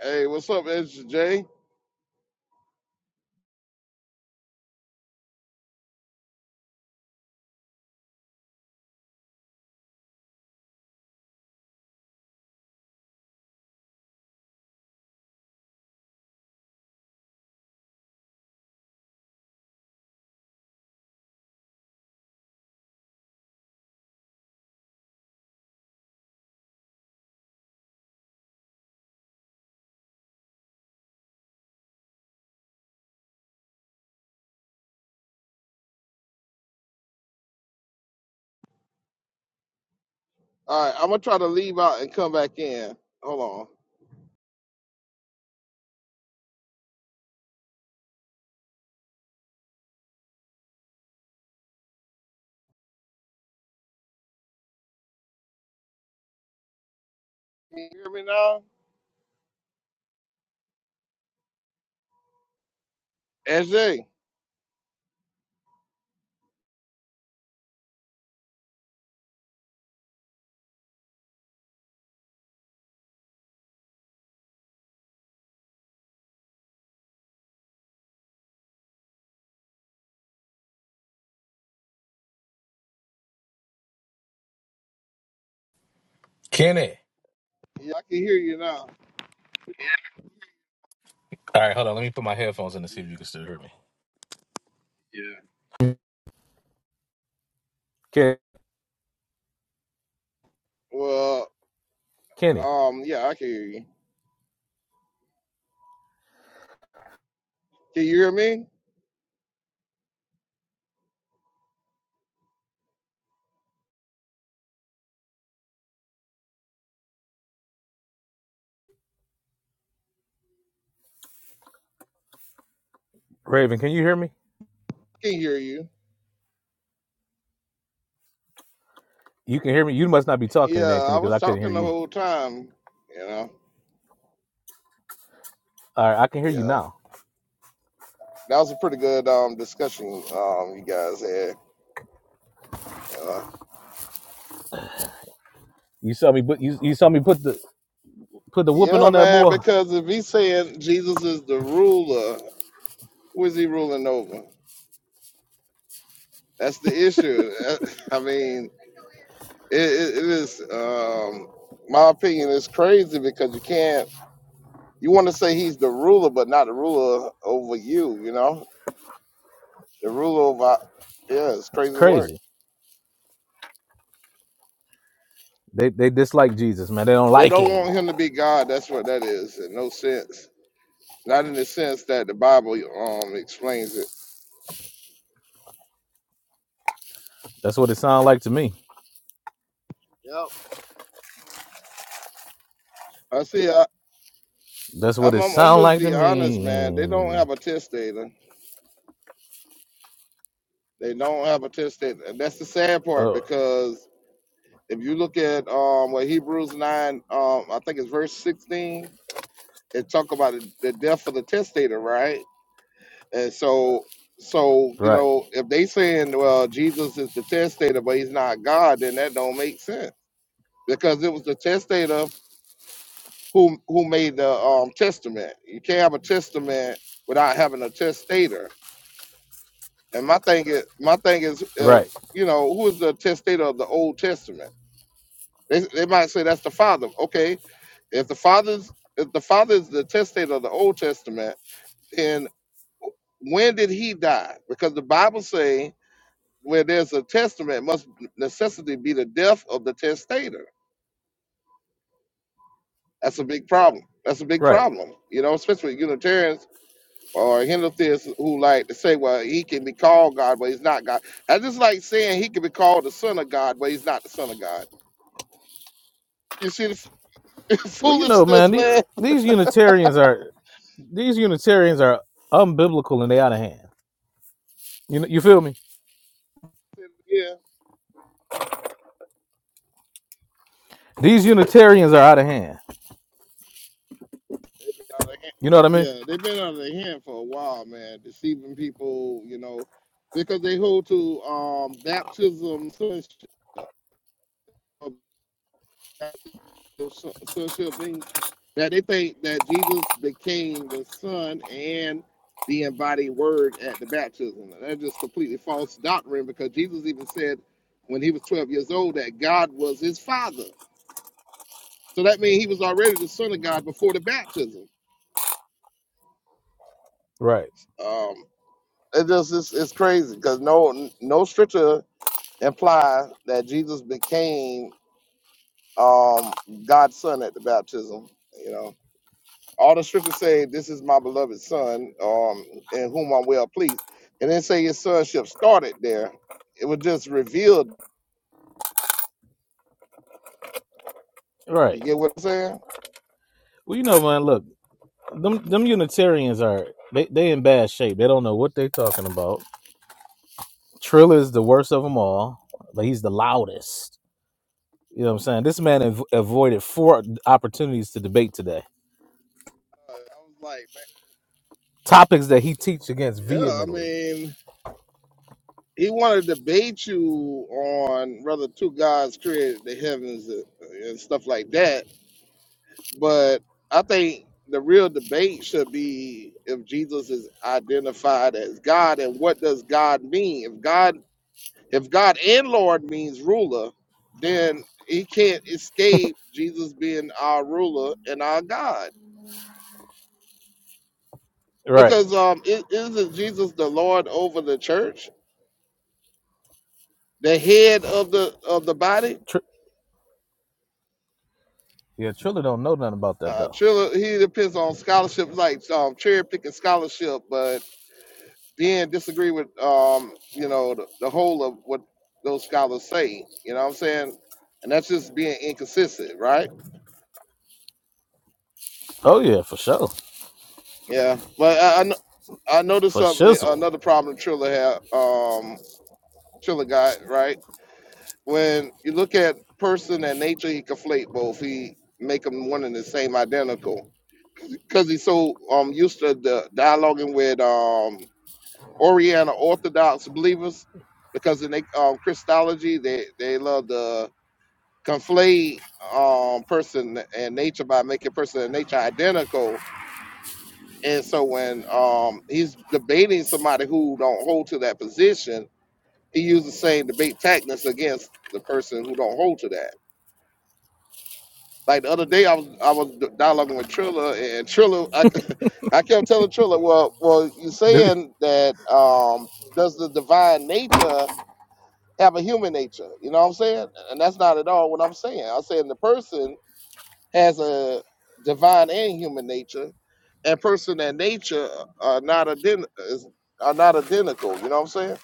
Hey, what's up, Ezra J? All right, I'm gonna try to leave out and come back in. Hold on. Can you hear me now? SJ. Kenny. Yeah, I can hear you now. All right, hold on. Let me put my headphones in to see Yeah. if you can still hear me. Ke- Well, Kenny, um, yeah, I can hear you. Can you hear me? I Raven, can you hear me? can hear you. You can hear me. You must not be Yeah, talking then, I Kenny, because I was couldn't hear talking the you. whole time, you know. All right, I can hear you Yeah. now. That was a pretty good um discussion um you guys had, you know. You saw me, but you, you saw me put the put the whooping Yeah, on that man, boy. because if he's saying Jesus is the ruler, who is he ruling over? That's the issue. I mean, it, it, it is um my opinion is crazy because you can't you want to say he's the ruler but not the ruler over you you know the ruler over yeah it's That's crazy work crazy. They they dislike Jesus, man. They don't they like don't him. want him to be god that's what that is in no sense not in the sense that the bible um explains it That's what it sound like to me. Yep. i see I, That's what I'm, it I'm i'm sound just like to be honest man they don't me. have a testator they don't have a testator and that's the sad part Oh, because. If you look at um, what Hebrews 9, um, I think it's verse 16, it talk about the the death of the testator, right? And so, so you right, know, if they saying, well, Jesus is the testator, but he's not God, then that don't make sense because it was the testator who who made the um, testament. You can't have a testament without having a testator. And my thing is, my thing is, right, if you know, who is the testator of the Old Testament? They, they might say that's the Father. Okay, If the father's if the father is the testator of the Old Testament, then when did he die? Because the Bible say where there's a testament must necessity be the death of the testator. That's a big problem. That's a big right. problem. You know, especially with Unitarians or Hindu who like to say, well, he can be called God, but he's not God. That's just like saying he can be called the son of God, but he's not the son of God. You see the f- Well, you know, man, foolishness, these, man? these Unitarians are these Unitarians are unbiblical and they out of hand. You know, you feel me? Yeah. These Unitarians are out of hand. out of hand. You know what I mean? Yeah, they've been out of their hand for a while, man, deceiving people, you know, because they hold to um baptism sonship, uh, baptism sonship means that they think that Jesus became the Son and the embodied Word at the baptism. And that's just completely false doctrine because Jesus even said when he was 12 years old that God was his Father. So that means he was already the Son of God before the baptism. Right. Um, It just it's, it's crazy because no no scripture implies that Jesus became um God's son at the baptism. You know, all the scriptures say, "This is my beloved son, um, in whom I'm well pleased," and then say his sonship started there. It was just revealed. Right. You get what I'm saying? Uh, Well, you know, man. Look, them them Unitarians are they they in bad shape. They don't know what they talking about. Trill is the worst of them all, but he's the loudest. You know what I'm saying? This man av- avoided four opportunities to debate today. I was like, Topics that he teach against man, yeah. I vehemently. mean, he wanted to debate you on whether two gods created the heavens and and stuff like that But I think the real debate should be if Jesus is identified as God and what does God mean? If God if God and Lord means ruler, then he can't escape Jesus being our ruler and our God. Right. Because um is isn't Jesus the Lord over the church, the head of the of the body? Tr- yeah, Triller don't know nothing about that Uh, though. Triller, he depends on scholarship, like um, cherry picking scholarship, but then disagree with um, you know the, the whole of what those scholars say. You know what I'm saying? And that's just being inconsistent, right? Oh yeah, for sure, Yeah. But I, I, kn- I noticed for something. eh, shizzle. Another problem Triller had, um, Triller got right when you look at person and nature, he conflate both. He make them one and the same, identical, because he's so um used to the dialoguing with um Oriental Orthodox believers. Because in their um, Christology, they they love the conflate um person and nature by making person and nature identical and so when um he's debating somebody who don't hold to that position he uses the same debate tactics against the person who don't hold to that like the other day i was i was d- dialoguing with trilla and trilla i, I kept telling trilla well well you're Did he? saying that um does the divine nature have a human nature you know what i'm saying and that's not at all what i'm saying i'm saying the person has a divine and human nature, and person and nature are not ident- is- are not identical. You know what I'm saying?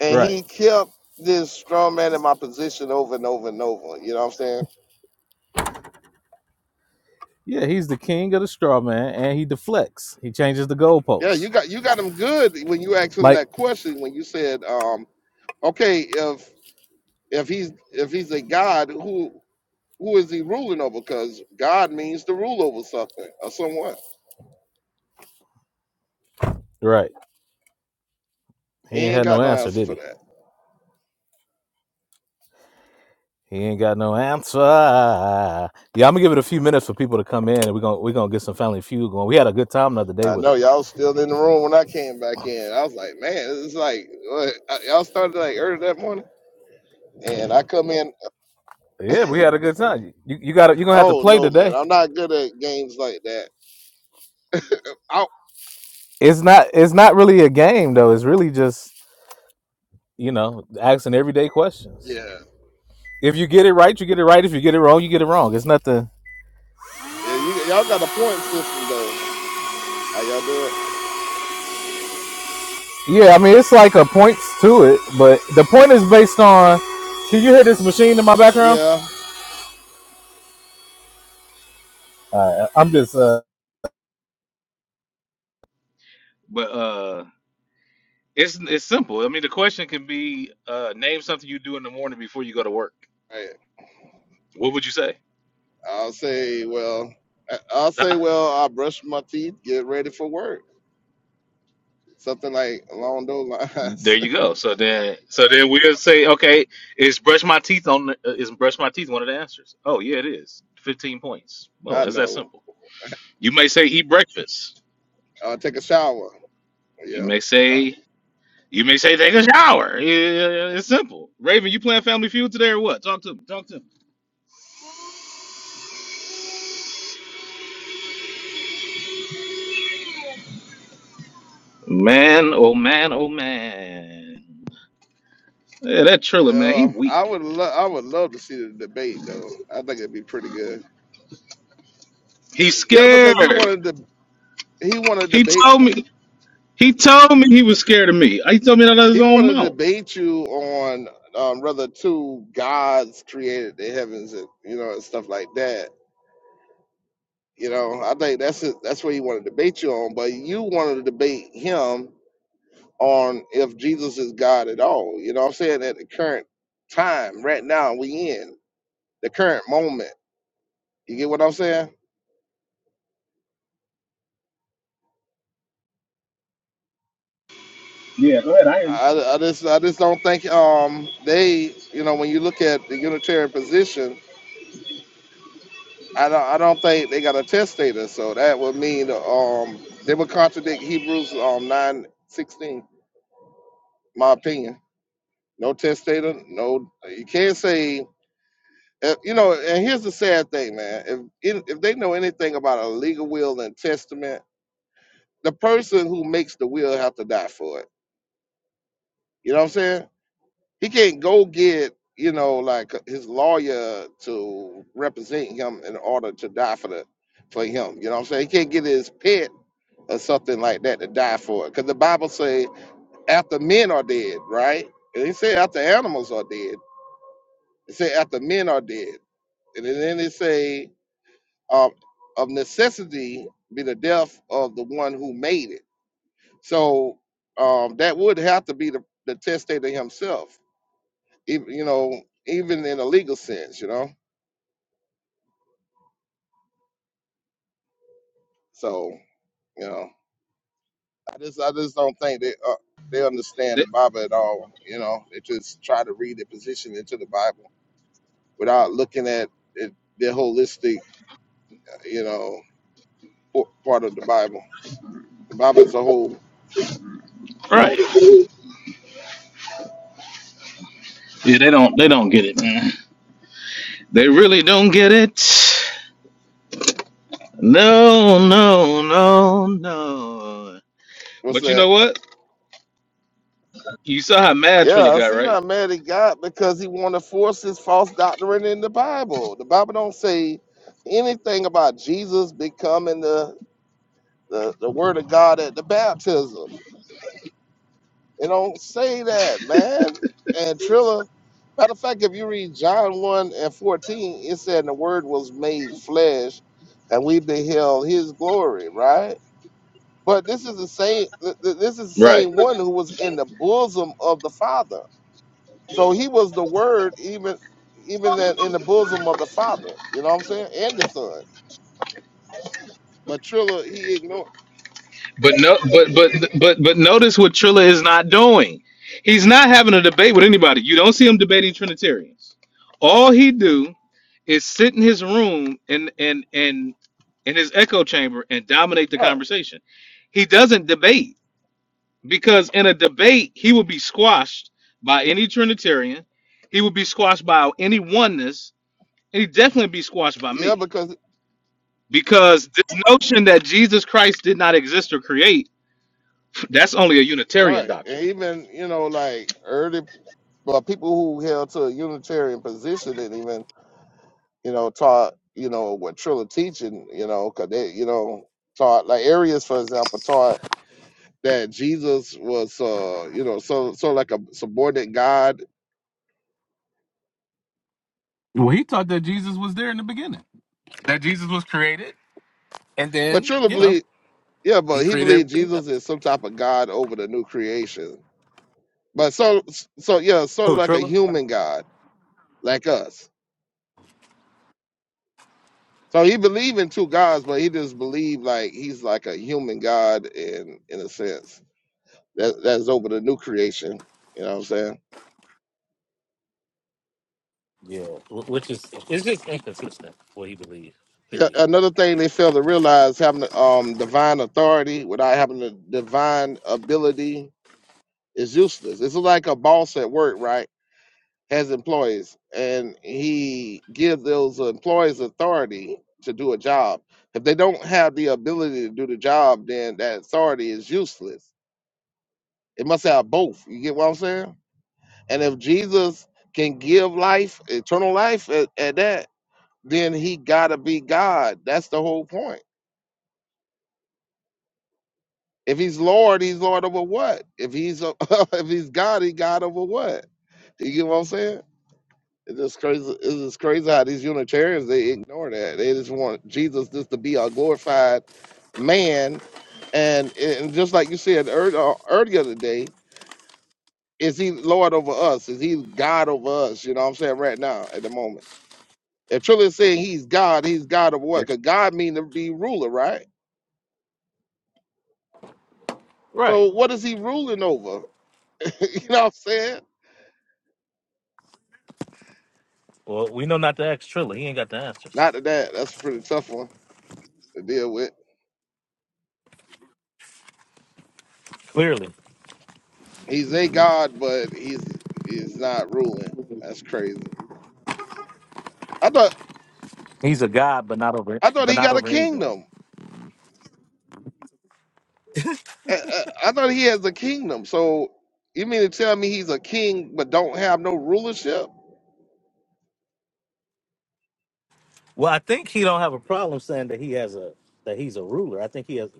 And Right. he kept this strong man in my position over and over and over. You know what I'm saying? Yeah, he's the king of the straw man, and he deflects. He changes the Yeah, you goalposts. got you got him good when you asked him Like, that question when you said, um, okay, if if he's if he's a god, who who is he ruling over? Because God means to rule over something or someone. right? He He ain't ain't had no got no answer, answer did for he? that. He ain't got no answer. Yeah, I'm gonna give it a few minutes for people to come in, and we're gonna we're gonna get some family feud going. We had a good time the other day I with it. know y'all still in the room when I came back in. I was like, man, it's like what? I- y'all started like early that morning, and I come in. Yeah, we had a good time. You you got to you're gonna have to Oh play no, man, today. I'm not good at games like that. Oh It's not it's not really a game though. It's really just you know asking everyday questions. Yeah, If you get it right, you get it right. If you get it wrong, you get it wrong. It's nothing. yeah. You, y'all got a point system though. How y'all do it? Yeah, I mean it's like a points to it, but the point is based on. Can you hear this machine in my background? Yeah. Uh, I'm just. Uh, But uh, it's it's simple. I mean, the question can be uh, name something you do in the morning before you go to work. Right. What would you say? I'll say, well, I- I'll say, well, I brush my teeth, get ready for work, something like along those There lines. you go. So then, so then we'll say, okay, is brush my teeth on? The, uh, is brush my teeth one of the answers? Oh yeah, it is. Fifteen points. Well, I it's that know. simple. You may say eat breakfast. I'll take a shower. You Yeah. may say You may say take a shower. Yeah, yeah, yeah, yeah. It's simple. Raven, you playing Family Feud today or what? Talk to me. Talk to me. Man, oh man, oh man. Yeah, that Triller man, he Uh, I weak. would love I would love to see the debate though. I think it'd be pretty good. He's Yeah, scared. because he wanted to he wanted to He debate told me. He told me he was scared of me. He told me that out of his he own wanted to mouth. debate you on um, whether two gods created the heavens and you know and stuff like that. You know, I think that's it, that's what he wanted to debate you on. But you wanted to debate him on if Jesus is God at all. You know, what I'm saying at the current time, right now we in the current moment. You get what I'm saying? Yeah, go ahead. I hear you. I, I just I just don't think um they you know when you look at the Unitarian position I don't I don't think they got a testator so that would mean um they would contradict Hebrews um nine sixteen my opinion no testator no you can't say uh, you know and here's the sad thing man if if if they know anything about a legal will and testament the person who makes the will have to die for it you know what I'm saying He can't go get you know like uh, his lawyer to represent him in order to die for the for him. You know what I'm saying? He can't get his pet or something like that to die for it. Because the Bible say after men are dead, right? And it say after animals are dead. It say after men are dead. And then it say um, of necessity be the death of the one who made it. So um, that would have to be the, the testator himself even you know, even in a legal sense, you know. So you know, I just I just don't think they uh, they understand They- the Bible at all. You know, they just try to read their position into the Bible without looking at it, the holistic, you know, po- part of the Bible. The Bible as a whole. right. Yeah, they don't. They don't get it, man. They really don't get it. No, no, no, no. What's But you that? know what? You saw how mad Triller Yeah, got, see, right? not mad at God because he want to force his false doctrine in the Bible. The Bible don't say anything about Jesus becoming the the, the word of God at the baptism. It don't say that, man. And Trilla, matter of fact, if you read John 1 and 14, it said the word was made flesh and we beheld his glory, right? But this is the same th- th- this is the Right. same one who was in the bosom of the Father. So he was the word even even that in the bosom of the Father, you know what I'm saying? And the Son. But Trilla, he ignored But no, but but but but notice what Trilla is not doing. He's not having a debate with anybody. You don't see him debating Trinitarians. All he do is sit in his room and and and in his echo chamber and dominate the right. conversation. He doesn't debate because in a debate he will be squashed by any Trinitarian. He will be squashed by any oneness, and he definitely be squashed by Yeah, me because because this notion that Jesus Christ did not exist or create that's only a Unitarian right. And doctrine. even, you know, like early But people who held to a Unitarian position and even, you know, taught, you know, what Trilla teaching, you know, 'cause they, you know, taught like Arius, for example, taught that Jesus was, uh, you know, so so like a subordinate God. Well, he taught that Jesus was there in the beginning, that Jesus was created, and But then Trilla you know believed, yeah, he but he created believed everything. else. Jesus is some type of God over the new creation. But so so yeah, sort of Who, like a Trilla? human God, like us. So he believed in two gods, but he just believed like he's like a human God in in a sense That that's over the new creation. You know what I'm saying? Yeah, wh- which is it's just inconsistent what he believes. Yeah, Period. another thing they fail to realize having um divine authority without having the divine ability is useless. It's like a boss at work, right? Has employees and he gives those employees authority to do a job. If they don't have the ability to do the job, then that authority is useless. It must have both. You get what I'm saying? And if Jesus can give life, eternal life at, at that, then he gotta be God. That's the whole point. If he's Lord, he's Lord over what? If he's a, if he's God, he God over what? You get what I'm saying? It's just crazy. It's just crazy how these Unitarians they ignore that. They just want Jesus just to be a glorified man, and and just like you said ear- uh, earlier today, is he Lord over us? Is he God over us? You know what I'm saying right now at the moment. If truly saying he's God, he's God of what? Because God mean to be ruler, right? Right. So what is he ruling over? you know what I'm saying? Well, we know not to ask Trilla. He ain't got the answers. Not that that that's a pretty tough one to deal with. Clearly, He's a god, but he's he's not ruling. That's crazy. I thought he's a god, but not over, I thought but he not got a over anything. kingdom. I, I, I thought he has a kingdom. So you mean to tell me he's a king but don't have no rulership? Well, I think he don't have a problem saying that he has a that he's a ruler. I think he has.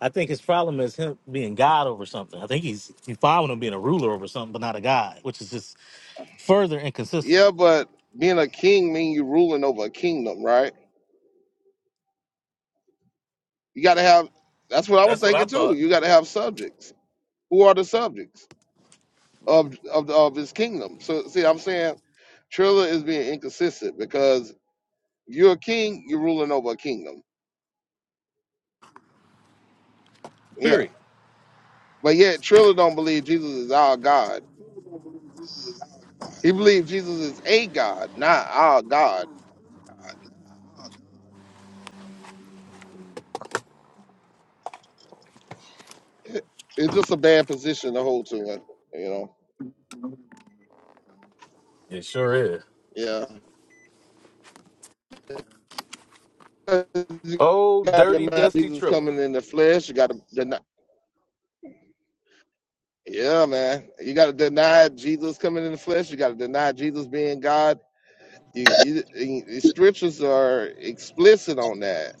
I think his problem is him being God over something. I think he's he's following him being a ruler over something, but not a God, which is just further inconsistent. Yeah, but being a king mean you ruling over a kingdom, right? You got to have. That's what I was That's what I thinking too. thought. You got to have subjects. Who are the subjects? of of of his kingdom. So see, I'm saying Trilla is being inconsistent because you're a king, you're ruling over a kingdom. Yeah. Period. But yet Trilla don't believe Jesus is our God. He believes Jesus is a God, not our God. It's just a bad position to hold to, you know. It sure is. Yeah. You Oh, gotta dirty, deny dusty Jesus Triller. coming in the flesh. You gotta deny yeah, man. You gotta deny Jesus coming in the flesh. You gotta deny Jesus being God You, you, you- the scriptures are explicit on that.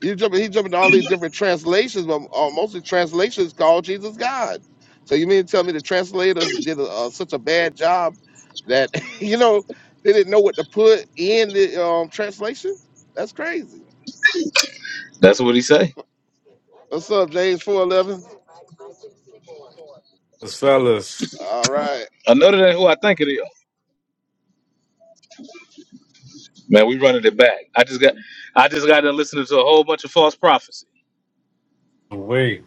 You jump, he jumping to all these different translations, but uh, most of the translations call Jesus God. So you mean to tell me the translators did a, uh, such a bad job that you know they didn't know what to put in the um, translation? That's crazy. That's what he say. What's up, James four eleven? Fellas, fellas, All right, Another than who I think it is. Man, we running it back. I just got I just got to listen to a whole bunch of false prophecy. wait.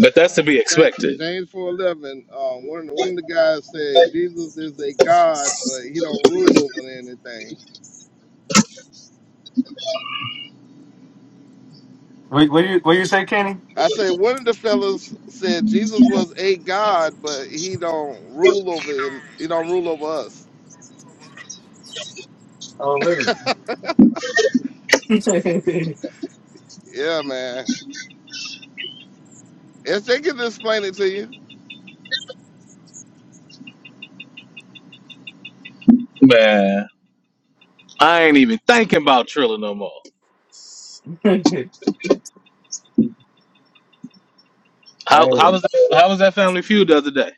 But that's to be Ja- expected. James four eleven. Um, one of the, one of the guys said Jesus is a God, but he don't rule over anything. Wait, what you what you say, Kenny? I say one of the fellas said Jesus was a God, but he don't rule over in he don't rule over us. Oh, really? Yeah, man. If they can explain it to you. Man, I ain't even thinking about Triller no more. How Hey, how was that, how was that family feud the other day?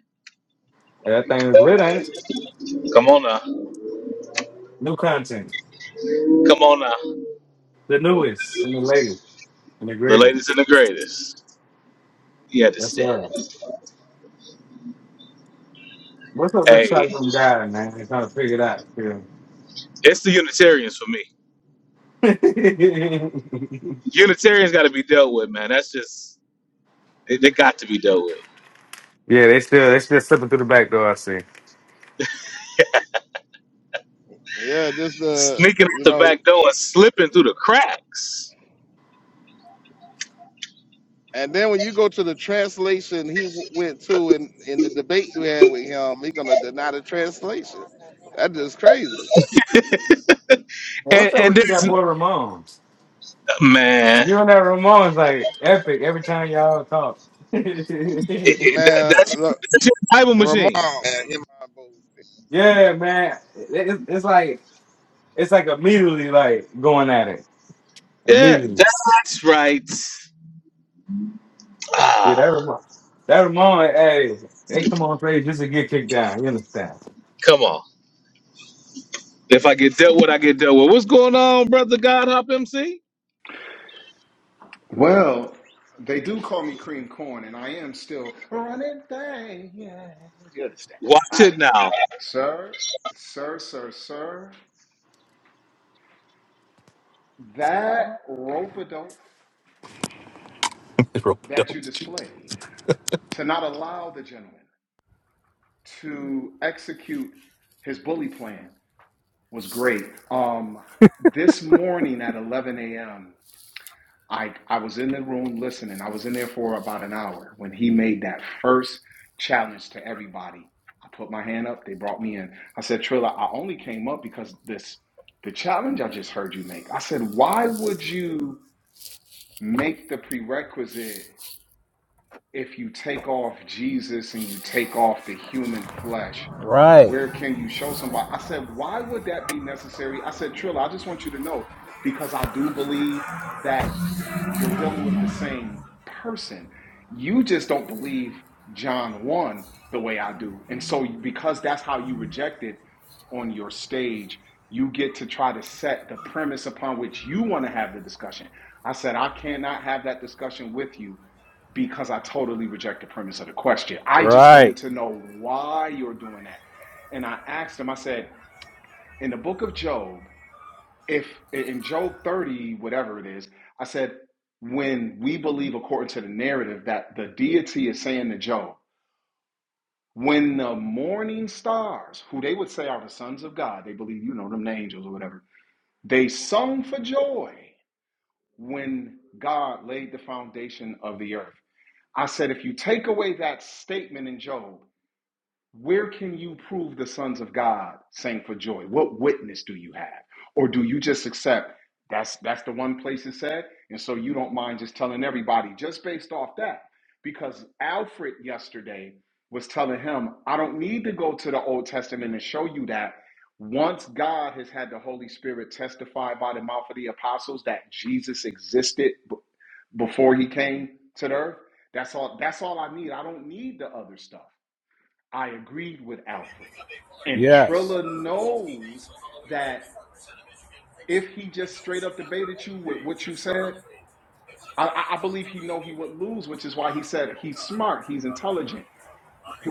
that thing is lit, ain't it? Come on now. New content, Come on now. the newest, and the latest, and the The greatest. latest and the greatest. You That's understand? all. What's up with Hey, Shotgun Guy, man? They trying to figure it out. Still. it's the Unitarians for me. Unitarians got to be dealt with, man. That's just they, they got to be dealt with. yeah, they still they still slipping through the back door. I see. Yeah, just the Sneaking out you the know back door and slipping through the cracks. and then when you go to the translation he w- went to in, in the debate you had with him, he gonna deny the translation. That is crazy. And And what's up and with you, that this boy Ramon? man, You and that Ramon's like epic every time y'all talk. yeah, it, it, that, Man, that's, look, that's your Bible Ramon machine. Man, him- man. It, it's it's like it's like immediately like going at it. Yeah, Immediately. that's right. Yeah, Ah, that remind that remind hey, they come on stage just to get kicked down, you understand? come on. If I get dealt with, I get dealt with. What's going on, brother God Hop MC? Well, they do call me cream corn, and I am still running things. Yeah, You understand? Watch All right, it now. sir, sir, sir, sir. That rope a dope that you displayed to not allow the gentleman to execute his bully plan was great. Um, this morning at 11 a.m. I I was in the room listening. I was in there for about an hour when he made that first challenge to everybody. I put my hand up. They brought me in. I said, Trilla, I only came up because this the challenge I just heard you make. I said, why would you make the prerequisite if you take off Jesus and you take off the human flesh? Right. Where can you show somebody? I said, why would that be necessary? I said, Trilla, I just want you to know because I do believe that you're dealing with the same person. You just don't believe John 1 the way I do. And so, because that's how you reject it on your stage, you get to try to set the premise upon which you want to have the discussion. I said, I cannot have that discussion with you because I totally reject the premise of the question. I just wanted Right. to know why you're doing that. And I asked him, I said, in the book of Job, if in Job 30, whatever it is, I said, when we believe according to the narrative that the deity is saying to Job, when the morning stars, who they would say are the sons of God, they believe, you know, them the angels or whatever, they sung for joy when God laid the foundation of the earth. I said, if you take away that statement in Job, where can you prove the sons of God sang for joy? What witness do you have? Or do you just accept that's that's the one place it said? And so you don't mind just telling everybody just based off that. Because Alfred yesterday was telling him, I don't need to go to the Old Testament and show you that. Once God has had the Holy Spirit testify by the mouth of the apostles that Jesus existed b- before he came to the earth, that's all that's all I need. I don't need the other stuff. I agreed with Alfred. And Yes. Trilla knows that if he just straight up debated you with what you said, I, I I believe he know he would lose, which is why he said he's smart, he's intelligent.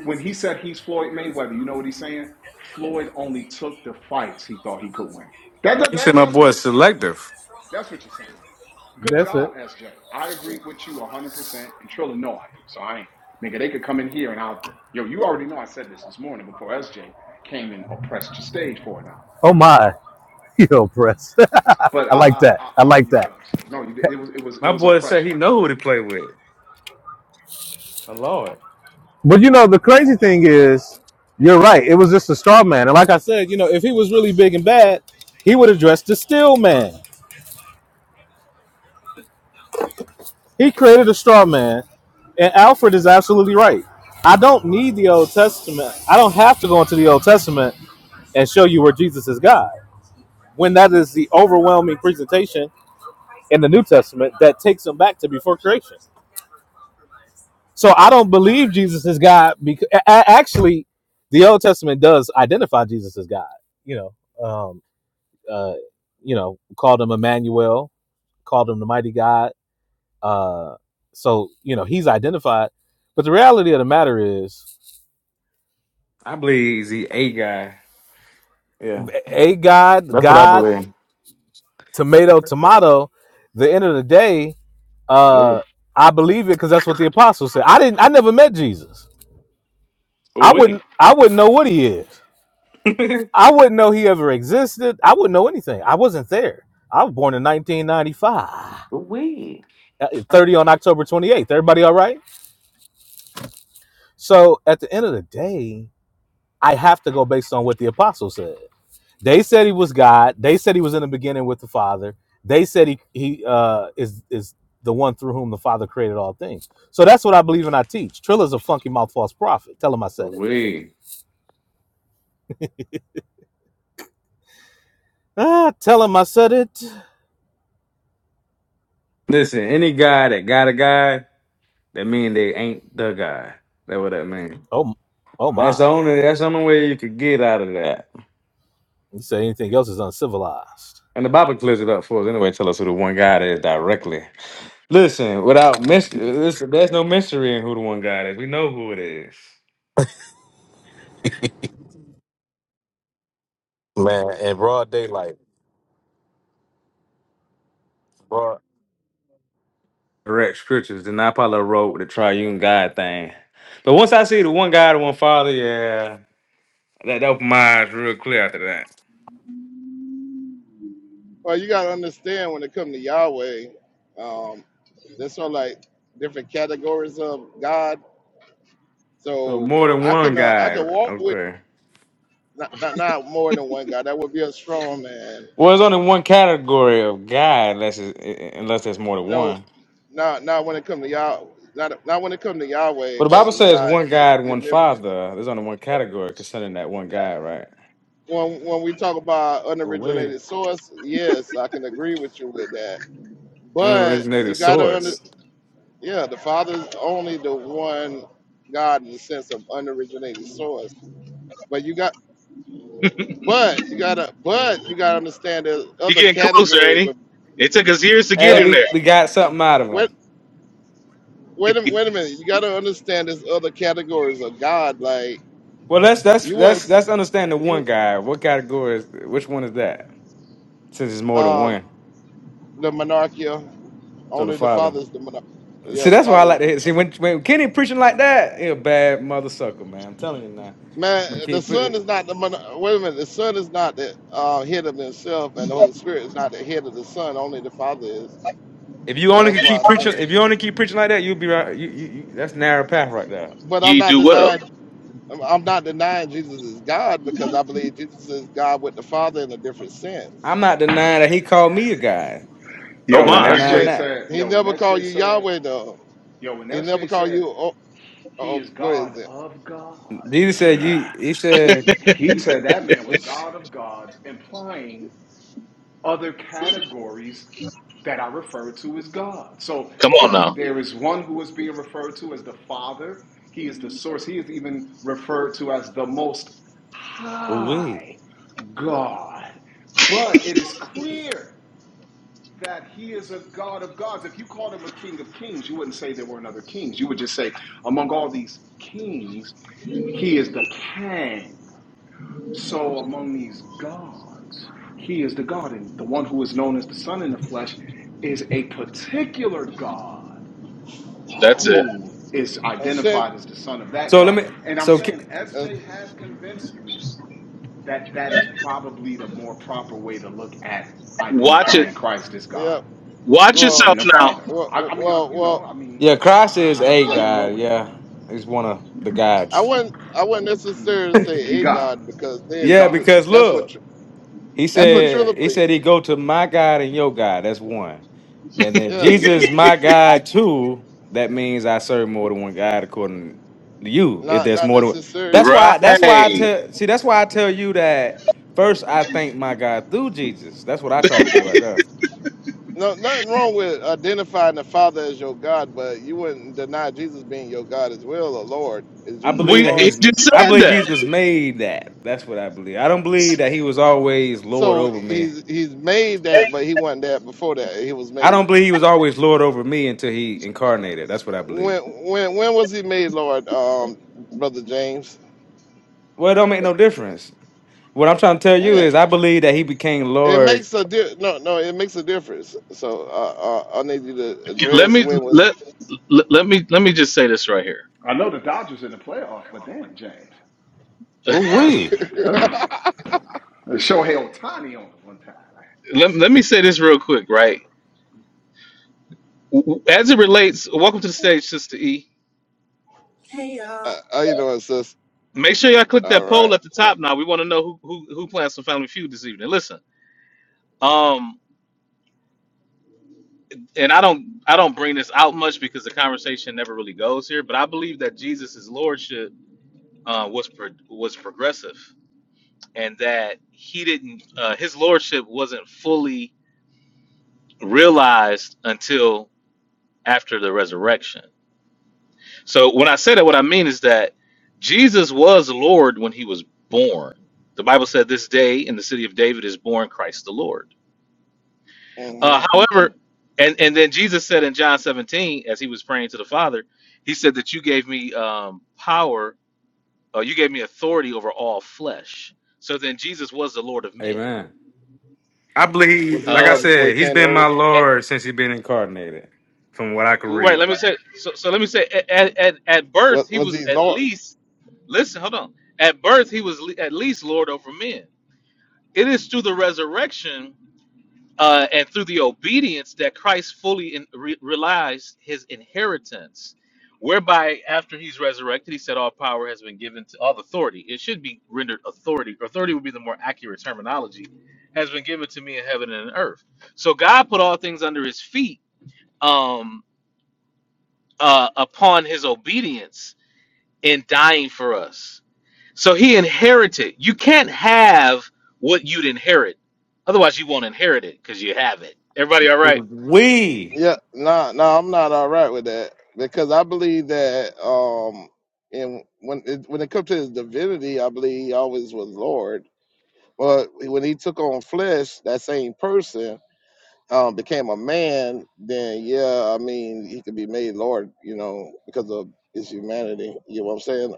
When he said he's Floyd Mayweather, you know what he's saying? Floyd only took the fights he thought he could win. That, that, He said that- my that's boy what is you're saying. selective. That's what you're saying. Good That's job, it. SJ. I agree with you 100%. And Trilla, no, I do. So I ain't, nigga, they could come in here and I'll, yo, you already know I said this this morning before SJ came and oppressed your stage for an hour. Oh my. Yo, press. But I I, like I, that. I I I'll like mute that. up, sir. No, it was, it was, it My was boy said oppression. he know who to play with. My lord. But you know, the crazy thing is, you're right. It was just a straw man. And like I said, you know, if he was really big and bad, he would have dressed the steel man. He created a straw man. And Alfred is absolutely right. I don't need the Old Testament. I don't have to go into the Old Testament and show you where Jesus is God. When that is the overwhelming presentation in the New Testament that takes him back to before creation. So I don't believe Jesus is God because actually, the Old Testament does identify Jesus as God. You know, um, uh, you know, called him Emmanuel, called him the Mighty God. Uh, so you know he's identified. But the reality of the matter is, I believe he's the A guy. Yeah. a God, That's what I God, believe. tomato, tomato. The end of the day, uh, Ooh. I believe it because that's what the apostles said. I didn't. I never met Jesus. I Ooh-wee. wouldn't. I wouldn't know what he is. I wouldn't know he ever existed. I wouldn't know anything. I wasn't there. I was born in 1995, Ooh-wee. uh, 30 on October 28th. Everybody all right? So at the end of the day, I have to go based on what the apostles said. They said he was God. They said he was in the beginning with the Father. They said he he uh, is is the one through whom the Father created all things. So that's what I believe and I teach. Trilla's a funky mouth false prophet. Tell him I said it. Ooh-wee. Ah, tell him I said it. Listen, any guy that got a guy, that mean they ain't the guy. That what that mean. Oh, oh That's the my. only that's the only way you could get out of that. You say anything else is uncivilized. And the Bible clears it up for us anyway, tell us who the one God is directly. Listen, without mystery, listen, there's no mystery in who the one God is. We know who it is. Man, in broad daylight, broad Correct scriptures. Then I probably wrote with the triune God thing. But once I see the one God, the one Father, yeah, that opened my eyes real clear after that. Well, you gotta understand when it comes to Yahweh, um, there's sort of like different categories of God So So more than I one can uh, I can God, walk with okay. not, not not more than one guy. That would be a strong man. Well, there's only one category of God, unless it's, unless there's more than You know, one. not not when it comes to Yah, not not when it comes to Yahweh, But the Bible because it's says not. one God, You one never, Father. There's only one category concerning that one God, right? when when we talk about But we unoriginated source, yes, I can agree with you with that. But you unoriginated gotta under source. yeah, the Father's only the one God in the sense of unoriginated source. But you got but you gotta but you gotta understand there's He other getting closer, categories ain't he? of It took us years to get Hey, no. him we, we there. got something out of him. Wait, wait a wait a minute. You got to understand there's other categories of God. Like Well, that's that's you went that's that's understand the you one guy. What category is which one is that? Since it's more than um one, the monarchia. so the Only the father. father is the monarch. Yeah, See, the that's why I father like is to the hear. See, monarch. when when Kenny preaching like that, he a bad mother sucker, man. I'm telling you now. Man, When Kenny the son pre- is not the monarch. Wait a minute. The son is not the uh, head of himself, and the Holy Spirit is not the head of the son. Only the father is. if you So only that's could why keep I say. preaching, if you only keep preaching like that, you'll be right. You, you, you, that's narrow path right there. But I'm You not do well. denying. I'm I'm not denying Jesus is God because I believe Jesus is God with the Father in a different sense. I'm not denying that he called me a guy. Oh I'm Yo, when not my. denying But SJ that. said, he yo, when never called SJ you said, Yahweh though. yo, when He never SJ called said, you. Oh, he oh is go God ahead, Zen. of Jesus gods. said you. He said, He said that man was God of gods, implying other categories that are referred to as God. So Come on now. there is one who is being referred to as the Father. He is the source. He is even referred to as the most "Ooh, we." high God. But it is clear that he is a God of gods. If you called him a king of kings, you wouldn't say there weren't other kings. You would just say, among all these kings, he is the Kang. So among these gods, he is the God, and the one who is known as the Son in the flesh is a particular God That's it. who is A shin. identified as the Son of that So let God. me. And I'm So saying Ke- Uh, SJ has convinced me that that is probably the more proper way to look at Watch it. identifying Christ as yeah. God Watch Well, yourself and the now. Father. I, well, I mean, I, well, you know, well, I mean, yeah, I, Christ is a I, I yeah. can roll God. with that. Yeah, he's one of the I gods. wouldn't. I wouldn't hmm necessarily He say a God. god because He then Yeah, God. you. because That's what. look, tr- he That's what Triller said he believe. said he go to my God and your God. That's one. And if Yeah. if- Jesus is my God too, that means I serve more than one God according to you. If Not. there's Not more than that's necessary. why that's why I Right. tell see that's why I tell you that first I thank my God through Jesus. That's what I try to do right there. No. Nothing wrong with identifying the Father as your God, but you wouldn't deny Jesus being your God as well, or Lord. Is I Jesus your believe We that he he Lord? was just I said believe that. Jesus made that. That's what I believe. I don't believe that he was always Lord So over me. he's he's made that, but he wasn't that before that. He was I made. don't believe he was always Lord over me until he incarnated. That's what I believe. When when when was he made Lord, um, brother James? Well, it don't make no difference. What I'm trying to tell you When is, I believe that he became it Lord. makes a di- no no it makes a difference. So uh, uh, I need you to Let address me when was. let let, let me let me just say this right here. I know the Dodgers in the playoff, but damn, James. No, Ooh no, wee. no, no, no. uh, Shohei Otani on it one time. Let, let me say this real quick, right? As it relates, welcome to the stage, Sister E. Hey y'all. uh, you know it, sis. Make sure y'all click All that poll right. at the top now. We want to know who, who who plans some Family Feud this evening. Listen, um, and I don't I don't bring this out much because the conversation never really goes here, but I believe that Jesus' lordship uh, was pro- was progressive, and that he didn't uh, his lordship wasn't fully realized until after the resurrection. So when I say that, what I mean is that Jesus was Lord when he was born. The Bible said, "This day in the city of David is born Christ the Lord." Uh, Mm-hmm. however, and and then Jesus said in John 17, as he was praying to the Father, he said that you gave me um, power, uh, you gave me authority over all flesh. So then Jesus was the Lord of men. Amen. I Was believe, he like I Uh, Lord before he said, he's came to been my earth? at- Lord since he's been incarnated, from what I can right. read. Let me say. So, so let me say. At, at at Was birth, he was was he at Lord? least. Listen, hold on. At birth, he was le- at least Lord over men. It is through the resurrection uh, and through the obedience that Christ fully in, re- realized his inheritance, whereby after he's resurrected, he said, "All power has been given to all authority." It should be rendered authority. Authority would be the more accurate terminology. Has been given to me in heaven and in earth. So God put all things under His feet um, uh, upon His obedience in dying for us. So He inherited. You can't have what you'd inherit, otherwise you won't inherit it because you have it. Everybody, all right? We, Yeah, nah, nah. I'm not all right with that because I believe that um, and when it, when it comes to his divinity, I believe he always was Lord. But when he took on flesh, that same person. um, became a man, then yeah, I mean, he could be made Lord, you know, because of his humanity. You know what I'm saying?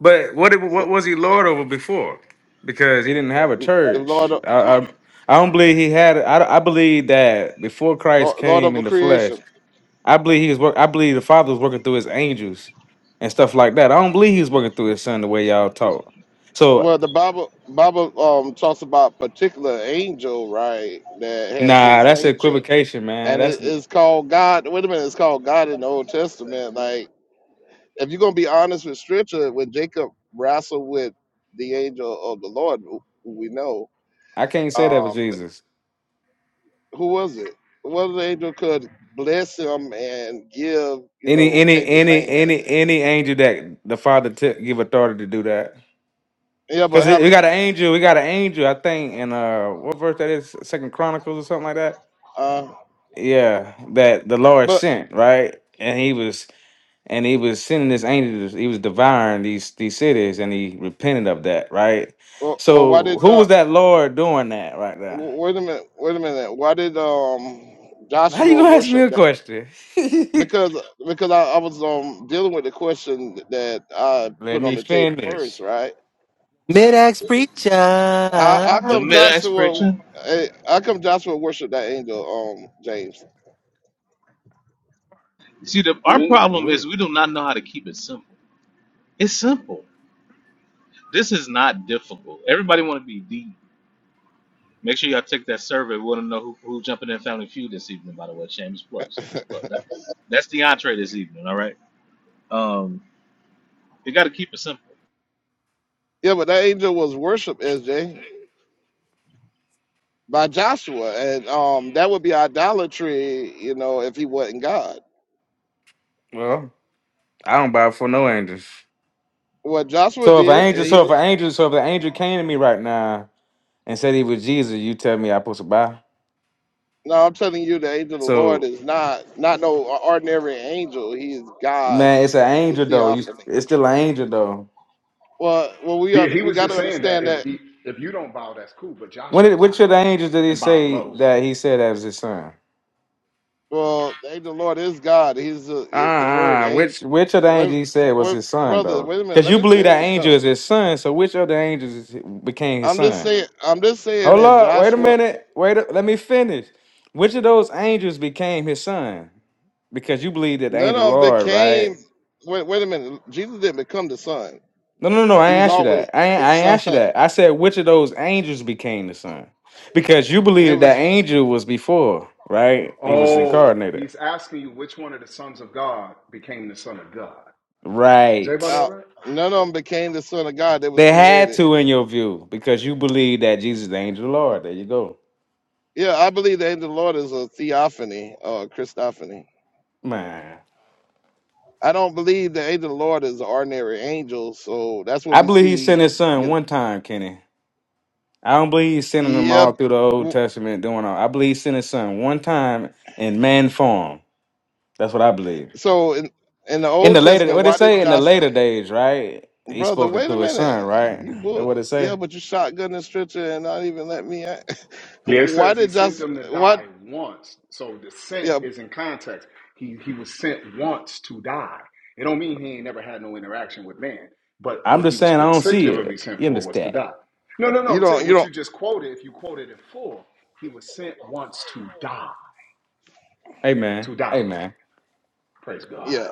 but what So, what was he Lord over before? Because he didn't have a if- if Lord, church. of- I I, I don't believe he had. I I believe that before Christ Lord, Lord came of a in the flesh. creation. I believe he was work. I believe the father was working through his angels and stuff like that. I don't believe he was working through his son the way y'all talk. Well, So the Bible, Bible um, talks about particular angel, right, that has nah, his that's nature, equivocation, man. and it, That's it's called God. Wait a minute, it's called God in the Old Testament. Like, if you're gonna be honest with Scripture, when Jacob wrestled with the angel of the Lord, who who we know, I can't say that with um, Jesus. who was it? What if the angel could bless him and give, you Any know, any change his any name like any that. any angel that the father t- give authority to do that. Yeah, but Cause it, we haven't. got an angel, we got an angel, I think, in uh what verse that is, Second Chronicles or something like that. Uh, Yeah, that the Lord but sent, right? And he was and he was sending this angel. to- He was devouring these these cities, and he repented of that, right? well, well, why So, did who John? was that Lord doing that right there? Wait a minute. Wait a minute. Why did um How you Joshua gonna ask me worship a that? question? Because because I, I was um dealing with the question that I Let put on me the table first, finish. right? Mid-Ax Preacher. How, how The come mid All Joshua? expiration. eh, How come Joshua worshiped that angel? Um, James. See, the, our Yeah. problem is Wait. we do not know how to keep it simple. It's simple. This is not difficult. Everybody want to be deep. Make sure y'all take that survey. We want to know who, who jumping in Family Feud this evening. By the way, shameless plug, shameless plug. That, that's the entree this evening. All right. Um, you got to keep it simple. Yeah, but that angel was worshiped, SJ. by Joshua, and um, that would be idolatry, you know, if he wasn't God. Well, I don't bow for no angels. What Joshua So if an did, and angel, he so if an angel, so if an angel came to me right now and said he was Jesus, you tell me I supposed to bow? no, I'm telling you, the angel of the Lord So is not not no ordinary angel. He is God. man, it's an He's a angel though. You, theophany. it's still an angel though. Well, well, we Yeah, are he we was got just to saying that understand if that. he, if you don't bow, that's cool, but When Joshua did, which of the bowed angels did he and bowed say low. that he said that was his son? Well, the angel of the Lord is God. He's Uh, the the word uh ain't. which which of the Wait, angels he said was wait, his son brother, though? wait a minute. Because Let you me believe that finish angel is though. his son, so which of the angels is, became his I'm just son? saying. I'm just saying Hold that up, wait a Joshua minute, wait, a, let me finish. Which of those angels became his son? Because you believe that the none of angel of the them Lord, became. right? Wait, wait a minute. Jesus didn't become the son. No, no, no. I He ain't was asked you always that. I ain't, the I ain't asked you son. that. I said which of those angels became the son? Because you believe There that that was angel was before, right? He was Oh, incarnated, he's asking you which one of the sons of God became the son of God. Is everybody right? all uh, right? none of them became the son of God that was They had created. to, in your view, because you believe that Jesus is the angel of the Lord. There you go. Yeah, I believe the angel of the Lord is a theophany or a Christophany. Man. I don't believe the angel of the Lord is an ordinary angel, so that's what I we believe he sent see. his You son know, one time, Kenny. I don't believe he's sending them all yep. through the Old W- Testament doing all. I believe he sent his son one time in man form. That's what I believe. So in in the In Old the later Testament, what it why did say? In the Josh later days, right? He brother? spoken Wait a through his son, minute, right? you That book. what it Yeah, say? but you shotgun the stretcher and not even let me. a- Yeah, it Why says he did sent Josh? them to What? die once. So the sent Yeah, is in context. He he was sent once to die. It don't mean he ain't never had no interaction with man. But I'm what he just was saying I don't see particularly it. sent You for was to understand? die. No, no, no. you I'm saying don't. You what don't. you just quoted. If you quoted it full, he was sent once to die. Hey man. To die. Hey man. Praise God. Yeah.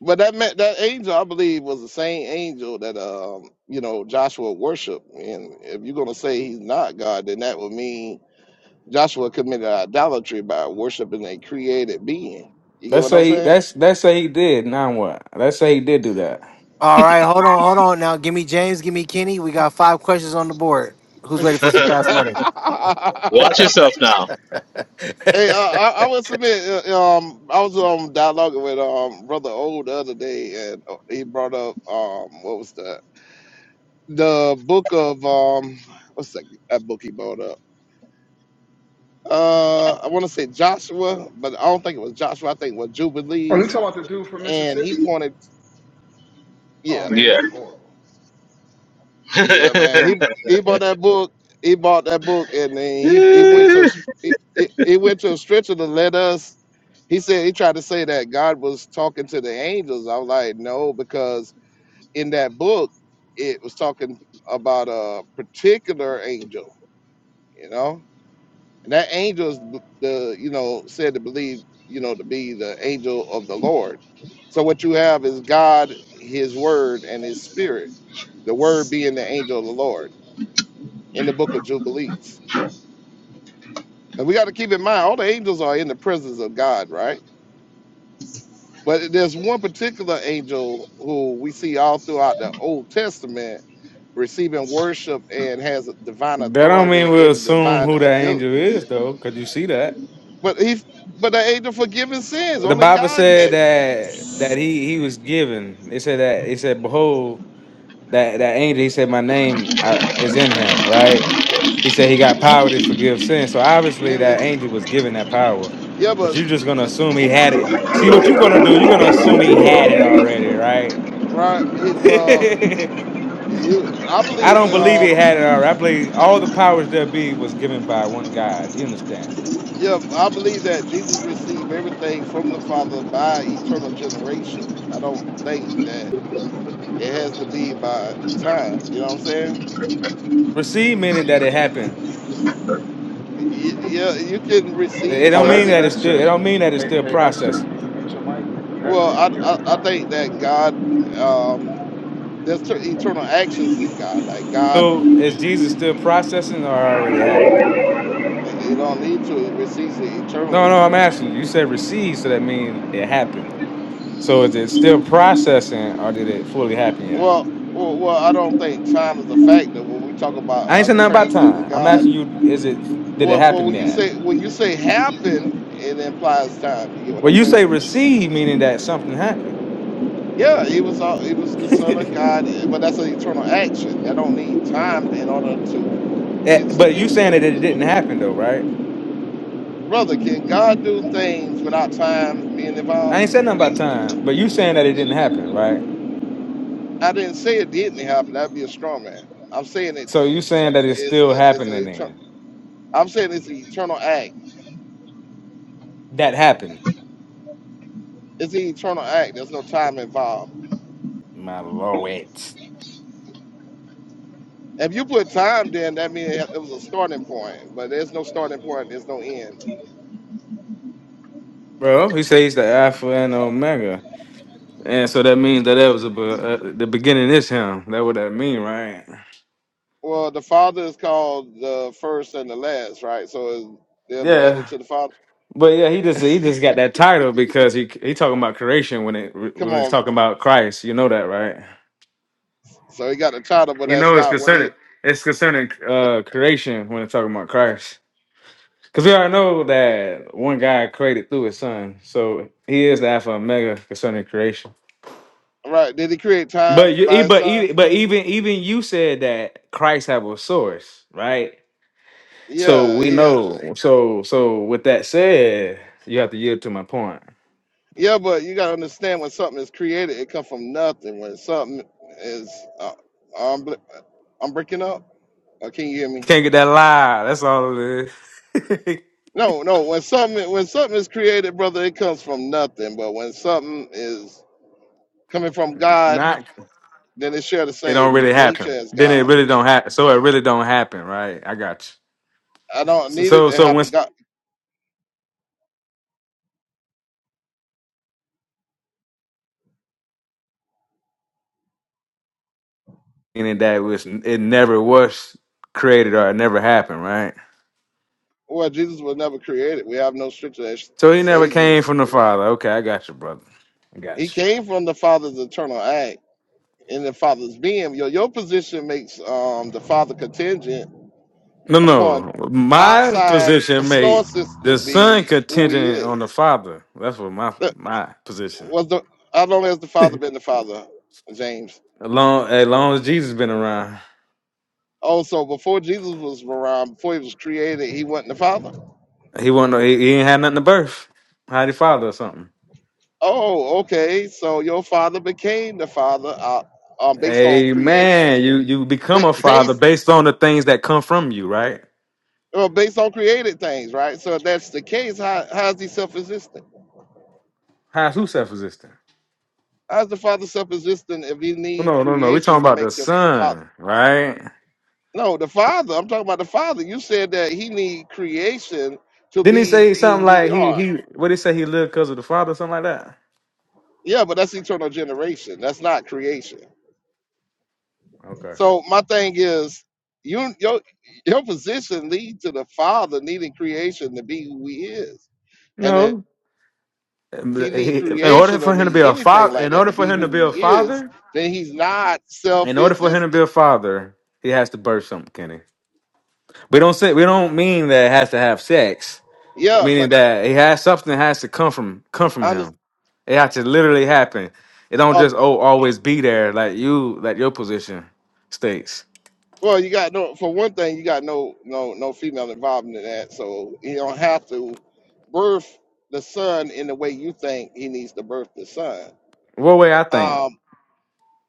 But that ma- that angel, I believe, was the same angel that um, you know Joshua worshipped. And if you're gonna say he's not God, then that would mean Joshua committed idolatry by worshiping a created being. You get Let's what I'm say saying? that's let's say he did. Now what? Let's say he did do that. right, hold on, hold on. Now, give me James, give me Kenny. We got five questions on the board. Who's ready for some hey, fast money? I, Watch yourself now. I, I would submit. uh, Um, I was um dialoguing with um brother O the other day, and uh, he brought up um what was that? The book of um what's that, that book he brought up? Uh, I want to say Joshua, but I don't think it was Joshua. I think it was Oh, you Jubilees, talking about the dude from and he Mississippi? pointed. Oh Yeah, man, Yeah. he horrible. yeah, man. He he bought that book. He bought that book, and then he he went to a s- he, he he went to a stretcher to let us. He said he tried to say that God was talking to the angels. I was like, no, because in that book it was talking about a particular angel. You know, And that angel is b- the you know said to believe you know to be the angel of the Lord. So what you have is God, His Word, and His Spirit. The Word being the angel of the Lord in the Book of Jubilees. Because we got to keep in mind all the angels are in the presence of God, right? But there's one particular angel who we see all throughout the Old Testament receiving worship and has divine That don't mean authority we'll and assume divine who that ability. angel is, though, because you see that. But he, but the angel forgiving sins. But The Only Bible God. can. said that that he he was given. It said that it said, "Behold, that that angel." He said, "My name uh, is in him." Right? He said he got Yeah, power to forgive sin. So I obviously, that mean, angel was given that power. yeah, But but you're just gonna uh, assume he had it. See what you're gonna do? You're gonna assume he had it already, right? right. He, well, you, I I believe don't that. believe he Um, had it already. I believe all the powers there be was given by one God. You understand? yeah, I believe that Jesus received everything from the Father by eternal generation. I don't think that it has to be by time. You know what I'm saying? Receive meaning that it happened. Y- Yeah, you can It receive Oh, don't mean that's that something. it's still. It SJ. don't mean that it's Hey, still hey, SJ, processing. can you mute your mic? S Well, J. I I hear a I, I car. think that God, um, there's t- eternal actions in God. Like God, So is Jesus still processing, or already happened? it it don't need to. It receives it No, eternally. no. I'm asking you. You said receive, so that means it happened. So is it still processing, or did it fully happen yet? Well, well, well, I don't think time is a factor when we talk about I ain't uh, saying nothing about transcending time. I'm God. asking you. Is it? Did it Well, well, happen when you yet? say when you say happen, it implies time. You get what Well, I'm you say saying? receive, meaning that something happened. Yeah, he was all, he was the son of God, but that's an eternal action. That don't need time in order to Eh, get but something. you saying that it didn't happen though, right? Brother, can God do things without time being I involved? ain't saying nothing about time, but you saying that it didn't happen, right? I didn't say it didn't happen. That'd be a strong man. I'm saying it So you saying that it's is still the it's an happening then. eternal. I'm saying it's an eternal act. that happened. It's an eternal act. There's no time involved. My lord, If you put time, then that means it was a starting point, but there's no starting point, there's no end. bro. He says he's the Alpha and Omega, and so that means that that was a, be- uh, the beginning is him. That what that mean, right? Well, the Father is called the first and the last, right? So is there a Yeah. beginning to the Father? But yeah, he just he just got that title because he he talking about creation when it Come when he's on. talking about Christ. You know that, right? So he got a title, but You that's know it's not what he. concerning it's concerning uh creation when it's talking about Christ. Because we already know that one guy created through his son. So he is the Alpha and Omega concerning creation. Right? Did he create But time you, e- by his but son? even, but even, even you said that Christ have a source, right? So Yeah, we he has. know. So, so with that said, you have to yield to my point. Yeah, but you gotta understand when something is created, it comes from nothing. When something is, uh, I'm, bl- I'm breaking up. Uh, can you hear me? Can't get that lie. That's all it is. No, no. When something when something is created, brother, it comes from nothing. But when something is coming from God, Not. then it share the It don't same really nature happen. as Then it God. really don't happen. So it really don't happen, right? I got you. I don't So, need it so, to so when happen. God, and that was, it never was created or it never happened, right? well, Jesus was never created. We have no scripture that So he never say Jesus came was from the created. Father. Okay, I got you, brother. I got He you. came from the Father's eternal act in the Father's being. Your your position makes um, the Father contingent No, upon no. My outside the position made sources to the son be who He contingent is. on the father. That's what my Look, my position. Was the not only has the Father been the Father, James? As long as long as Jesus been around, Oh, so before Jesus was around, before he was created, he wasn't the Father. he won't know. He, he ain't had nothing to birth. How he father or something? Oh, okay. So your Father became the Father uh, um, based on creation, Amen. You you ba- become a father based based on the things that come from you, right? well, based on created things, right? So if that's the case, how how is he self-existent? How's who self existent? How is the Father self-existent if he No, need no, no, no. We talking creation to about the make him the Father? son, right? No, the Father. I'm talking about the Father. You said that he need creation to Didn't he say be something who we like he are. he? What did he say? He lived because of the father, or something like that. Yeah, but that's eternal generation. That's not creation. Okay. So my thing is, you your your position leads to the Father needing creation to be who He is, and if No. He need He- in order creation or for him to be need a anything father, like in that order to for be him to who be a He is, father, then He's not in order for him to be self-existent. a father, he has to birth something, Kenny. We don't say we don't mean that it has to have sex. Yeah, Meaning but that he has something has to come from come from I just him. It has to literally happen. It don't uh, just oh always be there like you like your position states. well, you got no for one thing, you got no no no female involvement in that, so you don't have to birth the son in the way you think he needs to birth the son. What way I think? Um,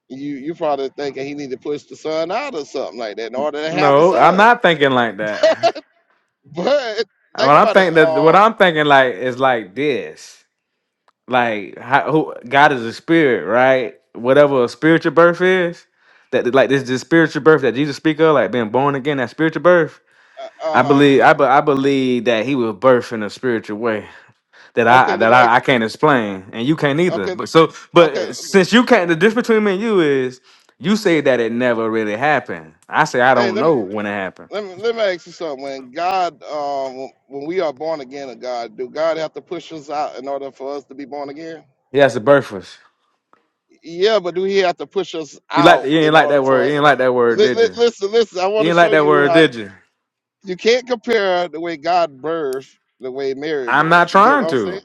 you you probably thinking he need to push the son out or something like that in order to have a No, I'm son. not thinking like that. But What think I'm about it. thinking that what Uh, uh I'm thinking like is like this. like how, who, God is a spirit, right? Whatever a spiritual birth is, that like this this spiritual birth that Jesus speak of, like being born again, that spiritual birth. I huh. believe I, be- I believe that he was birthed in a spiritual way that I Okay, let that me I, I ask. can't explain and you can't either. Okay, But so okay. but since you can't, the difference between me and you is you say that it never really happened. I say I Hey, don't let me know when it happened. let me let me ask you something. When God, um, when we are born again of God, do God have to push us out in order for us to be born again? He has a birth us. Yeah, but do He have to push us You like you out didn't in like that order word. for? You didn't like that word, Li- did li- you? listen, listen. I want You to didn't like show that you word, how did you? you can't compare the way God birthed the way Mary I'm not birthed. You get trying what I'm to. saying?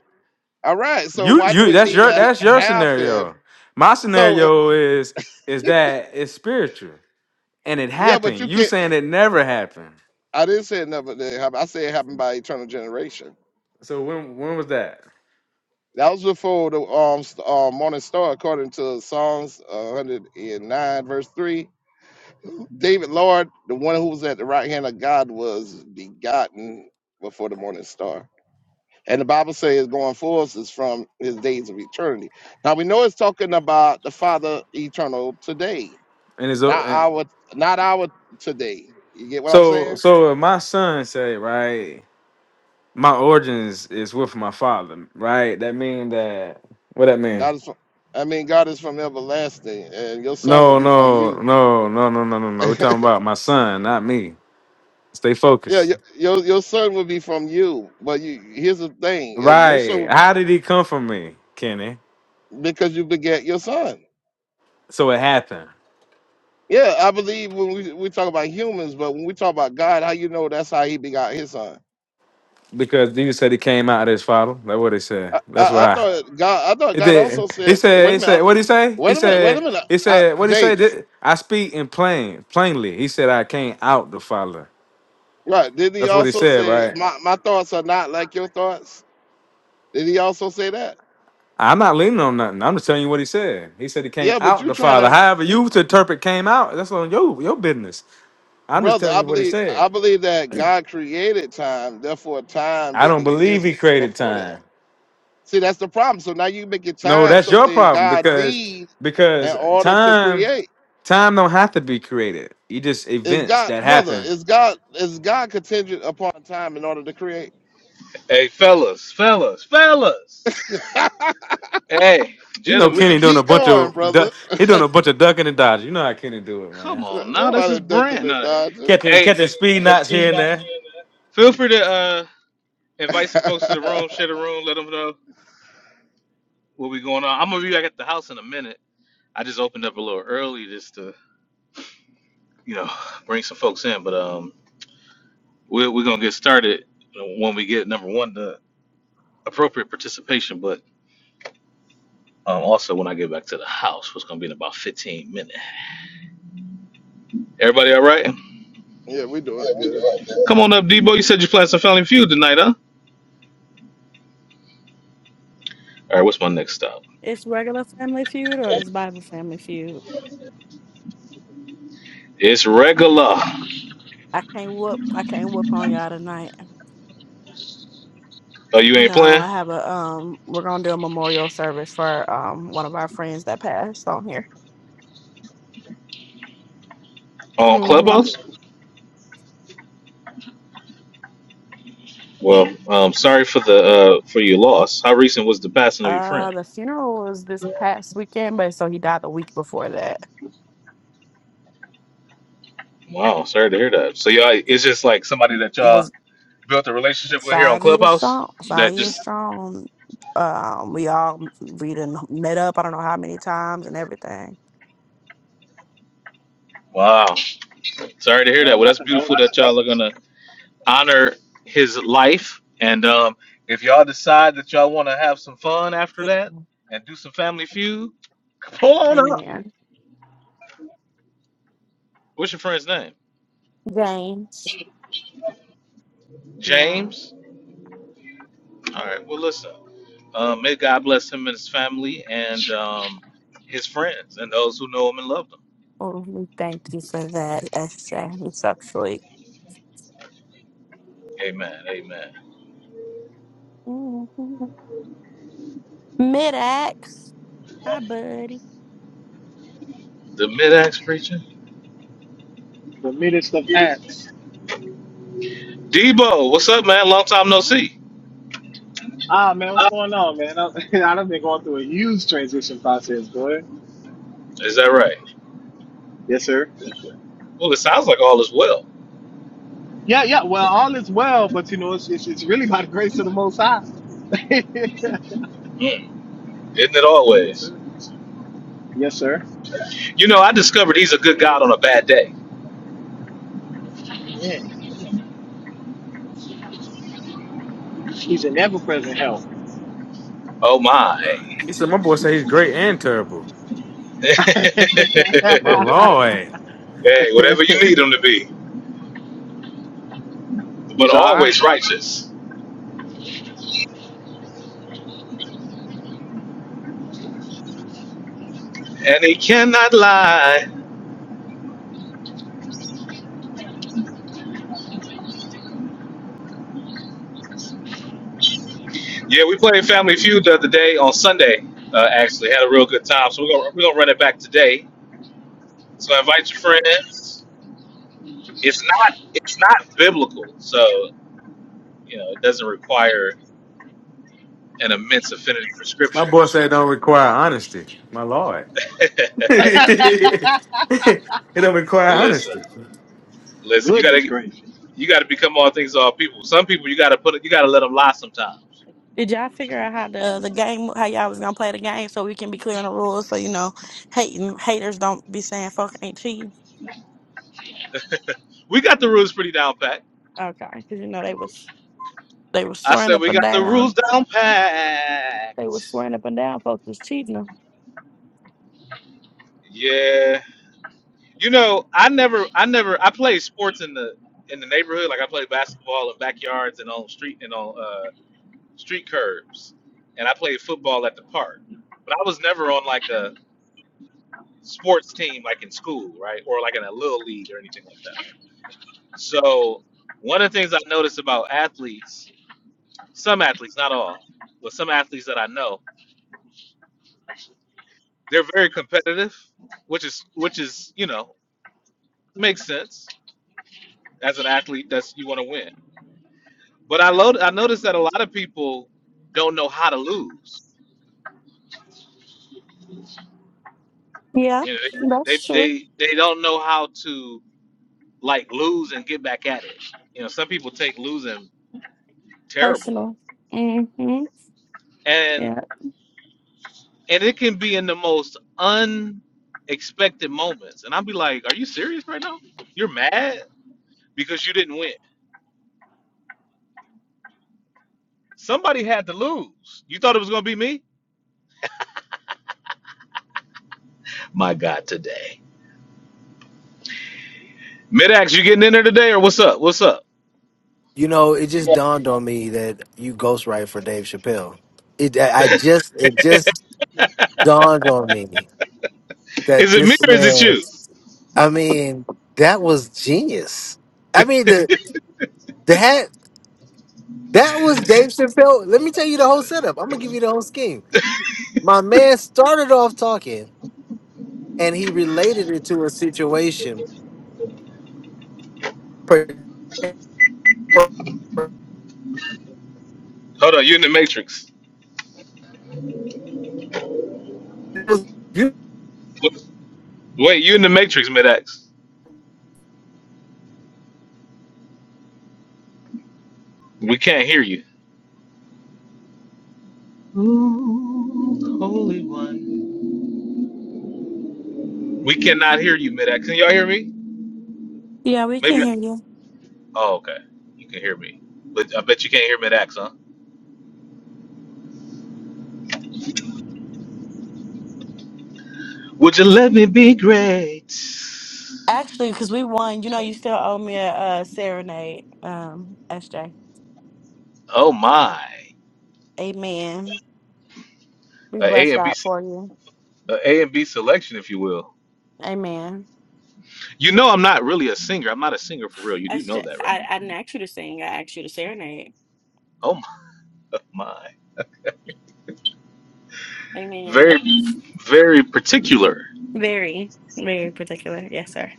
All right. So You why do you it that's need to your that's ha- your scenario. happen? My So uh, scenario is is that it's spiritual and it yeah, but happened. you You can't. saying it never happened. I didn't say it never did happen. I said it happened by eternal generation. So when when was that? That was before the um, s- uh, morning star, according to Psalms uh, 109, verse 3. David, Lord, the one who was at the right hand of God, was begotten before the morning star. And the Bible says going forth is from his days of eternity. Now we know it's talking about the Father eternal today And it's o- not and our not our today. You get what I'm so saying? so if my son say right, my origins is with my father, right? That mean that what that mean? God is from, I mean God is from everlasting and your son would No be from no you. no no no no no no. We're talking yeah, about my son, not me. Stay focused. your, your your son would be from you. But you here's the thing, if your son Right? would- How did he come from me, Kenny? because you begat your son. So it happened. Yeah, I believe when we, we talk about humans, but when we talk about God, how you know that's how he begot his son. Because you said he came out of his father. That's what he said. I, That's I, I why. thought God I thought It God did. also He said said. wait a He minute said. I- What did he say? He wait a minute, wait a said. minute. He I, said. What did he say? James. Did- I speak in plain, plainly. He said, I came out the father. Right. Didn't he That's what he also said, say right? my, my thoughts are not like your thoughts? Did he also say that? I'm not leaning on nothing. I'm just telling you what he said. He said he came Yeah, but out you're the trying father. to However, you you to interpret came out. That's on your your business. I'm just brother, telling I you what he believe said. I believe that God created time, therefore time I don't didn't believe exist he created before that. time. See, that's the problem. So now you make your No, time that's your something problem God because needs in because order to time create. Time don't have to be created. You just Is events God that brother, happen. is God is God contingent upon time in order to create? hey, fellas, fellas, fellas. Hey, You know, we gentlemen. can Kenny doing a keep bunch going, of du- brother. he doing a bunch of ducking and dodging. You know how Kenny do it, Come man. on now. This is Nobody ducking brand. and dodging. Catching Hey, catching speed And the knots here speed and not there. seeing that. feel free to uh, invite some folks to the room, share the room, let them know what we going on. I'm gonna be back at the house in a minute. I just opened up a little early just to, you know, bring some folks in. But um, we're we're gonna get started when we get number one the appropriate participation, but um, also when I get back to the house, which gonna be in about 15 minutes. Everybody, all right? yeah, we doing good. Come on up, Debo. You said you playing some Family Feud tonight, huh? All right. What's my next stop? It's regular Family Feud or it's Bible Family Feud. It's regular. I can't whoop. I can't whoop on y'all tonight. Oh, you ain't No, playing I have a um. We're gonna do a memorial service for um one of our friends that passed on here. on Oh my Mm-hmm. Clubhouse? lord, Well, um, sorry for the uh, for your loss. How recent was the passing of your Uh, friend? the funeral was this past weekend, but so he died the week before that. Wow, sorry to hear that. So y'all, it's just like somebody that y'all Was built a relationship with here on five years Clubhouse. strong. Five That years just strong. Um, we all we done met up. I don't know how many times and everything. wow. Sorry to hear that. man, Well, my that's beautiful that y'all condolences. are gonna honor his life. And um, if y'all decide that y'all want to have some fun after Sick. that and do some family feud, pull on up. Amen. What's your friend's name? James. Yeah. James. All right. Well, listen. Um, may God bless him and his family and um, his friends and those who know him and love him. Oh, we thank you for that, SJ. It's actually Amen. Amen. mid ax Hi, buddy. The mid axe preacher. The midst of acts. Debo, what's up, man? Long time no Oh, see. Ah man, what's going on, man? I, I've been going through a huge transition process, boy. Is that right? Yes, sir. Well, it sounds like all is well, Yeah, yeah. Well, all is well, but you know, it's it's, it's really by the grace of the Most High. yes, isn't it always? sir. Yes, sir. You know, I discovered he's a good God on a bad day. Amen. He's an ever-present help. Oh, my. He said, "My boy said he's great and terrible." hey, My lord. whatever you need him to be, but He's all right. always righteous. And he cannot lie. Yeah, we played Family Feud the other day on Sunday. Uh, actually, had a real good time. So we're gonna we're gonna run it back today. So invite your friends. It's not it's not biblical, so you know it doesn't require an immense affinity for My scripture. boy said it don't require honesty. My lord. it don't require listen, honesty. listen. You Goodness gotta gracious, you gotta become all things to all people. Some people you gotta put you gotta let them lie sometimes. did y'all figure out how the the game, how y'all was gonna play the game, so we can be clear on the rules, so you know, hating haters don't be saying "fuck ain't cheating." We got the rules pretty down pat. Okay, because you know they was they was I swearing said up we and got the down. rules down pat. They was swearing up and down. Folks was cheating Yeah. You know, I never, I never, I played sports in the in the neighborhood. Like I played basketball in backyards and on street and on uh, street curbs, and I played football at the park. But I was never on like a sports team, like in school, right, or like in a little league or anything like that, right. So one of the things I noticed about athletes, some athletes, not all, but some athletes that I know, they're very competitive, which is which is you know makes sense as an athlete. That's you want to win But I lo- I noticed that a lot of people don't know how to lose. Yeah, You know, they, they that's true. they they don't know how to like lose and get back at it. You know, some people take losing terribly, Personal. Mm-hmm. and Yeah. and it can be in the most unexpected moments. And I'll be like, "Are you serious right now? You're mad because you didn't win. Somebody had to lose. You thought it was gonna be me? My God, today." Midax, you getting in there today, or what's up? What's up? You know, it just dawned on me that you ghostwrite for Dave Chappelle. It, I I just, it just dawned on me that Is it me this or is it man. you? I mean, that was genius. I mean, the the hat that was Dave Chappelle. Let me tell you the whole setup. I'm gonna give you the whole scheme. My man started off talking. and he related it to a situation. Can Hold on, you in the matrix. Wait, you in the Matrix, Mid-X. We can't hear you. Ooh, Holy One. We cannot hear you, Mid-X. Can y'all hear me? Yeah, we can Maybe. hear you. Oh, okay. You can hear me. But I bet you can't hear Mid-X, huh? Would you let me be great? Actually, because we won, you know, you still owe me a, uh serenade, um, SJ. Oh, my. Amen. We A bless A and B, God se- for you. A and B selection, if you will. Amen. You know I'm not really a singer. I'm not a singer for real. You do know SJ, that, right? I, I didn't ask you to sing. I asked you to serenade. Oh, my. my. Amen. Very, very particular. Very, very particular. Yes, sir.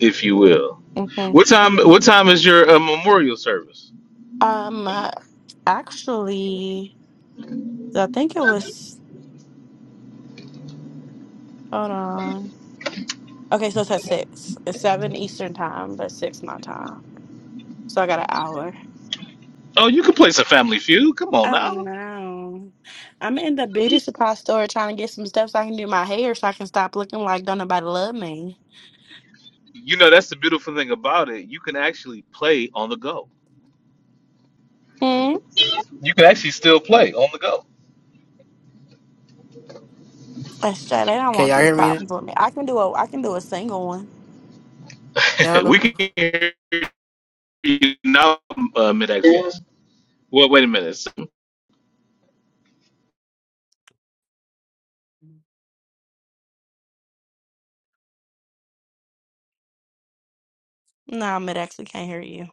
if you will. hmm What time? What time is your uh, memorial service? Um, uh, actually, I think it was. Hold on. Okay, so it's at six. It's seven Eastern time, but six my time. So I got an hour. Oh, you can play some Family Feud. Come on Oh now. no! I'm in the beauty supply store trying to get some stuff so I can do my hair, so I can stop looking like don't nobody love me. You know that's the beautiful thing about it. You can actually play on the go. Hmm. You can actually still play on the go. That's straight. They don't want y'all these hear me problems with me. I can do a. I can do a single one. we now? can hear you now, uh, mid Exodus. Well, wait a minute. No, it actually can't hear you.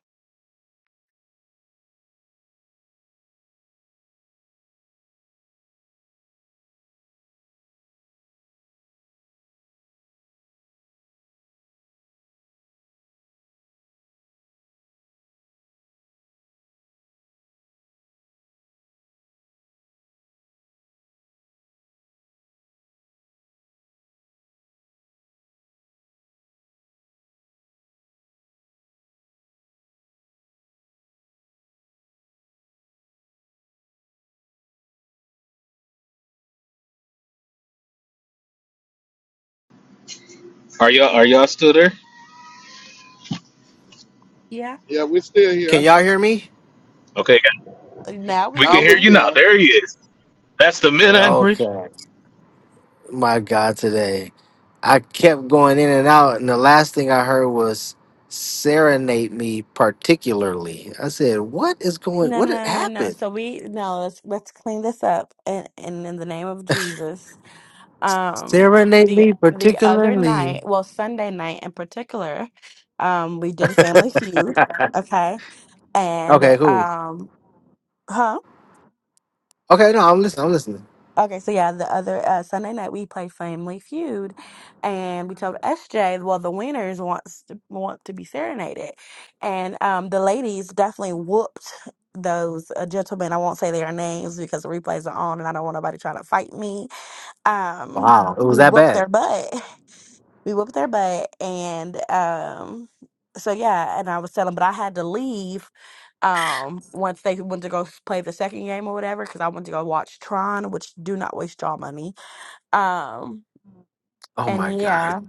Are y'all are y'all still there? Yeah. Yeah, we still Can here. y'all hear me? Okay, Now we we can Now we hear can. you now. can. There he is. That's the mid average. Okay. My God, today. I kept going in and out, and the last thing I heard was serenade me particularly. I said, What is going No, what no, had no, no, no. happened? So we no, let's let's clean this up and, and in the name of Jesus. Um Serenade the me the other particularly. night, well Sunday night in particular, um, we did a family feud, okay? And okay, cool. um huh? Okay, no, I'm listening. I'm listening. Okay, so yeah, the other uh, Sunday night we play Family Feud, and we told SJ, well, the winners wants to, want to be serenaded, and um, the ladies definitely whooped those uh, gentlemen. I won't say their names because the replays are on, and I don't want nobody trying to fight me. Um, Wow. It was we that whooped bad. their butt we whooped their butt and um so yeah and i was telling but i had to leave um once they went to go s- play the second game or whatever because i went to go watch tron which do not waste y'all money um Oh my and God. yeah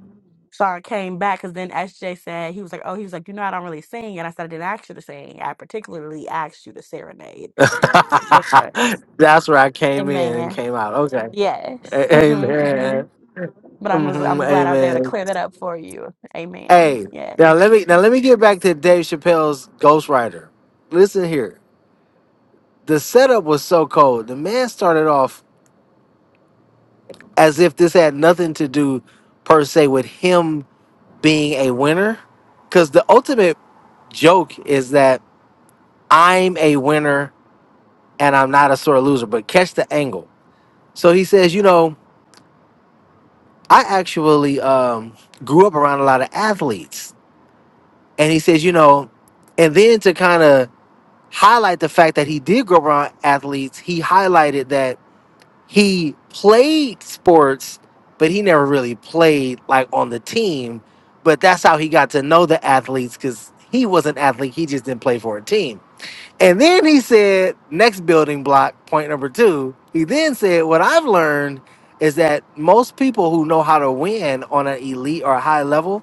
so i came back because then sj said he was like oh he was like you know i don't really sing and i said i didn't ask you to sing i particularly asked you to serenade it's a difference That's where I came in and amen came out. Okay. yes A- mm-hmm, mm-hmm. amen. but i'm was hmm i'm glad i was able to amen. clear that up for you amen Hey, now yes let me now let me get back to mm-hmm. Dave Chappelle's Ghostwriter. Listen here. The setup was so cold. The man started off as if this had nothing to do per se with him being a winner. Cause the ultimate joke is that I'm a winner and I'm not a sore loser. But catch the angle. So he says, you know. I actually um, grew up around a lot of athletes. And he says, you know, and then to kind of highlight the fact that he did grow up around athletes, he highlighted that he played sports, but he never really played like on the team. But that's how he got to know the athletes because he was an athlete. He just didn't play for a team. And then he said, next building block, point number two. He then said, What I've learned is that most people who know how to win on an elite or a high level,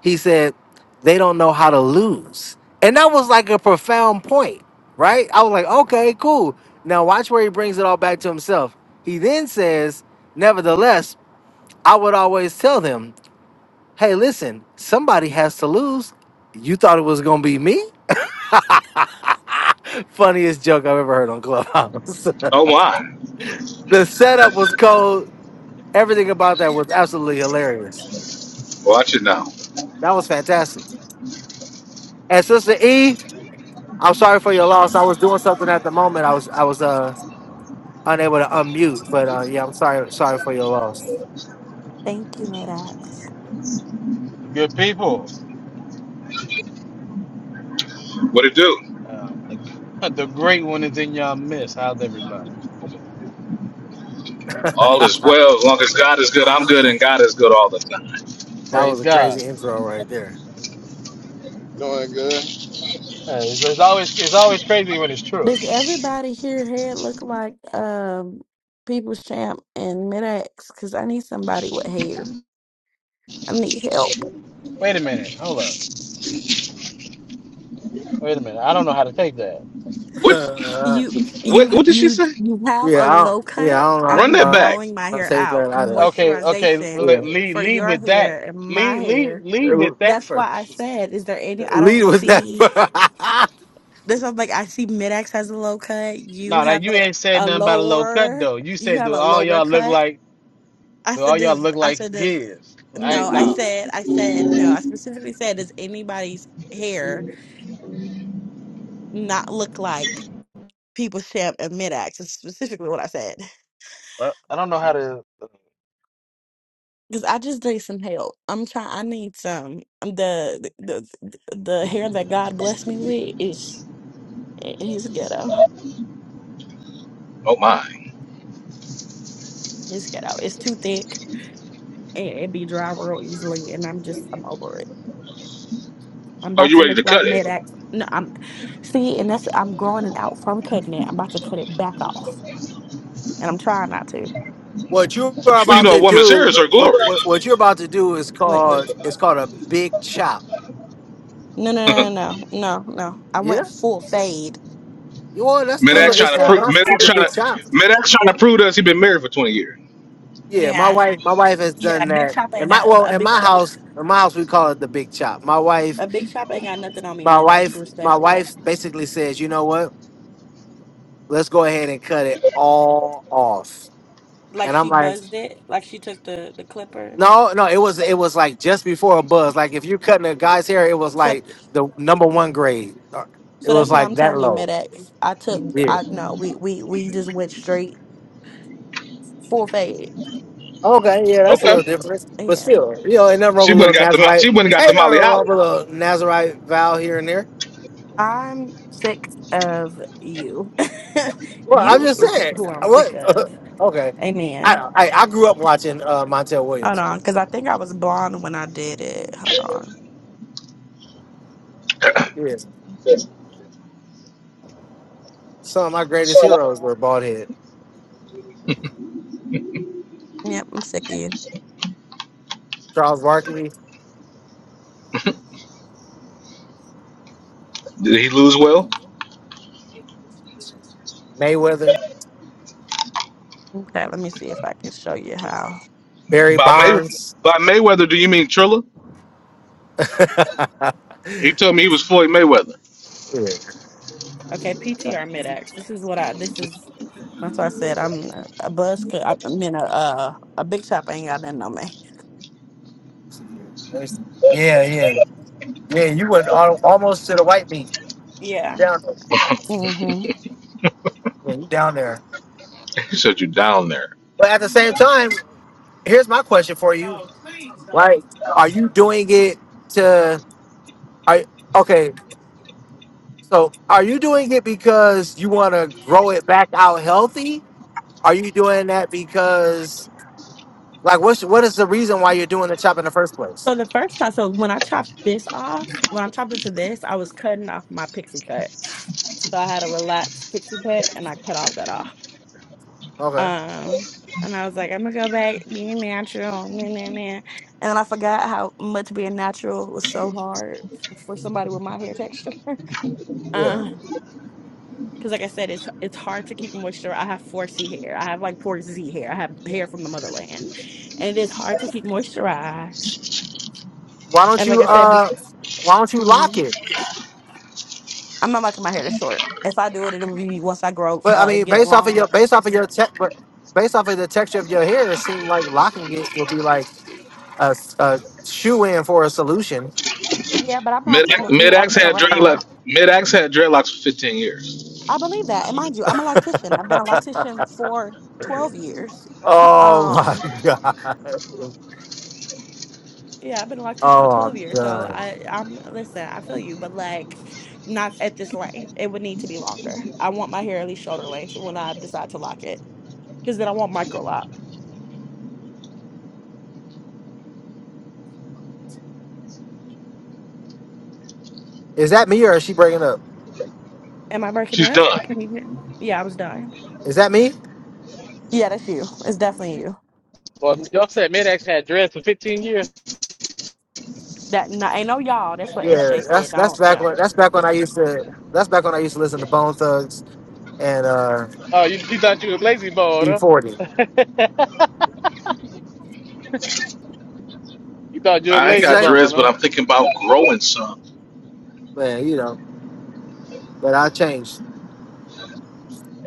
he said, they don't know how to lose. And that was like a profound point, right? I was like, Okay, cool. Now watch where he brings it all back to himself. He then says, Nevertheless, I would always tell them, Hey, listen, somebody has to lose. You thought it was going to be me? Funniest joke I've ever heard on Clubhouse. Oh my! the setup was cold. Everything about that was absolutely hilarious. Watch it now. That was fantastic. And Sister E, I'm sorry for your loss. I was doing something at the moment. I was I was uh unable to unmute, but uh yeah, I'm sorry sorry for your loss. Thank you, Maddox. Good people. What it do? Uh, the the great one is in your midst. How's everybody? All is well as long as God is good. I'm good, and God is good all the time. That Praise was a God. crazy intro right there. Doing good. Uh, it's, it's always it's always crazy when it's true. Does everybody here hair look like um People's Champ and Mid-X? Because I need somebody with hair. I need help. Wait a minute. Hold up. Wait a minute. I don't know how to take that. What? Uh, You you What ha- what did she you say? you have a yeah, I don't, low yeah, I cut. don't know. Run I'm that how back. growing my to hair Say out. that either. Okay. Okay. Moisturization le- Yeah, Lead for lead your with that. hair and my Lead lead hair. lead with that That's why I first. said, is there any? I lead don't with see. that. This is like I see Mid-X has a low cut. You No, that have you a ain't said a nothing about a low cut lower. though. You You said have do a all lower y'all look cut. like I do said, all y'all does look I like said, does his? I No, I no. said, I said, no, I specifically said, does anybody's hair not look like people's champ and mid-ax? That's specifically what I said. Uh, I don't know how to. Because I just need some help. I'm trying, I need some. um, The, the, the, the hair that God blessed me with is, is ghetto. Oh my. It's ghetto. It's too thick and it be dry real easily. And I'm just, I'm over it. I'm Are about you to ready look to like cut it? mid-ax. No, I'm, see, and that's, I'm growing it out from cutting it. I'm about to cut it back off. And I'm trying not to. What you are Well, you about know, a to woman's hair do, is her glory. what, what what you're about to do is Like, called it's called a big chop. No, no, no, no, no, no. no. I Yeah, went full fade. you are. That's It still wasn't Medax a, a it big trying to still chop. prove Medax constitutes a trying big to chop. Medax trying to prove to us he been married for twenty years. Yeah, my Yeah, wife my wife has yeah. done Big that. chop In ain't my got well, a in big my chop. house, in my house we call it the big chop. My wife, A big chop ain't got nothing on me. my Mid X, wife, my respectfully. wife basically says, you know what? Let's go ahead and cut it all off. Like And I'm she like, buzzed it. Like she took the the clippers. no, no. It was it was like just before a buzz. Like if you're cutting a guy's hair, it was So, like the number one grade. It so that's was what I'm like that telling you, mid low. X. I took. Yeah. I no. We we we just went straight full fade. Okay, yeah, that's a little Okay. different. But Yeah. still, you know, ain't nothing wrong She with a went and little got the mo- she Nazarite. went and got the Ain't nothing Molly wrong with a Holly. little Nazarite vow here and there. I'm sick of you. Well, I'm you just is saying. who I'm sick of. What? okay. I Amen. don't I, I grew up watching uh, Montel Hold Williams. on, because I think I was blonde when I did it. Hold on. Yeah. Some of my greatest heroes were bald head. Yep, I'm sick of you. Charles Barkley, Did he lose well? Mayweather, Okay, let me see if I can show you how. Barry By May Bonds. by Mayweather, do you mean Trilla? yeah. He told me he was Floyd Mayweather. Let Okay, PTR mid-ax. This is what I. This is. That's why I said I'm a a buzz. cut- I mean, a uh, a big shop ain't got nothing on me. me see. Yeah, yeah. Yeah, you went al- almost to the white meat. Yeah. You down there. hmm Yeah, you down there. He said you down there. But at the same time, here's my question for you. Like, are you doing it to? Are okay. So, are you doing it because you want to grow it back out healthy? Are you doing that because, like, what's what is the reason why you're doing the chop in the first place? So the first time, so when I chopped this off, when I chopped it to this, I was cutting off my pixie cut. So I had a relaxed pixie cut, and I cut all that off. Okay. Um, and I was like, I'm gonna go back being natural, nah, nah, nah. and then I forgot how much being natural was so hard f- for somebody with my hair texture. Yeah. Uh, because like I said, it's it's hard to keep moisture. I have 4C hair. I have like 4Z hair. I have hair from the motherland, and it is hard to keep moisturized. Why don't And like you I said, be- uh? Why don't you lock mhm. it? I'm not liking my hair to short. If I do it, it'll be once I grow, But I uh, mean, get it based off of longer. your based off of your tech, but based off of the texture of your hair, it seemed like locking it would be like a, shoe in for a solution. Yeah, but I'm Mid not gonna be Midax walking had around. dreadlocks. Midax had dreadlocks for 15 years. I believe that. And mind you, I'm a lactician. I've been a lactician for 12 years. oh my Um, god. yeah, I've been a lactician for Oh, 12 years. So done. I, I'm, listen, I feel you, but like not at this length. It would need to be longer. I want my hair at least shoulder length when I decide to lock it because then I want micro lock. Is that me or is she breaking up? Am I breaking She's up? Can done. you hear? Yeah, I was done. Is that me? Yeah, that's you. It's definitely you. Well, y'all said Mid-X had dread for 15 years. That no, ain't no y'all. That's what Yeah, SJ that's said. I that's don't back yeah. when that's back when I used to that's back when I used to listen to Bone Thugs and uh Oh, you, you thought you was lazy bone, E40. huh? You thought you were I What ain't you lazy got say? bone, dreads, but huh? I'm thinking about growing some. Man, you know, but I changed.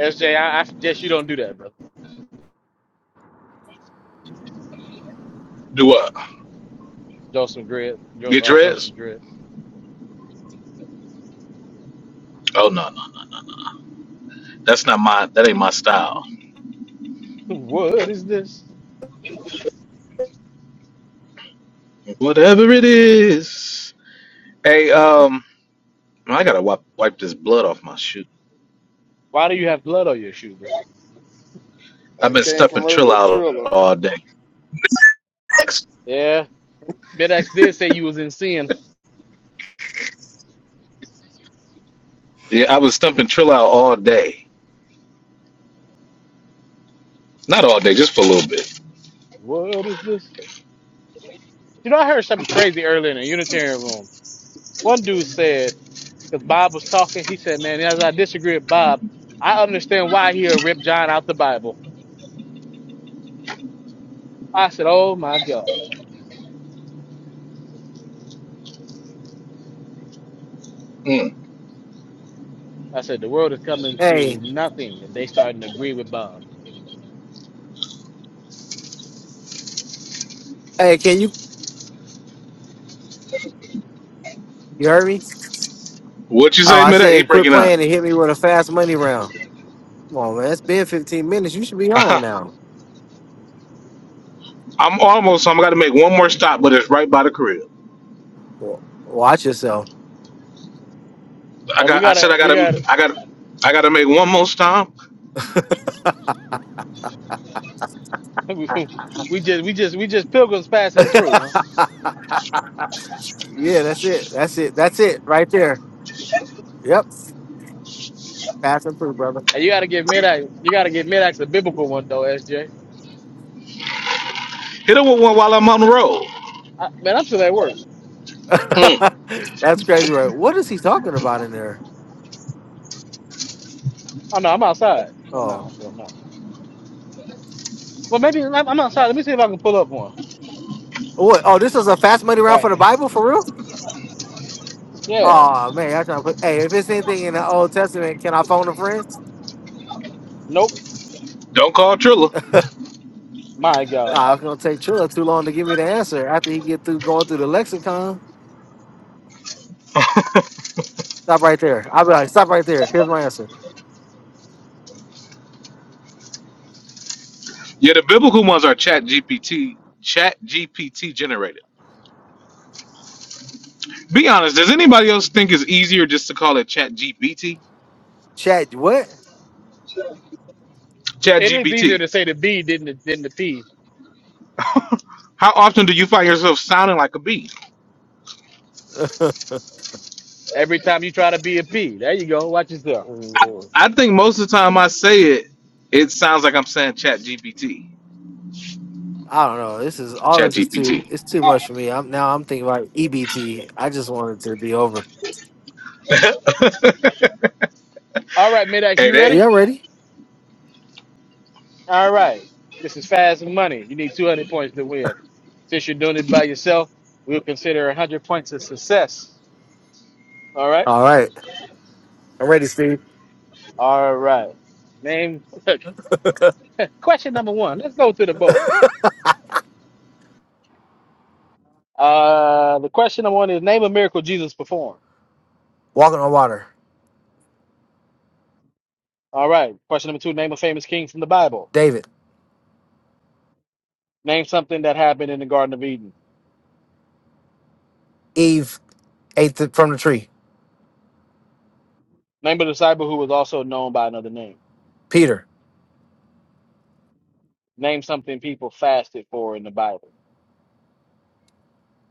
SJ, I, I suggest you don't do that, brother. Do what? Grow some dread. Grow, Get uh, grow some dressed? dread. Oh no, no, no. that's not my. That ain't my style. what is this? Whatever it is. Hey, um, I gotta wipe wipe this blood off my shoe. Why do you have blood on your shoe, bro? I've It been came from stumping Trill early out Triller. all day. Yeah. Midax did say you was in sin. Yeah, I was stumping Trill out all day. Not all day, just for a little bit. What is this? You know, I heard something crazy earlier in the Unitarian room. One dude said, because Bob was talking, he said, man, as I disagree with Bob, I understand why he'll rip John out the Bible. I said, oh my God. Mm. I said, the world is coming Hey, to nothing if they starting to agree with Bob. hey, can you you heard me? What you Oh, say, I Midak? He said quit breaking up. playing and hit me with a fast money round. Come on, man, it's been 15 minutes. You should be home now. I'm almost home. I gotta make one more stop, but it's right by the crib. Well, Watch yourself. I Uh, we got. I said gotta, I we got. gotta. I got. I gotta make one more stop. we just we just we just pilgrims passing through, huh? Yeah, that's it. That's it. That's it right there. Yep, pass and through, brother. And you gotta give Midax you gotta give Midax a biblical one though, SJ. Hit her with one while I'm on the road. man, I'm still at work. Mm. That's crazy, right? What is he talking about in there? Oh no, I'm outside. Oh no, Oh, I'm doing no. Well maybe I'm I'm outside. Let me see if I can pull up one. what? Oh, this is a fast money round Right. for the Bible for real? Yeah. Oh man, I trying to put. Hey, if it's anything in the Old Testament, can I phone a friend? Nope. Don't call Trilla. My God. Ah, it's gonna take Trilla too long to give me the answer after he get through going through the lexicon. Stop right there. I'll be like, stop right there. Here's my answer. Yeah, the biblical ones are Chat GPT, Chat GPT generated. Be honest, does anybody else think it's easier just to call it Chat GPT? Chat, what? Chat It is easier GPT. to say the B than the than the P. How often do you find yourself sounding like a bee? Every time you try to be a P. There you go. Watch yourself. Oh, I think most of the time I say it, it sounds like I'm saying Chat GPT. I don't know. This is all. Chat This is too. GPT. It's too much for me. I'm now. I'm thinking about EBT. I just want it to be over. All right, Midax, Hey, you that, ready? Yeah, I'm ready. All right. This is fast money. You need two hundred points to win. Since you're doing it by yourself, we'll consider one hundred points a success. All right. All right, I'm ready, Steve. All right. Name question number one. Let's go to the board. Uh, the question number one is name a miracle Jesus performed. Walking on water. All right. Question number two. Name a famous king from the Bible. David, Name something that happened in the Garden of Eden. Eve ate the, from the tree. Name a disciple who was also known by another name. Peter, Name something people fasted for in the Bible.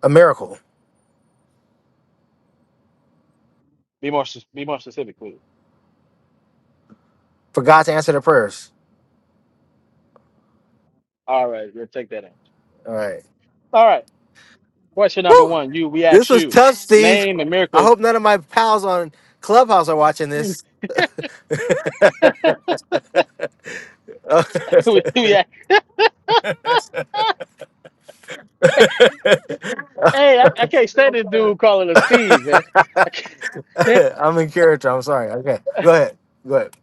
a miracle. Be more s- be more specific, please. For God to answer their prayers. All right. We'll take that answer. All right. All right. Question number Woo! one. You. We This ask was you. tough, Steve. Name a I miracle. hope none of my pals on Clubhouse are watching we, this. I'm we ask. Hey, I, I can't stand this dude calling us Steve, man. I can't. in character. I'm sorry. Okay. Go ahead. Go ahead.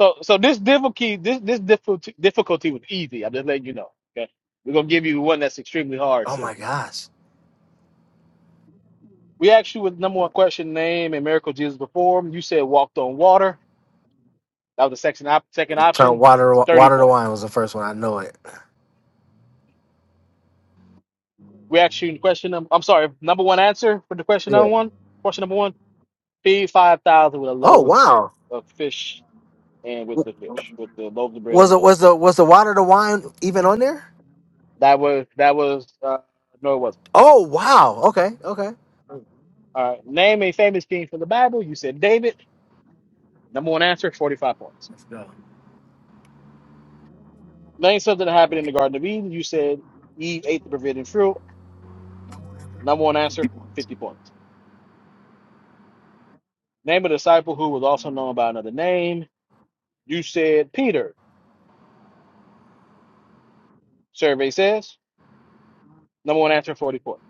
So, so this difficulty, this this difficulty, difficulty was easy. I'm just letting you know. Okay, we're gonna give you one that's extremely hard Oh soon. my gosh. We asked you with number one question: name and miracle Jesus performed. You said walked on water. That was the second op- second Turn option. water Thirty water to points. wine was the first one. I know it. We asked you question. num- I'm sorry, number one answer for the question Yeah. number one. Question number one: feed five thousand with the Oh loaves wow. of fish and with W- the fish, with the loaves of bread and Was with it the was the was the water to wine even on there? That was that was uh, no, it wasn't. Oh wow. Okay. Uh, name a famous king from the Bible. You said David. Number one answer, forty-five points. Okay. Name something that happened in the Garden of Eden. You said Eve ate the forbidden fruit. Number one answer, fifty points. Name a disciple who was also known by another name. You said Peter. Survey says number one answer, forty points.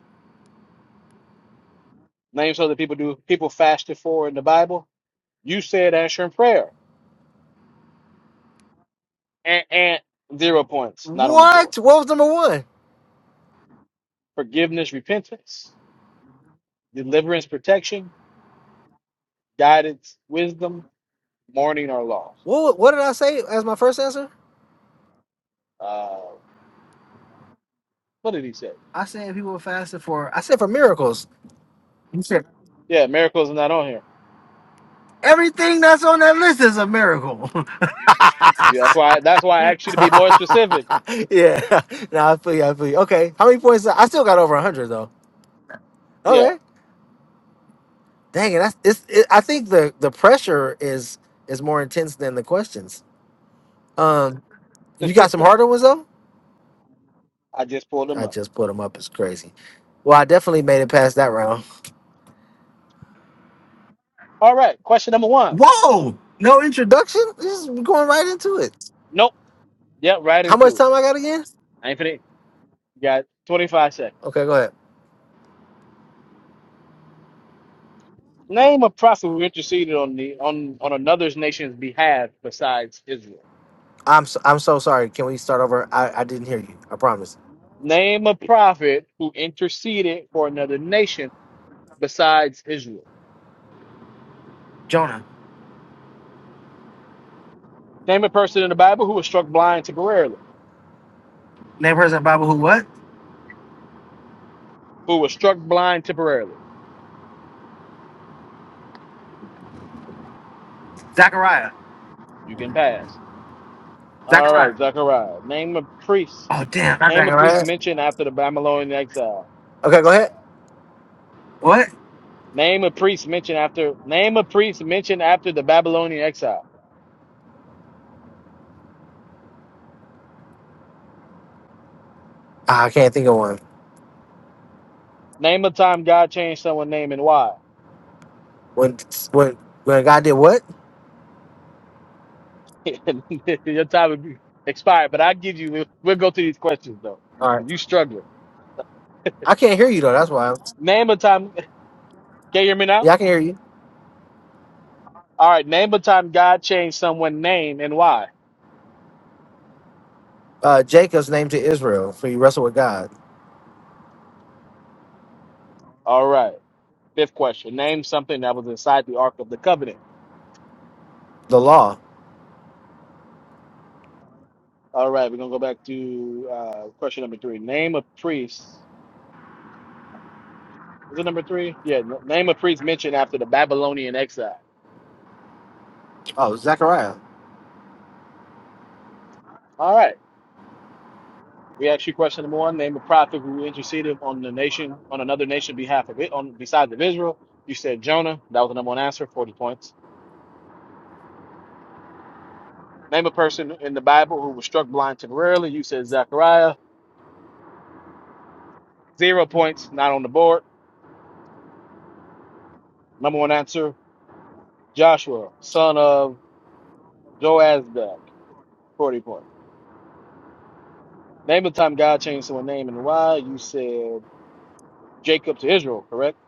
Name something people do people fasted for in the Bible. You said answering prayer and, and zero points, not on the board. What? What was number one? Forgiveness, repentance, deliverance, protection. guidance, wisdom, mourning, or loss. What What did I say as my first answer? Uh, what did he say? I said people fasted for. I said for miracles. You said Yeah, miracles are not on here. everything that's on that list is a miracle. Yeah, that's why. That's why I asked you to be more specific. yeah. No, I feel you. I feel you. Okay. How many points? I still got over hundred though. Yeah, Okay. Dang it. That's. It's, it, I think the the pressure is is more intense than the questions. Um. You got some harder ones though. I just pulled them I up. just put them up. It's crazy. Well, I definitely made it past that round. All right, question number one. Whoa! No introduction. Just going right into it. Nope. Yep, right How much into it. time I got again? I ain't finna. You got 25 seconds. Okay, go ahead. Name a prophet who interceded on the on on another nation's behalf besides Israel. I'm so, I'm so sorry. Can we start over? I, I didn't hear you. I promise. Name a prophet who interceded for another nation besides Israel. Jonah, Name a person in the Bible who was struck blind temporarily. name person Bible who what? who was struck blind temporarily. Zachariah. You can pass. All Zachariah. right, Zechariah. Name a priest. Oh damn, not Name a priest Zachariah. mentioned after the Babylonian exile. Okay, go ahead. What? Name a priest mentioned after. Name a priest mentioned after the Babylonian exile. Ah, I can't think of one. Name a time God changed someone's name and why. When when when God did what? Your time would be expired, but I give you. We'll go through these questions though. All right. If you struggling, I can't hear you though. That's why. name a time. Can you hear me now? Yeah, I can hear you. All right. Name a time God changed someone's name and why. Uh, Jacob's name to Israel for you wrestle with God. All right. Fifth question. Name something that was inside the Ark of the Covenant. The law. All right, we're gonna go back to uh, question number three. Name of priests. Is it number three? Yeah, n- name of priests mentioned after the Babylonian exile. Oh, Zachariah. All right. We asked you question number one. Name a prophet who interceded on the nation, on another nation behalf of it, on besides of Israel. You said Jonah. That was the number one answer, 40 points. Name a person in the Bible who was struck blind temporarily. You said Zechariah. Zero points, not on the board. Number one answer, Joshua, son of Joazdak, 40 points. Name of the time God changed someone's name and why. You said Jacob to Israel, correct?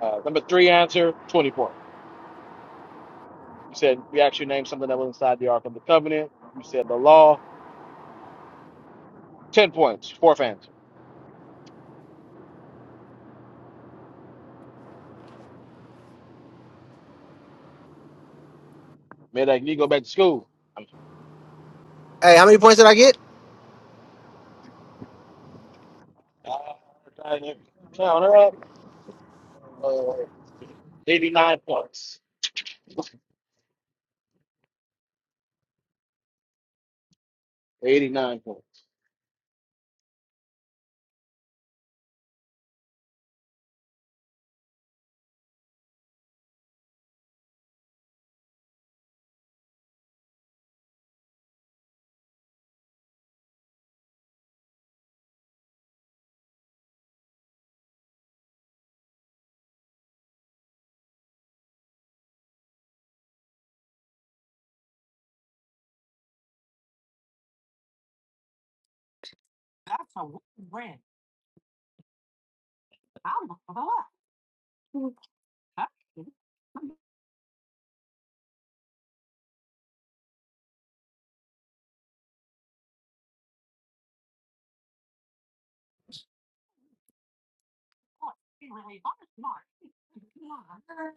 Uh, number three answer, 24. You said we actually named something that was inside the Ark of the Covenant. You said the law, 10 points, fourth answer. Made like you go back to school. I'm Hey, how many points did I get? count her up. Uh, 89 points. 89 points.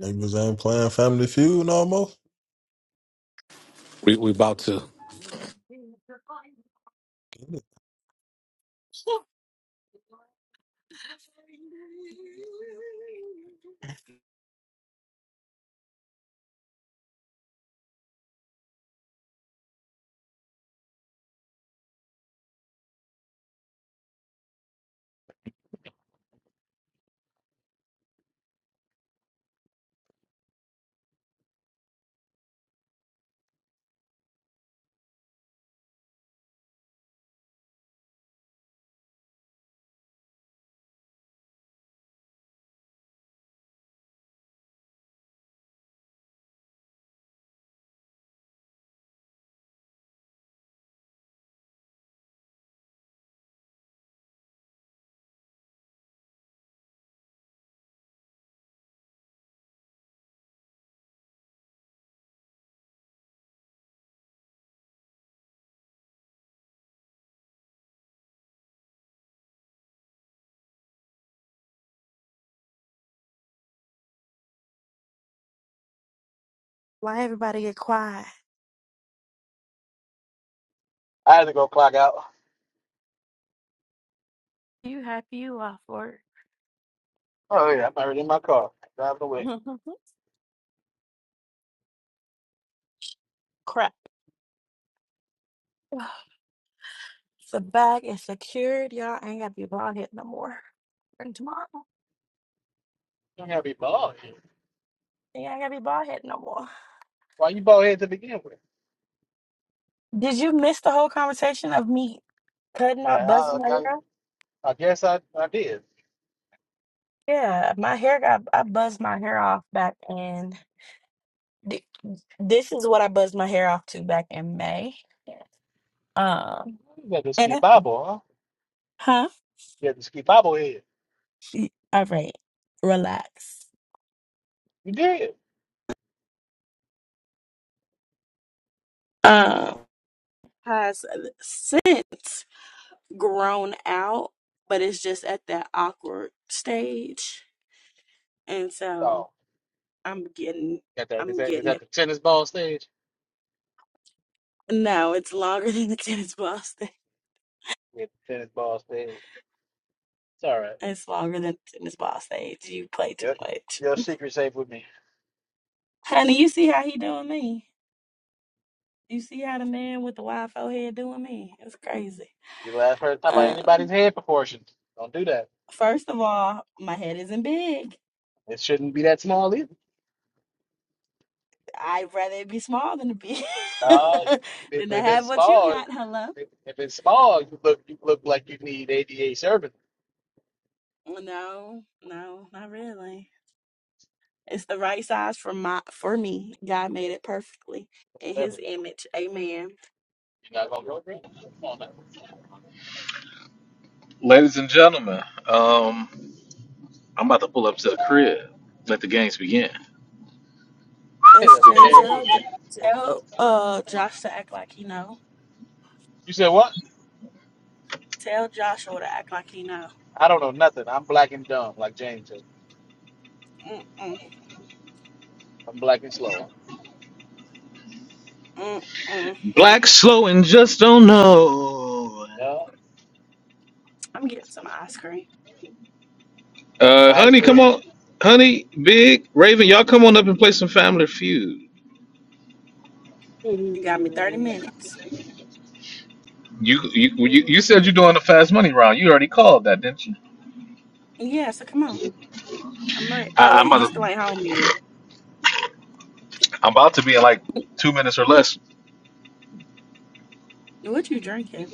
Niggas ain't playing Family Feud no more. We we about to. Get Why everybody get quiet? I had to go clock out. You happy you off work? Oh, yeah, I'm already in my car, driving away. Crap. The bag is secured. Y'all ain't gotta be bald head no more. And tomorrow, You gotta be bald. head. you ain't gotta be bald head no more. Why you bald head to begin with? Did you miss the whole conversation of me cutting Yeah, off, buzzing I, my I, hair off? I guess I, I did. Yeah, my hair got, I buzzed my hair off back in, th- this is what I buzzed my hair off to back in May. Um, You got the and ski I, bobble, huh? huh? You got the ski bobble head. Y- All right, relax. You did. Um, has since grown out, but it's just at that awkward stage, and so Oh, I'm getting, got that. Is I'm that is getting. that the tennis ball stage? Yeah, the tennis ball stage. It's all right. Your your secret safe with me. You last heard talk about anybody's head proportions. Don't do that. It shouldn't be that small either. I'd rather it be small than to be Uh, if, it, than to if it's have what you small, if, got. Hello. it, if it's small, you look you look like you need ADA service. No, no, not really. It's the right size for my for me. God made it perfectly in Whatever. His image. Amen. You're not gonna go for it? Come on, man. ladies and gentlemen, um, I'm about to pull up to the crib. Let the games begin. Hey, let the SJ, games tell J- begin. tell uh Josh to act like he know. You said what? Tell Joshua to act like he know. I don't know nothing. I'm black and dumb, like James. said. Mm-mm, I'm black and slow. mm-mm. Black slow and just don't know. Yeah. I'm getting some ice cream. Uh, Somebody honey, come scream. on, honey, big Raven, y'all come on up and play some Family Feud. You got me thirty minutes. You you you, you said you're doing the fast money round. You already called that, didn't you? Yeah, so come on. I'm ready. Oh I, I'm wait, you about still to, ain't home yet. I'm about to be in like two minutes or less. What you drinking?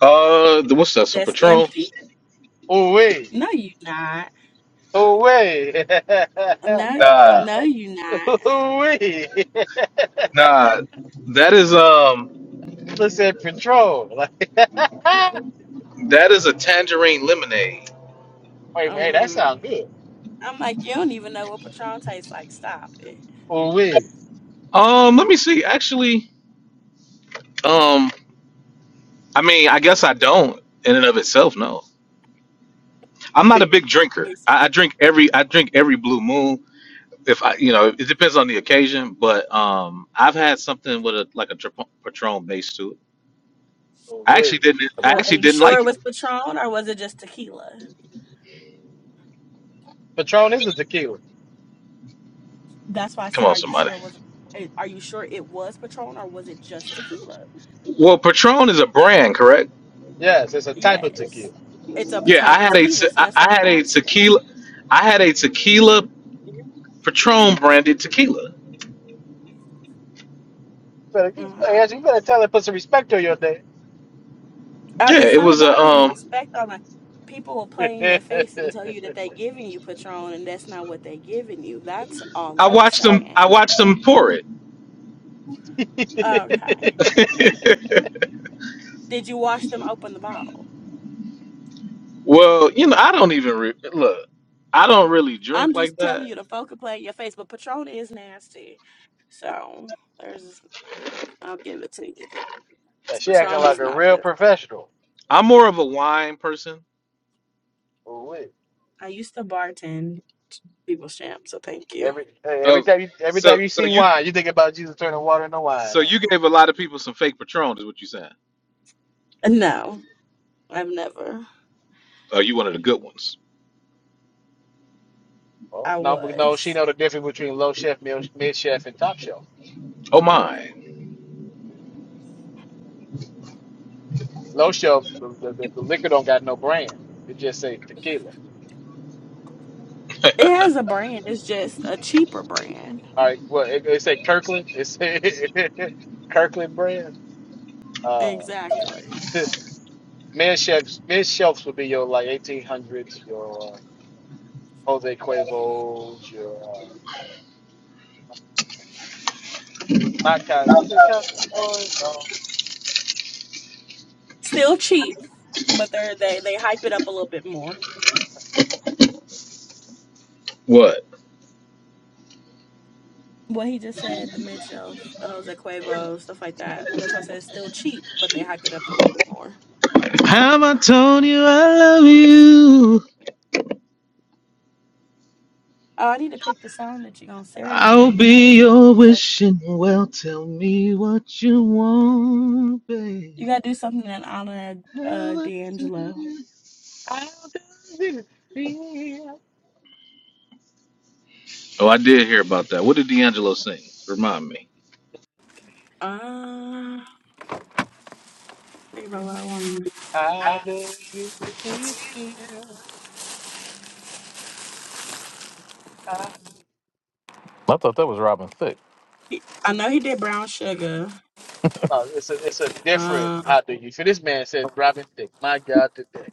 Uh, the- what's that? Some That's Patron? empty. Oh wait. No, you not. Oh wait. No, Nah, no, you not. Oh wait. Nah, that is um, Brother said patrol. that is a tangerine lemonade. Like wait, man, that sounds Um, good. I'm like, you don't even know what Patron tastes like. Stop it. Oh wait. Um, let me see. Actually, um, I mean, I guess I don't in and of itself. No, I'm not a big drinker. Yes. I, I drink every, I drink every blue moon. if I, you know, it depends on the occasion, but um, I've had something with a like a tra- Patron base to it. Oh I actually wait. didn't. I Well, are actually you didn't sure it like it. was Patron or was it just tequila? Patron is a tequila. That's why I Come said, on, are you somebody. sure it was? eh, Are you sure it was Patron or was it just tequila? Well, Patron is a brand, correct? Yes, it's a type of Yes, tequila. it's a Yeah, type I of had a te- tequila, so I that's why I had I'm a asking. tequila, I had a tequila Patron branded tequila. Better, you, Uh-huh. yes, you better tell her to put some respect on your name. Uh, Yeah, it's it not was a about putting um. respect on like people will play in your face and tell you that they are giving you Patron and that's not what they are giving you. That's all I I'm watched them. I saying. watched them pour it. Okay. Did you wash them open the bottle? well, you know, I don't even re- look. I don't really I'm drink just like telling that. you, the folk will play in your face, but Patron is nasty. So there's, I'll give it to you. she acting Patron like is a not real good. professional. I'm more of a wine person. Ooh, I used to bartend people's champ, so thank you. Every hey, every Oh, time you every so time you so see you wine, you think about Jesus turning water into wine, So huh? you gave a lot of people some fake patron, is what you saying? No, I've never. Oh, you one of the good ones. Oh. I No, but no, she was. know the difference between low chef, mil- mid chef, and top shelf. Oh my, Low shelf, the, the, the the liquor don't got no brand. It just say tequila. It has a brand. It's just a cheaper brand. All right, well, it, it say Kirkland. It say Kirkland brand. Uh, Exactly. mid chefs, mid shelves would be your like eighteen hundreds, your Jose Cuervo's, your uh, not Cas, was it Casa? No, Still cheap, but they're they they hype it up a little bit more. what? What he just said, the mid shelf, uh, Jose Cuervo, stuff like that. That's why I said it's still cheap, but they hype it up a little bit more. Have I told you I love you? Oh, I need to pick the song that you're gonna I'll serenade. be your That's, wishing well. Tell me what you want, babe. you gotta do something in honor Have of uh, I told D'Angelo. you- How does it feel? Oh, I did hear about that. What did D'Angelo sing? Remind me. Um, think about what I want. How does it feel? How- He- I know he did Brown Sugar. Oh, it's a it's a different Uh, how do you feel? This man said Robin Thicke, my God today.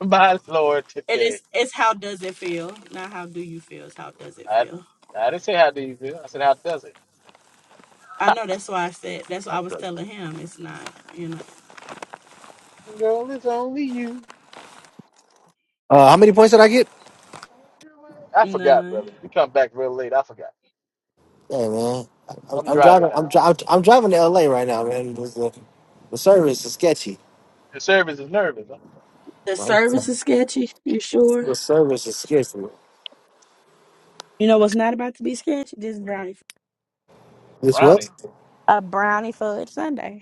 my Lord today. it's it's how does it feel, not how do you feel. It's how does it I feel. I didn't say how do you feel. I said how does it? I know that's why I said that's why I was telling him it's not. You know, Girl, it's only you. Uh, how many points did I get? I forgot, no, brother. We come back real late. I forgot. Hey man, I'm, I'm I'm driving driving. I'm, now. dri- I'm I'm driving to LA right now, man. The, the, the service is sketchy. The service is nervous. huh? the The service is sketchy. You sure? service is sketchy. You know what's not about to be sketchy? This brownie. This Brownie. what? I have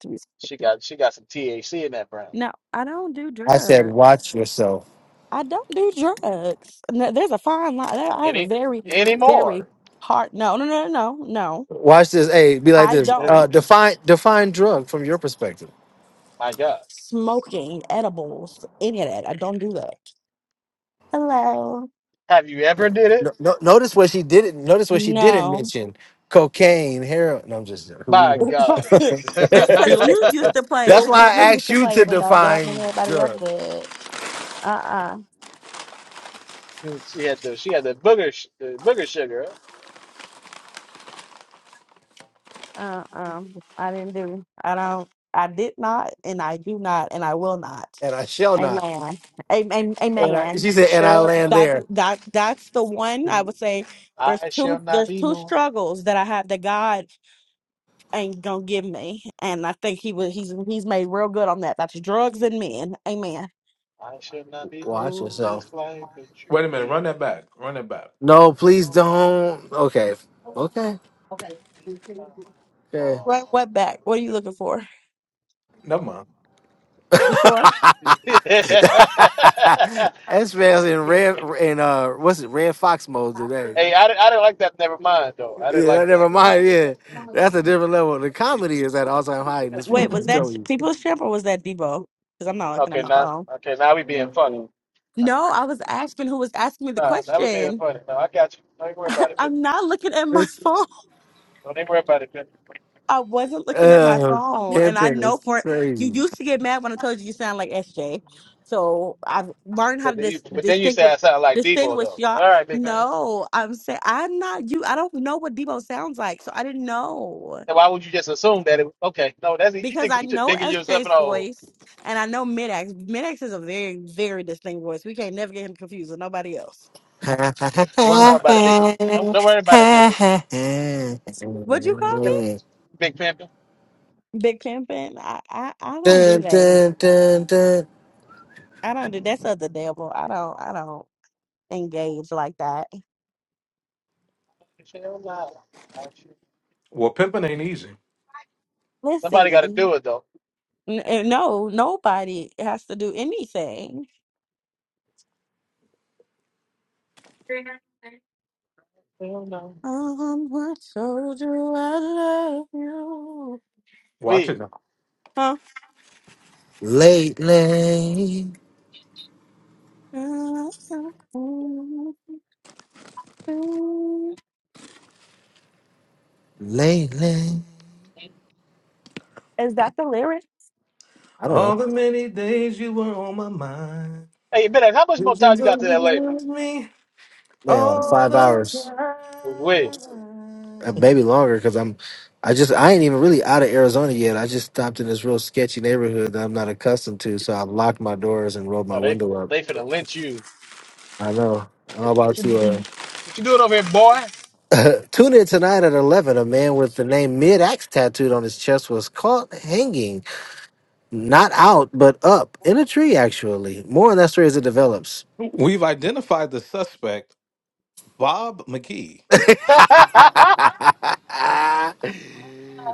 to be She specific. got she got some THC in that brown. No, I don't do I said, drugs. watch yourself. I don't do drugs. No, there's a fine line. There- I have a Any very, very anymore. hard. No, no, no, no, no. no. Watch this. Hey, be like I this. Uh, don't define define drug from your perspective. My God. smoking edibles. Any of that. I don't do that. Hello. Have you ever did it? No, no, notice what she didn't. Notice what she didn't No. mention: cocaine, heroin. No, I'm just joking. who we My God. know. just because Pill, you used to play, That's pill, just why I because you Poppy. used asked to you play in to the dark, that I want define everybody else drug, to. Uh uh she had the she had the booger sh- the booger sugar. Uh, um, I didn't do. I don't. I did not, and I do not, and I will not. and I shall not. Amen. Amen. I And I, Amen. she said, and I shall land That not there. that that's the one I would say. There's I shall two. not There's be two moved. struggles that I have that God ain't gonna give me, and I think He was. He's He's made real good on that. That's drugs and men. Amen. I shall not be Watch moved yourself. just like a Wait a minute, tree. run that back. Run that back. No, please Oh, don't. Okay. Oh, Okay. okay. baby, I'm Okay. What what back? What are you looking for? Never mind. You sure? hey, That's man's in red in uh what's it, red fox mode today. hey, I, di- I didn't like that. Never mind, though. I didn't Yeah, like that that. never mind. Yeah. That's a different level. The comedy is at all time high in this Wait, room, was I'm that telling you. people's champ or was that Debo? Because I'm not looking at Okay, my now, phone. okay, now we being funny. No, I was asking who was asking me the Nah, that would be question. funny. No, I got you. Don't even worry about it. Pip. I'm not looking at my This phone. Don't even worry about it. I wasn't looking at my uh phone. And I camping know is for you crazy. used to get mad when I told you you sound like SJ. So I've learned how But to then you, dis- but then you say distinguish I sound like Debo distinguish though. y'all. All right, big man. No, I'm saying I'm not you. I don't know what Debo sounds like. So I didn't know. So why would you just assume that? It, okay, no, that's you because think I you just know digging S yourself in J's a hole. voice and I know Midax. Midax is a very, very distinct voice. We can't never get him confused with nobody else. Why Don't worry not? about it, big. Don't don't worry about it, big pimpin'. Would you call big pimpin. me Big Pimpin? I, I, I don't do dun, that. dun, dun, dun. I don't do that's of the devil. I don't I don't engage like that. Hell no. Well, pimping ain't easy. Somebody got to Listen, do it though. n- uh, no, nobody has to do anything. Hell no. On what shoulder I love you? Watch We. it. now. Huh? Lately. Lately. Is that the lyric? I don't know. All the many days you were on my mind. Hey, Ben, how much more time Visions you of got you to LA, man? with me man, like all five the hours, We. uh, time. maybe longer, because I'm, I just, I ain't even really out of Arizona yet. I just stopped in this real sketchy neighborhood that I'm not accustomed to, so I locked my doors and rolled Oh, my they window up. they finna lynch you. I know. I'm Hey, What about you do? to What you doing over here, boy? uh, tune in tonight at 11. A man with the name Mid Axe tattooed on his chest was caught hanging, not out, but up in a tree, actually. More on that story as it develops. We've identified the suspect, Bob McGee,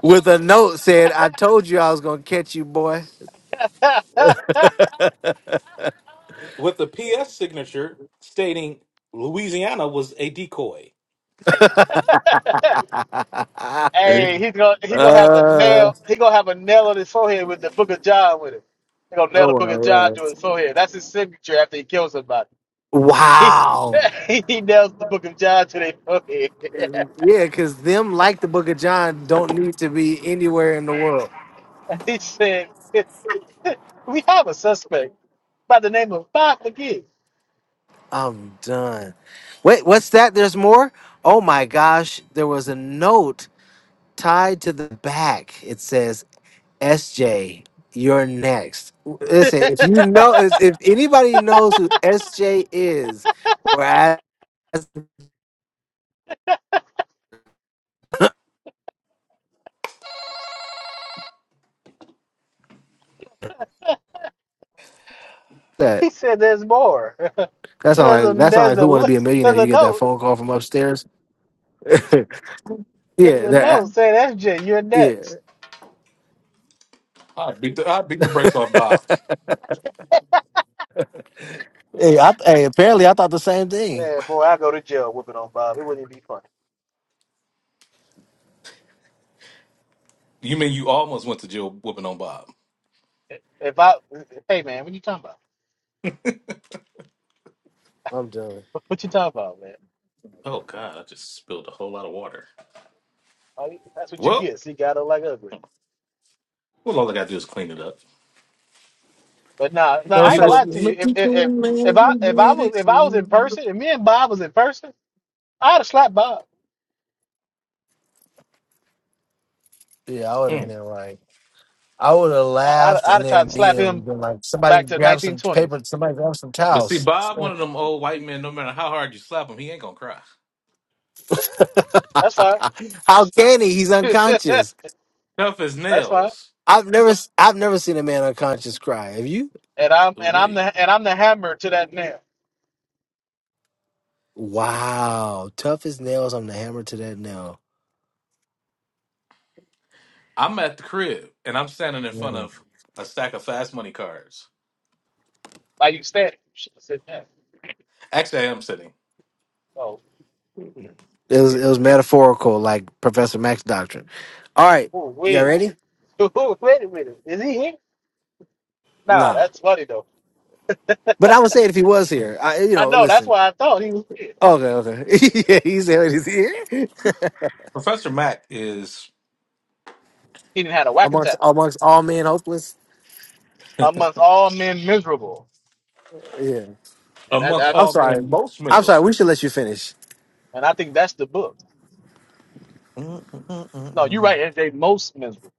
with a note said, I told you I was going to catch you, boy. with a PS signature stating Louisiana was a decoy. Hey, he's gonna he's gonna have a Uh, nail. He gonna have a nail on his forehead with the Book of John with it. He gonna nail the oh Book of John well, to his yeah. forehead. That's his signature after he kills somebody. Wow. He, he nails the Book of John to their forehead. Yeah, because them, like the book of John, don't need to be anywhere in the world. he said, "We have a suspect by the name of Bob McGee." I'm done. Wait, what's that? There's more? Oh my gosh. There was a note tied to the back. It says, SJ, you're next. Listen, if you know, if, if anybody knows who SJ is, or ask that. he said, "There's more. That's not there's like a that's not there's like a who want to li- be a millionaire. there's a You get that note. phone call from upstairs. There's Yeah, a that. note saying, SJ, you're Yeah, next." I beat the, I beat the brakes off Bob. Hey, I, hey, apparently I thought the same thing. Man, boy, I go to jail whooping on Bob. It wouldn't even be funny. You mean you almost went to jail whooping on Bob? If I, hey man, what you talking about? I'm done. What what you talking about, man? Oh God, I just spilled a whole lot of water. Like, That's what you Well, get. See, gotta like ugly. Well, all I gotta do is clean it up. But nah, nah, no I ain't you gonna such. lie wouldn't thi- to you. look If to if if, if I imagine if I me was if I was in to person, if me and Bob was in person, I'd have slapped Bob. Yeah, I would keep. have been like, I would have I, I'd laughed I'd and have then tried to slap immediately him been like, somebody back to the grab some 1920s. paper, somebody grab some But see, towels. Bob, one of them old white men, no matter how hard you slap him, he ain't gonna cry. That's fine. How can he? He's That's unconscious. Tough as fine. nails. I've never, s- I've never seen a man unconscious cry. Have you? And I'm Ooh and I'm wee. the and I'm the hammer to that nail. Wow, tough as nails. I'm the hammer to that nail. I'm at the crib and I'm standing in front Mm. of a stack of fast money cards. Like you standing. Shit, I said that. Actually, I am sitting. Oh, It was, Yeah. it was metaphorical, like Professor Max doctrine. All right, ooh, y'all wait, ready? wait a minute. Is he here? No, Nah. that's funny though. But I would say it if he was here. I, you I know, know. That's listen. why I thought he was. Okay, okay. yeah, he's there. He's here Professor Mack is He didn't had a whack amongst attack amongst all men, hopeless. amongst all men miserable, Yeah. and that, amongst that I'm all sorry. men most I'm sorry. miserable. We should let you finish. and I think that's the book. Mm, mm, mm, No, you're mm, mm. right. It's they most miserable.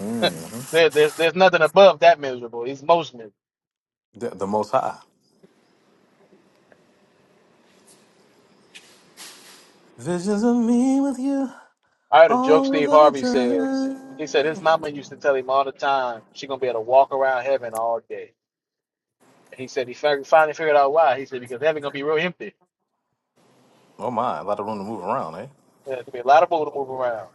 Mm. There, there's there's nothing above that miserable. He's most miserable. The, the most high. Visions of me with you I heard a joke all Steve the Harvey said. He said his mama used to tell time. him all the time she gonna be able to walk around heaven all day. And he said he fi- finally figured out why. He said because heaven gonna be real empty. Oh my, a lot of room to move around, eh? There's gonna be a lot of people to move around.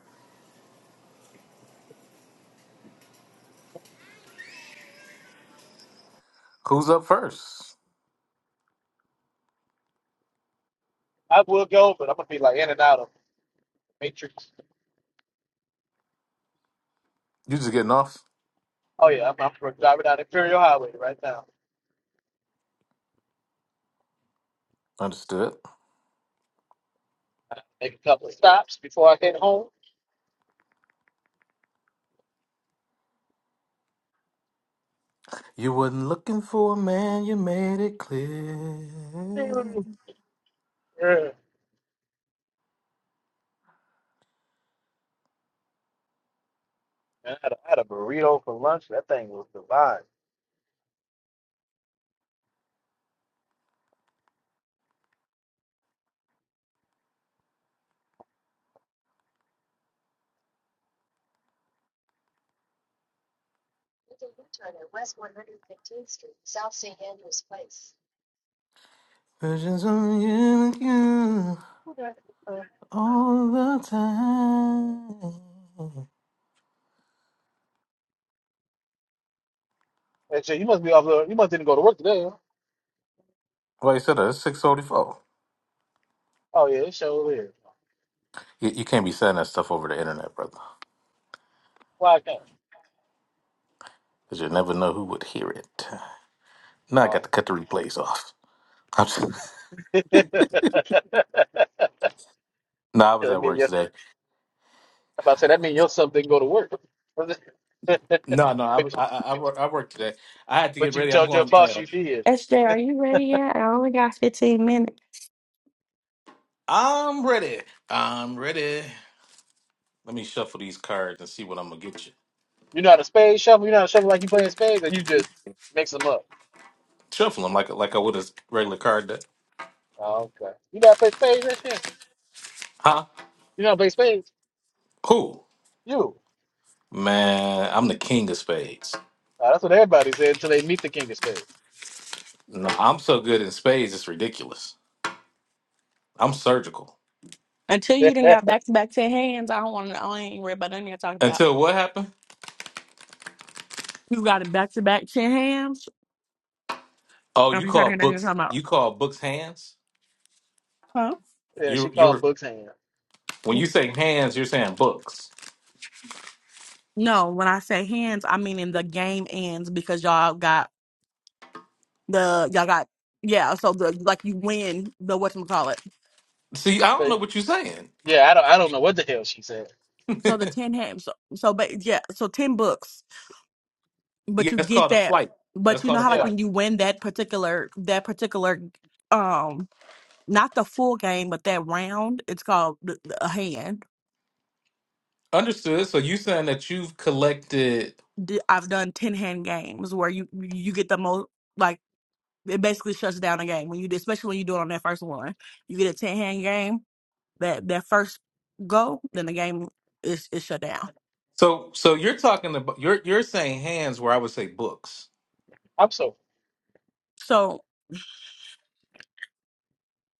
Who's up first? I will go, but I'm gonna be like in and out of Matrix. You just getting off? Oh yeah, I'm, I'm driving down Imperial Highway right now. Understood. Make a couple of stops before I get home. You wasn't looking for a man, you made it clear. Man, I had, a, I had a burrito for lunch. That thing was divine. Visions of you and you Uh. all the time. Hey, shit, you must be off. the- You must didn't go to work today. Huh? Well, you said that it's 644. Oh yeah, it sure is. You, you can't be saying that stuff over the internet, brother, Why I can't? because you never know who would hear it. Now I got Oh. to cut the replays off. I'm just- that no, I was at mean work your, I'm today. about to say that mean your son didn't go to work. No, no, I was- but I, I, I work, I worked today. I had to get but you ready. I'm told your going. boss Uh, you did. SJ, are you ready yet? I only got 15 minutes. I'm ready. I'm ready. Let me shuffle these cards and see what I'm gonna get you. You are not a spade shuffle. You are not to shuffle like you playing spades, and you just mix them up. Shuffle them like like I would a regular card deck. Oh, okay. You know how to play spades that shit. Huh? You know how to play spades. Who? You. Man, I'm the king of spades. Uh, that's what everybody said until they meet the king of spades. No, I'm so good in spades, it's ridiculous. I'm surgical. Until you didn't yeah, got back to back 10 hands, I don't want to, I ain't worried about nothing you're talking about. Until what happened? You got it back to back 10 hands? Oh, you I'm trying to call hear nothing you're books talking about. you call books hands? Huh? You she you called were Book's hand. when you say hands, you're saying books. No, when I say hands, I mean in the game ends because y'all got the, y'all got, yeah, so the, like you win the, whatchamacallit. See, I don't So know what you're saying. yeah, I don't I don't know what the hell she said. So the yeah, 10 hands, so, so, but yeah, so 10 books, but you that's get called a that, flight. That's but you called know a how like Yeah, flight. when you win that particular, that particular, um. not the full game, but that round. It's called th- th- a hand. Understood. So you saying that you've collected D- I've done ten hand games where you you get the most like it basically shuts down a game when you do- especially when you do it on that first one. You get a ten hand game that that first go, then the game is is shut down. so so you're talking about you're you're saying hands where I would say books. I'm so So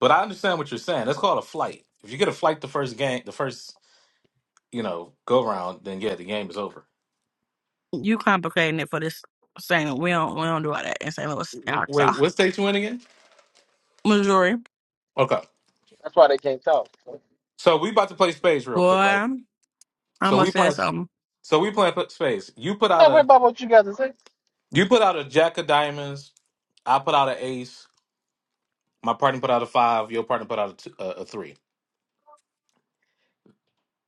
But I understand what you're saying. That's called a flight. If you get a flight the first game, the first you know go round, then yeah, the game is over. you complicating it for this saying we don't we don't do all that in St. Louis, in Arkansas, Wait, what state you in again? Missouri. Okay, that's why they can't talk. I'm so we about to play spades real Boy, quick, right? I So almost we said playing. something. So we playing p- spades. You put out not worried a about what you guys are saying. you put out a jack of diamonds. I put out an ace. My partner put out a five. Your partner put out a, t- a, a three.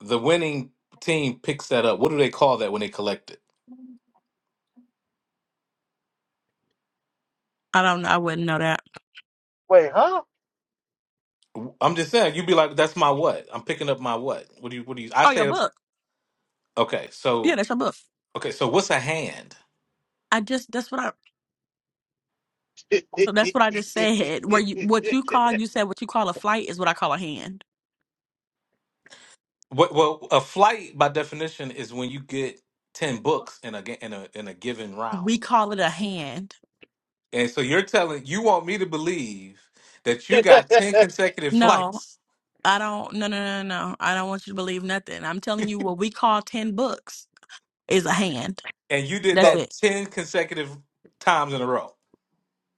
The winning team picks that up. What do they call that when they collect it? I don't know. I wouldn't know that. Wait, huh? I'm just saying. You'd be like, "That's my what? I'm picking up my what? What do you? What do you?" I Oh, your say, book. "Okay." Yeah, So that's your book. Okay, so what's a hand? I just that's what I So that's what I just said. Where you what you call you said what you call a flight is what I call a hand. What, well, a flight by definition is when you get ten books in a ga- in a in a given We round, call it a hand. and so you're telling you want me to believe that you got ten consecutive No, flights, I don't no no no no. I don't want you to believe nothing. I'm telling you what we call ten books is a hand. and you did That's so that it. ten consecutive times in a row.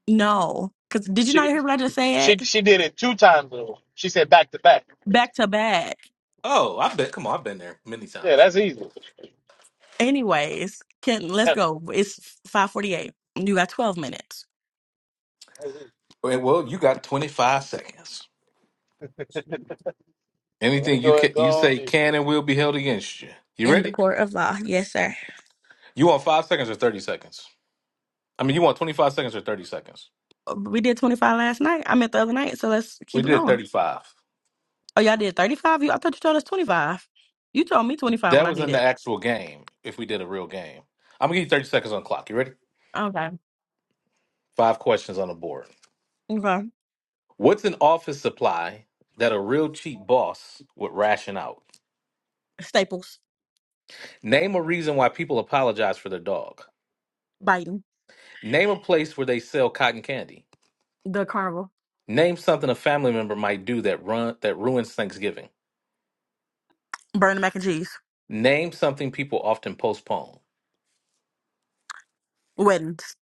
No. Cause did you not she hear what I just said? she she did it two times though. She said back to back. Back to back. Oh, I bet. Come on, I've been there many Yeah, times. that's easy. Anyways, can let's That's go. It's five forty eight. You got twelve minutes. easy. Well, well, you got twenty five seconds. Let me Anything you go and can, you go on say mute. can and will be held against you. You In the ready? court of law. Yes, sir. You want five seconds or thirty seconds? I mean, you want twenty five seconds or thirty seconds? We did twenty five last night. I meant the other night, so let's We keep it did going. thirty five. Oh, y'all did 35? You, I thought you told us 25. You told me 25 when That I was did in the it. actual game, if we did a real game. I'm gonna give you 30 seconds on the clock. You ready? Okay. Five questions on the board. Okay. What's an office supply that a real cheap boss would ration out? Staples, Name a reason why people apologize for their dog. Biden, Name a place where they sell cotton candy. the carnival, Name something a family member might do that run that ruins Thanksgiving. burning mac and cheese, Name something people often postpone. weddings.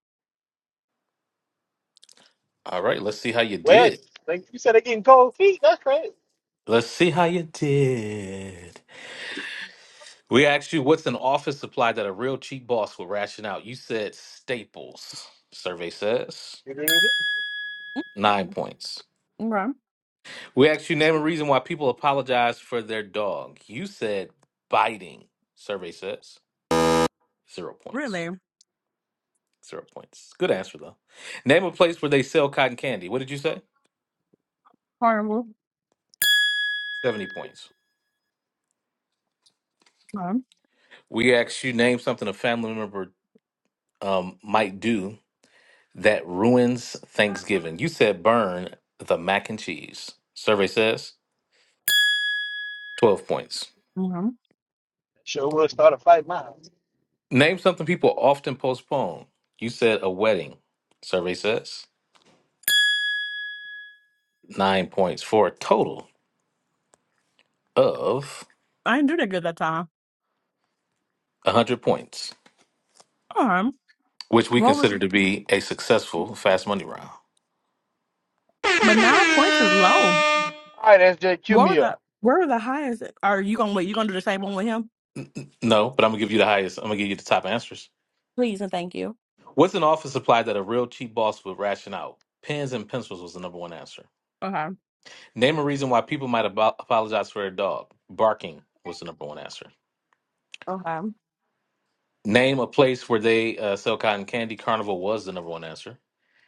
All right, let's see how you Well, did. like you said, they're getting cold feet. That's crazy. Let's see how you did. We asked you what's an office supply that a real cheap boss will ration out. You said staples. Survey says nine Mm. points. Okay. We asked you name a reason why people apologize for their dog. You said biting. Survey says zero points. Really? Zero points. Good answer though. Name a place where they sell cotton candy. What did you say? Carnival. Seventy points. Okay. We asked you name something a family member um, might do that ruins Thanksgiving. You said burn the mac and cheese. Survey says 12 points. Okay. Sure will start a fight now. Name something people often postpone. You said a wedding, survey says. Nine points for a total of I didn't do that good that time. 100 points, Okay. which we What was, consider to be a successful fast money round. but nine points is low. All right, SJ, cue What were me the, up. where were the highest? Are you going to wait? You going to do the same one with him? No, but I'm going to give you the highest. I'm going to give you the top answers. Please and thank you. What's an office supply that a real cheap boss would ration out? Pens and pencils was the number one answer. Okay. Name a reason why people might abo- apologize for their dog. Barking was the number one answer. Okay. Name a place where they uh, sell cotton candy. Carnival was the number one answer.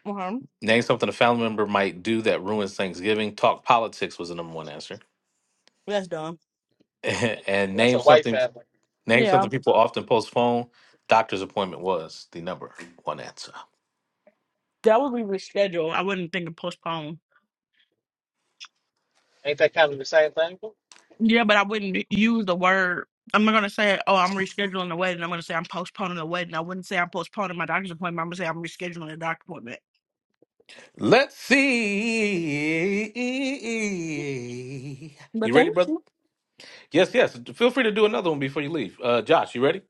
Okay. Name something a family member might do that ruins Thanksgiving. Talk politics was the number one answer. That's done. and That's name a white something family. name Yeah. something people often postpone. Doctor's appointment was the number one answer. That would be rescheduled. I wouldn't think of postpone. Ain't that kind of the same thing? Yeah, but I wouldn't use the word. I'm not gonna say, "Oh, I'm rescheduling the wedding." I'm gonna say I'm postponing the wedding. I wouldn't say I'm postponing my doctor's appointment. I'm gonna say I'm rescheduling the doctor's appointment. Let's see. But You ready, thank brother? you Yes, yes. Feel free to do another one before you leave. Uh, Josh, you ready?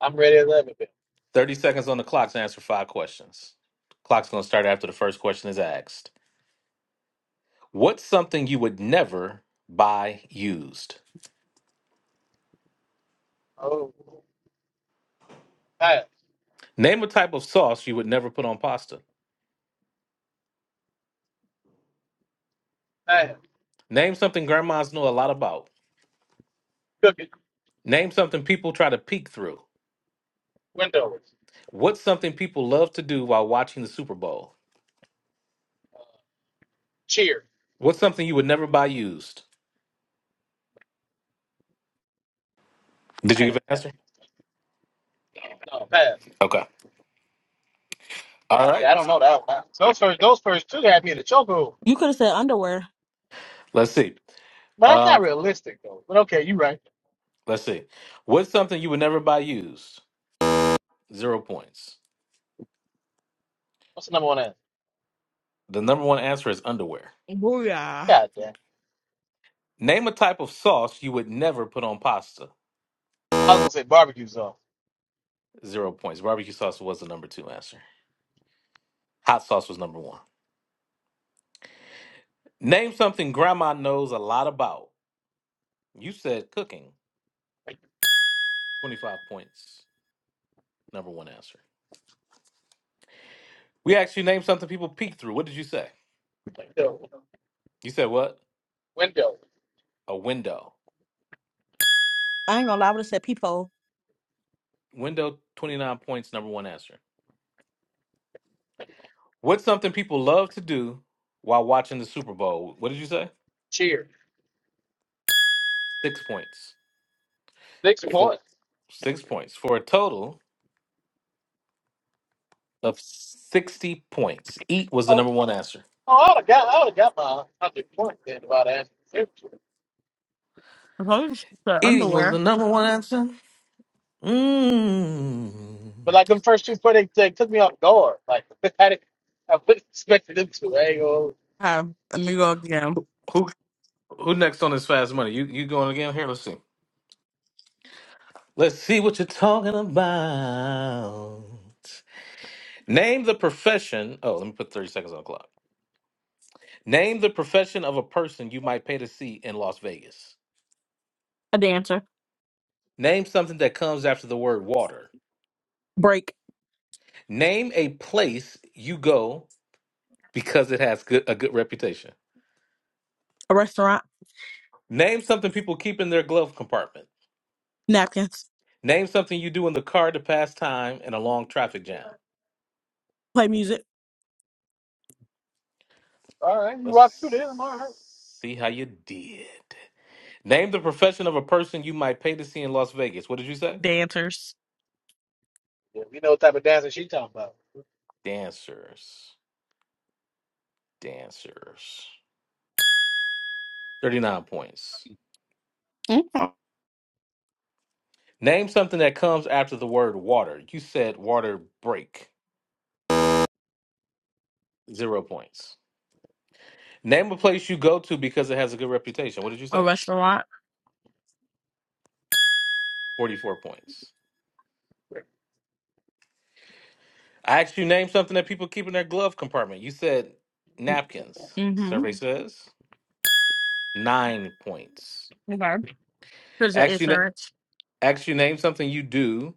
I'm ready at 11 bill. 30 seconds on the clock to answer five questions. Clock's going to start after the first question is asked. What's something you would never buy used? Oh, pass, Name a type of sauce you would never put on pasta. pass, Name something grandmas know a lot about. cook it, Name something people try to peek through. windows, What's something people love to do while watching the Super Bowl? cheer, What's something you would never buy used? Did you pass, give an answer? no, pass. Okay. All right. Yeah, I don't know that one. Those first, those first two had me in the chokehold. You could have said underwear. Let's see. But that's not Um, realistic, though. But okay, you right. let's see. What's something you would never buy used? Zero points. What's the number one answer? The number one answer is underwear. Booyah! God damn. Name a type of sauce you would never put on pasta. I was going to say barbecue sauce. Zero points. Barbecue sauce was the number two answer. Hot sauce was number one. Name something grandma knows a lot about. You said cooking. 25 points. Number one answer. We asked you name something people peek through. What did you say? Window, You said what? window, A window. I ain't gonna lie, I would have said people. Window, 29 points. Number one answer. What's something people love to do while watching the Super Bowl? What did you say? cheer, Six points. six For points. six points. For a total of 60 points. Eat was the Oh, number one answer. oh I would have got, I would have got my 100 points then if I'd answered. it. If I was the Eating was the underwear. number one answer. Mm. But like them first two points, they, they took me off guard. Like, I didn't, I wouldn't expect them to. I ain't gonna- Uh, let me go again. Who? Who next on this fast money? You you going again? Here, let's see. Let's see what you're talking about. Name the profession. Oh, let me put 30 seconds on the clock. Name the profession of a person you might pay to see in Las Vegas. A dancer. Name something that comes after the word water. Break. Name a place you go because it has good, a good reputation. A restaurant. Name something people keep in their glove compartment. Napkins. Name something you do in the car to pass time in a long traffic jam. Play music. all right, you rock through there. I'm all right. Let's see how you did. Name the profession of a person you might pay to see in Las Vegas. What did you say? Dance. Yeah, we know what type of dancing she talking about. Dancers. Dancers. 39 points. Mm. Name something that comes after the word water. You said water break. Zero points. Name a place you go to because it has a good reputation. What did you A say? restaurant. 44 points. I asked you name something that people keep in their glove compartment. You said Mm, napkins. Mm-hmm. Survey says nine points. Okay. Because of Asked you, na- insurance. asked you name something you do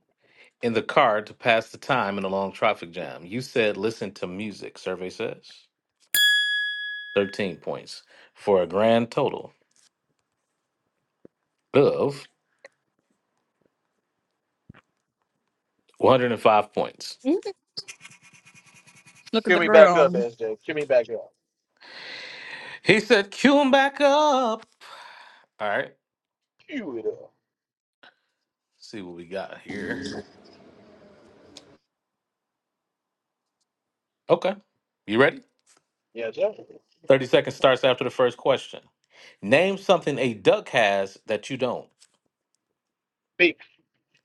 in the car to pass the time in a long traffic jam. You said listen to music, survey says. 13 points for a grand total of 105 points. Mhm. Look at Cue the me back up, girl. SJ. Cue me back up. He said, cue him back up. All right, Cue it up. see what we got here. Okay, you ready? Yeah, Jeff. 30 seconds starts after the first question. Name something a duck has that you don't. Beep.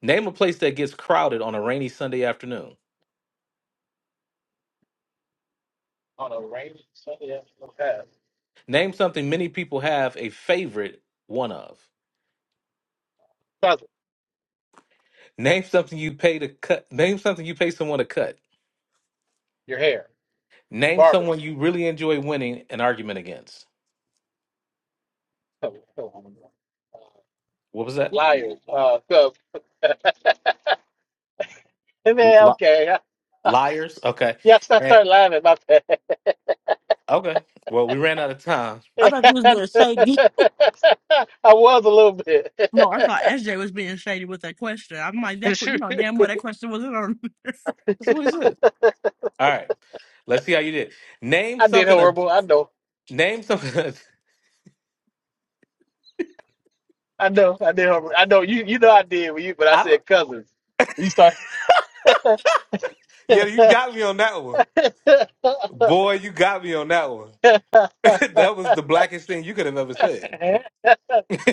Name a place that gets crowded on a rainy Sunday afternoon. On a rainy Sunday afternoon path. Name something many people have a favorite one of. Cousin, Name something you pay to cut. Name something you pay someone to cut. your hair. Name Barber. someone you really enjoy winning an argument against. Oh, oh, I'm wrong. Uh, What was that? Liars. Uh, so, and L- then, li- okay. liars. Okay. Yes, I And, started laughing. My okay. Well, we ran out of time. I thought you was bad. being shady. I was a little bit. No, I thought SJ was being shady with that question. I'm like, that, que- you know, damn well that question wasn't on. That's what he said. All right. Let's see how you did. Name I did something. A horrible. I know. name something. a- I know. I did horrible. I know. You you know I did when you but I I don't. said cousins. You start. Yeah, you got me on that one. I Boy, you got me on that one. that was the blackest thing you could have ever said.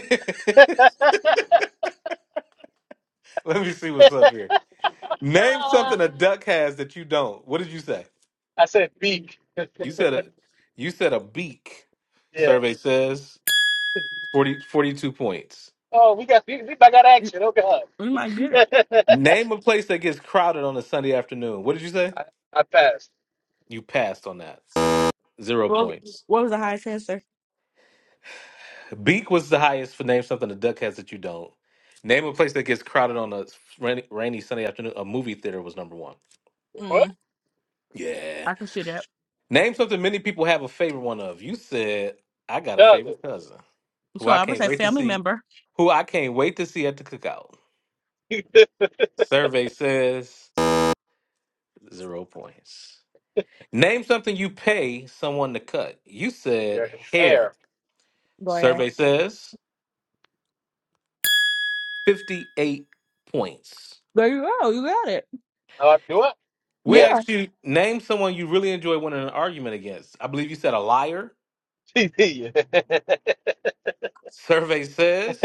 Let me see what's up here. Name something a duck has that you don't. What did you say? said big. You said a you said a beak. yeah. Survey says 40 42 points. Oh, we got we, we I got it, action. Oh God. it might get it. Name a place that gets crowded on a Sunday afternoon. What did you say? I, I passed. You passed on that. Zero Well, points. what was the highest answer? Beak was the highest for name something the duck has that you don't. Name a place that gets crowded on a rainy, rainy Sunday afternoon. A movie theater was number one. What Mm, Yeah. I can see that. Name something many people have a favorite one of. You said I got a does favorite cousin who So I I would can't say wait to family see. member. Who I can't wait to see at the cookout. it? Survey says Zero points. Name something you pay someone to cut. You said Your hair. hair. Go ahead. Survey says 58 points. There you go. You got it. Oh, I do it. We Yeah. Yeah. asked you name someone you really enjoy winning an argument against. I believe you said a liar. yeah. Survey says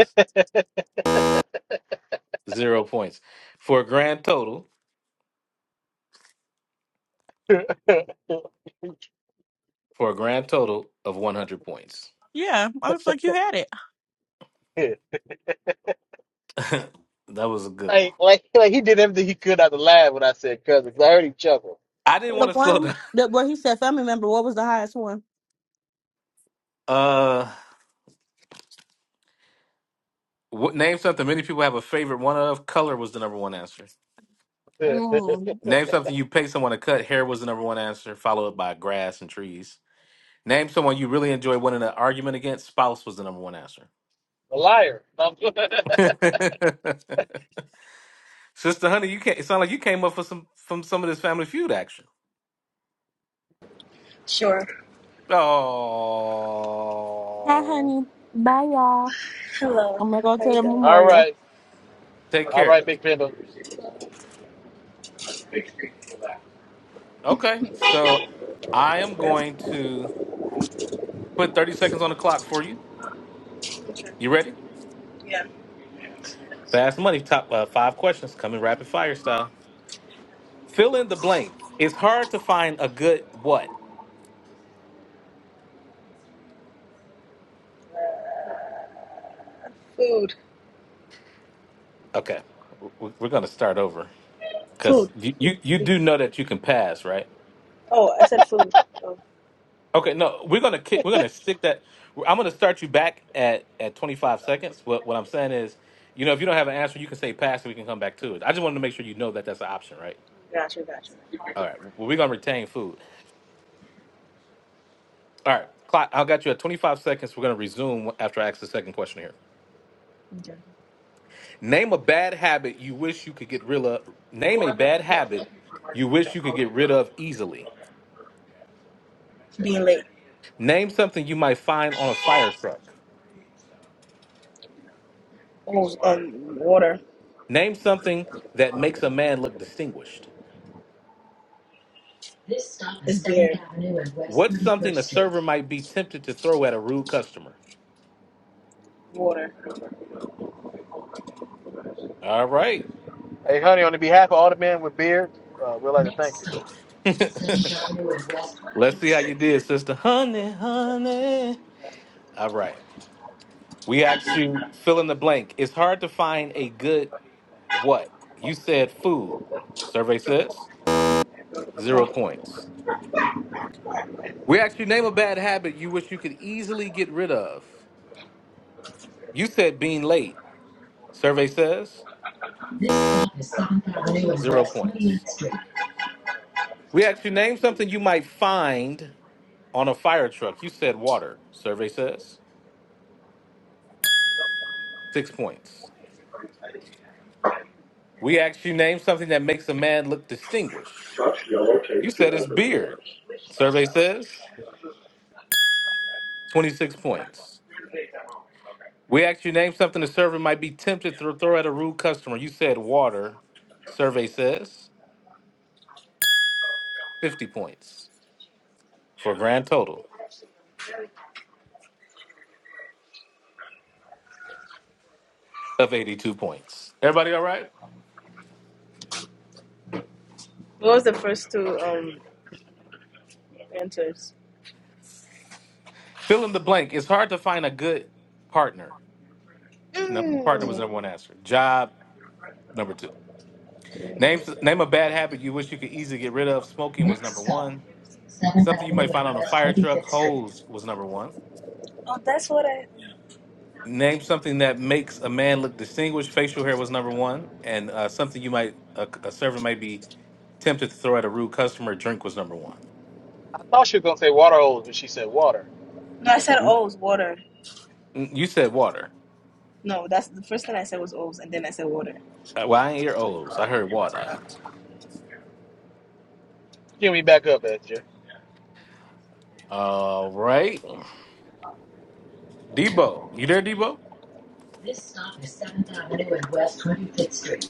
zero points for a grand total for a grand total of 100 points. Yeah. I was like, you had it. that was a good one. Like, like, like he did everything he could not to laugh when I said cousin. 'cause I heard him chuckle. I didn't The want to slow one down. that where he said family member, what was the highest one? Uh, what, name something many people have a favorite one of. Color was the number one answer. a Mm. Name something you pay someone to cut. Hair was the number one answer, followed by grass and trees. Name someone you really enjoy winning an argument against. Spouse was the number one answer. liar. All Sister Honey, you can't. It sounds like you came up for some from some of this Family Feud action. Sure. Hi, Oh, honey. Bye, y'all. Hello. I'm gonna go How to you the doing? memorial. right. take All care. right, Big Panda. Okay, so I am going to put thirty seconds on the clock for you. Sure. You ready? Yeah. Fast money. Top uh, five questions coming rapid fire style. Fill in the blank. It's hard to find a good what. Food. Okay, W- we're gonna start over because Food. you, you you do know that you can pass, right? Oh, I said food. Oh, Okay, no, we're gonna kick, we're gonna stick that. I'm gonna start you back at at 25 seconds. But what I'm saying is, you know, if you don't have an answer, you can say pass, and we can come back to it. I just wanted to make sure you know that that's an option, right? gotcha, gotcha. All right, well, we're gonna retain food. All right, clock. I got you at 25 seconds. We're gonna resume after I ask the second question here. Okay. Name a bad habit you wish you could get rid of. Name a bad habit you wish you could get rid of easily. Being late. Name something you might find on a fire truck. Oh, um, water. Name something that makes a man look distinguished. This stop is 7th Avenue and West What's 31st something a Street. server might be tempted to throw at a rude customer? Water. All right. Hey, honey, on the behalf of all the men with beards, uh, we'd like to Next thank you. stop, 7th Avenue and West Let's 28th see how you Street. did, sister. Honey, honey. All right. We asked you fill in the blank. It's hard to find a good what? You said food. Survey says zero Oh. points. We asked you name a bad habit you wish you could easily get rid of. You said being late. Survey says This stop is 7th Avenue and Zero West points. 28th Street. We asked you name something you might find on a fire truck. You said water. Survey says six points. We asked you name something that makes a man look distinguished. You said his beard. Survey says 26 points. We asked you name something the server might be tempted to throw at a rude customer. You said water. Survey says 50 points for a grand total of 82 points. Everybody all right? What was the first two um answers? Fill in the blank. It's hard to find a good partner. No, partner was number Mm. one answer. Job number two. Name name a bad habit you wish you could easily get rid of. Smoking was Next number stop, one. Seventh Something you might Avenue find and on a West fire Twenty truck. Fifth Street. Hose was number one. Oh, that's what I. Name something that makes a man look distinguished. Facial hair was number one, and uh, something you might a, a server might be tempted to throw at a rude customer. Drink was number one. I thought she was going to say water hose, but she said water. No, I said Mm, O's water. mm, You said water. No, that's the first thing I said was O's, and then I said water. Uh, Well, I ain't hear O's. I heard water. Give me back up, Esther. All right, Debo, you there, Debo? This stop is Seventh Avenue and West Twenty Fifth Street.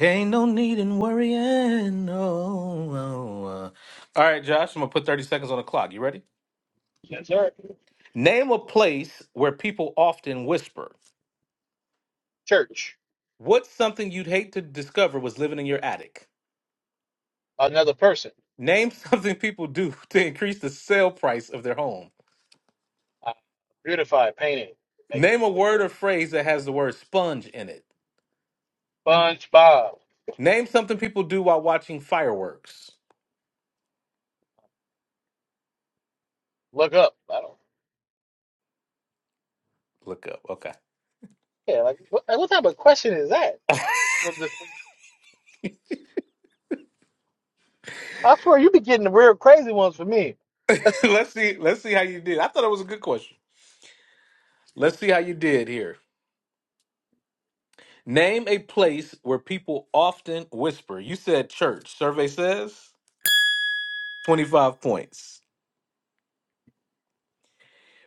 Ain't no need in worrying. No. no, uh. All right, Josh, I'm going to put 30 seconds on the clock. You ready? That's right. Name a place where people often whisper. Church, What's something you'd hate to discover was living in your attic? another person. Name something people do to increase the sale price of their home. Uh, beautify, painting, make Name it a look word or pretty. phrase that has the word sponge in it. SpongeBob, Name something people do while watching fireworks. look up. I don't. Look up. Okay. Yeah, like what, like, what type of question is that? Was this, I swear you be getting the real crazy ones for me. let's see. Let's see how you did. I thought it was a good question. Let's see how you did here. Name a place where people often whisper. You said church. Survey says 25 points.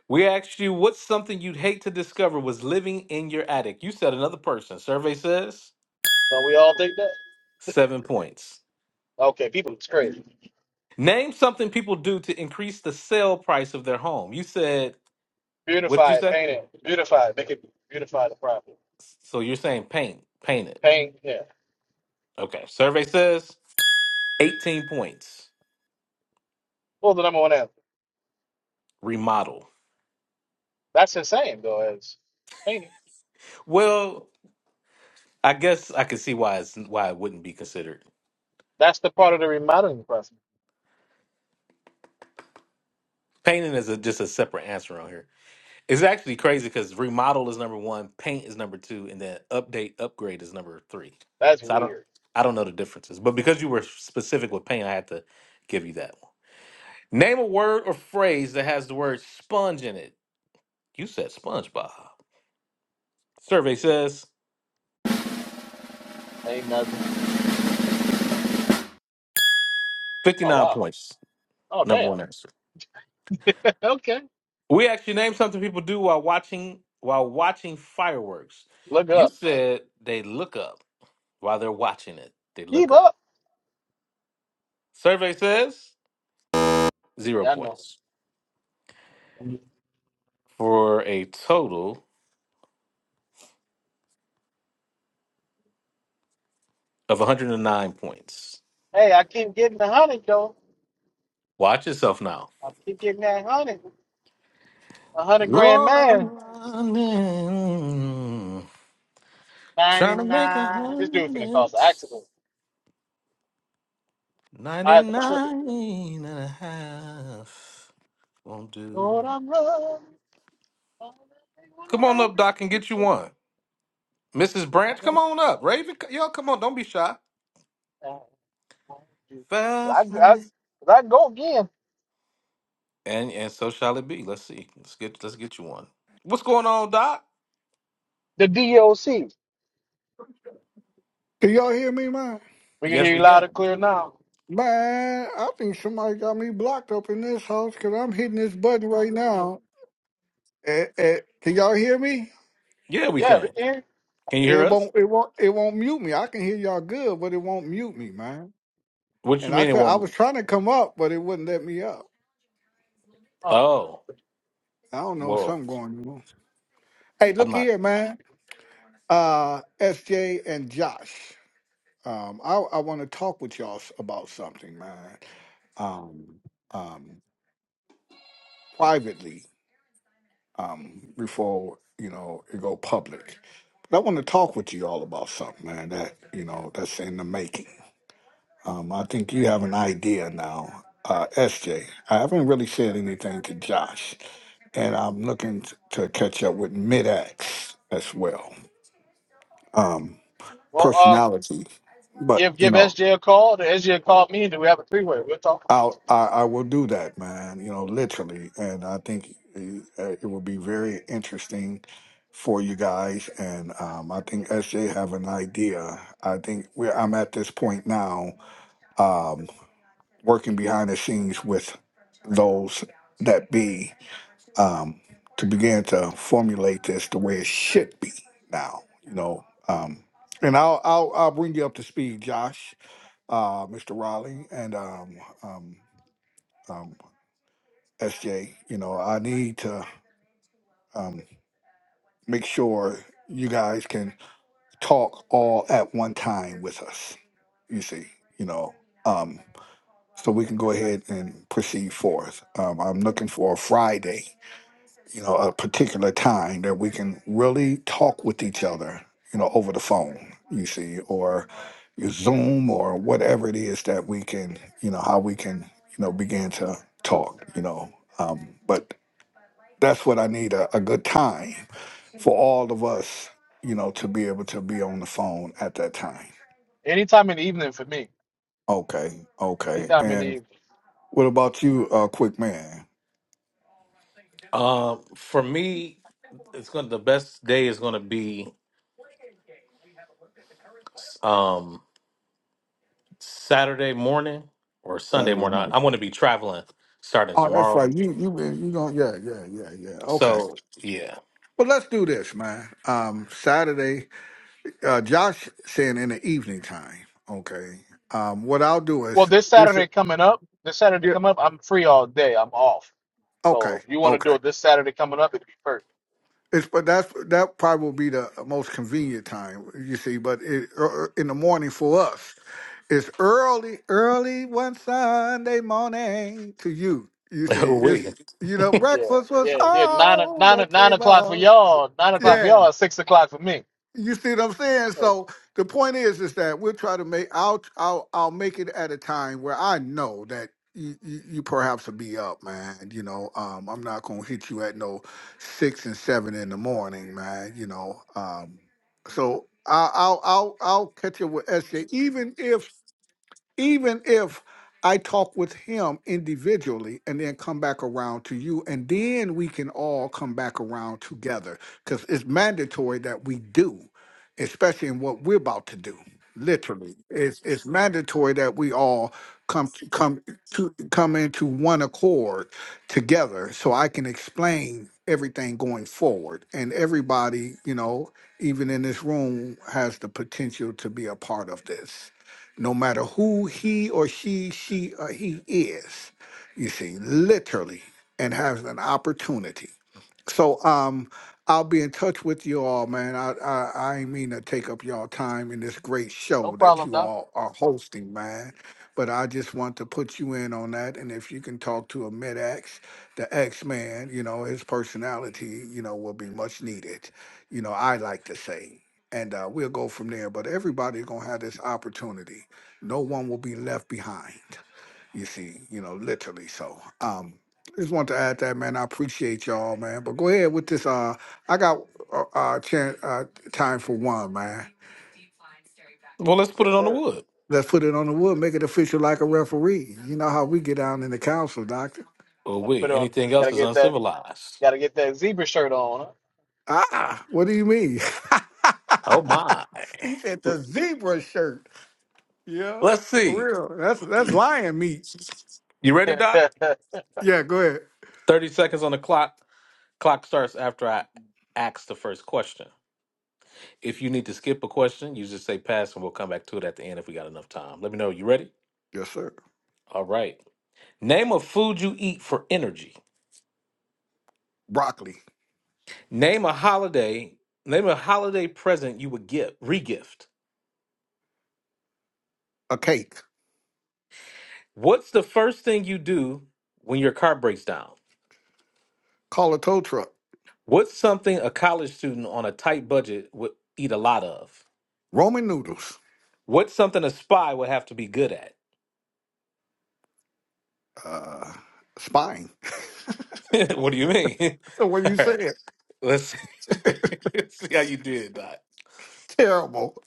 We asked you what's something you'd hate to discover was living in your attic. You said another person. Survey says Don't we all think that? 7 points. Okay, people, it's crazy. Name something people do to increase the sale price of their home. You said what did you Beautify, say? painting, beautify, make it beautify the property. So you're saying paint, paint it. Paint, yeah. Okay. Survey says 18 points. What was the number one answer? Remodel. That's insane, though. As ain't it? Well, I guess I can see why it's why it wouldn't be considered. That's the part of the remodeling process. Painting is a, just a separate answer on here. It's actually crazy because remodel is number one, paint is number two, and then update upgrade is number three. That's So I don't weird. I don't know the differences, but because you were specific with paint, I had to give you that one. Name a word or phrase that has the word sponge in it. You said SpongeBob. Survey says Ain't nothing. fifty Oh nine wow. points. Oh Number damn. one answer. okay. We actually named something people do while watching while watching fireworks. Look You up. said they look up while they're watching it. They look Keep up. up. Survey says zero Yeah, I know. points for a total of 109 points. Hey, I keep getting the hundred though. Watch yourself now. I keep getting that hundred. A hundred grand Lord, I'm man. running, Ninety trying to make a nine. This dude finna hundred. cause an accident. I am tripping. 99 and a half won't do. Lord, I'm running. one Come on up, hundred Doc, and get you people. one. Mrs. Branch, come on 99. up. Raven, c- y'all, come on. Don't be shy. Well, I, Fast I, money. I go again. And and so shall it be. Let's see. Let's get let's get you one. What's going on, Doc? The DOC. Can y'all hear me, man? We can Yes, hear you we loud can. and clear now. Man, I think somebody got me blocked up in this house because I'm hitting this button right now. Eh, eh, can y'all hear me? Yeah, we Yeah, we can. can hear you. Can you hear It us? won't. It won't. It won't mute me. I can hear y'all good, but it won't mute me, man. What you And I mean it could. I was won't? trying to come up, but it wouldn't let me up. Huh. Oh, I don't know well, something going on. Hey, I'm look not. here, man. Uh, SJ and Josh. Um, I I want to talk with y'all s- about something, man. Um, um, privately. um, before you know it go public. But I want to talk with you all about something, man. That you know that's in the making. Um, I think you have an idea now, uh, SJ. I haven't really said anything to Josh, and I'm looking t- to catch up with Mid-X as well. Um, Well, um, personality, but give you give know. SJ a call. The SJ called me, and then we have a three way. We'll talk i I I will do that, man. You know, literally, and I think uh, it will be very interesting for you guys. And um, I think SJ have an idea. I think we I'm at this point now, um, working behind the scenes with those that be um, to begin to formulate this the way it should be now. You know, um, and I'll, I'll I'll bring you up to speed, Josh, uh, Mr. Raleigh, and um, um, um, SJ. You know, I need to um, make sure you guys can talk all at one time with us. You see, you know, um, so we can go ahead and proceed forth. Um, I'm looking for a Friday, you know, a particular time that we can really talk with each other, you know, over the phone. You see, or your Zoom or whatever it is that we can, you know, how we can, you know, begin to talk. You know, um, but that's what I need a, a good time for all of us, you know, to be able to be on the phone at that time. anytime in the evening for me. Okay, okay. Anytime in the And evening. what about you, uh, quick man? Um, for me, it's going to the best day is going to be um Saturday morning or Sunday Saturday morning. I- morning. I'm going to be traveling starting Oh, that's tomorrow. right. You you been you going yeah, yeah, yeah, yeah. Okay. So yeah, Well let's do this, man. Um Saturday, uh Josh saying in the evening time. Okay. Um what I'll do Well, is this this is Saturday coming up, this Saturday yeah. coming up, I'm free all day. I'm off. Okay. So if you want to Okay. do it this Saturday coming up, it'd be perfect. It's but that's that probably will be the most convenient time you see. But it, er, in the morning for us, it's early, early one Sunday morning to you. You see, it's we. you know Yeah, breakfast was yeah, yeah. Nine o- on nine the o- nine o'clock for table. y'all. Nine o'clock for Yeah. y'all. Six o'clock for me. You see what I'm saying? So So the point is, is that we'll try to make. I'll I'll I'll make it at a time where I know that you, you, you perhaps will be up, man. You know, um, I'm not gonna hit you at no six and seven in the morning, man. You know, um, so I, I'll I'll I'll catch you with SJ, even if even if I talk with him individually and then come back around to you, and then we can all come back around together because it's mandatory that we do, especially in what we're about to do. Literally, it's it's mandatory that we all come to, come to come into one accord together, so I can explain everything going forward, and everybody, you know, even in this room, has the potential to be a part of this no matter who he or she, she or he is, you see, literally, and has an opportunity so um, I'll be in touch with you all, man. I, I I ain't mean to take up y'all time in this great no show that problem, you doc. all are hosting, man. But I just want to put you in on that, and if you can talk to a mid X, the X man, you know his personality, you know, will be much needed. You know, I like to say, and uh, we'll go from there. But everybody's gonna have this opportunity. No one will be left behind. You see, you know, literally. So, um, just want to add that, man. I appreciate y'all, man. But go ahead with this. Uh, I got uh, uh, chan uh time for one, man. Well, let's put Yes, it on the sir. wood. Let's put it on the wood. Make it official like a referee. You know how we get down in the council, doctor. Well, Got to we. put it on. Anything Got else to is get that. uncivilized. Got to get that zebra shirt on. Ah, what do you mean? Oh my. he said the zebra shirt. Yeah, Let's see. real. That's that's lion meat. You ready, Doc? Huh? Yeah, go ahead. Thirty seconds on the clock. Clock starts after I ask the first question. If you need to skip a question, you just say pass and we'll come back to it at the end if we got enough time. Let me know. You ready? Yes, sir. All right. Name a food you eat for energy. Broccoli, Name a holiday. Name a holiday present you would give, regift. a cake, What's the first thing you do when your car breaks down? call a tow truck, What's something a college student on a tight budget would eat a lot of? Roman noodles, What's something a spy would have to be good at? uh, spine. what do you mean? So what All you right. saying? Let's see, how you did, Doc. Terrible.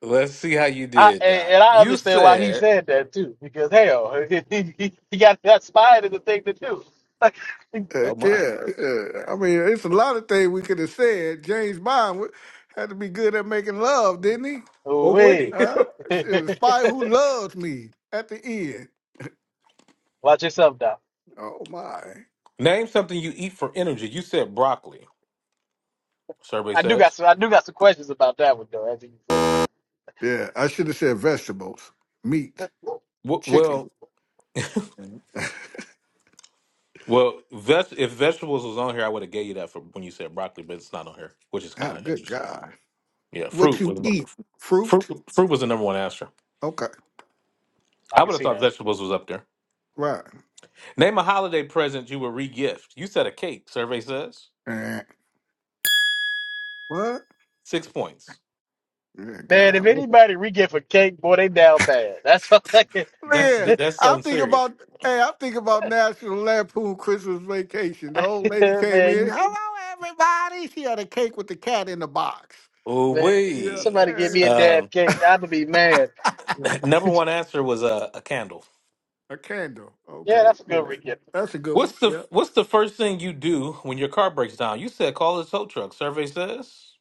Let's see how you I did, and, Doc. and I You understand why he said, said that too, because hell, he, he, he got that spied in the thing to do. Like, Uh, oh my. yeah, yeah. I mean, it's a lot of things we could have said. James Bond wa- had to be good at making love, didn't he? oh Oh wait, wait. Huh? She was spy who loves me at the end. watch yourself Doc. Oh my. Name something you eat for energy. You said broccoli. Survey I do got says. some. I do got some questions about that one though. As you said, it. Yeah, I should have said vegetables, meat, W- chicken. Well, Mhm. well, ves- if vegetables was on here, I would have gave you that for when you said broccoli, but it's not on here, which is Ah, kind of good interesting. God. Yeah, What fruit you was eat? fruit. Fruit? Fruit was the number one answer. Okay. I I can would have see thought that. vegetables was up there. Right. Name a holiday present you would regift. You said a cake. Survey says Eh. What? six points. Good Man, if God. anybody re get for cake, boy, they down bad. That's all I can. That's Man, that's I'm something thinking serious. about hey, I'm thinking about National Lampoon Christmas Vacation. The old lady came man, in, you, hello everybody. She had a cake with the cat in the box. Ooh man, Yeah, wee. somebody give me a damn yeah. cake. I'm gonna be mad. yeah. Number one answer was a, a candle. a candle. Yeah, Okay, that's a good yeah, re gift. that's a good one. What's the Yeah, What's the first thing you do when your car breaks down? You said call a tow truck. Survey says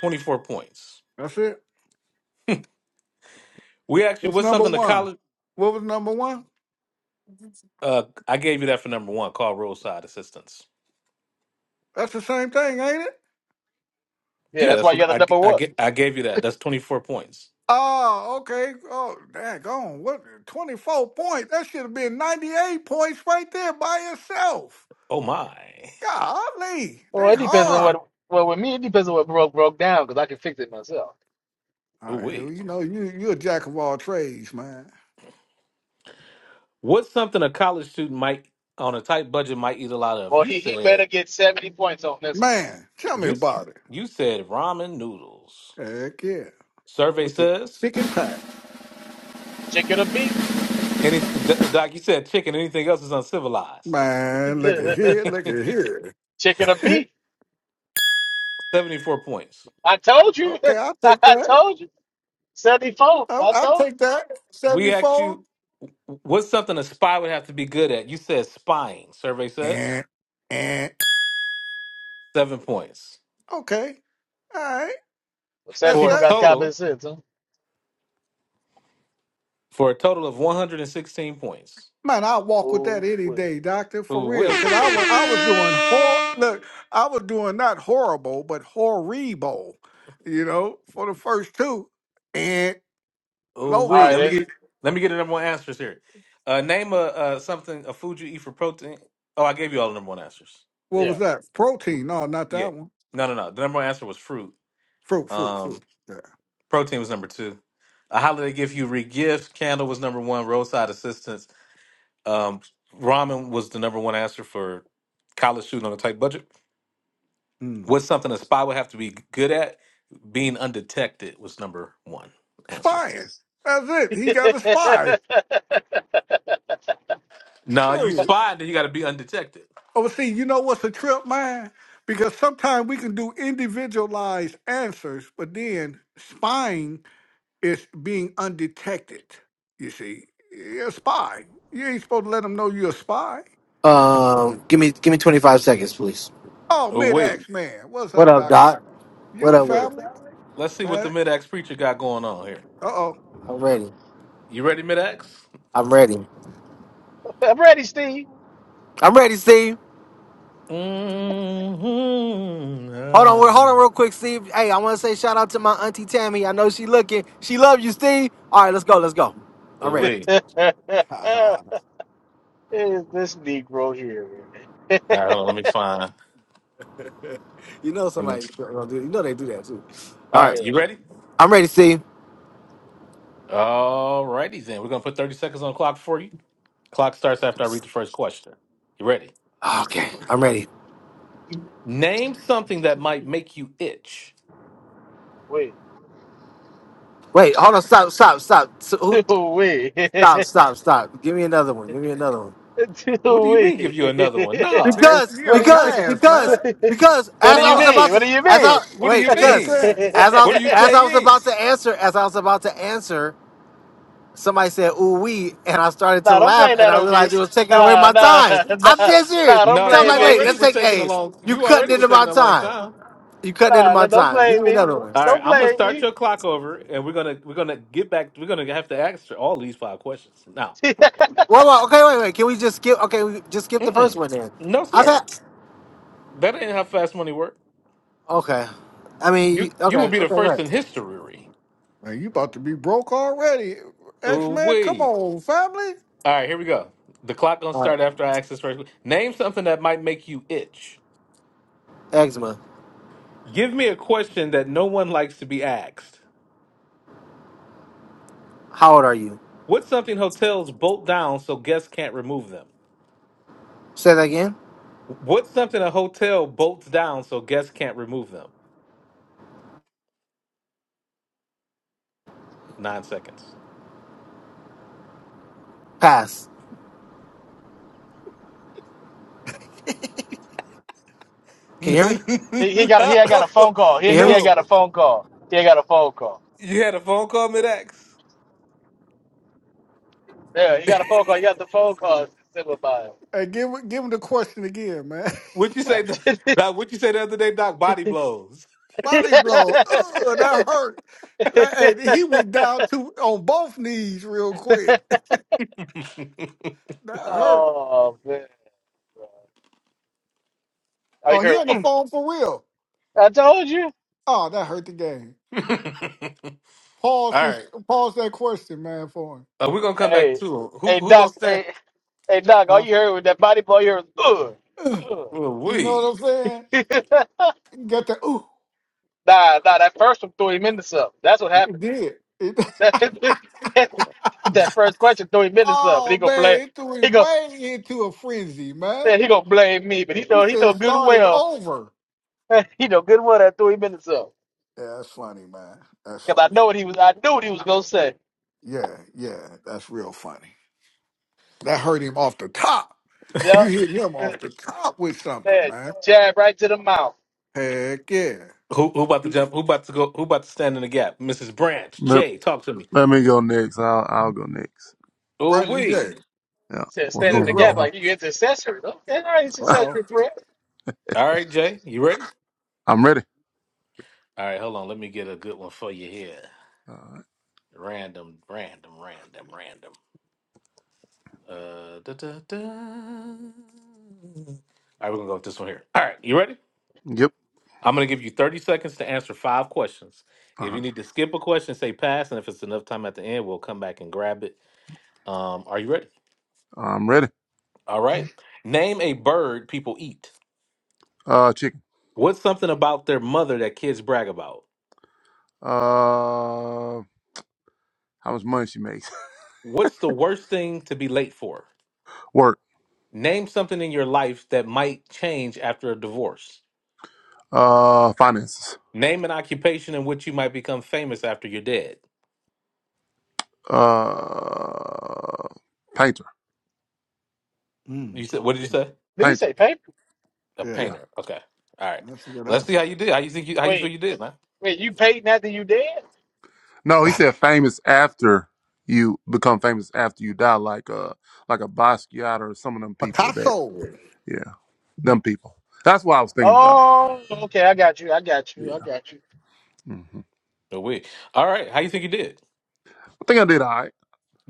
twenty four points. that's it. We actually What's what's number something the one? college. What was number one? Uh, I gave you that for number one. Call roadside assistance. That's the same thing, ain't it? Yeah, Yeah, that's that's why you what got the I number I one. get. I gave you that. That's twenty four points. Oh, okay. Oh, daggone. What? Twenty-four points. That should have been ninety-eight points right there by itself. Oh my. Golly, Well, they it depends on hard. what. Well, with me, it depends on what broke broke down because I can fix it myself. All Oh right, well, wait. you know, you you are a jack of all trades, man. What's something a college student might on a tight budget might eat a lot of? Well, You he he better said get seventy points on this Man, tell me you about it. you said ramen noodles. Heck yeah, Survey with the says chicken pack. chicken or beef. Any, Doc, you said chicken. Anything else is uncivilized. Man, look at here, look at here. chicken or beef. 74 points. I told you. okay, I'll take I that. told you. Seventy four. I'll, I I'll told you. take that. We asked Seventy-four. you, what's something a spy would have to be good at? You said spying, survey says. And and Seven points. okay, all right. Well, Seven That's For a people that. got common total, sense, huh? for a total of 116 points. Man, I walk with that Oh, any well. day, doctor, for Ooh, wee. real. Cause I was I was doing hor look, I was doing not horrible, but horrible, you know, for the first two. And Ooh, low all wee. Let me right. numbers. get, let me get the number one answers here. Uh, name a, uh, something, a food you eat for protein. Oh, I gave you all the number one answers. What Then. was that? Protein. No, not Yeah. that one. No, no, no. The number one answer was fruit. Fruit, fruit, Um. fruit. Yeah. Protein was number two. A holiday gift you re-gift. Candle was number one. Roadside assistance. Um, ramen was the number one answer for college student on a tight budget. Mm. What's something a spy would have to be good at? Being undetected was number one answer. Spying. That's it. He got a Yeah. spy. No, you Sure. spy, then you got to be undetected. Oh, see, you know what's a trip, man? Because sometimes we can do individualized answers, but then spying It's being undetected. You see, you're a spy. You ain't supposed to let them know you're a spy. Um, give me give me 25 seconds, please. Oh, Oh mid wait, ax man, what's What up, up, doctor? Doc? What You up with it? family, let's see what the man. mid-ax preacher got going on here. Uh I'm ready. You ready, mid-ax? I'm ready. I'm ready, Steve. I'm ready, Steve. Hold on, we're- hold Mhm. on, real quick, Steve. Hey, I want to say shout out to my auntie Tammy. I know she looking. She love you, Steve. All right, let's go. Let's go. I'm Oh Is ready. wait, oh, this Negro here? man? all right, hold on, let me find. you know All somebody gonna do. You know they do that too. All right, right, you yeah. ready? I'm ready, Steve. All righty then. We're gonna put 30 seconds on the clock for you. Clock starts after I read the first question. You ready? Okay, I'm ready. Name something that might make you itch. Wait. Wait, hold on. Stop, stop, stop. So, who, stop, Wait. stop, stop. Give me another one. Give me another one. What do Do you mean give we? you another one? Nah. man, you Because, What do got a you? because, pass, man. because, because, What do as I you was Nah. mean? about What to, do you as mean? I, What do wait, you What you mean? because, saying? as I What was, are you as I was saying? about to answer, as I was about to answer, somebody said, ooh, we, and I started to nah, don't laugh blame and that I on realized me. it was taking away Nah, my nah, time. I'm nah, dead serious. nah. Don't Nah, So I'm you blame like, wait, me. already let's was take taking a A. long You you cutting already were into my taking a long time. time. You cutting into Nah, no, my don't time. Give blame me me. another one. All right, Don't I'm gonna blame start me. your clock over and we're gonna we're gonna get back we're gonna have to answer all these five questions. Now. Well, well, okay, wait, wait. Can we just skip? Okay, we just skip the first Mm-mm. one then. No, I've sir. That ain't how fast money works. Okay. I mean, you- You you will okay, be the okay, first in right. history Man, you about to be broke already, X Ooh man. Come wee. on, family. All right, here we go. The clock gonna All right. start after I ask this first. Name something that might make you itch. Eczema. Give me a question that no one likes to be asked. How old are you? What's something hotels bolt down so guests can't remove them? Say that again. What's something a hotel bolts down so guests can't remove them? Nine seconds. Pass. Can you hear me? he, he got. He ain't got a no, phone call. He Can you hear he me? I no. got a phone call. He ain't got a phone call. You had a phone call mid X. Yeah, he got a phone call. He got the phone call. Simple about Hey, give give him the question again, man. What you say, Doc? it. What you say the other day, Doc? Body blows. Body blow. Ugh, that hurt. That, hey, he went down to on both knees real quick. That hurt. Oh man, bro. all you Oh, he heard, on the "Mm, phone for real. I told you. Oh, that hurt the game. All Pause this. right, Pause that question, man, for him. uh, we're gonna come back Hey, to 'em. who. hey Who gonna Doc, stand? hey, hey Doc, all you heard with that body blow, you heard, Huh? ugh, Well, You know we. what I'm saying? ugh. Get the ooh. nah, nah, that first one threw him into something. That's what It happened. did. It, That that, that first question threw him into something. And He oh gonna man, blame, it threw he him go, way into a frenzy, man. man, he gonna blame me, but he He know, he said know good and started well, over. he know good and well that threw him into something. Yeah, that's funny, man. That's Cause I funny. know what he was, I knew what he was gonna say. Yeah, yeah, that's real funny. That hurt him off the top. Yeah, You hit him off the top with something, man, man. jab right to the mouth. Heck yeah. Who, who about to jump? Who about to go? Who about to stand in the gap? Mrs. Branch, Let, Jay, talk to me. let me go next. I'll I'll go next. Oh, Brandon J. we. Yeah. Said What's stand in going the gap on, Nero. like you intercessory. Okay, all right, Uh y'all? oh. intercessory prayer. All right, Jay, you ready? I'm ready. All right, hold on. Let me get a good one for you here. Uh, Random, random, random, random. Uh, da, da, da. All right, we're gonna go with this one here. All right, you ready? yep. I'm gonna give you 30 seconds to answer five questions. All If you right. need to skip a question, say pass, and if it's enough time at the end, we'll come back and grab it. Um, are you ready? I'm ready. All right. Name a bird people eat. Uh, chicken. What's something about their mother that kids brag about? Uh, how much money she makes? What's the worst thing to be late for? Work. Name something in your life that might change after a divorce. Uh, finances. Name an occupation in which you might become famous after you're dead. Uh, painter. You Mm, good said what did you Did, one. say? did he Painter. say paper? A Yeah, Yeah. painter. Okay. All right. that's a good Let's see answer. how you did. How you think you how you feel Wait, you did, man? wait, you paid after you did? No, he said famous after you become famous after you die, like uh, like a Basquiat or some of them people that Picasso. yeah, them people. That's what I was thinking about. Oh, okay, I got you, I got you, I Yeah. got you. hmm No way. All right. How you think you did? I think I did all right.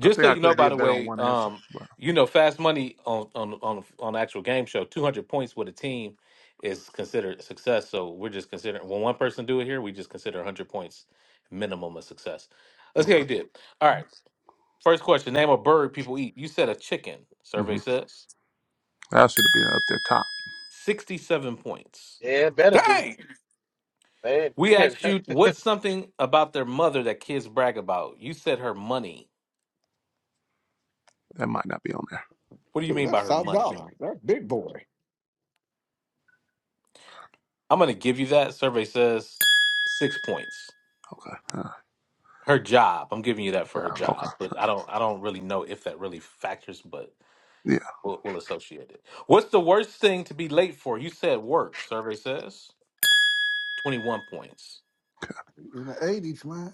I so think I you could know, have by did the better on way, one answer, um, but you know, Fast Money on on on on the actual game show, two hundred points with a team is considered success. So we're just considering when one person do it here, we just consider hundred points minimum a success. Let's see how okay. you did. All right, first question: Name a bird people eat. You said a chicken. Survey hmm says That should have been up there top. sixty-seven points. Yeah, it better be. Dang. Man. We asked you what's something about their mother that kids brag about. You said her money. That might not be on there. What do you Dude, mean by that's her South money? Dollar. That's big boy. I'm gonna give you that. Survey says six points. Okay. Uh, her job. I'm giving you that for her yeah, okay. job, but I don't I don't really know if that really factors, but Yeah. we'll, we'll associate it. What's the worst thing to be late for? You said work. Survey says 21 points. In the 80s, man.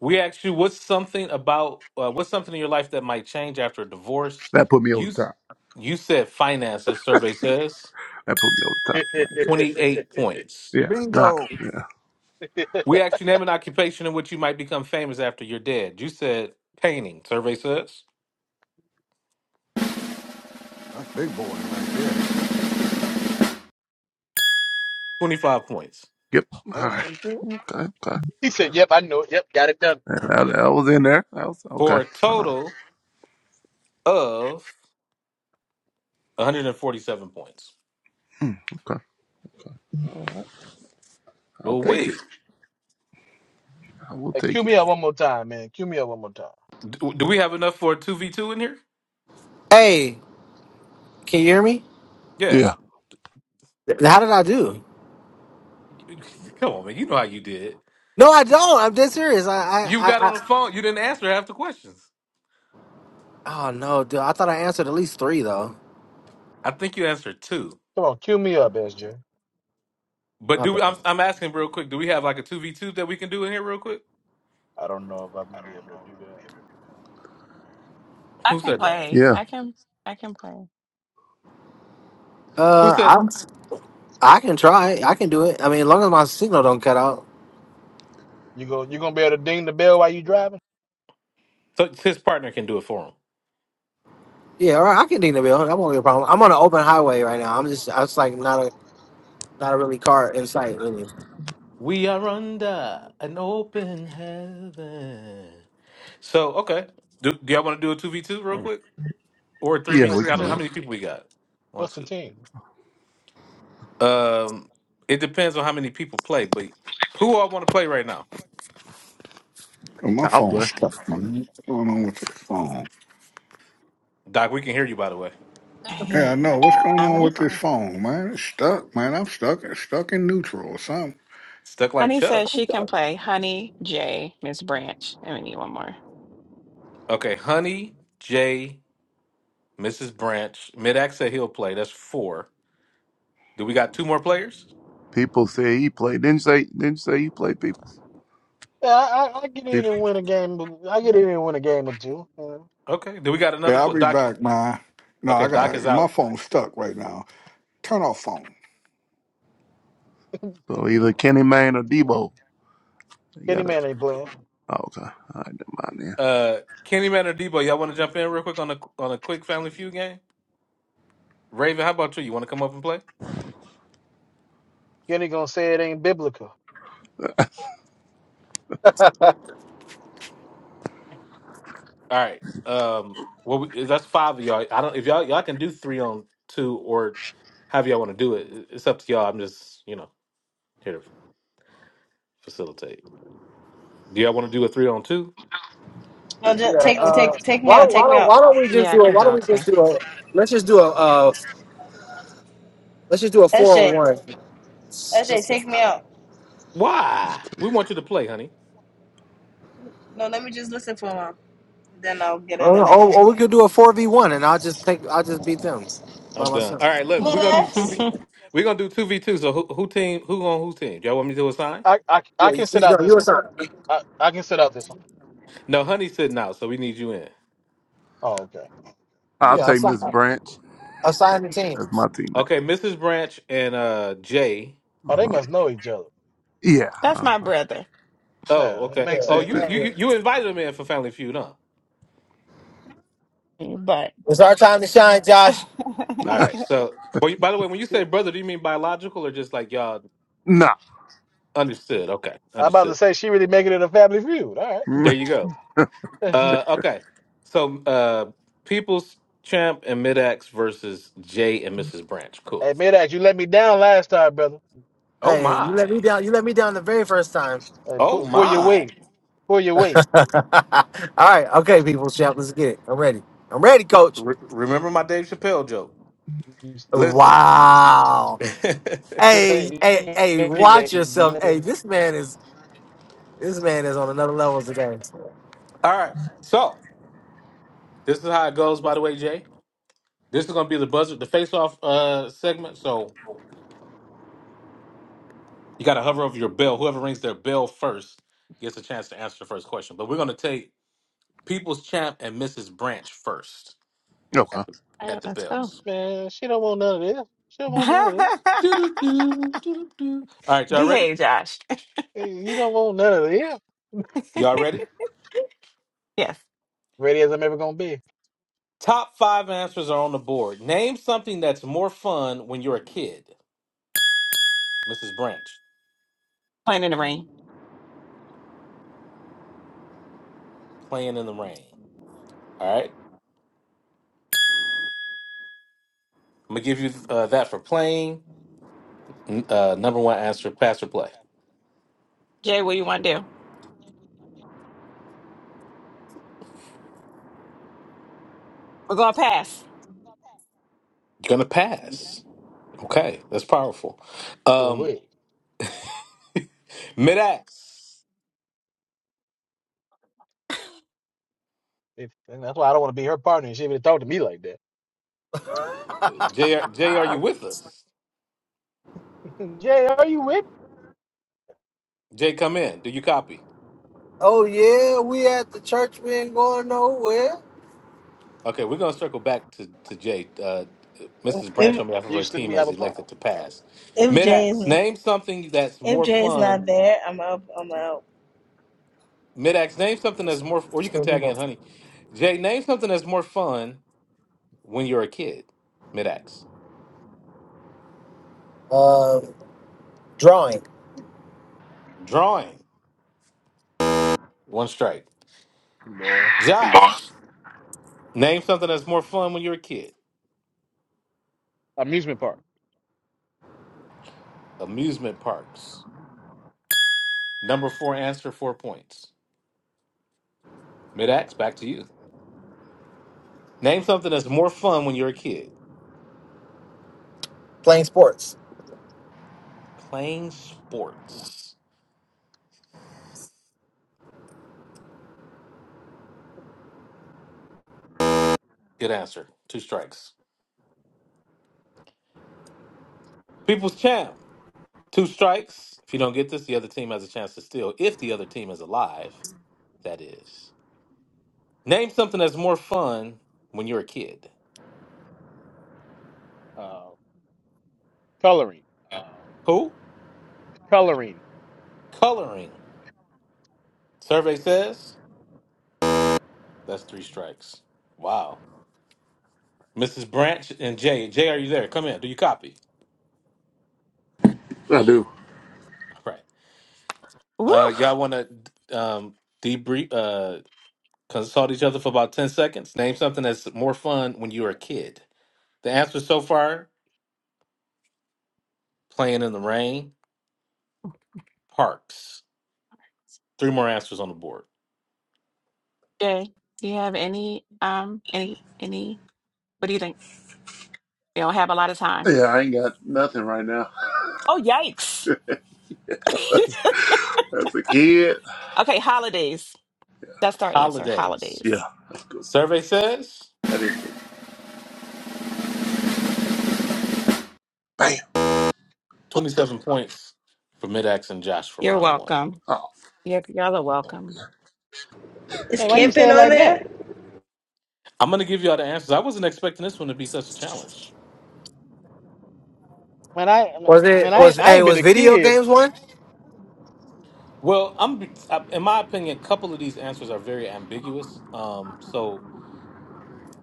We asked you what's something about uh, what's something in your life that might change after a divorce. That put me over You the top. you said finances. Survey says That put me over the top. Right 28 points. there. Yeah. Not. Bingo. Yeah. We asked you name an occupation in which you might become famous after you're dead. You said painting. Survey says That's big boy right there. 25 points Yep. All Uh, right. Okay. Okay. he said, Yep, I know it. Yep, got it done. That, that, that was in there. That was okay. for a All right. total of 147 points. Mm, okay. I'll Oh take it. wait, I will Hey, cue take it. me up one more time, man. Cue me up one more time. do, do we have enough for a two v two in here? Hey, can you hear me? Yeah, Yeah. Th- How did I do? come on, man. You know how you did. No, I don't. I'm dead serious. I, I, You got I, I. on the phone. You didn't answer half the questions. Oh no, dude. I thought I answered at least three though. I think you answered two. Come on, cue me up, S J. But My do bad. we, I'm I'm asking real quick. Do we have like a two v two that we can do in here real quick? I don't know if I'm gonna be able to do that. I Who can said that? play. Yeah. I can. I can Who Uh, said I'm. I can try. I can do it. I mean, as long as my signal don't cut out. You go you gonna be able to ding the bell while you driving? so his partner can do it for him? Yeah, all right. I can ding the bell. That won't be a problem. I'm on an open highway right now. I'm just. I was like not a not a really car in sight. Really. We are under an open heaven. So okay, do, do y'all want to do a two v two real quick or a three v Yeah. What's We three? the I can don't know do how it. team? many people we got. One What's the two. team? Um, it depends on how many people play, but who all want to play right now? Oh, my I'll phone's play. stuck, man. What's going on with this phone? Doc, we can hear you by the way. I can play. Yeah, I play. know. What's going I on will with this play. phone, man? It's stuck, man. I'm stuck. It's stuck in neutral or something. Stuck like Honey Chuck. says she can play. Honey, Jay, Miss Branch, and we need one more. Okay, Honey, Jay, Mrs. Branch, Midax said he'll play. That's four. Do we got two more players? People say he played. Didn't you say. Didn't you say you played people. Yeah, I, I I get in People. and win a game. of- I get in and win a game or two. Uh, Okay. Do we got Yeah, another I'll pl- be Doc? back, man. No, I Okay, Hmm. Doc got is my out. phone's stuck right now. Turn off phone. So either Kenny Mayne or Debo. You Kenny got to man ain't playing. Okay. All right. Never mind then. Uh, Kenny Man or Debo, y'all want to jump in real quick on a on a quick Family Feud game? Raven, how about you? You want to come up and play? Kenny gonna say it ain't biblical. All right. Um. Well, we, that's five of y'all. I don't. If y'all y'all can do three on two or however y'all want to do it. It- It's up to y'all. I'm just you know here to facilitate. Do y'all want to do a three on two? No, Yeah. just take me, Uh, take, take me why, out, why take me don't out. Why don't we just Yeah, I do it? can Why don't go we too. just do a Let's just do a uh, Let's just do a S four on J, one. It's S J, Just a, take me out. Why? We want you to play, honey. No, let me just listen for a while. Then I'll get in the or, next time. or or we could do a four v one, and I'll just take I'll just beat them by I'm done. myself. All right. Look, we're gonna do two. Relax. V- We're gonna do two v two. So who, who team? Who on whose team? Y'all want me to assign? I, I, I Yeah, you can sit see, no, out this you one. assign. I, I can sit out this one. No, honey's sitting out, so we need you in. Oh, okay. I'll Yeah. Yeah, take assign, Miss Branch assign the team. as my teammate. Okay, Mrs. Branch and uh Jay. Oh, they Uh-huh. must know each other. Yeah. That's Uh, my brother. Oh, Yeah, it okay. Yeah. makes Oh, you sense. you yeah. Hey, you you invited him in for Family Feud, huh? But it's our time to shine, all Josh. All right. So, but by the way, when you She, say brother, do you mean biological or just like y'all nah. understood? Okay, I'm about to understood. say she really making it a family feud. All There Mm, you go. right. Uh, okay. So, uh, People's Champ and Midax versus Jay and Mrs. Branch. Cool. hey, Midax, you let me down last time, brother. Oh Hey, you let me my. down. You let me down the very first time. Hey, Oh pull, pull your my. weight. Pull your weight. All right. Okay, people, champ. Let's get it. I'm ready. I'm ready, coach. Re- remember my Dave Chappelle joke. You, Listen. Wow. Hey, say- you, hey, you, hey, watch you yourself. let Hey, me- this man is this man is on another level today. All right. So this is how it goes. By the way, Jay, this is gonna be the buzzer, the face-off uh, segment. So You got to hover over your bell. Whoever rings their bell first gets a chance to answer the first question. But we're going to take People's Champ and Mrs. Branch first Okay. at the right, at the let's go. bells. man, she don't want none of this. She don't want none of this. Doo-doo-doo-doo-doo. All right, y'all ready? Behave, Josh. You don't want none of this. Y'all ready? yes, Ready as I'm ever gonna be. Top five answers are on the board. Name something that's more fun when you're a kid. Mrs. Branch, playing in the rain. playing in the rain. All right, I'm gonna give you uh, that for playing. N- Uh, number one answer: pass or play. Jay, what do you want to do? We're gonna pass. You're gonna pass. Okay, that's powerful. Oh Um, wait. Mid-Ax. If, and that's why I don't want to be her partner. and She even talk to me like that. Jay, Jay, are you with us? Jay, are you with? Jay, come in. Do you copy? Oh yeah, we at the church. We ain't going nowhere. Okay, we're going to circle back to, to Jay. Uh, Mrs. Branch, If on behalf of me? her Houston, team, we have has a problem. elected to pass. if Jay Mid-Ax, is name something that's if more Jay is fun. not there, I'm out. I'm out. Mid-Ax, name something that's more, or you can tag in, honey. Jay, name something that's more fun when you're a kid. Mid-Ax. Uh, drawing, Drawing, one strike. Boy. Josh, name something that's more fun when you're a kid. Amusement park. Amusement parks. Number four answer, four points. Mid-Ax, back to you. Name something that's more fun when you're a kid. playing sports. Playing sports. Good answer. Two strikes. People's champ. Two strikes. If you don't get this, the other team has a chance to steal. If the other team is alive, that is. Name something that's more fun when you're a kid. Uh, coloring. Who? Coloring. Coloring. Survey says that's three strikes. Wow. Mrs. Branch and Jay. Jay, are you there? Come in. Do you copy? I do. All right. Woo. Uh, y'all want to um, debrief? Uh, Consult each other for about 10 seconds. Name something that's more fun when you were a kid. The answers so far playing in the rain, parks. Three more answers on the board. Jay, do you have any um any any? What do you think? We don't have a lot of time. Yeah, I ain't got nothing right now. Oh yikes! As a kid. okay, holidays. That's our answer. Holidays. Yeah, Holidays. that's good. Survey says That is good. Bam. 27 points for Midax and Josh for You're round one. welcome. Oh, You're, y'all are welcome. Is Hey, why you say camping it on like that? there? I'm going to give you all the answers. I wasn't expecting this one to be such a challenge. Man, I Was it man, I was I hey ain't been was a video kid. games one? Well, I'm I- in my opinion, a couple of these answers are very ambiguous. Um, so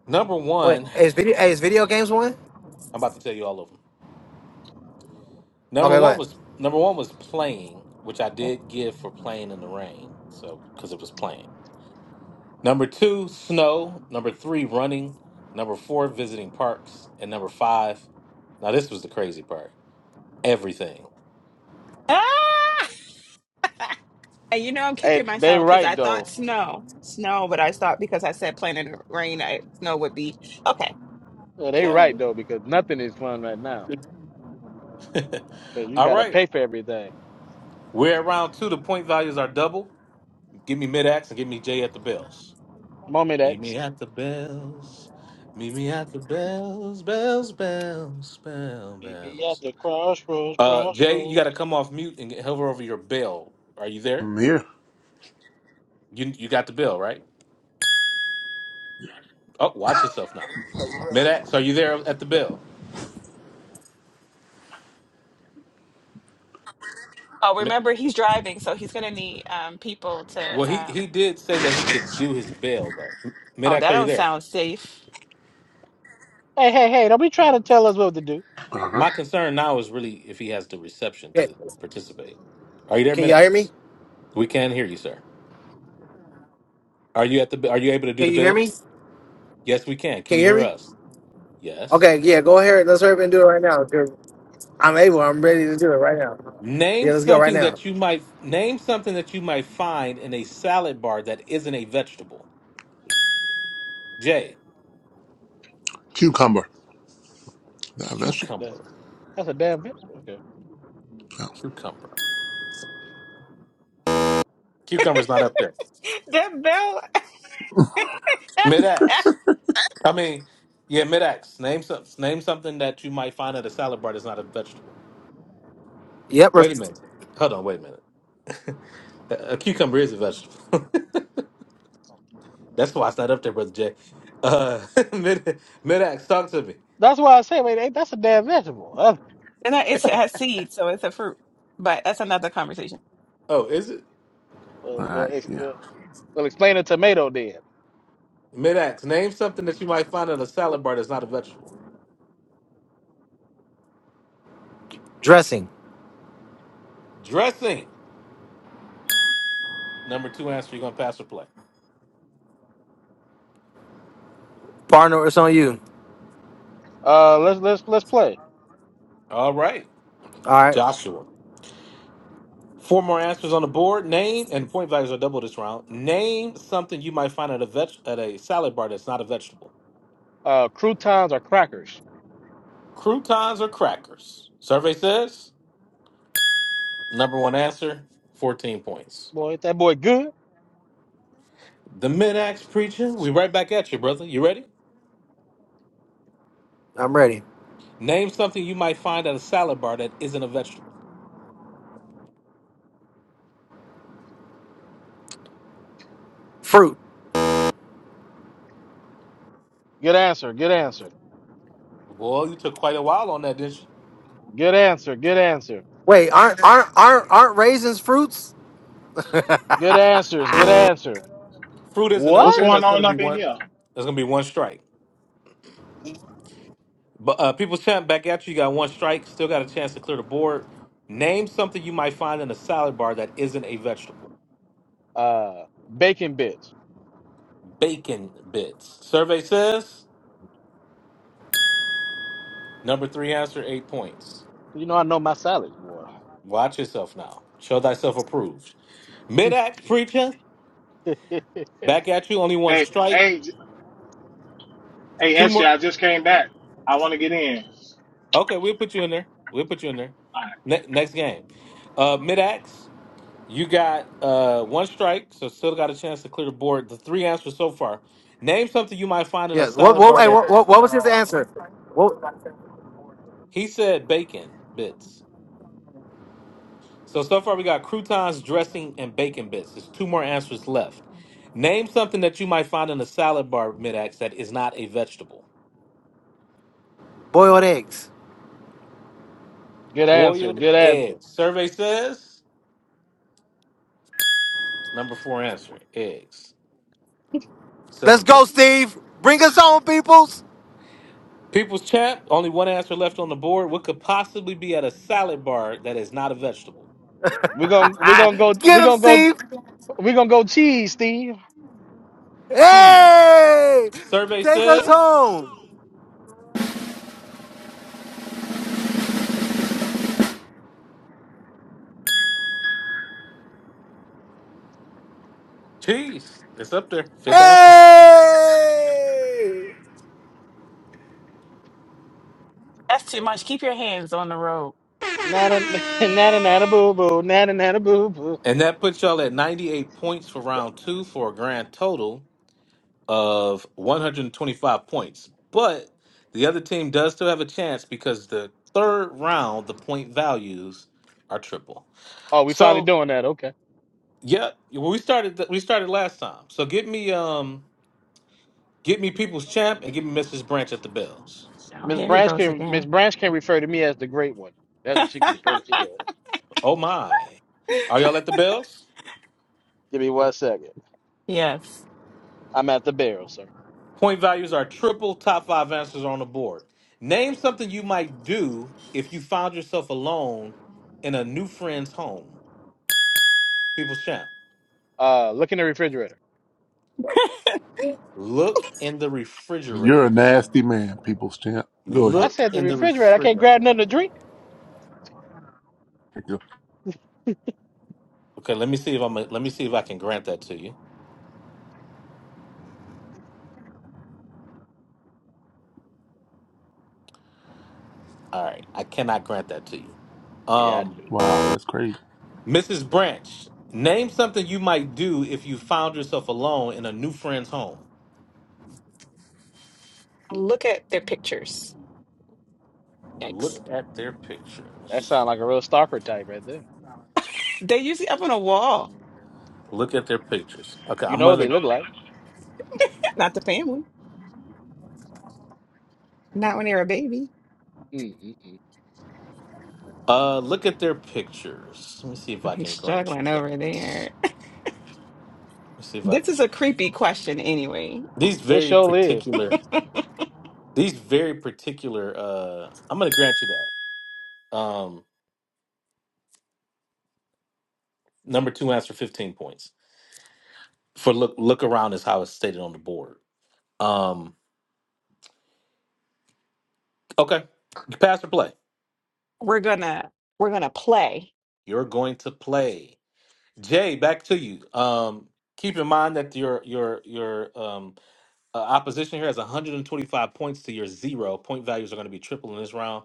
number Wait, one, is video hey, is video games one? I'm about to tell you all of them. Number Okay, go one ahead. was number one was playing, which I did give for playing in the rain, so because it was playing. Number two, snow. Number three, running. Number four, visiting parks, and number five. Now this was the crazy part. Everything. Ah, you know, I'm kicking And they myself because right I thought though. snow, snow, but I thought because I said planet rain, I know would be okay. Uh, they Yeah. All right right. though because nothing is fun right now. Because you All gotta right. pay for everything. We're at round two. The point values are double. Give me mid axe and give me J at the bells. Moment Meet X. me at the bells. Meet me at the bells, bells, bells, bell, Meet me bells. at the crossroads, Uh, Jay, you got to crossroads. come off mute and hover over your bell. Are you there? I'm here. You you got the bell, right? Oh, watch yourself now. Medax, are you there at the bell? Oh, Mi- remember he's driving, so he's gonna need um people Well, to he he um. did say that he could do his bell though. M- Oh, Medax, that are you don't there? sound safe. Hey, hey, hey! Don't be trying to tell us what to do. Uh-huh. My concern now is really if he has the reception Okay, to participate. Are you there, can y'all hear me? Medax? We can hear you, sir. Are you at the? Are you able to do Can the you hear bell? me? Yes, we can. Can Can you you hear hear me? us? Yes. Okay, yeah, go ahead. Let's hurry up and do it right now. 'cause I'm able. I'm ready to do it right now. Yeah, Name let's go right something now. that you might name something that you might find in a salad bar that isn't a vegetable. J. Cucumber. That vegetable. That- Cucumber. That's a damn vegetable. Okay. Yeah. Cucumber. Cucumber's not up there. That bell. Mid X. I mean, yeah, mid X. Name some, name something that you might find at a salad bar that's not a vegetable. Yep, we're Wait a minute. Hold on. Wait a minute. a a cucumber is a vegetable. that's why it's not up there, brother J. Uh, mid mid X. Talk to me. That's why I say, wait, ain't that's a damn vegetable? Uh, and that- it's, it has seeds, so it's a fruit. But that's another conversation. Oh, is it All well, well, right. ex- Yeah. uh, well, explain a tomato then. mid X? Name something that you might find at a salad bar that's not a vegetable. dressing. Dressing. Number two answer. You're gonna pass or play. Partner, it's on you. Uh, let's let's let's play. All right, All right, Joshua. Four more answers on the board. Name and point values are double this round. Name something you might find at a veg- at a salad bar that's not a vegetable. Uh, croutons are crackers. Croutons or crackers. Survey says number one answer, fourteen points. Boy, ain't that boy good? The mid-axe preacher. We right back at you, brother. You ready? I'm ready. Name something you might find at a salad bar that isn't a vegetable. Fruit. Good answer. Good answer. Boy, you took quite a while on that, didn't you? Good answer. Good answer. Wait, aren't aren't aren't, aren't raisins fruits? Good answers. Good answer. Fruit isn't up what's there. What? going That's gonna on be up in one. here? That's gonna be one strike. But uh, people champ back at you. You got one strike. Still got a chance to clear the board. Name something you might find in a salad bar that isn't a vegetable. Uh, bacon bits. Bacon bits. Survey says number three answer eight points. You know I know my salads, boy. Watch yourself now. Show thyself approved. Mid axe preacher back at you. Only one Hey, strike. hey, j- hey, Two SJ, more. I just came back. I want to get in. Okay, we'll put you in there. We'll put you in there. All Ne- next game. Uh, Mid axe. You got uh one strike, so still got a chance to clear the board. The three answers so far. Name something you might find in a Yeah. What salad what, bar hey, that what what what was his answer? What he said bacon bits. So so far we got croutons, dressing, and bacon bits. There's two more answers left. Name something that you might find in a salad bar mid-ax that is not a vegetable. boiled eggs. good answer. Boiled Good answer. eggs. Survey says number four answer, eggs. Let's Seven go, points. Steve. Bring us home, peoples. People's champ, only one answer left on the board. What could possibly be at a salad bar that is not a vegetable? We're gonna we're gonna go Get we're him, gonna go Steve. we're gonna go cheese, Steve. Cheese. Hey, Survey take us says, home. geez, it's up there. Fifth answer. Hey. That's too much. Keep your hands on the road. Nana nana nana boo boo nana nana boo boo. And that puts y'all at 98 points for round two for a grand total of 125 points. But the other team does still have a chance because the third round, the point values are triple. Oh, we finally So, doing that. Okay. yeah, well, we started th- we started last time. So get me um get me people's champ and give me Mrs. Branch at the bells. Oh, Miss here he Branch goes can Miss again. Branch can refer to me as the great one. That's what she can refer to me as. Oh my. Are y'all at the bells? Give me one second. Yes. I'm at the barrel, sir. Point values are triple top five answers on the board. Name something you might do if you found yourself alone in a new friend's home. People's champ. Uh, look in the refrigerator. Look in the You're refrigerator. a nasty man, people's champ. Go I ahead. Look said the in the refrigerator. I can't refrigerator. grab nothing to drink. Go. Okay, let me see if I'm let me see if I can grant that to you. All right. I cannot grant that to you. Yeah, I Um knew it. Wow, that's crazy. Mrs. Branch, name something you might do if you found yourself alone in a new friend's home. Look at their pictures. Yikes. Look at their That pictures. sounds like a real stalker type right there. They're usually up on a wall. Look at their pictures. Okay, You I'm know what gonna they look like. Not the family. Not when they're a baby. Mm-mm-mm. Uh, look at their pictures. Let me see if I He's can grant you struggling over that. there. Let me see if I This is a creepy question anyway. these This very show is. particular these very particular uh I'm gonna grant you that. Um number two answer fifteen points. For look look around is how it's stated on the board. Um okay. You pass or play. We're gonna we're gonna play. You're going to play. Jay, back to you. Um keep in mind that your your your um uh, opposition here has 125 points to your zero. Point values are going to be triple in this round.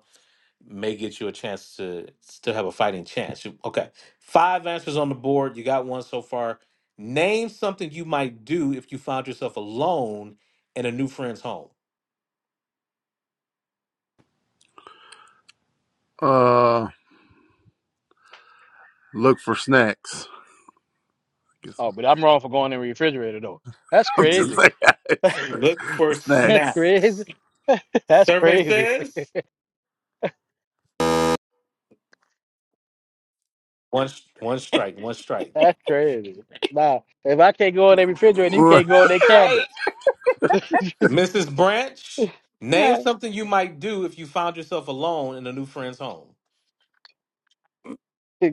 may get you a chance to still have a fighting chance. You- Okay. Five answers on the board. You got one so far. Name something you might do if you found yourself alone in a new friend's home. Uh, look for snacks. I Guess Oh, I- but I'm wrong for going in the refrigerator though. That's I'm just L- crazy. That's saying. Look for snacks. snacks. crazy. That's Survey crazy. says one s- one strike, one strike. That's crazy. Nah, if I can't go in their refrigerator, you can't go in their Right? cabinets. Mrs. Branch, name Yeah. something you might do if you found yourself alone in a new friend's home.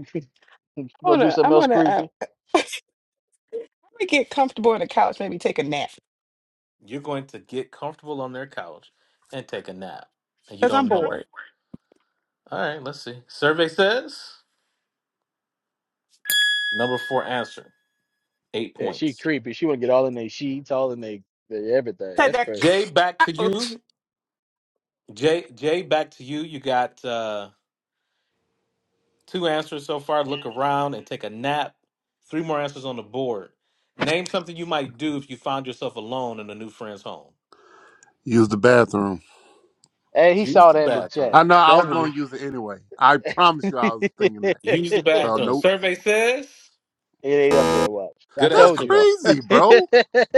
Go I'm do gonna something I'm else gonna uh, I'm creepy. gonna get comfortable on the couch, maybe take a nap. You're going to get comfortable on their couch and take a nap. And you Because I'm don't know them. bored. All right, let's see. Survey says. Number four answer, eight Yeah, she points. creepy. She want to get all in their sheets, all in their their everything. Take That's that crazy. Jay, back to couch. you. Jay, Jay, back to you. You got uh, two answers so far. Look around and take a nap. Three more answers on the board. Name something you might do if you found yourself alone in a new friend's home. Use the bathroom. Hey, he Use saw the that in the chat. I bathroom. know I That's was gonna what. use it anyway. I promise you, I It, was thinking that. Use the it So bathroom. nope. Survey says. ain't up there. Watch. I Good That's told answer you. though. Man, crazy, ain't bro.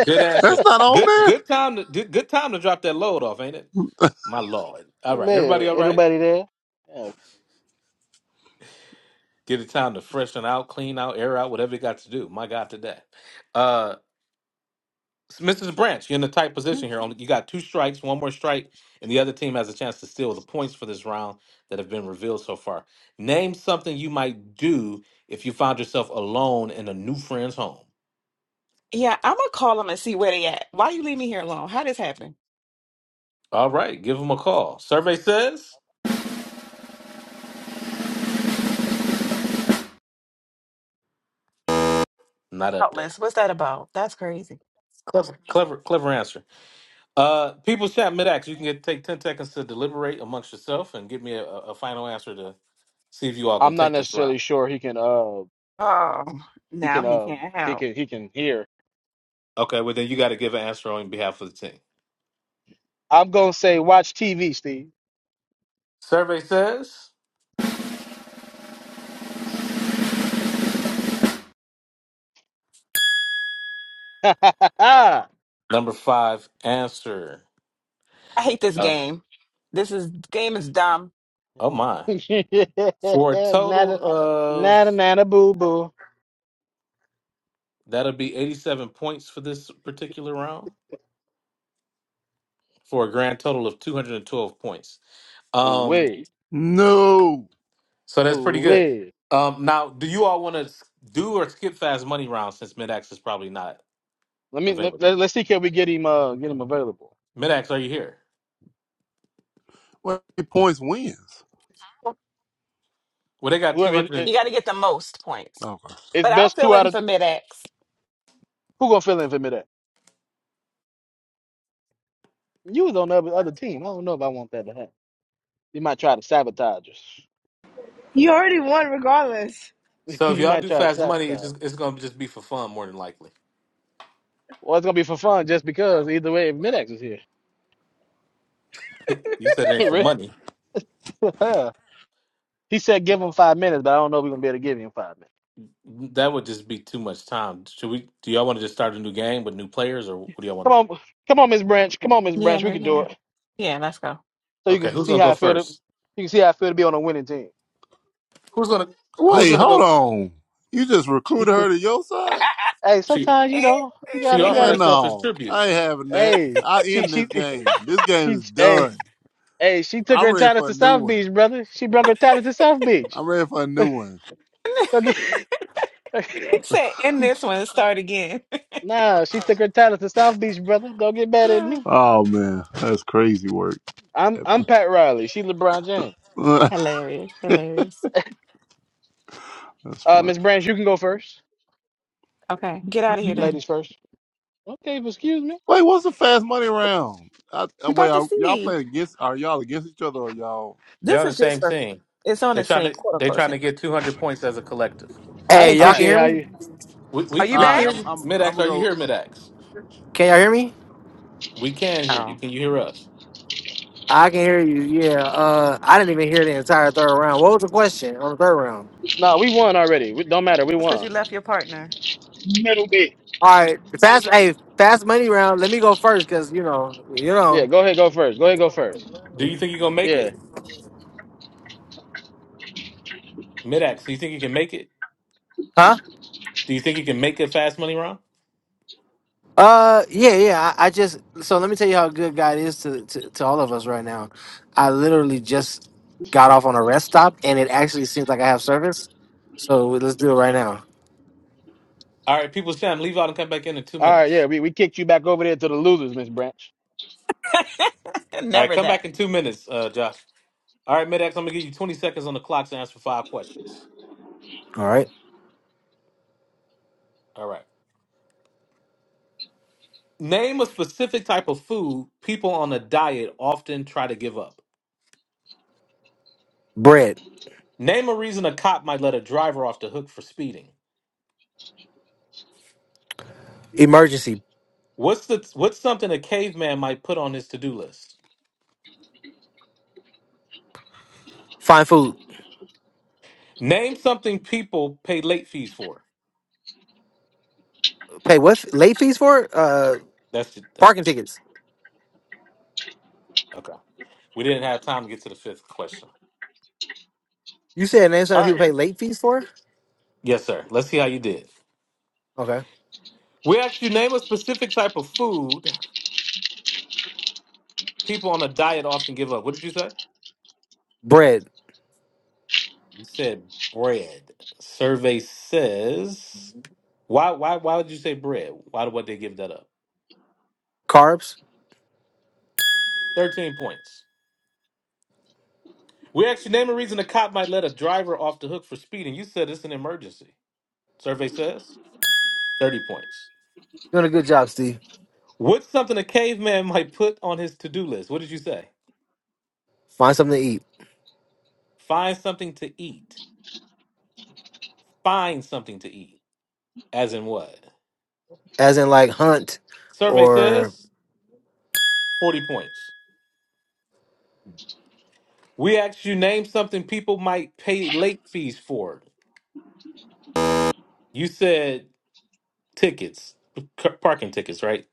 Good answer. That's not on Good there. good time to good good time to drop that load off, ain't it? My lord. All right, everybody. All right. nobody there. Yeah. Get it time to freshen out, clean out, air out, whatever you got to do. My God, today. Uh, Mrs. Branch, you're in a tight position here. Only you got two strikes, one more strike, and the other team has a chance to steal the points for this round that have been revealed so far. Name something you might do if you found yourself alone in a new friend's home. Yeah, I'm gonna call them and see where they at. Why you leave me here alone? How this happen? All right, give them a call. Survey says not up there. Outless, what's that about? That's crazy. Clever, clever, clever answer. Uh, people chat mid ax. You can get, take ten seconds to deliberate amongst yourself and give me a a final answer to see if you all gonna I'm not take this round. necessarily sure he can. Uh, Oh, He now can he um can't he help. can he can hear. Okay, well then you got to give an answer on behalf of the team. I'm gonna say watch TV, Steve. Survey says nada number five answer. I hate this Uh, game. This is game is dumb. oh my! For a total nada of nada boo boo. that'll be eighty-seven points for this particular round, for a grand total of two hundred and twelve points. Ooh Um, wee. No. so that's Ooh pretty good. wee. Um, now, do you all want to do or skip fast money round since Midax is probably not Let me let, available? let, us see can we get him uh get him available. Midax, are you here? Well, points wins. Well, they got two Whoever it, it, hundred. You got to get the most points. Okay. it's But I'll best fill two out in of for mid X. who gonna fill in for me that? You was on the other, other team. I don't know if I want that to happen. You might try to sabotage us. You already won, regardless. So if you y'all might do try to fast money, it's sabotage. just, it's gonna just be for fun more than likely. Well, it's gonna be for fun just because either way if Midax is here. you said it ain't for money. Really? He said give him five minutes, but I don't know if we're gonna be able to give him five minutes. That would just be too much time. Should we? Do y'all want to just start a new game with new players, or what do y'all want Come to? on, come on, Miss Branch. Come on, Miss Yeah, Branch. We no, can do yeah, it. yeah. Let's go. So do? you Okay, can who's see gonna how go I feel to first? you can see how I feel to be on a winning team. Who's gonna Who's Wait, gonna go? hold f- on. You just recruited her to your side? hey, She sometimes you he know you She gotta you offered Man, gotta. herself as no. tribute. I ain't having that. Hey, I she end this she game. This game she is hey done. hey she took I'm her ready talent for a to new South one. Beach, brother. She brought her talent to South Beach. I'm ready for a new one. do get said, "End she, this one and start again." nah. She took her talent to South Beach, brother. Don't get mad at me. No. Oh man, that's crazy work. I'm I'm Pat Riley. She LeBron James. That's hilarious, hilarious. Uh, funny. Miss Branch, you can go first. Okay, get out of here then. Ladies first. Okay, if- excuse me. Wait, what's the fast money round? I, I- You wait, bought the are y'all seed. playing against? Are y'all against each other or y'all? They're This on the is just same for. team. It's on the They're trying sink, to quote They're unquote trying to sink. get two hundred points as a collective. I don't Hey, All y'all can appreciate right, hear how me? you. we Are we you we All can right, hear back? I'm you, I'm I'm Midax. gonna Are you go. here, Midax? Can y'all Oh, hear me? okay. We can hear you. Oh, Can you hear us? I can hear you. Yeah. Uh, I didn't even hear the entire third round. What was the question on the third round? No, we won already. We, don't matter. We that's because won. you left your partner. right, middle bit. All right, fast. Hey, fast money round. Let me go first because you know, you Yeah, know, go ahead. Go first. Go ahead. Go first. Do We- you think you're gonna make Yeah. it, Midax? Do you think you can make it? huh? Do you think you can make a fast money round? Uh, yeah, yeah. I, I just so let me tell you how good God is to, to to all of us right now. I literally just got off on a rest stop, and it actually seems like I have service. So let's do it right now. All right, people, Sam, leave out and come back in in two All right. Yeah, minutes. we, we kicked you back over there to the losers, Miss Branch. All right, Never come that. back in two minutes, uh, Josh. All right, Medex, I'm gonna give you 20 seconds on the clock to answer five questions. All right, All right. Name a specific type of food people on a diet often try to give up. bread, Name a reason a cop might let a driver off the hook for speeding. emergency, What's the what's something a caveman might put on his to-do list? find food, Name something people pay late fees for. pay what late fees for? it? Uh, That's the, the- parking tickets. okay. We didn't have time to get to the fifth question. You said name All something right. people pay Sure. late fees for? Yes, sir. Let's see how you did. Okay, We asked you name a specific type of food people on a diet often give up. What did you say? bread, You said bread. Survey says why why why would you say bread? Why would they give that up? carbs. Thirteen points. We actually name a reason a cop might let a driver off the hook for speeding. You said it's an emergency. Survey says thirty points. Doing a good job, Steve. What's something a caveman might put on his to-do list? What did you say? Find something to eat Find something to eat. Find something to eat. As in what? as in like hunt Survey or says forty points. We asked you name something people might pay late fees for. You said tickets, c- parking tickets, right?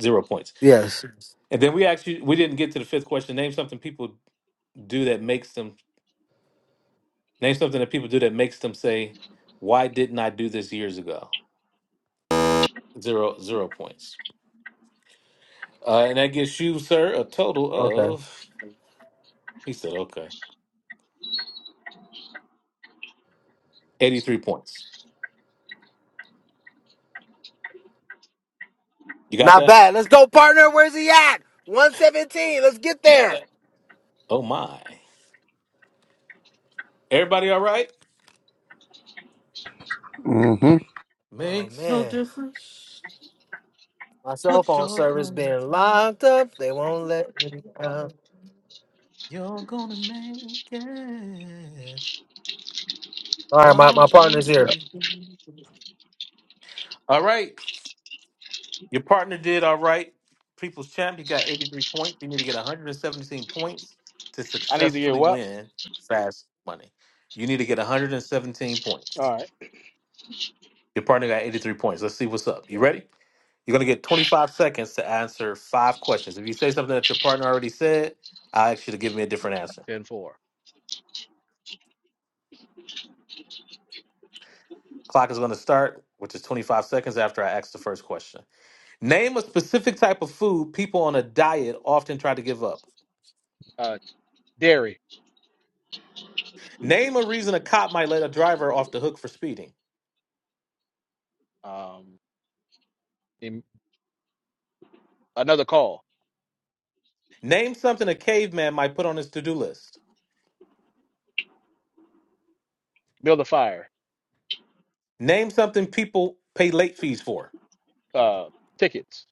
Zero points. yes. And then we actually we didn't get to the fifth question. Name something people do that makes them name something that people do that makes them say, "Why didn't I do this years ago?" Zero zero points. Uh, and that gives you, sir, a total Okay. of he said, "Okay, eighty three points." You got Not that? bad. Let's go, partner. Where's he at? 117. Let's get there. Oh my! Everybody, all right? hmm Oh Makes no man. difference My cell what phone you're service going being through. locked up. They won't let me out. You're gonna make it. All right, my, my God's gonna partner's see here. you. All right. Your partner did all right. People's champ, you got 83 points. You need to get 117 points to I need to hear successfully what. win fast money. You need to get 117 All points. right. Your partner got 83 points. Let's see what's up. You Yep. ready? You're going to get 25 seconds to answer five questions. If you say something that your partner already said, I ask you to give me a different answer. Ten four. Clock is going to start, which is 25 seconds after I ask the first question. Name a specific type of food people on a diet often try to give up. Uh, dairy. Name a reason a cop might let a driver off the hook for speeding. Um, in, another call. Name something a caveman might put on his to do list. Build a fire. Name something people pay late fees for. Uh, tickets.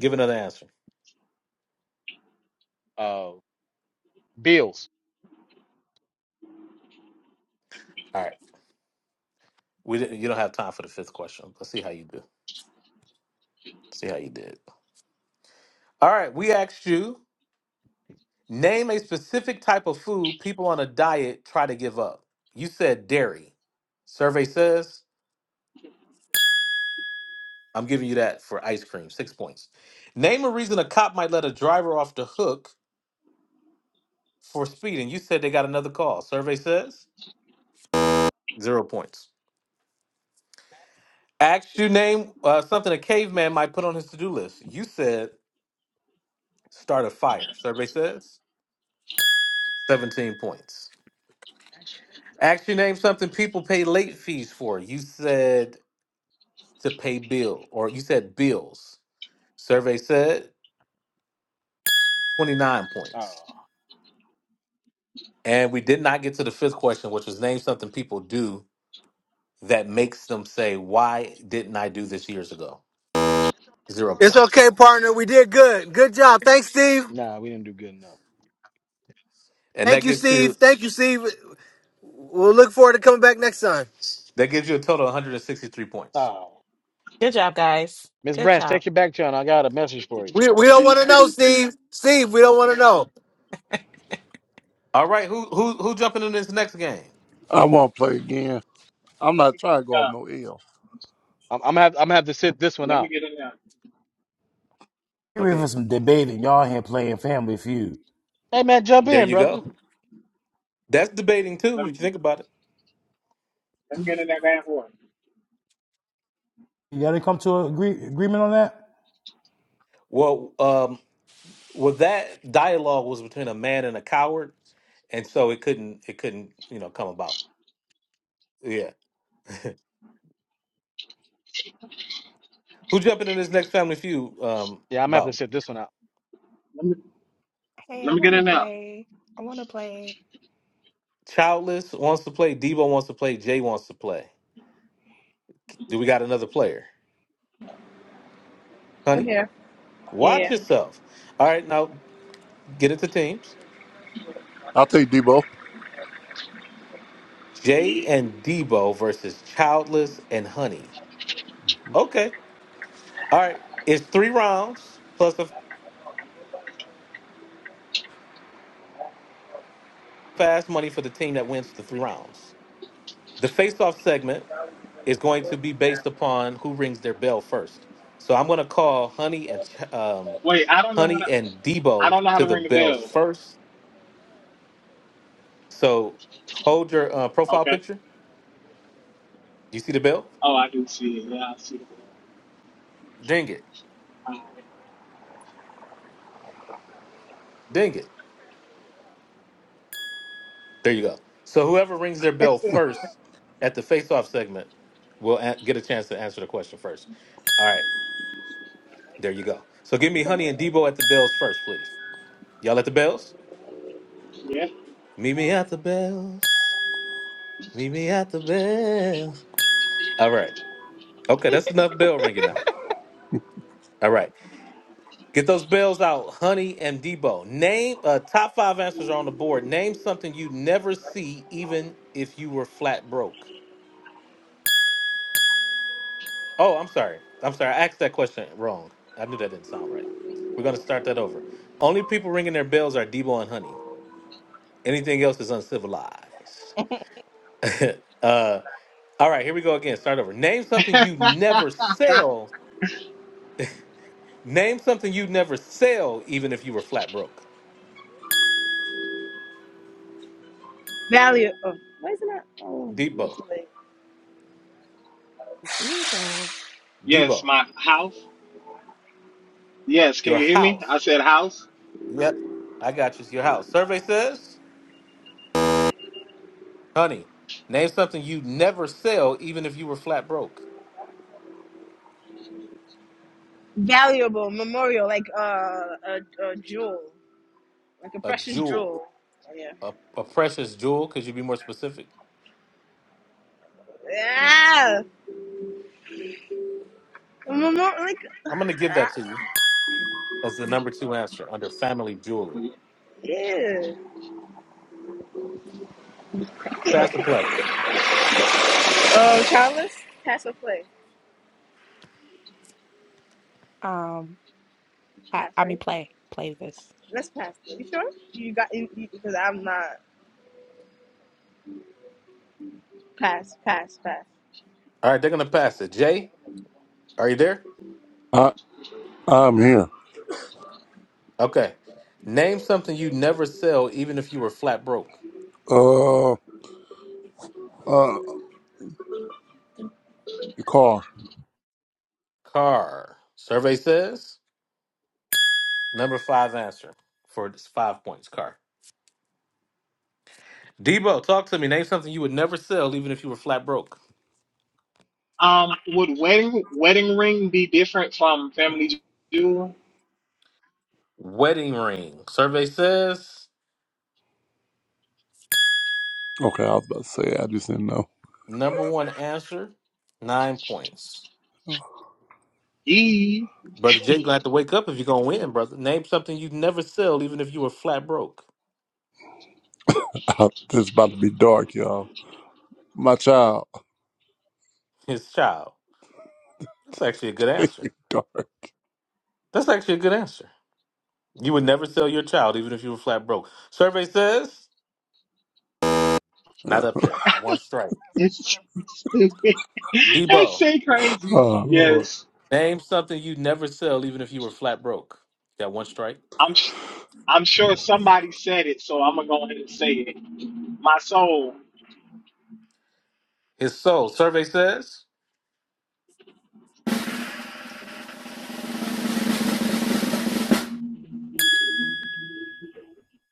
Give another answer. Uh, bills. All right. We didn't, you don't have time for the fifth question. Let's see how you do. See how you did. All right. We asked you name a specific type of food people on a diet try to give up. You said dairy. Survey says I'm giving you that for ice cream. Six points. Name a reason a cop might let a driver off the hook for speeding. You said they got another call. Survey says zero points. Asked you name uh, something a caveman might put on his to do list. You said start a fire. Survey says 17 points. Asked you name something people pay late fees for. You said to pay bill or you said bills. Survey said 29 Oh, points. And we did not get to the fifth question, which was name something people do that makes them say, "Why didn't I do this years ago?" Zero It's points, okay, partner. We did good. Good job. Thanks, Steve. nah, we didn't do good enough. and that Thank you, gets you Steve. Thank you, Steve. We'll look forward to coming back next time. that gives you a total of 163 points. Oh, Good job, guys. Miss Good Branch, job. take your back channel. I got a message for you. We, we don't want to know, Steve. Steve, we don't want to know. All right, who who who jumping in this next game? I won't play again. I'm Let not me trying get to in go off no there. L. I'm, I'm gonna have, I'm gonna have to sit this one Let me out. get in there. Get ready for Okay, some debating. Y'all here playing Family Feud. Hey man, jump there in, you brother. go. That's debating too, Let if me, you think about it. let me get in that damn horse. Y'all didn't come to an agree- agreement on that? Well, um, well, that dialogue was between a man and a coward, and so it couldn't it couldn't you know come about. Yeah, who jumping in this next family feud? Um, Yeah, I'm gonna have to about sit this one out. Let me Hey, I let me get want to in there. play. I want to play childless wants to play, Debo wants to play, Jay wants to play. Do we got another player, Okay, honey? Watch Yeah. yourself. All right, now get into teams. I'll take Debo. Jay Yeah. and Debo versus Childless and Honey. Okay. All right. It's three rounds plus a fast money for the team that wins the three rounds. The face-off segment is going to be based upon who rings their bell first. So I'm going to call Honey and Ch- um, Wait, I don't know how Honey to. and I Debo don't know how to to the ring the bells bell. first. So hold your uh, profile Okay. picture. Do you see the bell? Oh, I do see it. Yeah, I see the bell. Ding it. All Ding it. There you go. So whoever rings their bell first at the face-off segment will a- get a chance to answer the question first. All right, there you go. So give me the Honey and Debo at the bells first, please. Y'all at the bells? Meet me at the bells. Meet me at the bells. All right. Okay, that's enough bell ringing now. All right. Get those bells out, Honey and Debo. Name uh, top five answers are on the board. Name something you would never see, even if you were flat broke. Oh, I'm sorry. I'm sorry. I asked that question wrong. I knew that didn't sound right. We're going to start that over. Only people ringing their bells are Debo and Honey. Anything else is uncivilized. uh, all right, here we go again. Start over. Name something you right. Yeah. never sell. Name something you would never sell, even if you were flat broke. Valuable. Why is it not? Oh, not Debo, too late. Debo. yes, Debo, my house. Yes, can your you hear me? I house. said house. Yep, I got you. It's your house. Survey says, Honey, name something you would never sell, even if you were flat broke. Valuable memorial, like uh, a, a jewel, like a A precious jewel. jewel. Oh, Yeah. A, a precious jewel. Could you be more specific? Yeah. A memorial, like I'm going to give that to you as the number two answer under family jewelry. yeah. Pass or play? Oh, childless. Pass or play? Um, I, Pass, I mean, right? play play this. Let's pass. You sure? You got you, you- because I'm not. Pass, pass, pass. All right, they're going to pass it. Jay, are you there? I I'm here. Okay. Name something you would never sell, even if you were flat broke. Uh, uh, the car. Car. Survey says number five answer for this five points. Car. Debo, talk to me. Name something you would never sell, even if you were flat broke. Um, would wedding wedding ring be different from family jewel? Wedding ring. Survey says Okay, I was about to say. I just didn't know. number one answer, nine points. E. Brother Jay gonna have to wake up if you're gonna win, brother. Name something you'd never sell, even if you were flat broke. Uh, this is about to be dark, y'all. My child, His child. That's actually a good it's answer. dark. That's actually a good answer. You would never sell your child, even if you were flat broke. Survey says Yeah. not up there. One strike. It's stupid. That's Debo, so crazy. Oh Lord, Yes. name something you'd never sell, even if you were flat broke. Got one strike. I'm sh- I'm sure somebody said it, so I'm gonna go ahead and say it. My soul. His soul. Survey says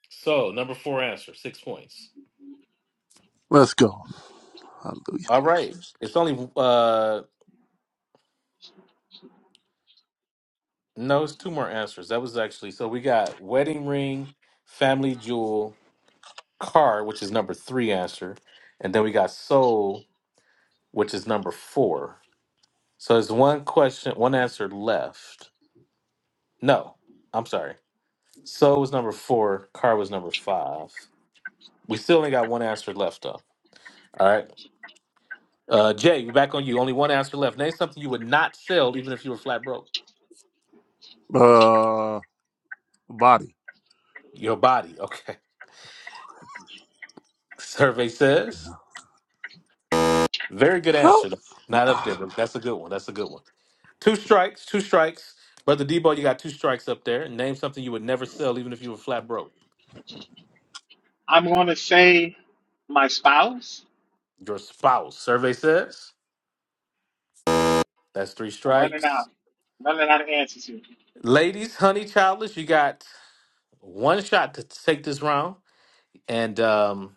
so. Number four answer. Six points. let's go. Hallelujah. All right. It's only uh no. It's two more answers. That was actually so. We got wedding ring, family jewel. Car, which is number three answer, and then we got Soul, which is number four. So there's one question, one answer left. No, I'm sorry. Soul was number four. Car was number five. We still only got one answer left though. All right. Uh, Jay, we're back on you. Only one answer left. Name something you would not sell, even if you were flat broke. Uh, body. Your body. Okay. Survey says. Very good How? answer. Not up there, but that's a good one. That's a good one. Two strikes, two strikes. Brother Debo, you got two strikes up there. Name something you would never sell, even if you were flat broke. I'm gonna say my spouse. Your spouse. Survey says that's three I'm running strikes. out. running out of answers here. Ladies, honey, childless, you got one shot to take this round. And um,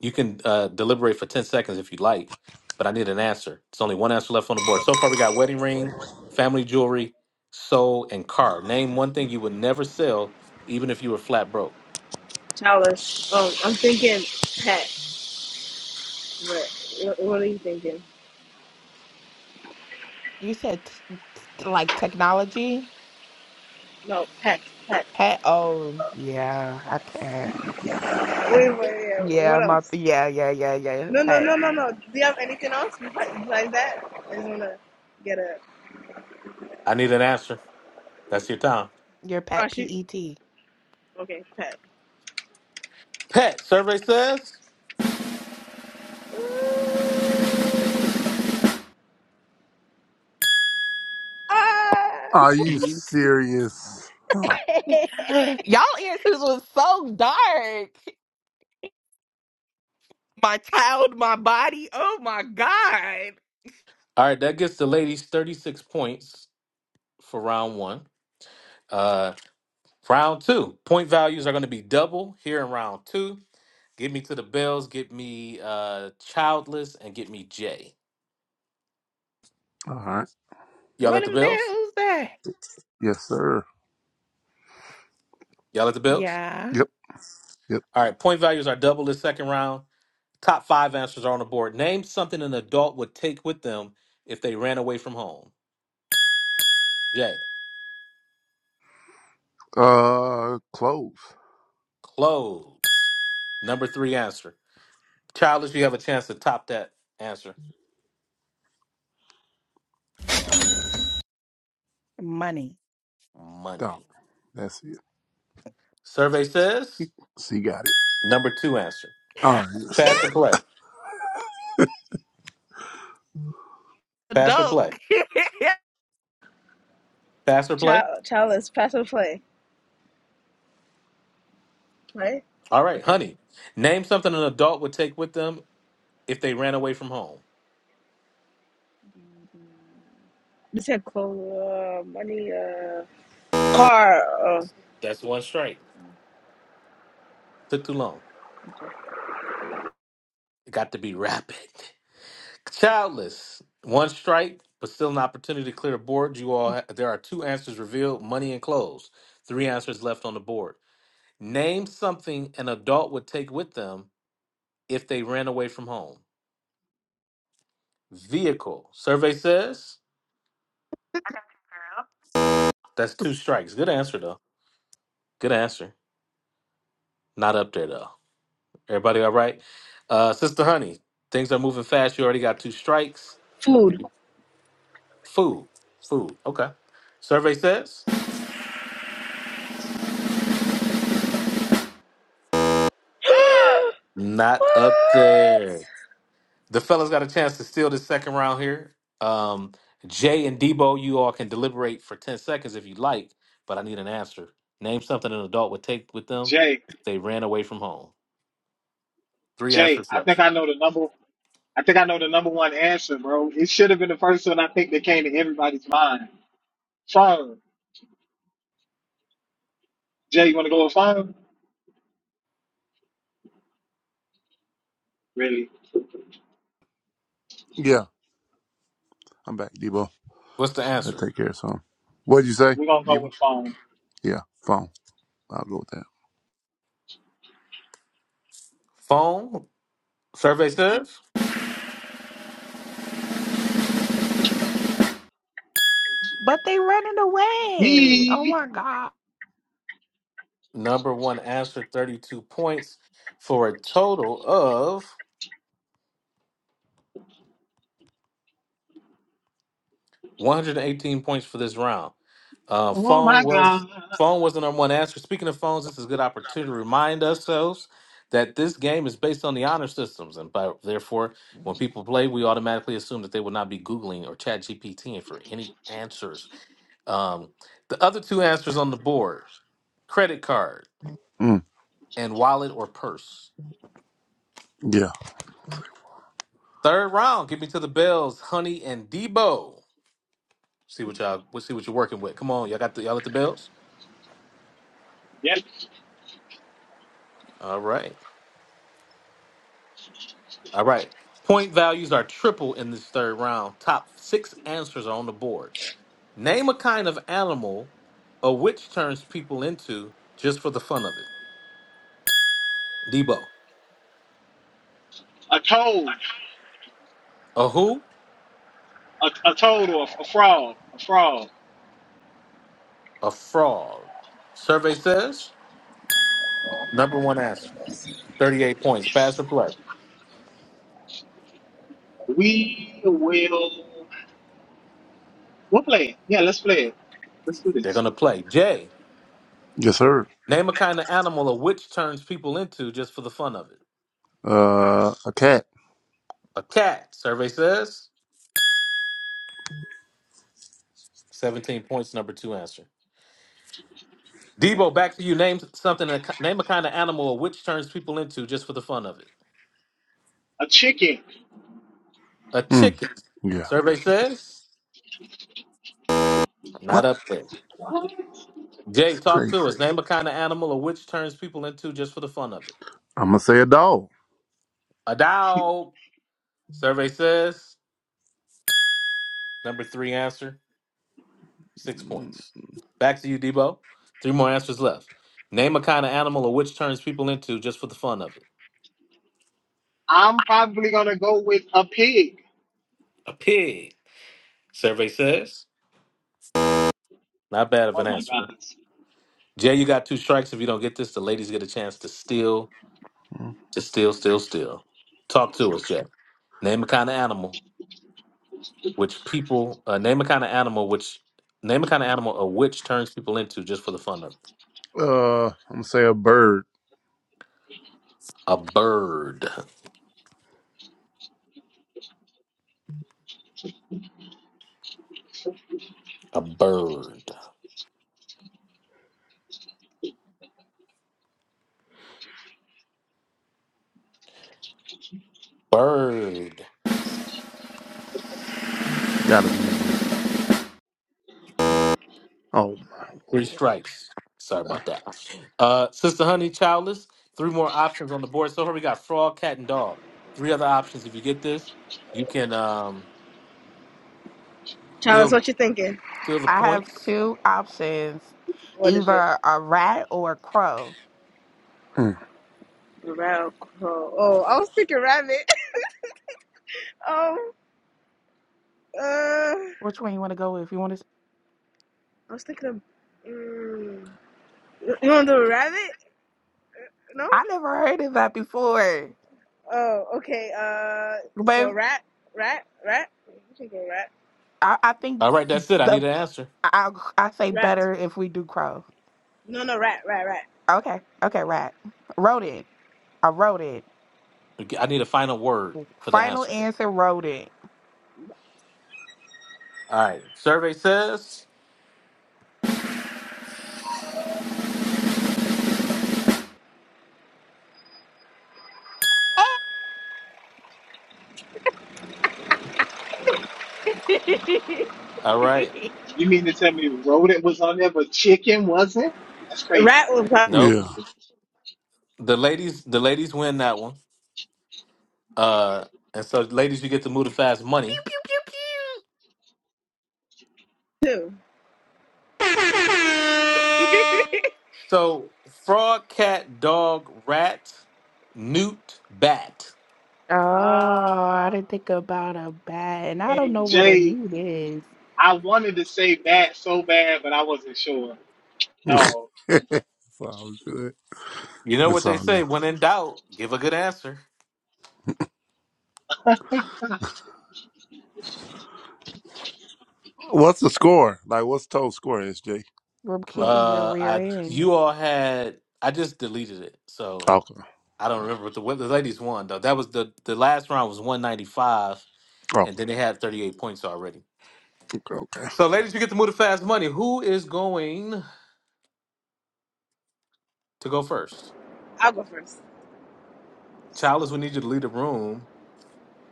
You can uh, deliberate for 10 seconds if you like, but I need an answer. It's only one answer left on the board. So far, we got wedding ring, family jewelry, soul, and car. Name one thing you would never sell, even if you were flat broke. Chalice. Um, I'm thinking pet. What? What what are you thinking? You said t like technology No, pet, pet. pet. Oh yeah, I pet. I, Wait, wait, yeah. yeah, What my else? yeah yeah yeah yeah No, no, pet. no, no, no. Do you have anything else besides that? I just wanna get a. I need an answer. That's your time. Your Oh, pet she. PET. Okay, pet. Pet, survey says. Ah! Are you Mhm. serious? Huh. Y'all answers was so dark. My child, my body. Oh my God. All right, that gets the ladies 36 points for round one. Uh, round two, point values are going to be double here in round two. Get me to the Bells, get me uh, Childless, and get me Jay. All right. Y'all What at the them Bells? bills That Yes, sir. Y'all at the Bills? Yeah, Yep. Yep. All right, point values are double this second round. Top five answers are on the board. Name something an adult would take with them if they ran away from home. Jay, Uh, close. clothes. Number three answer. Childish, you have a chance to top that answer. money. No, Money. that's it. Survey says She got it. number two answer. All right. She Pass or had play? Pass or Dope. play? Pass or play? Child, child is pass and play, right? All right, Okay. honey. Name something an adult would take with them if they ran away from home. You said clothes, uh, money, uh, car, uh, That's one straight. Took too long. It got to be rapid. Childless. One strike, but still an opportunity to clear a board. You all, ha- there are two answers revealed: money and clothes. Three answers left on the board. Name something an adult would take with them if they ran away from home. Vehicle. Survey says that's two strikes. Good answer though. Good answer. Not up there though. Everybody all right? Uh, Sister Honey, things are moving fast. You already got two strikes. food. Food. Food. Okay. Survey says what? not up there. The fellas got a chance to steal this second round here. Um, Jay and Debo, you all can deliberate for ten seconds if you like, but I need an answer. Name something an adult would take with them Jay, if they ran away from home. Three Jay, answers I think left. I know the number. I think I know the number one answer, bro. It should have been the first one. I think that came to everybody's mind. Phone. Jay, you wanna go with phone? Really? it. Yeah. I'm back, Debo. What's the I answer? take care of some. What'd you say, We're gonna go Debo? with phone. Yeah. Phone. I'll go with that. Phone. Survey says But they running away. Oh He. my god. number one answer, thirty-two points for a total of 118 points for this round. Uh, Oh phone my was God. phone was the number one answer. Speaking of phones, this is a good opportunity to remind ourselves that this game is based on the honor systems, and by, therefore, when people play, we automatically assume that they will not be Googling or Chat GPTing for any answers. Um, the other two answers on the board: credit card Mm. and wallet or purse. Yeah. Third round, give me to the bells, honey and Debo. See what y'all, we'll see what you're working with. Come on, y'all got the y'all at the bells. Yep. All right. All right. Point values are triple in this third round. Top six answers are on the board. Name a kind of animal a witch turns people into just for the fun of it. Debo. A toad. A who? A, a toad or a a frog? A frog. A frog. Survey says number one answer. 38 points. Pass or play? We will. We'll play it. Yeah, let's play it. Let's do They're this. going to play. Jay. Yes, sir. Name a kind of animal a witch turns people into just for the fun of it. Uh, a cat. A cat. Survey says 17 points. Number two answer. Debo, back to you. Name something. Name a kind of animal which turns people into just for the fun of it. A chicken. A Mm. chicken. Yeah. Survey says not What? up there. Jay, talk Crazy. to us. Name a kind of animal or which turns people into just for the fun of it. I'm gonna say a dog. A dog. Survey says number three answer. Six Mm. points. Back to you, Debo. Three more answers left. Name a kind of animal or which turns people into just for the fun of it. I'm probably gonna go with a pig. A pig. Survey says not bad of Oh an my answer. gosh. Jay, you got two strikes. If you don't get this, the ladies get a chance to steal, to steal, steal, steal. Talk to us, Jay. Name a kind of animal which people uh, name a kind of animal which name a kind of animal a witch turns people into just for the fun of it. Uh, I'm gonna say a bird. A bird. A bird. Bird. It's gotta be in there. Oh my Three lord. strikes. Sorry about that. Uh, Sister Honey, childless. Three more options on the board. So here we got frog, cat, and dog. Three other options. If you get this, you can um, Chalice, steal what you thinking? steal the I have points. two options. What is it? Either a rat or a crow. Rabbit. Oh, I was thinking rabbit. um, uh, Which one you want to go with? You want to I was thinking of. mm, You want to do a rabbit? No? I never heard of that before. Oh, okay. Uh, so But rat, rat, rat. You can go rat, I, I think All right, that's it. I need the an answer. I I say rat. better if we do crow. No, no, rat, rat, rat. Okay. Okay, rat. Wrote it. I wrote it. I need a final word for the Final answer. answer wrote it. All right. Survey says. pew All right. You mean to tell me rodent was on there, but chicken wasn't? That's crazy. Rat will probably Nope. Mm. The ladies, the ladies win that one. Uh, and so ladies, you get to move to fast money. pew pew too. pew. So frog, cat, dog, rat, newt, bat. Oh, Uh, I didn't think about a bat, and I don't know And what a Jay, newt is. I wanted to say bat so bad, but I wasn't sure. Yeah. No. Sounds good. You know It's what they all good. say? When in doubt, give a good answer. What's the score? Like, what's total score, SJ? From Like, kicking your Uh, rear I end. you all had. I just deleted it, so okay, I don't remember what the what the ladies won though. That was the the last round was one ninety five and okay, then they had 38 points already. okay, okay. So, ladies, you get to move to fast money. Who is going to go first? I'll go first. Childless, we need you to leave the room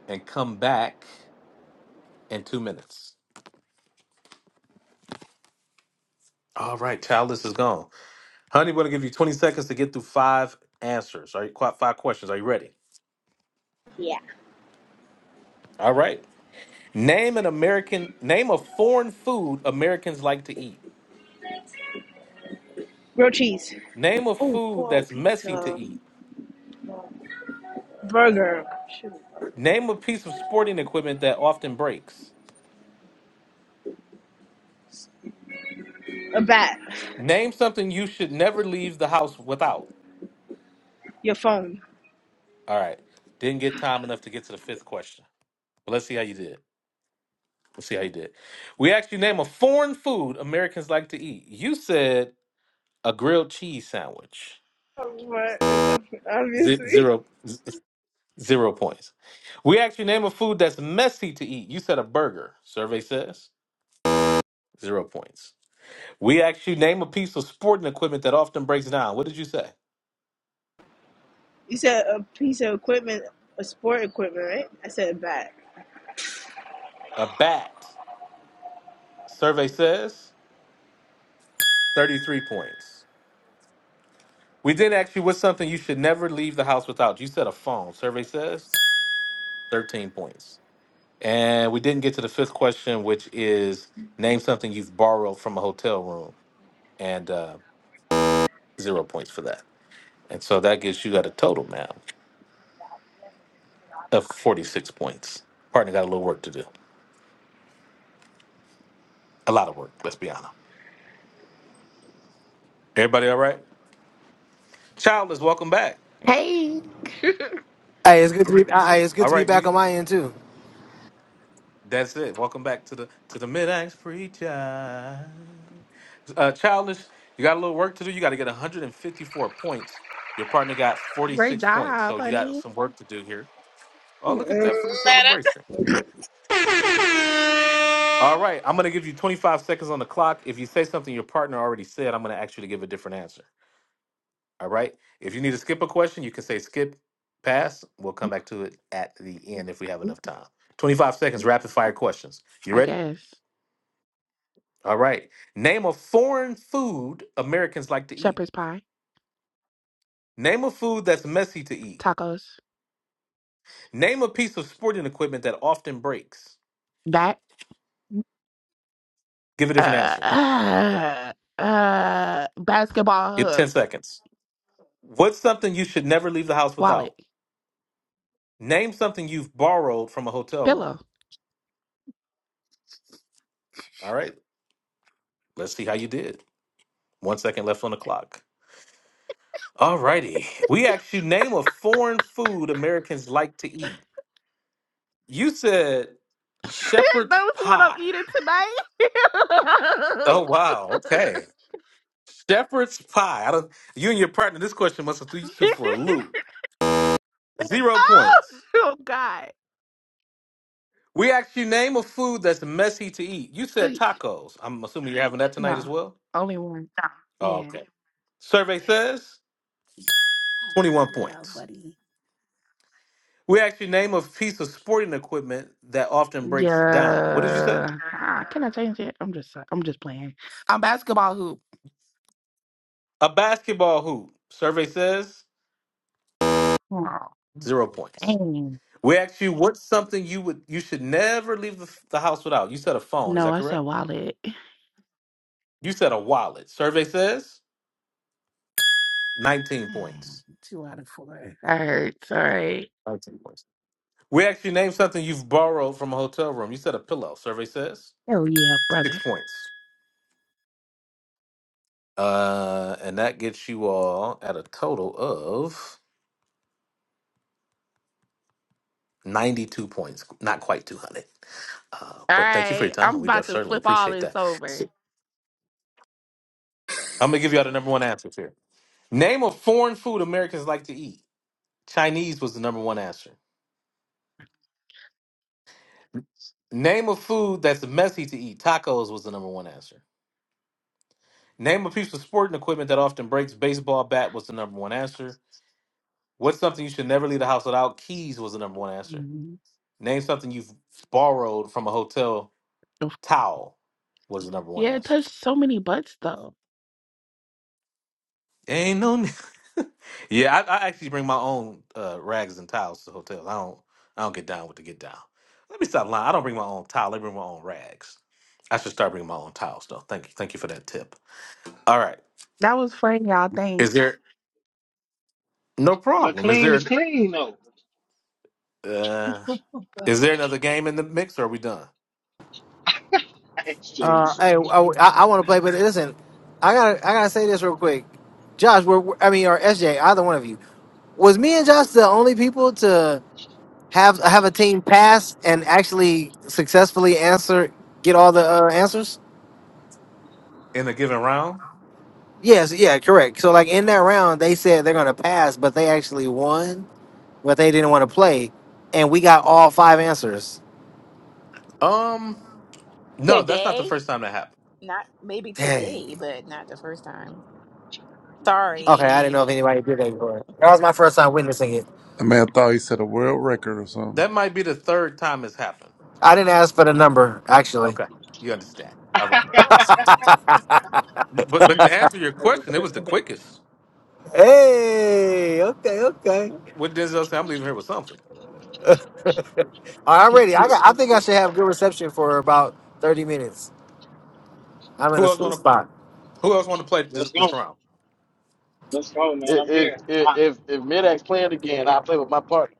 and come back in two minutes. All right, Childless is gone. Honey, we're going to give you 20 seconds to get through five answers. Are you qu- five questions? Are you ready? Yeah. All right. Name an American, name a foreign food Americans like to eat. Grilled cheese. Name a Oh, food four that's messy to pizza. eat. Burger. Shoot. Name a piece of sporting equipment that often breaks. A bat. Name something you should never leave the house without. Your phone. All right. Didn't get time enough to get to the fifth question. But let's see how you did. Let's see how you did. We asked you name a foreign food Americans like to eat. You said a grilled cheese sandwich. What? Ze- Obviously. Zero, z- zero points. We asked you name a food that's messy to eat. You said a burger. Survey says zero points. We asked you name a piece of sporting equipment that often breaks down. What did you say? You said a piece of equipment, a sport equipment, right? I said a bat. A bat. Survey says 33 points. We did ask you what's something you should never leave the house without. You said a phone. Survey says 13 points. And we didn't get to the fifth question, which is name something you've borrowed from a hotel room and uh, zero points for that. And so that gives you got a total now of 46 points. Partner got a little work to do. A lot of work, let's be honest. Everybody all right? Childless, welcome back. Hey, Hey, it's good to be. Hey, it's good All to be right, back you on my end too. That's it. Welcome back to the to the mid axe preacher. Uh, childish, you got a little work to do. You got to get 154 points. Your partner got great 46 points, job, so you got honey. some work to do here. Oh, look at Matter. that for the celebration! All right, I'm gonna give you 25 seconds on the clock. If you say something your partner already said, I'm gonna ask you to give a different answer. All right. If you need to skip a question, you can say skip, pass. We'll come back to it at the end if we have enough time. 25 seconds, rapid fire questions. You I ready? guess All right. Name a foreign food Americans like to eat. shepherd's pie, Name a food that's messy to eat. tacos, Name a piece of sporting equipment that often breaks. bat, Give a uh, different answer. uh, uh, basketball Give 10 hook, seconds. What's something you should never leave the house wallet, without? Name something you've borrowed from a hotel room. pillow. All right. Let's see how you did. One second left on the clock. All righty. We asked you name a foreign food Americans like to eat. You said shepherd's That's what I'm pie. eating tonight. Oh, wow. Okay. Shepherd's pie. I don't, you and your partner, this question must have threw you two for a loop. Zero oh, points. oh God. We asked you name a food that's messy to eat. You said Ay, tacos. I'm assuming you're having that tonight as Nah, well. only one. Oh, Yeah. okay. Survey says 21 Yeah, points. buddy. We asked you name a piece of sporting equipment that often breaks down. What did you say? Yeah. Ah, can I change it? I'm just I'm just playing. I'm basketball hoop. A basketball hoop. Survey says Oh, zero points. dang. We asked you what's something you would you should never leave the, the house without. You said a phone. Is No, that I said correct? wallet. You said a wallet. Survey says 19 Mm, points. Two out of four. That hurts. All right. We actually named something you've borrowed from a hotel room. You said a pillow, survey says. Hell yeah, Six brother. points. Uh, and that gets you all at a total of 92 points. Not quite 200. Uh, All but thank you for your right. time. I'm We def- about to certainly flip all appreciate this that. over. I'm going to give you all the number one answers here. Name a foreign food Americans like to eat. Chinese was the number one answer. Name a food that's messy to eat. Tacos was the number one answer. Name a piece of sporting equipment that often breaks. Baseball bat was the number one answer. What's something you should never leave the house without? Keys was the number one answer. Mhm. Name something you've borrowed from a hotel. Oof. Towel was the number one Yeah, it answer. touched so many butts though. Ain't no. yeah, I, I actually bring my own uh, rags and towels to hotels. I don't. I don't get down with the get down. Let me stop lying. I don't bring my own towel. I bring my own rags. I should start bringing my own towels though. Thank you. Thank you for that tip. All right. That was fun, y'all. Is Thanks. there no But problem? Is clean is there? clean though. Uh, is there another game in the mix? Or are we done? Thanks, Uh, Jason. hey, oh, I, I want to play, but listen, I gotta, I gotta say this real quick. Josh, we're, we're- I mean, or SJ, either one of you, was me and Josh the only people to have have a team pass and actually successfully answer, get all the uh, answers? in a given round? Yes, yeah, correct. So like in that round, they said they're gonna pass, but they actually won, but they didn't want to play, and we got all five answers. Um, no, that's not the Today? first time that happened. Not maybe Dang. today, but not the first time. Okay, I didn't Sorry. know if anybody did that before. That was my first time witnessing it. The man thought he said a world record or something. That might be the third time it's happened. I didn't ask for the number actually. You understand? All right. But but to answer your question, it was the quickest. Hey, okay, okay. What did Denzel say? I'm leaving here with something. All right, I'm ready. I got. I think I should have good reception for about thirty minutes. I'm in Who a else sweet want to? spot. Who else want to play this Let's this go. round? Let's go, man. I'm if here. if I- if if Midak's playing again, I play with my partner.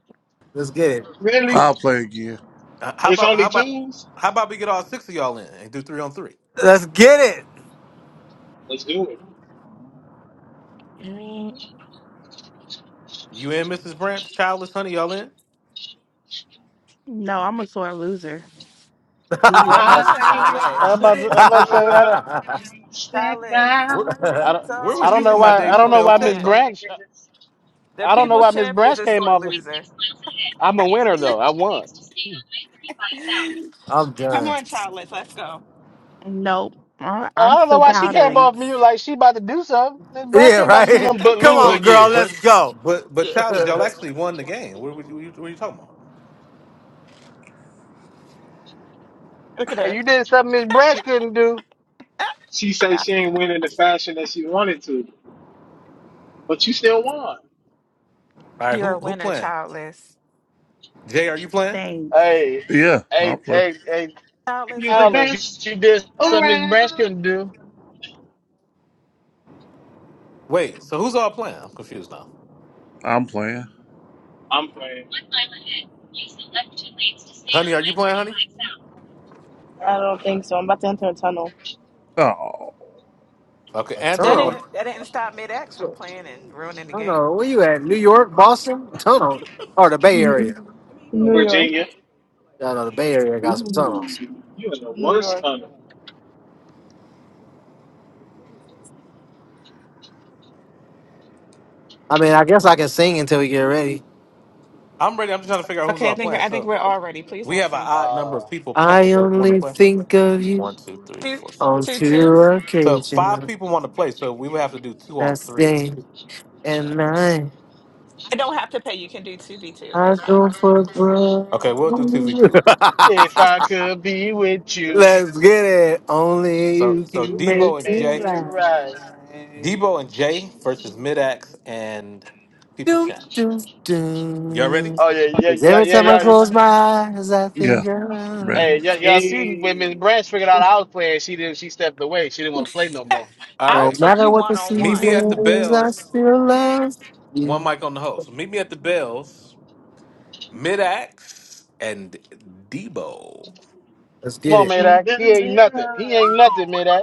Let's get it. really? Who? I'll play again. uh, How It's about how only about twos? how about we get all six of y'all in and do three on three? Let's get it. Let's do it. Mm. You and Mrs. Branch, Childless Honey, y'all in? No, I'm a sore loser. You, Oh, Well, I come Light s- on, childless. I'm of about the to, I'm about to say I world, don't, you step Childless. where out. I don't. where So I was you don't for know is my the why Dave I don't know people's Chappelle why TED Miss champ. talk? Branch The I don't know people's why Miss champ is Branch a came sore off. loser. I'm a winner though. I won. I'm come done. on, childless. Let's go. Nope. I- I'm I don't know still why Oh, she came pouting. off me yikes. like she about to do something. Miss Branch Yeah, ain't about to do right. nothing but Come lose on, But girl. again. but Let's go. but but childish, y'all actually won the game. What, what, what, you, what are you talking about? Look at Hey, her. you did something Miss Branch She, couldn't do. she say she ain't winning the fashion that she wanted to, but you still won. All right, You're who a who winner, playing? childless. Jay, are you playing? Thanks. Hey, Yeah, hey, I'll play. hey, hey, Childless, Alice, honey. you, you did something Honey. Miss Branch couldn't do. Wait, so who's all playing? I'm confused now. I'm playing. I'm playing Honey, are you playing, honey? I don't think so. I'm about to enter a tunnel. Oh, Okay, a Angelo, That you tunnel. want? didn't that didn't stop mid-X from playing and ruining I the don't game. know where you at. New York, Boston, tunnel, or the Bay Area. New York, Virginia. I know the Bay Area got some Ooh, tunnels. you in the New worst York. tunnel. I mean, I guess I can sing until we get ready. I'm ready. I'm just trying to figure out who's Okay, I all think playing. I think So we're all ready. Please we don't have an sing. odd number uh, of people playing I that want to only play. think of you One, two, three, Two, four, five. on two, two two. So five occasions. people want to play. So we would have to do two on That's three. day and night. I don't have to pay. You can do two v two. I It's fine. go for broke. Okay, we'll do two v two. If I could be with you, Let's get it. Only So you so you can can make Debo and it make Jay, it right. right. Debo and Jay versus Midax and People's Doom, Champ. doom, Y'all ready? doom. Oh yeah, yeah, 'Cause yeah, every time I yeah, yeah. close my eyes, I yeah, think of ready. Hey, yeah, y'all us. see when Miss Hey, Branch figured out I was playing, she didn't. She stepped away. She didn't want to play no more. All No I'll right. take matter you what the one on Meet me one. at the season is, I Bells. still love One you. mic on the host. Meet me at the Bells, Mid Axe, and Debo. Let's Come get on, it. Midax. tender He ain't nothing. He ain't love, nothing, Midax.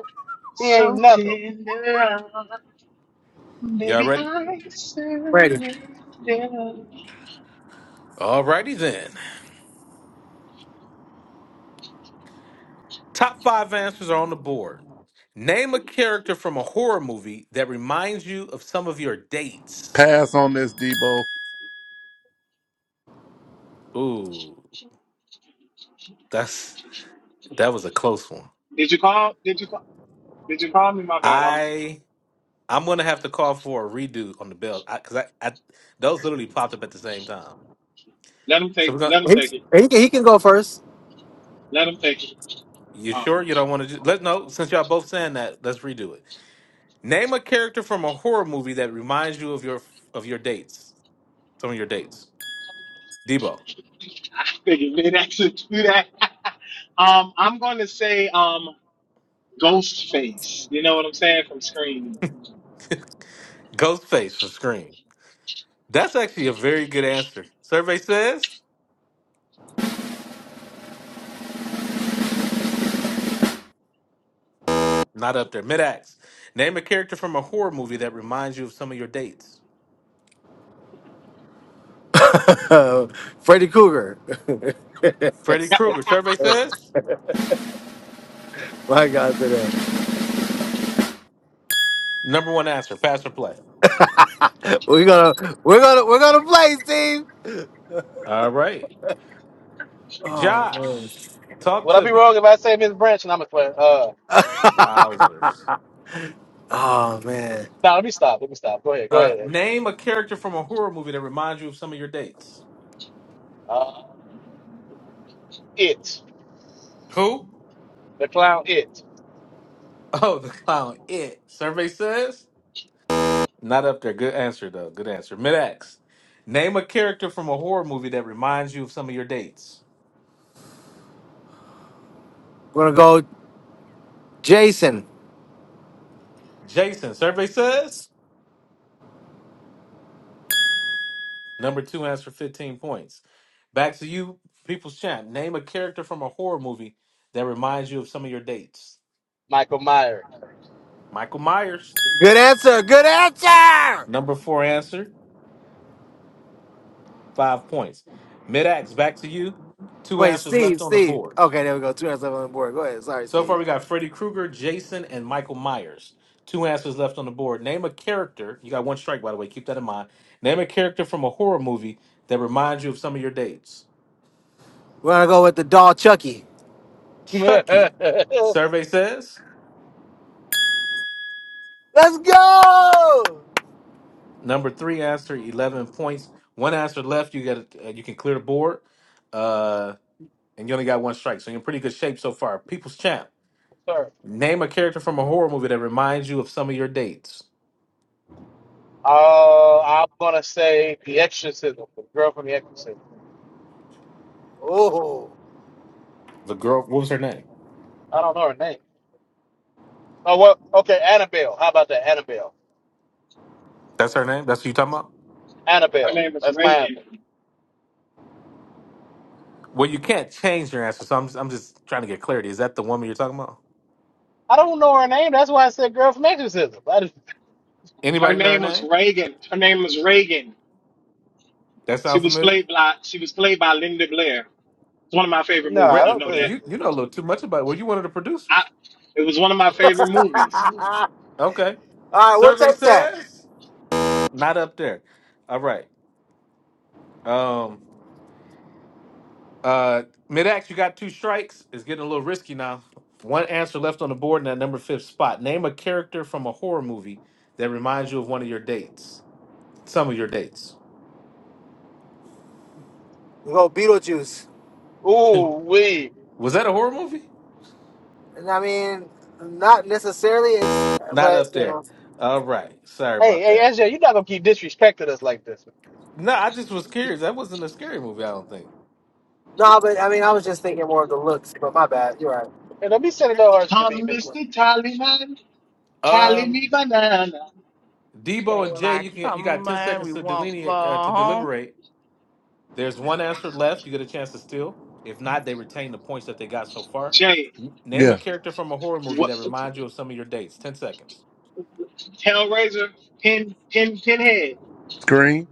He ain't so nothing. tender, Y'all baby, ready? I Ready. surrender. Did Alrighty then. Top five answers are on the board. Name a character from a horror movie that reminds you of some of your dates. Pass on this, Debo. Ooh, that's that was a close one. you call? Did you call? Did you call me? My bad. I'm. I I'm gonna have to call for a redo on the bell because I, 'cause I, I those literally popped up at the same time. Let him So we're take. gonna Let him He, take it. he, can, he can go first. Let him take it. You Um, sure you don't want to? Ju- let no. Since y'all both saying that, let's redo it. Name a character from a horror movie that reminds you of your of your dates. Some of your dates. Debo, I figured they'd actually do that. um, I'm going to say um, Ghostface. You know what I'm saying from Scream. Ghostface from Scream. That's actually a very good answer. Survey says not up there. Mid-ax. Name a character from a horror movie that reminds you of some of your dates. Freddy Cougar. Freddy Krueger. Survey says My God, today number one answer. Pass or play. we're gonna we're gonna we're gonna play, Steve. All right, Oh man. Josh, talk Would I to be me. wrong if I say Miss Branch and I'm a player? Uh, Wowzers. oh man. nah. let me stop. Let me stop. Go ahead. Go Uh, ahead. name a character from a horror movie that reminds you of some of your dates. Uh, it Who? the clown. It. Oh, the clown. It. Survey says. Not up there. Good answer, though. Good answer. Mid-X. Name a character from a horror movie that reminds you of some of your dates. We're gonna go, Jason. Jason. Survey says. Number two answer, 15 points. Back to you, People's Champ. Name a character from a horror movie that reminds you of some of your dates. Michael Myers. Michael Myers. Good answer. Good answer. Number four answer, five points. Mid-X, back to you. Two Wait, answers left Steve. on the Steve. board. Okay, there we go. Two answers left on the board. Go ahead. Sorry, So far, Steve. we got Freddy Krueger, Jason, and Michael Myers. Two answers left on the board. Name a character. You got one strike, by the way. Keep that in mind. Name a character from a horror movie that reminds you of some of your dates. We're gonna go with the doll, Chucky. Chucky. Survey says Let's go. number three answer, eleven points. One answer left. You got. Uh, you can clear the board, uh, and you only got one strike. So you're in pretty good shape so far. People's champ. Sorry. Name a character from a horror movie that reminds you of some of your dates. Uh, I'm gonna say the exorcism, the girl from the exorcism. Oh. The girl. What was her name? I don't know her name. Oh well, okay, Annabelle. How about that, Annabelle? That's her name. That's who you talking about. Her Annabelle. name was That's my Reagan. answer. Well, you can't change your answer, so I'm I'm just trying to get clarity. Is that the woman you're talking about? I don't know her name. That's why I said girl from exorcism. I just, Her Anybody know her name was name? Reagan. Her name was Reagan. That She sound was familiar? played by she was played by Linda Blair. It's one of my favorite no, movies. Re- I I don't. know that. you Uh, you know a little too much about it. Were you one of the I, producers? it was one of my favorite movies. Okay. All right, we'll Survey take that. says not up there. All right. Um. Uh. Mid-ax, you got two strikes. It's getting a little risky now. One answer left on the board in that number fifth spot. Name a character from a horror movie that reminds you of one of your dates. Some of your dates. We'll go Beetlejuice. ooh wee. Was that a horror movie? And I mean, not necessarily. It's Not but up you there. know, All right. Sorry Hey, about hey, that. SJ, you're not gonna keep disrespecting us like this. No, I just was curious. That wasn't a scary movie. I don't think. no. But I mean, I was just thinking more of the looks. But my bad. You're right. And don't be sending no hearts to me, Come, Miss. Wood. Mr. Taliban, tally Um, me banana. Debo and Jay, Daylight you can you got come, ten and seconds we to won't go delineate uh, to home. deliberate. There's one answer left. You get a chance to steal. If not, they retain the points that they got so far. Jay, N- Name a Yeah, character from a horror movie what? that reminds you of some of your dates. Ten seconds. Hellraiser, pin, pin, pinhead. Screen.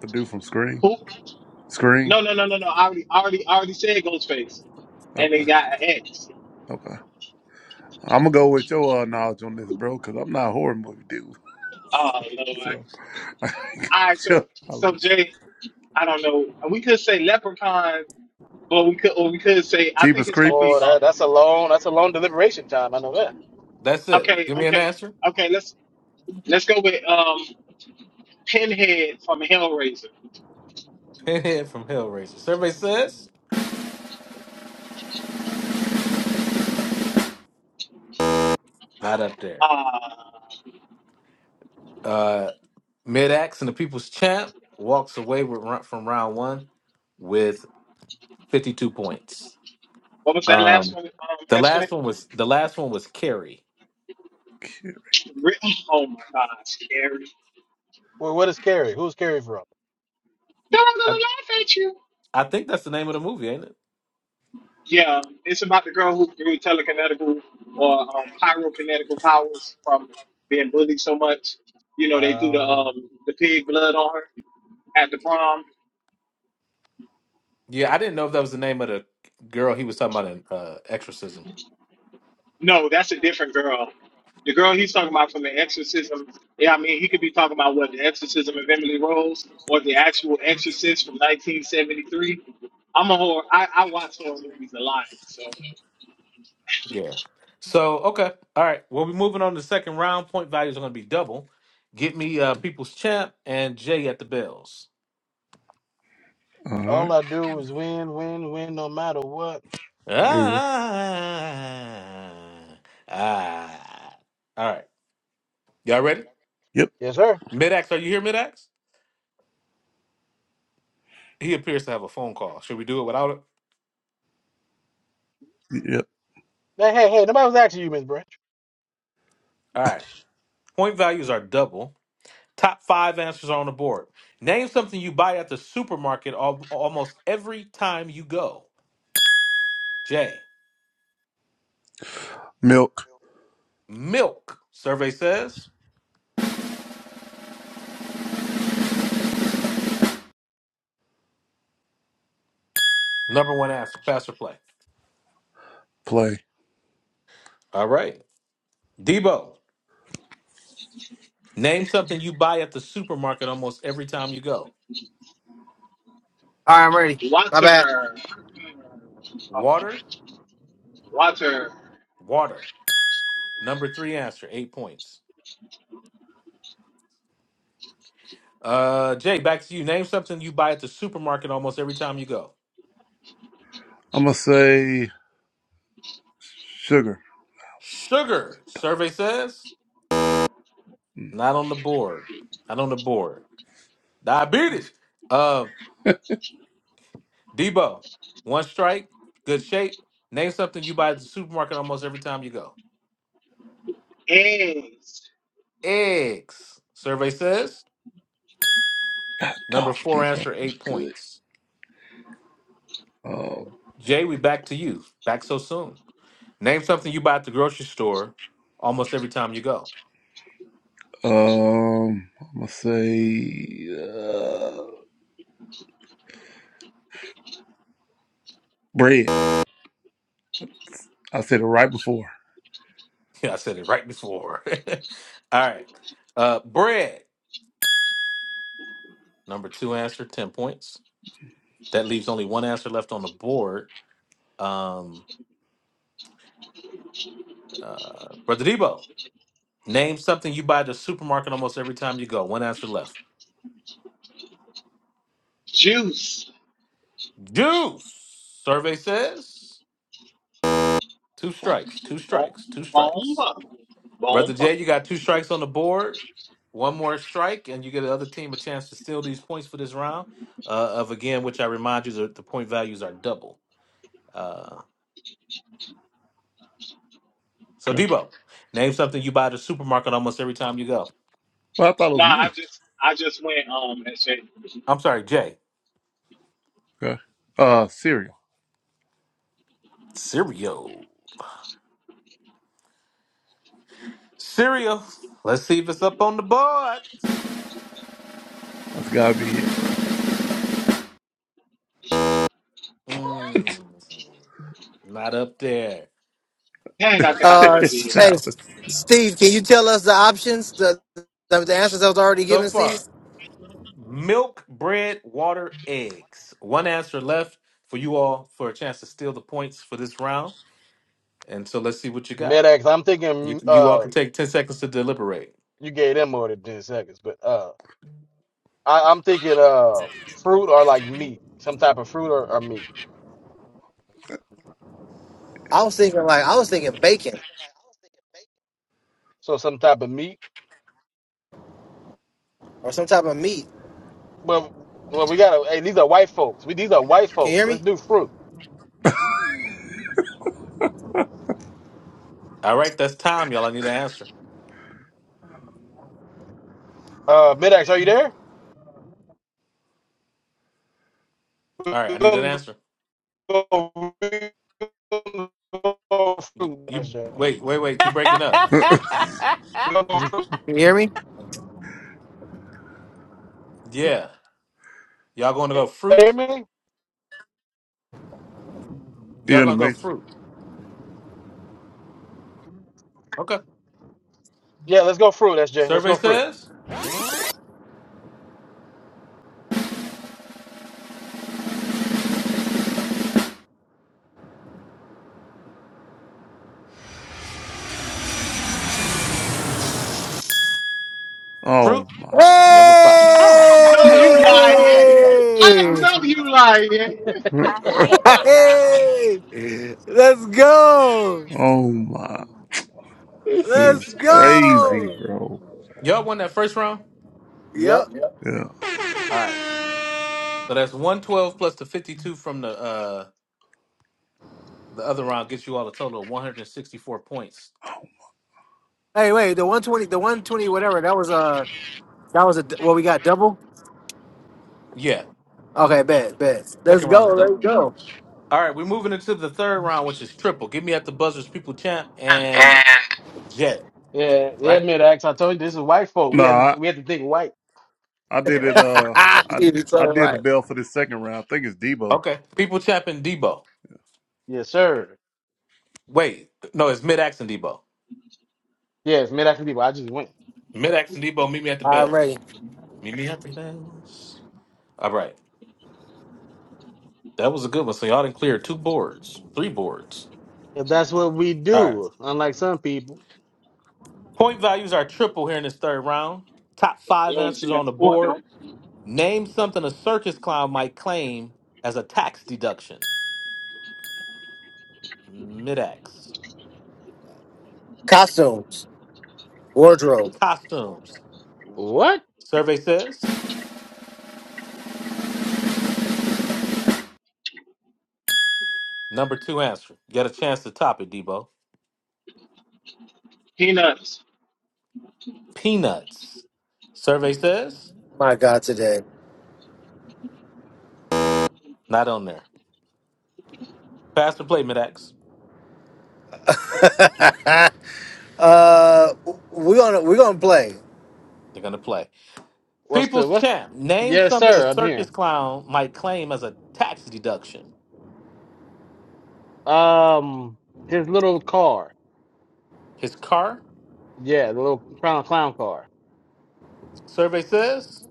The dude from Screen. Screen. No, no, no, no, no. I already, I already, I already said Ghostface, and they Okay, got an X. okay. I'm gonna go with your uh, knowledge on this, bro, because I'm not a horror movie dude. Oh Lord. All right, so, So, I'll let so you. Jay, I don't know. We could say Leprechaun, but we could, or we could say I think Jeepers it's gonna be Boy, Creepers. that, um. that's a long, that's a long deliberation time. I know that. That's it. Okay, Give me an okay, answer. okay. Let's let's go with um Pinhead from Hellraiser. Pinhead from Hellraiser. Survey says not up there. Uh, Uh, Mid Axe and the People's Champ walks away with ro- from round one with 52 points. what was that last Um, one? Um, the SJ? last one was the last one was Carrie. Ri- Oh my God, scary. Well, what is Carrie? Who's Carrie from? No, I'm I, gonna laugh at you. I think that's the name of the movie, ain't it? Yeah, it's about the girl who grew telekinetical or um, pyrokinetical powers from being bullied so much. You know, they threw the Uh, um, the pig blood on her at the prom. Yeah, I didn't know if that was the name of the girl he was talking about in uh, Exorcism. No, that's a different girl. The girl he's talking about from the exorcism. Yeah, I mean, he could be talking about what the exorcism of Emily Rose or the actual exorcist from 1973. I'm a horror. I, I watch horror movies a lot. So, Yeah. So okay, all right. Well, we're moving on to the second round. Point values are going to be double. Get me uh, People's Champ and Jay at the bells. All right. all I do is win, win, win, no matter what. Weird. Ah, ah. ah, ah. All right, y'all ready? Yep. Yes, sir. Midax, are you here? Midax? He appears to have a phone call. Should we do it without it? Yep. Hey, hey, hey, nobody was asking you, Miss Branch. All right. Point values are double. Top five answers on the board. Name something you buy at the supermarket al- almost every time you go. J. Milk Milk. Survey says number one answer. Pass or play. play. All right. Debo. Name something you buy at the supermarket almost every time you go. All right, I'm ready. My bad. water, um, Water. water, Water. Number three answer. Eight points. Uh, Jay, back to you. Name something you buy at the supermarket almost every time you go. I'm gonna say sugar. Sugar. Survey says not on the board. Not on the board. Diabetes. Uh, Debo, one strike, good shape. Name something you buy at the supermarket almost every time you go. eggs, Eggs. Survey says God, number Dolph four Depot answer was eight good. points. Oh, Jay, we back to you. Back so soon. Name something you buy at the grocery store almost every time you go. um, I'm gonna say uh, bread. I said it right before. Yeah, I said it right before. All right. Uh, bread. Number two answer, ten points. That leaves only one answer left on the board. Um, uh, Brother Debo. Name something you buy at the supermarket almost every time you go. One answer left. juice. Juice. Survey says two strikes, two Bomba. strikes, two strikes. Bomba. Brother bomba. Jay, you got two strikes on the board. One more strike, and you get the other team a chance to steal these points for this round. Uh, of again, which I remind you that the point values are double. Uh, so Okay. Debo, name something you buy at the supermarket almost every time you go. Well, I thought it Nah, was I me. just I just went um and said, I'm sorry, Jay. Okay. Uh, cereal. Cereal. Cereal. Let's see if it's up on the board. That's gotta be it, bro. Mm. Not up there. dang, I That's think I know Uh, what it s- is. hey, Child. Steve, can you tell us the options? The the, the answers I was already so given, Steve. far. Milk, bread, water, eggs. One answer left for you all for a chance to steal the points for this round. And so let's see what you got. Medax, I'm You thinking you all uh can take ten seconds to deliberate. you gave them more than ten seconds, but uh I, I'm thinking uh fruit or like meat. Some type of fruit or, or meat. I was thinking like I was thinking bacon So some type of meat. or some type of meat. Well well we gotta hey these are white folks. We these are white Can you folks. hear me? Let's do fruit. All right, that's time, y'all. I need an answer. Uh Medax, are you there? All right, We're I need an gonna answer. go, we're gonna go You, fruit, you SJ. wait, wait, wait. You breaking up? I We're gonna go You're fruit. Can you hear me? Yeah. Y'all going to Can go you Hear fruit? me? Y'all in the going to go matrix. fruit? Okay. Yeah, let's go fruit, SJ. Let's Survey go fruit. says Oh fruit. my. Hey! Number five. I I know hate you I hate lying. that I sound. know you lying. I hate that sound. Hey! Let's go! Oh my. This Let's is crazy, go! bro. Y'all won that first round. Yep. Yeah. All right. So that's 112 plus the 52 from the uh the other round gets you all a total of 164 points. Hey, wait, the one twenty, the one twenty, whatever. That was a, that was a. Well, we got double. Yeah. Okay, bet, bet. Let's Second go, round is double. let's go. All right, we're moving into the third round, which is triple. Give me at the buzzers, people champ and Jet, Yeah, yeah, right? mid-ax. I told you this is white folk. We had Nah. to, we had to think white. I did it. Uh, I it's I all did the right. bell for this second round. I think it's Debo. Okay. People champ and Debo. Yes, sir. Wait, no, it's mid ax and Debo. Yes, mid-ax people. I just went. Mid ax and Debo, meet me at the I'm bells. ready. Meet me at the bells. All right. That was a good one. So y'all didn't clear two boards, three boards. That's what we All right. do. Unlike some people. Point values are triple here in this third round. Top You five don't answers see me on on the the court board though. Name something a circus clown might claim as a tax deduction. Mid-X. Costumes, wardrobe. Costumes. What? Survey says. Number two answer. Get a chance to top it, Debo. Peanuts. Peanuts. Survey says. My God, today. Not on there. Faster play, Mid-X. Uh, we're gonna we're gonna play. They're going to play. What's the People's what's? Champ. Name Yes, something a sir. I'm here. circus clown might claim as a tax deduction. Um, his little car. His car. Yeah, the little clown clown car. Survey says.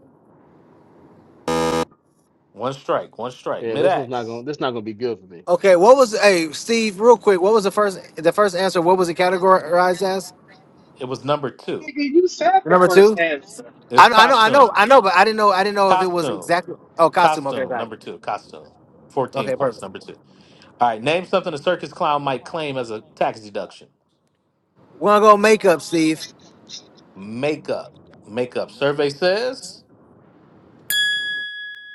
One strike. One strike. Yeah, this one's not gonna. Mid-X. This not gonna be good for me. Okay, what was? Hey, Steve, real quick. What was the first the first answer? What was it categorized as? It was number two. Nigga, you said The the number first two. answer. It's I, I know, I know, costume. I know, but I didn't know, I didn't know if it was Costume. exactly. Oh, costume. Okay, Costume, got it. number two, costume. 14 Okay, points, perfect. number two. All right, name something a circus clown might claim as a tax deduction. We're gonna go makeup, Steve. Makeup. Makeup. Survey says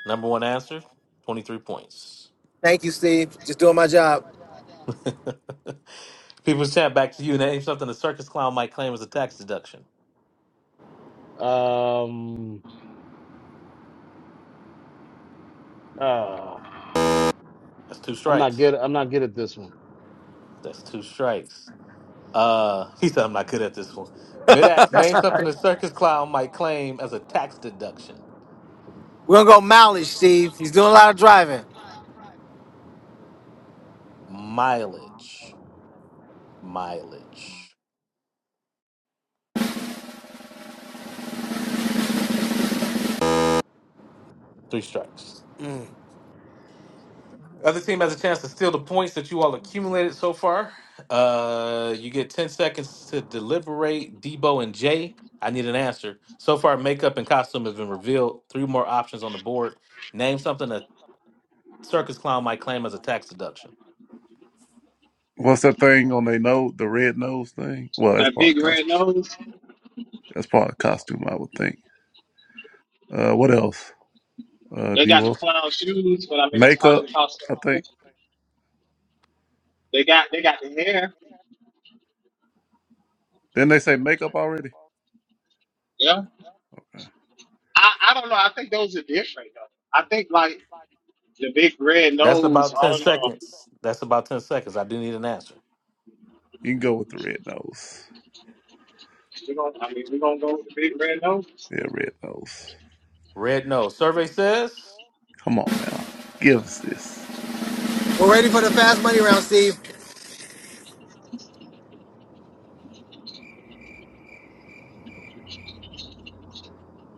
number one answer, 23 points. Thank you, Steve. Just doing my job. People chat back to you. Name something a circus clown might claim as a tax deduction. Um, uh, That's two I'm not strikes. good. I'm not good at this one. That's two strikes. Uh, he said I'm not good at this one. Mid-ax, name something a circus clown might claim as a tax deduction. We're gonna go mileage, Steve. He's doing a lot of driving. Mileage. Mileage. Three strikes. Mm. Other team has a chance to steal the points that you all accumulated so far. Uh, you get 10 seconds to deliberate. Debo and Jay, I need an answer. So far, makeup and costume have been revealed. Three more options on the board. Name something a circus clown might claim as a tax deduction. What's that thing on their nose? The red nose thing. Well, that's That part of big the red costume. nose. That's part of the costume, I would think. Uh, what else? Uh, They got the Debo clown shoes, but I mean that's part of makeup. the cost I of the think. country. They got they got the hair. Didn't they say makeup already? Yeah. Okay. I, I don't know. I think those are different though. I think like the big red That's nose, about I 10 don't know. seconds. That's about 10 seconds. I do need an answer. You can go with the red nose. we gonna, I mean, we're gonna go with the big red nose. Yeah, red nose. Red nose. Survey says Come on now, give us this. We're ready for the fast money round, Steve.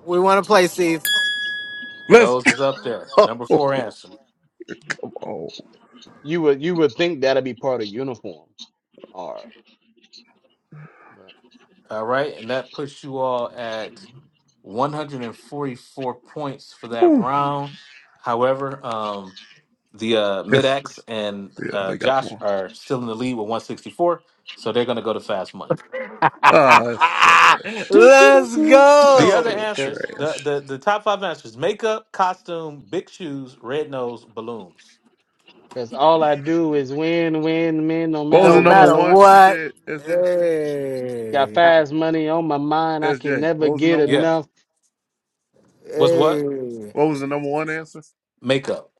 We want to play, Steve. Let's nose go. is up there. Number four Come answer. on. You would you would think that'd be part of uniform, or All right. And that puts you all at 144 points for that Woo. round. However, um, the uh, It's, Mid-X and yeah, uh, they got Josh more. are still in the lead with 164, so they're going to go to fast money. Ah, that's trash. Do, do, do, Let's do. That's The other still go. answers, the, trash. the, the top five answers makeup, costume, big shoes, red nose, balloons. Cause all I do is win, win, win, no What was matter the No number what. matter one? You what. said SJ. Got Hey. fast money on my mind. I can SJ. never What was the get number Yeah. one? enough. What's what? Hey. What was the number one answer? Makeup.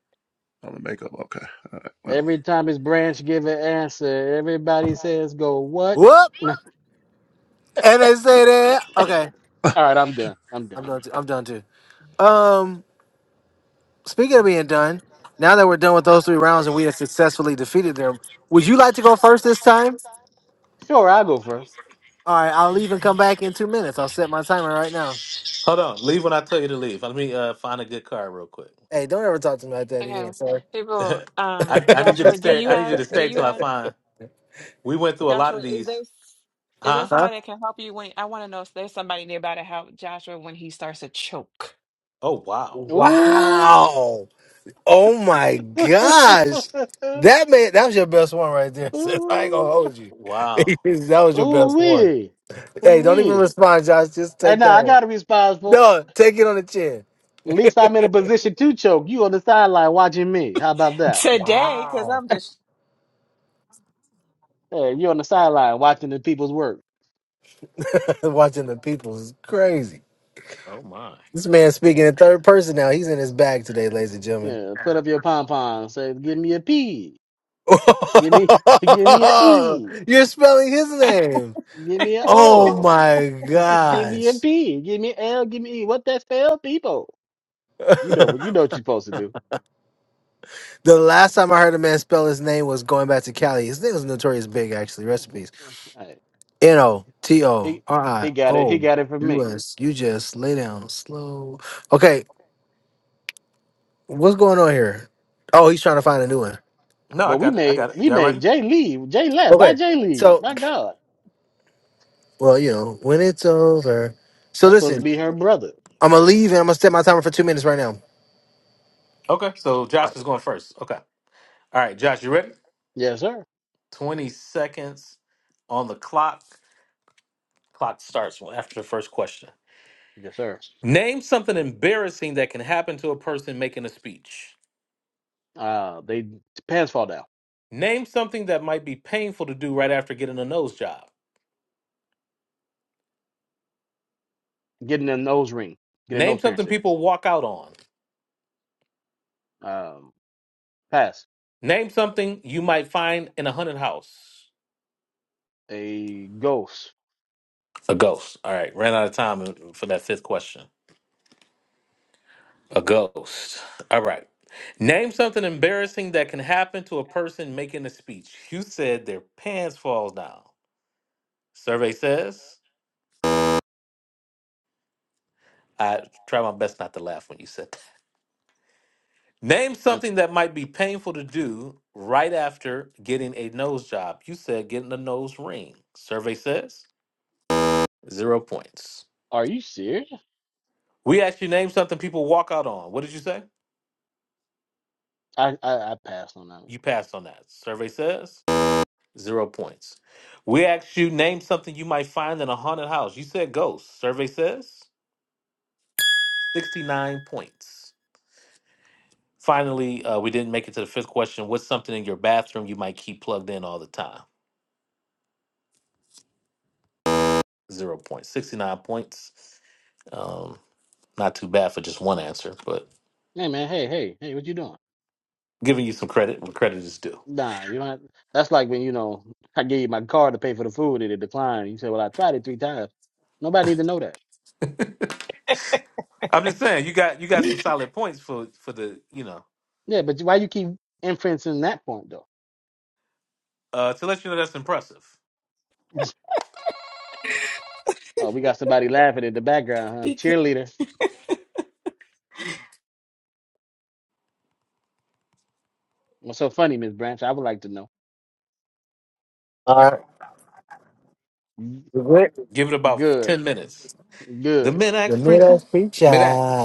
Oh, the makeup. Okay. All right. Well, Every time his branch give an answer, everybody says, "Go what?" Whoop. all And they say that. Okay. right, I'm done. I'm done. I'm done. Too. I'm done too. Um, speaking of being done, now that we're done with those three rounds and we have successfully defeated them, would you like to go first this time? Sure, I'll go first. All right, I'll leave and come back in two minutes. I'll set my timer right now. Hold on. Leave when I tell you to leave. Let me uh, find a good card real quick. Hey, don't ever talk to me like that Okay, again, sir. people. Um, I, I need you to Joshua, do stay. you I need you have? to Do stay you till I have? find. We went through a lot of Joshua, is there these. is there Huh? Huh? somebody that can help you when I want to know if there's somebody nearby to help Joshua when he starts to choke? Oh wow. Ooh, Wow. Oh my gosh. That man, that was your best one right there, sis. I ain't ooh, gonna hold you. Wow. that was your ooh best one. wee, Hey, ooh don't even wee. respond, Josh. Just Hey, take now that I one. gotta be responsible. No, take it on the chin. At least I'm in a position to choke. You on the sideline watching me. How about that? Today, because Wow. I'm just Hey, you on the sideline watching the people's work. Watching the people is crazy. Oh my. This man Yeah, speaking in third person now. He's in his bag today, ladies and gentlemen. yeah. Put up your pom pom. Say, give me a P. Give me, give me a E. You're spelling his name. Give me an O. Oh my Give me a gosh. P. Give me L. Give me E. What that spell, people? You know, the what? you know what you're supposed to do. last time I heard a man spell his name was going back to Cali. His name was Notorious Big, actually. Recipes. Alright. N O T O He R I he got it. He O got it from me. U S. You just lay down slow. Okay, what's going on here? Oh, he's trying to find a new one. No, I But we got it. I made got it. we Y'all made ready? Jay leave. Jay left. Why Okay, Jay leave? so, My God, well, you know, when it's over. So that's supposed to listen, be her brother. I'm going to leave and I'm going to set my timer for two minutes right now. Okay. So All Josh right. is going first. Okay. All right, Josh, you ready? Yes, sir. 20 seconds on the clock. Clock starts after the first question. Yes, sir. Name something embarrassing that can happen to a person making a speech. Uh, they pants fall down. Name something that might be painful to do right after getting a nose job. Getting a nose ring. Get a Name nose something piercing. people walk out on. Um, pass. Name something you might find in a haunted house. A ghost. A ghost. All right. Ran out of time uh, for that fifth question. A ghost. All right. Name something embarrassing that can happen to a person making a speech. You said their pants falls down. Survey says. I try my best not to laugh when you said that. Name That's- something that might be painful to do right after getting a nose job. You said getting a nose ring. Survey says zero points. Are you serious? We asked you name something people walk out on. What did you say? I, I I passed on that. one. You passed on that. Survey says Zero points. We asked you name something you might find in a haunted house. You said ghosts. Survey says 69 points. Finally, uh, we didn't make it to the fifth question. What's something in your bathroom you might keep plugged in all the time? Zero points. 69 points. Um, not too bad for just one answer, but Hey man, hey hey hey, what you doing? giving you some credit when credit is due. Nah, you don't. Have, that's like when you know I gave you my card to pay for the food and it declined. You said, "Well, I tried it three times." Nobody need to know that. I'm just saying you got you got some solid points for for the you know Yeah, but why you keep inferencing that point though? uh, to let you know that's impressive. Oh, we got somebody laughing in the background, huh? because, Cheerleader. What's so funny, Miss Branch? I would like to know. All "Mm, right. Give it about Good, ten minutes. The good. mid The axe preacher, middle preacher. mid axe.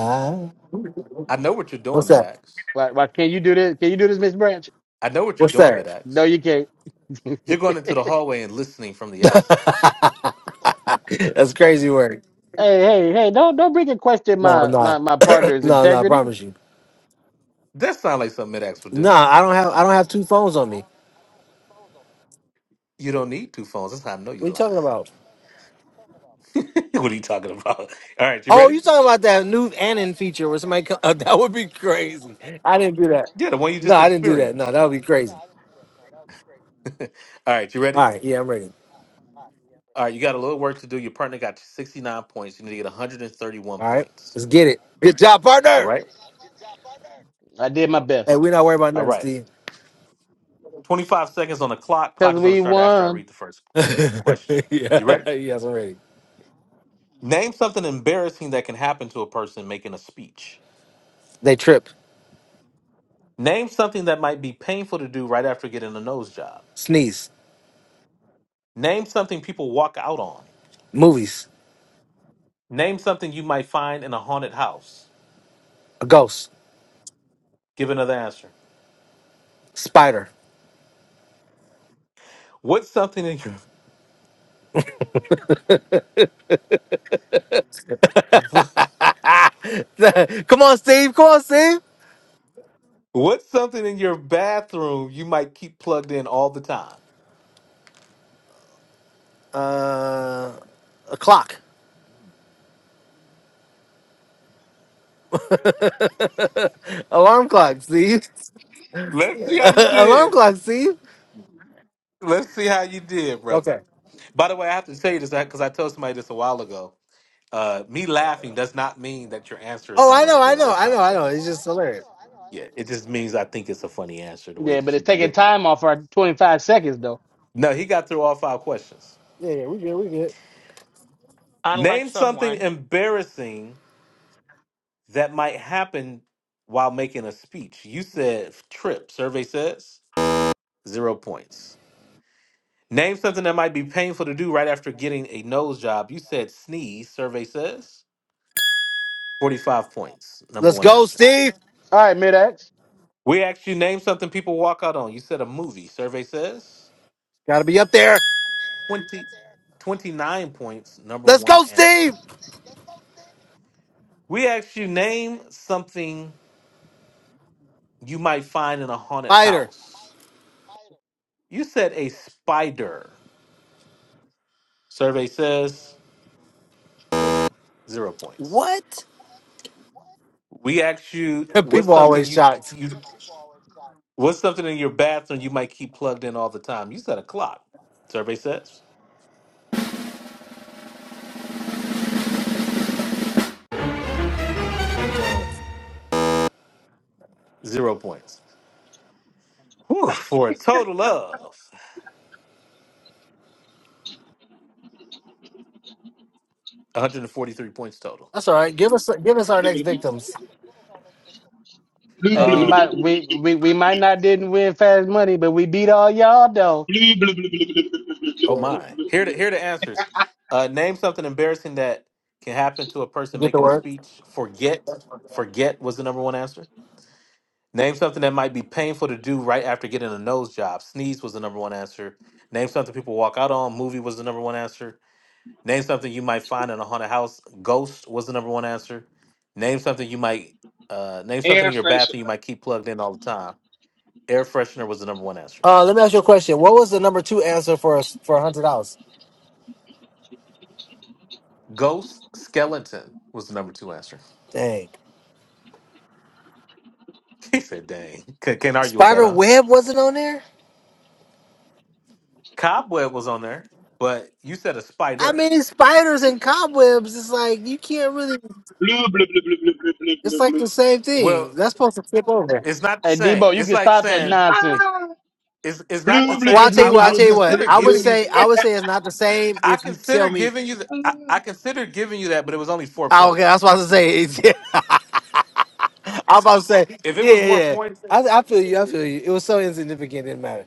I know what you're doing, What's that? Midax. Why why can you do this? Can you do this, Miss Branch? I know what you're What's doing, that? No, Midax. you can't. You're going into the hallway and listening from the outside. That's crazy work. Hey, hey, hey, don't don't bring in question No, my, I'm my, not. my partner's no, no, I integrity. promise you. That sounds like something Midax would No, do. I don't have. I don't have two phones on me. You don't need two phones. That's how I know What are you're you talking lying. about? what are you talking about? All right, you Oh, ready? you talking about that new Anon feature where somebody co- that would be crazy. I didn't do that. Yeah, the one you No, just I didn't do that. No, experienced. that would be crazy. All right, you ready? All right, yeah, I'm ready. All right, you got a little work to do. Your partner got 69 points. You need to get 131 All right, points. let's get it. Good job, All partner. right. I did my Hey, best. we're not worried about All nothing, right. Steve. 25 seconds on the clock. Clock Cause is going to we start after I won. read the first question. You ready? yeah, yes, I'm ready. Name something embarrassing that can happen to a person making a speech. They trip, Name something that might be painful to do right after getting a nose job. sneeze. Name something people walk out on. Movies. Name something you might find in a haunted house. A ghost. Give another answer. Spider. What's something in your Come what, on, Steve. Come on, Steve. what's something in your bathroom you might keep plugged in all the time? Uh, a clock. Alarm clock, Steve. Let's see how you Alarm did. clock, Steve. Let's see how you did, brother. Okay. By the way, I have to tell you this because I told somebody this a while ago. Uh, me laughing does not mean that your answer is Oh, not I on the know, I board. know, That's I not know, what I that know. It's means. just hilarious. Yeah, it just means I think it's a funny answer the way Yeah, but that you it's taking delivered it. time off our twenty five seconds though. No, he got through all five questions. Yeah, yeah, we good, we good. unlike Name something someone. embarrassing that might happen while making a speech. You said trip. Survey says zero points. Name something that might be painful to do right after getting a nose job. You said sneeze. Survey says 45 points. Number Let's one go, answer. Steve. All right, mid X. We asked you name something people walk out on. You said a movie. Survey says Gotta be up there. 20 29 points. Number Let's one go, Steve. answer. We asked you name something you might find in a haunted Spider. house. You said a spider. Survey says zero points. What? We asked you what's People something always you shocked. you what's something in your bathroom you might keep plugged in all the time. You said a clock. Survey says I'm done. zero points. Whew, for a total of 143 points total. That's all right. Give us give us our next victims. Hey, we Um. might we, we we might not didn't win fast money, but we beat all y'all though. Blue, blue, blue, blue, blue. Oh Yeah. my. Here to here the answers. Uh, name something embarrassing that can happen to a We person Get the making a word. speech. Forget. Forget was the number one answer. Name something that might be painful to do right after getting a nose job. Sneeze was the number one answer. Name something people walk out on. Movie was the number one answer. Name something you might find in a haunted house. Ghost was the number one answer. Name something you might uh, name something Air in your bathroom you freshener. might keep plugged in all the time. Air freshener was the number one answer. Uh, let me ask you a question. What was the number two answer for a, for a hundred dollars? Ghost skeleton was the number two answer. Dang, He said, "Dang, C- can't argue with that, spider huh?" web wasn't on there. Cobweb was on there, but you said a I spider. mean, spiders and cobwebs. It's like you can't really. Blue, blue, blue, blue, blue, blue, blue, It's blue, like blue. the same thing. Well, That's supposed to flip over. it's not the Hey same. Debo, you It's can like stop that saying nonsense. Ah. It's it's not Blue, the blue, Well, blue, I'll same. tell blue, you I blue, what. I'll blue, I tell you blue, what. consider blue, I would blue. giving you. say. I would say it's not the same I if you consider tell me. giving you. The, I, I consider giving you that, but it was only four Oh, okay. I was points. about to say. I'm about to say. If it was Yeah, more yeah. points, I, I feel you. I feel you. It was so insignificant. It didn't matter.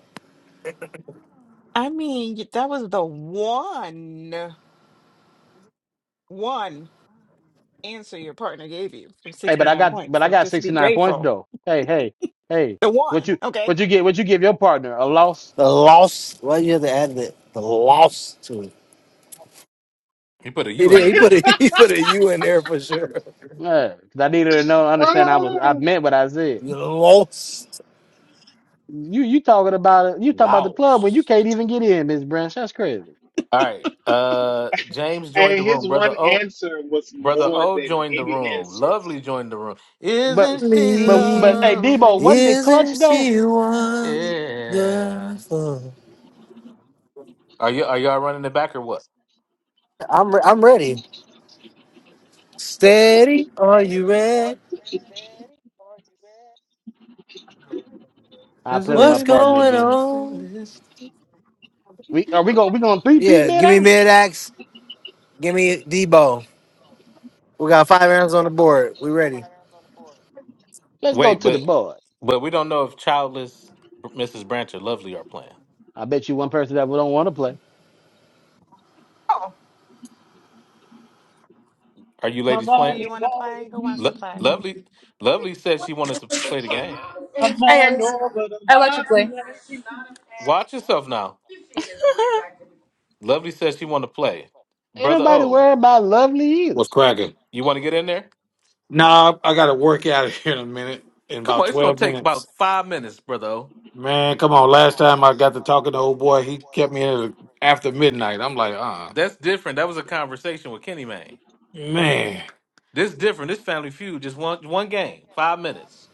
I mean, y- that was the one one answer your partner gave you for Hey, but I 69 got points. but I So got just sixty be nine points grateful. though. Hey, hey, hey. The What one, you okay? what you get what you give your partner? A loss? The loss. Why you have to add the the loss to it? he put a He U in did. there, He didn't put he? a he put a U in there for sure. Yeah, 'cause I needed to know understand I was I Ah. meant what I said. You lost You you talking about it you talking about the club when you Laos. can't even get in, Miss Branch. That's crazy. All right. Uh, James joined And the room. his Brother one O. answer was Brother more O than joined the any room. answer. Lovely joined the room. But Isn't she but but hey me. Debo, wasn't lovely? it clutch Isn't though? she wonderful? Yeah. Are you are y'all running it back or what? I'm re- I'm ready. Steady. Are you ready? I Is play there with my What's partner anybody going again. else? that on? listens? We are we going we going three peat Yeah. mid Give me axe? mid axe. Give me Debo. We got five rounds on the board. We ready? Let's go Wait, to the but board. but we don't know if childless Mrs. Branch or Lovely are playing. I bet you one person that we don't want to play. Oh, Are you Come ladies do on playing? you and want to go play? with Who wants to Lo- me. play? Lovely, Lovely said she wanted to play the game. Come Hi on guys. over to I like to my play. place. Watch yourself now. Lovely says she want to play. Ain't Brother nobody O, worried about lovely either. What's cracking? you want to get in there? Nah, I got to work out of here in a minute, in Come about on, it's gonna 12 take minutes. about five minutes, brother O. Man, come on. Last time I got to talking to old boy, he kept me in the, after midnight. I'm like, uh, That's different. That was a conversation with Kenny Man. man. This different. This Family Feud just one one game, five minutes,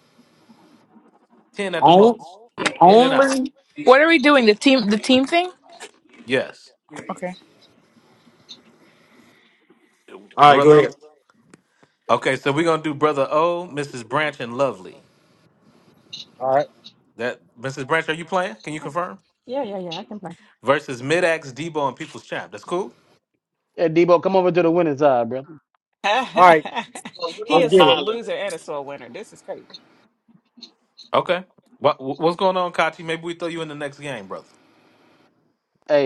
ten at the On, most, in and out. only? What are we doing? The team the team thing? Yes, Okay. All right, go brother. ahead. Okay, so we're gonna do brother O, Mrs. Branch, and Lovely. All right. That Mrs. Branch, are you playing? Can you confirm? Yeah, yeah, yeah. I can play. Versus Mid-Ax, Debo, and People's Champ. That's cool. Hey Debo, come over to the winning side, brother. All right. he Let's I'm is get so a it. hollering. loser and a sore winner. This is crazy. Okay. What what's going on, Kachi? Maybe we throw you in the next game, brother.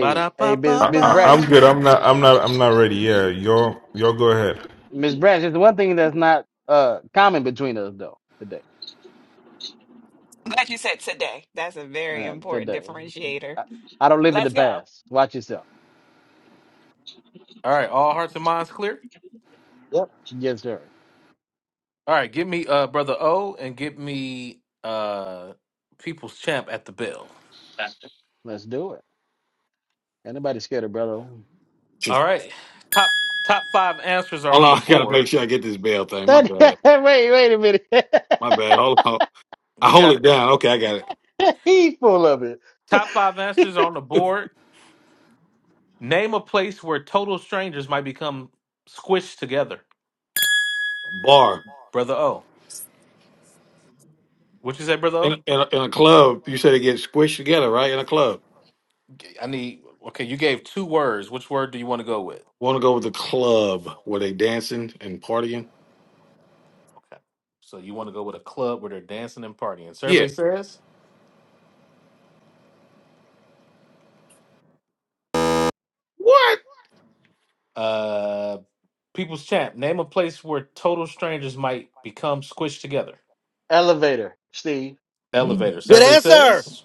Ba da hey, ba Miss ba I, Miss I, I'm Branch, ba. good. I'm not. I'm not. I'm not ready. Yeah, y'all. Y'all go ahead. Miss Branch. It's the one thing that's not uh common between us though today. I'm glad you said today. That's a very Uh, important today, differentiator. I, I don't live in the Let's go. past. Watch yourself. All right, all hearts and minds clear. Yep. Yes, sir. All right, give me uh brother O and give me uh People's Champ at the bell. Let's do it. Ain't nobody scared of brother. All right. Top top five answers are Hold on the on. I got to board. make sure I get this bell thing. My That bad. wait, wait a My minute. bad. Hold on. I You hold got it it. down. Okay, I got He's full of it. Top five answers are on the it. board. Name a place where total strangers might become squished together. Bar. Brother O. What you say, brother In, O? in, a, in a club, you said it gets squished together, right? In a club. I need okay, you gave two words. Which word do you want to go with? Want to go with the club where they dancing and partying? Okay. So you want to go with a club where they're dancing and partying. Yeah. Survey says, What? uh People's Champ, name a place where total strangers might become squished together. Elevator, Steve. Hmm. Elevator. Good Survey answer. says,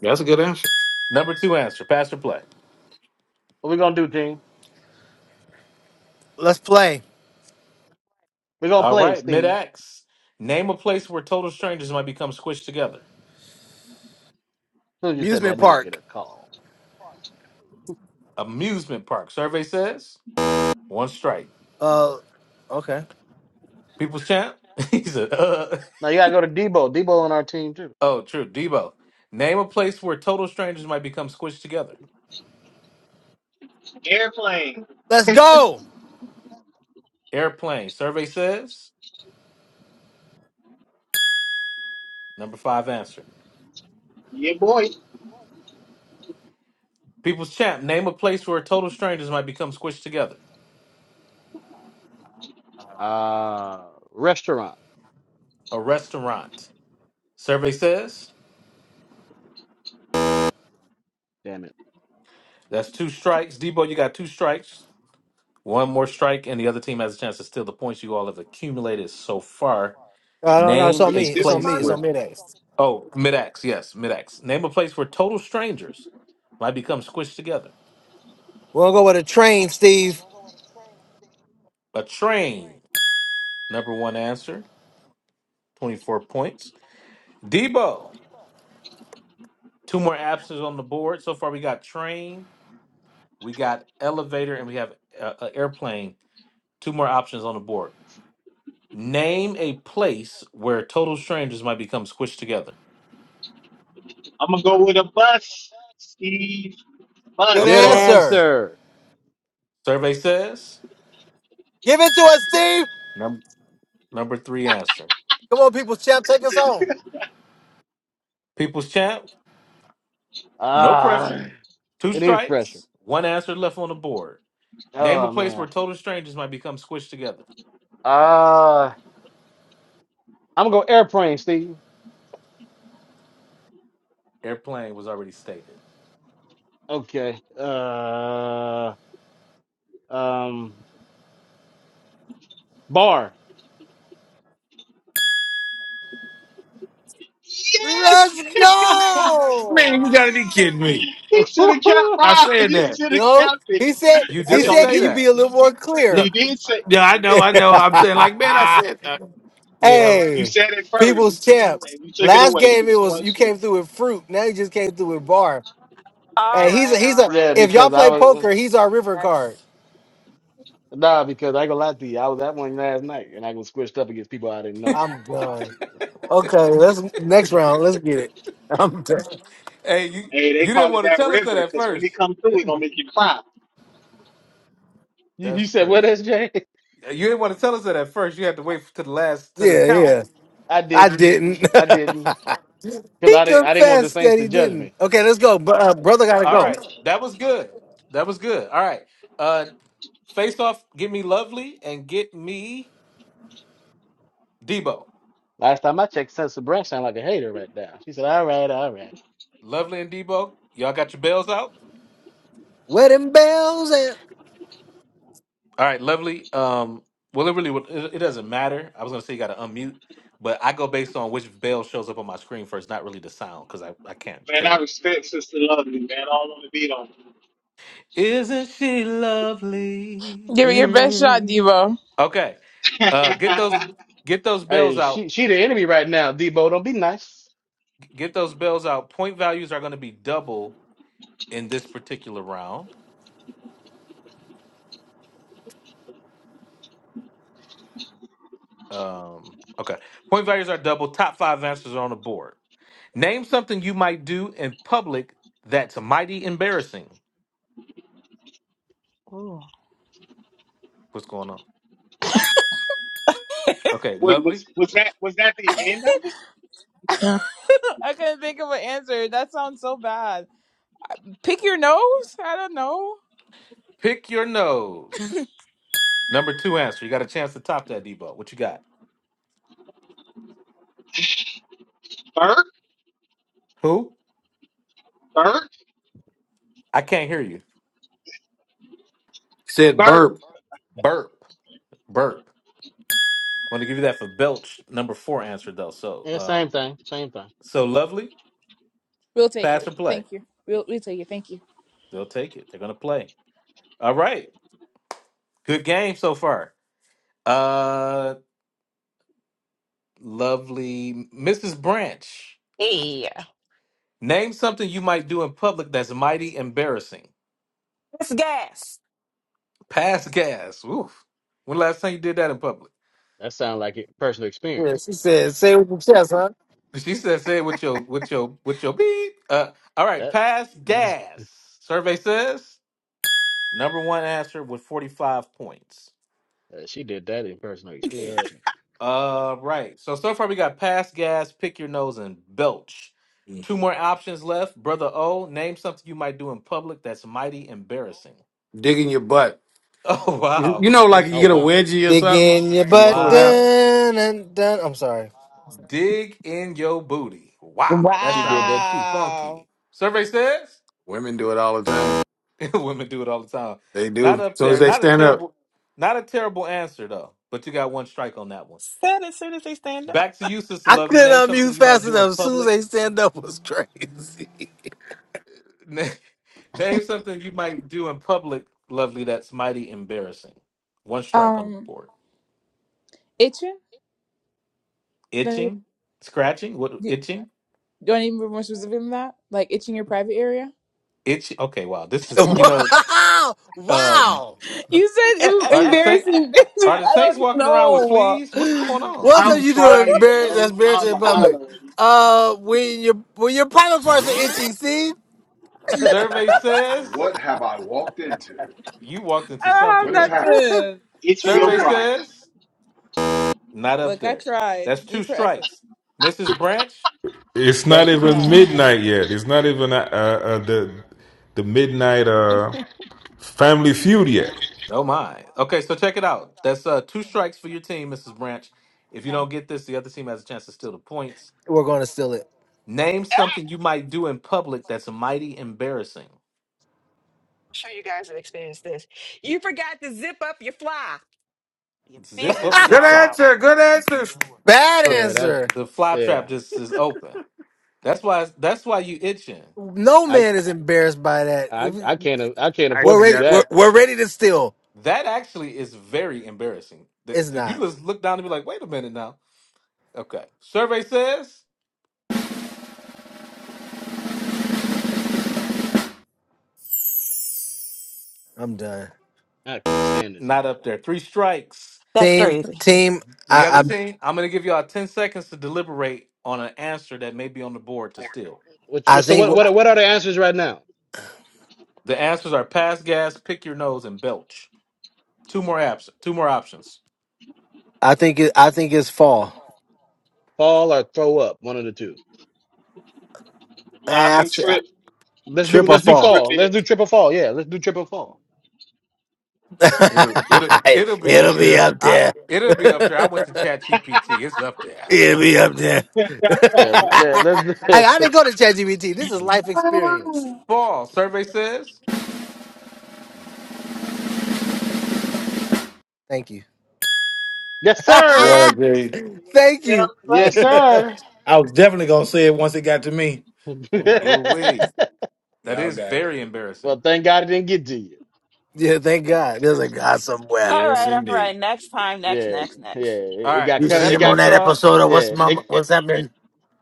That's a good answer. number two answer, pass or play. What we gonna do, team? Let's play. We gonna All play, right, Steve. mid-ax. Name a place where total strangers might become squished together. As soon as you said that, Amusement nigga get park. a call. Amusement park. Survey says, one strike. Uh. Okay. People's Champ. He said, uh. Now you gotta go to Debo. Debo on our team too. Oh, true. Debo, name a place where total strangers might become squished together. Airplane. Let's go. Airplane. Survey says number five answer. Yeah, boy. People's champ. Name a place where total strangers might become squished together. Uh restaurant. A restaurant. Survey says Damn it. that's two strikes. Debo, you got two strikes. One more strike, and the other team has a chance to steal the points you all have accumulated so far. No, no, no, it's Name on Did we a me. skip It's on place me. It's somebody? on where me next. oh mid axe yes mid axe. Name a place where total strangers might become squished together. We're gonna go with a train, Steve. A train. Number one answer. 24 points. Debo, two more absences on the board. So far, we got train, we got elevator, and we have uh, uh, airplane. Two more options on the board. Name a place where total strangers might become squished together. I'm gonna go with a bus. Steve, A Good Good bus. answer. bus. answer. Survey says Give it to us, Steve. num- number three answer. Come on, people champ, take us home. People's champ, no pressure. Ah, Two it is pressure. strikes, one answer left on the board. Name a Oh place man. where total strangers might become squished together. Uh I'm gonna go airplane, Steve. Airplane was already stated. Okay. Uh um bar. Yes! Let's Man, you go. gotta be kidding me. He should have kept I mine. said You that. should You have know, kept it. he said You he That's did on said, say can you you. that. be a little more no, clear? He did say yeah, I know, I know. I'm saying like, man, I said that. Yeah, I you hey, said it people's first, champs. and you took it Last away. game It's it was one you shoe. came through with fruit. Now you just came through with bar. All And he's a right, he's all a yeah, right. if y'all because Next, I play next, was. poker, he's our river card. next. Nah, because I ain't gonna lie to you. I was at one last night and I was squished up against people I didn't know. I'm done. Okay, let's next round. Let's get it. I'm done. Hey, you Hey, they you didn't call it want to that tell us that river at because when he first. come through, he gonna make you cry. You, you That's said what, crazy. SJ? You didn't want to tell us that at first. You had to wait to the last to the Yeah, count it. yeah. I I didn't. didn't. I didn't. Because he I didn't I didn't want the confessed Saints that to he judge didn't. me. Okay, let's go. But uh, brother gotta All go. right, that was good. That was good. All right. Uh, face off. Get me lovely and get me Debo. Last time I checked, Sensor Brand sound like a hater right now. She said, All right, all right. Lovely and Debo. Y'all got your bells out. Wedding bells and All right, lovely. Um, well, it really would- it, it doesn't matter. I was gonna say you got to unmute, but I go based on which bell shows up on my screen first, not really the sound, because I I can't Man, I tell. respect Sister Lovely, man. I don't want to beat on. Isn't she lovely? Give it your best shot, Mm. Devo. Okay. her. Uh, get those get those bells Hey, out. she she the enemy right now, Debo. Don't be nice. Get those bells out. Point values are going to be double in this particular round. Um, okay. Point values are double. Top five answers are on the board. Name something you might do in public that's mighty embarrassing. What's going on? Okay, Wait, was lovely. was that was that the end of it? I couldn't think of an answer. That sounds so bad. Pick your nose? I don't know. Pick your nose. Number two answer. You got a chance to top that, Debo. What you got? Bert, Who? Bert, I can't hear you. said Bert. burp, Burp. Burp. I'm going to give you that for belch. Number four answer though. So, Yeah, same um, thing. Same thing. so lovely. We'll take pass it. or play. Thank you. We'll we'll take it. Thank you. They'll take it. They're gonna play. All right. Good game so far. Uh lovely Mrs. Branch. Hey, Name something you might do in public that's mighty embarrassing. it's gas. Pass gas. Oof. When last time you did that in public? That sound like it, personal yeah, experience. she said, "Say it with your chest, huh?" She said say it with your with your with your beep. Uh all right, That pass gas. Survey says number one answer with 45 points. uh, she did that in personal Yeah. experience. Right? Uh, right. So so far we got pass gas, pick your nose, and belch. Two more options left. Brother O, name something you might do in public that's mighty embarrassing. digging your butt. Oh You wow. you know, Okay. like you Oh get a wow. wedgie or Dig something in your and you butt. pull it out. Wow. Dun, dun, dun. I'm sorry. Dig in your booty. Wow. That She did sounds that too. Wow. funky. Survey says Women do it all the time. women do it all the time. They Not do. As up soon as there. they Not a stand up. terrible. Not a terrible answer though. But you got one strike on that one. Said as soon as they stand up. Back to you, sister I lovely. couldn't Name something unmute you might fast do in enough. As soon as public they stand up was crazy. Na- Name something you might do in public, lovely, that's mighty embarrassing. One strike on the Um board. itching? Don't- Itching? Scratching? What Do itching? do I need to be more specific than that? Like itching your private area? Itch okay, wow. This is you know, wow! um Wow! You said are em- the saint embarrassing things. are okay. the I saints don't walking around with know. fleas? What's going What on? else are I'm you doing crying, embar- that's yo. embarrassing I'm in public? hollering. Uh, when your when your private parts are itching, see? Survey says What have I walked into? you walked into I something, don't What is have brother. happening? nothing. It's your Survey Ah. Damn. crotch. says not up Look, I there. tried. That's E two for effort. strikes. Mrs. Branch, It's not that's two. even Yeah. midnight yet. It's not even uh, uh, the the midnight uh, Family Feud yet. Oh my. Okay, so check it out. That's uh two strikes for your team, Mrs. Branch. If you don't get this, the other team has a chance to steal the points. We're going to steal it. Name something you might do in public that's mighty embarrassing. I'm sure you guys have experienced this. You forgot to zip up your fly. Your Zip business up is your Good all fly. out. answer. Good answer. Bad So Yeah, that's answer. the fly trap yeah. just is open. That's why that's why you itching. No man is embarrassed by that. I I can't I can't I afford We're actually to do ready. got We're, that. that. we're ready to steal. That actually is very embarrassing. The- It's the- You not. just look down and be like, wait a minute now. Okay. Survey says I'm done. I can't stand this not man. up there. Three strikes. That's Team, crazy. team. The other I team, I'm going to give y'all 10 seconds to deliberate on an answer that may be on the board to steal. Which I, I so what think what what are the answers right now? The answers are pass gas, pick your nose, and belch. Two more apps, two more options. I think it, I think it's fall. Fall or throw up? One of the two. No, I Ah, think Trip. Let's do trip I or let's do think fall. Trip fall. Let's do is. triple fall. Yeah, let's do triple fall. It'll it'll it'll be It'll up be there. up I there. it'll be up there. I went to Chat GPT. It's up there. Yeah, me up there. Yeah, let, I, let's. I didn't do- go to ChatGPT. This is life experience. Fall survey says. Thank you. yes, sir. What I thank tell you. Yeah, you. Yes, buddy. yeah, sir. I was definitely gonna say it once it got to me. I'm Like, Ooh wee, that y'all is got it. very embarrassing. well, thank God it didn't get to you. thank God. There's a God somewhere. All Yes, right, all indeed. right. Next time, next, Yeah, next, yeah. next. All It, it right, got You've so cut. seen It that him on puts got that y'all episode of What's yeah. Mama, It it, What's it Happening?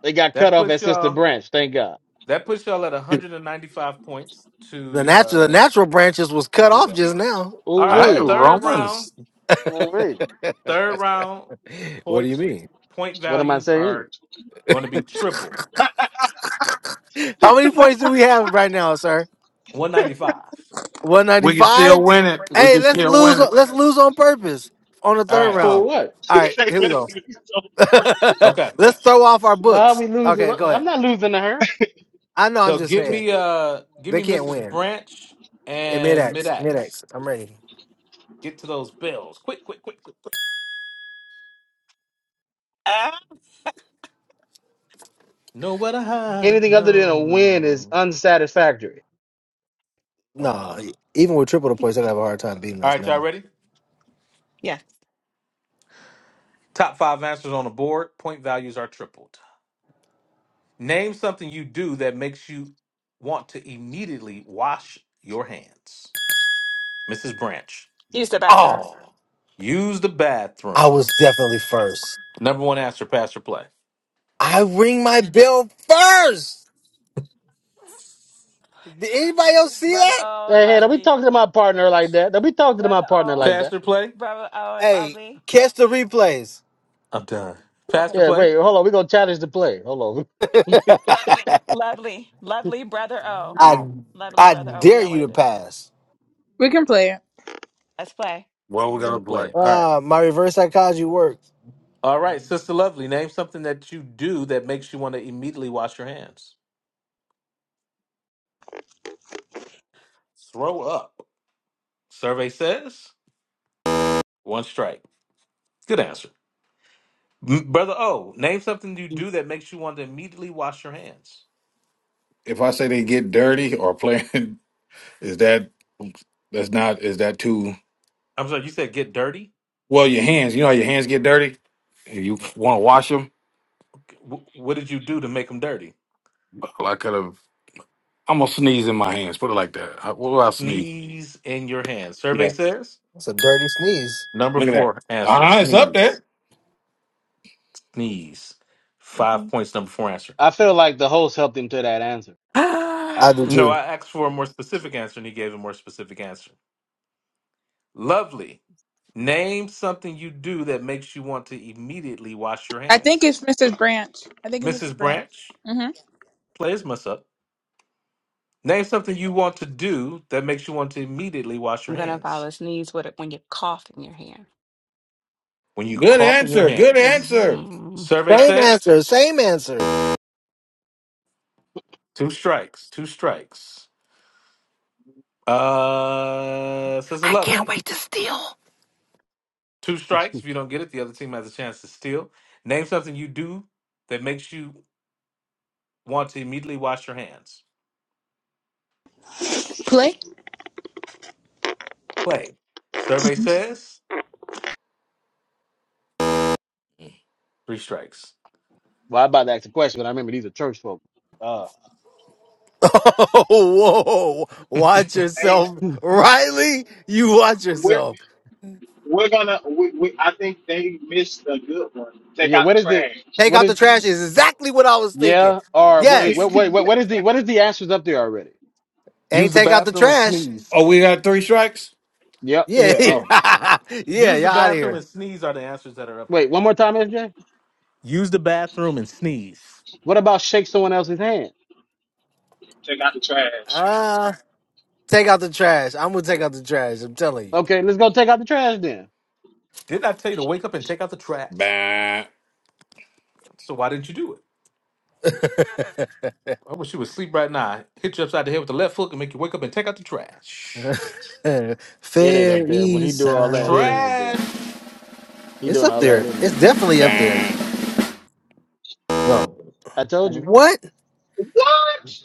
it got cut that off puts at Sister y'all Branch. Thank God. that puts y'all at All 195 points The to natural, the uh natural branches was to cut off zero. just now. All Ooh right, right, wee. third round. Romans. Ooh wee. Third round What do you points mean? point What am I values saying? are going to be triple How many points do we have right now, sir? one ninety five. One ninety We can still five. win it. We Hey, can let's still lose. win it. Let's lose on purpose on the All third right. For round. what? Say All right, that here we go. to me so Okay. Let's throw off our Why are books. we losing? Okay, go I'm ahead. not losing to her. I know. I'm So just give saying me uh give they me can't Mrs. win Branch in mid and Mid X. Mid Axe. X. I'm ready. Get to those bills. Quick, quick, quick, quick, quick. Ah, Know where to hide. Anything other than a No, win is no. unsatisfactory. Come No, on. even with triple the points, they're gonna have a hard time beating All us right, y'all now. ready? yeah. Top five answers on the board. Point values are tripled. Name something you do that makes you want to immediately wash your hands. Mrs. Branch. Use the bathroom. Oh, Use the I bathroom. was definitely first. Number one answer, Pastor Play. I ring my bell first. Did anybody else see Brother that? O, Hey, hey, don't be lovely. talking to my partner like that. Don't be talking to my Brother partner O, like that. Pastor Play? brother O, Hey, lovely. catch the replays. I'm done. Okay, Pastor Yeah, we, Play? wait, hold on. We're going to challenge the play. Hold on. lovely, lovely brother O, I Well, lovely I brother O. What do dare y'all you want to to do? pass. We can play. Let's play. what we're They're going gonna to play play? it. All right. Ah, my reverse psychology worked. All right, Sister Lovely, name something that you do that makes you want to immediately wash your hands. Throw up. Survey says one strike. Good answer. M- Brother O, name something you do that makes you want to immediately wash your hands. If I say they get dirty or playing, is that that's not is that too? I'm sorry, you said get dirty? Well, your hands. You know how your hands get dirty. If you want to wash them, W- what did you do to make them dirty? I could have. I'm gonna sneeze in my hands. Put it like that. I- What do I sneeze? Sneeze in your hands. Survey Yeah. says It's a dirty sneeze. number Look at that. four answer Uh huh. It's up sneeze. there. knees. Five hmm points, number four answer. I feel like the host helped him to that answer. I do No, I too. asked for a more specific answer and he gave a more specific answer. Lovely. Name something you do that makes you want to immediately wash your I think hands. it's Mrs. Branch. I think it's Mrs. Mrs. Branch. Branch, hmm players mess up. Name something you want to do that makes you want to immediately wash your I'm gonna hands. follow sneeze with it when you cough in your hair. When you Good cough in your answer. Good hands. answer. hmm Survey Same answer. says Same answer. two strikes, two strikes. Uh, says a I can't lovely. wait to steal. Two strikes. If you don't get it, the other team has a chance to steal. Name something you do that makes you want to immediately wash your hands. Play? Play. Survey says three strikes. Well, I'm about to ask a question, but I remember these are church folk. Uh, Whoa, watch Hey, yourself, hmm. Riley. You watch we're yourself. we're gonna. We, we, I think they missed a good one. Take yeah, out the what is the, trash. Take what out the is, trash is exactly what I was thinking. yeah, or wait, Yes, wait, wait, what what is the, what is the answers up there already? ain't Use the take out the bathroom and trash. sneeze. Oh, we got three strikes. Yep. Yeah, Yeah. Okay. Oh. yeah, Use y'all the out of bathroom here. and sneeze are the answers that are up Wait, there. one more time, SJ? Use the bathroom and sneeze. What about shake someone else's hand? Take out the trash. Uh, take out the trash. I'm gonna take out the trash. I'm telling Okay, let's go take out the trash then. Didn't I tell you to wake up and take out the trash? Bah, So why didn't you do it? I wish you would sleep right now. Hit you upside the head with the left hook and make you wake up and take out the you. trash. It ain't up Fair there. When he East do all that, it ain't Side. up there. Trash! He It's doing up all that, there. it ain't It's up there. definitely up there. bah. No, I told you. what? What?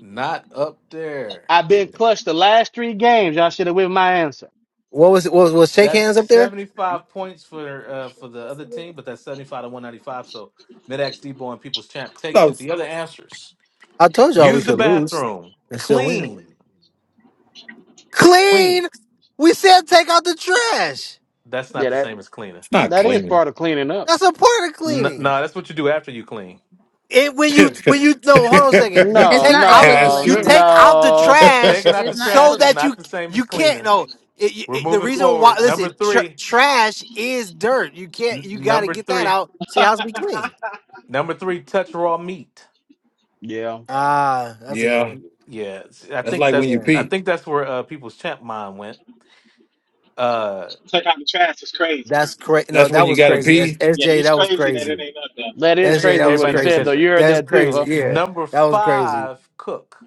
Not up there. I've Yeah. been clutched the last three games. Y'all should have with my answer. What was it? Was was shake That's hands up there? 75 points for uh, for the other team, but that's 75 to 195. So Medax Debo and People's Champ takes No, it. it's The other answers I told y'all we use the could lose bathroom, and still win. clean, clean. Clean. We said take out the trash. That's not Yeah, the that same as cleaner. not that is cleaning. part of cleaning up. That's a part of N- cleaning. No, that's what you do after you clean. And when you hey, when you no, hold on a second. You It's No, take not out that's no, equivalent, you true. take Madad. out the no. trash Taking out the It's not trash so is that equivalent. not you the same as you can't cleaner. no. It, it- We're it- the moving reason why forward. Number listen, tr- three, trash is dirt. You can't. n- You got to number get that three, out. See how's be clean. number three, touch raw meat. Yeah. Ah, that's a good yeah. one. Yeah, s- I That's think like when that's you Yeah, I pee. think that's where uh, People's Champ mind went. Uh, Take out the trash is crazy. that's crazy. No, That's when that you was got to crazy. S- pee. Yeah, SJ, he's that was crazy that crazy. it ain't up there. That is That's it. that crazy was what everybody he not gonna said though. crazy. catch that. You heard That's that too, crazy. huh? Yeah, Number that was crazy. five, Cook.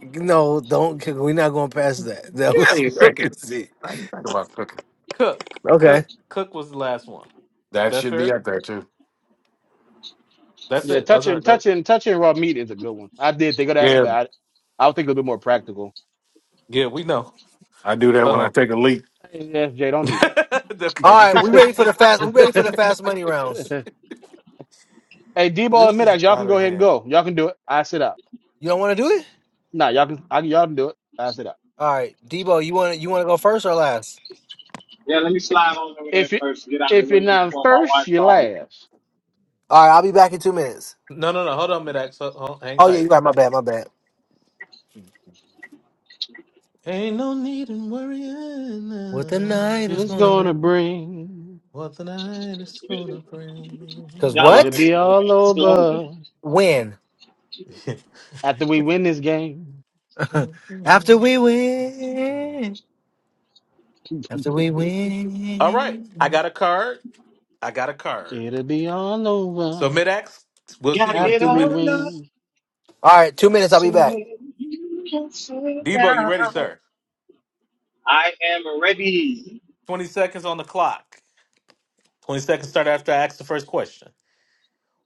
No, don't. 'Cause We're not going past that. That Get out of was here cooking. crazy. I ain't think about cooking. Cook. Okay. Cook. Cook was the last one. Was That that should be fair? up there too. That's Yeah, it. Those are touching those. touching touching raw meat is a good one. I did think of that, Yeah, but I I would think it'll be more practical. Yeah, we know. I do that when I Um, take a leak. Hey, SJ, don't do okay, All this right, is we out ready of for hand. the fast. We ready for that. the fast money rounds. hey, Debo and This is Midax, y'all out can go of ahead and hand. go. Y'all can do it. I sit out. You don't want to do it. Nah, y'all can I, y'all can do it. I said that. All right, Debo, you want to you want to go first or last? Yeah, let me slide on over there If you first. Get out of if the you're way not before my first, wife you're calls me. last. All right, I'll be back in two minutes. No, no, no. Hold on, Midax. Ho- ho- Hang Oh yeah, you tight. got my bad. My bad. Ain't no need in worrying What the uh, night And is it's gonna gonna bring? bring what the night is Yeah, gonna Cause Y'all it'll bring. what? already be know the man all is lonely. over When? after we win this game. After we win. After we All right, I win. got a card. I got a card. It'll be all So over Midax, we'll see Gotta you in get after two we on up. minutes. win. All right, two minutes. I'll be back. Say you can say that. Debo, you ready, sir? I am ready. Twenty seconds on the clock. Twenty seconds start after I ask the first question.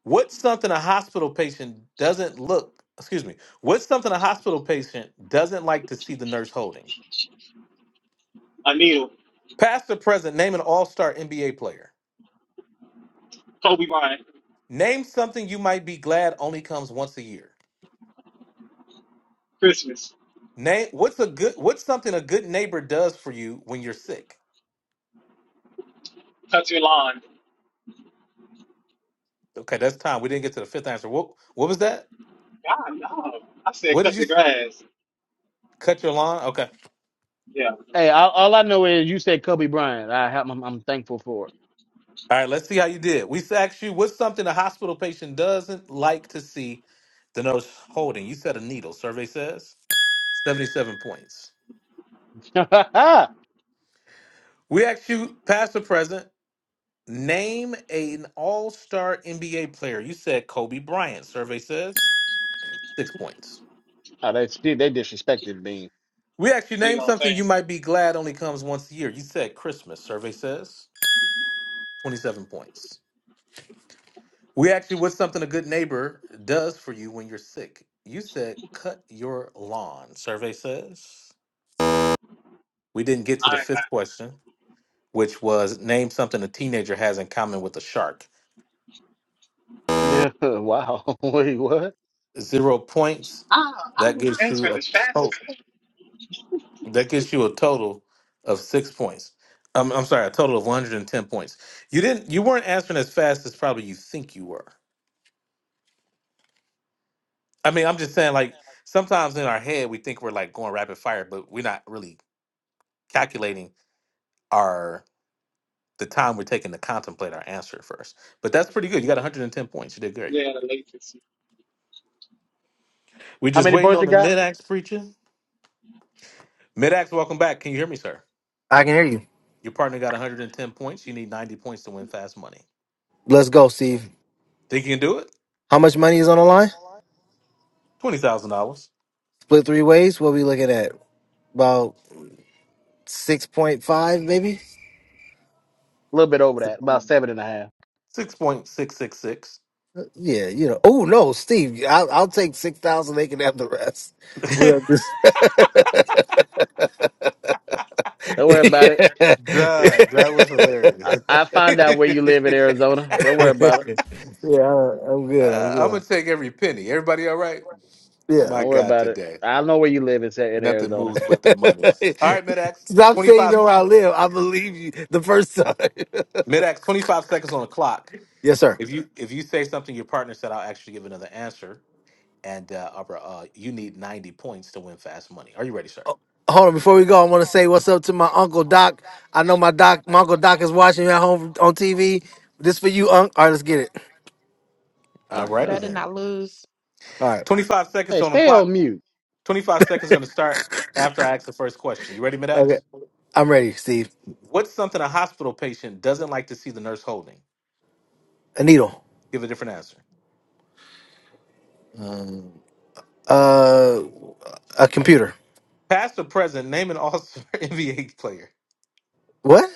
What's something a hospital patient doesn't look? Excuse me. What's something a hospital patient doesn't like to see the nurse holding? A needle. Past or present, name an all-star NBA player. Kobe Bryant. Name something you might be glad only comes once a year. Christmas. Name what's a good what's something a good neighbor does for you when you're sick. Touch your lawn. Okay, that's time. We didn't get to the fifth answer. What what was that? God, no. I What said did cut you the s- grass. cut your lawn? Okay. Yeah, Hey, all, all I know is you said Kobe Bryant. I have, I'm, I'm thankful for All right, let's see how you did. We asked you what's something a hospital patient doesn't like to see the nurse holding. You said a needle. Survey says 77 points. it. oh, We asked you, past or present, name an all star NBA player. You said Kobe Bryant. Survey says six points. they they disrespected me. We asked you, you name know what I'm something you saying? might be glad only comes once a year. You said Christmas. Survey says 27 points. We actually, what's something a good neighbor does for you when you're sick? You said cut your lawn, survey says. We didn't get to the I ain't got, fifth question, which was name something a teenager has in common with a shark. Yeah, wow. Wait, what? Zero points. I, I That was gives you answering a as fast total. as heck. That gives you a total of six points. Um, I'm sorry, a total of 110 points. You didn't. You weren't answering as fast as probably you think you were. I mean, I'm just saying, like sometimes in our head we think we're like going rapid fire, but we're not really calculating our the time we're taking to contemplate our answer first. But that's pretty good. You got 110 points. You did great. Yeah, the latency. We're How just many waiting points on he the got? mid-ax preacher. Mid-ax, welcome back. Can you hear me, sir? I can hear you. Your partner got 110 points. You need 90 points to win fast money. Let's go, Steve. Think you can do it? How much money is on the line? $20,000. Split three ways. What we looking at? About six point five, maybe. A little bit over that, about seven and a half. 6.666. Yeah, you know. Oh no, Steve, I'll, I'll take six thousand. They can have the rest. We don't just. Don't worry about it. yeah, Doug, that was hilarious. I, I uh, find out where you live in Arizona. Don't worry about it. I- I'm good. I'm I'm going good. to take every penny. Everybody all right? Yeah, Yeah. My don't worry God, about it. today. I know where you live in, Sa- in Nothing Arizona. moves but the money. All right, mid-ax. Stop saying you 25. know where I live. I believe you the first time. Mid-ax, 25 seconds on the clock. yes, sir. If you if you say something your partner said, I'll actually give another answer. And uh, Arbor, uh, you need 90 points to win fast money. Are you ready, sir? Hold on, before we go, I want to say what's up to my uncle Doc. I know my doc, my uncle Doc is watching you at home on TV. This for you, Unc. All right, let's get it. All My righty Better God. then. not lose. All right, 25 seconds Hey, on the stay clock. on mute. 25 seconds going to start after I ask the first question. You ready, okay, Mid-Ax? I'm ready, Steve. What's something a hospital patient doesn't like to see the nurse holding? A needle, Give a different answer. um, uh, a computer. Past or present, name an all-star NBA player. What?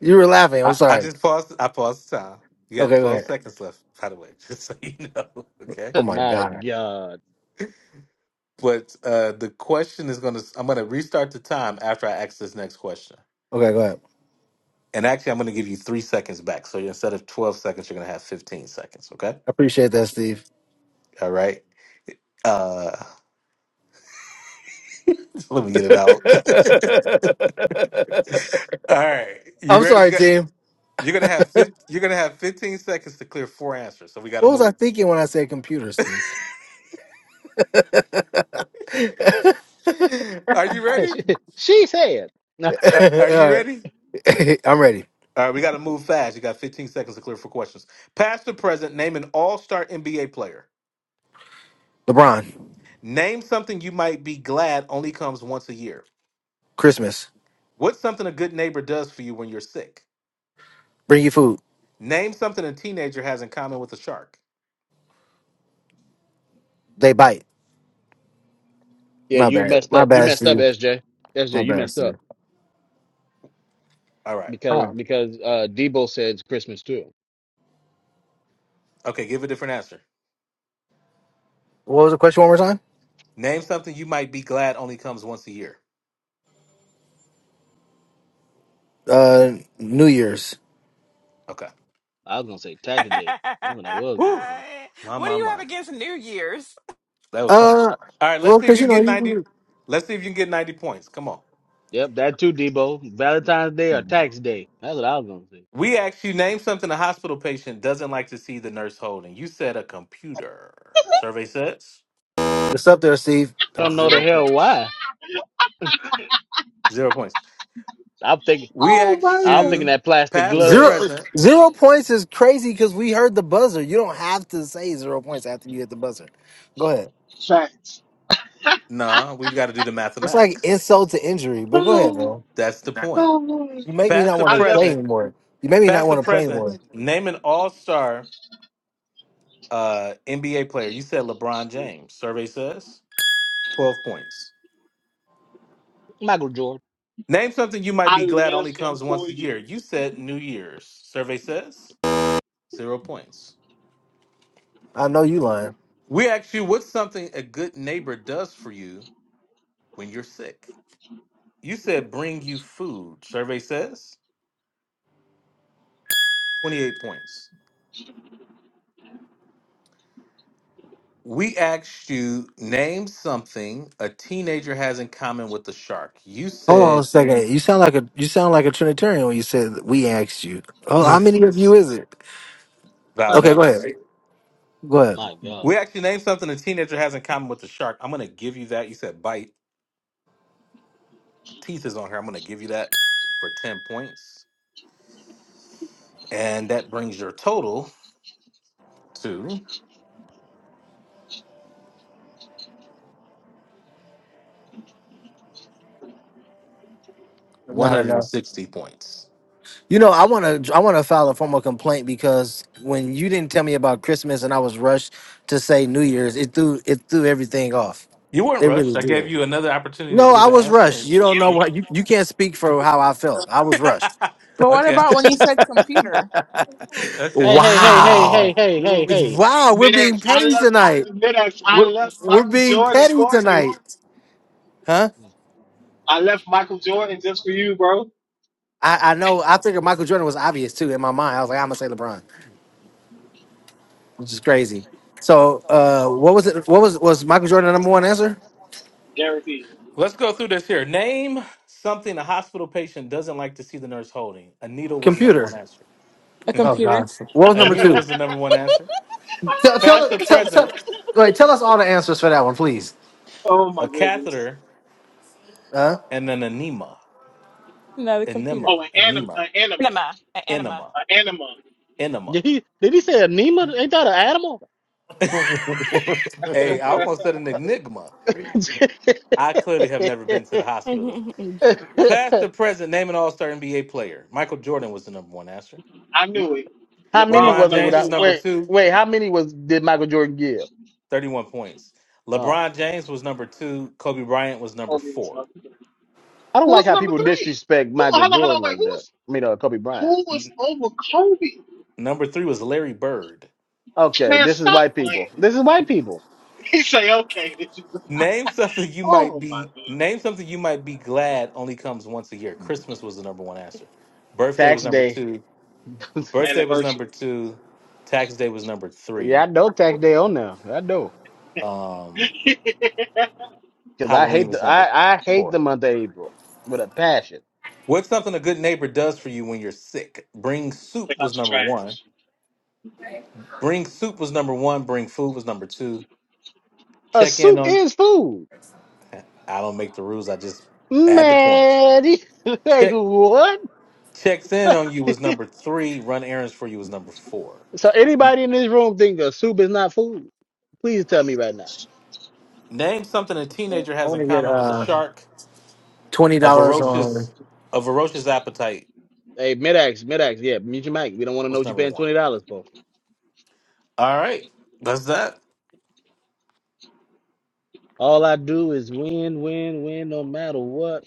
You were laughing. I, I'm I sorry. just paused. I paused the time. You got Okay, go 12 ahead. seconds left, by the way, just so you know. Okay. Oh my My god. God. But uh, the question is going to, I'm going to restart the time after I ask this next question. Okay, go ahead. And actually, I'm going to give you three seconds back. So instead of 12 seconds, you're going to have 15 seconds. Okay. I appreciate that, Steve. All right. Uh, let me get it out. All right. You I'm ready? You sorry, got, team. you're going to have 15, you're going to have 15 seconds to clear four answers. So we got to What was I move. thinking when I said computer, Steve? All Are you ready? she, she said. Uh, are you right, ready? I'm ready. All right. We got to move fast. You got 15 seconds to clear four questions. Past or present, name an all star NBA player. LeBron. Name something you might be glad only comes once a year. Christmas. What's something a good neighbor does for you when you're sick? Bring you food. Name something a teenager has in common with a shark. They bite. yeah, My you bad. messed My up. You bad, messed up, Steve. S J. S J. My you bad, messed up Steve. All right. because Wow. because uh Debo says Christmas too. Okay, give a different answer. What was the question one more time? Name something you might be glad only comes once a year. Uh, New Year's. Okay. I was gonna say tax day. That's what I was gonna Whew. say. My what do my you have my. against New Year's? That was funny. Uh, All right, well, let's see if because you you can know get 90. you. Let's see if you can get 90 points. Come on. Yep, that too, Debo. Valentine's Day or tax day. That's what I was gonna say. We asked you name something a hospital patient doesn't like to see the nurse holding. You said a computer. Survey says It's up there, Steve. I don't know the zero hell points. why. Zero points. I'm thinking. We asked I'm thinking you, that plastic past or Zero glove. present. zero points is crazy because we heard the buzzer. You don't have to say zero points after you hit the buzzer. Go ahead. Facts. Nah, we've got to do the It's like mathematics. insult to injury, but go ahead, No, bro. That's the point. no, no. You make me Past not or I want to play left present, anymore. You make me not past or want to play present, anymore. name an all star uh, NBA player. You said LeBron James. Survey says 12 points. Lord, Name something you might I be glad only left him comes once for a year. you. You said New Year's. Survey says zero points. I know you lying. We asked you, what's something a good neighbor does for you when you're sick? You said bring you food. Survey says 28 points. We asked you name something a teenager has in common with the shark. You Hold on a said second. You sound like a you sound like a Trinitarian when you said that we asked you. Oh, how many of you is it? Okay, go Valmeus. ahead. Go ahead. my God. We actually named something a teenager has in common with the shark. I'm gonna give you that. You said bite. Teeth is on here. I'm gonna give you that for 10 points. And that brings your total to Not enough. 160 points. You know, I want to I want to file a formal complaint because when you didn't tell me about Christmas and I was rushed to say New Year's, it threw it threw everything off. You weren't It really rushed. I did. gave you another opportunity to No, I give an was answer. rushed. You don't know And... what you, you can't speak for how I felt. I was rushed. But what okay. about when you said computer? Okay. Hey, hey, hey, hey, hey, Wow. hey, hey, hey. Wow, we're being Midax, I petty left tonight. Midax, I We're, left we're Michael being Jordan petty for you. tonight. Huh? I left Michael Jordan just for you, bro. I, I know. I figured Michael Jordan was obvious too in my mind. I was like, I'm gonna say LeBron, which is crazy. So, uh, what was it? What was was Michael Jordan the number one answer? Guaranteed. Let's go through this here. Name something a hospital patient doesn't like to see the nurse holding. A needle was the number one Computer. answer. A Oh computer. gosh. What was a number needle two? was the number one answer. Tell Past tell or tell, tell present, wait. Tell us all the answers for that one, please. oh my a goodness. catheter Huh? and an enema. Another computer. Oh, Enema. an anim, Enema. an animal, Enema, an Enema. an animal. Enema. Did he? Did he say anema? Ain't that an animal? Hey, I almost said an enigma. I clearly have never been to the hospital. enema. Past or present, name an all star NBA player. Michael Jordan was the number one answer. I knew it. how many LeBron was LeBron was it? number James was Without two, number huh? wait, two, wait. How many was did Michael Jordan give? thirty-one points. Uh, LeBron James was number two. Kobe Bryant was number Kobe was four. number three. I don't Who like was how number people three? disrespect Who? Michael Hold on, hold on, Jordan wait. like Who that. was I mean, uh, Kobe Bryant. who was N- over Kobe? number three was Larry Bird. Okay, Man, this is stop white playing. people. This is white people. He say, okay, this is Name something you might oh my be lord, name something you might be glad only comes once a year. Christmas was the number one answer. Birthday was Tax number day. two. Birthday was number anniversaries. two. Tax day was number yeah, I three. know tax day on now. I know Um, Take because I Halloween hate was the number I, I hate four. the month of April with a passion. What's something a good neighbor does for you when you're sick? Bring soup was out your number one. trash. Bring soup was number one. Bring food was number two. A Check in soup on. is food, I don't make the rules. I just add the points. man. like Check. what? Checks in on you was number three. Run errands for you was number four. so anybody in this room think a soup is not food? Please tell me right now. Name something a I teenager has want in to get common with a uh shark. twenty A dollars on ferocious, a ferocious appetite Hey, Medax, Medax, yeah, mute your mic. We don't want to know was what you're number paying one. twenty dollars for. All right, that's that. All I do is win, win, win, no matter what.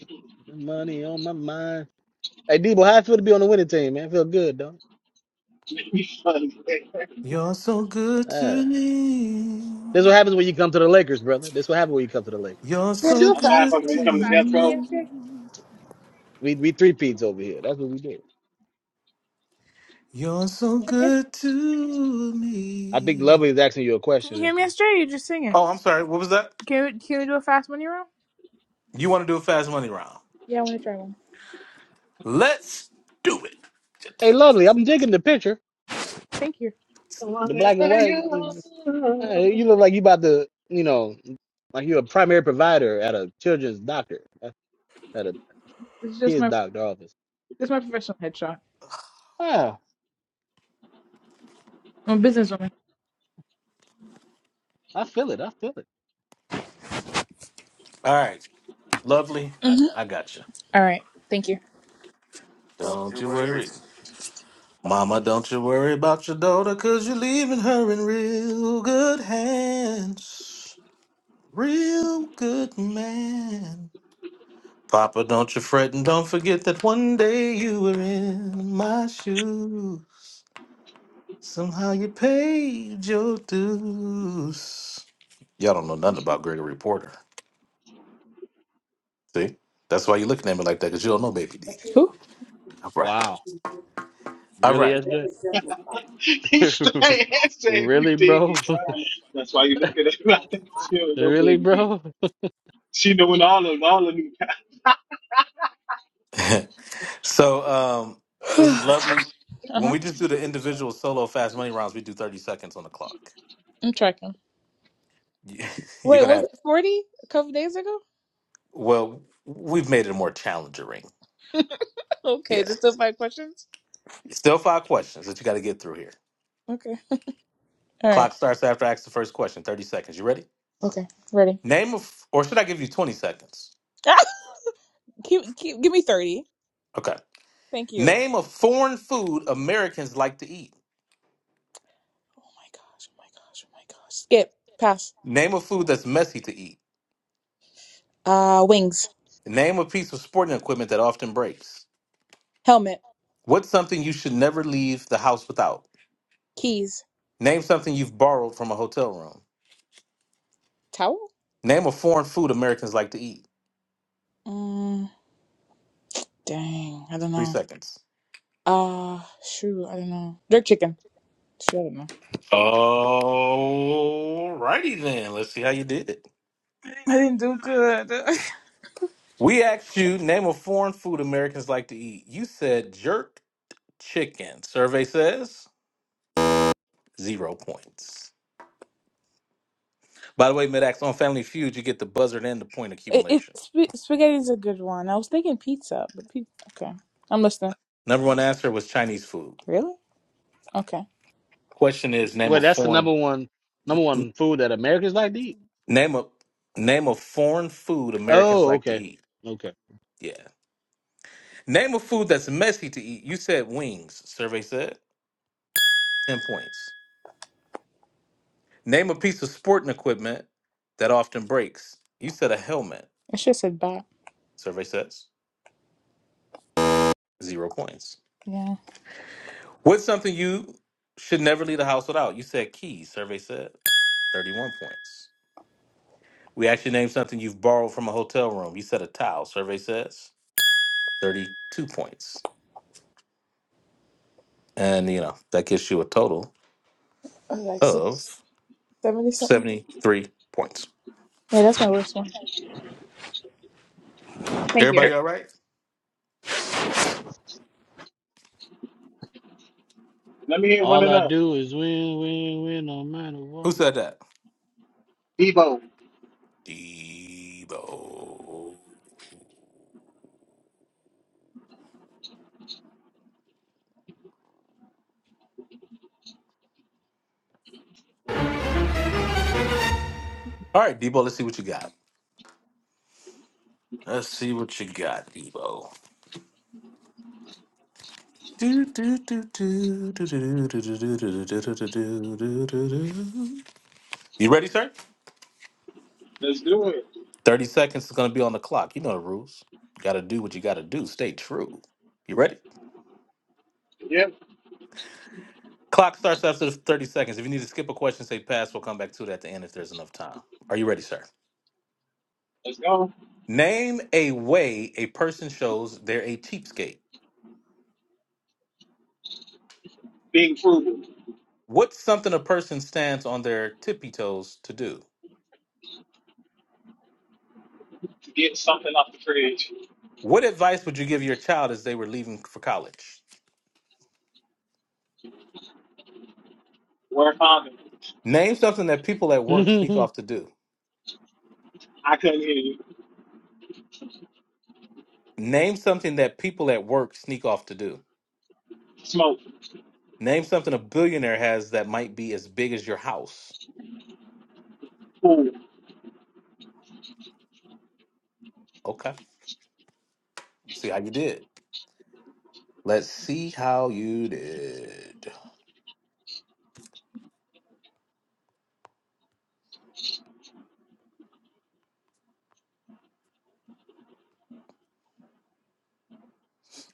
Money on my mind. Hey, Debo, how it feel to be on the winning team, man? I Feel good, though. Be funny. You're so good Ah, to this me. what happens when you come to the Lakers, brother. This what happens when you come to the Lakers. You're Can you so do a That's why I'm good fast, supposed to can be you to do a coming to fast death money row. yesterday? me. We we three peats over here. That's what we do. You're so good to I think me. Lovely is asking you a Can question. you hear That's me just, yesterday? or You're just singing. Oh, I'm sorry. What was that? Can we, can we do a fast money round? You want to do a fast money round? Yeah, I want to try one. Let's do it. hey, Lovely, I'm digging the picture, Thank you. the black and white. is- uh, you look like you about to, you know, like you're a primary provider at a children's doctor, uh, at a This is just kids my doctor office. this is my professional headshot. Wow, I'm a businesswoman. I feel it. I feel it. All right, lovely. I got you. All right. Thank you. Don't you worry. Mama, don't you worry about your daughter, cause you're leaving her in real good hands. Real good man. Papa, don't you fret and don't forget that one day you were in my shoes. Somehow you paid your dues. Y'all don't know nothing about Gregory Porter. See? That's why you're looking at me like that, because you don't know Baby D. Who? All right. Wow, All really, right. SJ? He stay and say you Really, bro? dingy, bro. That's why you look at it like that. She don't know Really, baby D. bro? She knowing all of all of new so um so this uh is lovely. When huh. we just do the individual solo fast money rounds, we do 30 seconds on the clock. I'm tracking. You- You're Wait, gonna was have it 40 a couple days ago? well, we've made it a more challenging. okay, Yeah. just those five questions. Still five questions that you gotta get through here. Okay. All right. Clock starts after I ask the first question, 30 seconds. You ready? Okay, ready? Name of or should I give you 20 seconds? Ah! keep, keep, give me 30. Okay. Thank you. Oh Name of foreign food Americans like to eat. my gosh. Oh my gosh. Oh my gosh. Skip. Pass. Name of food Wow. that's messy to eat. Uh, wings. Name a piece of sporting equipment that often breaks. Helmet. What's something you should never leave the house without? Keys. Name something you've borrowed from a hotel room. Towel? Name a foreign food Americans like to eat. Mm, dang. I don't Three know. seconds. Uh, shoot. I don't know. Jerk chicken. Shoot, I don't know. All righty then. Let's see how you did. it. I didn't do good. We asked you name a foreign food Americans like to eat. You said jerk chicken. Survey says zero points. By the way, Midax on Family Feud, you get the buzzard and the point it, it accumulation. sp- spaghetti's a good one. I was thinking pizza, but pizza. Okay. I'm listening. Number one answer was Chinese food. Really? Okay. Question is name Well, a that's the number foreign one number one food that Americans like to eat. name a name a foreign food Americans Oh, like to okay. eat. Okay. Yeah. Name a food that's messy to eat. You said wings, survey said. 10 points. Name a piece of sporting equipment that often breaks. You said a helmet, I should have said bat. survey says. Zero points. Yeah. What's something you should never leave the house without? You said keys, survey said. 31 points. We actually named something you've borrowed from a hotel room. You said a towel, survey says. 32 points. And, you know, that gives you a total I was Like six- of 70 something. 73 points. Yeah, that's my worst one. Thank Everybody all right? Let me hear one All of I them. do is win, win, win, no matter Who what. said that? Devo. Debo. All right, Debo, let's see what you got. Let's see what you got, Debo. Do, do, do, do, do, do, do, do, do, do, do, do, do, do, do, do, do. You ready, sir? Let's do it. 30 seconds is going to be on the clock. You know the rules. Got to do what you got to do. Stay true. You ready? Yep. Clock starts after the 30 seconds. If you need to skip a question, say pass. We'll come back to it at the end if there's enough time. Are you ready, sir? Let's go. Name a way a person shows they're a cheapskate. Being frugal. What's something a person stands on their tippy toes to do? To Get something off the fridge. What advice would you give your child as they were leaving for college? Wear a condom. Name something that people at work sneak off to do. I couldn't hear you. Name something that people at work sneak off to do. Smoke. Name something a billionaire has that might be as big as your house. Pool. Okay. Let's see how you did. Let's see how you did.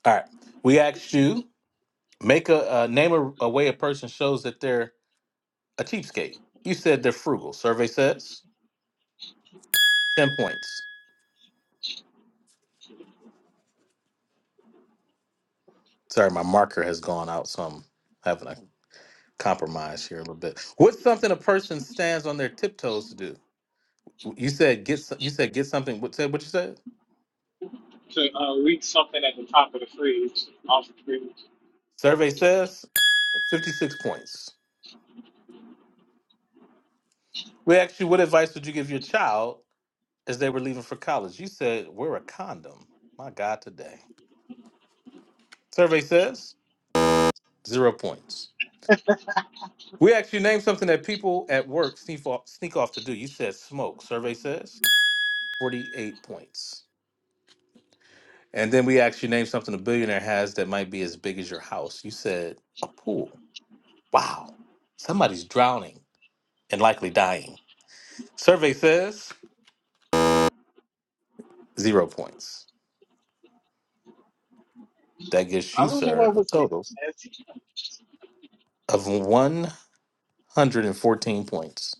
All right. We asked you make a uh, name a, a way a person shows that they're a cheapskate. You said they're frugal. Survey says 10 points. Sorry, my marker has gone out, so I'm having a compromise here a little bit. What's something a person stands on their tiptoes to do? You said get. so- You said get something. What said? What you said? To uh, reach something at the top of the fridge. Off the fridge. Survey says fifty six points. We asked you what advice would you give your child as they were leaving for college. You said wear a condom. My God, today. Survey says zero points. We asked you name something that people at work sneak off, sneak off to do. You said smoke. Survey says forty eight points. And then we asked you name something a billionaire has that might be as big as your house. You said a pool. Wow. Somebody's drowning and likely dying. Survey says zero points. That gives I you, wonder sir, what a was the total answer. of 114 points.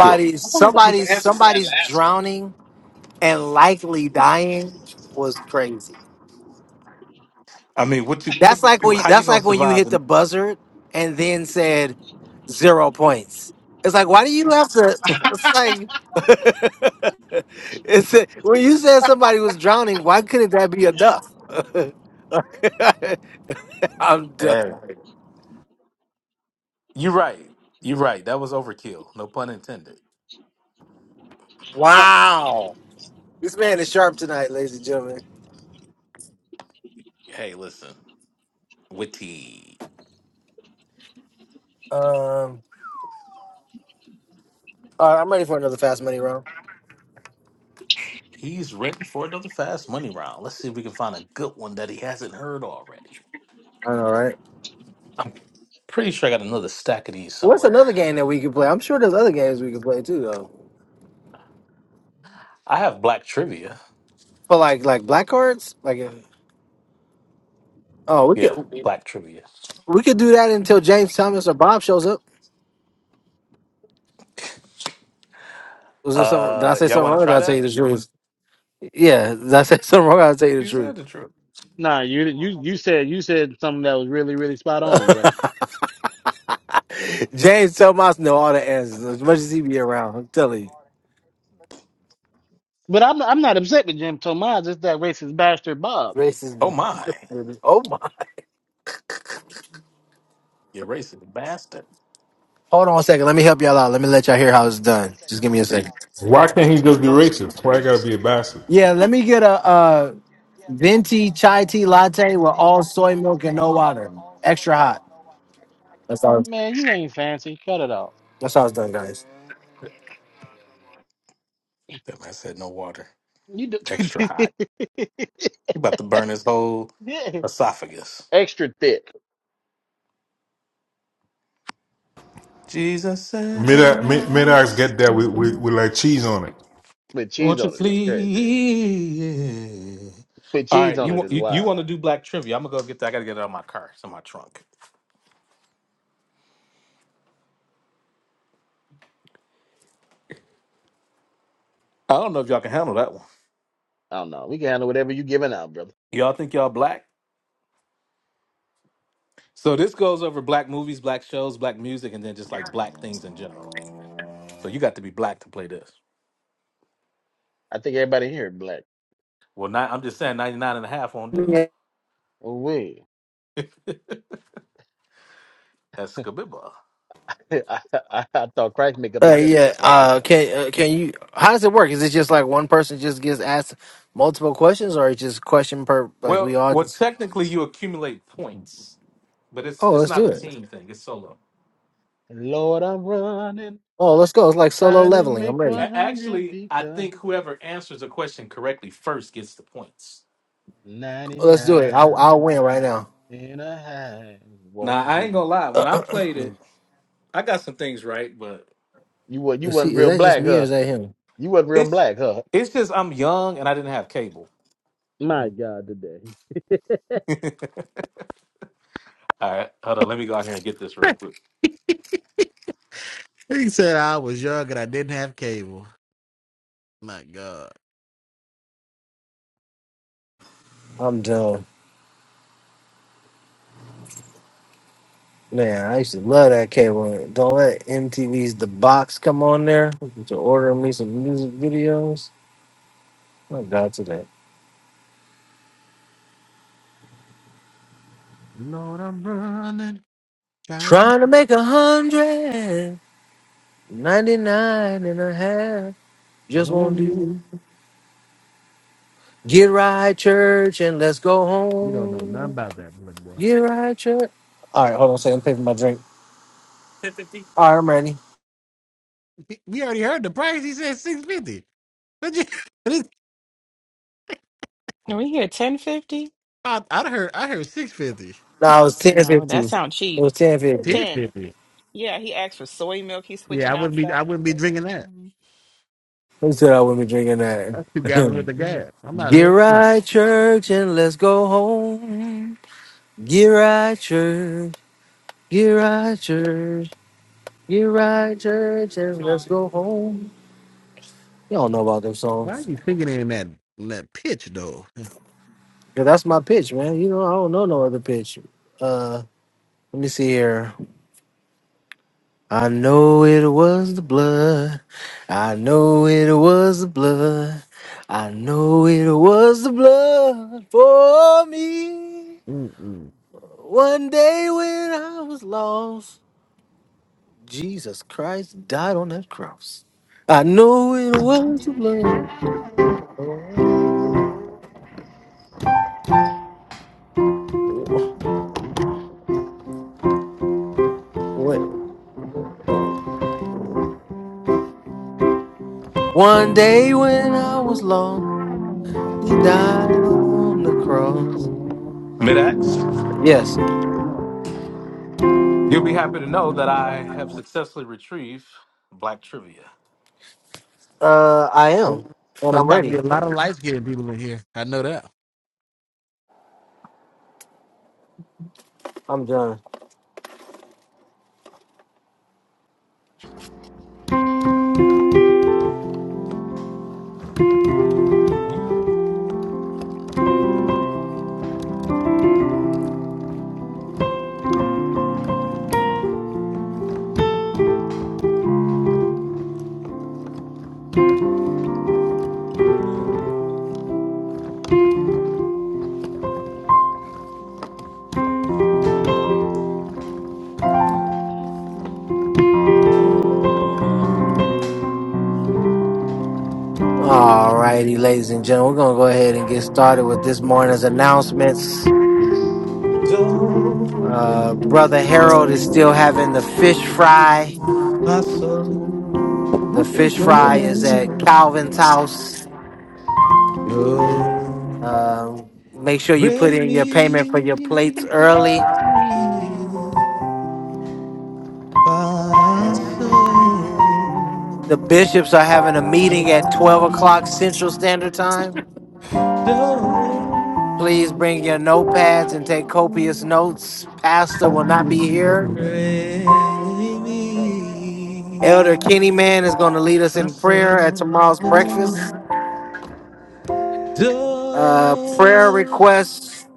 Good. I wonder what was the somebody's answer to that somebody's last one. drowning and likely dying was crazy. I mean, what you, That's like when you, how you that's gonna like when you survive? hit In, the buzzer and then said zero points. It's like why do you have to? It's like it's when you said somebody was drowning. Why couldn't that be enough? I'm done. hey. You're right. You're right. That was overkill. No pun intended. Wow, this man is sharp tonight, ladies and gentlemen. Hey, listen, witty. Um, all right, I'm ready for another fast money round. He's ready for another fast money round. Let's see if we can find a good one that he hasn't heard already. I know, right? I'm pretty sure I got another stack of these What's somewhere. another game that we could play? I'm sure there's other games we could play too, though. I have black trivia. But like like black cards, like if, oh, we Yeah, could black trivia. we could do that until James Thomas or Bob shows up. Was there something? Did I Uh, say y'all something want wrong? to Or did try I tell you that? the truth? Yeah, did I say something wrong? Or did I tell you You the truth. said the truth. nah, you you you said you said something that was really, really spot on, brother. James Telmas know all the answers as much as he be around. I'm telling you, But I'm I'm not upset with Jim Tomaz, it's that racist bastard Bob. Oh racist. my, Oh my! you're racist bastard. Hold on a second. Let me help y'all out. Let me let y'all hear how it's done. Just give me a second. Why can't he just be racist? Why I gotta be a bastard? Yeah, let me get a, uh venti chai tea latte with all soy milk and no water, extra hot. That's how. Man, you ain't fancy. Cut it off. That's how it's done, guys. That man said no water, You do- extra hot. You about to burn his whole Yeah. esophagus. extra thick Jesus said he Mid mid mid get that with, raised. with with like cheese on it. with cheese Won't you on it is crazy. please? With All cheese right, on you it want is you, you wild. want to do black trivia? I'm gonna go get that. I gotta get it out of my car. It's in my trunk. I don't know if y'all can handle that one. I don't know. We can handle whatever you giving out, brother. Y'all think y'all black? So this goes over black movies, black shows, black music, and then just like black things in general. So you got to be black to play this. I think everybody here black. Well, ni- I'm just saying 99 and a half won't do. Oh wait. That's Kabiba. I, I, I thought price make up the Uh, yeah. difference. Watch Uh, yourself. can uh, can you? How does it work? Is it just like one person just gets asked multiple questions, or it's just question per? Like we Well, all well, just. technically you accumulate points, but it's Oh, it's let's not do a it. team thing. It's solo. Lord, I'm running, Oh, let's go. It's like solo trying to leveling. I'm make ready. A- 100 actually, I become think whoever answers the question correctly first gets the points. ninety Let's do it. I'll nine I'll win right now. Nah, won't I ain't do. gonna lie. When I played it, I got some things right, but You wa you Is he? wasn't Is real that just black, me or huh? is that him? You wasn't real it's black, huh? it's just I'm young and I didn't have cable. My God, today. All right, hold on. Let me go out here and get this real quick. He said I was young and I didn't have cable. My God. I'm done. Man, I used to love that cable. Don't let MTV's The Box come on there to order me some music videos. My God, today. Lord, I'm running. Trying to Trying to make a hundred ninety nine and a half. Just won't Won't do. do. Get right, church, and let's go You don't know nothing home. about that, little boy. Get right, church. All right, hold on a second. I'm paying for my drink. All right, I'm ready. We already heard the price. He said six fifty. Let's just Are we here ten fifty? buy this No, it was No, that 10.50. It sounds cheap. was 10.50. Ten. shit. Yeah, he asked for soy milk. He's switching out stuff. That's, Man, mhm. Who said I wouldn't be drinking that's two gallons worth that? of gas. I'm not Get here. No. right, church, and let's go home. Get right, church. Get right, church. Get right, church, and let's go home. Y'all know about them songs. Yeah, that's my pitch, man. You know, I don't know no other pitch. Uh, let me see here. I know it was the blood. I know it was the blood. I know it was the blood for me. Mm-mm. One day when I was lost, Jesus Christ died on that cross. I know it was the blood. Oh, wait. One day when I was lost, he died on the cross. I- Midax, yes, you'll be happy to know that I have successfully retrieved Black Trivia. uh, I am, and There's I'm about to ready. be a lot of light skinned people in here. I know that. I'm done. All righty, ladies and gentlemen, we're gonna go ahead and get started with this morning's announcements. Uh, Brother Harold is still having the fish fry. Who The who fish preaching today? fry is at Calvin's house. Um, make sure you put in your payment for your plates early. Uh, the bishops are having a meeting at 12 o'clock Central Standard Time. Please bring your notepads and take copious notes. Pastor OP will not is be here. Elder Kenny Man is going to lead us in prayer at tomorrow's breakfast. Do, Uh, prayer requests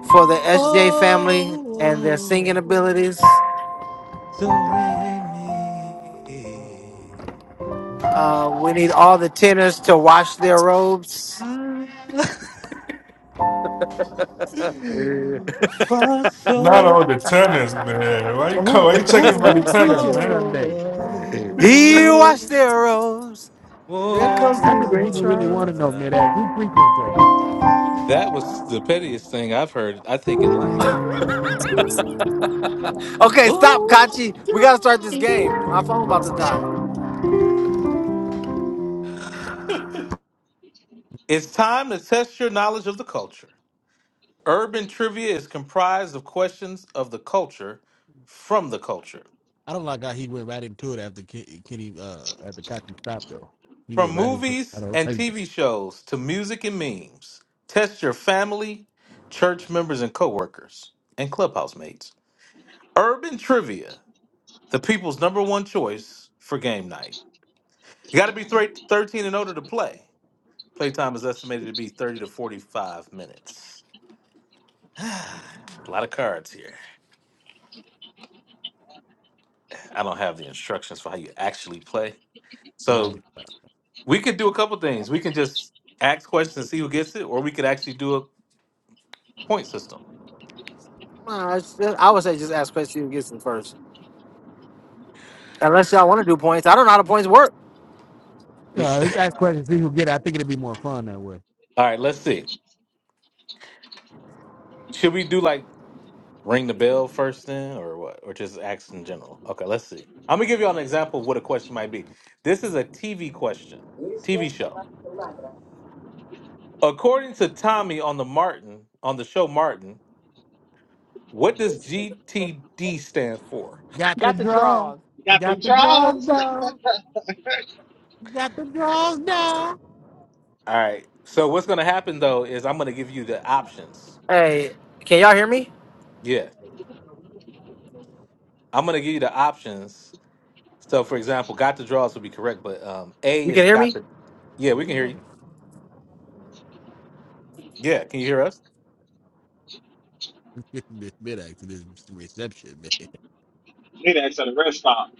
for the SJ family and their singing oh, abilities. do, re, mi, Uh, we need all the tenors to wash their robes. fa, fa, Not all sol. the tennis, man. Why you call? who Why you checking who for the who tennis, preaching man? Sunday? He washed their robes. There comes That's through what the great people really want to trials. know, mid ass. Oh. Who preaching Sunday? That was the pettiest thing I've heard, I think, in life. Okay, stop, Oh, Kachi. We got to start this game. My phone about to die. it's time to test your knowledge of the culture. Urban trivia is comprised of questions of the culture from the culture. I don't like how he went right into it after Ke- Kenny uh after Cocky stopped though. He From went right into it. I movies don't. and like TV shows to music and memes, test your family, church members and coworkers, and clubhouse mates. Urban trivia, the people's number one choice for game night. You got to be thre- 13 and older to play. Playtime is estimated to be 30 to 45 minutes. A lot of cards here. I don't have the instructions for how you actually play. So Like, We could do a couple things. We can just ask questions and see who gets it, or we could actually do a point system. Nah, it's just- I would say just ask Chris Steven Gibson first. Unless y'all want to do points. I don't know how the points work. L- uh, let's ask questions, see who get it. I think it'd be more fun that way. All right, let's see. Should we do like ring the bell first then, or what? Or just ask in general? Okay, let's see. I'm gonna give you all an example of what a question might be. This is a TV question, you. TV show. According to Tommy on the Martin on the show Martin, what does GTD stand for? Got the Got the draw. draws. You You got them Got the draws draws. down. You Got the draws down. All right. So what's gonna happen though is I'm gonna give you the options. Hey, can y'all hear me? Yeah, I'm gonna give you the options So, for example, got the draws would be correct, but um, A You can is hear got me? the. Oh, Yeah, we we can hear don't. you. Yeah, can you hear us? this mid accident reception, They asked at a rest stop.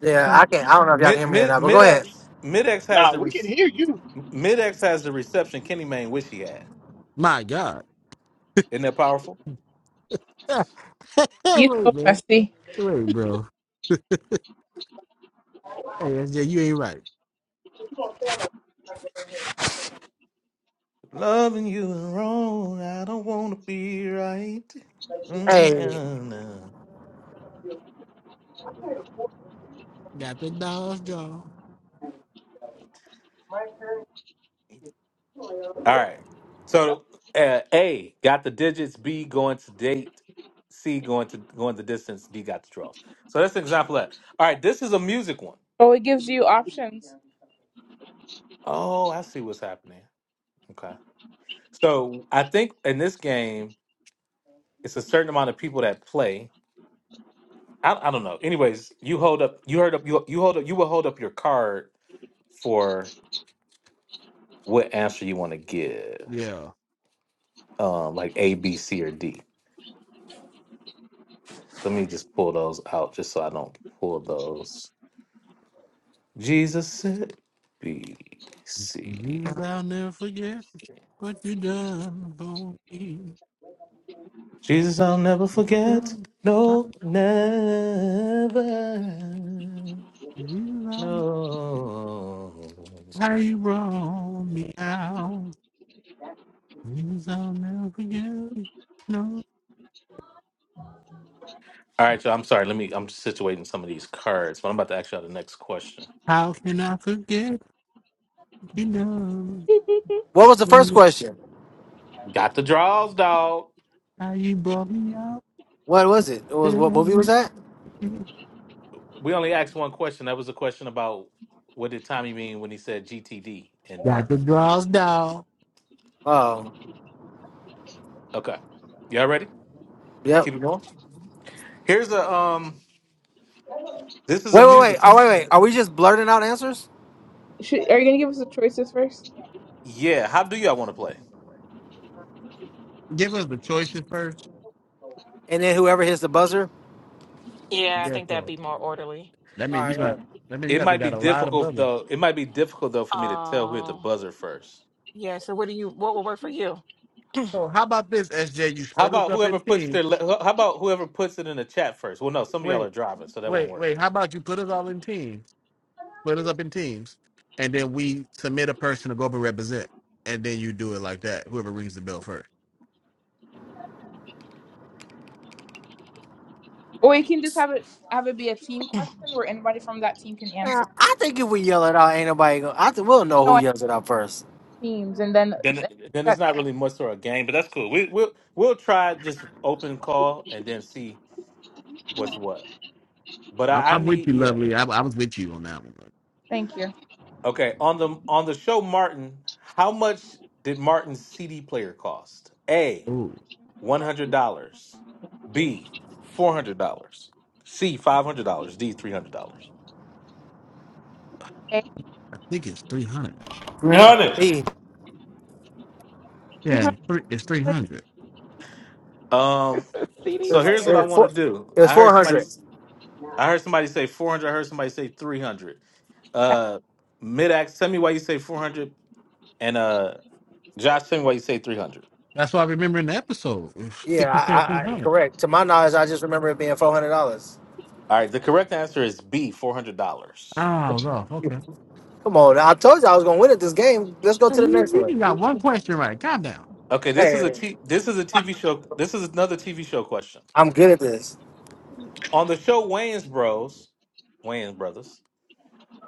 Yeah, man. I can. not I don't know if y'all can Mid hear me or mid not, but go ahead. Midx Midx has Nah, the re- we can hear you. Midx has the reception Kenny Mayne wish he had. My God. Isn't that powerful? hey, You wait, so man. messy. Wait, bro. Hey, SJ, you ain't right. Loving you is wrong, I don't want to be right. Mm, Hey, no, no. Got the dogs drawn. All right. So uh, A got the digits. B going to date. C going to going the distance. D got the draws. So that's an example of that. All right. This is a music one. Oh, it gives you options. Oh, I see what's happening. Okay. So I think in this game, it's a certain amount of people that play. I, I don't know. Anyways, you hold up. You heard up. You you hold up. You will hold up your card for what answer you want to give, Yeah. um, like A, B, C, or D. Let me just pull those out, just so I don't pull those. Jesus said B, C. Jesus, I'll never forget what you done for me. Jesus, I'll never forget. No, never. you, I'll No. Why you roll me out? Things I'll never forget. No, All right, y'all. I'm sorry. Let me. I'm situating some of these cards, but I'm about to ask y'all the next question. how can I forget? You know what was the first question? Got the draws, dog. how you brought me out. What was it? It was what movie was Baby. that? We only asked one question. That was a question about what did Tommy mean when he said GTD and Got the Martin. draws down. Oh, Okay, y'all ready? yep. Keep it going. Here's a um. This is a Wait, wait, wait. music Oh, one. wait, wait. Are we just blurting out answers, Should, are you gonna give us the choices first? Yeah. How do y'all want to play? Give us the choices first. and then whoever hits the buzzer? Yeah, I Yes, think that'd so. be more orderly. That All means you right. All right. got. That means you It got to might be got a lot of difficult brothers. though. It might be difficult though for me to tell who hit the Uh, buzzer first. yeah. So, what do you? What will work for you? So how about this, SJ? You How split us about up whoever in puts their? teams. le- How about whoever puts it in the chat first? Well, no. Some of y'all are Wait, driving, so that won't wait, work. wait. How about you put us all in teams? split us up in teams, and then we submit a person to go up and represent, and then you do it like that. Whoever rings the bell first. Or we can just have it have it be a team question where anybody from that team can Yeah, answer. I think if we yell it out, ain't nobody gonna. I think we'll know No, who I yells it out first. teams and then then it- then it's that. not really much for a game, but that's cool. We we'll we'll try just open call and then see what's what. But I'm, I, I I'm with need you, yeah. lovely. I, I was with you on that one. Thank you. Okay. On the on the show Martin, how much did Martin's CD player cost? A oh, one hundred dollars. B four hundred dollars. C five hundred dollars. D three hundred dollars. I think it's three hundred. Three hundred. B. Yeah, three, it's three hundred. Um It CD so was, here's it player. what I was want to four. do. It was I heard four somebody hundred. I heard somebody say four hundred, I heard somebody say three hundred. Uh mid ax tell me why you say 400 And uh Josh, tell me why you say three hundred. That's what I remember in the episode. I think Yeah, I, you said I, three I, hundred. correct. To my knowledge, I just remember it being four hundred dollars. All right, the correct answer is B, four hundred dollars. Ah, I was off. Okay. Come on, I told you I was gonna win at this game. Let's go Oh, to the You, next you one. just got one question right. Calm down. Okay, this is a Hey, t- this is a TV show. This is another TV show question. I'm good at this. On the show Wayans Bros, Wayans Brothers,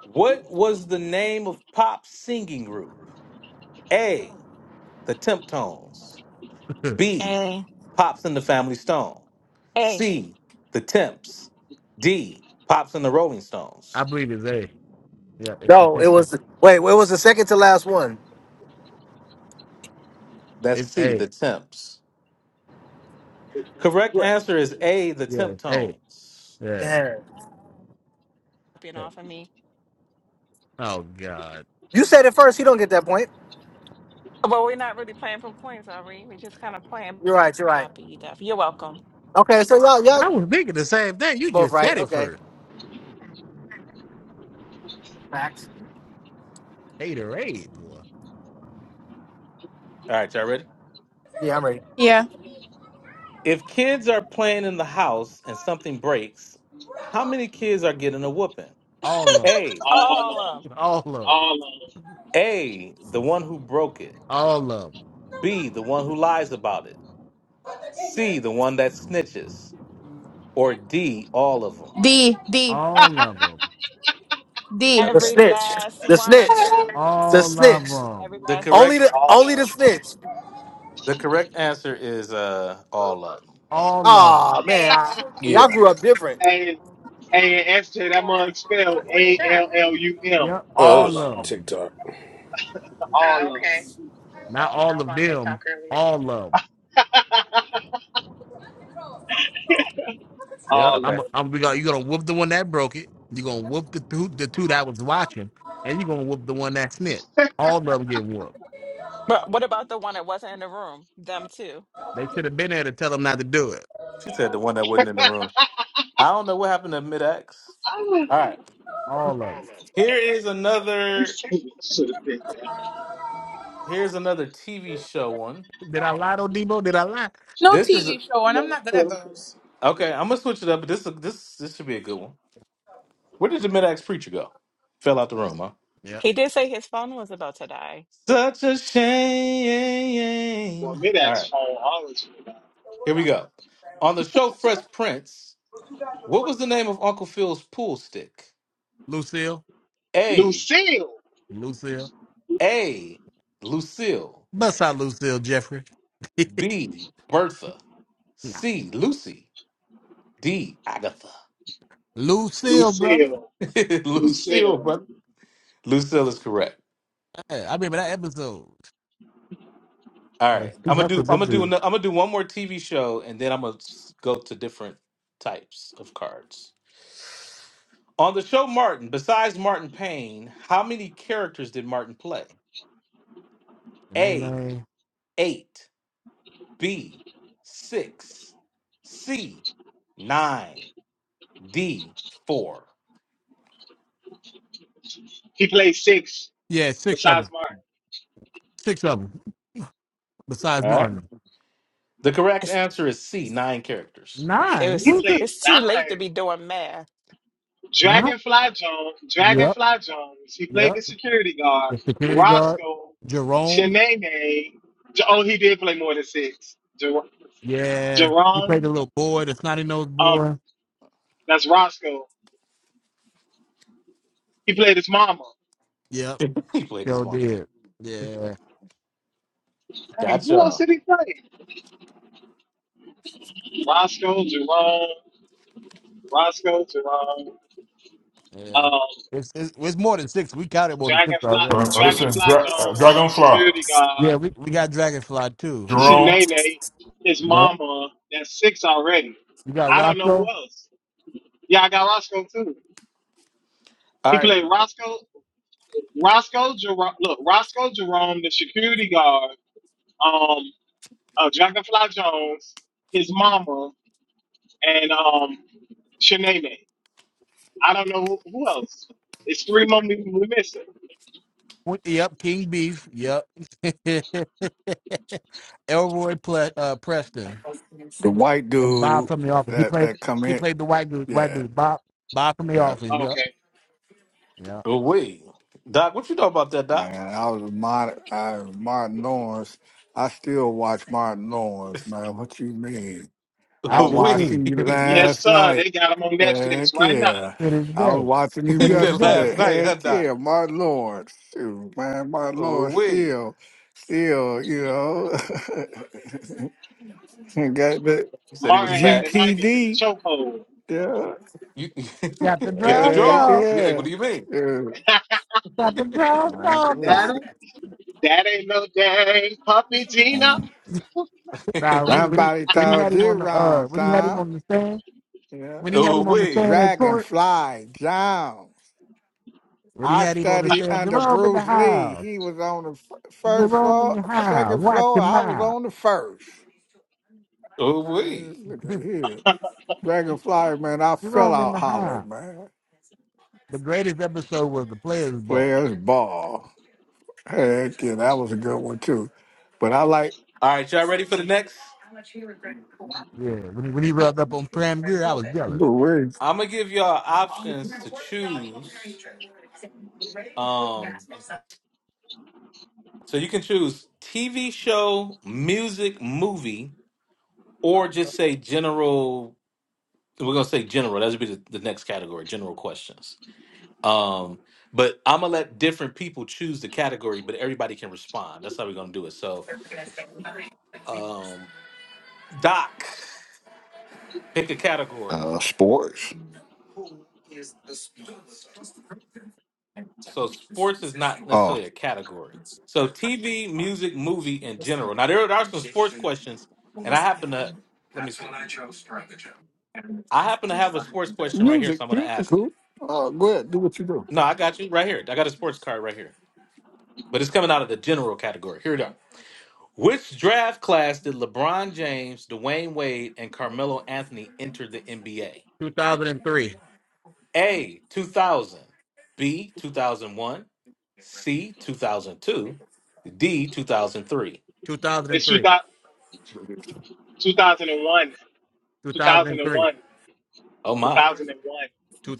what was the name of pop singing group? A, the Temptones. B, Hey, Pops and the Family Stone. hey, C, the Temps. D, Pops and the Rolling I Stones. believe it's A. Yeah, it's the No, it tip. was wait. It was the second to last one. That's It's C, A. the Temps. Correct Right. answer is A, the Yeah, temp it's A. tones. Yeah. Damn. copying yeah. off of me. Oh God. You said it first. You don't get that point. Well, we're not really playing for points, are we? We're just kind of playing. You're right. You're right. Copy stuff. You're welcome. Okay, so y'all y'all I was thinking the same thing. You both just right. said it Okay. first. Facts. Haterade, boy. All right, y'all ready? Yeah, I'm ready. Yeah. If kids are playing in the house and something breaks, how many kids are getting a whooping? All of them. A, All All on. of them. All of them. All A, the one who broke it. All of them. B, the one who lies about it. C, the one that snitches. Or D, all of them. D D All of them. D. The Okay. Every snitch. last The one of snitch. on. them. The All of snitch. them. Every The last one. Only correct the All only the on. snitch. the correct answer is uh all of them. All of them. Oh man, Hey, I, y'all Yeah. grew up different. SJ, That uh, mug what, spelled what was A that? L L U M. Yep. Oh, it All All was of on. them. TikTok. Oh, All of okay. them. Not I all was of on them. TikTok earlier. All of them. Yep. All Okay. I'm. of them. I'm. We got. You're gonna whoop the one that broke it. You're gonna whoop the two. The two that was watching, and you're gonna whoop the one that snitched. All of them get whooped. But what about the one that wasn't in the room? Them too. They should have been there to tell them not to do it. She said the one that wasn't in the room. I don't know what happened to mid X. I do All right. All of Here is you another should have said that. Here's another TV show one. them. Did I lie, though, Debo? Did I lie? No This is TV show, and I'm No. not good at those. okay. I'm gonna switch it up, but this this this should be a good one. Where did the mid axe preacher go? Fell out the room, huh? Yeah. He did say his phone was about to die. Such a For shame. me, All that's right, phone always for that. here we go. On the show Fresh Prince, what was the name of Uncle Phil's pool stick? Lucille. A. Lucille. Lucille. A. Lucille. Bust out Lucille Jeffrey. B. Bertha. C. Lucy. D. Agatha. Lucille, brother. Lucille. Lucille, Lucille. brother. Lucille is correct. Yeah, I remember that episode. All Yeah, right, I'm she gonna do. I'm hustled this gonna do. dude. ano- I'm gonna do one more TV show, and then I'm gonna s- go to different types of cards. On the show Martin, besides Martin Payne, how many characters did Martin play? And they A named- eight, B six, C nine, D four. He played six Yeah, six of besides them. Martin. Six of them. Besides All right. Martin. The correct It's- answer is C nine characters. It Nine. He was. Who's that? played It's too late to nine. be doing math. Nine. Dragonfly Jones. Yep. Dragonfly Jones. He played Yep. the security guard. The security guard. Roscoe. Jerome. Shanae. Oh, he did play more than six. Jer- Yeah. He played Jerome. the little boy, the snotty nosed Um, boy. that's Roscoe. He played his mama. Yep. Sure did. Yeah. Dang, who else Gotcha. did he play? Roscoe, Jerome, Roscoe, Jerome, Yeah. um, It's, it's it's more than six. We counted more than six Dragonfly, Uh, already. uh, listen, Dragonfly Dra- uh, Jones, the Dragonfly, security Yeah, guard, we, we got Dragonfly too. Jerome. Shanae, his Yep. mama. That's six already. You got I don't know Roscoe? who else. Yeah, I got Roscoe too. All He right, played Roscoe, Roscoe Jerome. Look, Roscoe Jerome, the security guard, um, uh, Dragonfly Jones, his mama, and um, Shanae. I don't know who, who else. It's three more we we missing. Well, Yep, King Beef. Yep. Elroy Ple- uh, Preston The white and Bob dude from the office. He that played. that come He in, played the white dude. White yeah, dude. Bob. Bob from the yeah, office. Yep. Okay. Yep. man. I was Martin, I was Martin Lawrence. I still watch Martin Lawrence, man. What you mean? I I do watched too. him To this day. Yes, last sir. night. They got them on Netflix Heck right now. yeah, To this I was day. watching him To this day. yesterday. Heck Doc. yeah, Martin Lawrence, Shoot, man. Martin Oh Lawrence wait, still, still, you know, got the you said he was Martin had back. the 90s in the GTD. chokehold. Yeah, You Got the get the drowns dog. draws. Yeah, what do heck you mean? yeah. Got the drowns Man, dog. Daddy, Now. listen, that ain't no day. Puppy Gina. man. Nah, when he when he Somebody when he told had him you on the uh wrong, when he had him Tom. on the stand Yeah. when he had oh, him on the wait. stand at court Dragonfly Jones. when he I had him on the studied stand under Jerome in the Bruce Lee. house He was on the f- first Jerome in floor, your house second watch floor. your I was mouth. on the first. Man, look at here. Dragonfly, man, I fell Jerome in out the high. hollering, man. The greatest episode was the Players Ball. Players ball. Heck yeah, that was a good one too. But I like All right. Yeah, when he, when he rubbed up on Pam Grier, I was jealous. the way, I'm gonna give y'all options to choose. Um, so you can choose TV show, music, movie, Uh, or just say general. We're gonna say general. That would be the, the next category, general questions. Um, but I'm gonna let different people choose the category, but everybody can respond. That's how we're gonna do it. So, um, Doc, pick a category. uh, sports. so sports is not Oh, necessarily a category. So TV, music, movie in general. Now there, there are some sports questions, and I happen to let me see. I happen to have a sports question right here, so I'm Music, going to music, ask cool. it. Uh, go ahead, do what you do. No, I got you right here. I got a sports card right here, but it's coming out of the general category. Here it are. Which draft class did LeBron James, Dwayne Wade, and Carmelo Anthony enter the NBA? 2003, A. 2000, B. 2001, C. 2002, D. 2003. It's two 2003, thou- 2001. 2003, 2001. Oh my. 2001.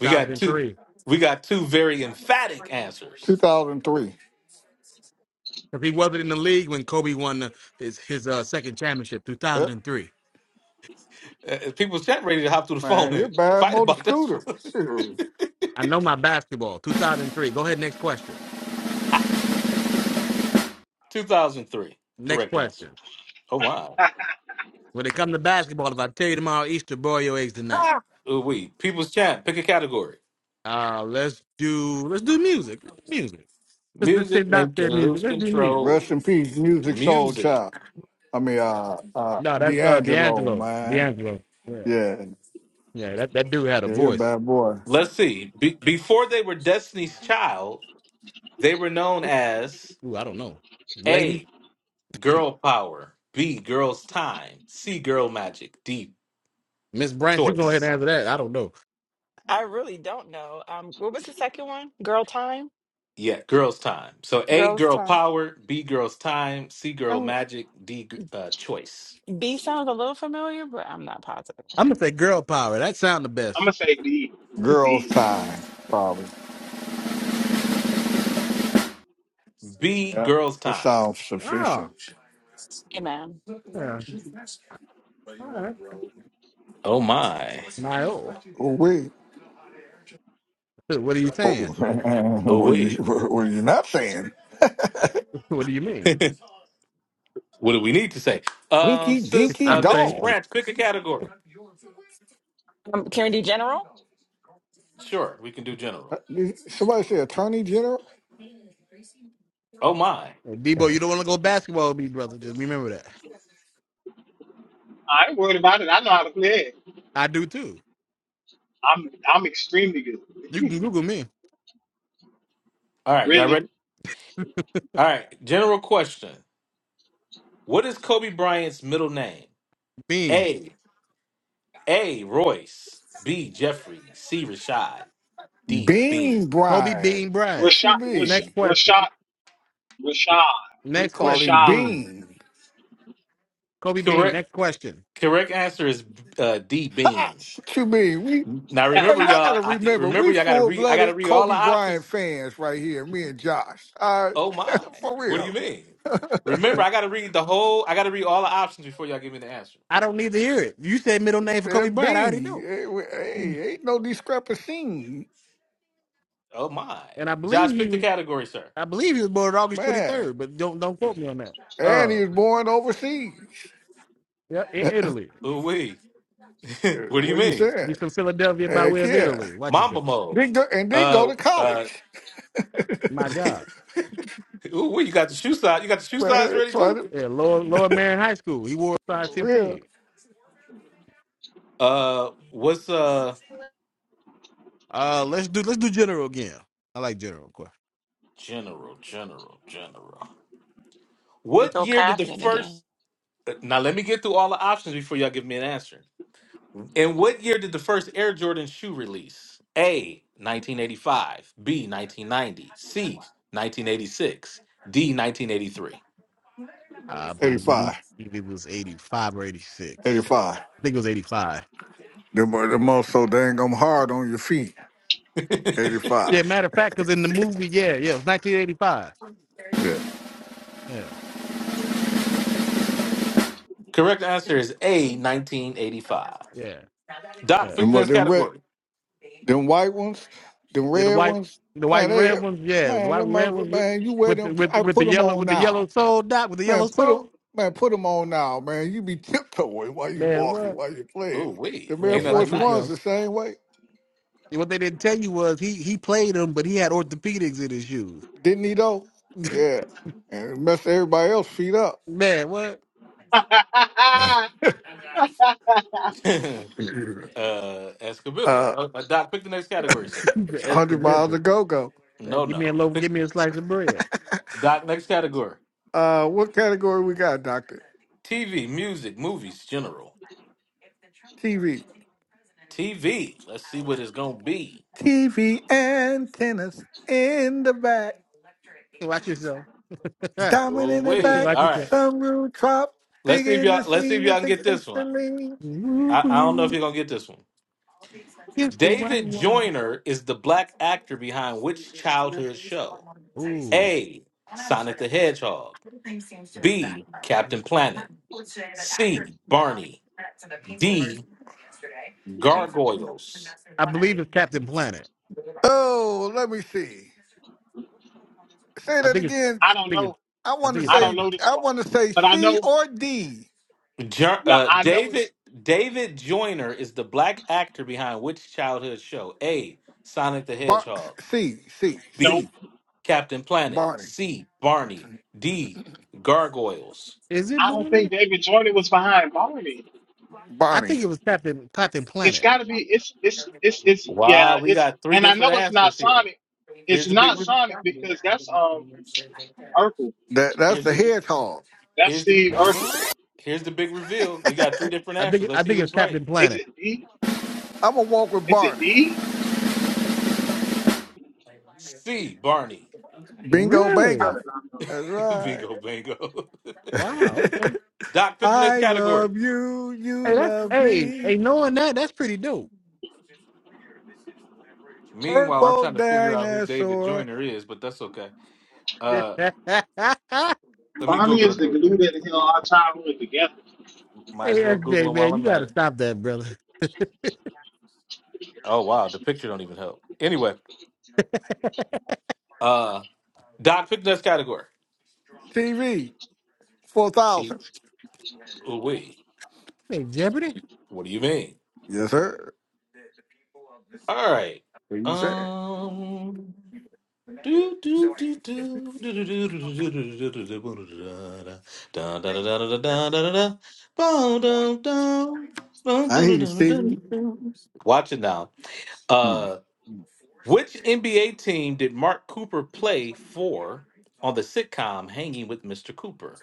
We got two. We got two very emphatic answers. 2003. Because he wasn't in the league when Kobe won the, his his uh, second championship, Yep. 2003. Uh, people's chat ready to hop through the phone Man, you're and bad fight motor about this scooter. one. Shoot. I know my basketball, 2003. Go ahead, next question. 2003. Next Correct answer. question. Oh my. When it comes to basketball, if I tell you tomorrow Easter, boil your eggs tonight. Ooh we. People's chat. Pick a category. Uh, let's do let's do music. Let's do music. Let's just Music sit back make you there, music. lose Let's do music. Rest in control. peace, music soul Music. child. I mean, uh, uh, No, that's uh D'Angelo, D'Angelo. man. D'Angelo. Yeah. Yeah, Yeah, that, that dude had a yeah, you're a voice. bad boy. Let's see. Be- before they were Destiny's Child, they were known as Ooh, I don't know. Ladies, A. Girl Power. B. Girls Time. C. Girl Magic. D. Miss Branch, you go Choice. ahead and answer that. I don't know. I really don't know. Um, what was the second one? Girl time. Yeah, girls' time. So A, Girls girl time. power. B, girls' time. C, girl Um, magic. D, g- uh, choice. B sounds a little familiar, but I'm not positive. I'm gonna say girl power. That sound the I'm best. going to say B. Girls' B. time, probably. B, Yep. girls' That time. sounds Ah, sufficient. Amen. yeah. All right. Oh my. Nio. Oh, wait. What are you Oh, saying? Oh what, are you, wait. what are you not saying? What do you mean? what do we need to say? Um, Winky sis, Dinky uh, I'm Mrs. Dog. saying Branch, pick a category. Um, can we do general? Sure, we can do general. Somebody say Attorney General? Oh my. Debo, you don't wanna go basketball with me, brother. Just remember that. I ain't worried about it. I know how to play it. I do too. I'm I'm extremely good. You can Google me. All right, y'all Really. ready? All right, general question. What is Kobe Bryant's middle name? Bean. A, A, Royce. B, Jeffrey. C, Rashad. D, Bean. Bean Kobe Bryant. Bean Bryant. What you Rashad, Rashad, Next mean? question. Rashad, We Next call him question. Rashad, Bean. Bean. Kobe Bean. Correct. Next question. Correct answer is uh, D, Ha! Bean. What you mean? We Now Rashad. man, remember, y'all y'all. gotta I, remember, we remember, y'all got to full read. I got blooded to read all the Kobe Bryant options. fans right here, me and Josh. Uh Oh my! for What do you real. mean? Remember, I got to read the whole. I got to read all the options before y'all give me the answer. I don't need to hear it. You said middle name for Yeah, Kobe Bryant. I Bean. already know. Hey, we- And hey, ain't no discrepancy. Oh my! I believe Josh, he pick the was category, sir. I believe he was born August twenty Man. third, but don't don't quote me on that. And Uh he was born overseas. yeah, in what Italy. Ooh wee. what do you are you mean? saying? He's from Philadelphia by Heck way of yeah. Italy. Watch Mamba yourself. mode. Then go, and then go Uh. to Uh. college. My God. Ooh wee. You got the shoe size. You got the shoe size Man, ready try too. to, Yeah, Lower Lower Marion High School. He wore a size for real. fifteen. Uh. What's uh? Uh let's do let's do general again. I like general of course. General. General. General. He What go year did the copying again. first? uh, Now let me get through all the options before y'all give me an answer. In what year did the first Air Jordan shoe release? A. 1985. B. 1990. C. 1986. D. 1983. I believe 85. it was eighty five or eighty six. 85. I think it was eighty five. The, mo- the most so dang I'm hard on your feet. Yeah, 85. matter of fact, because in the movie, yeah, yeah, it was nineteen eighty five. Yeah. Yeah, Correct answer is A. 1985. yeah, yeah. Doc, Them, pick the mo- next them, red, category. them white ones, them Yeah, the red white, ones, the white man, and they, red ones. Yeah, the man, white them and red mother, ones with, man, you wear with the them. with the- I with the put them yellow on with the yellow now. soul dot with the Man, yellow put him, soul. man, put him on now, man. You be tiptoeing while you Man, walking, what? while you playing. Oh, The wait. Air Yeah, Ain't watch nothing Force this One's now. the nice. same way, And What they didn't tell you was he he played them, but he had orthopedics in his shoes. didn't he though? Yeah, and it messed everybody else feet up. Man, what? uh, Escobiba. Uh, Uh, uh, Doc, pick the next category, sir. He's an hundred miles to ex-convict. go go. No, Man, give no. me a loaf, Pick, give me a slice of bread. Doc, next category. Uh, what category we got, Doctor? TV, music, movies, general. TV. TV. Let's see what it's going to be. TV antennas in the back. Watch yourself. Watch Diamond Oh, in the wait. back. All right. yourself. Sunroof drop. Let's Dig see if in y'all. the Let's see if scene y'all with can the get this gangster one. lean. Woo I, I don't know if woo, you're gonna get this one. it's the white David wall. Joyner is the black actor behind which childhood show? Ooh, A. Sonic the Hedgehog. B. Captain Planet. C. Barney. D. Gargoyles. I believe it's Captain Planet. Oh, let me see. Say I that think it's, again. I don't I think know. it's, I I want to think it's I don't say Captain. know this I one. want to say But I C know, or D. Jo- nah, uh, I know David it's, David Joyner is the black actor behind which childhood show? A. Sonic the Bar- Hedgehog. C, C, no. C. B. Captain Planet. Barney. C. Barney. D. Gargoyles. Is it I don't Boone? think David Jordan was behind Barney. I think it Barney. was Captain Captain It's Planet. got to be. It's it's it's it's yeah. Wow, we It's got three and I know different it's not answers here. Sonic. Here's It's the big. not Re- Sonic because that's um Urkel. That that's here's the the. hedgehog. That's Here's Steve Urkel. the. Here's the big reveal. We got three different I answers. think Let's I see think it's who's right. Captain Is Planet. it D? I'm gonna walk with Is it Barney. D? C. Barney. Bingo, I Really? bango. did not know That's right. bingo, bingo. Wow. Okay. Doc picked the next I category. love you. You Hey, that's love hey me. hey. Knowing that, that's pretty dope. Meanwhile, I'm Purple trying to figure out who David dinosaur Joyner is, but that's okay. hey Uh, that. let me Barney Google him is the real glue quick. that held our childhood together. Might as well Google SJ him while man, you I'm at gotta it. stop that, brother. Oh wow, the picture don't even help. Anyway, uh, Doc picked the next category. TV. Four See, thousand. we. hey Jeopardy. What do you mean? Yes, sir. All right. What you say? Um. Do do do do do do do do do do do do do da da da da da da da da da da. Bow down down. Bow down down down down. Watch it now. Uh, which NBA team did Mark Cooper play for on the sitcom Hanging with Mr. Cooper?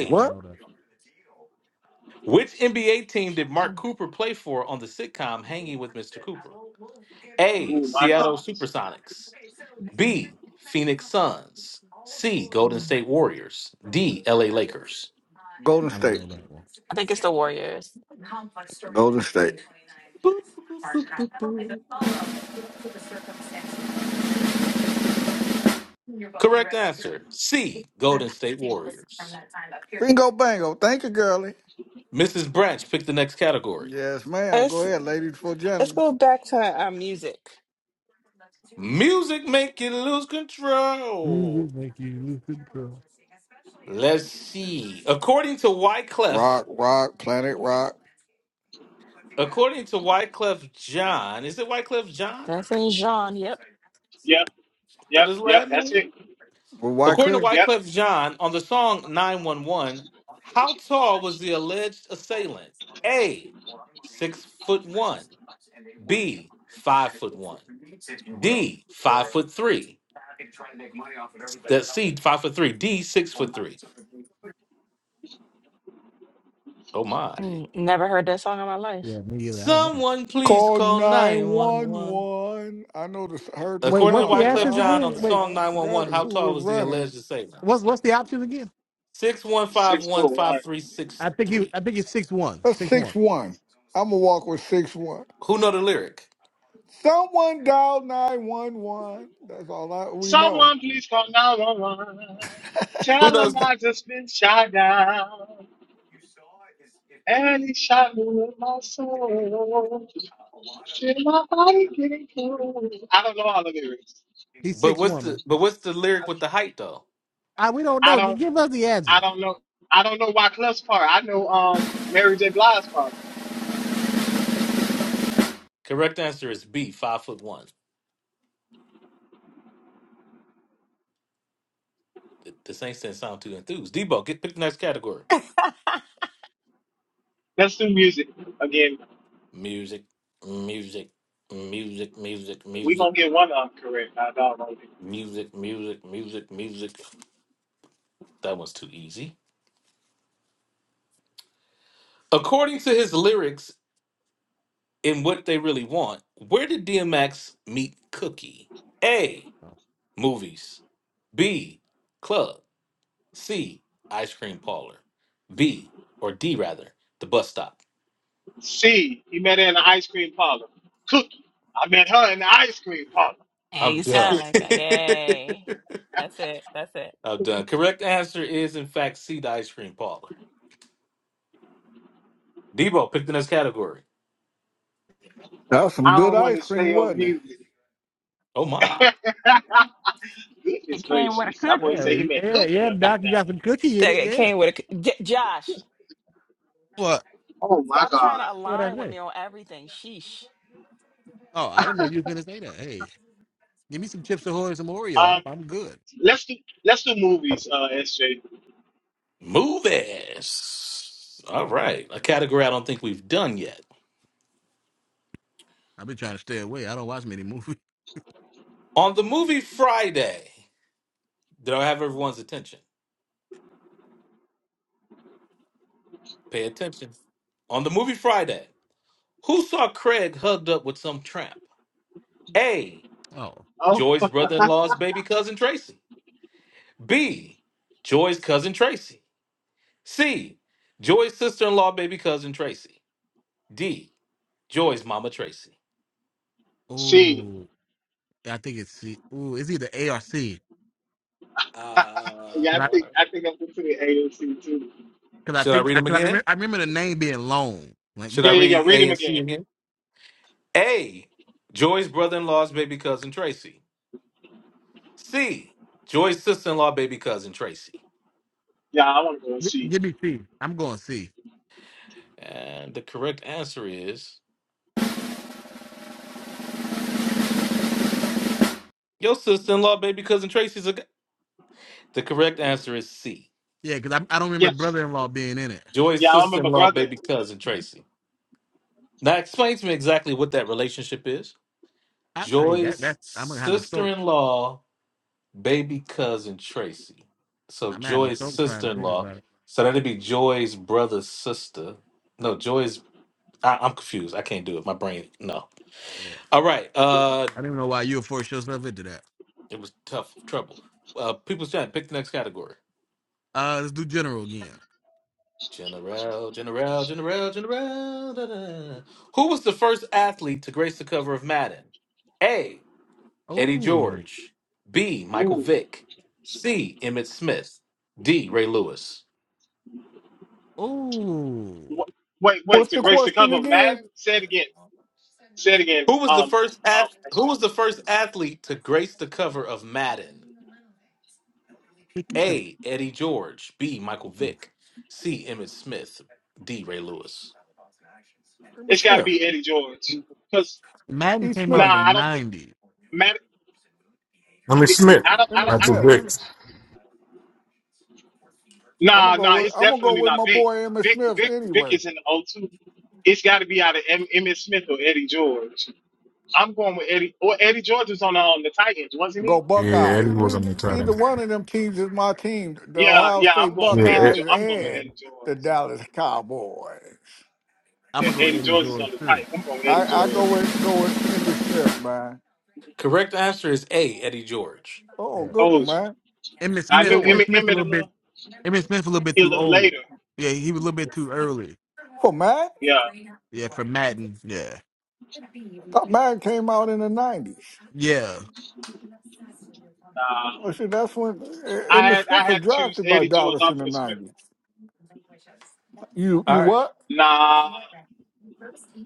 Oh, I don't What? know that. Which NBA team did Mark Cooper play for on the sitcom Hanging with Mr. Cooper? A. Oh my Seattle God. SuperSonics. B. Phoenix Suns. C. Golden I State Warriors. D. L. A. Lakers. Golden I don't State. know that one. think it's the Warriors. Golden State. Boop, boop, boop, boop, boop. Correct answer C. Golden State Warriors. Bingo bango. Thank you, girlie. Mrs. Branch pick the next category. Yes, ma'am. Go Let's ahead, ladies for let's gentlemen. go back to uh, music. Music make you lose control. Music make you lose control. Let's see. According to Wyclef, Rock, rock, planet rock. according to Wyclef John, is it Wyclef John? Is Vincent Jean. Yep. Yep. That Yep. his Yep. last That's name? it. With White According to Clear. Yep. Wyclef Jean, on the song 911, how tall was the alleged assailant? A, six foot one. B, five foot one. D, five foot three. That C, five foot three. D, six foot three. Oh my. Mm, Never heard that song in my life. Yeah, me either. I don't know. Someone please Call call 911. 911. I know this, heard the Wait, According to what's song, the but Wyclef answers Jean, I, on again? the Wait, song I forgot 911, how who tall was was the running. alleged assailant? what's what's the options again? Six one five Six oh one five one. three six I think he. three. I think he's six one. That's Six 6 one. 1. I'm going to walk with 6 1. Who know the lyric? Someone dial 911. That's all I, we know. Someone please call nine one one. Who Tell them knows? I just been shot down. And it shot me in my soul. Feel my body getting cold. I don't know all the lyrics. He's But six what's one, the man. but what's the lyric with the height though? I, we don't I know. Just don't give us the I answer. don't know I don't know why Clef's part. I know um Mary J. Blige's part. Correct answer is B, five foot one. Th- This ain't didn't sound too enthused. Debo, get pick the next category. Let's do music. Again, Music, music, music, music, we music, gonna get one of them correct. I don't know. music, music, music, music. That one's too easy. According to his lyrics and what they really want, where did DMX meet Cookie? A. Movies. B. Club. C. Ice cream parlor. B. Or D rather, the bus stop. C, he met her in the ice cream parlor. Cookie, I met her in the ice cream parlor. Yeah, I'm you done. sound like that. Yay. That's it. That's it. I'm done. Correct answer is, in fact, C, the ice cream parlor. Debo picked the next category. That was some I good don't want ice to cream, stay on wasn't it? music. Oh, my. It Goodness came with a gracious. That boy cookie. Yeah, say he met yeah, Cookie yeah, up in Doc, you there. got some cookie in That it. it Yeah. came with a c- J- Josh. What? Oh my Stop trying God. to What I align with say? me on everything. Sheesh. Oh, I didn't know you was gonna say that. Hey, give me some chips ahoy and some Oreo. Um, I, I'm good. Let's do let's do movies, uh, SJ. Movies. All right. A category I don't think we've done yet. I've been trying to stay away. I don't watch many movies. On the movie Friday, did I have everyone's attention? Pay attention. On the movie Friday, who saw Craig hugged up with some tramp? A. Oh, Oh, Joy's brother in law's baby cousin Tracy. B. Joy's cousin Tracy. C. Joy's sister in law, baby cousin Tracy. D. Joy's mama Tracy. see, oh, I think it's C- ooh, it's either A or C. Uh, yeah, Cause I I, think I think I'm considering AOC too. cause I should I think, read I, them cause I again? remember, I remember the name being long. Like, Should I Yeah, yeah, yeah. read Read A him and C again. again? A. Joy's brother in law's baby cousin Tracy. C. Joy's sister in law, baby cousin Tracy. Yeah, I want to go and see. give me C. I'm going C. And the correct answer is your sister in law, baby cousin Tracy's a. g- The correct answer is C. Yeah, cause I, I don't remember Yes. brother-in-law being in it. Joy's Yeah, I sister in remember law, brother. baby cousin Tracy. Now explain to me exactly what that relationship is. I, I that Joy's that's I'm gonna have a sister stroke. in law, baby cousin Tracy. So I'm gonna have a Joy's stroke trying sister to in think law. about it. So that'd be Joy's brother's sister. No, Joy's. I, I'm confused. I can't do it. My brain. No. Yeah, All right. Yeah. Uh, I don't even know why you forced yourself into that. it was tough trouble. Uh, people's giant. Pick the next category. Uh, let's do general again. General, General, General, General. da, da. Who was the first athlete to grace the cover of Madden? A. Eddie Oh, George. B. Michael Ooh. Vick. C. Emmett Smith. D. Ray Lewis. oh. Wh- Wait, wait. What's To the grace the question cover, again? Madden. Say it again. Say it again. Who was the Um, first um, ath- Who was the SJ. first athlete to grace the cover of Madden? A. Eddie George. B. Michael Vick. C. Emmett Smith. D. Ray Lewis. It's Emmitt got to Smith. be Eddie George. Cause Madden E. came out Smith. nah, I in the don't think '90s. Madden. I mean Smith. I don't. I Emmitt don't. Not I the Smith. think. Vic. I'm gonna Nah, go nah, with it's I'm gonna go definitely with not my Vic. boy Emmitt Vic, Smith Vic, Vic anyway. is in the O two. It's got to be out of M- Emmett Smith or Eddie George. I'm going with Eddie. Or Eddie George was on the, um, the Titans, wasn't Go he? Yeah, Eddie Buckeyes. was on the We- Either title. one of them teams is my team, the Yeah, Ohio yeah. I'm State going with Eddie. Yeah, Jo- Buckeyes I'm going with and Eddie George. the Dallas Cowboys. I'm Yeah, gonna go Eddie Eddie George is George on the too. Titans. I'm going with I, Eddie I go George. with go with Emmitt Smith, man. Correct answer is A. Eddie George. Oh, Yeah. good one, Told you. man. Emmitt I Smith. Good knew one. Emmitt Emmitt. Smith a Emmitt, little a bit. little, Emmitt Smith a little bit a too little old. later. Yeah, he was a little bit too early. Oh, man. Yeah. Yeah, for Madden. Yeah. Thought mine came out in the nineties. Yeah. Nah. I said that's when E- I Emmitt had I Smith was had to choose drafted by Eddie George Dallas in off of the the script. nineties. You All you right. what? Nah,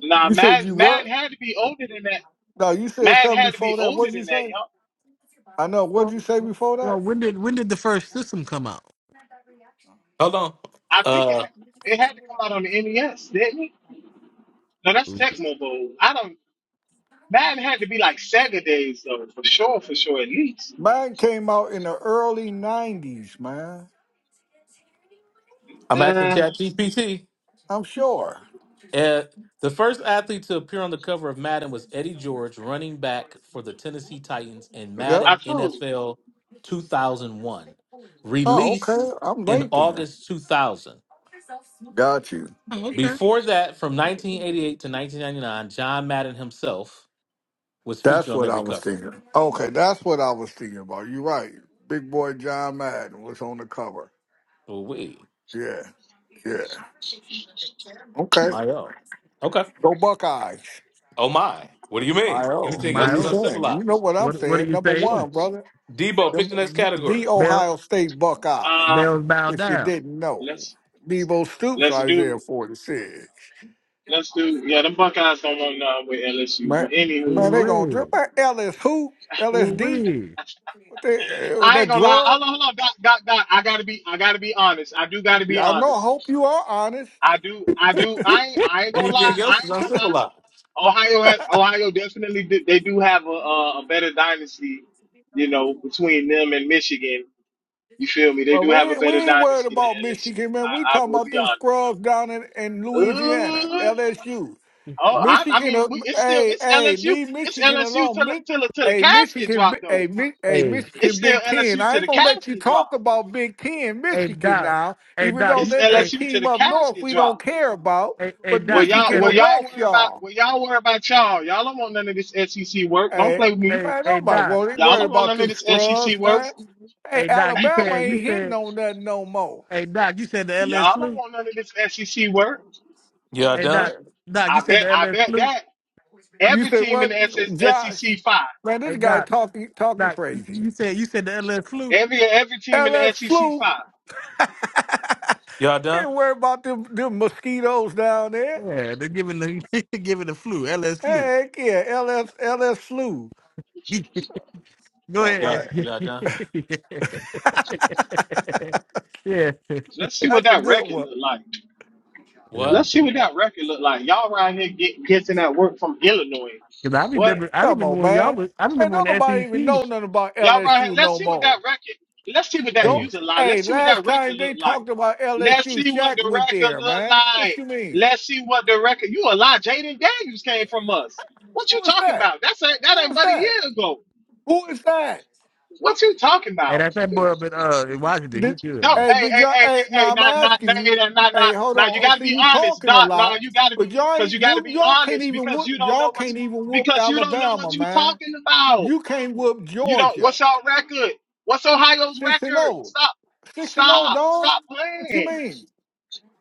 nah. You said you Madden what? Madden had to be older than that. No, you said Madden something had to be before that. older What'd you than say? that, I know. What'd Well, you say before that? well, when did when did the first system come out? Hold on. I think it, Uh, ha- it had to come out on the NES, didn't it? No, that's Ooh. Tecmo Bowl. I don't. Madden had to be like Sega days though, for sure, for sure, at least. Mine came out in the early nineties, man. I'm asking Uh, Chat GPT. I'm sure. Uh, the first athlete to appear on the cover of Madden was Eddie George, running back for the Tennessee Titans in Yep. I Madden told you. NFL 2001, Oh, released okay. I'm in late then. August 2000. Got you. Oh, okay. Before that, from 1988 to 1999, John Madden himself was That's featured on what I every was cover. thinking. Okay, that's what I was thinking about. You're right. Big boy John Madden was on the cover. Oh, wait. Yeah. Yeah. Okay. My oh. Okay. Go Buckeyes. Oh, my. What do you My mean? oh, Anything what are else My you is old. saying? You know uncivilized. what I'm What What do saying. you Number Fuck, say? one, brother, Debo, yo. pick the next the, category. the Bell Ohio State Buckeyes. Uh, Bells bow If you down. didn't know, let's Debo Stoops, let's Isaiah do 46. let's do. Yeah, them Buckeyes don't want nothing with LSU, but Man, anywho, man, they um, gonna drip. Ooh Man, LS who? wee. Ooh LSD? wee. What they, uh, I ain't that gonna lie. drug? Hold on, hold on, Doc, Doc, Doc. I gotta be, I gotta be honest. I do gotta be I know. I honest. hope you are honest. I do, I do. I ain't, I ain't gonna lie. Anything I else is ain't gonna lie. uncivilized. Ohio has Ohio definitely do, they do have a, a a better dynasty, you know, between them and Michigan. You feel me? They Well, do have a we we better ain't worried dynasty than about LSU. Michigan, man. We I, I talking will about be honest. them scrubs down in, in Louisiana, Uh, LSU. oh, I, I Michigan, mean, uh, we, it's still hey, it's hey, LSU. leave It's Michigan LSU alone. till it- Mi- till it- till the hey, casket Michigan, drop bi- though. hey, Mi- hey, It's Michigan, still Big Ten. LSU I till ain't the gonna let you casket talk drop. about Big Ten, Michigan now, even though It's that's a LSU till team the up north casket we drop. don't care about. But Well, You y'all, Michigan said well, will that. y'all wax worry about, y'all. well, y'all worry about y'all. Y'all don't want none of this SEC work. Don't Hey, play with me. Hey man, Hey nobody Doc. worried, Y'all worried don't want about none of them this SEC scrubs, work. man. Hey, Hey Doc, you Alabama said ain't you hitting said on nothing no more. hey Doc, you said the LS Y'all don't flu. want none of this SEC work. Y'all Hey Uh, done? Doc, Doc, you I said bet, the I LS bet flu. that You every say team in what, the SS Josh? SEC five, Man, Hey this guy Doc, talking talking Doc, you crazy. you said you said the LS flu. every every team in the LS SEC flu. five. Y'all done? Ain't worry about them them mosquitoes down there. Yeah, they're giving the they're giving the flu, LS flu. Heck yeah, LS LS flu. Go Talk Y'all, about ahead. it. y'all done? yeah, Let's see what That's a that good record one. look like. What? Let's see what that record look like. Y'all right here get, getting that work from Illinois. because I What remember I Come remember on, when y'all man. was I Man, remember when don't the nobody SEC. even know nothing about y'all right here? LSU Let's no see what that more. record. Let's see what that Don't. Hey, user line. Hey, Let's see what last that time record look they like. talked about Let's LSU, see what Shaq the went record there, look man. What like. you mean? Let's see what the record. You a lie. Jaden Daniels came from us. Who What you was talking that? about? That's a, Who that ain't was but a that? year ago. Who is that? What you talking hey, about? that's that boy up in uh in Washington. He Did good, No, bro. hey hey, did hey, y'all hey, hey, hey hey, now I'm not, not, not, asking you, not, not, hey, not. hold Now on. you Oh, gotta See be you honest, talking a Doc. Now lot, you gotta but be, y'all cause ain't you gotta you be y'all can't honest, even because whoop you don't y'all know what can't you, even whoop because you don't know Alabama, what you man. talking about. You can't whoop You don't. Georgia. What's our record? What's Ohio's Six and record? oh. Stop, Six and oh, stop, dog. stop What you playing. mean?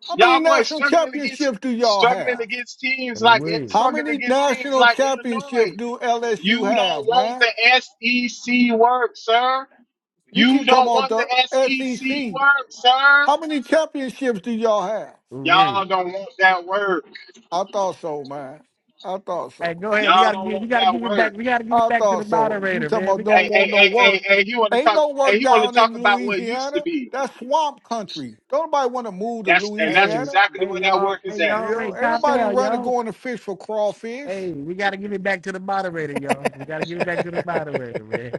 How many Y'all boys national struggling against championships do y'all struggling have? against Hey, teams like Wait, How struggling many against teams national like championships Illinois. do LSU You don't have, want man? the SEC work, sir. You You keep talking don't want the about the SEC SEC. work, sir. How many championships do y'all have? wait. Y'all don't want that work. I thought so, man. I thought so. Hey, go ahead. We Y'all gotta don't give. We want gotta that give it back. work. We gotta give it I back to the thought so. You moderator, talking man. about We don't gotta. Hey, hey, want no hey, hey, work. hey, you want to Ain't talk? no Hey, work you want to down in talk about what it used to Louisiana. be? That's swamp country. Don't nobody want to move to That's and that's Hey, Louisiana. exactly hey, where that y'all. work Hey, is at. You y'all. know, Wait, ain't calm nobody down, running y'all. going to fish for Hey, crawfish. we gotta give it back to the moderator, y'all. We gotta give it back to the moderator, man.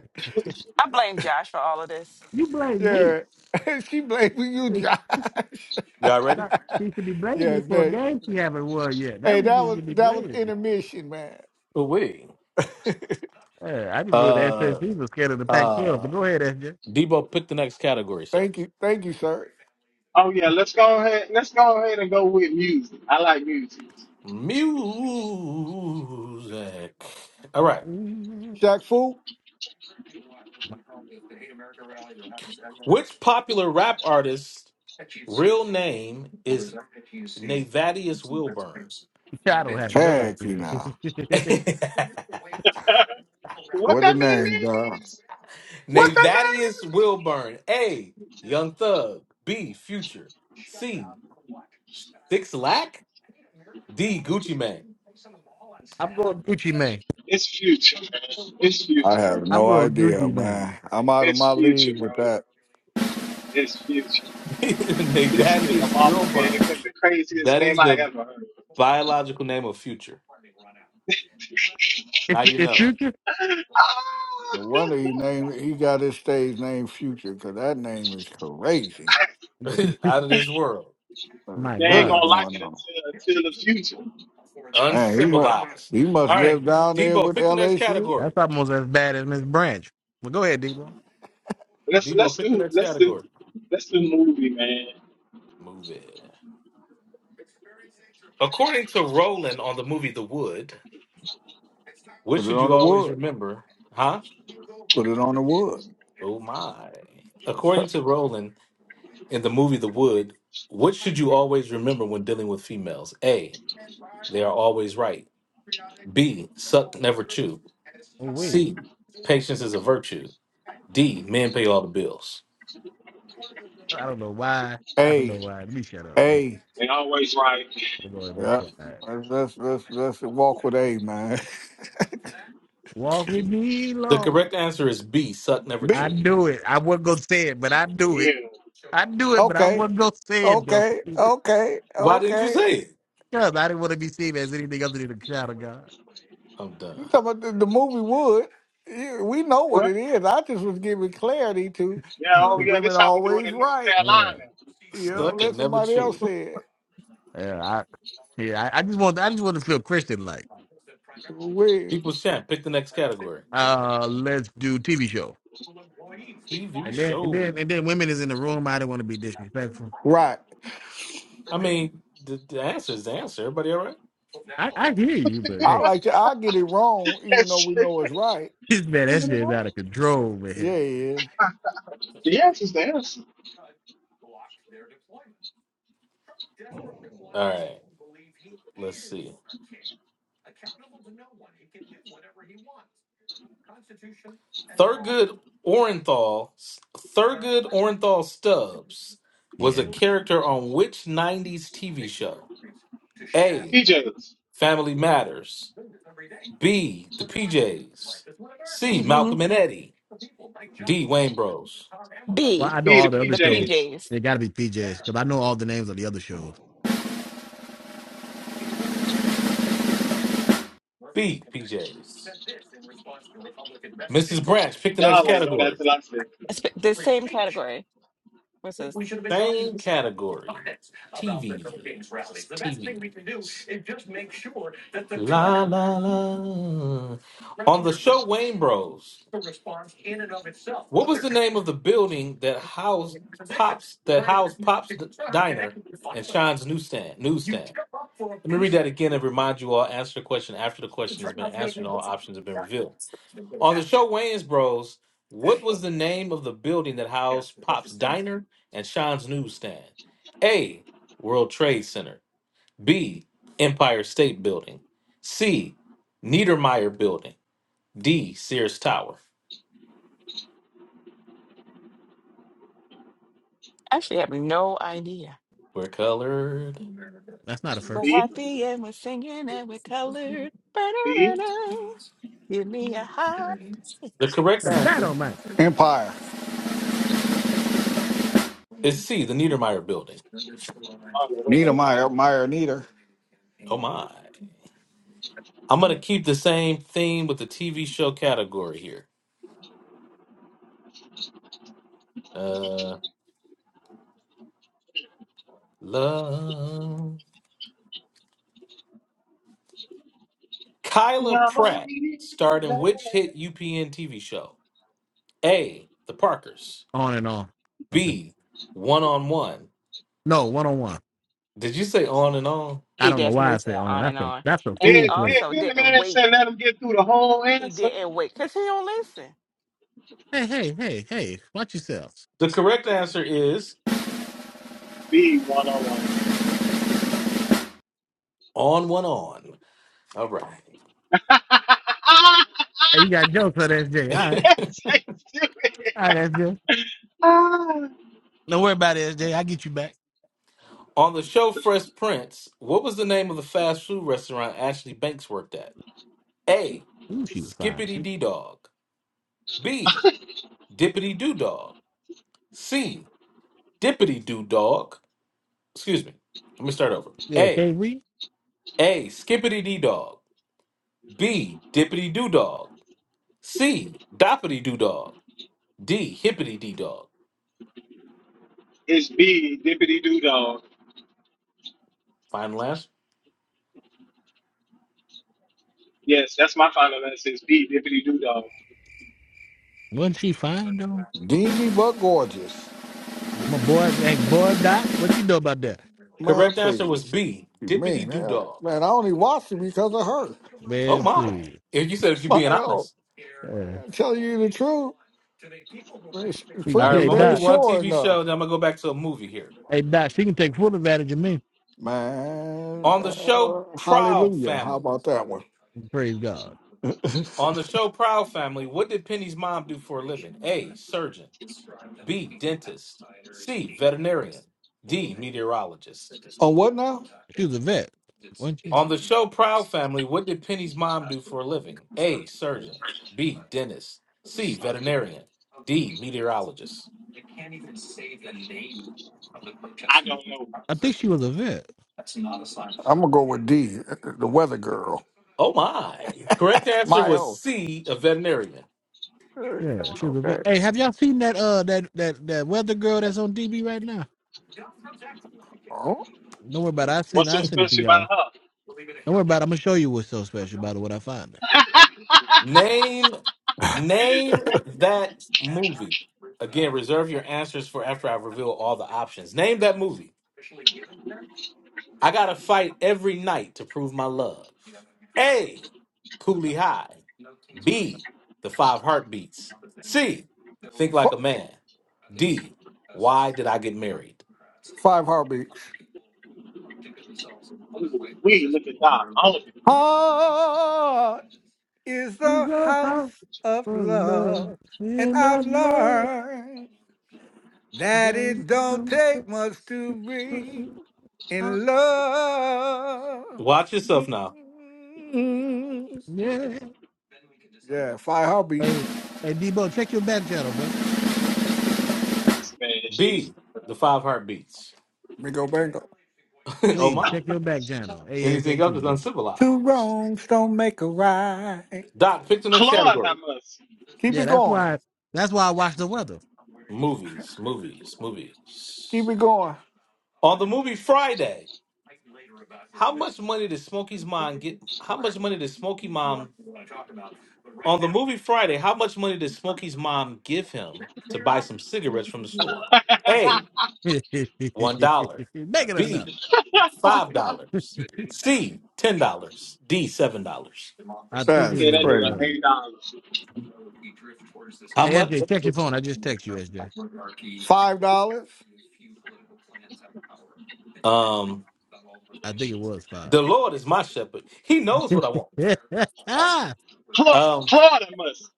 I blame Josh for all of this. You blame me. yeah. she blaming you, Josh. Y'all ready? not- She should be blaming yeah, me for a next. game she haven't won yet. That Hey, was that she was should be that was blaming me. intermission, man. We. Hey, I just ruled that Uh SSC was scared of the Pac-12, uh but go ahead, S. Debo pick the next category, sir. Thank you. Thank you, sir. Oh yeah, let's go ahead. Let's go ahead and go with music. I like music. Music. All right. Jack Fu? J. Which popular rap artist real name is Navadius Wilburn? I don't have no Heck, you idea. now. what What the that man name name, dog? is? What the name Navadius is? Wilburn. A Young Thug. B Future. C Six Lack. D Gucci Man. I'm going Gucci man. It's future, man. It's I future, bro. have I'm no going idea, Gucci man. man. I'm out of my It's future, league bro. with that. It's future. This nigga Navadius mama gave Wilburn. him the craziest That name is I the ever heard. biological name of future. It's Now you it's know. future. No wonder Ah! he named he got his stage name Future, cause that name is crazy. Out of this world. What is My they ain't God. really gonna like going it on? until until the future. Man, he must Uncivilized. he must All live right. down there Debo, with pick the next LSU. category. That's almost as bad as Miss Branch. Well, go ahead, Debo. Let's Debo, let's pick the do next let's do category. let's do movie, man. Move it. According to Roland on the movie The Wood, what Put it should on you the always wood. remember? Huh? Put it on the wood. Oh my. According to Roland in the movie The Wood, what should you always remember when dealing with females? A. They are always right. B. Suck, never chew. Oh wait, C. Patience is a virtue. D. Men pay all the bills. I don't know why. I don't know A why. Let me shut up, man. A. They always right. I'm gonna be Yeah. quiet. Let's let's let's, let's walk with A, man. Walk with me, The Lord. correct answer is B. Suck, never B. I chew. do it. I wasn't gonna say it, but I do it. Yeah. I do it, but I Okay, wasn't gonna say it though, okay, because okay, Why didn't you okay. say it? I didn't want to be seen as anything other than a child of God. I'm You done. talking about the, the movie Wood? Yeah, We know what What? it is. I just was giving clarity to, Yeah, oh to yeah, women this how we do it always in North right. Uh, Carolina. You know, Suck let and never somebody else chew. say it. yeah, I, yeah. I, I just want. I just want to feel Christian like. We People's champ. Pick the next category. Uh, let's do TV show. TV And then, and show. then, and then, women is in the room. I don't want to be disrespectful. right. I mean, the, the answer is the answer. Everybody all right? I, I hear you, but I hey. like to. I get it wrong, even That's though we true. know it's right. man, that shit is out of control, man. Yeah, yeah. The answer's the answer. All right. Let's see. Thurgood Orenthal. Thurgood Orenthal Stubbs was Yeah. a nah. character on which '90s TV show? A. PJs. Family Matters. B. The PJs. C. Malcolm and Eddie. D. Wayne Bros. Well, B, I know Be the all the other the shows. PJs. PJs. They got to be PJs because I know all the names of the other shows. Speak, PJs. Mrs. Branch, pick the next Y'all ain't know that category. till I said, It's b- The same category, which is Same category. TV. TV. La la la. On the show Wayne Bros, what was the name of the building that housed Pops that housed Pops D- Diner and Sean's newsstand newsstand? Let me read that again and remind you all answer the question after the question has been answered and all options have been revealed. On the show Wayans Bros, what was the name of the building that housed Pop's Diner and Sean's Newsstand? A. World Trade Center. B. Empire State Building. C. Niedermeyer Building. D. Sears Tower. actually have no idea. We're colored. That's not a first. We're B. happy and we're singing and we're colored. see. Ba-da-da-da. Give me a heart. The correct And that answer on my Empire. is C. The Niedermeyer Building. Oh, wait a Nita minute. Meyer, Meyer, Nita. Oh my. I'm going to keep the same theme with the TV show category here. Uh, love. Kyla Yeah, I'm on it, Pratt baby. starred in which hit UPN TV show? A. The Parkers. on and on. Okay. B. One on One. No, one on one. Did you say on and on? I He don't know why I definitely say said on. on and That's a on. that's a And he food Then, then, place. also then the didn't man that wait. said, let him get through the whole He answer. didn't wait because he don't listen. Hey, hey, hey, hey! Watch yourselves. The correct answer is B, one on one. on one on. All right. Hey, you got jokes on SJ. All right, That's so stupid. all right, SJ. Ah. Don't worry about it, SJ. get you back. On the show Fresh Prince, what was the name of the fast food restaurant Ashley Banks worked at? A. Ooh, she was fine. Skippity D Dog. B. Dippity Doo Dog. C. Dippity Doo Dog. Excuse me. Let me start over. Yeah, A. KB. A. Skippity D Dog. B. Dippity doo dog. C. Doppity doo dog. D. Hippity dee dog. It's B, dippity doo dog. Final answer. Yes, that's my final answer. It's B, dippity doo dog. Wasn't she fine though? Dingy but gorgeous. My boy, ain't boy Doc. What you know about that, Man, Correct answer was please. B. Dippity Man, doo that- dog. man, I only watched it because of her. Oh man? my! Please. If you said if you're My being oh, honest. Uh, man, tell you the truth, it's She- All right, pretty. Hey well, I'm They gonna do ain't Doc, one sure TV enough. show, then I'm gonna go back to a movie here. hey Doc, she can take full advantage of me. Man, On the show uh, Proud hallelujah. How Family. about that one? Praise God. On the show Proud Family, what did Penny's mom do for a living? A. Surgeon. B. Dentist. C. Veterinarian. D. Meteorologist. On what now? She was a vet, wasn't she? On the show Proud Family, what did Penny's mom do for a living? A. Surgeon. B. Dentist. C. Veterinarian. D. Meteorologist. I don't know. I think she was a vet. I'm gonna go with D, the weather girl. Oh my! Correct answer My was oh. C. A veterinarian. Yeah, she was a Okay. vet. Hey, have y'all seen that uh that that that weather girl that's on DB right now? Oh, Don't worry about it. I seen What's so I sent it to special y'all. about her? Don't worry about it. I'm gonna show you what's so special about it when I find her. Name, name that movie. Again, reserve your answers for after I reveal all the options. Name that movie. I gotta fight every night to prove my love. A. Cooley High. B, the five heartbeats. C, think like fuck. a man. D, why did I get married? Five heartbeats. Ooh, we look at that. All of it. Heart is She's the a house house of for love, love, and and I I've love, learned but that it's it don't so take much to Yeah. be in love. Watch yourself now. Mm. Yeah, five heartbeats. Hey, hey, Debo, check your back channel, bro. Man, she. B, the five heartbeats. Bingo, bango. oh Please my. check your back channel Anything else ASAP, is bro. Two uncivilized. wrongs don't make a right. Doc, pick the next Claude, category. I Keep Yeah, it that's going. why. That's why I watch the weather. Movies, movies, Keep movies. it going. On the movie Friday, how much money did Smokey's mom get? How much money did Smokey mom on the movie Friday? How much money did Smokey's mom give him to buy some cigarettes from the store? A. Make one dollar. it enough. B five must. dollars. C ten dollars. D seven dollars. I think it That's Yeah, was that a. Uh, nigga crazy. eight dollars. How hey, much? SJ, check your phone. I just text you, S J. Five dollars? Um, I think it was the five. Lord is my shepherd. He knows what I want. hey, that Fla- Um, Florida must.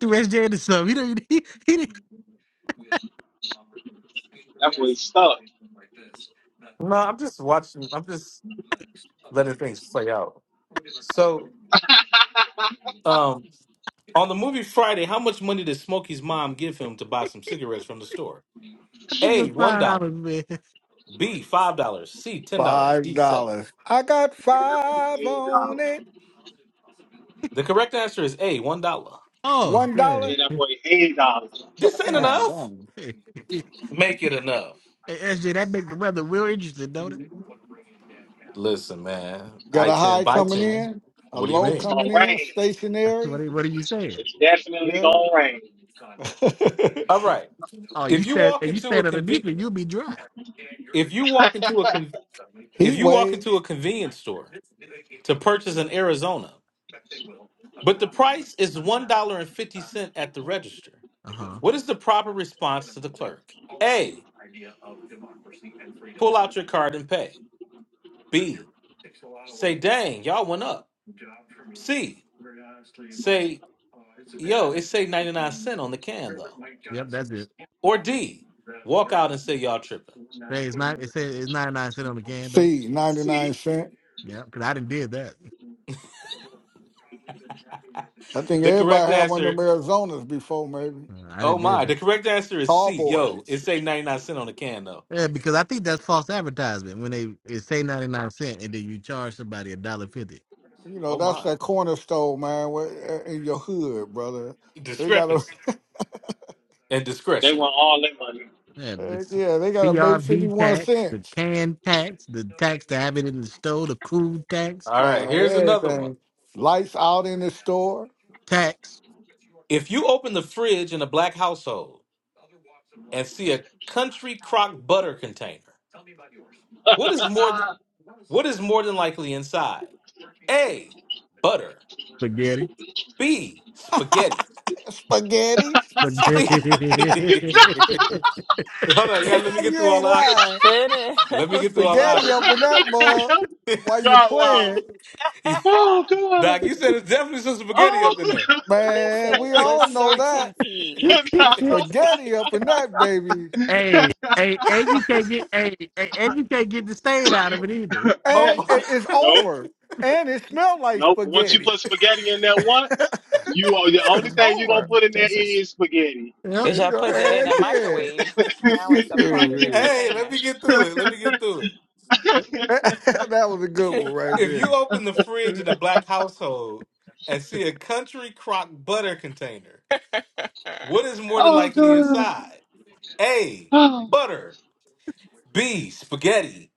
threw SJ into something. He didn't. He, he didn't. That boy stuck. yeah, um, on the movie Friday, how much money did Smokey's mom give him to buy some cigarettes from the store? I think it A was one five dollar. dollars, man. B five dollars. C ten dollars. Five D seven. dollars. I got that boy five eight on dollars. it. The correct answer is A one dollar. Oh, One yeah. dollar? Yeah, that Hey, boy eight dollars. This ain't hey, Damn, enough. damn. hey, Make it enough. SJ, that make the weather real interesting, don't it? Listen, man. Got I a ten high by coming ten. in, a What do you low It's mean? gonna coming rain. in, stationary. What are, what are you saying? It's definitely Yeah. gonna rain. All right. Oh, you if you stand walk and you into a stand underneath conven- it, you'll be dry. if you walk into a con- if Heat you walk wave. into a convenience store to purchase in Arizona, but the price is one dollar and fifty cent at the register, Uh huh. what is the proper response to the clerk? A. Pull out your card and pay. B. Say, dang, y'all went up. C. Say, yo, it say ninety nine cent on the can though. Yep, that's it. Or D. Walk out and say y'all tripping. Hey, it's not. It says it's ninety nine cent on the can though. See, 99 See, cent. Yeah, because I didn't did that. I think The correct everybody had one of answer, them Arizonas before, maybe. Uh, I oh didn't did my, the that. correct answer is Tall C. Yo, it boys. say ninety nine cent on the can though. Yeah, because I think that's false advertisement when they it say ninety nine cent and then you charge somebody a dollar fifty. You know, Oh that's my. that cornerstone, man, where- eh, in your hood, brother. They got to, Discrepancy and they discretion. want all their money. Yeah, the s- yeah, they got to make CRV 51 tax, the cents, can tax, the tax to have it in the store, the crude tax, All man, right, here's another one. everything. Lights out in the store. tax If you open the fridge in a black household and see a country crock butter container, what is more than what is more than likely inside? A. Butter. spaghetti, B. Spaghetti. Spaghetti. C. spaghetti. Hold on, you gotta let me get you through all ain't the options. lying. Finish. Let me get through all the Spaghetti options. Finish. up in that mug while you Dog wow. playing. Oh god. Doc, you said it's definitely some spaghetti up in Oh there. Man, Listen we with all know that. certainty. god. spaghetti up in that baby. Hey, hey, and you can't get hey, hey, and you can't get the stain out of it either. Yeah. oh And it- it's nope, over. And it smells like nope. Once you spaghetti. put spaghetti in there once, it's you are the only Mm, thing you're gonna over. mm, put in there Joseph. is spaghetti. Yep. Because It's y'all go, put that in and a my. yeah. microwave. Now it's a part of the Shoot. hey, let container. me get through it. Let me get through it. that was a good one right If you there. open the fridge in a black household and see a country crock butter container, what is more than oh likely god. inside? A. Oh. Butter. B. Spaghetti.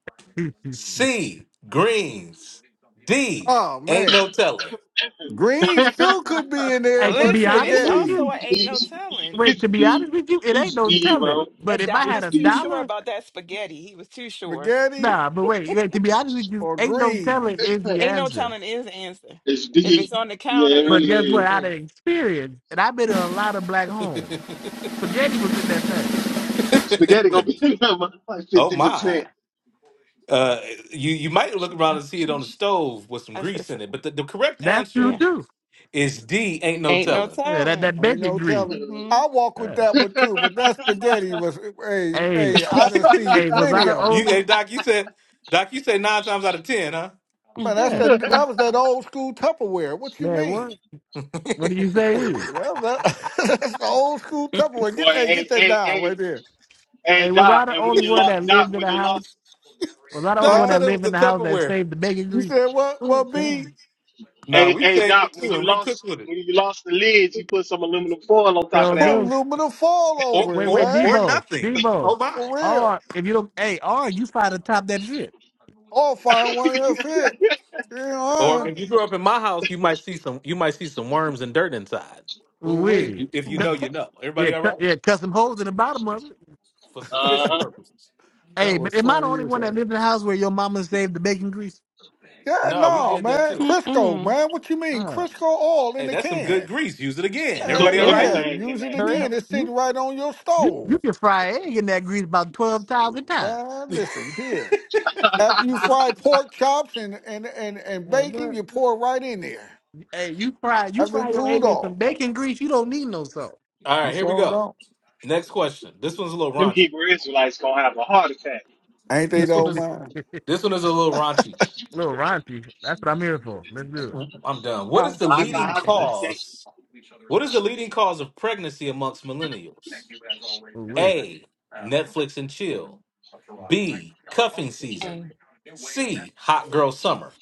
C. Greens. D. Oh Ain't man. no telling. Greens too could be in there, Hey, to but be Listen, D. honest it's with spaghetti. you, also a ain't no telling. wait, to It's be honest D. with you, it ain't It's no D, telling. bro. But But if I Doc had It's was a too D. sure dollar about that spaghetti. He was too sure. Spaghetti Nah, but wait, wait, to be honest with you, or ain't no greens. telling is the Ain't no answer. telling is the answer. It's If it's D. on the counter, Yeah, it it's But really guess bacon what? is. Out of grease. experience, and I've been in a lot of black homes, spaghetti was in that thing. Heck, Spaghetti yeah. gonna be number like Oh fifty my. percent. Uh, you you might look around and see it on the stove with some I said grease so. in it, but the, the correct That's true answer Yeah. too. is D. Ain't no Ain't no telling. Yeah, that telling. that Ain't bacon no grease. telling. hmm I walk with Yeah. that one too, but that spaghetti was hey, Hey, hey, I done seen hey, was I plenty the of 'em. You, hey, only? Doc, you said, Doc, you said nine times out of ten, Man, that's Yeah, that. Mm-mm. That was that old school Tupperware. What you man, mean? what? What do you huh? say? Shoot, Is? that- that- that's the old school Tupperware. Get Boy, hey, get hey, that hey, down right hey, there, hey, Hey, was I Doc. the And when only you one lost, that Doc, lived in when the you house? lost, Was I the only Doc one huh? said that it was lived the in the house that Tupperware. saved the bacon You grease? said what? Oh What God. be Nah, hey, we hey, saved Doc, it when too you and recooked lost, with it, when you lost the lids, you put some aluminum foil on top So, of put that dude, aluminum foil or over wait, it, or wait, man? or Debo, nothing. Debo, Oh my. For real. or if you don't, hey, or you find the top that shit. I'll find one that'll fit. You Or know, if you grew up in my house, you might see some you might see some worms and dirt inside. oh If wait, Wait. you, if you know, you know. Yeah, Everybody all cut, right yeah, cut some holes in the bottom of it. for some fishing uh-huh. purposes. that Hey, but was am I the funny. only You one that said, lived in the house where your mama saved the bacon grease? yeah, No, we no, did that man, too. Crisco, man. What you mean, Ah, Crisco oil in Hey, the that's some good can? grease. Use it again. man, Cook Everybody Heck all so right? Yeah, dude, yeah, everything in use it for that. you again. real. It's you sitting right on your you stove. you can fry an egg in that grease about twelve thousand times. Man, listen here. After you fry pork chops and and and, and Man, bacon, what? you pour it right in there. Hey, you fry you After fry it your cooled egg in off, some bacon grease. You don't need no salt. All you right, here we sure go. don't. Next question. This one's a little Them raunchy. Hebrew Israelites gonna have a heart attack. Ain't they This one Little though, is man? this one is a little raunchy. raunchy. That's what I'm here for. Let's do it. I'm done. What is Oh the My leading my God, goodness. today, cause? What is the leading cause of pregnancy amongst millennials? Ooh, wait. A. Netflix and chill. B. Cuffing season. Hey. C. Hot girl summer.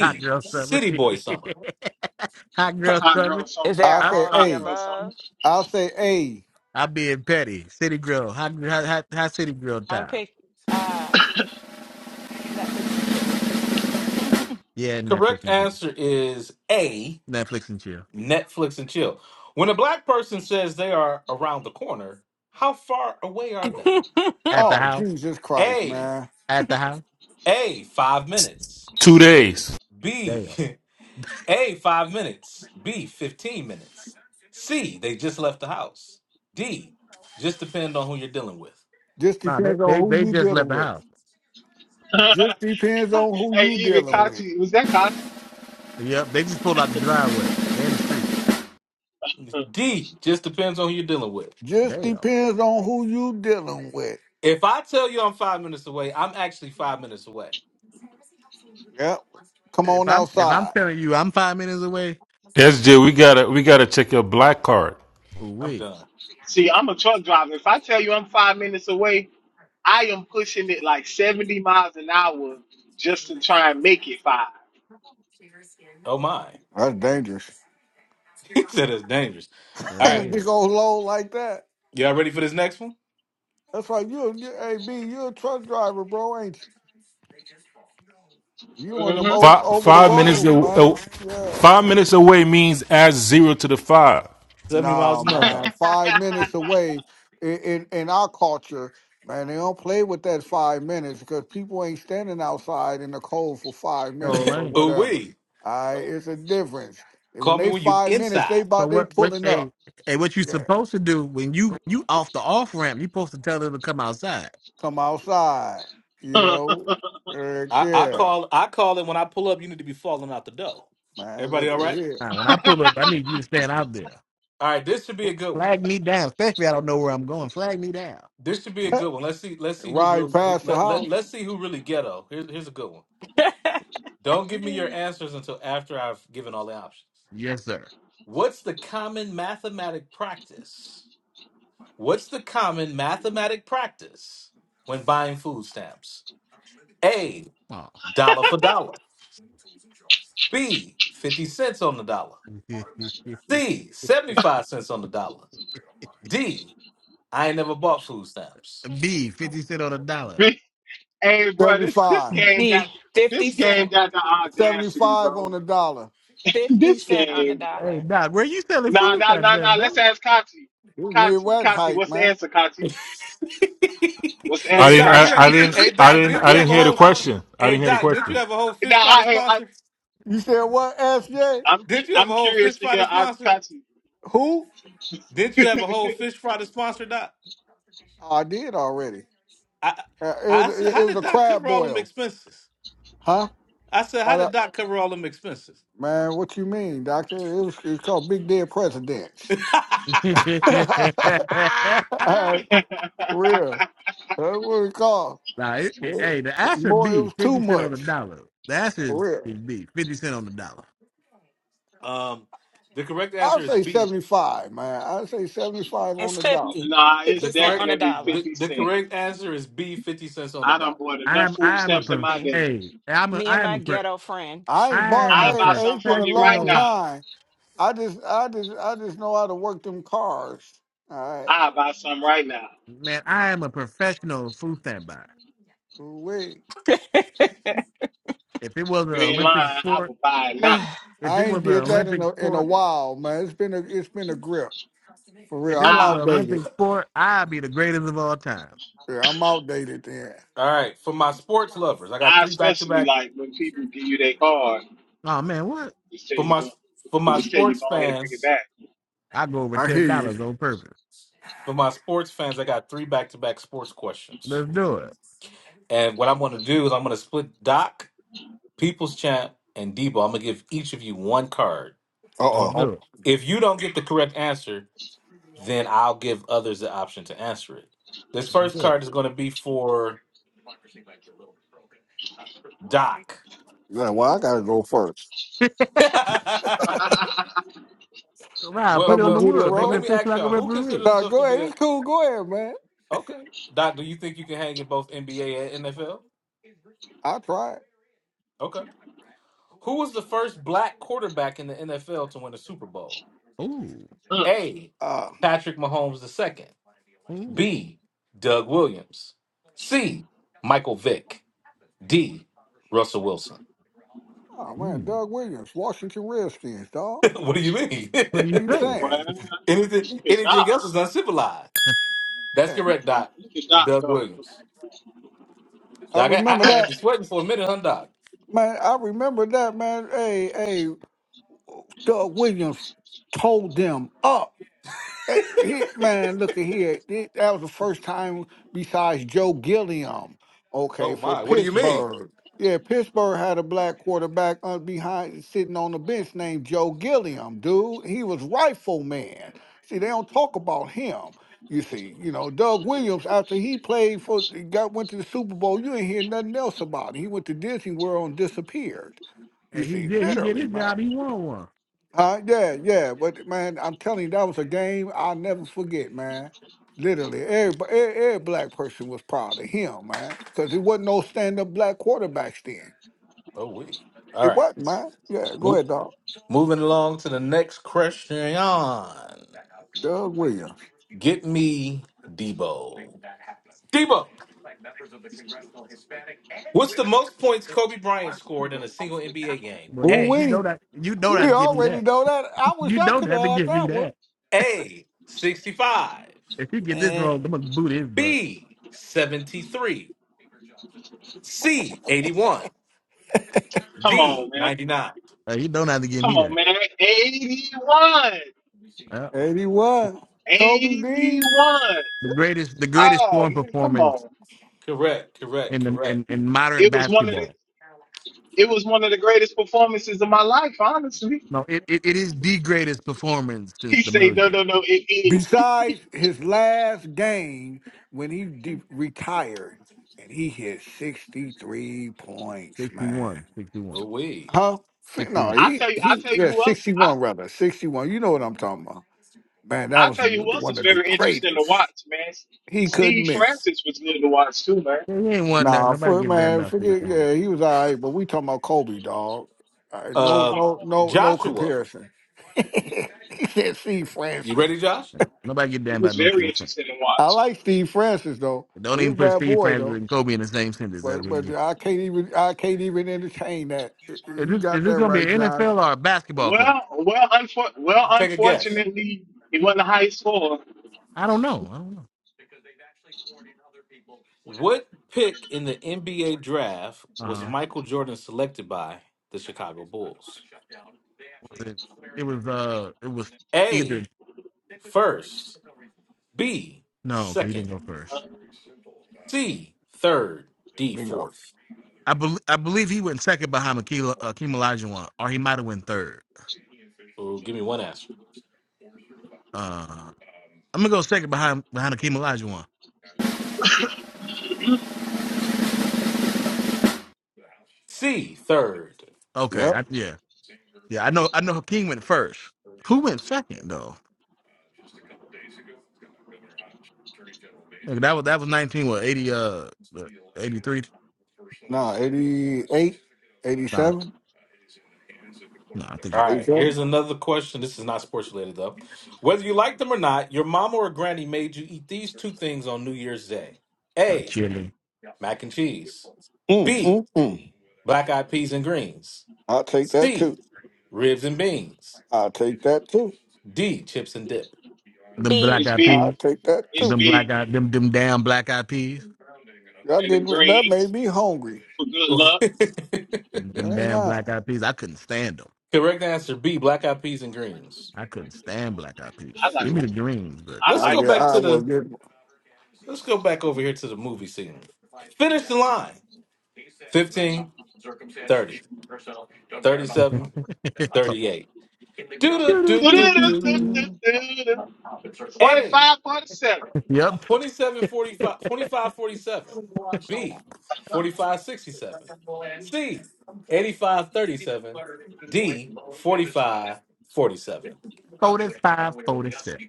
Hot girl summer. City boy summer. hot girl hot summer. girl summer, Is there I a I say, all of the hot hey, girl summer. above? I say, hey. I being petty. City girl. Hot hot hot, hot city girl I'm gonna time. pick uh Netflix and chill. Yeah, Netflix Correct and chill. answer is A. Netflix and chill. Netflix and chill. When a black person says they are around the corner, how far away are they? At the Oh, house. Jesus Christ, A. man. At the house. A. Five minutes. two days. B. Damn. A, five minutes. B, 15 minutes. C, they just left the house. D, just depend on who you're dealing with. Just Nah, they depends on they, they who you just left dealing the with. house. Just depends on who hey, you even Yeah. dealing with. Kachi, was that Kachi? Yep. They just pulled out the driveway. They in the street. D, just depends on who you're dealing with. Just Damn. depends on who you dealing with. If I tell you I'm five minutes away, I'm actually five minutes away. Yep. Come If on I'm if I'm outside. telling you I'm five minutes away, SJ, we gotta we gotta check your black card. oh, I'm wait. done. See, I'm a truck driver. If I tell you I'm five minutes away, I am pushing it like 70 miles an hour just to try and make it 5 Oh my. That's dangerous. He said it's dangerous. No All right. real. Big old load like that. Y'all ready for this next one? That's like you, you hey B, you a truck driver, bro, ain't you? You on them Mm-hmm. o- Five over the five minutes road, aw- aw- man. Yeah. five minutes away means add zero to the five. 70 miles Nah, is no I'm... man. no. Five minutes away in, in, in our culture, man, they don't play with that five minutes because people ain't standing outside in the cold for five No minutes or lane. Ooh whatever. wee. All right, it's a difference. And when Call me they when you five minutes, they inside. So about they what what pulling hey up. hey what you Yeah. supposed to do when you you off the off ramp, you supposed to tell them to come outside. Come outside, you Nope. know. Right I, I there. call I call it when I pull up, you need to be falling out the dough. Man, Everybody look all at right? here. Nah, when I pull up, I need you to stand out there. All right, this should be a good one. Flag me down, especially I don't know where I'm going. Flag me down. This should be a good one. Let's see. Let's see who Right real. Who, past the let let house. let's see who really ghetto. Here's here's a good one. Don't give me your answers until after I've given all the options. Yes, sir. What's the common mathematic practice? What's the common mathematic practice when buying food stamps? A Oh. dollar for dollar. B fifty cents on the dollar. C seventy five cents on the dollar. D I ain't never bought food stamps. B, 50 cent on a dollar. Big Hey, bro, this this 75. game got D, this 50 game cent. got the audacity, 75 bro. on the dollar. 50 This cent on the game, Hey, dollar. Doc, where you selling nah, food nah, at nah, then, nah. Let's bro? ask Kati. This Kati, Midwest Kati, hype, what's the man. answer, Kati? What's the I hey answer, didn't Doc, you I, had, I Kati? didn't hey I Doc, didn't did I you didn't have a hear the whole question. I hey didn't hear the Doc, did you question. have a whole fish now, fry to I, I, sponsor? You said what, SJ? I'm, Did you have a I'm whole fish curious to fry to hear uh, sponsor? Kati. Who? Did you have a whole fish fry to sponsor, Doc? Oh, I did already. I Uh, it was I said, it how was did a Doc crab cover all them boil. expenses? Huh? I said, how I did don't- Doc cover all them expenses? man, what you mean, doctor? It was it's called Big Dead Presidents. nah, All right, Real. That's what it's called. it, it- More, hey, the Asher it B, was too 50 cent on the much. dollar. The Asher For is, real. is B, 50 cent on the dollar. um, the correct I'll answer is say B. 75, man. I'll say 75 on It's the dollar. 50. nah, it's The 50 cent correct on a definitely dollar. the, Fifty the Cent. correct answer is B. Fifty cents on the I done dollar. bought I enough am food I am a stamps in pro- my See? day. hey, I'm a Me and I am my a pro, ghetto friend. I ain't I bought, am hmm I a I, ain't- buy it's some been from a you right long now. professional time. I just, I just, I just know how to work them cars. All right. I buy some right now. man, I am a professional food stamp buyer. Wait. If it was an You ain't Olympic lying. I sport, will buy it now. if I it ain't was an did that in Olympic a, in a sport, while, man. It's been a, it's been a grip. For real. if it I'm was an I outdated. Olympic sport, I'd be the greatest of all time. Yeah, I'm outdated then. All right, for my sports lovers, I got I three back to especially back. like when people give you their card, Oh man, what? just tell For you my go, for my just tell you sports go ahead and bring it fans, back. I go over I ten hear you. dollars on purpose. for my sports fans, I got three back to back sports questions. Let's do it. And what I'm going to do is I'm going to split Doc, People's Champ, and Debo. I'm going to give each of you one card. Uh Let's oh. do For, it. if you don't get the correct answer, then I'll give others the option to answer it. This Let's first do card is going to be for Doc. Yeah, well, I gotta go first. it. well, 'Cause Rob, put I'm it gonna on the well, get it well, wood, well. make it Let wrong. me official ask like a y'all: Who considers referee. No, himself to go be ahead. a It's cool. Go ahead, man. okay? Doc, do you think you can hang in both NBA and NFL? I tried. Okay. Who was the first black quarterback in the NFL to win a Super Bowl? Ooh, A. Uh, Patrick Mahomes II. ooh, B. Doug Williams. C. Michael Vick. D. Russell Wilson. oh man, mm. Doug Williams, Washington Redskins, dog. what do you mean? What do you What You say? well, saying? Anything look at anything Doc. else is uncivilized. That's Yeah, correct, Doc. Look at Doc Doug go. Williams. I Doc, I, remember I, I had that, you sweating for a minute, huh, Doc? man. I remember that, man. Hey, hey, Doug Williams told them up. Eh, he- Man, look at here. Th- That was the first time besides Joe Gilliam, okay, Oh for my, what do you mean? Pittsburgh. Yeah, Pittsburgh had a black quarterback uh, behind sitting on the bench named Joe Gilliam, dude. He was rifle man. See, they don't talk about him. You see, you know, Doug Williams, after he played for got went to the Super Bowl, you ain't hear nothing else about him. He went to Disney World and disappeared. You And he see, did. He did literally, his man. job. He won one. Huh? Yeah, yeah. But man, I'm telling you, that was a game I'll never forget, man. Literally, every, every, every black person was proud of him, man, because there wasn't no stand-up black quarterbacks then. Oh we. All It right. wasn't, man. Yeah, go Mo- ahead, dog. moving along to the next question. Doug Williams. Get me Debo. Debo. What's the most points Kobe Bryant scored in a single NBA game? Well, Ooh you you A. we know that. You know not we to give me already that. know that. I wish You I don't could have have to had give me that one. that. A. 65. If he get this And wrong, I'm gonna boot his butt. B. 73. C. 81. Come D. on, man. 99. Uh, he don't have to give Come me on, that. man. 81. Uh, and he was Kobe Dean. 81. the greatest, the greatest Oh scoring man, come performance on. Correct, in correct, the correct. in, in modern It was one of basketball. the it was one of the greatest performances of my life, honestly. No, it, it, it is the greatest performance since He the say, no, merger. no, no, it is. Besides his last game when he de- retired, and he hit 63 points, man. 61, 61, Oh, we. Huh? Si- No, 61. I he, tell you, I he tell you yeah, who else. I, 61 rather. 61. You know what I'm talking about. Man, that I'll was tell you who else one is of the very interesting to greatest. watch, man. He couldn't Steve miss. Francis was good to watch too, man. Yeah, he ain't won nothing. Nah, Nobody for give a damn man, about Steve forget Francis. yeah, he was all right, but we talking about Kobe, dog. no, Uh, Come on, no, man. no, no Joshua, comparison. he said, "See, you Francis." ready, Josh? Nobody give a damn he was about no very Steve Francis. interesting to I watch. like Steve Francis though. Don't He's a even put bad Steve boy Francis though. and Kobe in the same sentence But ever but again. I can't even I can't even entertain that. Is You this, got is this that going to right, be an Josh. NFL or a basketball question? Well, well, unfor- well, Take a guess. unfortunately, he wasn't the highest score. I don't know. I don't know. What pick in the NBA draft was Uh, Michael Jordan selected by the Chicago Bulls? was it? It was. Uh, it was either A, first. B, no, because he second. didn't go first. C, third. D, Bingo. fourth. I bel I believe he went second behind Akeem uh, Akeem Olajuwon, or he might have went third. Oh, give me one answer. Uh, I'm gonna go second behind behind Akeem Olajuwon. C, third. Okay, Yep. I, yeah. Yeah, I know. I know Hakeem went first. Who went second though? Like, that was that was nineteen. What eighty? Uh, eighty three. No, 88, Nah, 87, no, I think All it. right, 87. here's another question. This is not sports related, though. Whether you like them or not, your mama or granny made you eat these two things on New Year's Day. Uh, A, chilling. mac and cheese. Mm, B, mm, mm. black eyed peas and greens. I'll take that C, too. ribs and beans. I'll take that too. D, chips and dip. Them black B, It's eyed big, I'll peas. take that too. it's Them black big, eyed. Them them damn black eyed peas. Y'all and the getting, that made greens me hungry. for good luck. Them, I them ain't damn lying. black eyed peas. I couldn't stand them. Correct answer B, black eyed peas and greens. I couldn't stand black eyed peas. I Give like, me the Shoot. greens, but. I Let's I like go get it. back I to will the get let's go back over here to the movie scene. Finish the line. 15, thirty, 37, so, 38. Do do do do doo-doo-doo-doo-doo. do. Hey, 45, 47. Yep, 27 45, 25 47, b 45 67, c 85 37, d 45 47. forty five, forty six.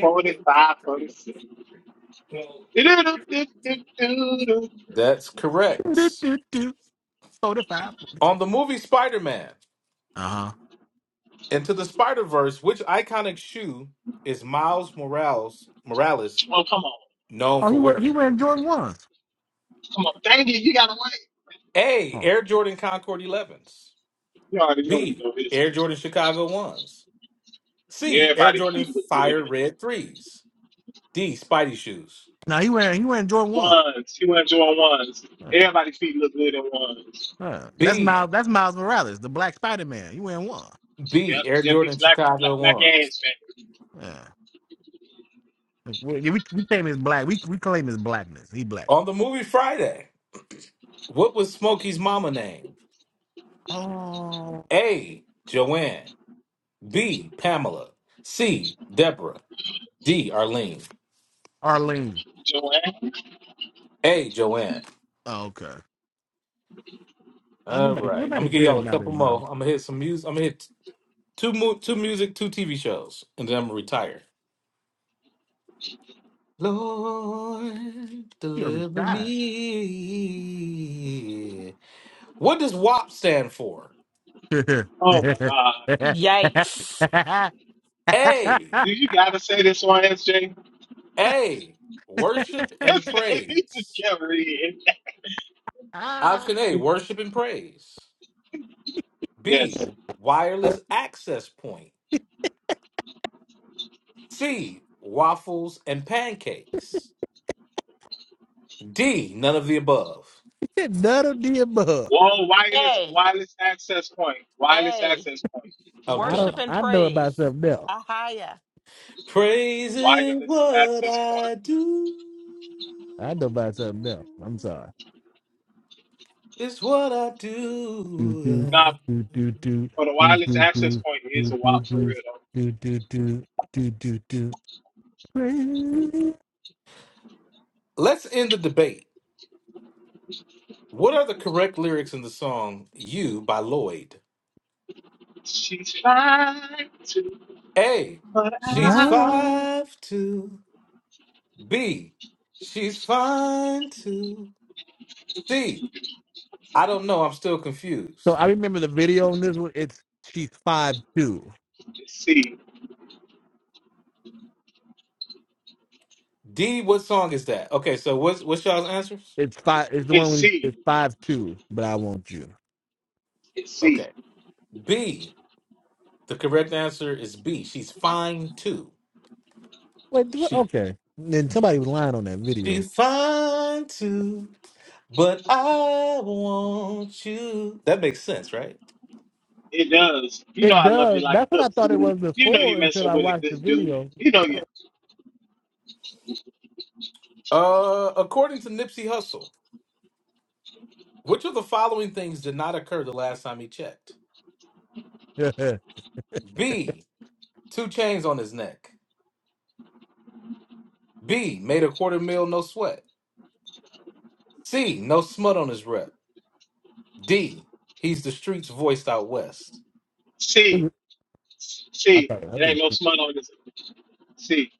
forty-five, forty-seven. that's 47. correct Doo-doo-doo-doo. 45, on forty-six. the movie spider-man Uh huh. into the spider-verse which iconic shoe is miles morales morales Oh, come on. known Oh, he for wear he wearing wearing Jordan ones. Come on. Dang it, you got to win. a Oh, air jordan concord 11s You already know we b know this. air jordan chicago 1s c air Everybody's jordan feet look good fire in red 3s d spidey shoes no, he wearing he wearing Jordan ones. ones. He went on ones. Yeah. Everybody's feet look good in ones. Yeah. That's B Miles. That's Miles Morales, the Black Spider Man. You in one. B Yep, Air yep, he's Jordan black, black, Chicago black ones ass fan. Yeah. We, we we claim his black. We we claim his blackness. He black. on the movie Friday. What was Smokey's mama name? Oh, A Joanne. B Pamela. C Deborah. D Arlene. Arlene. Joanne. A Joanne. Oh, okay. Oh, All nobody right, I'm nobody gonna give cared y'all a about his couple more. mama. I'm gonna hit some music. I'm gonna hit two mu- two music, two TV shows, and then I'm gonna retire. Lord, He already deliver died. me. What does WAP stand for? Oh my God. yikes. A. Do you gotta say this on SJ? A. Worship Yes, and man. He just praise. can't read. Option A. Worship and praise. B. Yes. Wireless access point. C. Waffles and pancakes. D. None of the above. None of the above. Wall wireless A, wireless access point. Wireless A, access point. I'm I don't. worship done. and I know about praise. something else. Ahaya. Praising Wireless what access point. I do I know about something else. I'm sorry. is what I do do do Now, do. do do do for the do wireless do access point is do a wop for do do do real though. do do do do do Crazy. Let's end the debate. What are the correct lyrics in the song You by Lloyd? She's fine too, A, but she's I Ah. five to B, she's fine to C. I don't know. I'm still So confused. I remember the video on this one. It's she's five two. just see. D, what song is that? Okay, so what's what's y'all's answers? It's five. It's the It's one when C. it's five two. But I want you. It's C. Okay, B. The correct answer is B. She's fine too. Wait. do She Okay. Then somebody was lying on that video. she's fine too, but I want you. That makes sense, right? It does. You know It I love you does. like That's what cook I thought it food. was You know before you until messing I with a watched the good dude. video. You know you Uh, according to Nipsey Hussle, which of the following things did not occur the last time he checked? I B. Two chains on his neck. B. Made a quarter mil, no sweat. C. No smut on his rep. D. He's the streets voiced out west. see, see, thought I it ain't did. no smut on this. See.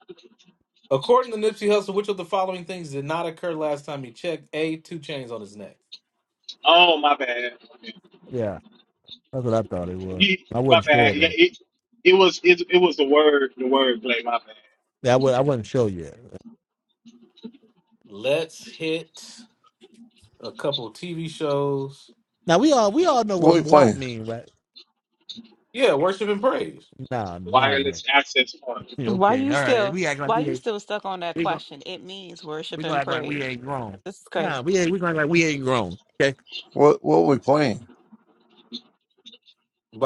According to Nipsey Hussle, which of the following things did not occur last time he checked? A. Two chains on his neck. Oh my bad. Yeah, that's what I thought it was. You, I my wasn't sure bad. Yeah, though. it it was it, it was the word the word play, my bad. Yeah, I, was, I wasn't sure yet. Let's hit a couple TV shows. Now we all we all know what what we mwap playing? mean, right? Yeah, Worship and Praise. Nah, nah, bro. Wireless access point. Yeah, Why Okay, you all right. still We act like why we you ain't still stuck on that we gonna question? It means we worship gonna and act like we praise. ain't grown. This is Nah, crazy. we ain't we gonna act like we ain't grown. Okay. What What we playing?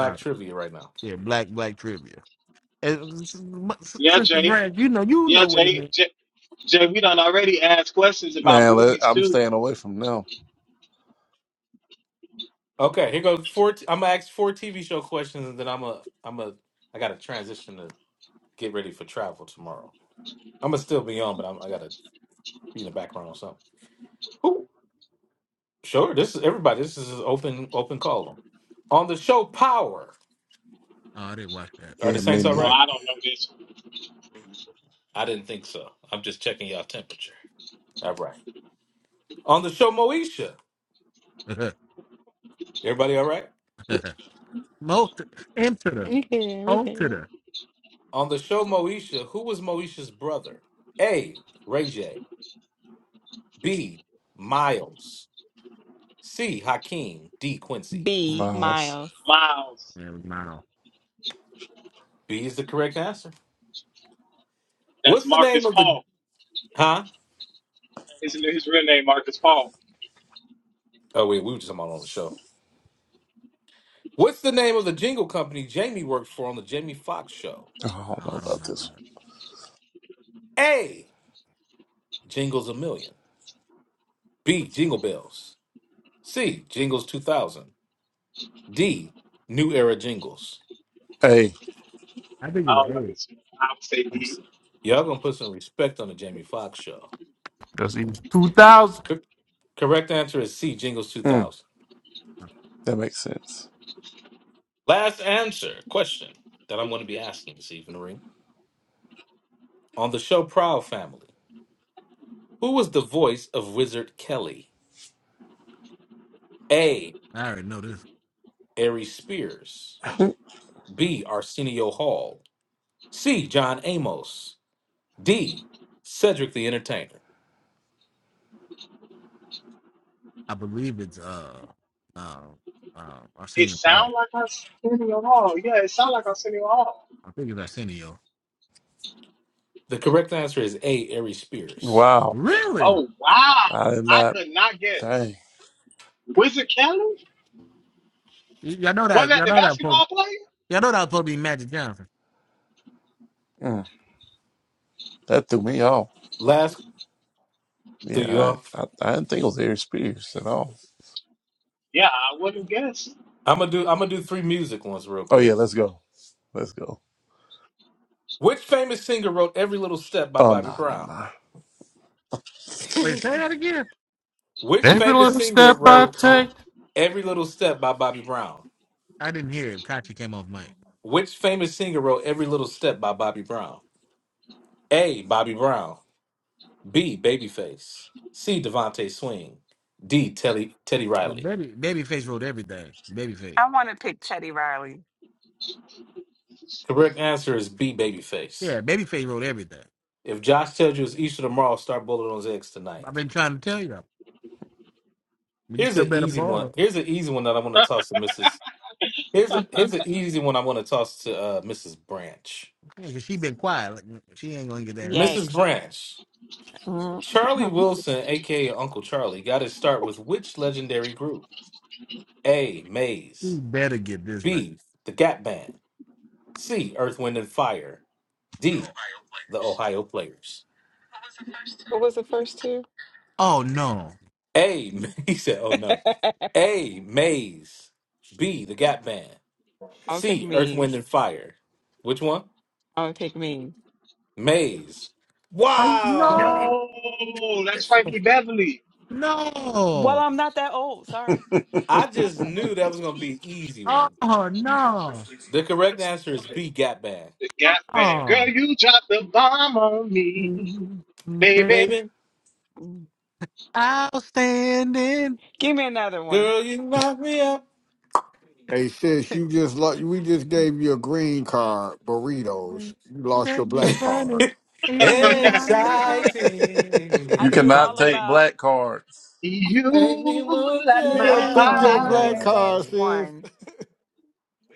All right. trivia right now. Yeah, black black trivia. And s- s- Yeah, Sister Jay. Brand, you know you Yeah, know what it Jay. means. Jay, Jay we done already asked questions about Man, let, movies I'm too. staying away from them. Okay, here goes four. T- I'm gonna ask four TV show questions, and then I'm a I'm a I gotta transition to get ready for travel tomorrow. I'm gonna still be on, but I'm, I gotta be in the background or something. Ooh, sure. This is everybody. This is an open open call. On the show Power. Oh, I didn't watch Are the Yeah, me Saints all Oh, neither. right? I don't know this. I didn't think so. I'm just checking y'all temperature. All right. On the show Moesha. Everybody all right? that. Most into the We can, we O to can. the. On the show Moesha, who was Moesha's brother? A. Ray J. B. Miles. C. Hakeem. D. Quincy. B, Miles. Miles. Miles. Yeah, it was mine. Oh, B is the correct answer. That's What's the name Marcus of the Paul. huh? Isn't his real name Marcus Paul? Oh wait, we were just talking about on the show. What's the name of the jingle company Jamie worked for on the Jamie Foxx show? Oh, I don't know I don't about know this. that. A. Jingles a Million. B. Jingle Bells. C. Jingles 2000. D. New Era Jingles. Hey, I think I don't know it's this. I would say I'm. D. s- Y'all gonna put some respect on the Jamie Foxx show. That's even two thousand. C- correct answer is C. Jingles Mm, 2000. A. that makes sense. Last answer question that I'm gonna be asking this evening on the show Proud Family. Who was the voice of Wizard Kelly? A. I already know this. Ari Spears. B. Arsenio Hall. C. John Amos. D. Cedric the Entertainer. I believe it's uh uh uh It Arsenio Paul. sound like Arsenio Hall. Yeah, it sound like Arsenio Hall. I think it's Arsenio. The correct answer is A. Ari Spears. Wow. Really? Oh wow, I did I not. could not guess. Dang. Wizard Kelly? Y'all know Wasn't that that y'all the know that basketball player? y'all know that was supposed to be Magic Johnson. Mm, that threw me off. Last threw you Yeah, I, off. I, I didn't think it was Aries Spears at all. Yeah, I wouldn't guess. I'm gonna do. I'm gonna do three music ones real Oh yeah, quick. let's go. Let's go. Which famous singer wrote "Every Little Step" by Oh no, Bobby nah, never Brown? Wait, say that again. Which Every famous little singer step I wrote take. "Every Little Step" by Bobby Brown? I didn't hear it. Kachi came off mic. Which famous singer wrote "Every Little Step" by Bobby Brown? A. Bobby Brown. B. Babyface. C. Devontae Swing. D. Teddy Teddy Uh, Riley. baby Babyface wrote everything. Babyface. I want to pick Chetty Riley. Correct answer is B. Babyface. Yeah, Babyface wrote everything. If Josh tells you it's Easter tomorrow, start bullet on his eggs I've tonight. been trying to tell you. But you Here's still an better easy ball one. her. Here's an easy one that I want to toss to Mrs. Here's a here's an easy one I want to toss to uh, Mrs. Branch. Yeah, 'cause she been quiet. Like, she ain't gonna get that answer. Mrs. Yikes. Branch, Mhm. Charlie Wilson, aka Uncle Charlie, got his start with which legendary group? A. She Maze. better get this right. B. The Gap Band. C. Earth, Wind, and Fire. D. The Ohio Players. What was the first two? Oh no. A. He said, "Oh no." A. Maze. B. The Gap Band. I'll pick C. Earth, Wind, Me's. and Fire. Which one? I'll pick Me's. Maze. I, Wow. no. No, that's Frankie Beverly. Well, No. I'm not that old. Sorry. mind. I just knew that was gonna be an easy one. Oh no. The correct answer is B. Gap Band. The Gap Band. Oh. Girl, you dropped the bomb on me, They're baby. Baby, Mm. outstanding. Give me another one. girl, you knock me up. Hey sis, you just lost we just gave you a green card, burritos. You lost your Thank black keep card. running. In and we out of my mouth. I You knew cannot all Exciting. take hey, about black cards. you Make me want you. I light knew my done all Thank took about keep the your All black food running. fire. card, stamps sis. one.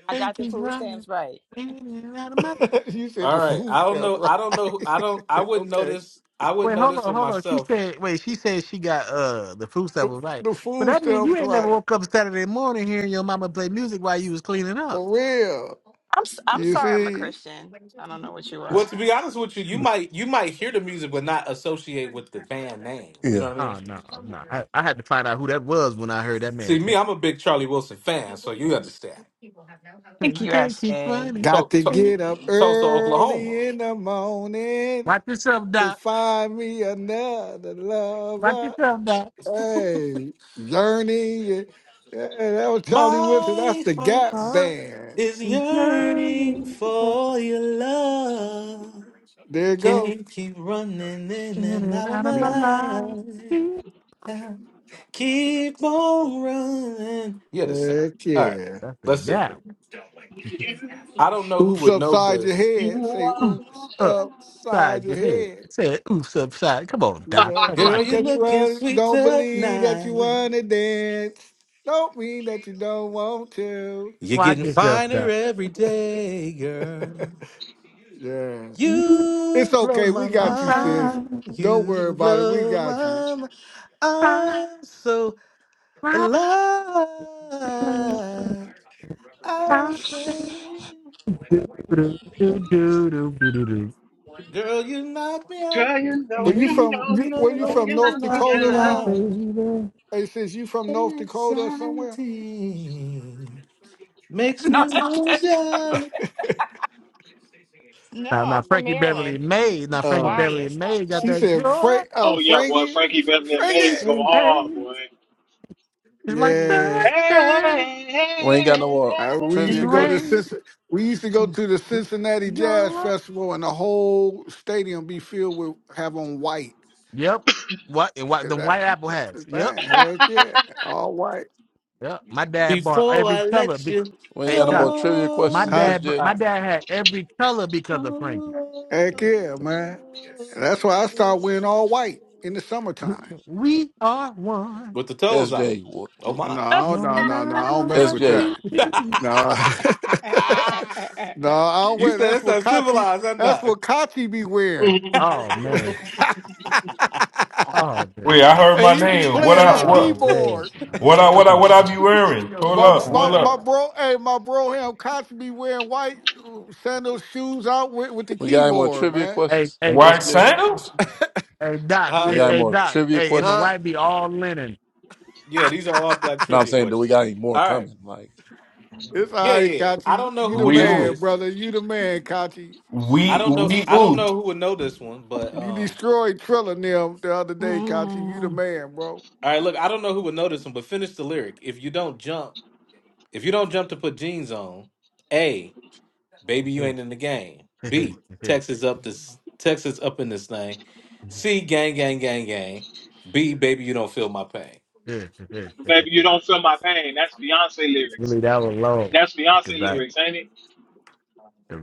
I Thank got the keep food running. stamps right. In and out of my you said the right. food I don't stamps know. I don't know. I don't. I right. wouldn't know okay. this. I wouldn't Wait, know hold this on, with hold on. She myself. said, wait, she said she got uh the fruits that The, was right. the But food that means you stamps ain't never right. woke up Saturday morning hearing your mama play music while you was cleaning up. For real. I'm s- I'm You sorry I'm a see? Christian. I don't know what you Well, are. to be honest with you, you might you might hear the music, but not associate with the band name. You know Yeah. what I mean? Oh no, no. I, I had to find out who that was when I heard that See, man me, sing. I'm a big Charlie Wilson fan, so you understand. Thank You you, can't keep Ashley. running. To- Got to to- get up Tulsa, Oklahoma. early in the morning. Watch yourself, to Doc. find me another Watch lover. yourself, Doc. Hey, Journey. Hey, that was Charlie Wilson. That's My the heart Gap My heart Band. is is yearning yearning for for your love. There you go. Can't keep running in in and out and of out of my Yeah. my life. life. Eh. Keep on running. You're the same. Heck All right, yeah. That's the let's see. guy. You, I don't know who Oops would know upside your this. head. you Say Oof oops upside upside your your head. head. I said oof upside. Come on, You Doc. know, are. Come just Girl, watch you're it. because you looking run, sweet don't believe that you tonight. want to dance, don't mean that you don't want to. You're Watch getting yourself, finer Doc. every day, girl. yeah. Oof It's You blow okay. We my got you, sis. upside, mind. Don't worry You about it. We blow my got you. I'm so upside, alive. I'm upside. standing. Do, do, do, do, do, do, do. Girl, Girl, you Were know, you Baby, you from? know, you you- you know, Were you you know, know, you from you know, you North love fuck me knock Dakota me or me out, something? out. out. baby. Hey, sis, you from North Dakota or somewhere? Standing Makes me No, wanna shout No, Now, I'm now from Frankie Beverly Maryland. May, I'm now an Frankie Uh, Beverly Hawaiian. Stop May got she playing. that said, Frank, joy uh, Oh yeah, boy, Frankie, Frankie Beverly and Maze Frankie. go and hard, pain. boy. It's like Mm. Yeah, sunshine Hey, We ain't hey, got no hey, more I, we used trivia to and go to the rain. questions. Cincin- we used to go to the Cincinnati Jazz Joy. Festival, and the whole stadium be filled with have on white Yep. What and what the because that White Apple that's the has. Yep. thing. Heck hey. yeah, all white. Yeah, my dad bought before I every color. let Be- you We ain't hey got no more Doc, Yeah. trivia my go. All questions. Huh? dad, SJ, my right, dad had every color because of Frankie. Heck yeah, man. That's why I start wearing all white in the summertime. we are one, with the toes out. SJ, Oh Mm, No, my! I don't- no no, no, no. I matter don't mess what with SJ. that. we do. No. Mm. no, I don't you wear said that's that's what Kachi uncivilized, I'm that's not. what Kachi be wearing. Oh and man, oh man, Wait, I heard my he be name. What playing his I oh what man. keyboard. what I what I Oh, what I be this is wearing? gonna Hold My up, mess with my oh. hold that, my up. bro, hey, my bro him Kachi be wearing white uh, sandals shoes out with, with the We got any more keyboard, trivia man. Hey, questions? hey, White SJ, sandals? hey, Doc, we huh? hey, got Yeah. any hey, more Doc, trivia hey, and the Huh? questions? white be all linen. Yeah, these are all black No, I'm trivia saying, do we questions. got any more All right. coming? Like, It's Yeah, oh. all yeah. right, yeah. I Kachi. don't know You who the would We know man, ooh. this. brother. You the man, Kachi. I We don't know. we I don't ooh. know who would know this one, but You um. destroyed Trilla and them the other day, Kachi. You the Mm, man, bro. All right, look. I don't know who would know this one, but finish the lyric. If you don't jump, if you don't jump to put jeans on, a baby, you ain't in the game. really, B Texas up this Texas up in this thing. C gang gang gang gang. B baby, you don't feel my pain. Baby, you don't feel my pain. That's Beyonce lyrics. that was low, That's Beyonce cause I, C- lyrics, ain't it?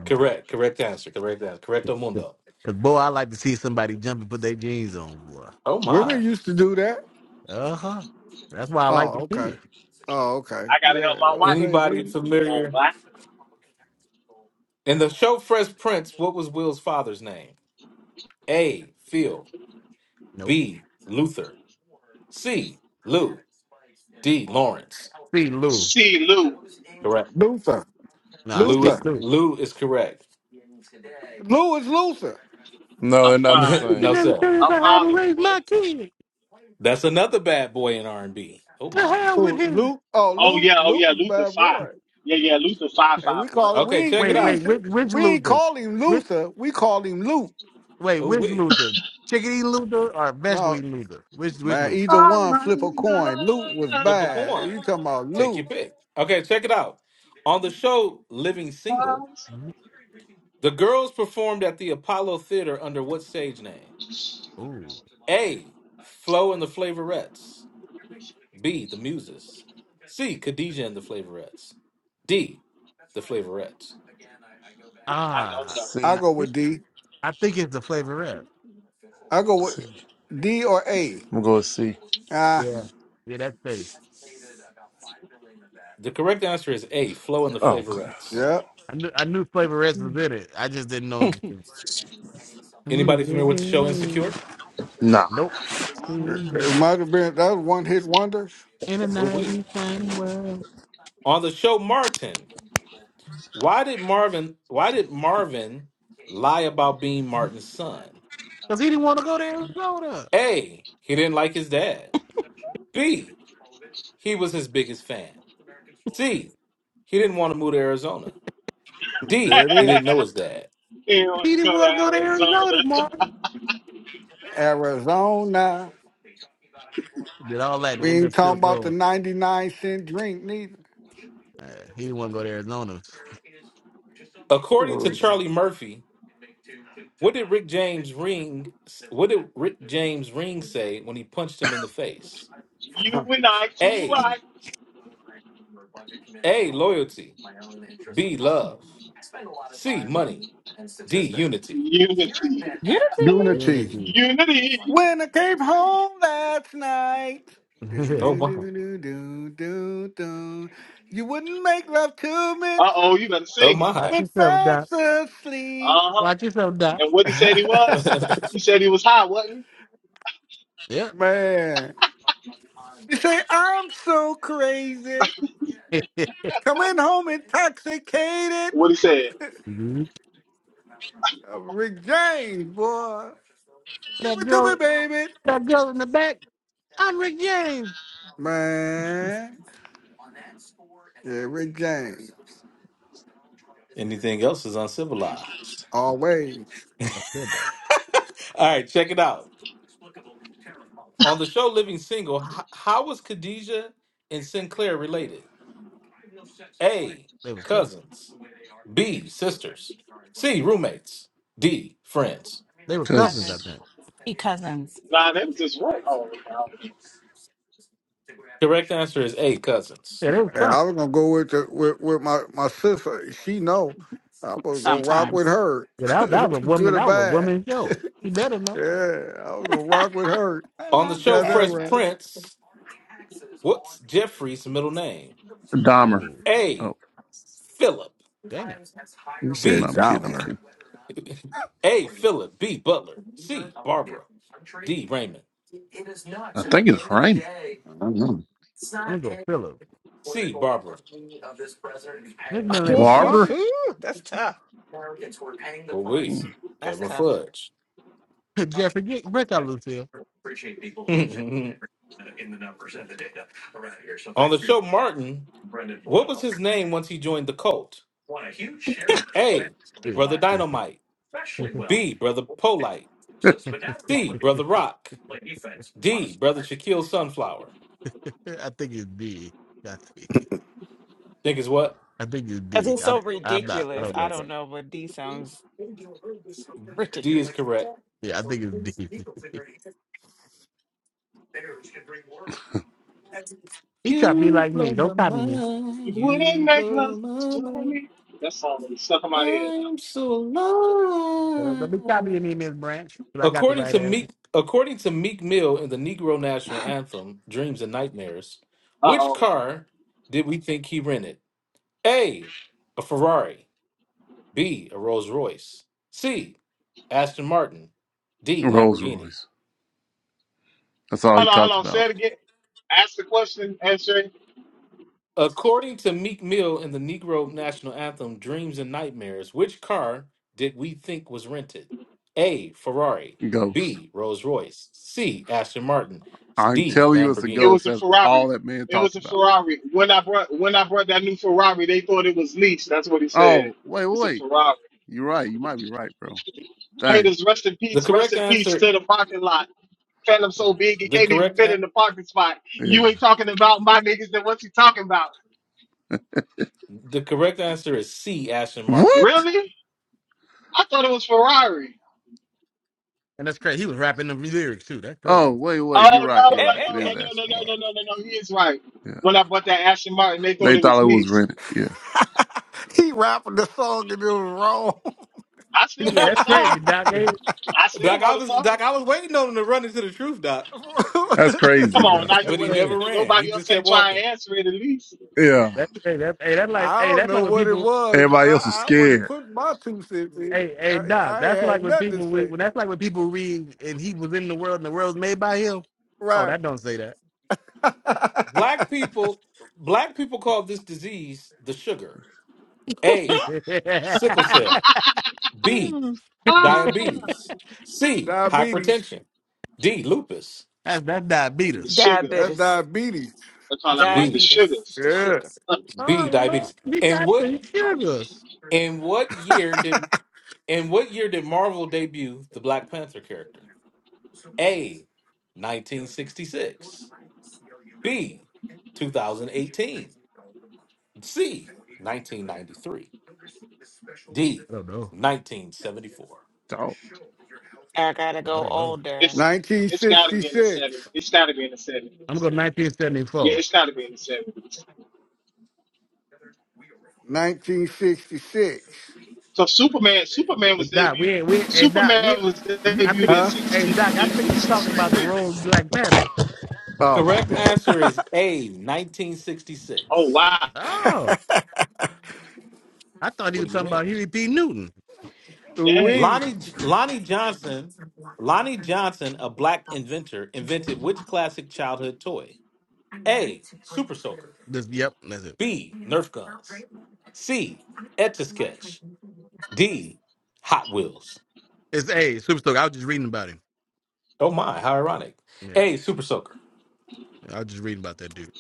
Correct. Correct answer. Correct answer. Correcto mundo. cause boy, I like to see somebody jump and put their jeans on, boy. Oh Women my. used to do that. Uh huh. That's why I like Oh, to see okay. it. Oh, okay. I gotta Yeah. help my What I'm wife saying, put the Anybody they shoes on, familiar? boy. In the show Fresh Prince, what was Will's father's name? A. Phil. Nope. B. Luther. C. Lou. D. Lawrence. See Lou. See, Lou, Correct. Luther. Nah, Lou see is Luther. Lou. Lou is correct. Lou is Luther. no, I'm they're not the fine. You can no same. never sir. tell me I'm about how to hollering, raise boy. my kid. That's another bad boy in R and B. Oh To my. hell with Who, him. Luke? Oh, Oh Luke. yeah, oh Luke yeah, was a Luther bad Five. boy. Yeah, yeah, Luther Five And we Five, boy. call it Okay, we check it Wait, we out. wait, which, which we ain't Luther? call him Which, Luther. We called him Luke. wait, Oh which wait. Luther? Chicken eating Luther or vegetable No, eating Luther? Which, which man, Luther? either Oh one my flip a coin. Luke was Flip a bad. coin. If you talking about Take your Luke, pick. Okay, check it out. On the show Living Single, love. mm the girls performed at the Apollo Theater under what stage name? Ooh. A. Flo and the Flavorettes. B. The Muses. C. Khadijah and the Flavorettes. D. The Flavorettes. I don't Ah. know. I C, go with D. I think it's the flavorette. I go C. with D or A. I'm gonna go with C. Ah, Yeah. Yeah, that's safe. The correct answer is A, Flo and the Oh, okay. Flavorettes. Yeah. yeah. I knew, I knew flavorette mm, was in it. I just didn't know if it was- I'm Anybody familiar with the show living. Insecure? Nah, Nope. mm, It, it mm. Single might have been that was one hit wonders. in a Who 90 we? kind of world. On the show Martin, why did Marvin why did Marvin lie about being Martin's son? Because he didn't want to go to Arizona. A, he didn't like his dad. B, he was his biggest fan. C, he didn't want to move to Arizona. There D, it he is. didn't know his dad. It would He didn't go to want to go to Arizona, Arizona. Martin. Arizona. Did all that to We end up ain't still talking about the going. 99 cent drink neither. Uh, he didn't want to go to Arizona. According to Shoot. Charlie Murphy, what did Rick James ring what did Rick James ring say when he punched him in the face? A, U-N-I-T-Y. A, loyalty. B love. C money. D unity. Unity. you Unity. Unity. Unity. When I came home last night. Do, Oh do, my. do, do, do, do, do. You wouldn't make love to me Uh-oh, you better Oh sing it. Watch my. when yourself, Doc. fast asleep. Uh-huh. Watch yourself, Doc. And what he said he was? He said he was high, wasn't he? Yep. Man. You say, I'm so crazy. Coming home intoxicated. What he said? Uh, Rick James, boy. Give that it to me, girl baby. that girl in the back, I'm Rick James. Man. Yeah, Rick James. Anything else is uncivilized. Always. I said that. All right, check it out. On the show Living Single, h- how was Khadijah and Sinclair related? A. They was cousins. Cousins. B. Sisters. C. Roommates. D. Friends. They were cousins, I cause Cousins. think. He cousins Nah, that was just wrong. Oh, God. Correct answer is A. Cousins. Yeah, they were And I cousins. was gonna go with the with, with my, my sister. She know I was gonna rock with sometimes. her, Yeah, that, that was a woman. good or That was a bad. woman show. She better know. yeah, I was gonna rock with her. On Uh, the You show got that Better Fresh now. right. Prince, what's Jeffrey's middle name? Dahmer. Oh, A. Oh, Philip. damn. You said no, B. I'm kidding. I'm Domler. kidding. A. Philip. B. Butler. C. Barbara. D. Raymond. I think it's Raymond. I don't know. I'm going to go Philip. C. Barbara. This man name Ooh, was ooh, Barber, Barbara. ooh, That's tough. But wait, That's Edwin tough. Fudge. Jeffrey, get break out, Lucille. On the show, Martin, what was his name once he joined the cult? A. Brother Yeah. Dynamite. I B. Brother Polite. C. think Brother Rock. D. Brother Shaquille Sunflower. it's D. I think, Think is what? I think it's Because D. it's I'm so I'm not. I ridiculous. don't I know don't though. know, but D sounds D is ridiculous. correct. Yeah, I think it's D. He tried to be You like blow me. my Don't copy me. mind. You wouldn't You make blow love my to mind. me. That song is stuck in my head I'm now. so Don't don't be copying alive. me, Miss Branch. But I got the According right to answer. Meek, according to Meek Mill in the Negro National Anthem, "Dreams and Nightmares," which Uh-oh. car did we think he rented? A, a Ferrari. B, a Rolls Royce. C, Aston Martin. D, Rolls Lamborghini. Royce. That's all he Hold on, hold talked on. Say about. it again. Ask the question, SJ. According to Meek Mill in the Negro National Anthem, "Dreams and Nightmares," which car did we think was rented? A, Ferrari. Ghost. B, Rolls Royce. C, Aston Martin. I'm D, telling you, it's a It Lamborghini. ghost. was a That's Ferrari. all that man It was talked a about. Ferrari. When I brought when I brought that new Ferrari, they thought it was leased. That's what he said. Oh, wait, It's a wait. Ferrari. You're right. You might be right, bro. Dang. Haters, rest in The peace. Rest correct in peace answer to the parking lot. Phantom so big it The can't even correct fit a- in the parking spot. Yeah. You ain't talking about my niggas. Then what's he talking about? the correct answer is C. Ashton Martin. What? Really? I thought it was Ferrari. And that's crazy. He was rapping the lyrics too. That's crazy. Oh, wait, wait. You're Oh right. no no You're right. It no is no no no no Asmar. no no no no. He is right. Yeah. When I bought that Aston Martin, they thought They it was thought it was leased. rented. Yeah. he rapping the song and it was wrong. I still Yeah, know Doc, the that's crazy, song. Doc. Hey, I still know I the was song. Doc, I was waiting on him to run into the truth, Doc, That's crazy, Come on, bro. now that's you're but he waiting, crazy. never and then ran. He nobody just else kept ain't trying walking. to answer it at least. Yeah. That's crazy. That's, hey, that's like I hey, don't that's know like when what it people. was. Everybody else was I, I wasn't scared. put my two cents in. Hey, hey, I, Doc. I ain't That's had like when nothing to people. Re- say. When that's like when people read and he was in the world and the world's made by him. Oh, Right. that don't say that. Black people, black people call this disease the sugar. A. Sickle cell. B. Mm. Ah, Diabetes. C. Diabetes. Hypertension. D. Lupus. that's that's the diabetes. That's sugars. Diabetes. diabetes. That's all I want. The B. Diabetes. It's sugars. the Yeah. sugar. Oh, B. Lord, Diabetes. you And got what? the sugars. In what year did? In what year did Marvel debut the Black Panther character? A, 1966. B, 2018. C, 1993. D, I don't know. 1974. Dog. I gotta I go don't know. older. It's it's got to be in the '70s. it 1966. It's got to be in the I'm seventies. going Yeah, 1974. it's got to be in the seventies. 1966. So Superman, Superman Hey, was Doc, we debuted. ain't, we, hey, Doc, we, Superman was you- I think, debuted in Huh? hey, sixty Doc, I in, think in you talking sixty about the three. road Black Panther. Oh, Correct answer is A, Oh 1966. wow, Oh, I thought he What was do you talking about mean? Huey P. Newton. dang. we. Lonnie J- Lonnie Johnson, Lonnie Johnson, a black inventor, invented which classic childhood toy? A, Super Soaker. This, yep, that's it. B, Nerf guns. C, Etch a Sketch. D, Hot Wheels. It's, hey, Super Stoke, I was just reading about him. Oh my, how ironic. Yeah, Hey, Super Soaker. I was just reading about that dude.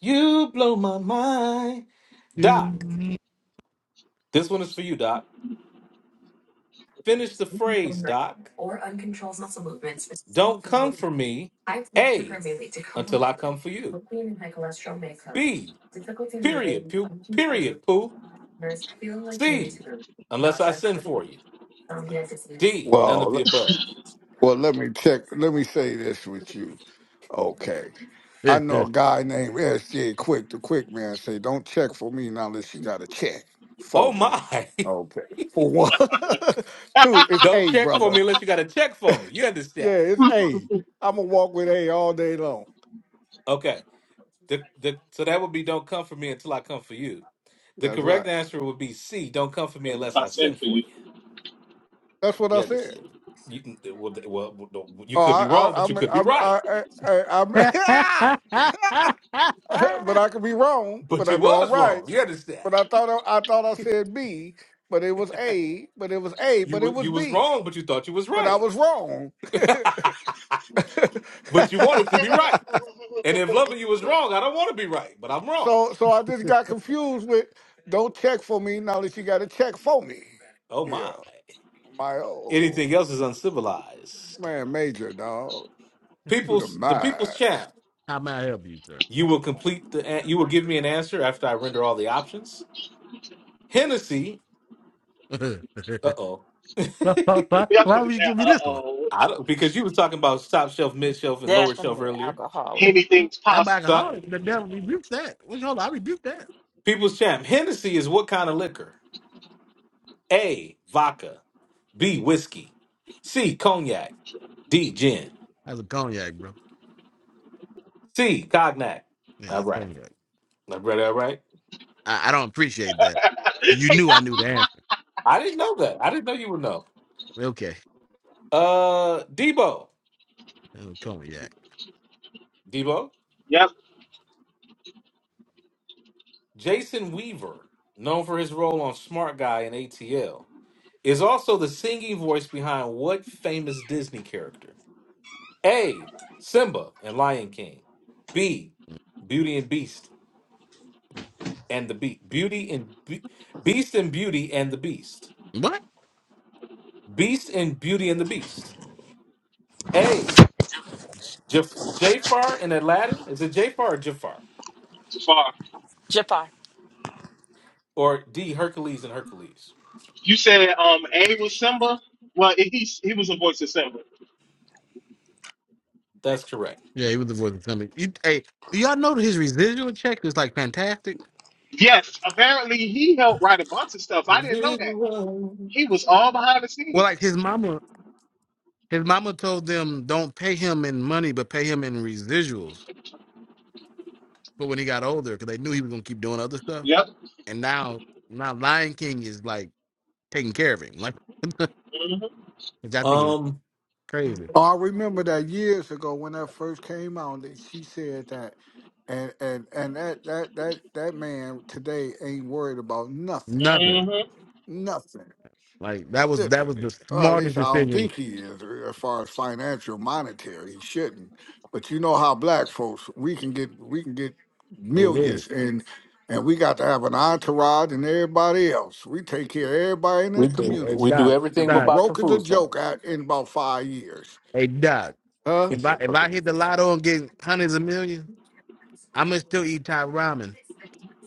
You blow my mind. Doc, Mhm. this one is for you, Doc. Finish the phrase, Doc. Don't come for me. A, until I come for you. B, period, poo, period, poo. C, unless I send for you. D, none of Well, the le- above. well, let me check. Let me say this with you. Okay. I know a guy named SJ Quick, the Quick Man, say, don't check for me now unless you got a check for Oh me. my. Okay. For one. Two, it's Don't A, check for me brother. unless you got to check for me. You understand? Yeah, it's A. I'm going to walk with A all day long. Okay. The, the, so that would be don't come for me until I come for you. The That's right. correct answer would be C. Don't come for me That's unless what I I said send for for you. you. That's what I Yeah, this, said. you can- well, well, well, you Oh, could I, be wrong, I, but you I'm, could be I'm, right. I, I, I, I'm, but I could be wrong. But But I you know I'm was right. wrong. You understand? But I thought I, I thought I said B, but it was A, but it was A, You but it wa- was you was B, wrong, but you thought you was but I right. was wrong. but you wanted to be right. And if loving you was wrong, I don't want to be right, but I'm wrong. so, so I just got confused with don't check for me now that you got to check for me. Oh Yeah, my! my oh Anything else is uncivilized. man, major dog to the People's the people's max. champ. How may I help you, sir? You will complete the. an- You will give me an answer after I render all the options. Hennessy. Uh oh. why, Yeah, why would you give me uh this oh. I don't because you was talking about top shelf, mid shelf, and lower shelf Definitely earlier. alcoholic. Anything's I'm possible. So I- alcoholic. The devil rebukes that. Wait, hold on, I rebuke that. people's champ. Hennessy is what kind of liquor? A. Vodka. B. Whiskey. C. Cognac. D. Gin. That's a cognac, bro. C. Cognac. Yeah, All that's right. cognac. All right. All right. I, I don't appreciate that. Cause you knew I knew the answer. I didn't know that. I didn't know you would know. Okay, Uh, Debo. that was cognac. Debo. yep, Jason Weaver, known for his role on Smart Guy and ATL, is also the singing voice behind what famous Disney character? A. Simba and Lion King. B. Beauty and Beast and the Beast. Beauty and Be- Beast and Beauty and the Beast. What? Beast and Beauty and the Beast. A. J- Jafar and Aladdin. Is it Jafar or Jafar? too far. Japa. Or D. Hercules and Hercules. You said um A was Simba. Well, it, he he was a voice of Simba. That's correct. Yeah, he was the voice of something. You, hey, do y'all know that his residual check is like fantastic? Yes, apparently he helped write a bunch of stuff. I didn't know that. He was all behind the Well, like his scenes. mama, his mama told them don't pay him in money, but pay him in residuals. But when he got older, because they knew he was gonna keep doing other stuff, Yep. and now now Lion King is like taking care of him, like hmm which I think is Um, crazy. Oh, I remember that years ago when that first came out, that she said that, and and and that that that that man today ain't worried about nothing, Nothing. hmm nothing. Like that was that was Literally, the or at least smartest I don't decision. think he is, uh, as far as financial, monetary. He shouldn't, but you know how black folks we can get we can get Oh wait, millions and. And we got to have an entourage and everybody else. We take care of everybody in the we hey, do, hey we community do Doc, and everything be but Doc, box and broke as a food joke stamps. at, in about five years. hey Doc. Huh? He If said I if I Hercules. hit the lotto and get hundreds of millions, I'ma still eat top ramen.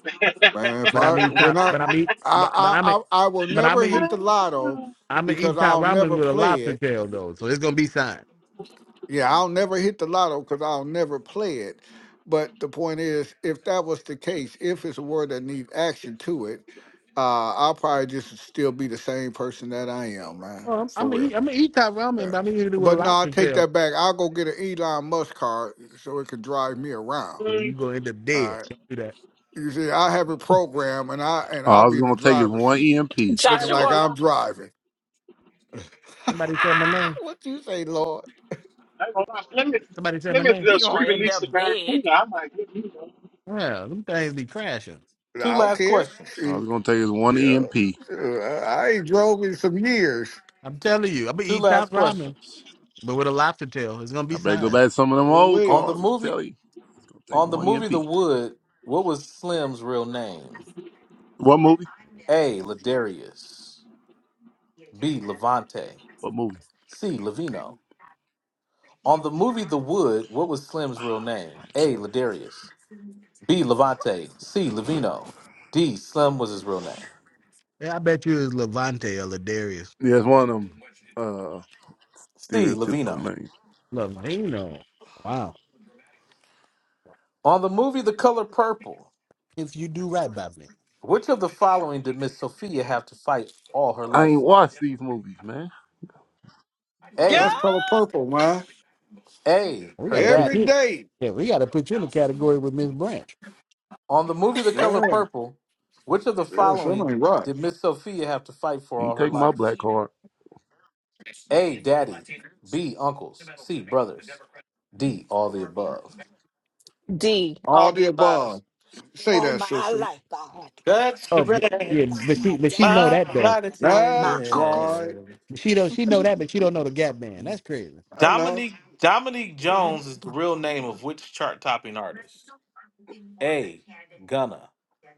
Man, if But I I'm eat when top. I But I'm eat. But but I I'm a, I I, I will but I'm never hit eat. the I lotto I'm gonna because eat top I'll never ramen with a play lobster it. tail though, so it's gonna be fine. Yeah, I'll never hit the lotto because I'll never play it. But the point is, if that was the case, if it's a word that needs action to it, uh, I'll probably just still be the same person that I am, man, Oh, I'm, for I'm gonna real. eat. I'm gonna eat top ramen, Yeah. but I'm gonna eat it with a But no, I lobster take tail. that back. I'll go get an Elon Musk car so it can drive me around. And you gonna end up dead. Don't do that. You see, I have a program, and I and All I'll I was be in the going to take is driver's one seat, EMP. looking ain't like gonna Joshua, lie. I'm driving. Somebody said my name. what you say, Lord? I ain't gonna lie. Plymouth, Somebody said my Plymouth name. you're just gonna end re-released the up dead. Barracuda. I might get you. one. Yeah, them things be crashing. I Two don't last care. questions. All I was Shoot, going to take is one you EMP. shoot, I I ain't drove in some years. I'm Two, telling you, I'm gonna two eat last top ramen. questions but with a lobster tail. It's gonna be I better go size. back to some of them old on Wait, the cars. I'm movie. telling you. It's going to take On the one movie EMP. The Wood, what was Slim's real name? What movie? A. Ladarius. B. Levante. What movie? C. Levino. On the movie The Wood, what was Slim's real name? A. Ladarius. B. Levante. C. Levino. D. Slim was his real name. Yeah, I bet you it's Levante or Ladarius. Yeah, it's one of them. Uh. C. stereotypical Levino. name. Lavino. Wow. On the movie The Color Purple, If you do right by me, which of the following did Miss Sophia have to fight all her I life ain't for? watched these movies, man. oh, that's A. color purple, man. A. we Her gotta put Every daddy. you. day. Yeah, we gotta put you in the category with Miss Branch. On the movie The Color Yeah, Purple, which of the yeah, something following ain't right. did Miss Sophia have to fight for You ain't all her taking my life? black card, A. Daddy. B. Uncles. C. Brothers. D. All the above. D, all All the the above. above. Say All that, my sister. life, I had to fight, That's the Oh, but, bread. yeah, fight but my she, but she know daddies. My that I though. had to fight my That's uncles. right. relative. She don't, she know that, but she don't know the Gap Band. That's crazy. I know. Dominique Dominique Jones is the real name of which chart topping artist? A. Gunna.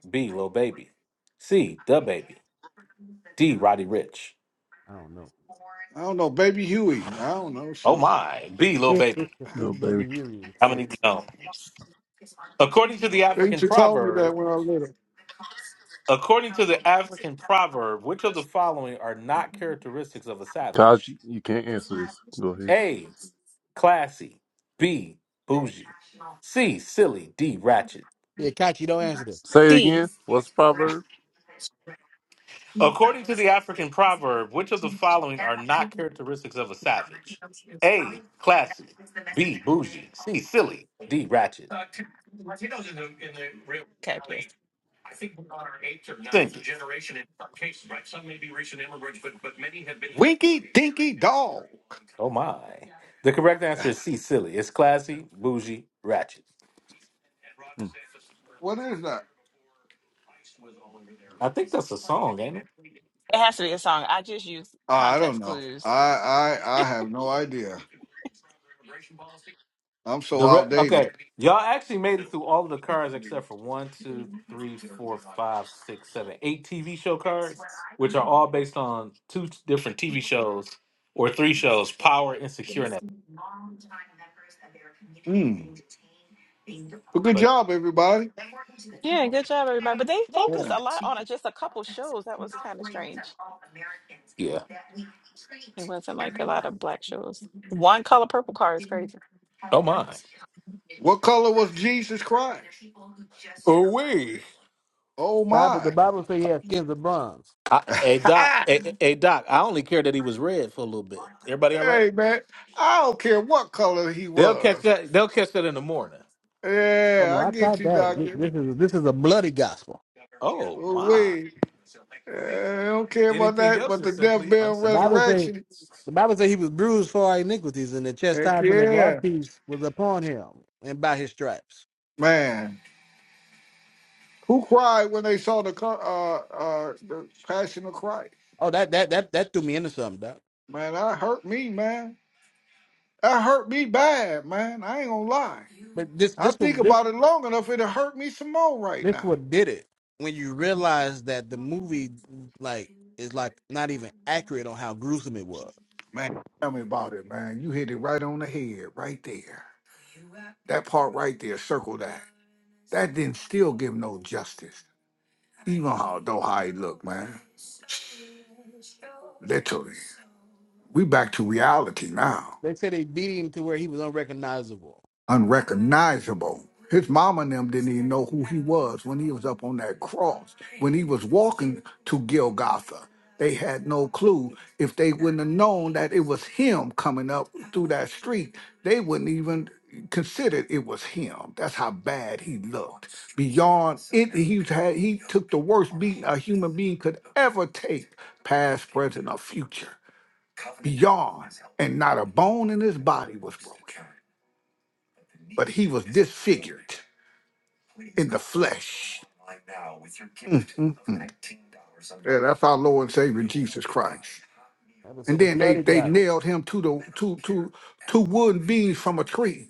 B. Lil Baby. C. The Baby. D. Roddy Rich. I don't know. I don't know, baby Huey. I don't know. Oh Shoot, my. B. Lil Baby, Baby. little baby. you is crazy. Dominique Jones. According to the they used African to call me that proverb, when I was little. according to the African proverb, which of the following are not characteristics of a savage? Kaji, you can't answer this. Go ahead. A. Classy. B. Bougie. C. Silly. D. Ratchet. Yeah, Kachi, don't answer that. Say it See, again. What's the proverb? According to the African proverb, which of the following are not characteristics of a savage? A. Classy. B. Bougie. C. Silly. D. Ratchet. okay, Chris. Sing it. Oh my. The correct answer is C. Silly. It's classy, bougie, ratchet. What is that? I think that's a song, ain't it? It has to be a song. I just use Ah, I don't context know. clues. I I I have no idea. I'm so The re- outdated. okay, y'all actually made it through all of the cards except for one, two, three, four, five, six, seven, eight TV show cards, which are all based on two t- different TV shows or three shows: Power, Insecure, and that. Mm. Well, good So job, everybody. Yeah, good job, everybody. But they focused Yeah. a lot on a- just a couple shows. That was kind of strange. yeah. It wasn't like a lot of black shows. One color purple car is crazy. Oh my. What color was Jesus Christ? Away. Oh, Bible, the my. Bible says he has skins of bronze. I, hey doc, hey, hey hey, doc. I only care that he was red for a little bit. Everybody all right? hey, man. I don't care what color he They'll catch was. that. They'll catch that in the morning. Oh no, Yeah, I I get caught you, that. Th- doctor. This is this is a bloody gospel. Oh Well, my. wait. Yeah, I don't care about Anything that, else but the is death, simply burial, and The Bible uncivilized. says resurrection. the Bible says he was bruised for our iniquities, and the Heck chastisement of our yeah, peace was upon him, and by his stripes. man. Who cried when they saw the co- uh uh the Passion of Christ? Oh, that that that that threw me into something, doc. Man, that hurt me, man. That hurt me bad, man. I ain't gonna lie. But this I this think was this about it long enough, it'll hurt me some more right this now. what did it when you realize that the movie like is like not even accurate on how gruesome it was. Man, tell me about it, man. You hit it right on the head, right there. That part right there, circle that. That didn't still give no justice. Even how though how he looked, man. Literally. We back to reality now. They said they beat him to where he was unrecognizable. unrecognizable. His mama and them didn't even know who he was when he was up on that cross. When he was walking to Golgotha, they had no clue. If they wouldn't have known that it was him coming up through that street, they wouldn't even considered it was him. That's how bad he looked. Beyond it, he had he took the worst beating a human being could ever take, past, present, or future. Beyond, and not a bone in his body was broken but he was disfigured in the flesh. Mm, mm, mm. Yeah, that's our Lord and Savior Jesus Christ. That was a And then they, bloody they guy, nailed him to the to to two wooden beams from a tree.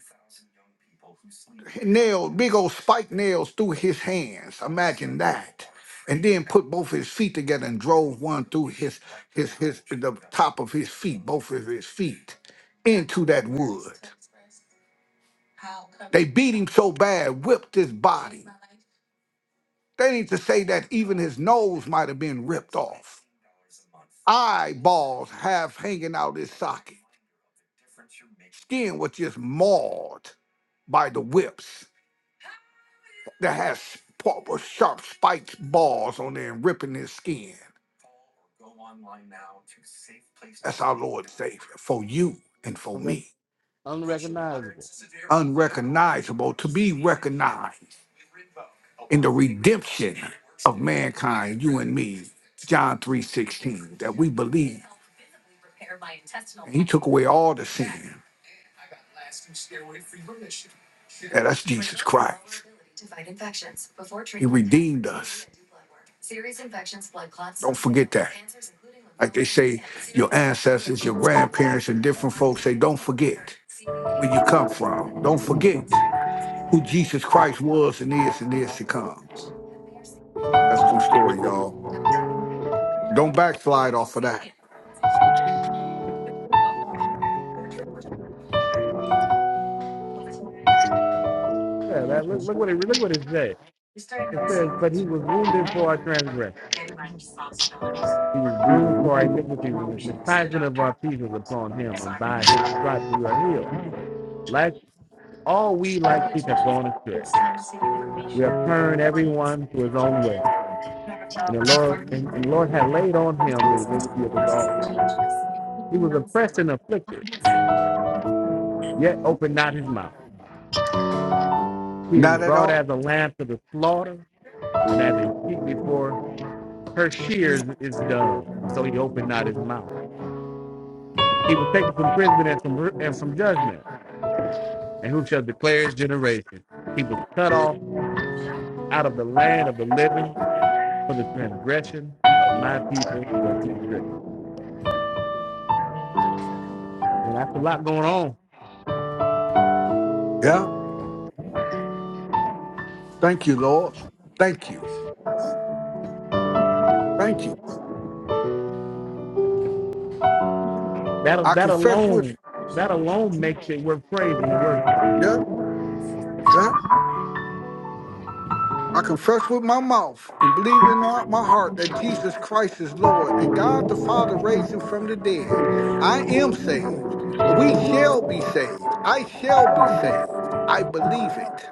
Nailed big old spike nails through his hands. Imagine that. And then put both his feet together and drove one through his his his the top of his feet, both of his feet, into that wood. They beat him so bad, whipped his body That ain't to say that even that have been skin was just mauled by the whips that has sp- sharp spiked balls on there and ripping his skin for you and for Unrec- me. unrecognizable. Or to recognized, redemption of mankind, you and me, John 3.16, that we believe he took away all the sin. That that's Jesus redeemed us. Don't forget come from Jesus Christ true story, y'all. Don't backslide Yeah, that, look, look what it look what it says. It says, "But he was wounded for our transgression; he was bruised for our iniquities, and the chastisement of our peace was upon him, and by his stripes we are healed. Like all we like sheep have gone astray." We have turned everyone to his own way. And the Lord and, and the Lord had laid on him the iniquity of us all. He was oppressed and afflicted, yet opened not his mouth. He is not at brought all. as a lamb to the slaughter, and as a sheep before her shears is dumb. So he opened not his mouth. He was taken from prison and from and from judgment. And who shall declare his generation? He was cut off out of the land of the living for the transgression of my people was he stricken. And that's a lot going on Yeah. Thank you, Lord. Thank you. Thank you. that I that confess with alone that alone makes it worth praising and worshiping. yeah, yeah. I confess with my mouth and believe in all my heart that Jesus Christ is Lord and God the Father raised him from the dead. I am saved. We shall be saved. I shall be saved. I believe it.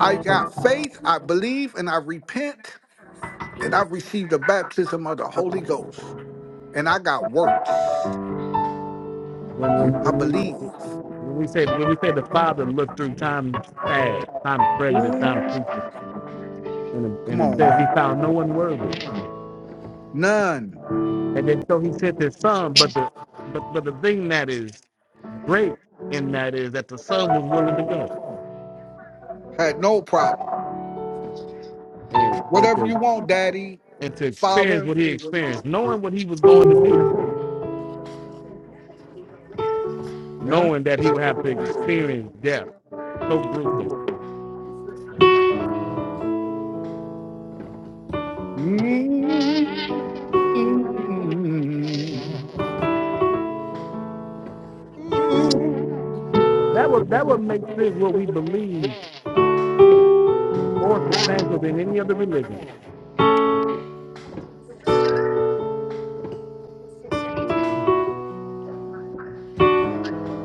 I When got faith, I believe, and I repent, and I received the baptism of the Holy Ghost. And I got works. when when I when believe. we when we say when we say the Father looked through times past, times prejudice, times Ooh, future, and come and it on, says He man. found no one worthy, None. and then so He sent His Son. But the but but the thing that is great in that is that the Son was willing to go Had no problem. and and Whatever to you want, Daddy. and to experience Father. what He experienced, knowing what He was going to do, Yeah. knowing that He would have to experience death so gruesome mm Ooh. That would that would make this what we believe more substantial than any other religion.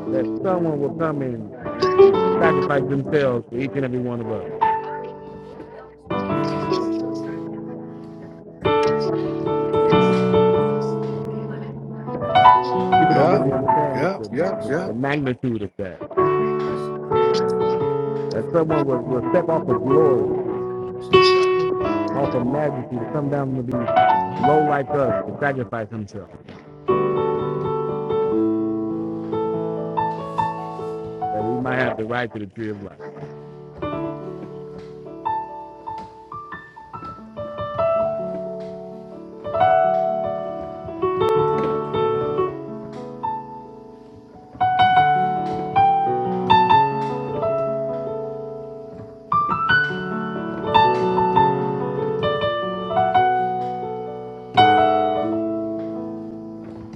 That someone will come in and, and sacrifice themselves for each and every one of us. People don't Yeah. really understand what Yeah. the, the, Yeah. the, the Yeah. magnitude of that. That someone will, will step off of glory, off of majesty to come down to be low like us to sacrifice himself. That we might have the right to the tree of life.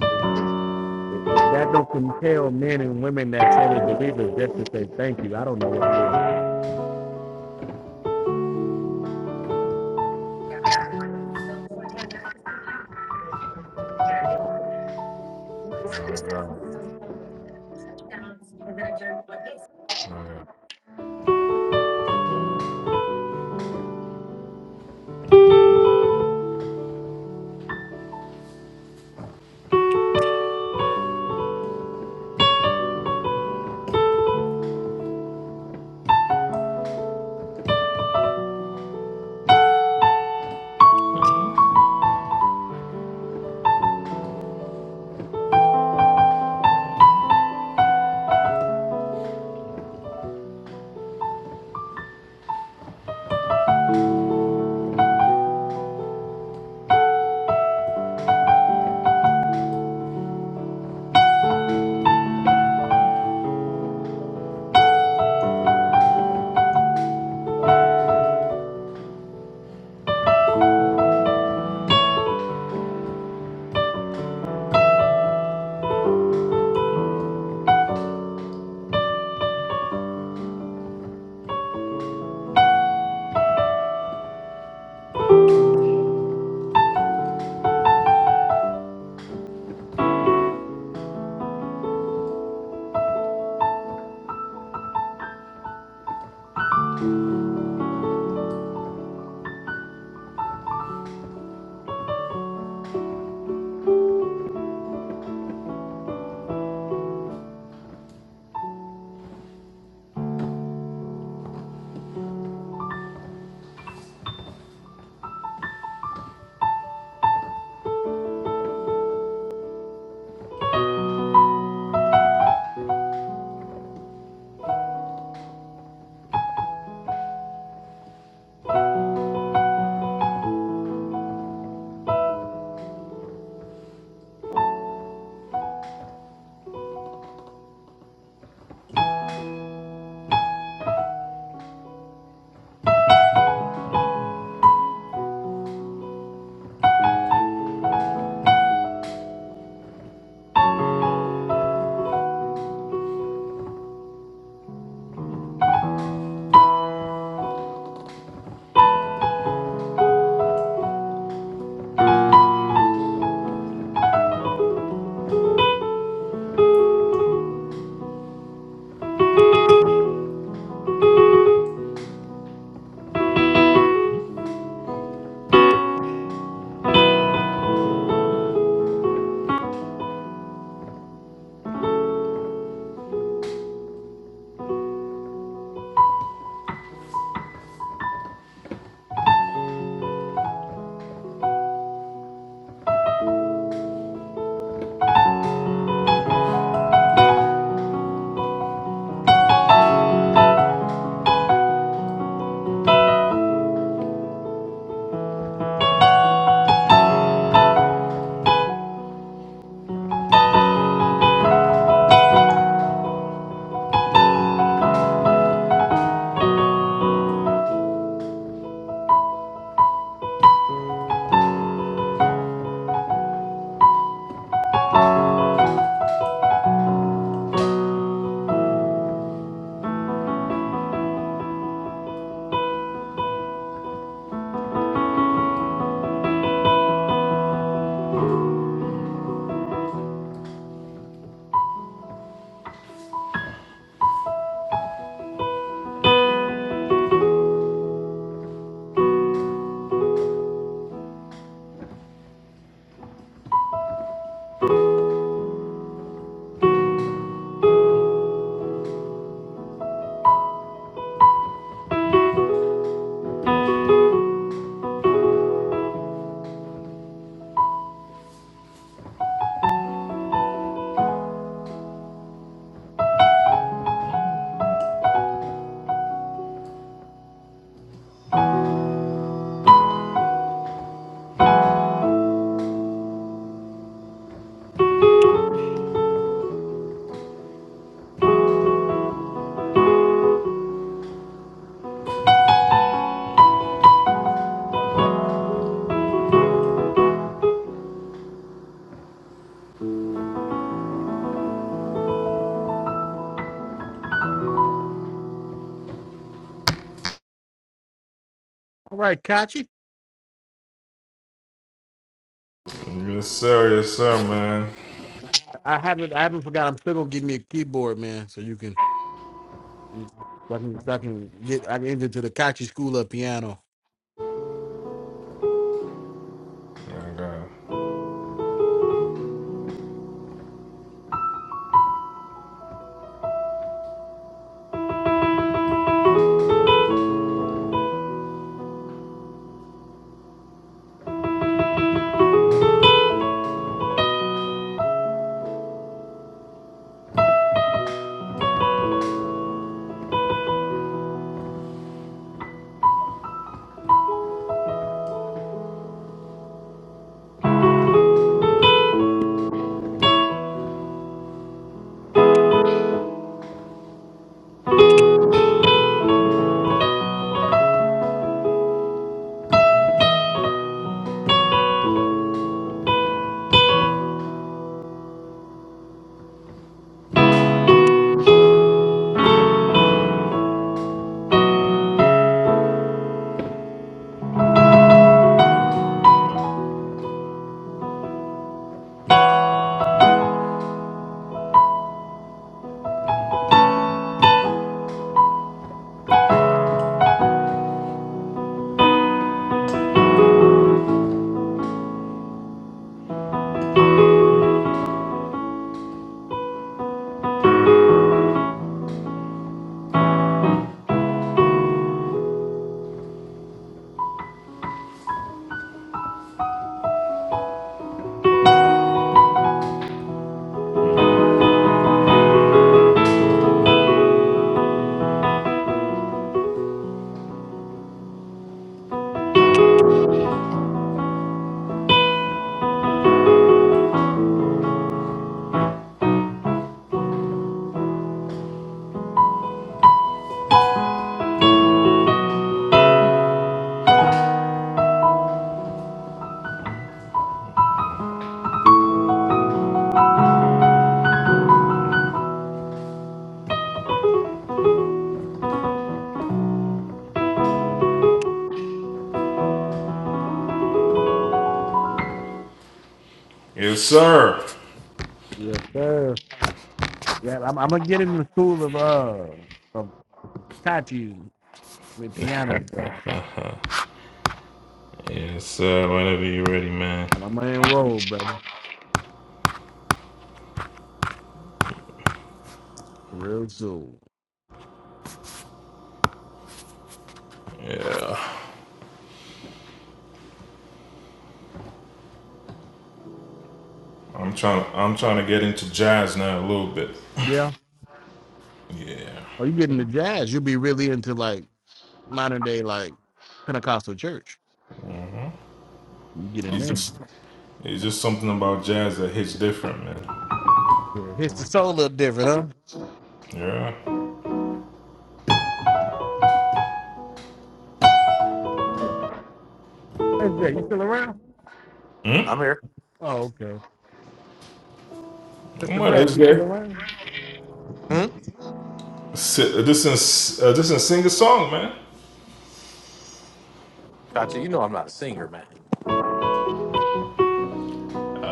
If, if, if that don't compel men and women that say they believe us just to say thank you, I don't know what will. Yes, All right, Kachi. sir, yes, sir, man. I haven't I haven't forgot. I'm still gonna give me a keyboard, man, so you can so I can, so I can get I can enter to the Kachi School of Piano. Okay. Yes, sir. Yes, sir. Yeah, I'm, I'm gonna get in the school of uh of Kachi with piano, bro. Yes, sir. Whenever you're ready, man. I'm, I'm gonna enroll, brother, real soon. I'm trying. I'm trying to get into jazz now a little bit. Yeah. Yeah. Oh, you get into jazz? You'll be really into like modern day like Pentecostal church. You get in It's there. just, it's just something about jazz that hits different, man. Yeah. It's the soul a little different, Yeah. huh? Where's that? You still around? I'm here. Oh, okay. Come Mr. on, Branch, this you still guy. around? Hmm? Si- This is uh, this is sing a song, man. Gotcha. You know I'm not a singer, man.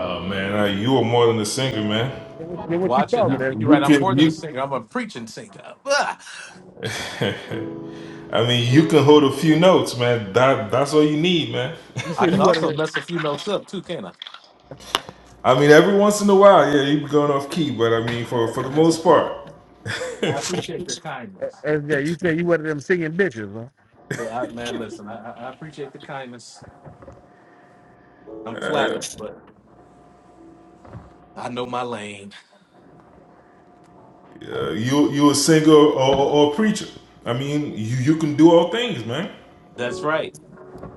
Oh man, uh, you are more than a singer, man. Then what then what you Watch it talking, now. You, You're right. SJ? you I'm more can than a you. singer. I'm a preaching singer. Ah! I mean, you can hold a few notes, man. That that's all you need, man. You I said can you one of also mess a few notes up too, can I? I mean, every once in a while, yeah, you be going off key, but I mean, for for the most part. I appreciate their uh, kindness. SJ. You said you one of them singing bitches, huh? I, man, listen, I, I I appreciate the kindness. I'm flattered, but I know my lane. You you a singer or, or, a preacher. I mean, you, you can do all things, man. That's right.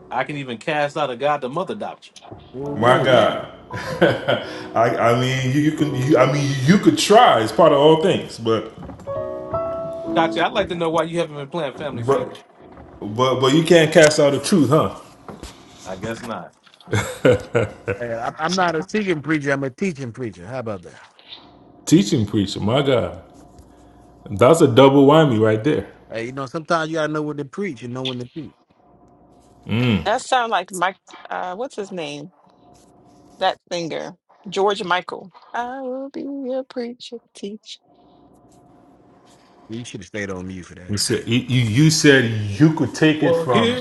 I can even cast out a God the Mother doctrine. Well, My wait. God. I I mean you, you can you, I mean you could try. It's part of all things, but Kachi, I'd like to know why you haven't been playing Family Feud. but but but you can't cast out the truth, huh? I guess not. Hey, I'm I'm not a singing preacher. I'm a teaching preacher. How about that? Teaching preacher, my God, that's a double whammy right there. Hey, you know, sometimes you gotta know when to preach and know when to teach. That sounds like Mike. Uh, what's his name? That singer, George Michael. I will be a preacher, teacher. You should have stayed on mute for that. You said you, you you said you could take it from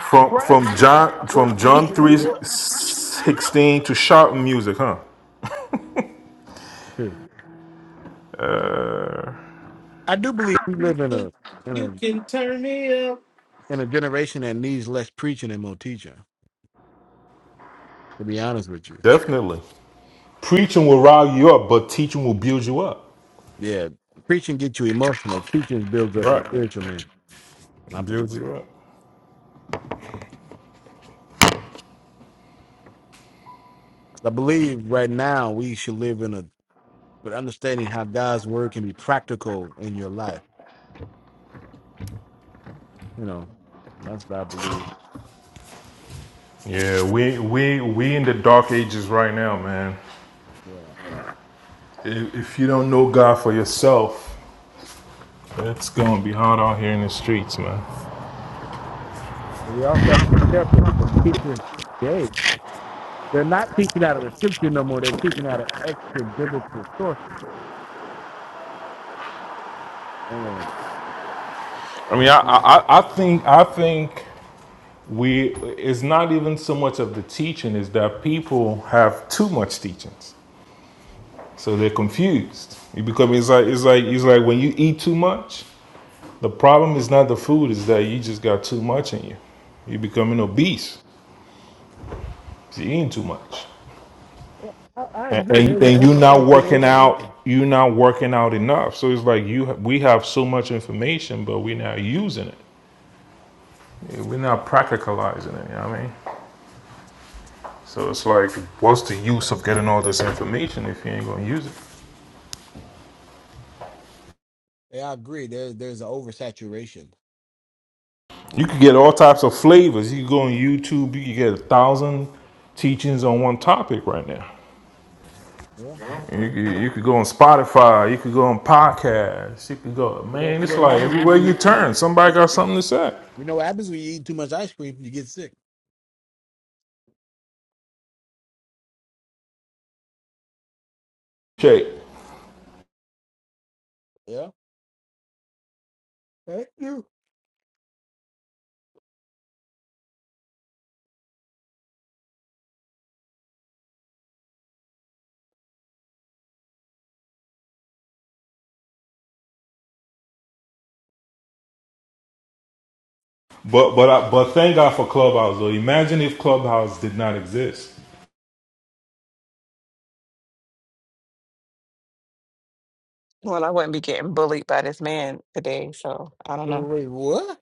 from from John from John three sixteen to shouting music, huh? too. I do believe we live in a in a in a generation that needs less preaching and more teaching. To be honest with you, Definitely. Preaching will rile you up, but teaching will build you up. yeah, preaching gets you emotional. Teaching builds up your Right. spiritual man. And I believe, Build you up. I believe right now we should live in a but understanding how God's word can be practical in your life. You know, that's what I believe. Yeah, we we we in the dark ages right now, man. Yeah. If, if you don't know God for yourself, it's gonna be hard out here in the streets, man. But you also have to be careful because teachers today, they're not teaching out of the scripture no more. They're teaching out of extra biblical sources. And I mean, I I, I think I think we it's not even so much of the teaching is that people have too much teachings, so they're confused. It becomes it's like it's like it's like when you eat too much. The problem is not the food, is that you just got too much in you. You're becoming obese. You're eating too much. I, I And, agree. and, There's an and you're not working oversaturation. out. You're not working out enough. So it's like you we have so much information, but we're not using it. Yeah, We're not practicalizing it, you know what I mean? So it's like, what's the use of getting all this information if you ain't gonna use it? Yeah, I agree. There's there's an oversaturation. You could get all types of flavors. You could go on YouTube, you could get a thousand teachings on one topic right now. Yeah, that's You, true. you, you could go on Spotify, you could go on podcasts, you could go, You know, man, you know it's what like happens when everywhere you you turn, somebody got something to say. You know what happens when you eat too much ice cream? You get sick. Okay, Yeah. Thank you. but but I, but thank God for Clubhouse though. Imagine if Clubhouse did not exist. well, I wouldn't be getting bullied by this man today, so I don't know. Wait, what?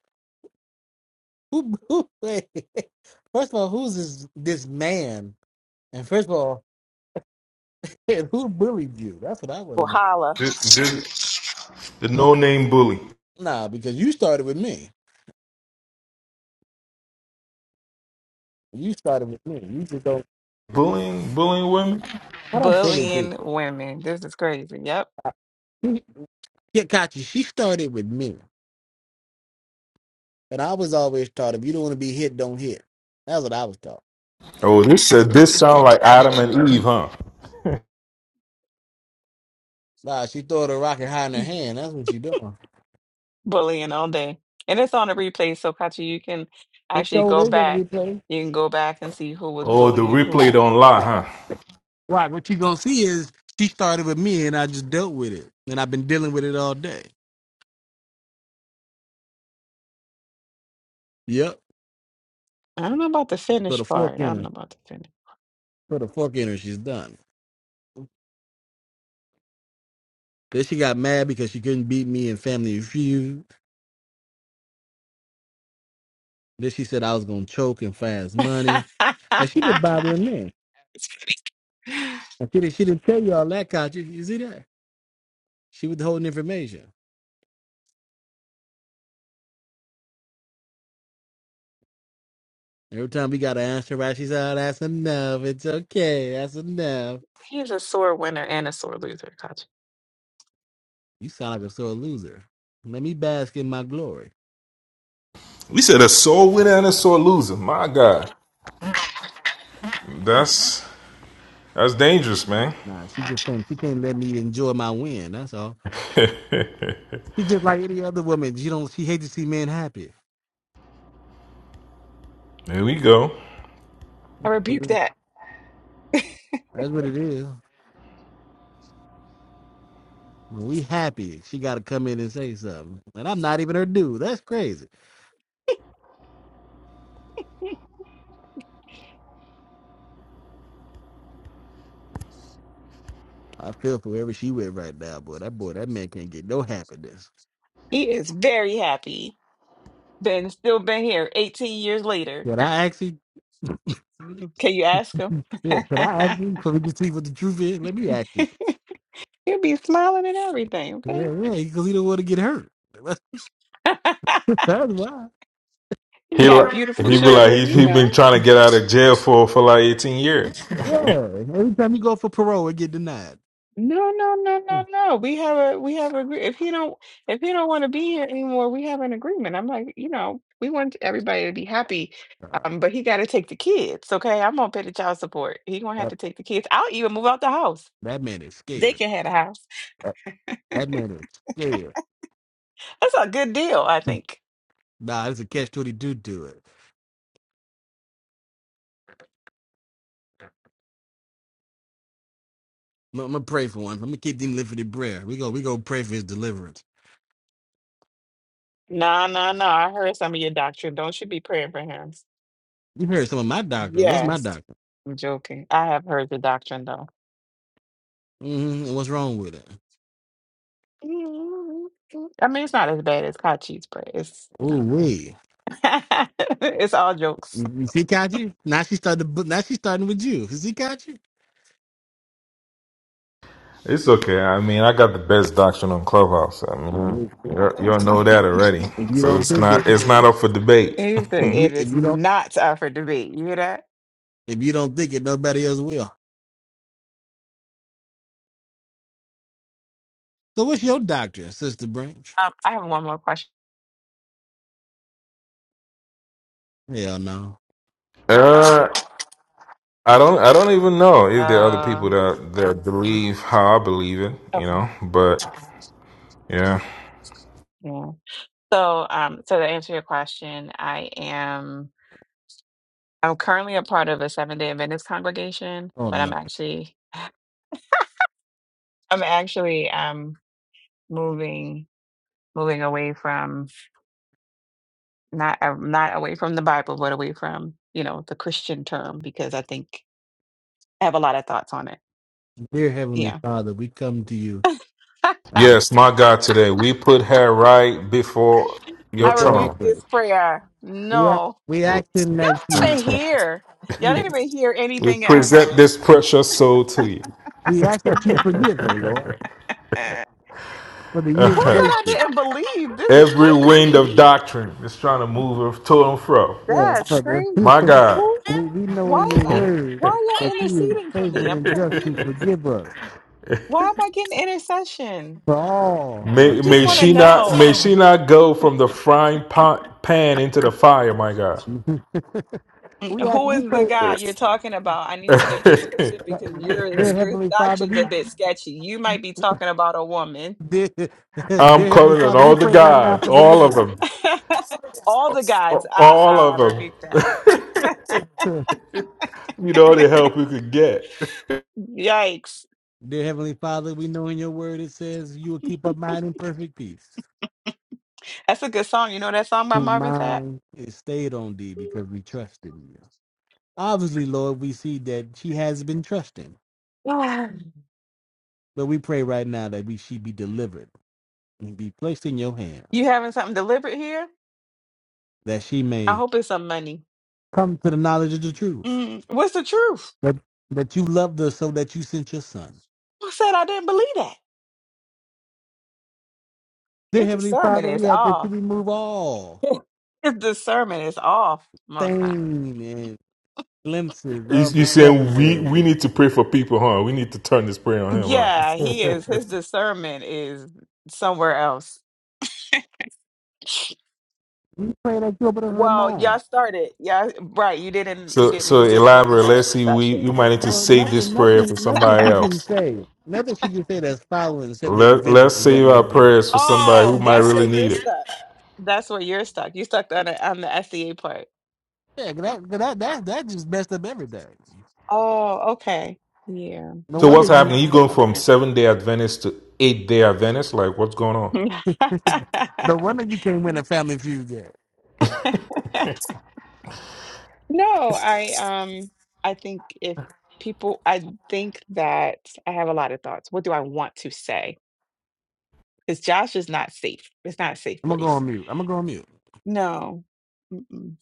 Who, who wait, first of all, who's this this man? And first of all, who bullied you? That's what I want to Well, know. holla. Just, just the no name bully, Nah, because you started with me. You started with me. You just don't. bullying, bullying women. I don't bully people. Bullying women. This is crazy. Yep. You- Yeah, got you. She started with me, and I was always taught if you don't want to be hit, don't hit. That's what I was taught. Oh, this said this sound like Adam and Eve, huh? Nah, she throwing a rocket high in her hand. That's what she doing. bullying all day. And it's on a replay, so Katya, you can This actually show go is gonna back. be played. You can go back and see who was Oh, the bullying who. replay don't lie, Right. huh? Right. What you gonna see is she started with me, and I just dealt with it, and I've been dealing with it all day. Yep. I don't know about the So the finish fork part. I in don't her. know about the finish. Put a fork in her. She's done. Then she got mad because she couldn't beat me in Family Feud. Then she said I was gonna choke and fast money. Like she been bothering me. It's funny. And she didn't. She didn't tell you all that, Kachi. You see that? She was holding information. Every time we got to answer right, she said, oh, "That's enough. It's okay. That's enough." He's a sore winner and a sore loser. Gotcha. You sound like a sore loser. Let me bask in my glory. We said a sore winner and a sore loser. My God, that's that's dangerous, man. Nah, she just can't. She can't let me enjoy my win. That's all. She just like any other woman. She don't. She hates to see men happy. There we go. I rebuke That's that. what it is. When we happy, she got to come in and say something. And I'm not even her dude. That's crazy. I feel for whoever she with right now, boy. That boy, that man can't get no happiness. He is very happy. Been still been here 18 years later. Could I actually? Can you ask him? Yeah, could I actually? So we can see what the truth is. Let me ask you. He'll be smiling and everything, okay? Yeah, yeah, because he don't want to get hurt. That's, why. he He got like beautiful he be like children, he's you he been know. trying to get out of jail for for like eighteen years. Yeah, every time you go for parole, it get denied. No, no, no, no, no. We have a we have a gr- if he don't if he don't want to be here anymore, we have an agreement. I'm like, you know, we want everybody to be happy. Uh, Um, but he gotta take the kids, okay? I'm gonna pay the child support. He gonna have that, to take the kids. I'll even move out the house. that man is They scared. can have a house. That, that man is scared. That's a good deal, I think. Nah, it's a catch twenty two to it. I'm, I'm gonna pray for him. I'm gonna keep him lifted in prayer. We go, we go pray for his deliverance. Nah, nah, nah. I heard some of your doctrine. Don't you be praying for him. You heard some of my doctrine. What's my Yes. doctrine? I'm joking. I have heard the doctrine though. hmm And what's wrong with it? Mm, I mean, it's not as bad as Kachi's, but it's, you Oh know, wait, it's all jokes. you, you see, Kachi? Now she started. bu- Now she's starting with you. You See, Kachi? It's okay. I mean, I got the best doctrine on Clubhouse. I mean, Mhm. you you all know that already. If you So don't it's think it, not it's not up for debate. It's if the, you it if is you don't not up for debate. You hear that? if you don't think it, nobody else will. So what's your doctrine, Sister Branch? Um, I have one more question. Hell no. Uh, I don't I don't even know if there are other Uh, people that that believe how I believe it. You okay. know, but yeah, Yeah. So, um, so to answer your question, I am, I'm currently a part of a Seventh Day Adventist congregation, Oh but I'm no, actually, I'm actually, um, moving. moving away from not uh, not away from the Bible, but away from you know the Christian term because I think I have a lot of thoughts on it. dear Heavenly Yeah, Father, we come to you at yes, my God, today we put her right before the I your throne rebuke of throne. grace. this prayer. We are No, we asking y'all that didn't you even hear. Y'all you didn't even hear We anything else. present this precious soul to you. we ask that you forgive her, Lord, Uh, for the years who said I wasted. didn't believe? This is Every wind crazy. of doctrine is trying to move her to and fro. Yeah, That's brother. we, My crazy. God, Who? we know Why in your am I? word Why y'all that you is interceding for me? faithful I'm and just to confused. forgive us Why am I getting intercession? for all our I may, just may want trespasses. to she not know. may she not go from the frying pan, pan into the fire. My God, we Mm, ask, Who we is the pray, guy you're talking about? I need you to be specific because your dear your Heavenly Father, doctrine's a we bit sketchy. You might be talking about a woman. dear, I'm dear Heavenly calling on Father, we all the pray right now gods, for all of deliverance. them, All the guys, all I I of them. rebuke that. You know the help we could get. Yikes! dear Heavenly Father, we know in your word it says you will keep our mind in perfect peace. That's a good song. You know that song by Whose Marvin Sapp? mind is stayed on thee because we trust in you. Obviously, Lord, we see that she has been trusting, but we pray right now that we she be delivered and be placed in your hands, you having something deliberate here? that she I may hope it's some money. come to the knowledge of the truth, Mm, what's the truth? that, that you loved her so that you sent your son. Who said I didn't believe that? Dear Your Heavenly discernment Father, is we ask that you off. remove all Your discernment is off, Most High. stain and glimpses You, of you the seven saying we days. we need to pray for people, huh? We need to turn this prayer on him, huh? Yeah, he is. His discernment is somewhere else. We pray that you open up her Well, mind. y'all started. Yeah, right. You didn't. You So didn't. so You just went elaborate. into Let's see. We we intercession. might need to Well, save this nothing, prayer for nothing, nothing somebody she can else. say, nothing she can say that's following the seven day Let let's Adventist is gonna save our make sense. prayers for somebody Oh, who might that's where really you're need it. stuck. That's where you're stuck. You stuck on the on the SEA part. Yeah, 'cause that, 'cause that, that, that just messed up everything. Oh, okay. Yeah. No So wonder what's you, happening? You going from Interesting. seven day Adventist to eight day Adventist? Like what's going on? no wonder you can't win a family feud there. no, I um I think if people I think that I have a lot of thoughts. What do I want to say? 'Cause Josh is not safe. It's not a safe I'm gonna go place. on mute. I'm gonna go on mute. No. Mm-mm.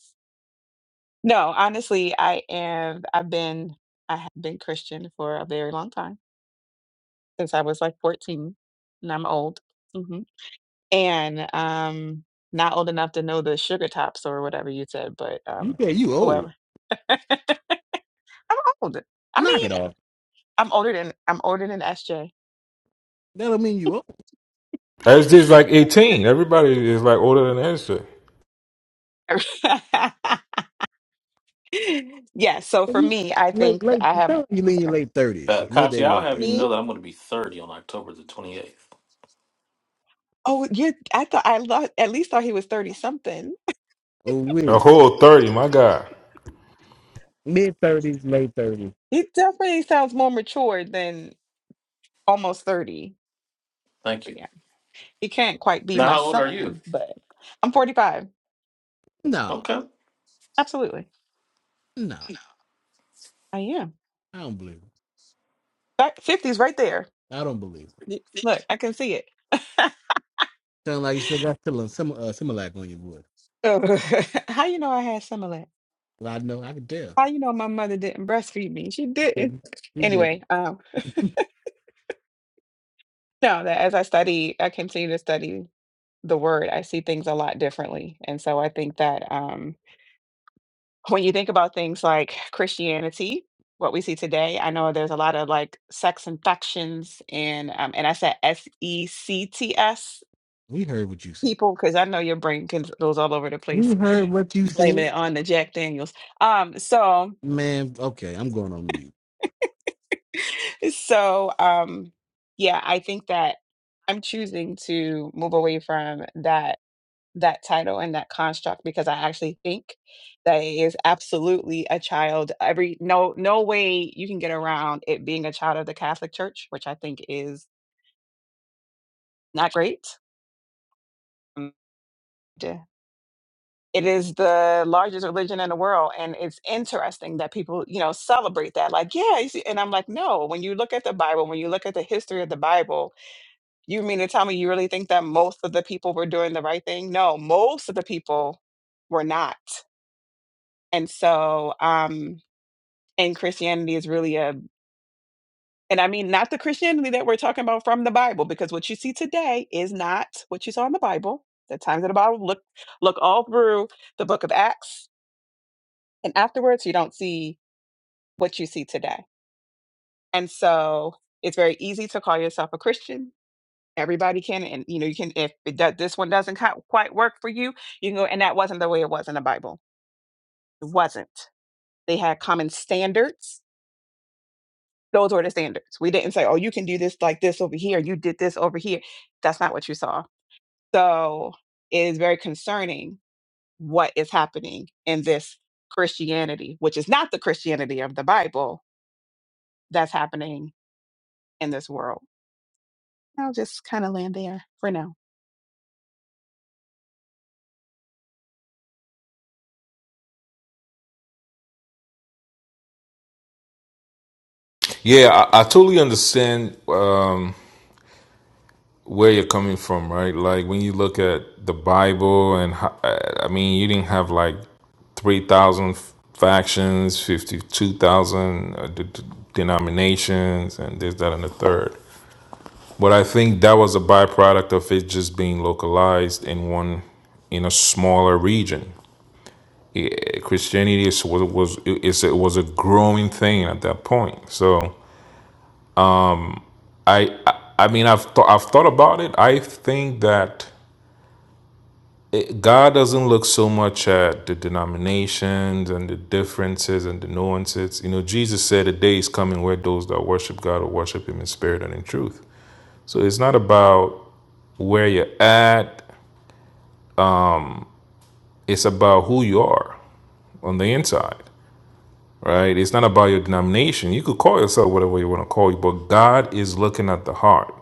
No, honestly, I am I've been I have been Christian for a very long time, since I was, like, 14, and I'm old. Mhm. And, um, not old enough to know the sugar tops or whatever you said, but, You um, say you old. whatever. I'm old. I Knock mean, it off. I'm older than I'm older than SJ. That don't mean you old. SJ's like Yeah. eighteen. Everybody is like older than SJ. Yeah, so If for You me, I late think that late I have you I'm mean your sorry. late thirties, Uh, Kachi, midday I'll late have you thirties. Me? know that I'm going to be 30 on October the 28th. Oh, you I thought I lo at least thought he was 30 something. Oh A wait. whole thirty. My God. Mid thirties, late thirties. It definitely sounds more mature than almost 30. Thank you. But yeah, he can't quite be Now, my how old are you? son, but I'm 45. No, Okay. Absolutely. no. I am. I don't believe That 50's right there. it. I don't believe it. Y- Look, I can see it. Sound like you still got still some uh Similac on your voice. Ugh. How you know I had Similac? Well, I know, I can tell. How you know my mother didn't breastfeed me? She You didn't. did. You did. Anyway, um, no, that as I study, I continue to study the word, I see things a lot differently. And so I think that um. when you think about things like Christianity, what we see today, I know there's a lot of like sex infections and um, and I said S E C T S We heard what you said. people because I know your brain can goes all over the We place heard what you blaming said. it on the Jack Daniels. Um, so Man, okay, I'm going on mute. so um, yeah, I think that I'm choosing to move away from that that title and that construct because I actually think that it is absolutely a child. Every no no way you can get around it being a child of the Catholic Church, which I think is not great. Mm, d- It is the largest religion in the world, and it's interesting that people you know celebrate that. Like, yeah, you see, and I'm like, no. When you look at the Bible, when you look at the history of the Bible, you mean to tell me you really think that most of the people were doing the right thing? No, most of the people were not. And so, um, And Christianity is really a and I mean not the Christianity that we're talking about from the Bible, because what you see today is not what you saw in the Bible. The times of the Bible look look all through the book of Acts and afterwards you don't see what you see today. And so it's very easy to call yourself a Christian. Everybody can, and you know, you can. If it does, this one doesn't qui- quite work for you, you can go. And that wasn't the way it was in the Bible. It wasn't. They had common standards Those were the standards. We didn't say, oh, you can do this like this over here. You did this over here. That's not what you saw. So it is very concerning what is happening in this Christianity, which is not the Christianity of the Bible that's happening in this world. I'll just kind of land there for now. Yeah, I, I totally understand um, where you're coming from, right? Like when you look at the Bible, and ho- I I mean, you didn't have like three thousand factions, fifty-two thousand uh, d- d- denominations, and this, that, and the third. But I think that was a byproduct of it just being localized in one, in a smaller region. Yeah, Christianity is, was was it's, it was a growing thing at that point. So I I, I mean I've th- I've thought about it. I think that it, God doesn't look so much at the denominations and the differences and the nuances. You know, Jesus said, "A day is coming where those that worship God will worship Him in spirit and in truth." So it's not about where you're at; it's about who you are. on the inside, right? It's not about your denomination. You could call yourself whatever you want to call you, but God is looking at the heart,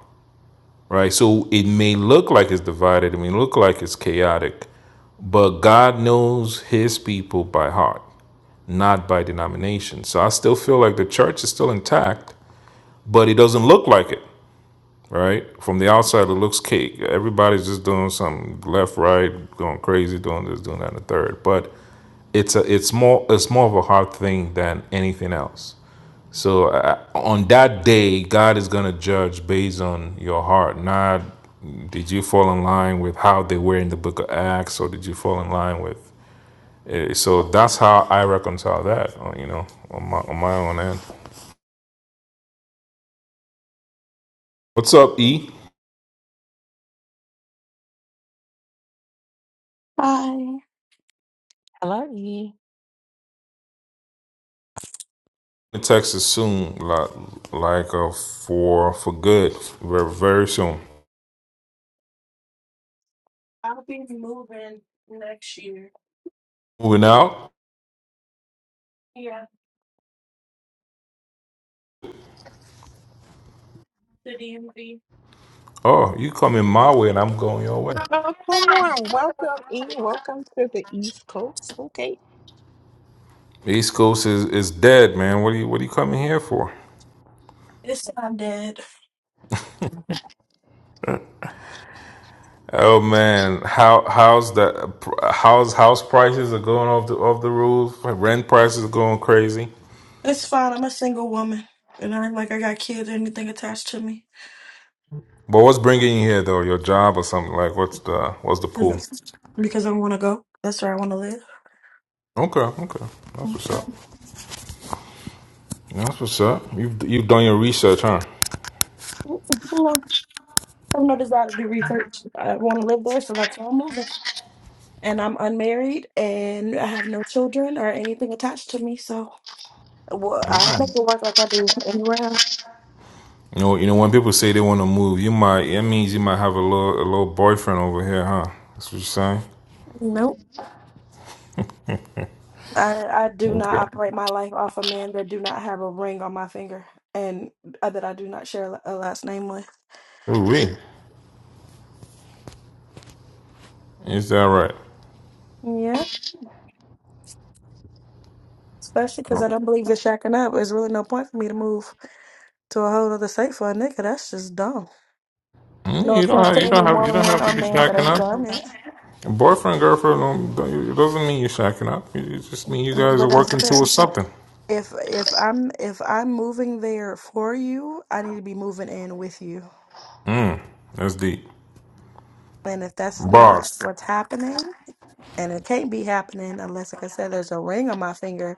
right? So it may look like it's divided, it may look like it's chaotic, but God knows his people by heart, not by denomination. So I still feel like the church is still intact, but it doesn't look like it. Right from the outside, it looks cake. Everybody's just doing something left, right, going crazy, doing this, doing that, and the third. But it's a, it's more, it's more of a heart thing than anything else. So uh, on that day, God is going to judge based on your heart, not did you fall in line with how they were in the book of Acts or did you fall in line with. eh, So that's how I reconcile that, uh, you know, on my, on my own end. What's up, E? Bye. The text is soon, like, like uh, for for good, very, very soon. I'll be moving next year. Moving out. Yeah, to DMV. Oh, you coming my way and I'm going your way. Oh, come on. Welcome, E. Welcome to the East Coast. Okay. The East Coast is, is dead, man. What are you what are you coming here for? Oh man, how how's the how's house prices are going off the off the roof? Rent prices are going crazy. But what's bringing you here though? Your job or something like? What's the what's the Is pull? it- Because I want to go. That's where I want to live. Okay, okay, that's what's up. That's what's up. You've you've done your research, huh? No, I have no desire to do research. I want to live there, so that's where I'm moving. And I'm unmarried, and I have no children or anything attached to me. So, well, I'll make it Alright. work like I do anywhere else. You know, you know when people say they want to move, you might it means you might have a little a little boyfriend over here, huh? That's what you're saying. No. I I do not Okay. operate my life off of men that do not have a ring on my finger and uh, that I do not share a last name with. Ooh, Is that right? Yeah, especially because I don't believe in shacking up. There's really no point for me to move to a whole other state for a nigga. That's just dumb. Mm, No You don't offense have to you don't any have you don't woman have or to be man that shacking has up. done it, And boyfriend, girlfriend, don't, don't, it doesn't mean you're shacking up. It just mean you guys but are that's working the towards something. if if I'm if I'm moving there for you, I need to be moving in with you. Mm, that's deep. And if that's not Boss. what's happening, and it can't be happening unless, like I said, there's a ring on my finger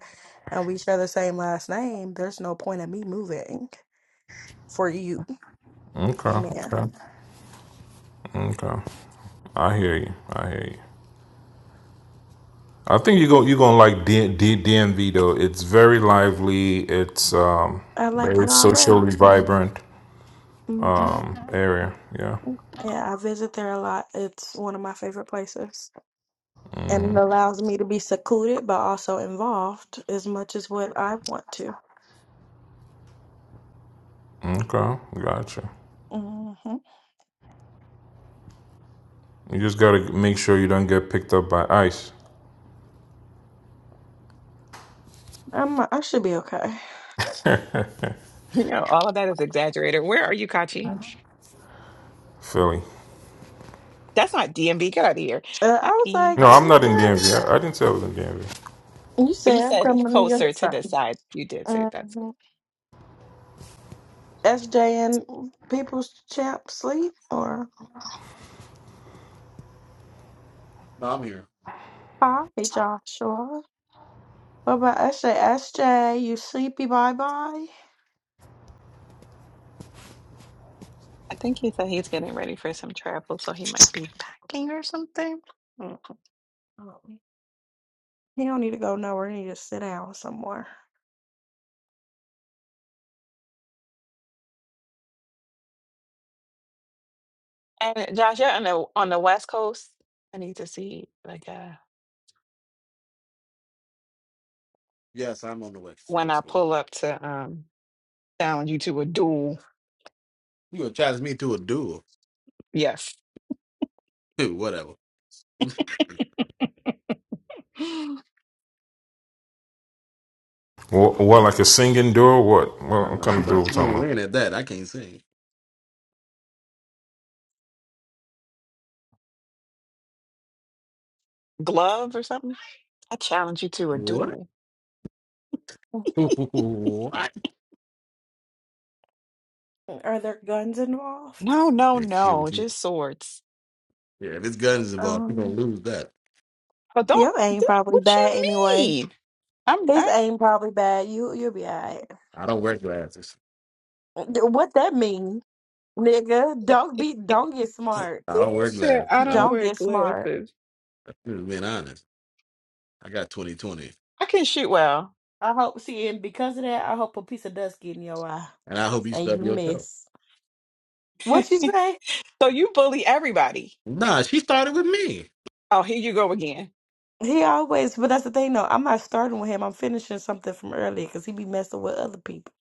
and we share the same last name, there's no point in me moving for you. Okay, Amen. okay, okay. I hear you. I hear you. I think you go. You're gonna like D, D, DMV though. It's very lively. It's um I like very it already. socially vibrant hmm area. Yeah. Yeah, I visit there a lot. It's one of my favorite places. And it allows me to be secluded, but also involved as much as what I want to. Okay. Gotcha. Mm-hmm. You just gotta make sure you don't get picked up by ICE, I'm, I should be okay. You know, all of that is exaggerated. Where are you, Kachi? Philly. That's not DMV. Get out of here. Uh, I Hi, was E. like, No, I'm not in nigga, DMV. I, I didn't say I was in DMV. you You said I'm said coming to your closer to side. the side. You did say that's Mm-hmm. good. SJ and people's champ sleep or No, I'm here. hi, Joshua. What about S J? S J, you sleepy? Bye bye. I think he said he's getting ready for some travel, so he might be packing or something. Mm. Oh, He don't need to go nowhere. He need to sit down somewhere. And Josh, you're on the on the West Coast. I need to see like uh Yes, I'm on the West when West I Coast. pull up to um challenge you to a duel. You gonna challenge me to a duel. Yes. Whatever. What, what like a singing duo? What? No, What no, kind she of duo gonna we she gonna talking about? win at that. I can't sing. Glove or something? I challenge you to a What? duel. what? Are there guns involved? No, no, Yeah, shoot, no, she- just swords. yeah, if it's guns involved, she gonna Um, lose that. But don't, your aim th- probably what bad you anyway. mean? I'm, His I aim probably bad. You you'll be alright. I don't wear glasses. What that mean, nigga? Don't be. Don't get smart. I you don't wear said glasses. I I'm don't just, Don't wear get smart. glasses. I'm just being honest. I got 2020, I can shoot well. I hope see piece of pie and I hope you and stub you your toe. miss. What you say? So you bully everybody. Nah, she started with me. Oh, here you go again. He always. But that's the thing, though. I'm not starting with him. I'm finishing something from earlier because he be messing with other people.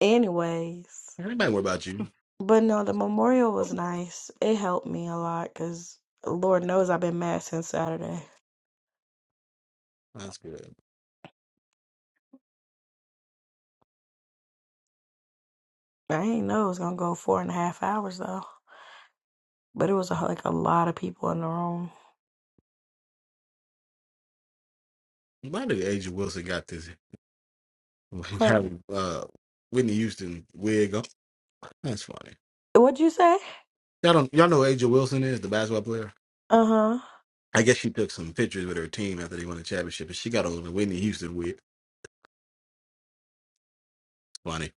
Anyways. Anybody worry about you? But no, the memorial was nice. It helped me a lot because Lord knows I've been mad since Saturday. That's good. I ain't know it was gonna go four and a half hours though. But it was a, like a lot of people in the room. Why did Agent Wilson got this Huh. having uh Whitney Houston wig on? That's funny. What'd you say? Y'all don't y'all know who Agent Wilson is the basketball player? Uh huh. I guess she took some pictures with her team after they won the championship, and she got on the Whitney Houston wig. Funny.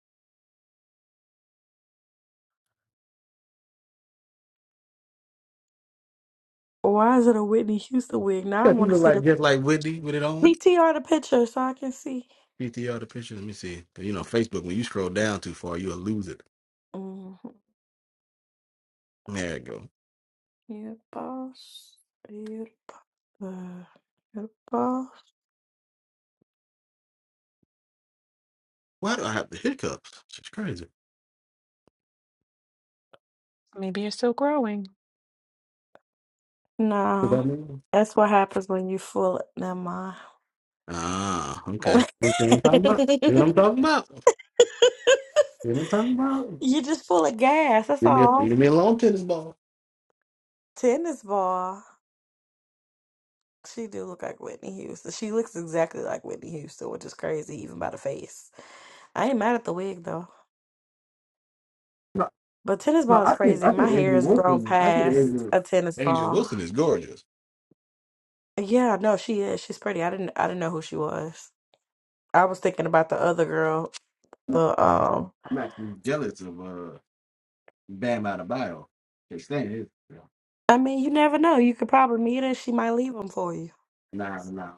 Why is it a Whitney Houston wig? Now I Yeah, he want to looked see like the just like Whitney with it on. PTR the picture so I can see. PTR the picture. Let me see. 'Cause, You know, Facebook, when you scroll down too far, you'll lose it. hmm There you go. Your boss. Your boss. Uh, your boss. Why do I have the hiccups? It's crazy. Maybe you're still growing. What No. that mean? That's what happens when you fool. Never mind. Ah, okay. You know what I'm talking about? You know what I'm talking about? You know what I'm talking about? You just full of gas. That's Give me a, all. give me a long tennis ball. Tennis ball. She do look like Whitney Houston. She looks exactly like Whitney Houston, which is crazy, even by the face. I ain't mad at the wig though. No, But tennis ball no, is I think crazy. I My think hair Adrian has grown Wilson. I think past Adrian a tennis Adrian ball. Wilson is gorgeous. Yeah, no, she is. She's pretty. I didn't. I didn't know who she was. I was thinking about the other girl. The um. I'm actually jealous of. uh Bam out of bio. Can't stand his. You know, I mean, you never know. You could probably meet her. She might leave them for you. nah, nah.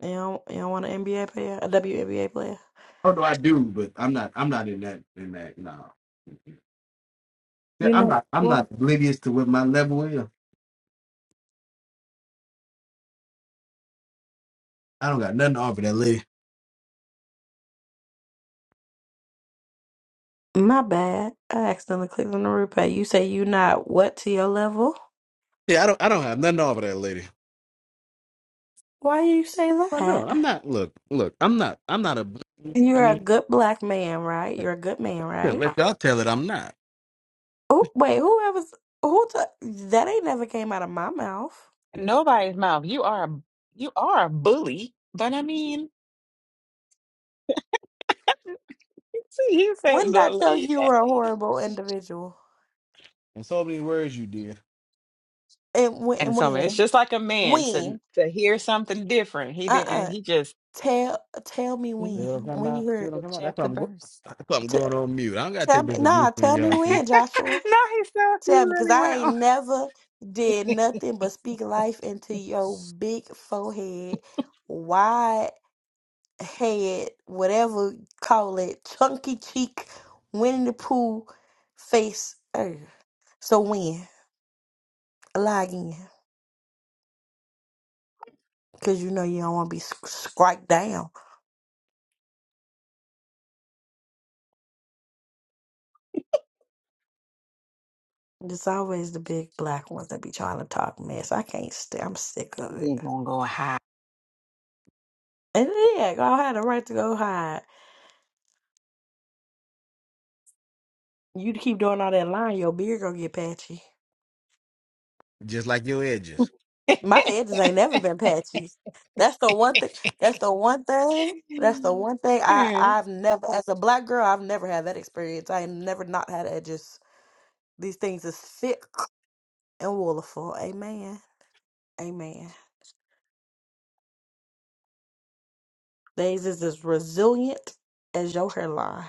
You don't. You don't want an NBA player, a WNBA player. Although I do, but I'm not. I'm not in that. In that. Nah. Yeah, You I'm not. know. I'm not oblivious to what my level is. I don't got nothing to offer that lady. My bad. I accidentally clicked on the replay. You say you not what to your level? Yeah, I don't. I don't have nothing to offer that lady. Why you say I that? know. I'm not. Look. Look. I'm not. I'm not a. I You're a mean, good black man, right? You're a good man, shit, right? let y'all tell it. I'm not. Oh, wait, whoever's who t- that ain't never came out of my mouth. Nobody's mouth. You are, a- you are a bully. But I mean, see, you When said did I the tell you lead you were a that horrible individual? In so many words, you did. And when? And and so it's When? just like a man to When? to hear something different. He didn't. Uh-uh. He just Tell tell me You know when. what I'm mhm, talking When you about? You heard. know what book I'm talking about? That's why chapter I'm going. verse. That's why I'm T- going on mute. I don't gotta tell take me. this abuse Nah. from Tell me y'all no, too. he when, Joshua. so he Tell me, because really I went. ain't On. never did nothing but speak life into your big forehead, wide head, whatever you call it, chunky cheek, Winnie the Pooh face. Ugh. So when? Lie again. Because you know you don't want to be sc- striked down. It's always the big black ones that be trying to talk mess. I can't stay. I'm sick of it. Then gonna go high. And yeah, I had the right to go hide. You keep doing all that lying, your beard gonna get patchy. Just like your edges. My edges ain't never been patchy. That's the one thing. That's the one thing. That's the one thing I I've never as a black girl I've never had that experience. I ain't never not had edges. These things is thick and wonderful. Amen. Amen. These is as resilient as your hairline.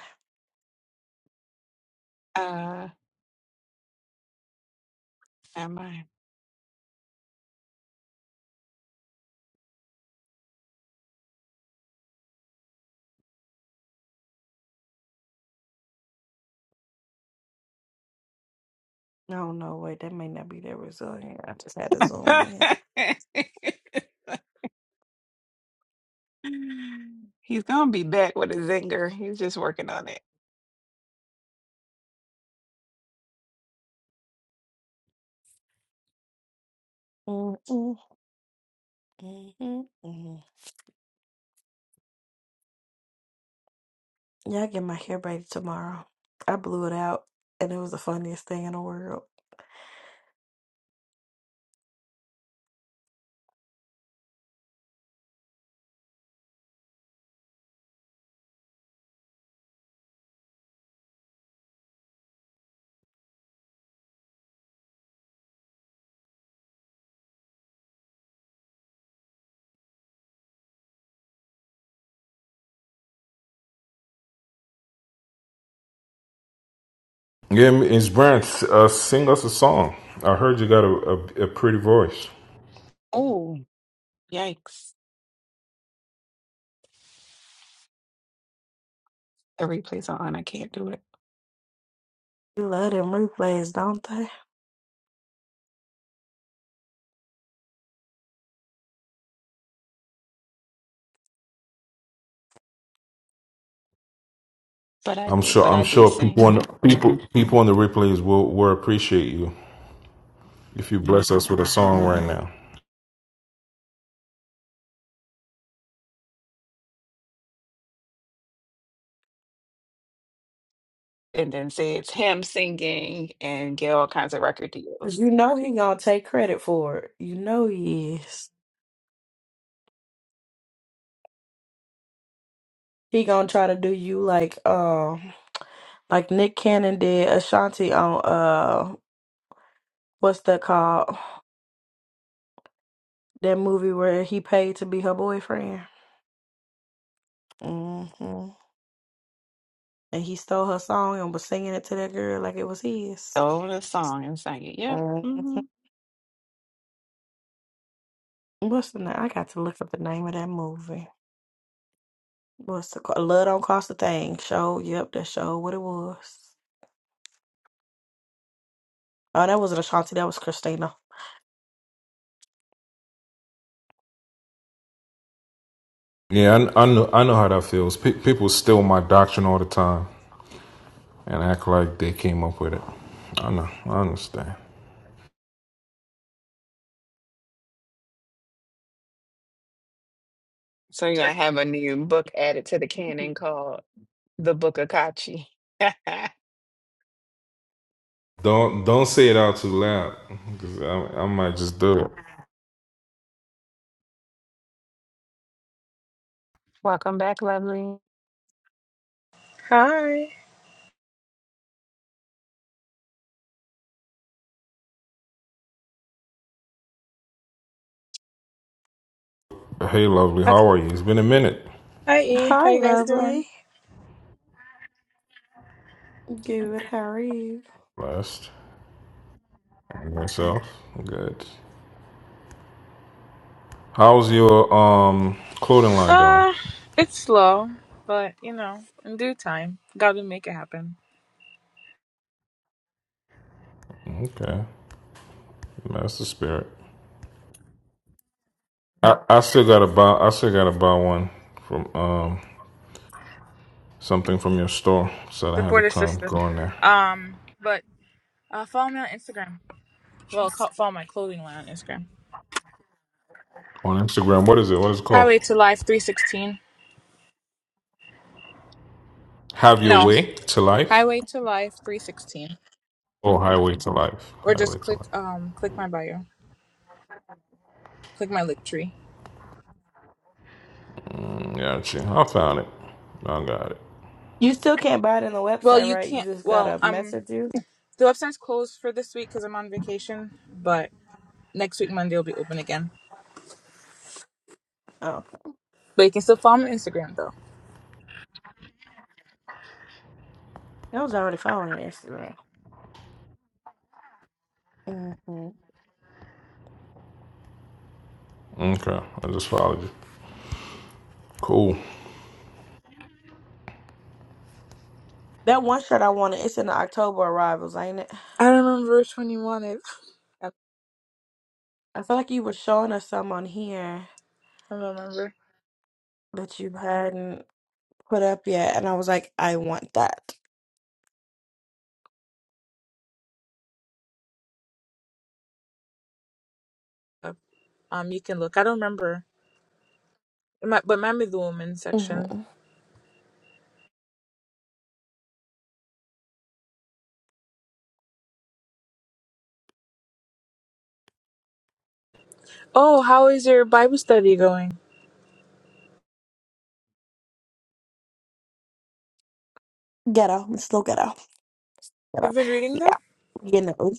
uh, am No, no, wait, that may not be that resilient. I just had to zoom in. I? He's gonna be back with a zinger. He's just working on it. Mm-mm, mm-mm, mm Yeah, I get my hair braided tomorrow. I blew it out, and it was the funniest thing in the world. Yeah, Miss Brown, uh, sing us a song. I heard you got a, a, a pretty voice. Oh, yikes. The replay's on. I can't do it. They love them replays, don't they? But I I'm do sure. but I'm I do sure people sing. on the, people people on the replays will will appreciate you if you bless us with a song right Mm. now. And then say it's him singing and get all kinds of record Cause deals. you know he gonna take credit for it. You know he is. He gonna try to do you like um like Nick Cannon did Ashanti on uh what's that called? That movie where he paid to be her boyfriend. hmm And he stole her song and was singing it to that girl like it was his. Own a song and sing it. Yep. mm hmm What's the name? I got to look up the name of that movie. What's the call? Love Don't Cost a Thing. Show. Yep, that show what it was. Oh, that wasn't Ashanti. That was Christina. Yeah, I, I know. I know how that feels. Pe- people steal my doctrine all the time and act like they came up with it. I know. I understand. So you're to have a new book added to the canon called The Book of Kachi. Don't don't say it out too loud. 'cause I, I might just do it. Welcome back, lovely. Hi. Hey, lovely, Okay. how are you? It's been a minute. Hi, E. Hi, How you guys doing? lovely. Good. How are you? Blessed. Myself. Good. How's your um clothing line doing? Uh, it's slow, but you know, in due time, God will make it happen. Okay. That's the spirit. I, I still gotta buy I still gotta buy one from um something from your store. So I had the Support a time sister. going there. Um, but Uh, follow me on Instagram. Well, co- follow my clothing line on Instagram. On Instagram. What is it? What is it called? Highway to Life 316. Have your No, way to life? Highway to Life 316. Oh highway to life. Or Highway just to click life. um click my bio. Click my link tree. Gotcha. I found it. I got it. You still can't buy it on the Well, website, you right? You can't. just Well, gotta um, message you. the website's closed for this week because I'm on vacation. But next week Monday will be open again. Oh, okay. But you can still follow me on Instagram though. I was already following your Instagram. Mm. Okay. I just followed you. Cool. That one shirt I wanted, it's in the October arrivals, ain't it? I don't remember which one you wanted. I I feel like you were showing us some on here don't remember. that you hadn't put up yet, and I was like, I want that. Yep, Um, you can look. I don't remember. My, but mine be the woman section. Mm-hmm. Oh, how is your Bible study going? Ghetto. It's still ghetto. I've Ghetto. been reading them. Yeah. You know,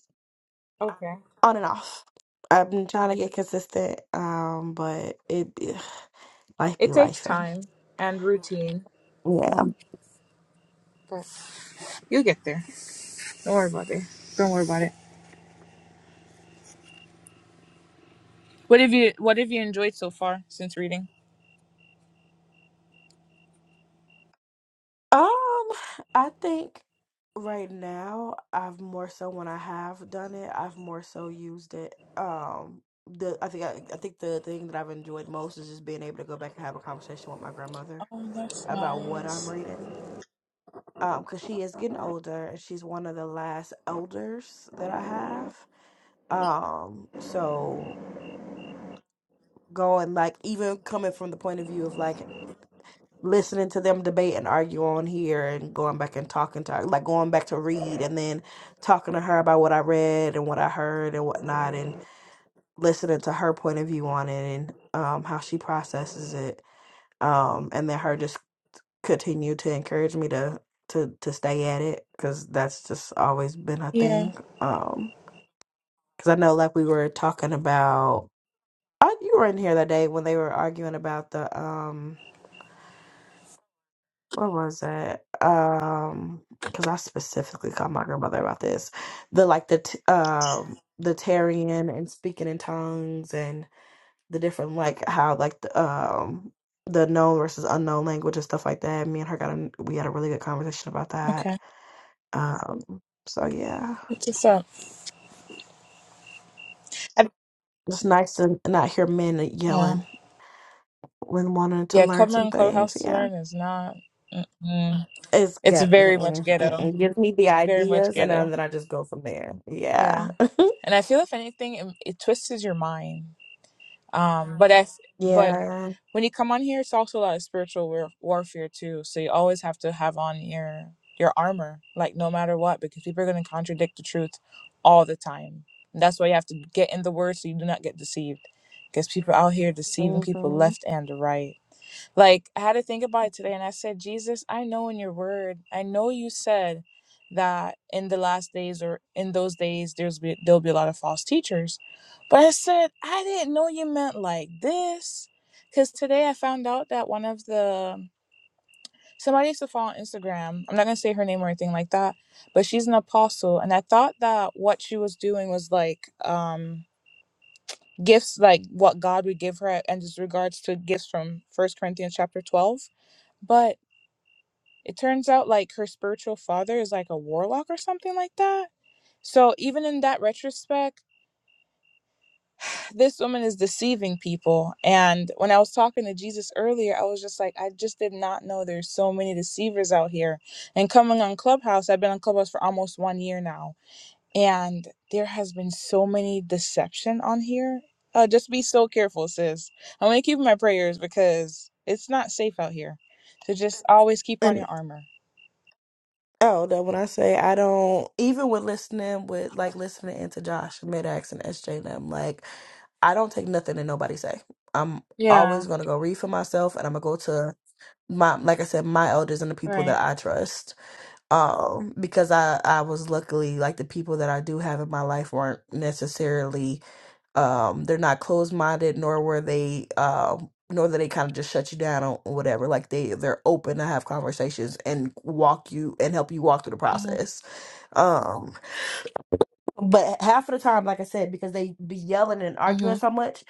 Okay. on and off. I've been trying to get consistent, um, but it life be It takes life. time and routine, Yeah. but you'll get there. Don't worry about it. Don't worry about it. What have you What have you enjoyed so far since reading? Um, I think right now I've more so when I have done it, I've more so used it. Um, the I think I, I think the thing that I've enjoyed most is just being able to go back and have a conversation with my grandmother Oh, that's about what I'm nice. reading. Um, because she is getting older and she's one of the last elders that I have. Um, so going like even coming from the point of view of like listening to them debate and argue on here and going back and talking to her, like going back to read and then talking to her about what I read and what I heard and whatnot and listening to her point of view on it and um, how she processes it. Um, and then her just continue to encourage me to to to stay at it because that's just always been a Yeah. thing. Um, because I know like we were talking about, I, you were in here that day when they were arguing about the um What was that? Um, because I specifically called my grandmother about this. The like the t- um the tarrying and speaking in tongues and the different like how like the um the known versus unknown language and stuff like that. Me and her got a we had a really good conversation about that. Okay. Um, so yeah, It's just up. I- it's nice to not hear men yelling Yeah. when wanting to Yeah. learn some Covering things. clubhouse to Yeah, learn is not. Mm-mm. it's It's good. very much Mm-mm, ghetto. mm-mm. Gives me the Very much ideas and ghetto. then I just go from there. Yeah. Yeah. And I feel if anything, it, it twists your mind. Um. But I. but Yeah. when you come on here, it's also a lot of spiritual war- warfare too. So you always have to have on your your armor, like no matter what, because people are going to contradict the truth all the time. And that's why you have to get in the word so you do not get deceived, because people out here deceiving people hmm left and right. Like I had to think about it today and I said, Jesus, I know in your word, I know you said that in the last days or in those days there's be, there'll be a lot of false teachers. But I said, I didn't know you meant like this cuz today I found out that one of the somebody I used to follow on Instagram. I'm not going to say her name or anything like that, but she's an apostle and I thought that what she was doing was like um gifts like what God would give her and just regards to gifts from First Corinthians chapter 12. But it turns out like her spiritual father is like a warlock or something like that. So even in that retrospect, this woman is deceiving people. And when I was talking to Jesus earlier, I was just like, I just did not know there's so many deceivers out here. And coming on Clubhouse, I've been on Clubhouse for almost one year now. And there has been so many deception on here. Uh, just be so careful, sis. I'm gonna keep my prayers because it's not safe out here. So just always keep on And your armor. oh, that when I say I don't, even with listening with like listening into Josh Midax and SJ and them, like I don't take nothing that nobody say. I'm always Yeah, gonna go read for myself, and I'm gonna go to my like I said, my elders and the people right. that I trust. um because i i was luckily like the people that i do have in my life weren't necessarily um they're not closed-minded nor were they um nor that they kind of just shut you down or whatever like they they're open to have conversations and walk you and help you walk through the Mm-hmm. process um but half of the time like i said because they be yelling and arguing Mm-hmm. so much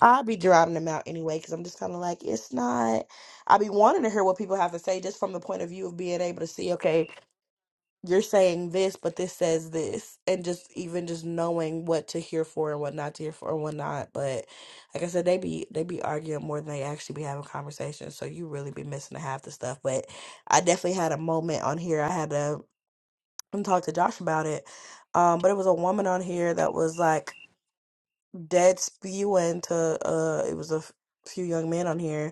i'll be drowning them out anyway because i'm just kind of like it's not i be wanting to hear what people have to say just from the point of view of being able to see okay you're saying this, but this says this, and just even just knowing what to hear for and what not to hear for and what not. But like I said, they be they be arguing more than they actually be having conversations, so you really be missing half the stuff. But I definitely had a moment on here. I had to talk to Josh about it, um, but it was a woman on here that was like dead spewing to uh, it was a f- few young men on here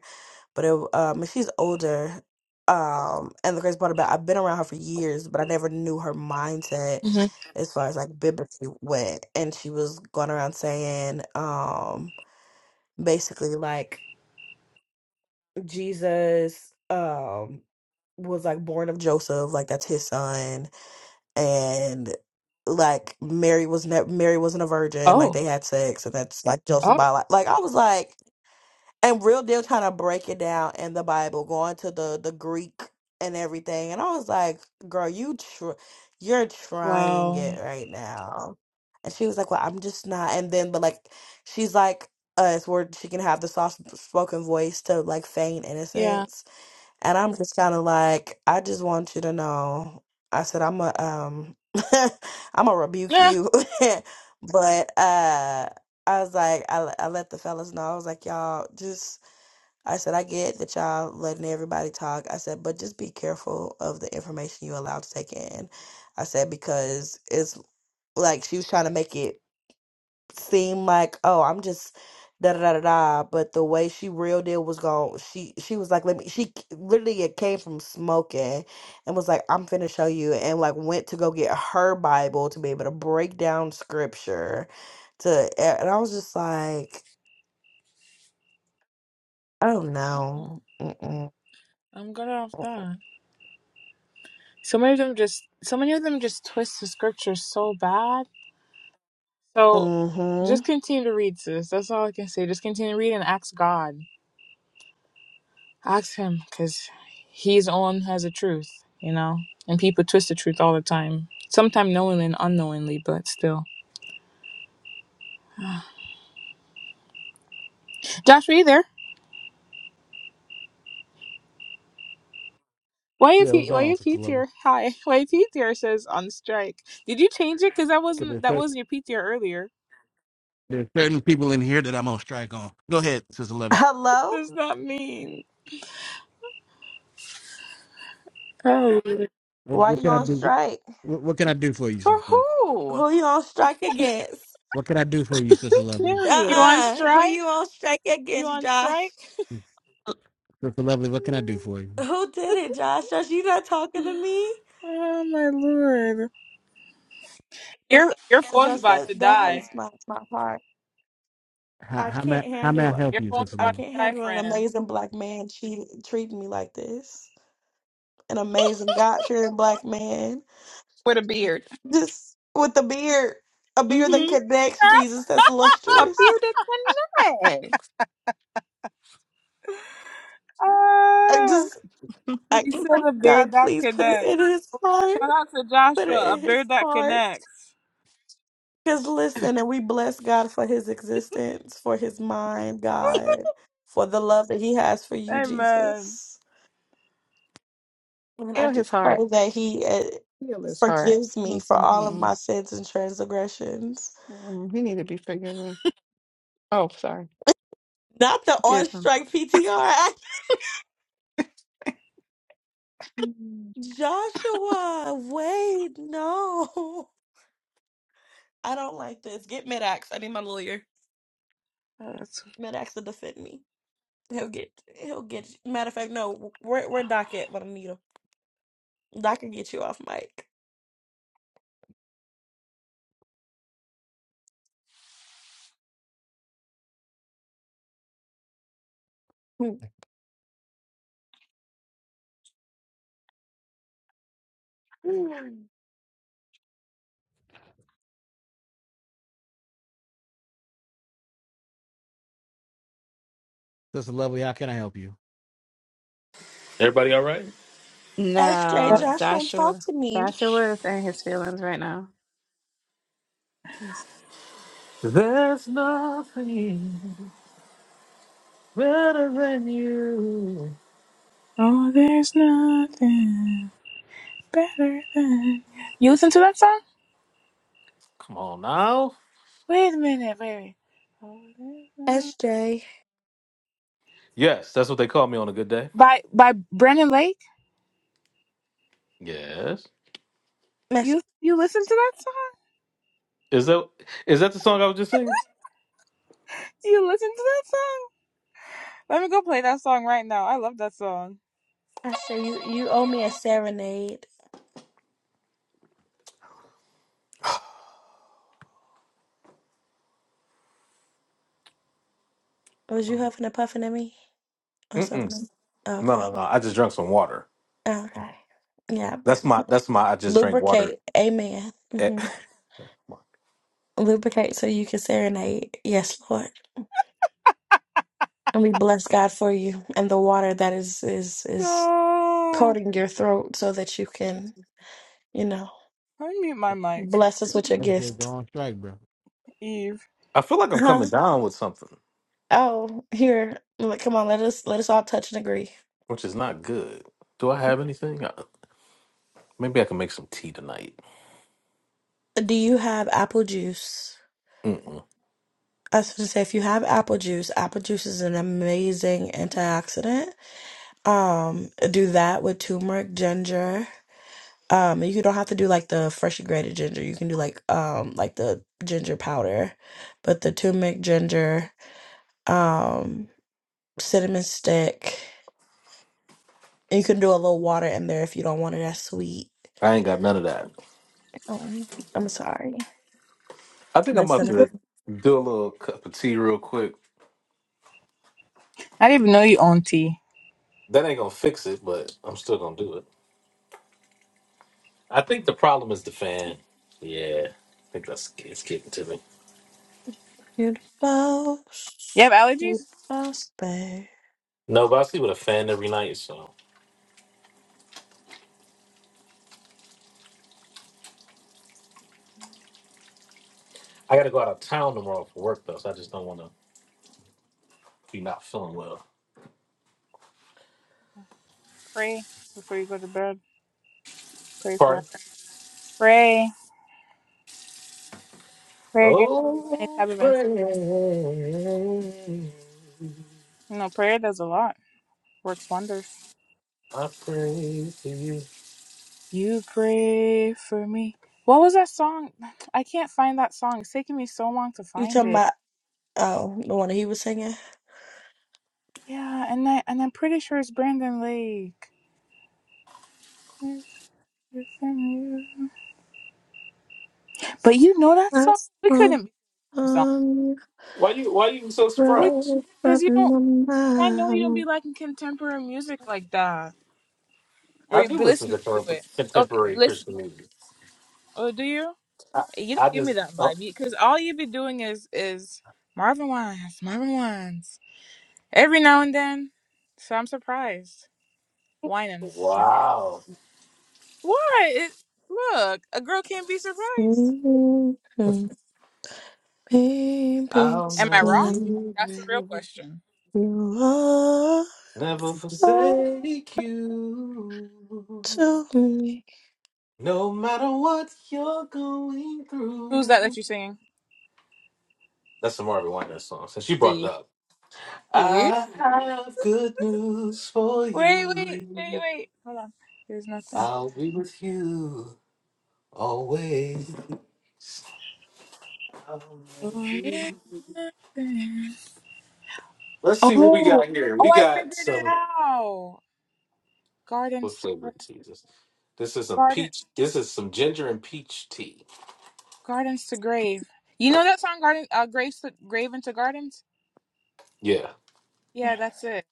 but it, um, she's older. Um, and the crazy part about I've been around her for years, but I never knew her mindset Mm-hmm. as far as like biblically went. And she was going around saying, um, basically like Jesus, um, was like born of Joseph, like that's his son, and like Mary was ne- Mary wasn't a virgin, like Oh. they had sex, and that's like Joseph Oh. by like like I was like. and real deal trying to break it down in the Bible, going to the the Greek and everything. And I was like, "Girl, you tr- you're trying Wow. it right now." And she was like, "Well, I'm just not." And then, but like, she's like us, where she can have the soft spoken voice to like feign Yeah. innocence. And I'm just kind of like, I just want you to know. I said, I'm a um, I'm gonna rebuke Yeah. you, but uh. I was like, I, I let the fellas know. I was like, y'all just I said, I get that y'all letting everybody talk. I said, but just be careful of the information you allow to take in. I said, because it's like she was trying to make it seem like, oh, I'm just da da da da da. But the way she reeled it was going, she she was like, let me. She c- literally it came from smoking, and was like, I'm finna show you, and like went to go get her Bible to be able to break down scripture. To and I was just like, oh Uh-uh. no. Mm-mm. I'm good off that. So many of them just so many of them just twist the scriptures so bad. So Mm-hmm. just continue to read, sis. That's all I can say. Just continue to read and ask God. Ask him, because he's the one who has the truth, you know? And people twist the truth all the time. Sometimes knowingly and unknowingly, but still. Josh, are you there? Why Yeah, if what's you going why on, your Sister Lover? PTR hi why your says on strike? Did you change it? Cause that wasn't that wasn't your PTR earlier. There's certain people in here that I'm on strike on. Go ahead, Sister Lovely. Hello? What does that mean? Oh, What, Why what you can I on do? strike? What, what can I do for you, For Sister? who? Who you on strike against? What can I do for you, Sister Lovely? you Curious. on Uh-uh. Who strike? you on strike You against, on Josh? strike? Sister Lovely, what can I do for you? Who did it, Josh? Josh, you not talking to me? Oh my lord! Your your phone's Josh, about to that, that die. hurts my, my heart. How, I how may can't how may I handle it. help Your you, phone's Sister I about Lovely? can't to die, handle an friend. amazing black man cheating, treating me like this. An amazing God-fearing black man. With a beard. Just with a beard. A beard that Mm-hmm. connects Jesus that's A lustrous. bearded tonight. I ah, just. I you can't. said a beard God, that please put it in connects. his heart. Shout out to Put it Joshua, a in his beard that heart. connects. Because listen, and we bless God for his existence, for his mind, God, for the love that he has for you, Amen. Jesus. And I Heal his just pray heart. that he uh, Heal his heart. forgives me for all of Mm-hmm. my sins and transgressions. Mm, He need to be forgiven. Oh, sorry. Not the on Forgive him. strike PTR. Mm. Joshua, wait, no. I don't like this. Get Medax. I need my lawyer. Yes. Medax to defend me. He'll get he'll get you. Matter of fact, no, we're we're Doc at but him. Doc can get you off mic. Mm. Sister Lovely, how can I help you? Everybody all right? SJ, No, Josh won't talk Joshua. to me. Joshua is in his feelings right now. Mm. Better than you. Oh, there's nothing better than. You listen to that song? Come on now. Wait a minute, wait. wait. Oh, there's no- SJ. Yes, that's what they call me on a good day. By by Brennan Lake. Yes. Miss You you listen to that song? Is that is that the song I was just singing? You listen to that song? Let me go play that song right now. I love that song. SJ, you, you owe me a serenade. Was you Um, huffing and puffing at me? Or Mm-mm. something? No, Okay. no, no. I just drank some water. Okay. Yeah, but That's my that's my I just drank water. lubricate. Amen. Eh, hmm Lubricate so you can serenade. Yes, Lord. And we bless God for you and the water that is is is Oh, coating your throat so that you can, you know. let me mute my mic, Bless us with your SJ, go gift. on strike, bro. Eve. I feel like I'm Huh? coming down with something, Oh, here. Like, come on, let us let us all touch and agree. which is not good. Do I have anything? Uh, Maybe I can make some tea tonight. Do you have apple juice? Mm-mm. I was gonna say if you have apple juice, apple juice is an amazing antioxidant. Um, do that with turmeric, ginger. Um, you don't have to do like the freshly grated ginger. You can do like um like the ginger powder, but the turmeric, ginger, um, cinnamon stick. You can do a little water in there if you don't want it as sweet. I ain't got none of that. Oh, I'm sorry. I think I'm about Listen, to do a little cup of tea real quick. I didn't even know you own tea. That ain't gonna fix it, but I'm still gonna do it. I think the problem is the fan. Yeah, I think that's it's getting to me. you're You have you're allergies? babe. No, but I sleep with a fan every night, so I got to go out of town tomorrow for work though. So I just don't want to be not feeling well. Pray before you go to bed. Pray for Pardon? pray pray against any Oh, type of pray, infection. No, prayer does a lot. Works wonders. I pray to you. You pray for me. What was that song? I can't find that song. It's taking me so long to You find talking it. about, oh, the one that he was singing? Yeah, and I and I'm pretty sure it's Brandon Lake. But you know that song? That's We one couldn't be the same on Why you Why you so song. surprised? your Because right you don't from I my know you don't mouth. be liking contemporary music like that. Or I you do be listen to listening to it. contem- Okay, contemporary listen. Christian music. Oh, do you? I, You don't I give me just that oh, vibe because all you be doing is is Marvin Wines, Marvin Wines. Every now and then. So I'm surprised. wine shit. wow. Why? It, look, a girl can't be surprised. hmm Baby, I'll Am I never wrong? explain leave That's the real you. question. you are Never so forsake you, to me. no matter what you're going Who's that through. that you're singing? That's the Marvin Winans song. Since she brought it See? up, See? I have good news for Wait, wait, wait, you. wait. Hold on. There's nothing. I'll be with you always. I'll Oh, never yeah, be- nothing. Let's see what we oh, got here. We oh, I got figured it some out. what Gardens to Gra- flavor tea is this? This is some garden, peach. This is some ginger and peach tea. gardens to grave. You know that song, garden, uh, graves to grave into gardens. Yeah. Yeah, that's it.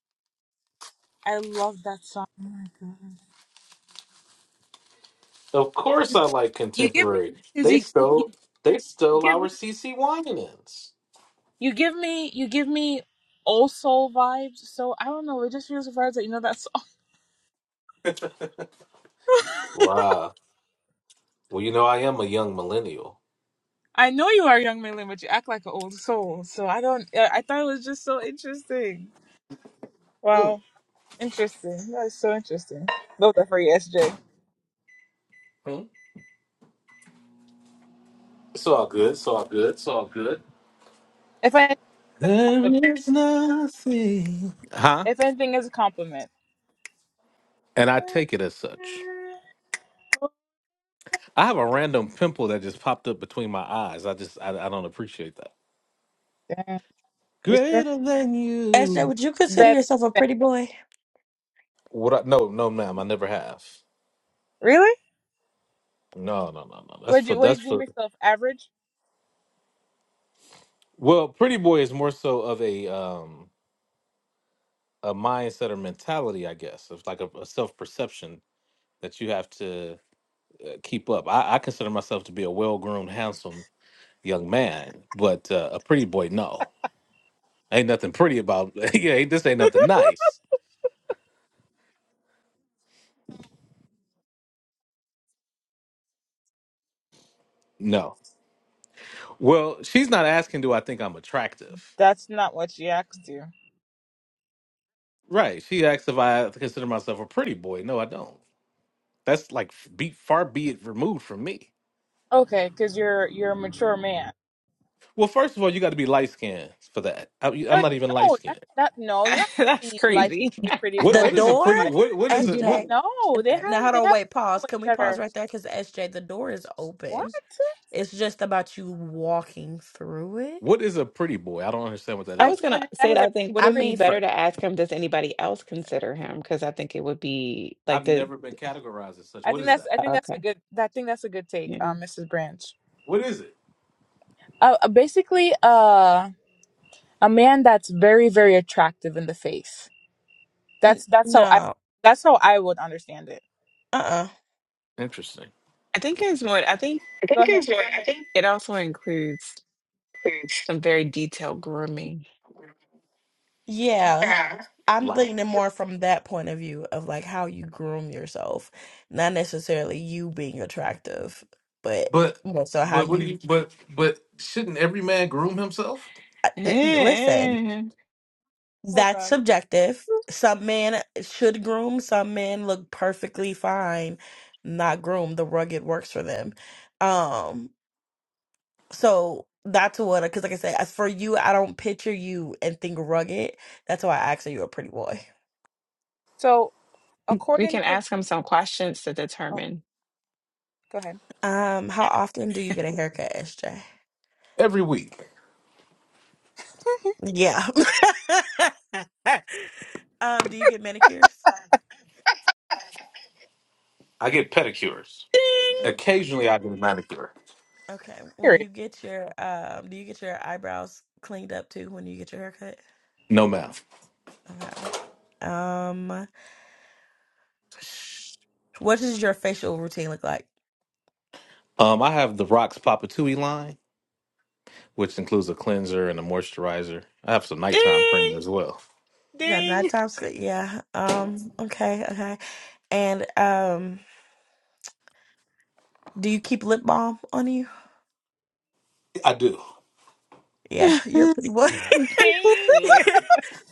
I love that song. Oh my god. Of course, I like You give me, contemporary. cause They you, stole you they stole give me. our CC Winans. You give me you give me old soul vibes. So I don't know. It just feels the vibes that you know that song. Wow. Well, you know, I am a young millennial. I know you are a young Malay, but you act like an old soul. So I don't. I I thought it was just so interesting. Mm, Wow, interesting. That is so interesting. Those are for you, SJ. mm. It's all good. It's all good. It's all good. If I There is nothing. Huh? if anything is a compliment. And I take it as such. I have a random pimple that just popped up between my eyes. I just I, I don't appreciate that. Damn, you stress Greater than SJ, you. would you consider better. yourself a than- pretty boy? What? I, no, no, ma'am. I never have. Really? No, no, no, no. That's What for do what do you that's deem for. yourself average? Well, Pretty Boy is more so of a um a mindset or mentality, I guess. It's like a, a self perception that you have to uh, keep up. I, I consider myself to be a well groomed, handsome young man, but uh, a pretty boy, no. Ain't nothing pretty about yeah. This ain't nothing nice. No. Well, she's not asking, do I think I'm attractive? That's not what she asked you. Right. She asks if I consider myself a pretty boy. No, I don't. That's like f- be far be it removed from me. Okay, because you're you're a mature man. Well, first of all, you got to be light skinned for that. I, I'm No, not even light no, that's skinned. that. No, you don't have to That's be light skinned crazy. to be a pretty What The boy. what That's is a door, pretty wild. what what is You do not. SJ. it? No, they have Now hold they on, have wait, pause. boys Can we that pause are right there? Because SJ, the door is what? open. It's just about you walking through it. What is a pretty boy? I don't understand what that I Like is. was gonna somebody that say has that a I think would I it pretty. be mean, better for to ask him, does anybody else consider him? Because I think it would be like I've the never been categorized as such. I What think is that's that? I uh, think that's a okay. good. I think that's a good take, Yeah. um, Mrs. Branch. What is it? Uh, uh, basically, uh, a man that's very very attractive in the face. n- That's that's how I no, that's how I would understand it. uh-uh, Interesting. I think it's more I think I Go think ahead. there's like I think it also includes there's some very detailed grooming. yeah. I'm thinking more from that point of view of like how you groom yourself, not necessarily you being attractive, but But more so how but what do you you but but shouldn't every man groom himself? I- uh, listen. Hold That's on. subjective. Some men should groom, some men look perfectly fine, not groomed. The rugged works for them. Um, so that's what, because like I said, as for you, I don't picture you and think rugged. That's why I asked, are you a pretty boy? So We according can to ask him some questions to oh, determine. go ahead. Um, how often do you get a haircut, SJ? Every week. Yeah. Um, do you get manicures? I get pedicures. Uh, Ding, Occasionally I get a manicure. Okay. When you Period. get your um, do you get your eyebrows cleaned up too when you get your haircut? No math. Okay. Um, what does your facial routine look like? Um I have the Rocks Papatui line, which includes a cleanser and a moisturizer. I have some nighttime cream as well. We got nine ding, times. Yeah. Um. Okay. Okay. And um, do you keep lip balm on you? I do. Yeah, you're a pretty boy. ding, ding.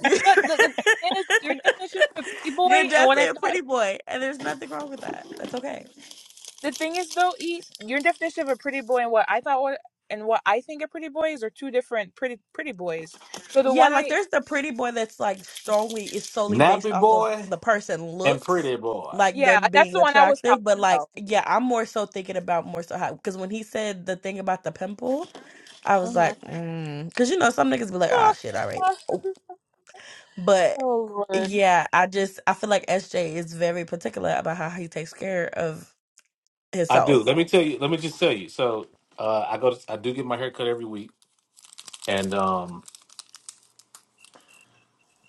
You're But the, the thing is, your definition of a pretty you're boy and what definitely I a thought. pretty boy, and there's nothing wrong with that. That's okay. The thing is, though, E, your definition of a pretty boy and what I thought what and what I think a pretty boy is are two different pretty pretty boys. So the Yeah, one like I, there's the pretty boy that's like strongly is solely based Nappy off of boy the person and looks, pretty boy. like yeah, them that's being the one I was talking attractive. But like, about. yeah, I'm more so thinking about more so how because when he said the thing about the pimple, I was hmm like, mm. Cause you know some niggas be like, ah, shit, all right. Oh, But oh Lord, yeah, I just I feel like SJ is very particular about how he takes care of I do. himself. Let me tell you. Let me just tell you. So uh, I go. To, I do get my hair cut every week, and um,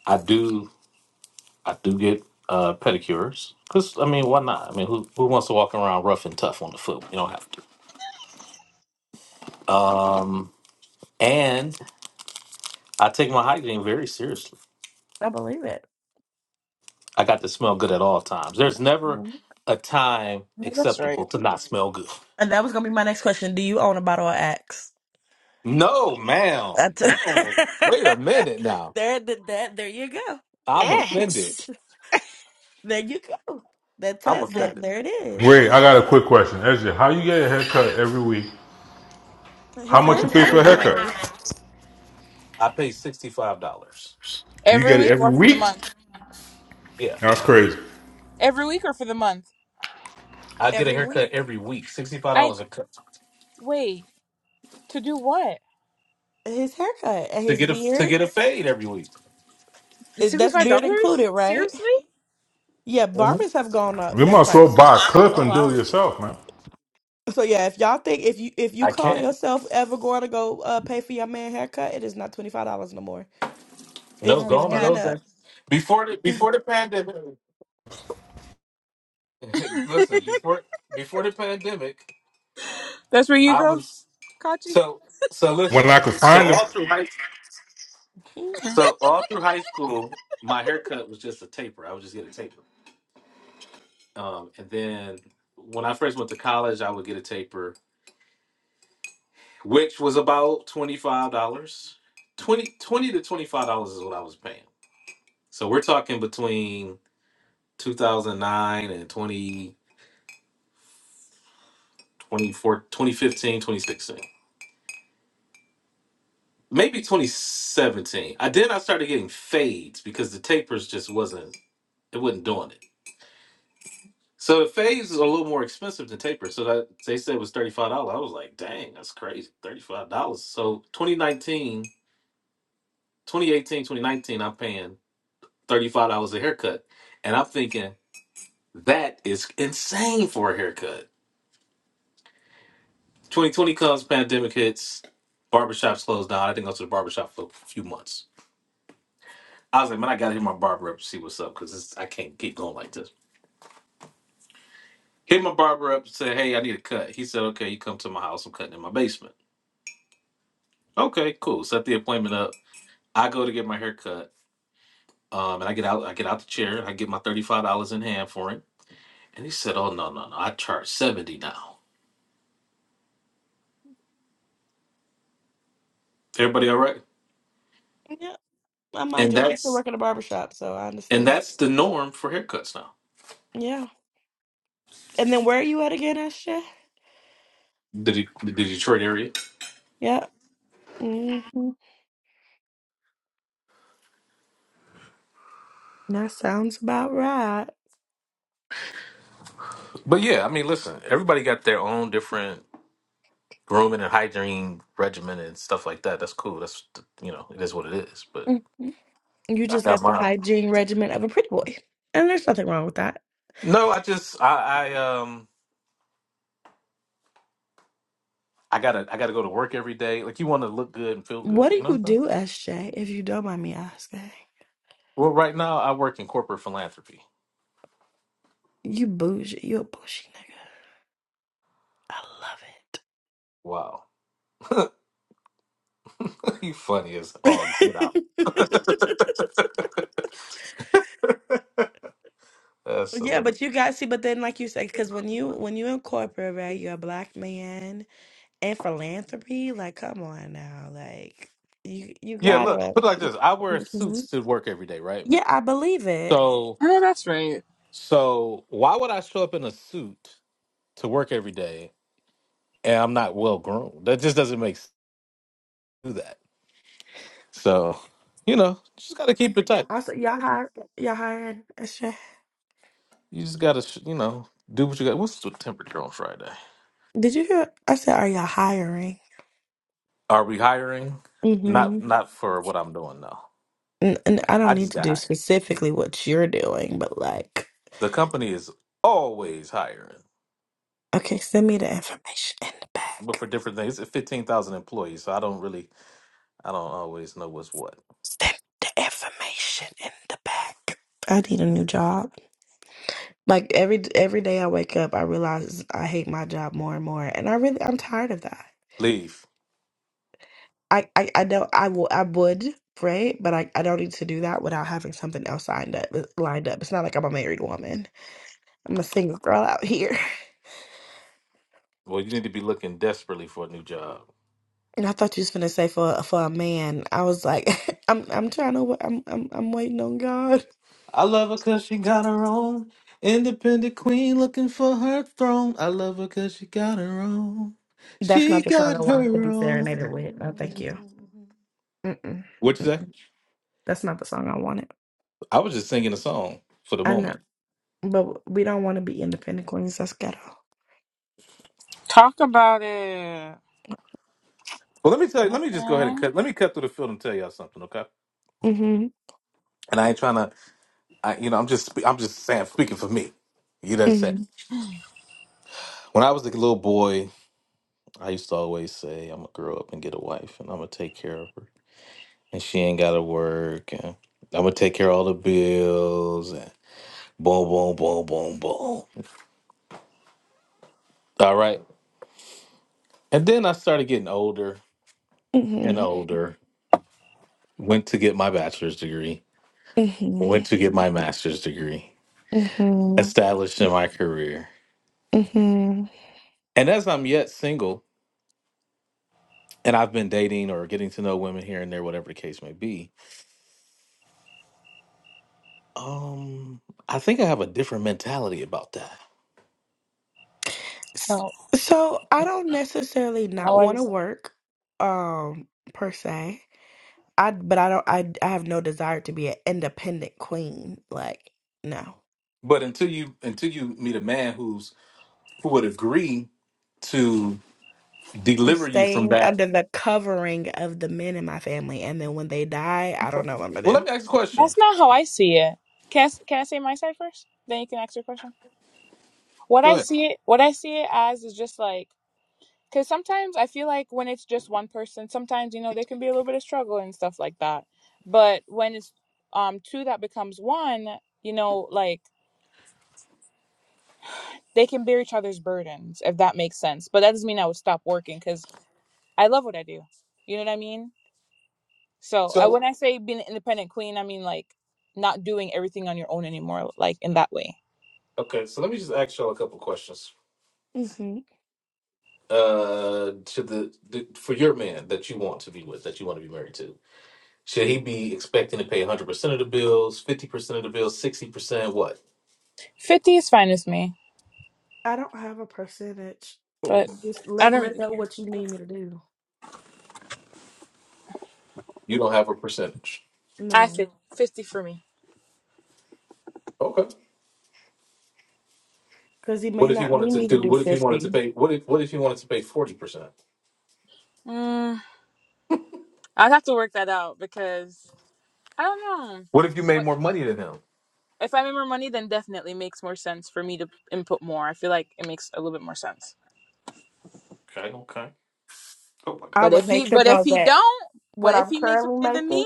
I do. I do get uh, pedicures because I mean, why not? I mean, who who wants to walk around rough and tough on the foot? You don't have to. Um, and I take my hygiene very seriously. I believe it. I got to smell good at all times. There's never Mhm. a time No, that's right. acceptable to not smell good. And that was gonna be my next question. Do you own a bottle of Axe? No, I ma'am. t- Whoa. Wait a minute now. there, th- that, there you go. I'm offended. X There you go. That I'm tub, there, offended. there it is. Wait, I got a quick question. Ezra, how you get a haircut every week? How His much hair you pay for probably a haircut? grows I pay sixty five dollars. You Every get it week every or for the week? month? Yeah. That's crazy. Every week or for the month? I get a every week. haircut every week, sixty five I dollars a cut wait to do what? His haircut and to his get a to beard. get a fade every week. eh, Sixty That's five beard dollars? included, right? Seriously? Yeah, Mhm. barbers have gone up You in must well price. buy a clip Oh and do wow. it yourself, man. So yeah, if y'all think if you if you I call can't. yourself ever going to go uh, pay for your man haircut, it is not twenty five dollars no more. It's No, Oh gone are fifty and those man, up. days. Before the before the pandemic, listen. Before before the pandemic, that's where you I go, was Kachi. so so. When Listen. I could So find them, all through high Mhm, so all through high school, my haircut was just a taper. I would just get a taper. Um, and then when I first went to college, I would get a taper, which was about twenty five dollars. 20 20 to twenty five dollars is what I was paying. So we're talking between 2009 and 20, 24 2015, 2016, maybe 2017. I then I started getting fades because the tapers just wasn't it wasn't doing it. So the fades is a little more expensive than tapers. So that they said was thirty five dollars. I was like, dang, that's crazy, thirty five dollars. So 2019, 2018, 2019, I'm paying thirty five dollars a haircut, and I'm thinking that is insane for a haircut. 2020 comes, pandemic hits, barbershops closed down. I didn't go to the barbershop for a few months. I was like, man, I gotta hit my barber up to see what's up because I can't keep going like this. Hit my barber up, said, hey, I need a cut. He said, okay, you come to my house. I'm cutting in my basement. Okay, cool. Set the appointment up. I go to get my hair cut. Um, and I get out, I get out the chair, I get my $35 in hand for him. And he said, Oh no, no, no, I charge 70 now. Everybody all right? Yeah, I mind And you, I used to that's work in a barber shop, so I and understand. that's the norm for haircuts now. Yeah. And then where are you at again, Asha? The, the Detroit area. Yep. hmm That sounds about right. But yeah, I mean, listen, everybody got their own different grooming and hygiene regimen and stuff like that. That's cool. That's you know, it is what it is. But hmm You I just got got the mine. hygiene regimen of a pretty boy. And there's nothing wrong with that. No, I just I, I um I gotta I gotta go to work every day. Like you want to look good and feel What good. You do know you what I'm saying? do, SJ, if you don't mind me asking? Well, right now I work in corporate philanthropy. You bougie. You a bougie nigga. Wow, you funny as I love all get out. it. That's yeah, hilarious. but you guys see, but then like you said, because when you when you in corporate, right, you're a black man and philanthropy, like come on now. Like you you Yeah, look, gotta put it like this: I wear suits to work every day, right? Yeah, I believe it. So, I know that's right. so why would I show up in a suit? to work every day and I'm not well grown. That just doesn't make sense to do that. So, you know, just got to keep it tight. I said, y'all hire, y'all hiring. I said, You just got to, you know, do what you got. What's the temperature on Friday? did you hear? I said, are y'all hiring? Are we hiring? Mm-hmm. Not not for what I'm doing now. And, and I don't I need just to got do hired. specifically what you're doing, but like, The company is always hiring, okay, send me the information in the but back. for different things. It's 15,000 employees, so I don't really I don't always know what's what. Send me the information in the back. I need a new job. Like every every day I wake up, I realize I hate my job more and more, and I really I'm tired of that. Leave. I, I, I know I will I would pray, but I, I don't need to do that without having something else signed up uh, lined up. It's not like I'm a married woman. I'm a single girl out here. Well, you need to be looking desperately for a new job. And I thought you was gonna say for for a man. I was like, I'm I'm trying to wa- I'm I'm I'm waiting on God. I love her cause she got her own independent queen looking for her throne. I love her cause she got her own. That's She not the song I got wanted to her be serenaded with. No, thank own. you. Mm-mm, What you say? mm-mm. That's not the song I wanted. I was just singing a song for the I know, moment. but we don't want to be independent queens. That's ghetto. Talk about it. Well, let me tell you. Let me just go ahead and Mm, cut. Let me cut through the field and tell y'all something, okay? Mhm. And I ain't trying to. I, you know, I'm just. spe- I'm just saying, speaking for me. You know what I'm saying? Mhm. When I was a little boy, I used to always say, "I'm gonna grow up and get a wife, and I'm gonna take care of her." and she ain't gotta work and I'm gonna take care of all the bills and boom boom boom boom boom. All right. And then I started getting older and Mhm. older. Went to get my bachelor's degree, Mhm. went to get my master's degree, Mhm. established in my career. hmm And as I'm yet single and I've been dating or getting to know women here and there, whatever the case may be, um, I think I have a different mentality about that. No, So I don't necessarily no, not what want to is that? work, um, per se. I but I don't. I I have no desire to be an independent queen. Like no, But until you until you meet a man who's who would agree to I'm deliver you from staying that. under the covering of the men in my family, and then when they die, I don't know what I'm Well, gonna let me ask a question. That's not how I see it. Can I, s- can I say my side first? Then you can ask your question. What Go I ahead. see it, what I see it as is just like, because sometimes I feel like when it's just one person, sometimes you know there can be a little bit of struggle and stuff like that. But when it's um two that becomes one, you know, like they can bear each other's burdens if that makes sense. But that doesn't mean I would stop working because I love what I do. You know what I mean? So I, So, when I say being an independent queen, I mean like not doing everything on your own anymore, like in that way. okay, so let me just ask y'all a couple questions. do. hmm Uh, to the, the for your man that you want to be with, that you want to be married to, should he be expecting to pay 100% of the bills, 50% of the bills, 60%? What? 50 is fine with me, I don't have a percentage. but Just I let don't me really know care. what you need me to do. You don't have a percentage. I No, think 50 for me. Okay. because he may What if he not wanted need to me to do? do What if he wanted to fifty. pay? What if What if he wanted to pay 40%? Mm, I'd have to work that out because I don't know. What if you made What more money than him? if I make more money? Then definitely makes more sense for me to input more. I feel like it makes a little bit more sense. Okay. Okay. I But would if hate he, to but if know he that don't, what but if I'm he makes more currently money than making, me,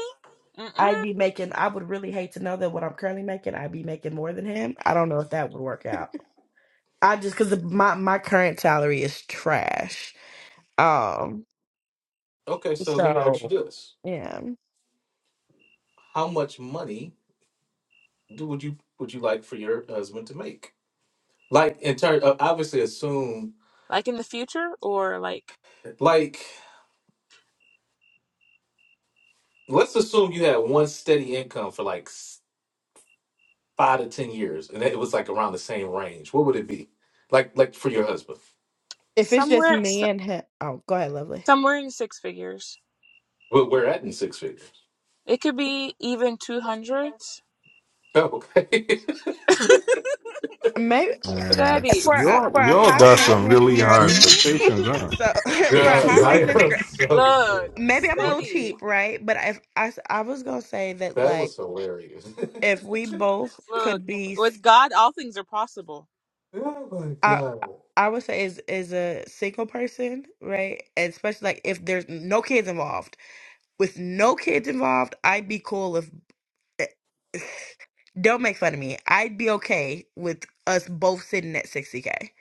I'd mm-mm, be making, I would really hate to know that what I'm currently making, I'd be making more than him. I don't know if that would work out. I just, because my, my current salary is trash. Um, Okay. So let me ask you so this: yeah, How much money do would you would you like for your husband to make? Like in terms, of, obviously, assume like in the future or like like let's assume you had one steady income for like s- five to ten years, and it was like around the same range. What would it be? Like like for your husband? if it's just somewhere, s- me and him, oh, go ahead, lovely. somewhere in six figures. We're, we're at in six figures. It could be even two hundreds. Oh, Okay, Maybe Man, Steady. for a, y'all, for a y'all high got some maintenance really high girly. expectations, huh? So Say for a Doug, high I maintenance 200. am girl. so glad. Look. maybe I'm a little Steady. cheap, right? But if I, s- I was gonna say that, that was like, hilarious. if we both Look. could be, s- With God all things are possible. oh my I, god, I would say is is a single person, right? And especially like if there's no kids involved. With no kids involved, I'd be cool if. eh, Don't make fun of me. I'd be okay with us both sitting at sixty k.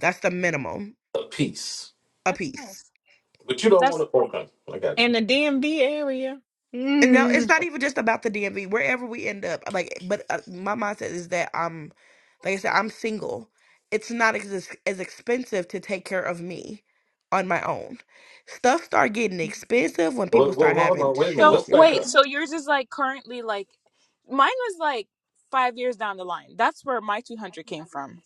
That's the minimum a piece, a That's piece. nice. but you don't want That's to. Okay, I got in you. the DMV area. And no, it's Mm, not even just about the DMV. Wherever we end up, I'm like, but uh, my mindset is that I'm, like I said, I'm single. It's not as as expensive to take care of me on my own. Stuff start getting expensive when people Well, well, start well, hold having on, wait a minute. Let's so children. back wait, up. so yours is like currently like mine was like five years down the line. That's where my two hundred came from.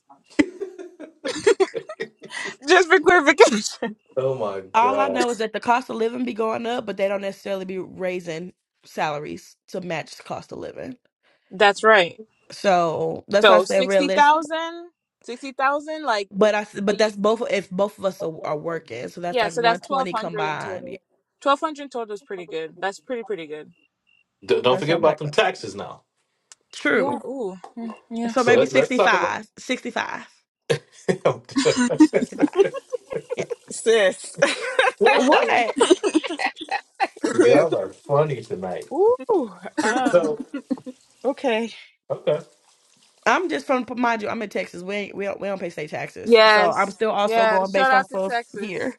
Just for clarification. Oh my All I god! know is that the cost of living be going up, but they don't necessarily be raising salaries to match the cost of living. That's right. So that's why I So say sixty realist. thousand, sixty thousand, like But I, s- a, but ye- that's both if both of us are, are working. So that's yeah, like so that's twelve 120 hundred in combined. Yeah. total. Twelve hundred in total is pretty good. That's pretty pretty good. D- don't That's why forget I'm like. about them taxes now. Yeah. True. Ooh. Mm, yeah. So So Th- maybe let, let's talk about. 65. 65. I'm good. 65. Yeah. sis. What? sis. Y'all are funny tonight. Ooh. Um. So Okay. okay, I'm just from mind you, I'm in Texas. We ain't, we don't we don't pay state taxes. So I'm Yes. still also Yeah. going Shout based off out to of here. Texas.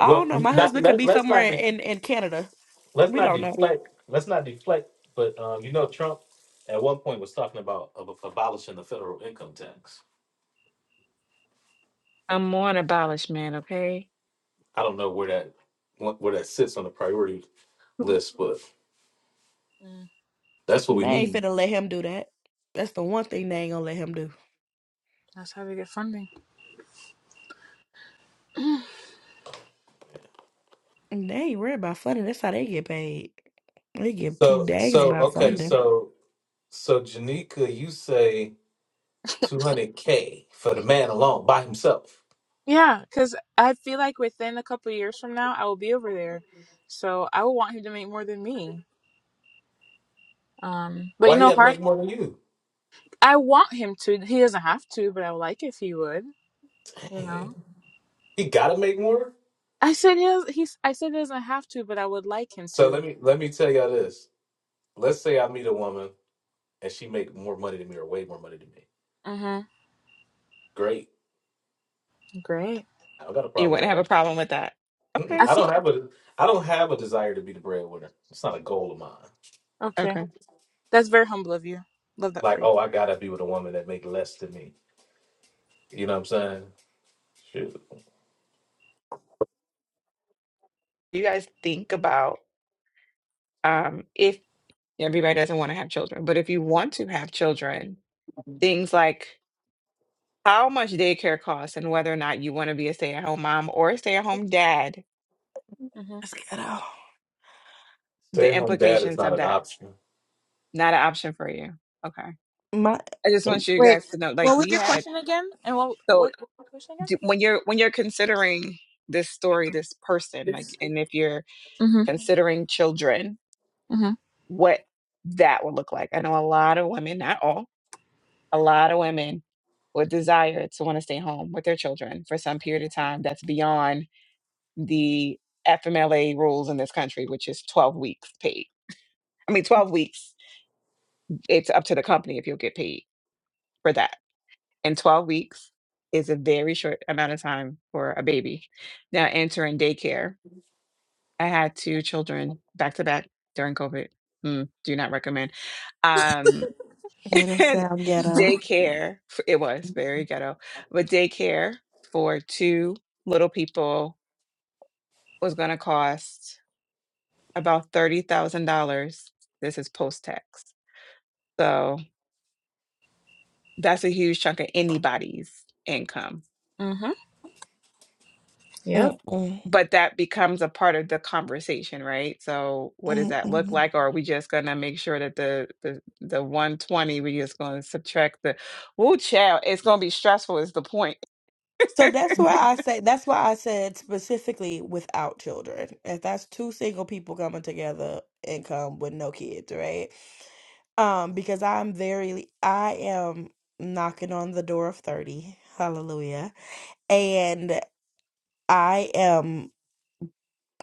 I well, don't know. Shout My out to not, husband Tex- could let be let's somewhere not be in, in Canada. let's We not don't know. deflect. Let's not deflect. But um, you know, Trump at one point was talking about ab- abolishing the federal income tax. I'm more an abolished man. Okay. I don't know where that what- where that sits on the priority list, but Mm, that's what They we ain't need. finna let him do that. That's the one thing they ain't gonna let him do. that's how they get funding. And they ain't worried about funding. That's how they get paid. They give two So dangs so about okay, funding. so so Janika, you say two hundred k for the man alone by himself. Yeah, because I feel like within a couple years from now, I will be over there, so I will want him to make more than me. Um, but you Why he know, got to hard. make more than you? I want him to. He doesn't have to, but I would like if he would. You Dang. know. He gotta make more. I said he. does- He's. I said he doesn't have to, but I would like him So to. let me let me tell y'all this. Let's say I meet a woman and she make more money than me or way more money than me. Mm-hmm. Great. Great. I don't got a You problem wouldn't with have that. a problem with that. Mm-mm. Okay. I I don't feel have a I don't have a desire to be the breadwinner. It's not a goal of mine. okay. Okay. That's very humble of you. Love that Like, for oh, I gotta be with a woman that make less than me. You know what I'm saying? Shoot. You guys think about um if everybody doesn't want to have children, but if you want to have children, things like how much daycare costs and whether or not you want to be a stay-at-home mom or a stay-at-home dad, you. That's ghetto. Stay the at home dad is implications not of an that. option. Not an option for you. Okay. My I just want you Wait, guys to know, like what was we your had. question again? And what So what, what was your question again? d- when you're when you're considering this story, this person, like, This. and if you're Mhm. considering children, Mhm. what that would look like. I know a lot of women, not all, a lot of women would desire to want to stay home with their children for some period of time. That's beyond the FMLA rules in this country, which is 12 weeks paid. I mean, 12 weeks, it's up to the company if you'll get paid for that. And 12 weeks is a very short amount of time for a baby. Now, entering daycare, I had two children back to back during COVID. Mm, do not recommend. Um, yeah, that and sound ghetto. daycare, f- it was very ghetto, but daycare for two little people was going to cost about $30,000. This is post-tax. So that's a huge chunk of anybody's income. Mhm. Yep. Mm-mm. But that becomes a part of the conversation, right? So what does that Mm-mm. look like? Or are we just gonna make sure that the the, the 120, we just gonna subtract the woo child, it's gonna be stressful is the point. So that's where I say that's why I said specifically without children. If that's two single people coming together and come with no kids, right? Um, because I'm very I am knocking on the door of 30. Hallelujah. And I am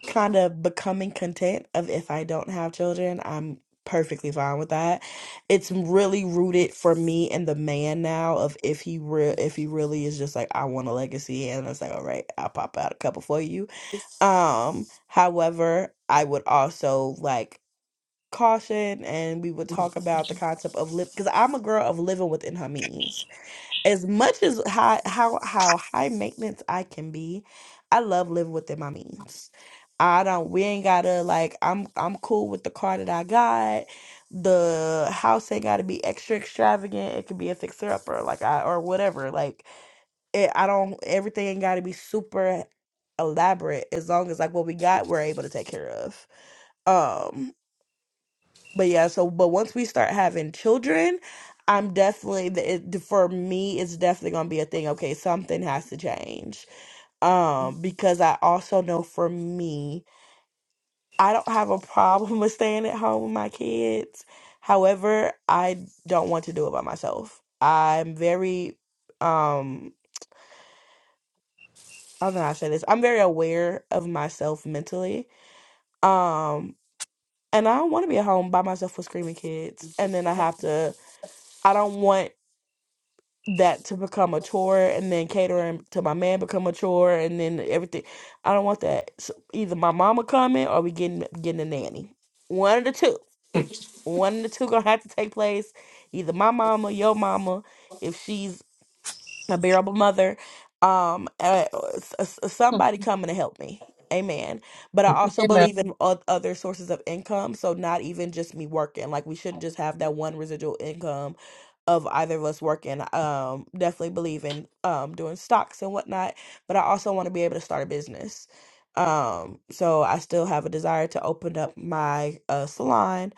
kind of becoming content of if I don't have children, I'm perfectly fine with that. It's really rooted for me and the man now of if he real if he really is just like I want a legacy and it's like all right, I'll pop out a couple for you. Um however, I would also like caution and we would talk about the concept of live because I'm a girl of living within her means as much as how how how high maintenance I can be, I love living within my means. I don't we ain't gotta like I'm I'm cool with the car that I got. The house ain't gotta be extra extravagant. It could be a fixer upper, like I or whatever. Like it, I don't everything ain't gotta be super elaborate as long as like what we got we're able to take care of. Um but yeah, so but once we start having children, I'm definitely the- it, for me it's definitely going to be a thing. Okay, something has to change. Um because I also know for me, I don't have a problem with staying at home with my kids. However, I don't want to do it by myself. I'm very um I don't know how to say this. I'm very aware of myself mentally. Um and I don't want to be at home by myself with screaming kids and then I have to I don't want that to become a chore and then catering to my man become a chore and then everything. I don't want that. So either my mama coming or we getting getting a nanny. One of the two. One of the two gonna have to take place. Either my mama, your mama, if she's a bearable mother, um, uh, s- s- somebody coming to help me. Amen. But I also Amen. believe in o- other sources of income. So not even just me working. Like we shouldn't just have that one residual income of either of us working. Um, definitely believe in um doing stocks and whatnot. But I also want to be able to start a business. Um, so I still have a desire to open up my uh salon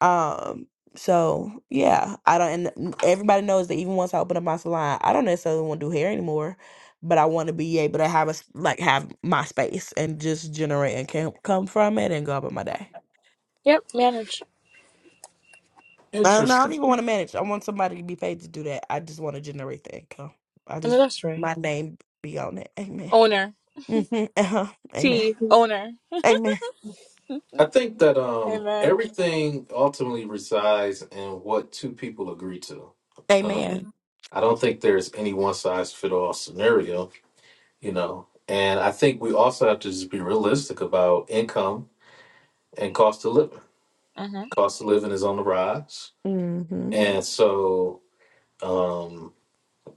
um, so yeah, I don't, and m- everybody knows that even once I open up my salon, I don't necessarily want to do hair anymore, but I want to be able to have a, s- like, have my space and just generate and can come from it and go about my day. Yep. Manage I don't, I don't Interesting. even want to manage. I want somebody to be paid to do that. I just want to generate the income. I an just, my industry. name be on it. Amen. Owner. hmm Uh-huh. Amen. T. Owner. Amen. I think that um Amen. everything ultimately resides in what two people agree to. Um, Amen. I don't think there's any one size fit all scenario you know. And I think we also have to just be realistic about income and cost of living. Mhm. Cost of living is on the rise, hmm and so um,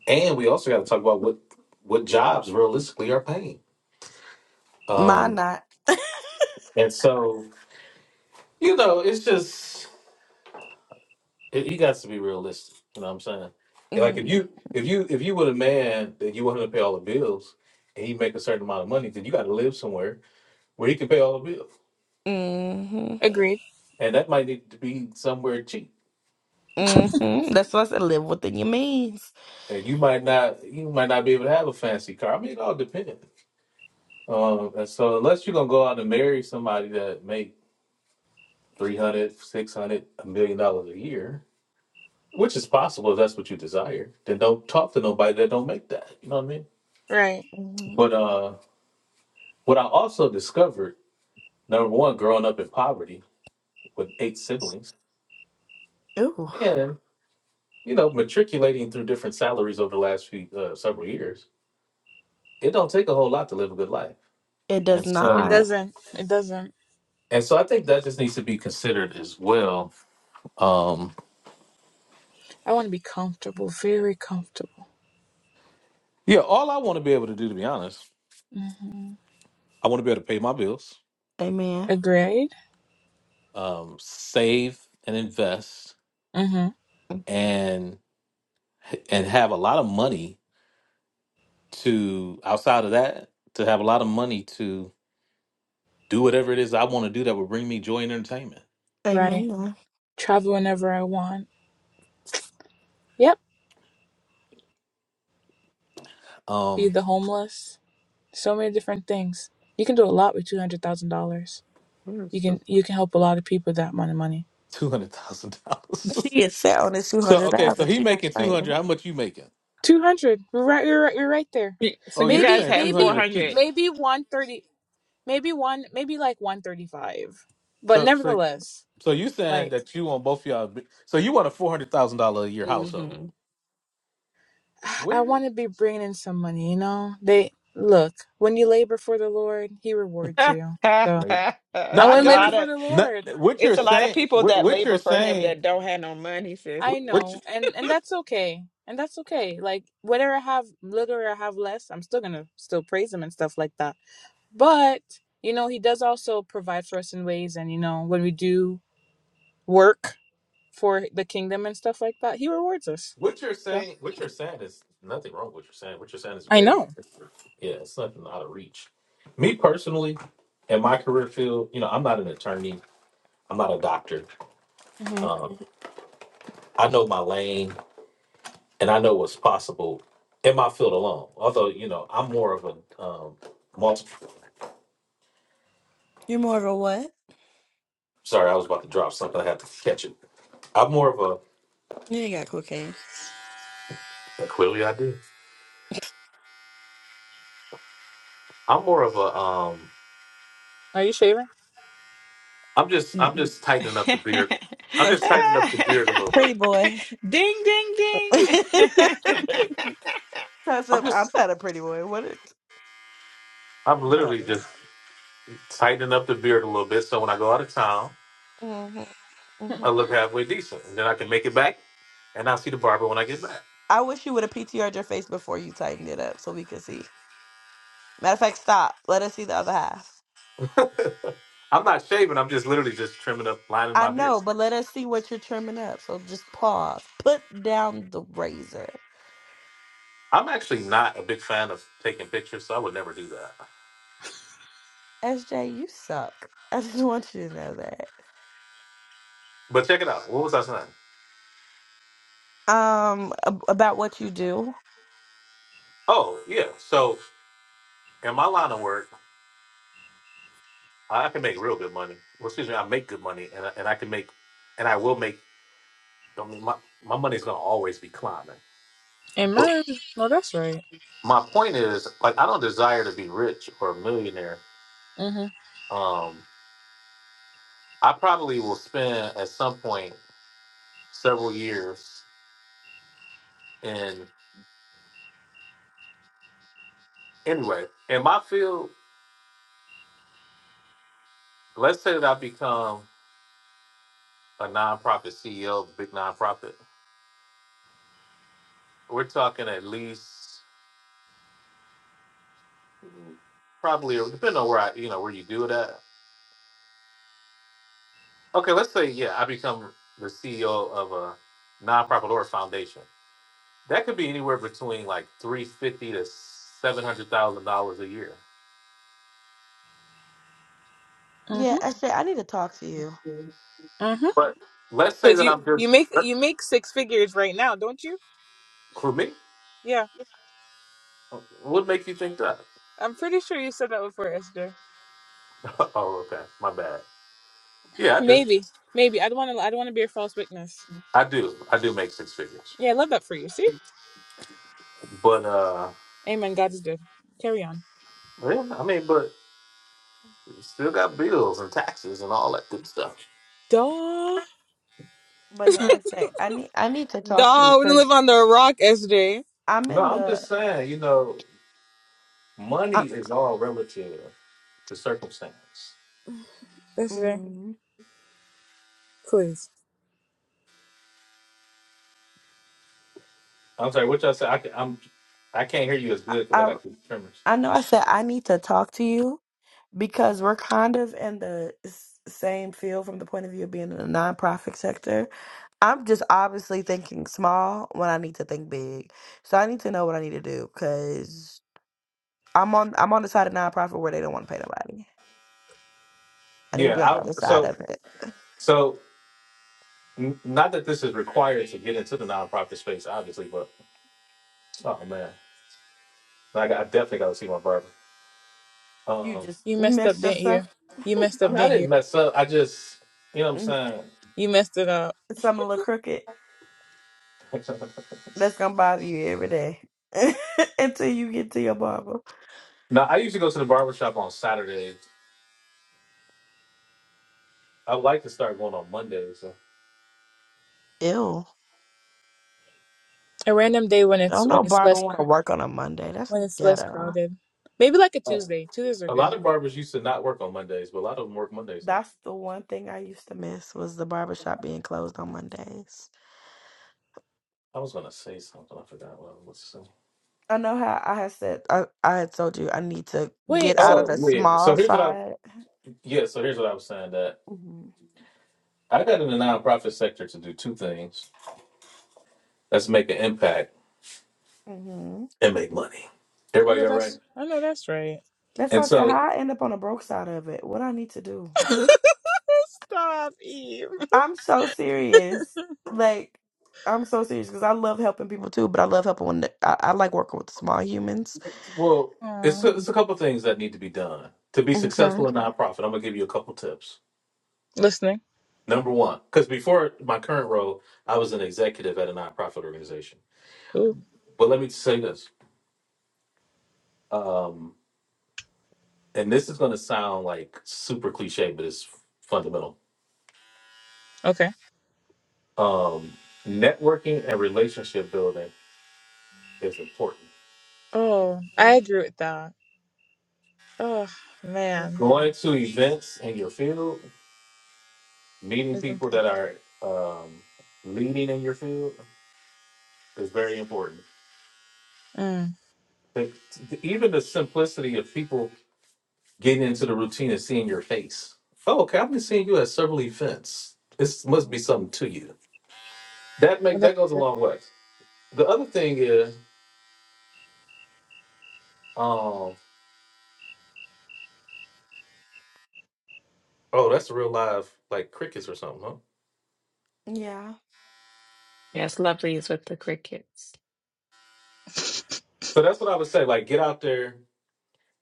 and we also got to talk about what what jobs realistically are paying. Mine Um, not. and so you know, it's just it, you got to be realistic. You know what I'm saying? Like if mm, you if you if you were a man that you want him to pay all the bills and he make a certain amount of money, then you got to live somewhere where he can pay all the bills, Mm-hmm. Agreed. and that might need to be somewhere cheap Mm-hmm. That's what I said. Live within your means. and you might not you might not be able to have a fancy car. I mean, it all depends. Um, and so unless you're gonna go out and marry somebody that make 300, 600, a million dollars a year, which is possible if that's what you desire, then don't talk to nobody that don't make that. You know what I mean? Right. Mhm. But uh, what I also discovered, number one, growing up in poverty with eight siblings, Ooh, and you know, matriculating through different salaries over the last few uh, several years, it don't take a whole lot to live a good life. it does And It so not. doesn't. It doesn't. And so I think that just needs to be considered as well. Um, I want to be comfortable. Very comfortable. yeah, all I want to be able to do, to be honest, Mhm. I want to be able to pay my bills, Amen. Agreed. um, save and invest, Mhm. and and have a lot of money to outside of that to have a lot of money to do whatever it is I want to do that will bring me joy and entertainment. Right. Amen. Travel whenever I want. Yep. Um, Feed the homeless. So many different things. You can do a lot with two hundred thousand dollars. where's You the can you can help a lot of people with that amount of money. two hundred thousand She dollars? is set on this two so hundred okay, so thousand. he She's not making two playing. hundred. How much you making? Two hundred. You're right. You're right. You're right there. Y- So Oh, you you're guys Maybe saying have two maybe hundred a 400. piece. maybe one thirty. Maybe one. Maybe like one thirty five. But So so nevertheless, So you saying like that you want both of y'all? be- So you want a four hundred thousand dollar a year household? Mm-hmm. I Where? want to be bringing in some money. You know, they look when you labor for the Lord, He rewards you. So Maybe. No, I it's I a want to got labor lot you. for of the No, Lord. what you're it's a lot of saying? people What, that what you're labor for him saying? that don't have no money, sis. What, I what you? know, and and that's okay. And that's okay. Like whether I have little or I have less, I'm still gonna still praise him and stuff like that But, you know, he does also provide for us in ways, and, you know, when we do work for the kingdom and stuff like that, he rewards us. What you're So, saying? What you're saying is nothing wrong. with What you're saying? What you're saying is I very, know. yeah, it's nothing out of reach. Me personally, in my career field, you know, I'm not an attorney. I'm not a doctor. hmm Um, I know my lane, and I know what's possible in my field alone. Although, you know, I'm more of a um, multi. You're more of a what? Sorry, I was about to drop something. I had to catch it. I'm more of You ain't got cocaine. a clearly I did. I'm more of a um. Are you shaving? I'm just I'm Mm. just tightening up the beard. I'm just That's a tightening up the beard a little pretty bit. boy. ding ding ding. Toss I'm up. I'm just not a pretty boy. What? Is... I'm literally just tightening up the beard a little bit. So when I go out of town, Mm-hmm. Hmm. hmm I look halfway decent, and then I can make it back, and I'll see the barber when I get back. I wish you would have PTR'd your face before you tightened it up so we could see. Matter of fact, stop. Let us see the other half. I'm not shaving. I'm just literally just trimming up, lining I my beard. know, but let us see what you're trimming up. So just pause. Put down the razor. I'm actually not a big fan of taking pictures, so I would never do that. SJ, you suck. I just want you to know that. But check it out. What was I saying? Um, ab- about what you do. Oh yeah. So in my line of work. I I can make real good money. Well, excuse me, I make good money, and I, and I can make, and I will make. I mean, my my money's gonna always be climbing. But Amen. No, that's right. my point is, like, I don't desire to be rich or a millionaire. hmm Um, I probably will spend at some point several years in anyway in my field. Let's say that I become a nonprofit CEO, big nonprofit. We're talking at least mm, probably depending on where I, you know, where you do it at. Okay, let's say yeah, I become the CEO of a nonprofit or a foundation. That could be anywhere between like three fifty to seven hundred thousand dollars a year. hmm Yeah, S J, I need to talk to you. hmm But let's say Because that you, I'm just you make you make six figures right now, don't you? who me? Yeah. What make you think that? I'm pretty sure you said that before, Esther. oh, okay, my bad. Yeah, I do. Maybe. Maybe. I don't want to I don't want to be a false witness. I do. I do make six figures. Yeah, I love that for you. See? But uh, Amen. God is good. Carry on. yeah, I mean, but still got bills and taxes and all that good stuff. Duh. But no, S J, I need I need to talk to you Duh. We don't live because on the rock, Esther. I'm No, in I'm the. just saying, you know, money I, is all relative to circumstance. Listener, mhm. please. I'm sorry, what y'all say? I can, I'm I can't hear you as good because I I got two tremors. I know I said I need to talk to you because we're kind of in the s- same field from the point of view of being in the nonprofit sector. I'm just obviously thinking small when I need to think big. So I need to know what I need to do because. I'm on I'm on the side of nonprofit where they don't want to pay nobody. I need to Yeah, be on the I other side so of it. so n- not that this is required to get into the nonprofit space, obviously, but oh man, like I definitely got to see my barber. You Um, just You messed up, mix didn't you? yourself You messed I up, mean, I didn't you? didn't mess up. I just you know what mm, I'm You messed it up. something a little crooked. saying. That's gonna bother you every day until you get to your barber. no, I usually go to the barber shop on Saturdays. I like to start going on Mondays. So. Ew. A random day when it's Don't when know it's barber less want to cr- work on a Monday. That's when it's less ghetto. crowded. Maybe like a Tuesday. Tuesdays are A lot good. of barbers used to not work on Mondays, but a lot of them work Mondays now. That's the one thing I used to miss was the barber shop being closed on Mondays. I was gonna say something. I forgot what I was saying. I know how I had said I, I had told you I need to get Wait, out of so Oh the yeah. So small here's what I side. Yeah, so here's what I was saying that hmm I got in the nonprofit sector to do two things. That's make an impact hmm and make money. I know Everybody all right? that's I know that's right. That's why And I said so how I end up on the broke side of it. What I need to do? Stop, Eve. I'm so serious. Like I'm so serious because I love helping people too, but I love helping when the, I, I like working with small humans. well, it's Aw. a, it's a couple things that need to be done to be successful Okay. in nonprofit. I'm gonna give you a couple tips. Listening. Number one, because before my current role, I was an executive at a nonprofit organization. Ooh. But let me say this, um, and this is gonna sound like super cliche, but it's fundamental. Okay. Um, networking and relationship building is important. Oh, I agree with that. Oh man, going to events in your field, meeting it's people that important. are um, leading in your field is very important. Mm. But even the simplicity of people getting into the routine and seeing your face. Oh, okay, I've been seeing you at several events. This must be something to you. That Well, make that's that goes a good. long way. The other thing is, um, oh, that's real live like crickets or something, huh? Yeah. yes, lovely is with the crickets. So that's what I would say. Like, get out there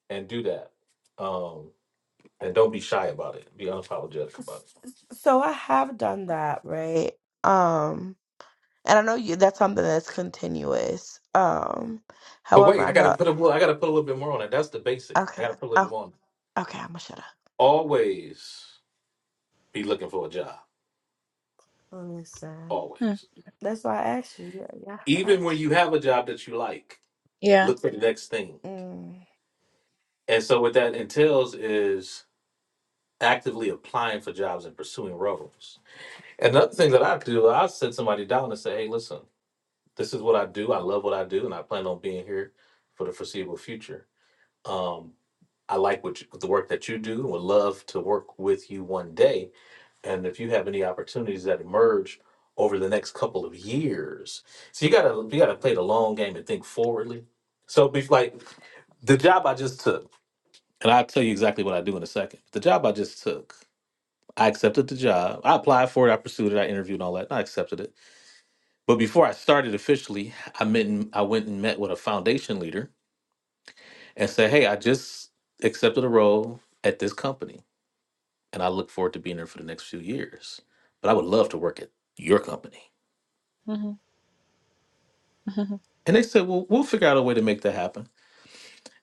and do that, um, and don't be shy about it. Be unapologetic about S- it. s- So I have done that, right? Um, and I know you that's something that's continuous. Um, But however, wait, I I gotta know put a well, I gotta put a little bit more on it. That's the basic. I okay. gotta put a little bit Oh, more on it. okay, I'm gonna shut up. Always be looking for a job. Listen. Always. Hmm. That's why I asked you. Yeah, yeah. Even when you have a job that you like, Yeah. look for the next thing. And so what that entails is actively applying for jobs and pursuing roles. And another thing that I do, I sit somebody down and say, Hey, listen, this is what I do. I love what I do and I plan on being here for the foreseeable future. Um, I like what you, the work that you do and would love to work with you one day and if you have any opportunities that emerge over the next couple of years so you gotta you gotta play the long game and think forwardly so be like the job i just took and i'll tell you exactly what i do in a second the job i just took i accepted the job i applied for it i pursued it i interviewed and all that and i accepted it but before i started officially i met and, i went and met with a foundation leader and said hey i just accepted a role at this company and i look forward to being there for the next few years but i would love to work at your company hmm And they said, "Well, we'll figure out a way to make that happen."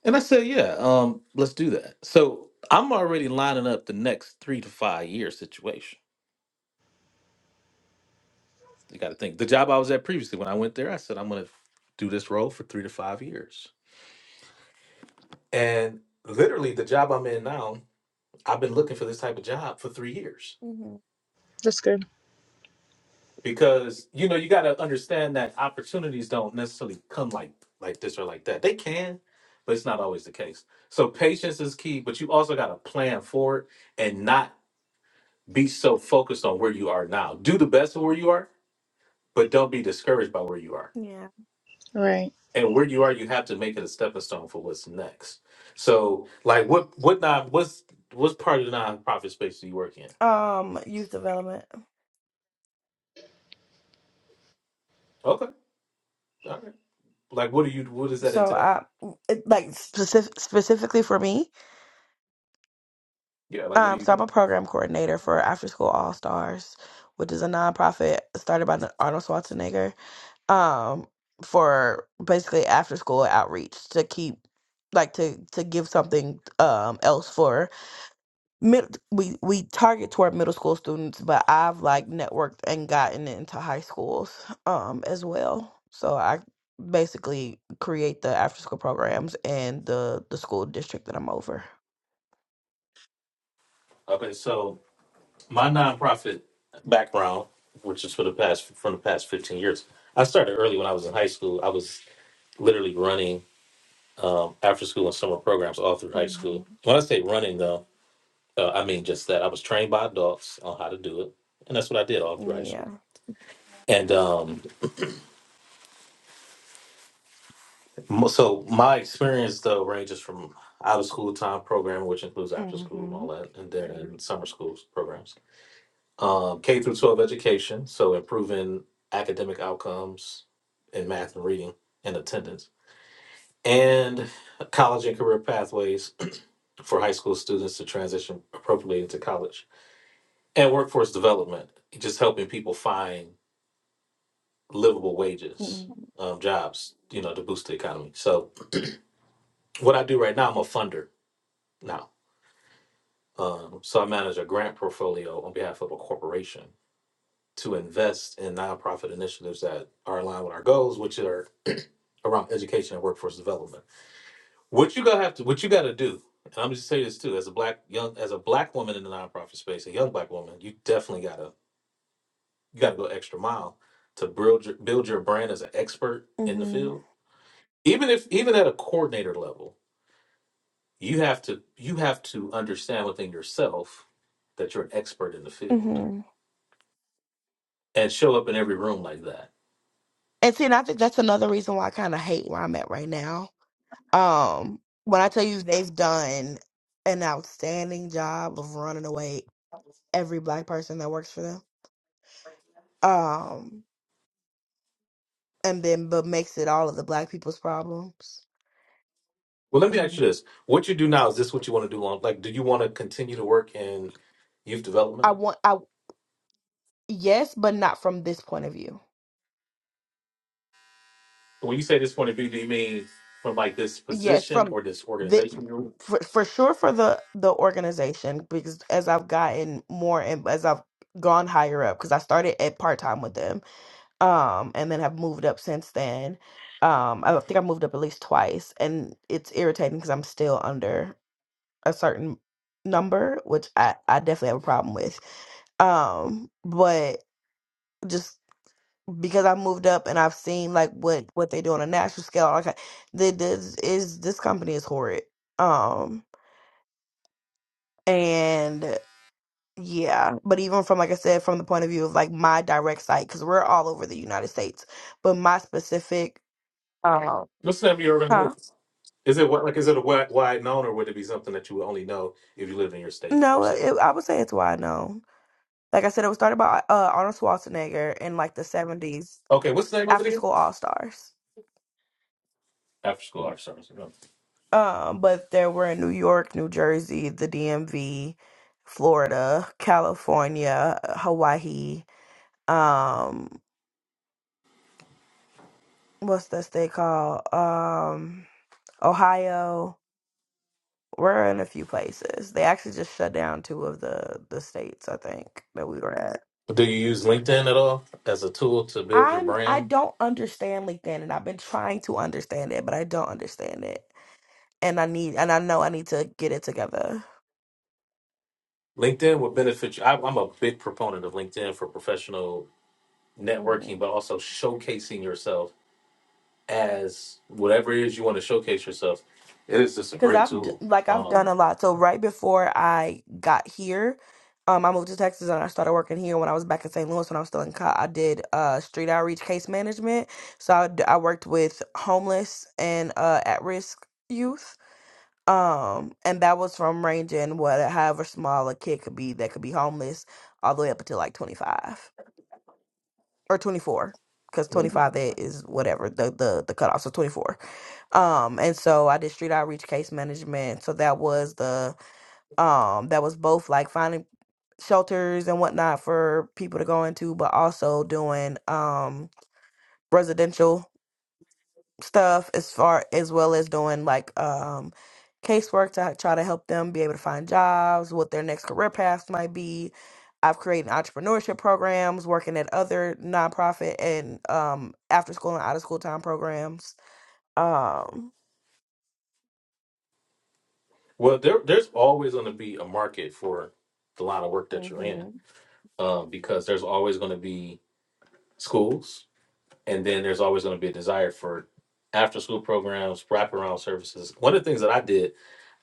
And I said, "Yeah, um, let's do that." So I'm already lining up the next three to five year situation. You got to think the job I was at previously when I went there. I said I'm going to do this role for three to five years, and literally the job I'm in now, I've been looking for this type of job for three years Mm-hmm. That's good. because you know you got to understand that opportunities don't necessarily come like like this or like that. They can, but it's not always the case. So patience is key, but you also got to plan for it and not be so focused on where you are now. Do the best of where you are, but don't be discouraged by where you are. Yeah. Right. And where you are, you have to make it a stepping stone for what's next. So, like, what what non what's what's part of the nonprofit space do you work in? Um, youth development. Okay, all right. Like, what do you what does that So, entail? uh, it, like specific, specifically for me, Yeah, like, what do um, you so I'm do? a program coordinator for After School All Stars, which is a nonprofit started by the Arnold Schwarzenegger, um, for basically after school outreach to keep, like to to give something um else for mid we we target toward middle school students but i've like networked and gotten into high schools um as well so i basically create the after school programs and the the school district that i'm over Okay, so my nonprofit background, which is for the past from the past fifteen years, I started early when I was in high school. I was literally running um, after school and summer programs all through high hmm school. When I say running, though. Uh, I mean, just that I was trained by adults on how to do it, and that's what I did all through high school. yeah And um, mo- so my experience though ranges from out of school time programming, which includes after school hmm and all that, and then in summer school programs, um, K through twelve education, so improving academic outcomes in math and reading and attendance, and college and career pathways for high school students to transition appropriately into college, and workforce development, just helping people find livable wages, Mm-hmm. um, jobs, you know, to boost the economy. So what I do right now, I'm a funder now. Um, so I manage a grant portfolio on behalf of a corporation to invest in nonprofit initiatives that are aligned with our goals, which are around education and workforce development. What you gonna have to, what you got to do, and I'm just saying this too, as a black young, as a black woman in the nonprofit space, a young black woman, you definitely gotta, you gotta go extra mile to build your, build your brand as an expert in the field even if even at a coordinator level You have to you have to understand within yourself that you're an expert in the field hmm and show up in every room like that. And see, and I think that's another reason why I kind of hate where I'm at right now. Um, when I tell you they've done an outstanding job of running away every black person that works for them, um, and then but makes it all of the black people's problems. Well, let me ask Mhm. you this: What you do now is this what you want to do on? Like, do you want to continue to work in youth I development? want, I yes, but not from this point of view. When you say this point of view, do you mean from like this Yes, position from or this the organization? you're in? for, for sure for the the organization because as I've gotten more and as I've gone higher up because I started at part time with them um and then have moved up since then um I think I moved up at least twice and it's irritating because I'm still under a certain number which I I definitely have a problem with um but just because I moved up and I've seen like what what they do on a national scale. Like I- the this is this company is horrid. Um and yeah, but even from like I said, from the point of view of like my direct site, because we're all over the United States, but my specific um What's the name of your huh organization? Is it what like is it a wide, wide known or would it be something that you would only know if you live in your state or no, it, city? I would say it's wide known. Like I said, it was started by uh, Arnold Schwarzenegger in like the seventies Okay, what's the name of it after again? school all stars. After school art service. Um, but there were in New York, New Jersey, the DMV, Florida, California, Hawaii, um, what's that state called? Um, Ohio. We're in a few places. They actually just shut down two of the the states, I think, that we were at. Do you use LinkedIn at all as a tool to build your I'm I brand? don't understand LinkedIn and I've been trying to understand it, but I don't understand it. And I need and I know I need to get it together. LinkedIn would benefit you. I, I'm a big proponent of LinkedIn for professional networking, but also showcasing yourself as whatever it is you want to showcase yourself. It is just a Cause great I've d- tool. like I've done Um, a lot. So right before I got here, um, I moved to Texas and I started working here when I was back in St. Louis when I was still in co I did uh street outreach case management. So I, d- I worked with homeless and uh at risk youth. Um, and that was from ranging what however small a kid could be that could be homeless all the way up until like 25 or 24 because 25 that is whatever the the the cutoff so 24 um and so i did street outreach case management so that was the um that was both like finding shelters and whatnot for people to go into but also doing um residential stuff as far as well as doing like um casework to try to help them be able to find jobs, what their next career paths might be. I've created entrepreneurship programs, working at other nonprofit and um after school and out of school time programs. Um well, there, there's always going to be a market for the line of work that you're in mhm. um, because there's always going to be schools, and then there's always going to be a desire for after school programs, wraparound services. One of the things that I did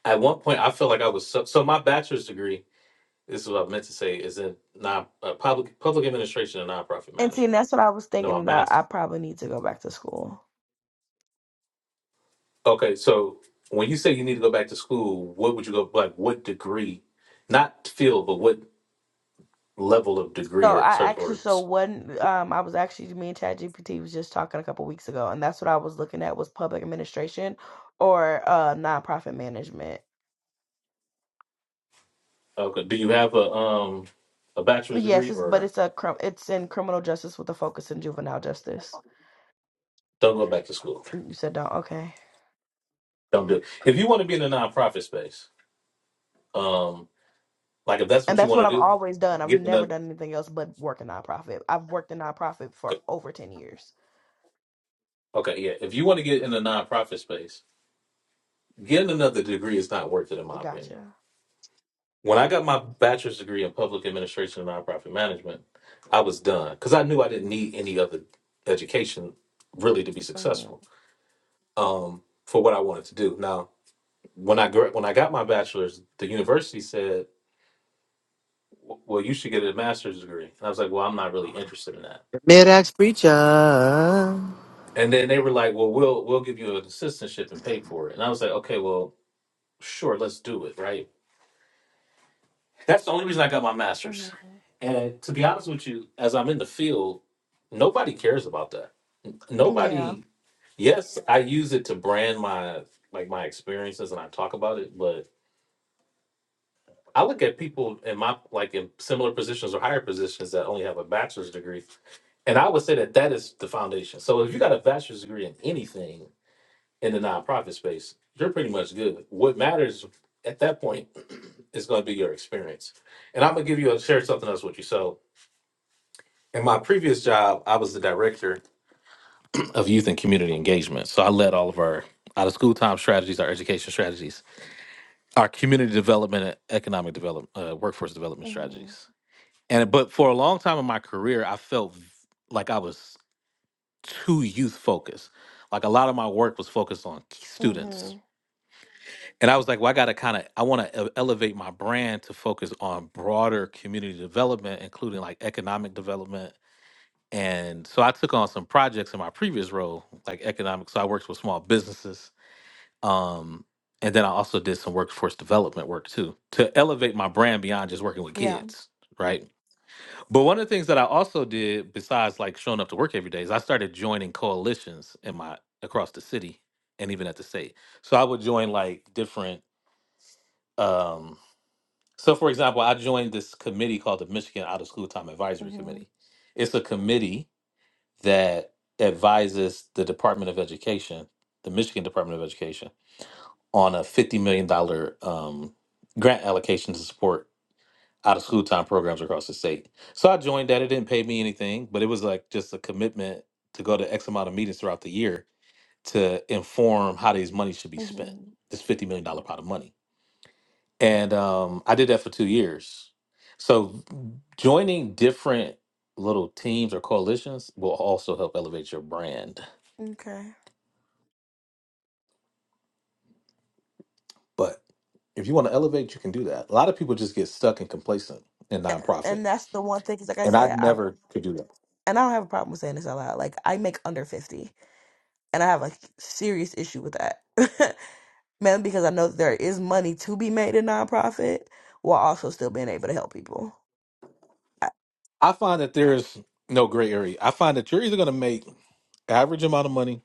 at one point, I felt like I was so, so my bachelor's degree This is what I meant to say. Is in non uh, public public administration and nonprofit and see, and management. that's what I was No, thinking I'm about. not. I probably need to go back to school. Okay, so when you say you need to go back to school, what would you go like? What degree, not field, but what level of degree So or I cert actually or so one um I was actually me and ChatGPT was just talking a couple weeks ago, and that's what I was looking at was public administration or uh nonprofit management. okay? Do you have a um a bachelor's Yes, degree it's but or it's a crim- it's in criminal justice with a focus in juvenile justice. don't go back to school? You said don't okay, Don't do it. If you want to be in the nonprofit space, um, like if that's and what you that's what want I've to do, always done. I've get never another. done anything else but work in nonprofit. I've worked in nonprofit for Okay, over ten years. okay, yeah. If you want to get in the nonprofit space, getting another degree is not worth it, in my opinion. Gotcha. When I got my bachelor's degree in public administration and nonprofit management, I was done because I knew I didn't need any other education really to be hmm successful um, for what I wanted to do. Now, when I gra- when I got my bachelor's, the university said, "W- "Well, you should get a master's degree," and I was like, "Well, I'm not really interested in that." Mid axe preacher. And then they were like, "Well, we'll we'll give you an assistantship and pay for it," and I was like, "Okay, well, sure, let's do it, right?" That's the only reason I got my master's. And to be honest with you, as I'm in the field, nobody cares about that. Yeah. Nobody. Yes, I use it to brand my like my experiences and I talk about it, but I look at people in my like in similar positions or higher positions that only have a bachelor's degree, and I would say that that is the foundation. So if you got a bachelor's degree in anything in the nonprofit space, you're pretty much good. What matters at that point is going to be your experience. And I'm gonna give you a share something else with you. So In my previous job, I was the director of youth and community engagement. So I led all of our out of school time strategies, our education strategies, our community development, and economic development, uh, workforce development hmm strategies. And but for a long time in my career, I felt v- like I was too youth focused. Like a lot of my work was focused on k- students. hmm And I was like, well, I got to kind of, I want to elevate my brand to focus on broader community development, including like economic development, And so I took on some projects in my previous role, like economic. So I worked with small businesses. Um, and then I also did some workforce development work too to elevate my brand beyond just working with Yeah. kids. Right. But one of the things that I also did, besides like showing up to work every day, is I started joining coalitions in my across the city and even at the state. So I would join like different um so for example, I joined this committee called the Michigan Out of School Time Advisory hmm Committee. It's a committee that advises the Department of Education, the Michigan Department of Education, on a fifty million dollar um, grant allocation to support out of school time programs across the state. So I joined that. It didn't pay me anything, but it was like just a commitment to go to X amount of meetings throughout the year to inform how these monies should be spent. hmm This fifty million dollar pot of money, and um, I did that for two years. So joining different little teams or coalitions will also help elevate your brand Okay. But if you want to elevate, you can do that. A lot of people just get stuck and complacent in nonprofit, and that's the one thing because like i and I said i never could do that. and i don't have a problem with saying this out loud like i make under 50 and i have a serious issue with that man because i know that there is money to be made in nonprofit while also still being able to help people I find that there's no gray area. I find that you're either going to make average amount of money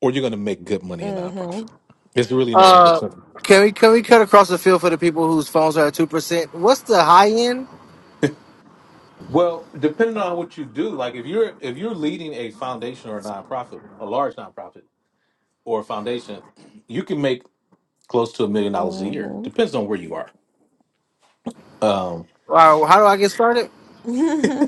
or you're going to make good money in mm-hmm nonprofit. There's really no in Uh, between. can we can we cut across the field for the people whose phones are at two percent? What's the high end? Well, depending on what you do, like if you're if you're leading a foundation or a nonprofit, a large nonprofit or a foundation, you can make close to a million dollars a year. mm-hmm Depends on where you are. Um, Or how do I get started?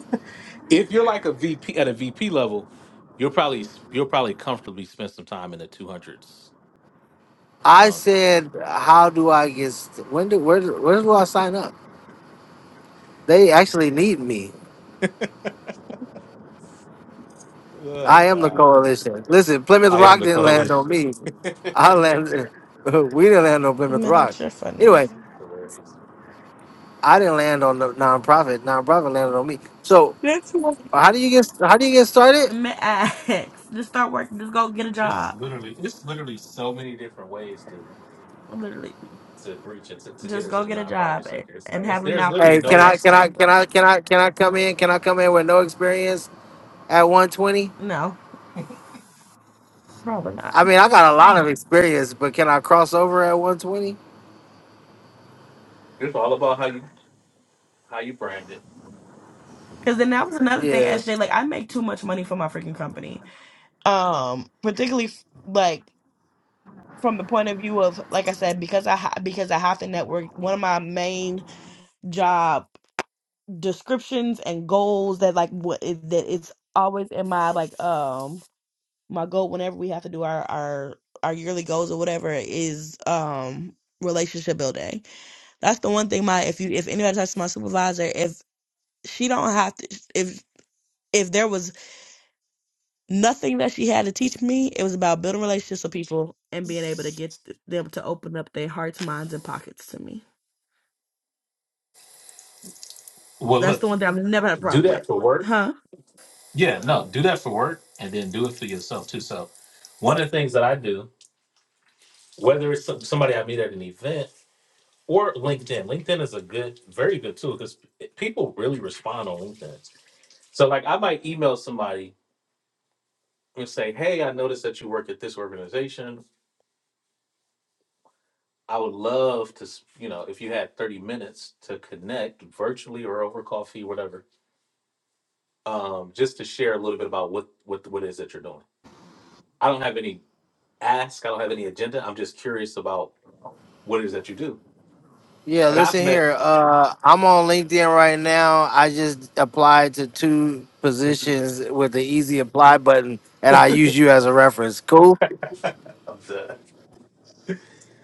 If you're like a VP at a VP level, you'll probably you'll probably comfortably spend some time in the two hundreds. I Um, said, how do I get? st- When do where do- where do I sign up? They actually need me. oh I am the God, coalition. Listen, Plymouth I am Rock the didn't land on coalition. me. this I landed. We didn't land on Plymouth Rock. mid-ax you're funny Anyway, is hilarious. I didn't land on the nonprofit. Nonprofit landed on me. So that's what how do you get how do you get started? mid-ax just start working just go get a It's job literally it's literally so many different ways to literally to breach it to, to get just into go the get a nonprofit job and, sector. It's and not it's have a there's mouthpiece literally Hey, can like no I can I Esther. can I can I can I come in? Can I come in with no experience at 120? no probably not. I mean, I got a lot of experience, but can I cross over at 120? Cause then that was another thing, Yeah. SJ. Like I make too much money for my freaking company. Um, particularly f- like from the point of view of like I said, because I ha- because I have to network. One of my main job descriptions and goals that like what is, that is always in my like um my goal whenever we have to do our our our yearly goals or whatever is um relationship building. That's the one thing my if you if anybody talks to my supervisor, if she don't have to if if there was nothing that she had to teach me. It was about building relationships with people and being able to get th- them to open up their hearts, minds, and pockets to me. well That's look the one thing I've never had a do problem with. that for work. Huh? Yeah, no, do that for work and then do it for yourself too. So one of the things that I do, whether it's some, somebody I meet at an event or LinkedIn. LinkedIn is a good, very good tool because people really respond on LinkedIn. So, like, I might email somebody and say, "Hey, I noticed that you work at this organization. I would love to, s- you know, if you had thirty minutes to connect virtually or over coffee, whatever, um, just to share a little bit about what what what it is that you're doing. I don't have any ask. I don't have any agenda. I'm just curious about what it is that you do. Yeah, And listen I've met. here. Uh, I'm on LinkedIn right now. I just applied to two I'm positions with the easy apply button, and I use you as a reference. Cool. done.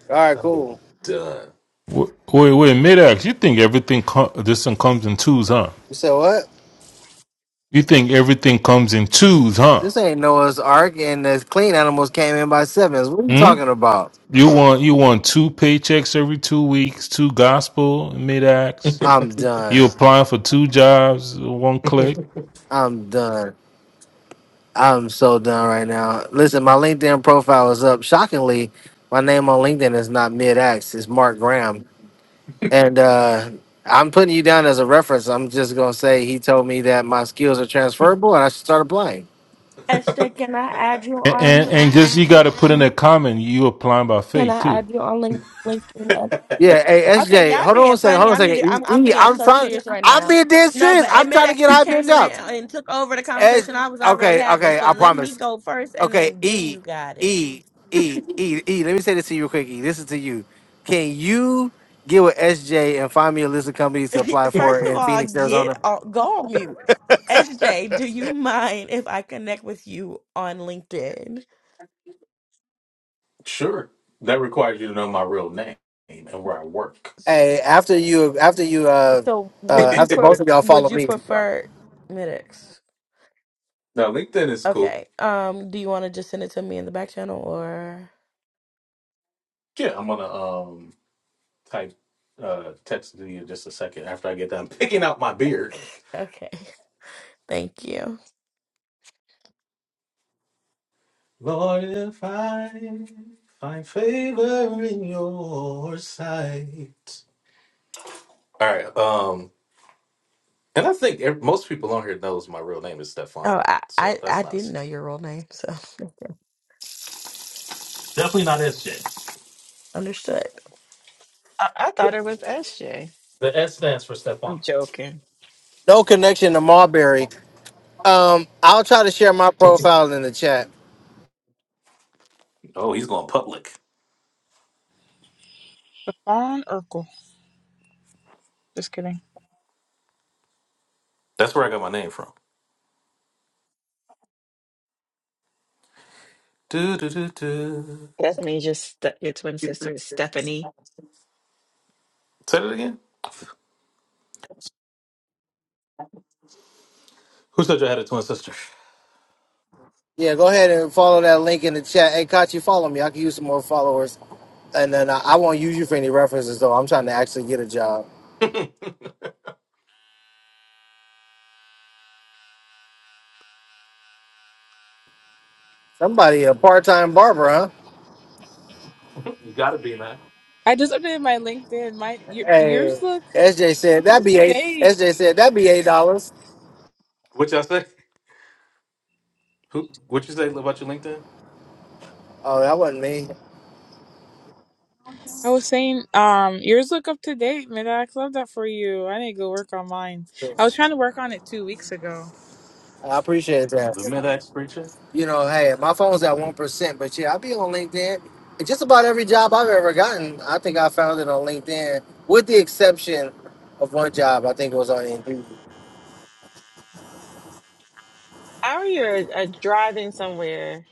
All right, I'm cool. done. Wait, wait, mid-ax, you think everything com- this thing comes in twos, huh? You said what? You think everything comes in twos, huh? This ain't Noah's Ark, and the clean animals came in by sevens. What are you Hmm? talking about? You want you want two paychecks every two weeks, two gospel mid-ax. I'm You done. applying for two jobs, one click. I'm done. I'm so done right now. Listen, my LinkedIn profile is up. Shockingly, my name on LinkedIn is not mid-ax. It's Mark Graham. And uh, I'm putting you down as a reference. I'm just gonna say he told me that my skills are transferable and I should start applying. Esther, can I add you And, and, on? and just you got to put in a comment. You applying by Can faith I too. add you on Link- LinkedIn? Ed? Yeah, hey Okay, SJ, y'all hold on being a second, hold funny. on a I need. to- second. I'm I'm E, E, being I'm so trying. serious right I'm now. being dead No, serious. but I'm trying to Emidex, get you high paying came in and, jobs. and took over the S, conversation I was already okay, having. okay, So I let me promise. go first, and Okay, then then E, you got it. E, E, E, E. Let me say this to you real quick. E, this is to you. Can you get with SJ and find me a list of companies to apply for First of in all, Phoenix, get Arizona? on, go on mute. SJ, do you mind if I connect with you on LinkedIn? Sure. That requires you to know my real name and where I work. S- Hey, after you, after you, uh, So, now uh, would you after per both of y'all follow would you me. prefer Midex? LinkedIn is cool. Okay. Um, do you want to just send it to me in the back channel or? Yeah, I'm gonna um type uh text to you in just a second after I get done picking out my beard. Okay. Thank you. Lord, if I find favor in your sight. All right. Um, and I think ev- most people on here knows my real name is Oh, Stefan, I so I, that's I not a didn't know secret. your real name, so understood. I, I thought it was SJ. I'm joking. No connection to Marbury. Um, I'll try to share my profile in the chat. Oh, he's going public. Stephon Urkel. Just kidding. That's where I got my name from. Do do do do. That's me. Just st- your twin sister Stephanie. Say that again. Who said you had a twin sister? Yeah, go ahead and follow that link in the chat. Hey, Kachi, follow me. I can use some more followers. And then I, I won't use you for any references, though. I'm trying to actually get a job. Somebody, a part time barber, huh? you gotta be, man. I just updated my LinkedIn. My y- Hey, yours look SJ said up that'd be to eight. date. SJ said that'd be eight dollars. What y'all say? Who? What you say about your LinkedIn? Oh, that wasn't me. I was saying, um, yours look up to date, Midax. Love that for you. I need to go work on mine. I was trying to work on it two weeks ago. I appreciate that. The mid-ax preacher. you know, hey, my phone's at one percent, but yeah, I be on LinkedIn. And just about every job I've ever gotten, I think I found it on LinkedIn, with the exception of one job. I think it was on Indeed. How are you uh, driving somewhere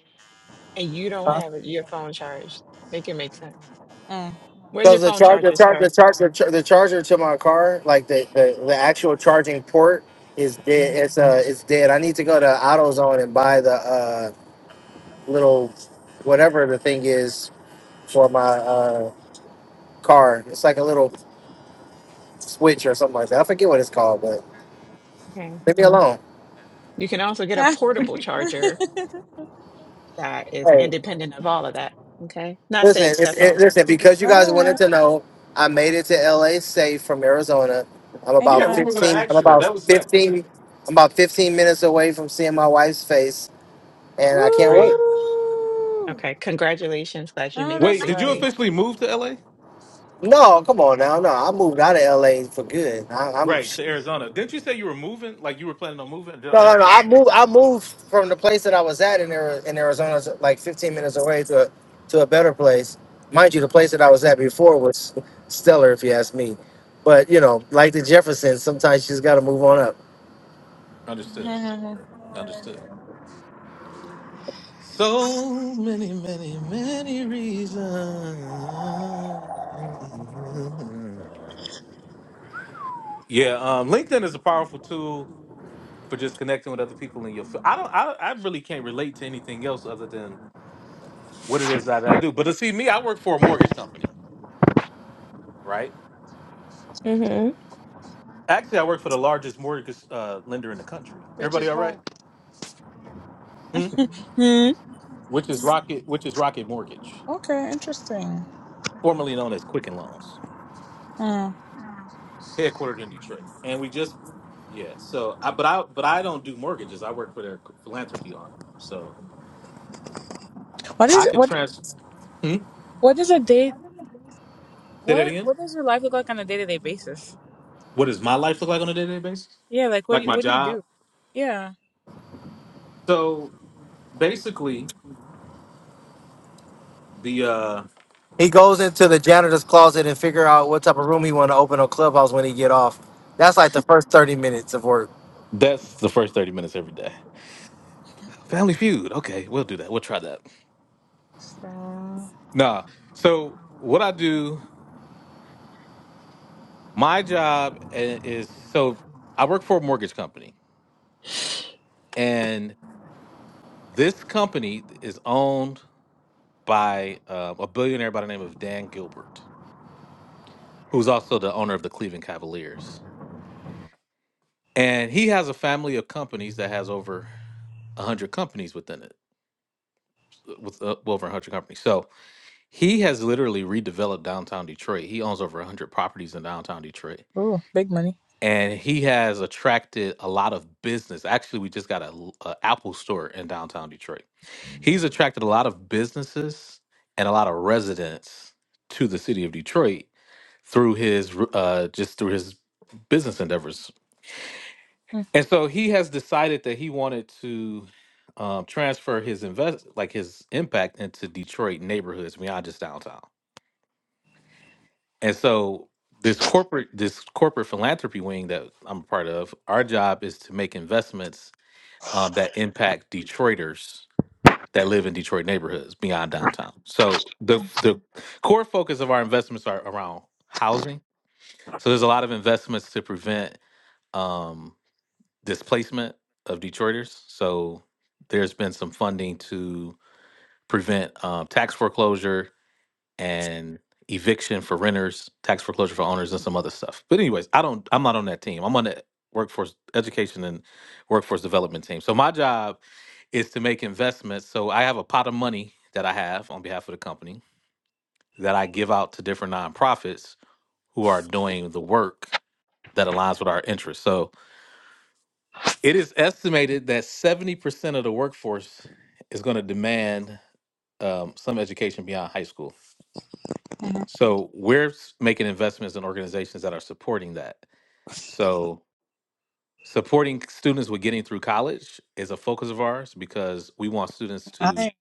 and you don't have your phone charged? Make it make sense. Mm. Where's your Because the phone charger, charger, charger, sir? charger, the char- the charger to my car, like the, the, the actual charging port is dead. Mhm. It's uh, it's dead. I need to go to AutoZone and buy the uh little whatever the thing is for my uh car. It's like a little switch or something like that. I forget what it's called, but Okay. leave me alone. You can also get a That's portable charger that is independent of all of that. Okay. Not Listen, safe. if, That's if- all. listen, because you guys wanted right. to know, I made it to LA safe from Arizona. I'm about Yeah, we Amen. were gonna 15, I'm ask you that. about That was next. 15, I'm about 15 minutes away from seeing my wife's face, and I All can't wait. right. Woo! Okay. Congratulations. Glad you I know made it Wait, that's did you safely. right. officially move to LA? No, come on now. No, I moved out of LA for good. I, I'm Right to Arizona. Didn't you say you were moving? Like you were planning on moving? Did- no, Am I no, no. I tripping? moved, I moved from the place that I was at in, Ari- in Arizona, so, like 15 minutes away to a, to a better place. Mind you, the place that I was at before was stellar, if you ask me. But you know, like the Jeffersons, sometimes you just got to move on up. Understood. Understood. So many, many, many reasons. Yeah, um, LinkedIn is a powerful tool for just connecting with other people in your. fi- I don't. I, I really can't relate to anything else other than what it is that I do. But to see me, I work for a mortgage company, right? Mm-hmm. Actually, I work for the largest mortgage uh, lender in the country. Which Everybody is all why. right? Hmm? Hmm. Which is Rocket, which is Rocket Mortgage, Okay. Interesting. formerly known as Quicken Loans, Mm. headquartered in Detroit. And we just yeah, so I but I but I don't do mortgages. I work for their philanthropy arm. So What I is it? could What trans hmm? What does a day? say that What again. What does your life look like on a day to day basis? What does my life look like on a day-to-day basis? Yeah, like what do Like you my what do you job? do? Yeah. So basically the uh He goes into the janitor's closet and figure out what type of room he want to open on Clubhouse when he get off. That's like the first thirty minutes of work. that's the first 30 minutes every day. Family Feud. Okay, we'll do that. We'll try that. So Nah. So what I do, my job i- is so I work for a mortgage company, and this company is owned by um, a billionaire by the name of Dan Gilbert, who's also the owner of the Cleveland Cavaliers, and he has a family of companies that has over a hundred companies within it, with uh, well, over a hundred companies. So he has literally redeveloped downtown Detroit. He owns over a hundred properties in downtown Detroit oh, big money. and he has attracted a lot of business. Actually, we just got a, l- a Apple store in downtown Detroit. He's attracted a lot of businesses and a lot of residents to the city of Detroit through his r- uh, just through his business endeavors. Mm. And so he has decided that he wanted to um, transfer his invest like his impact into Detroit neighborhoods beyond just downtown. And so this corporate this corporate philanthropy wing that I'm a part of, our job is to make investments um, that impact Detroiters that live in Detroit neighborhoods beyond downtown. So the the core focus of our investments are around housing. So there's a lot of investments to prevent um, displacement of Detroiters. So there's been some funding to prevent um, tax foreclosure and eviction for renters, tax foreclosure for owners, and some other stuff. But anyways, I don't. I'm not on that team. I'm on the workforce education and workforce development team. So my job is to make investments. So I have a pot of money that I have on behalf of the company that I give out to different nonprofits who are doing the work that aligns with our interests. So it is estimated that 70% of the workforce is going to demand um, some education beyond high school. Mhm. So we're s- making investments in organizations that are supporting that. So supporting students with getting through college is a focus of ours because we want students to I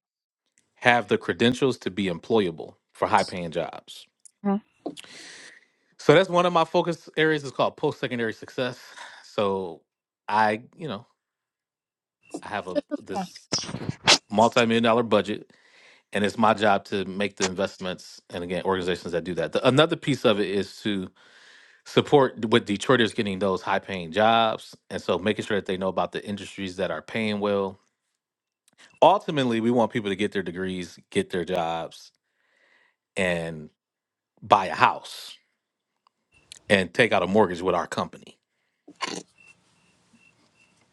have the credentials to be employable for high paying jobs. mhm. So that's one of my focus areas It's called post secondary success. So I, you know, I have a Oh, this multi-million dollar budget and it's my job to make the investments and again organizations that do that. The, another piece of it is to support with Detroiters getting those high paying jobs. And so making sure that they know about the industries that are paying well. Ultimately, we want people to get their degrees, get their jobs, and buy a house and take out a mortgage with our company.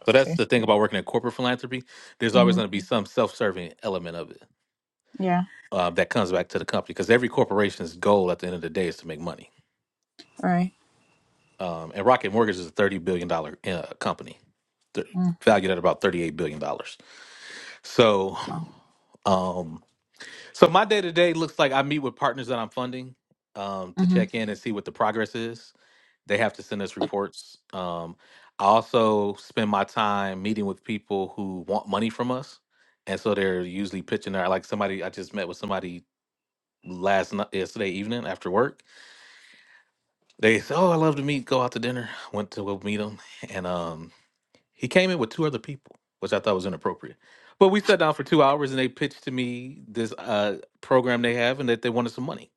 So that's okay. the thing about working in corporate philanthropy. There's always hmm going to be some self serving element of it Yeah. uh, that comes back to the company because every corporation's goal at the end of the day is to make money. All right. Um, and Rocket Mortgage is a $30 billion dollars uh, company, th- Mm. valued at about $38 billion. dollars. So, Wow. um, so my day to day looks like I meet with partners that I'm funding um, to Mm-hmm. check in and see what the progress is. They have to send us reports. Um, I also spend my time meeting with people who want money from us, and so they're usually pitching their like somebody I just met with somebody last night yesterday evening after work. They said, "Oh, I love to meet. Go out to dinner." Went to go meet them, and um, He came in with two other people, which I thought was inappropriate. But we sat down for two hours and they pitched to me this uh, program they have and that they wanted some money.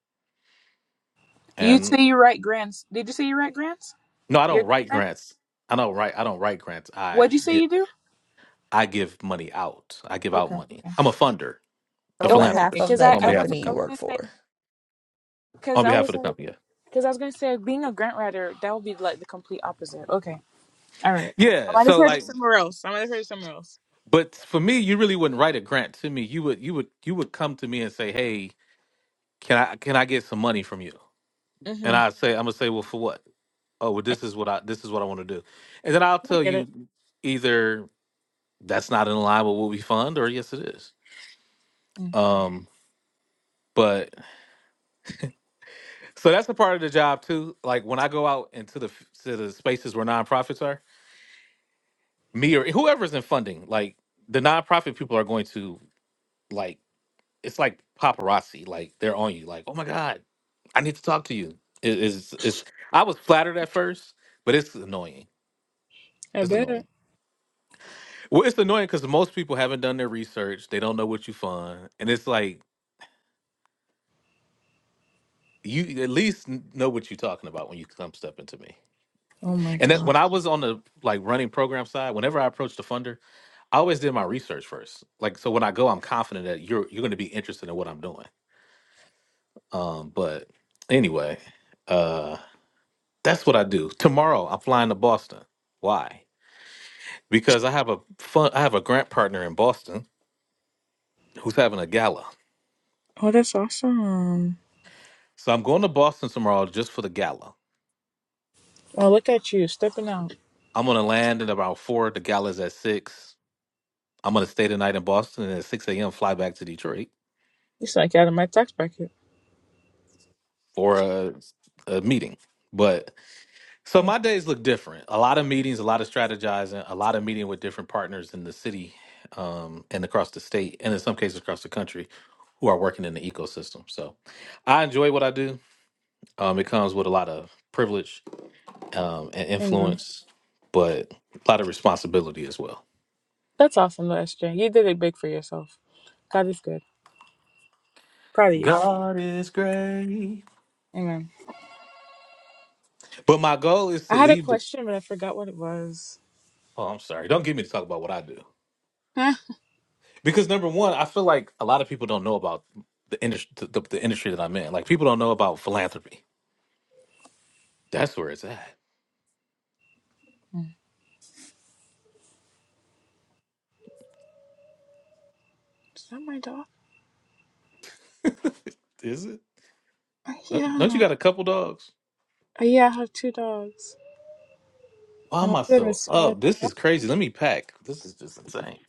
You And say you write grants. Did you say you write grants? no, I Your don't write grant? grants. I don't write. I don't write grants. I What'd you say get. you do? I give money out. I give out Okay. money. I'm a funder, a On Okay. Okay. behalf of philanthropist Because the I on I behalf of would the company I you was company. work gonna say for. because On I behalf of was the like company, yeah. because I was gonna say being a grant writer that would be like the complete opposite. Okay. All right. I Yeah. might have So heard it like, somewhere else. I might have heard it somewhere else. but for me, you really wouldn't write a grant to me. You would. You would. You would come to me and say, "Hey, can I can I get some money from you?" And Mm-hmm. I say, "I'm gonna say, well, for what?" oh well this is what i this is what i want to do and then i'll I tell get you it. either that's not in line with what we fund or yes it is Mm. um but so that's a part of the job too like when i go out into the f- to the spaces where nonprofits are me or whoever's in funding like the nonprofit people are going to like it's like paparazzi like they're on you like oh my god i need to talk to you it is it's it's- i was flattered at first but it's annoying I it's bet. annoying Well, it's annoying because most people haven't done their research. They don't know what you find, and it's like you at least n- know what you're talking about when you come stepping to me. Oh my And that god. when I was on the like running program side, whenever I approached the funder, I always did my research first. Like so, when I go, I'm confident that you're you're going to be interested in what I'm doing. Um, but anyway, uh, that's what I do. Tomorrow, I'm flying to Boston. Why? Because I have a fun. I have a grant partner in Boston who's having a gala. Oh, that's awesome. So I'm going to Boston tomorrow just for the gala Oh, look at you stepping out. I'm gonna land at about four. The gala's at six. I'm gonna stay the night in Boston and at six a.m. fly back to Detroit You sound like out of my tax bracket. for a, a meeting. But so Okay. my days look different. A lot of meetings, a lot of strategizing, a lot of meeting with different partners in the city um, and across the state, and in some cases across the country, who are working in the ecosystem. So I enjoy what I do. Um, it comes with a lot of privilege um, and Amen. influence, but a lot of responsibility as well. That's awesome, though, SJ. You did it big for yourself. God is good. Proud of you. Amen. But my goal is I to had a leave. the question, but I forgot what it was. Oh, I'm sorry. Don't get me to talk about what I do Huh? because number one, I feel like a lot of people don't know about the industry, the, the, the industry that I'm in. Like people don't know about philanthropy. That's where it's at. Hmm. Is that my dog? is it? Uh, Don't don't you Yeah. got a couple dogs? Uh, Yeah, I have two dogs. Why And am one I of them so is five. up? This Yeah. is crazy. Let me pack. This is just insane.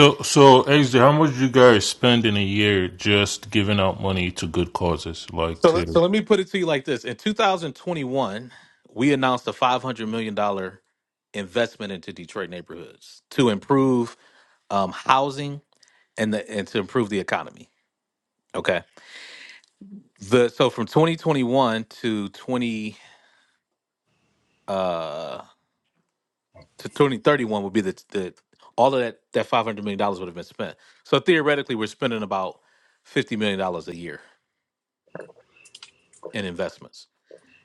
So so XJ, how much you guys spend in a year just giving out money to good causes, like So, let- to so let me put it to you like this: In 2021, we announced a 500 million dollar investment into Detroit neighborhoods to improve um, housing and the, and to improve the economy. Okay. The so from 2021 to 20 uh to 2031 would be the the all of that that 500 million dollars would have been spent. So theoretically, we're spending about 50 million dollars a year in investments.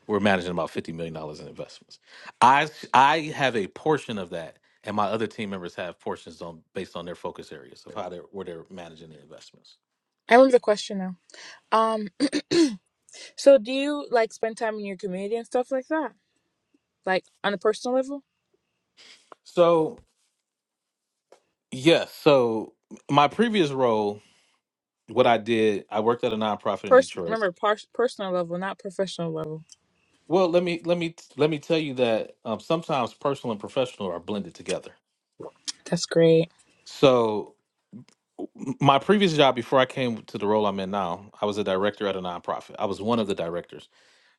We're managing about 50 million dollars in investments. I I have a portion of that, and my other team members have portions on based on their focus areas of how they're where they're managing their investments. I remember the question now. Um, so do you like spend time in your community and stuff like that? Like on a personal level? So yes, so my previous role, what I did, I worked at a nonprofit in Person, Detroit. remember, par- personal level, not professional level. Well, let me let me let me tell you that um, sometimes personal and professional are blended together. That's great. So, m- my previous job before I came to the role I'm in now, I was a director at a nonprofit. I was one of the directors.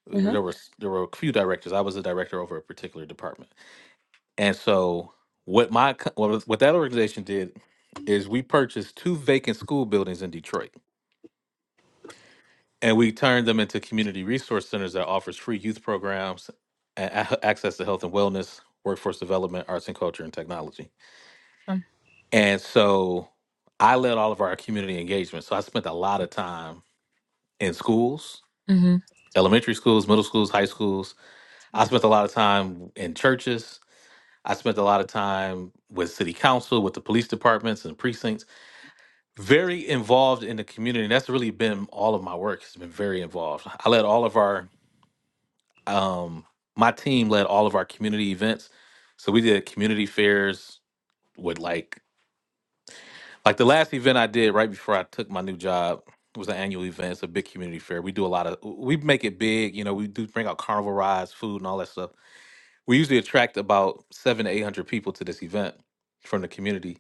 There Mm-hmm. there were s- there were a few directors. I was a director over a particular department. And so, what my co- what, what that organization did is we purchased two vacant school buildings in Detroit. and we turned them into community resource centers that offers free youth programs and a- access to health and wellness workforce development arts and culture and technology and so i led all of our community engagement so i spent a lot of time in schools hmm elementary schools middle schools high schools i spent a lot of time in churches i spent a lot of time with city council with the police departments and precincts very involved in the community and that's really been all of my work has been very involved i led all of our um my team led all of our community events so we did community fairs with like like the last event i did right before i took my new job was an annual event it's a big community fair we do a lot of we make it big you know we do bring out carnival rides food and all that stuff we usually attract about seven to eight hundred people to this event from the community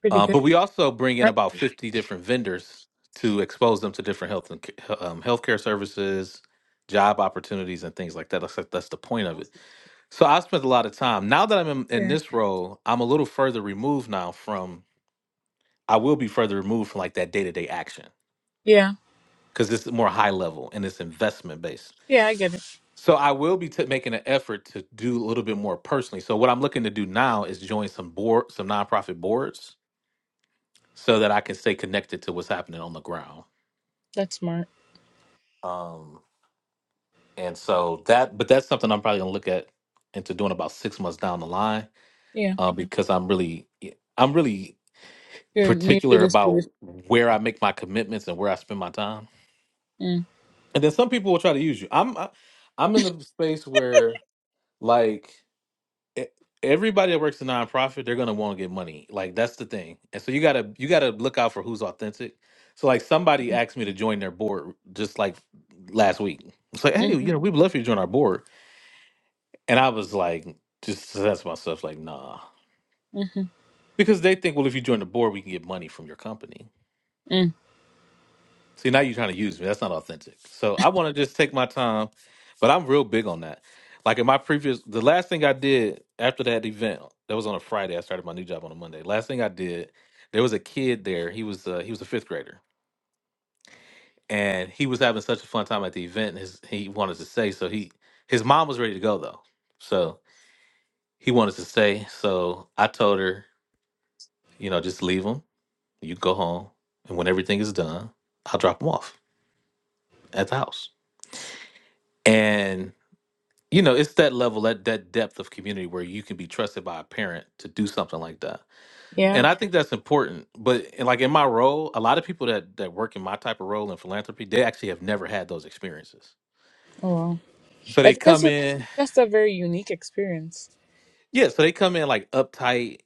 Pretty uh, good but we also bring in turnout about 50 different vendors to expose them to different health and ca- um, healthcare services job opportunities and things like that that's, that's the point of it so I spent a lot of time. Now that I'm in, in there. this role, I'm a little further removed now from. I will be further removed from like that day to day action Yeah. because it's more high level and it's investment based. Yeah, I get it. So I will be t- making an effort to do a little bit more personally. So what I'm looking to do now is join some board, some nonprofit boards, so that I can stay connected to what's happening on the ground. That's smart. Um, and so that, but that's something I'm probably gonna look at into doing about six months down the line, Yeah. uh, because I'm really, I'm really You're new to particular this about position. where I make my commitments and where I spend my time. Mm. And then some people will try to use you. I'm I- I'm in a space where like e- everybody that works in nonprofit, they're gonna want to get money. Like that's the thing. And so you gotta you gotta look out for who's authentic. So like somebody asked me to join their board just like last week. It's like, hey, Mm-hmm. you know, we'd love for you to join our board. And I was like, just that's myself, like, nah. Mm-hmm. Because they think, well, if you join the board, we can get money from your company. Mm. See, now you're trying to use me. That's not authentic. So I want to just take my time, but I'm real big on that. Like in my previous, the last thing I did after that event, that was on a Friday. I started my new job on a Monday. Last thing I did, there was a kid there. He was uh, he was a fifth grader, and he was having such a fun time at the event. and His he wanted to stay, so he his mom was ready to go though, so he wanted to stay. So I told her, you know, just leave him. You go home, and when everything is done, I'll drop him off at the house. And you know it's that level that that depth of community where you can be trusted by a parent to do something like that Yeah. and i think that's important but and like in my role a lot of people that that work in my type of role in philanthropy they actually have never had those experiences Oh wow. so I they think that's come a in that's a very unique experience. yeah so they come in like uptight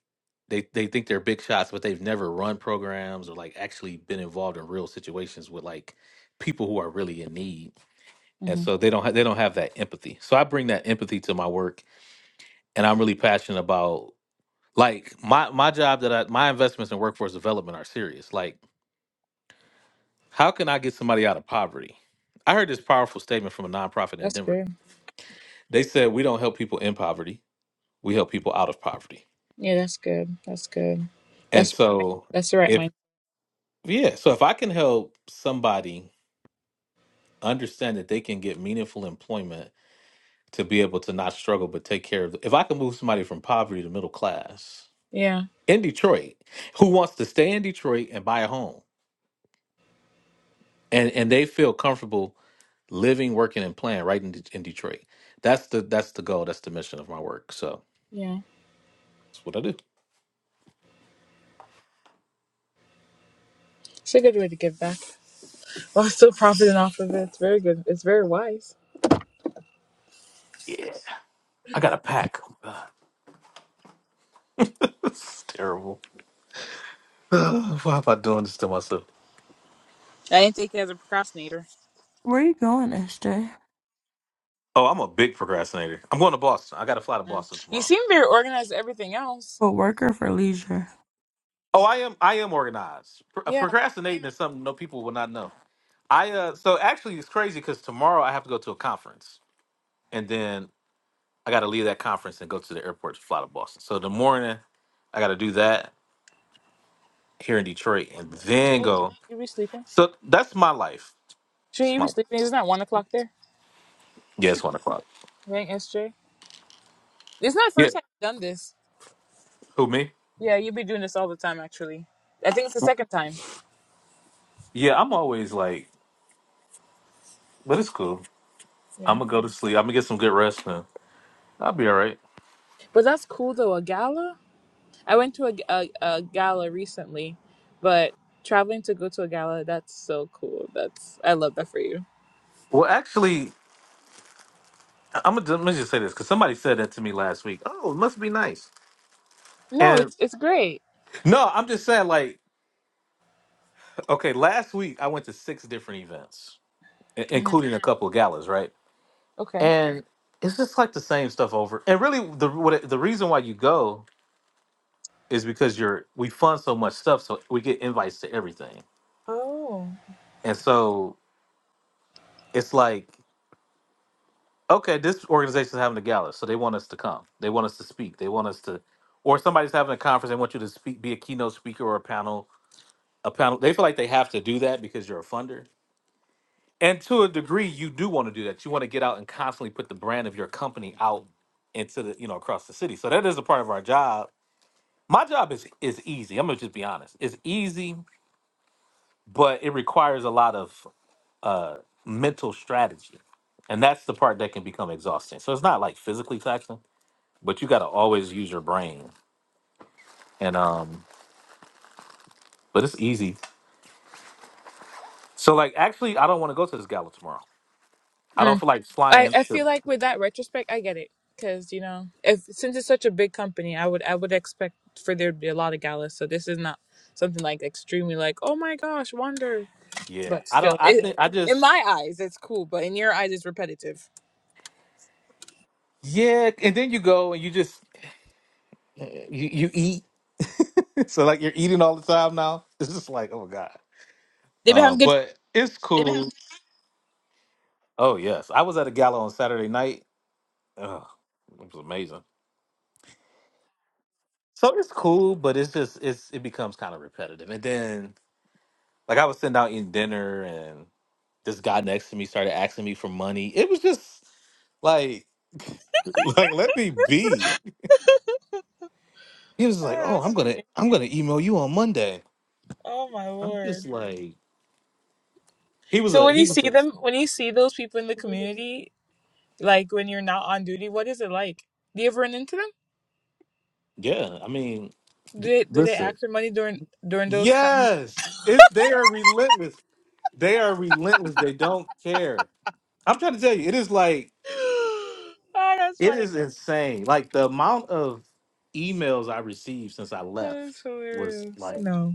they they think they're big shots but they've never run programs or like actually been involved in real situations with like people who are really in need and hmm so they don't ha- they don't have that empathy so i bring that empathy to my work and i'm really passionate about Like my my job that I my investments in workforce development are serious. Like, how can I get somebody out of poverty? I heard this powerful statement from a nonprofit in That's Denver. good. They said we don't help people in poverty, we help people out of poverty. Yeah, that's good. That's good. And That's so that's the right if mind. yeah, so if I can help somebody understand that they can get meaningful employment to be able to not struggle but take care of if I can move somebody from poverty to middle class Yeah. in Detroit who wants to stay in Detroit and buy a home and and they feel comfortable living, working, and playing right in, De- in Detroit. That's the that's the goal. That's the mission of my work. So Yeah. that's what I do. It's a good way to give back while still profiting off of it. It's very good. It's very wise. I got a pack. Oh, God, this is terrible. Why am I doing this to myself? I didn't think you as a procrastinator. Where are you going, SJ? Oh, I'm a big procrastinator. I'm going to Boston. I got to fly to Mm. Boston You tomorrow. seem very organized. to Everything else. For work or for leisure? Oh, I am. I am organized. Pro- Yeah. procrastinating is something no people will not know. I uh. So actually, it's crazy because tomorrow I have to go to a conference, and then I got to leave that conference and go to the airport to fly to Boston. So the morning, I got to do that here in Detroit, and then Should go. you be sleeping? So that's my life. Sure, It's you my be life. sleeping. It's not one o'clock there. Yeah, it's one o'clock. I think SJ. It's not the Yeah. first time you've done this. Who me? Yeah, you be doing this all the time, actually. I think it's the second time. Yeah, I'm always like, but it's cool. I'm Yeah, gonna go to sleep. I'm gonna get some good rest now. I'll be all right. but that's cool though. A gala. I went to a, a, a gala recently, but traveling to go to a gala, that's so cool. That's I love that for you. Well, actually, I'm gonna let me just say this because somebody said that to me last week. Oh, it must be nice. No, it's And it's great. no, I'm just saying like, okay, last week I went to six different events, i- hmm including a couple of galas, right? Okay. And it's just like the same stuff over. And really, the what it- the reason why you go is because you're we fund so much stuff, so we get invites to everything Oh. And so it's like, okay, this organization is having a gala, so they want us to come. They want us to speak. They want us to, or somebody's having a conference. They want you to speak, be a keynote speaker or a panel. A panel. They feel like they have to do that because you're a funder. And to a degree, you do want to do that. You want to get out and constantly put the brand of your company out into the, you know, across the city. So that is a part of our job. My job is is easy. I'm gonna just be honest. It's easy, but it requires a lot of uh, mental strategy. And that's the part that can become exhausting. So it's not like physically taxing, but you got to always use your brain. And, um, but it's easy. So, like, actually, I don't want to go to this gala tomorrow. I don't feel like I, flying I feel to, like with that retrospect, I get it because you know if since it's such a big company, I would I would expect for there to be a lot of galas. So this is not something like extremely like oh my gosh, wonder. yeah. But I don't, still, I it, think, I in just, my eyes, it's cool. But in your eyes, it's repetitive. yeah. And then you go and you just, you, you eat. so, like, you're eating all the time now. It's just like, oh, my God. They've been Uh, having good. but it's It cool. is- Oh, yes. I was at a gala on Saturday night. Ugh, it was amazing. So it's cool, but it's just it's it becomes kind of repetitive. And then like I was sitting out eating dinner and this guy next to me started asking me for money. It was just like like let me be. oh, He was like, Oh, that's I'm so- gonna I'm gonna email you on Monday. oh my I'm just lord. like he was So a when he you was see a them, when you see those people in the community, like when you're not on duty, what is it like? Do you ever run into them? yeah, I mean Do they do they listen. ask for money during during those times? Yes. if they are relentless. They are relentless. They don't care. I'm trying to tell you, it is like oh, that's It funny. is insane. Like the amount of emails I received since I That is left was hilarious. like No.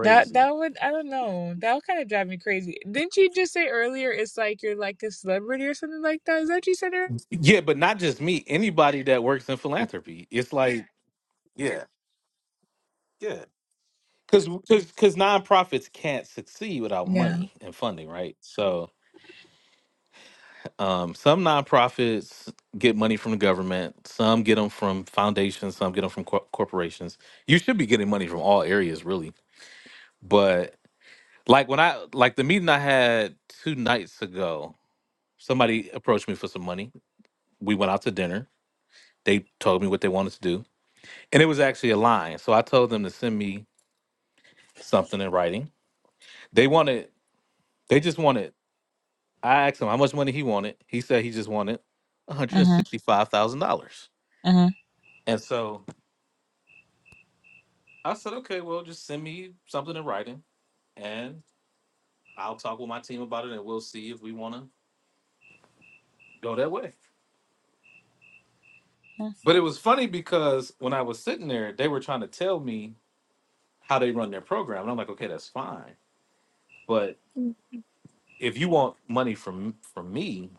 That that would I don't know. That would kind of drive me crazy. Didn't you just say earlier it's like you're like a celebrity or something like that? Is that what you said earlier? Yeah, but not just me. Anybody that works in philanthropy, it's like yeah, yeah. Because because nonprofits can't succeed without Yeah. money and funding, right? So um, some nonprofits get money from the government, some get them from foundations, some get them from cor- corporations. You should be getting money from all areas, really. But like when I like the meeting I had two nights ago, Somebody approached me for some money. We went out to dinner. They told me what they wanted to do, and it was actually a line. So I told them to send me something in writing. They wanted. They just wanted. I asked him how much money he wanted. He said he just wanted one hundred and Uh-huh. sixty-five thousand dollars. Uh-huh. And so I said, okay, well, just send me something in writing, and I'll talk with my team about it, and we'll see if we want to go that way. uh, But it was funny because when I was sitting there, they were trying to tell me how they run their program, and I'm like, okay, that's fine, but if you want money from from me,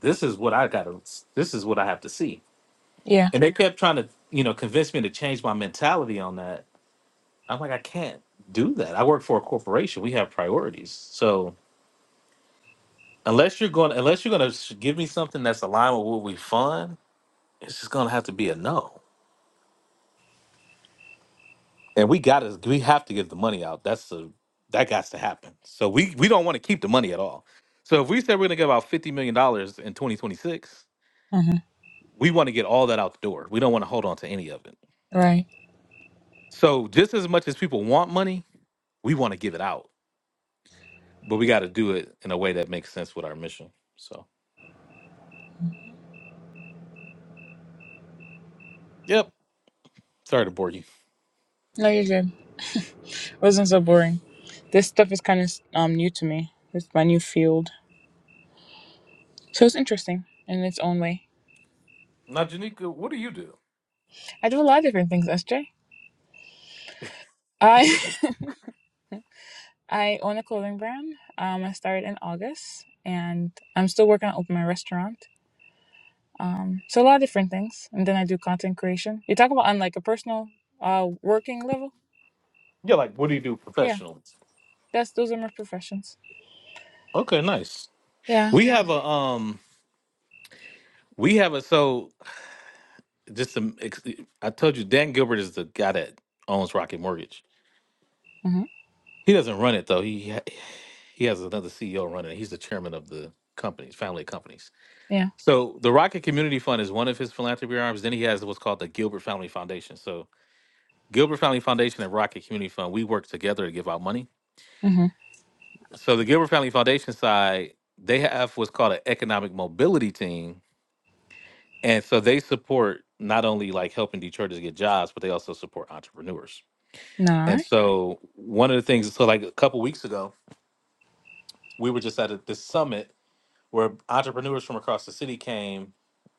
this is what I gotta this is what I have to see. Yeah. And they kept trying to, you know, convince me to change my mentality on that. I'm like, I can't do that. I work for a corporation. We have priorities. So unless you're going unless you're gonna give me something that's aligned with what we fund, it's just gonna have to be a no. And we gotta we have to give the money out. That's the that got to happen. So we we don't want to keep the money at all. So if we said we're gonna give out fifty million dollars in 2026 Uh-huh. we want to get all that out the door. We don't want to hold on to any of it. Right. So just as much as people want money, we want to give it out, but we got to do it in a way that makes sense with our mission. So, yep. Sorry to bore you. No, you're good. It wasn't so boring. This stuff is kind of um new to me. It's my new field. So it's interesting in its own way. Now, Janika, what do you do? I do a lot of different things, SJ. I I own a clothing brand. Um I started in August and I'm still working on opening my restaurant Um, so a lot of different things, and then I do content creation. You talk about on like a personal, uh, working level. Yeah, like what do you do Yeah, professionally? that's those are my professions. Okay, nice. Yeah. We have a um, we have a so just some. ex- I told you, Dan Gilbert is the guy that owns Rocket Mortgage. Mm-hmm. He doesn't run it though. He ha- he has another CEO running it. He's the chairman of the companies, family of companies Yeah. So the Rocket Community Fund is one of his philanthropy arms. Then he has what's called the Gilbert Family Foundation. So Gilbert Family Foundation and Rocket Community Fund, we work together to give out money. Mm-hmm. So the Gilbert Family Foundation side, they have what's called an economic mobility team. And so they support not only like helping Detroiters get jobs, but they also support entrepreneurs. Nah. And so one of the things, so like a couple weeks ago, we were just at a, this summit where entrepreneurs from across the city came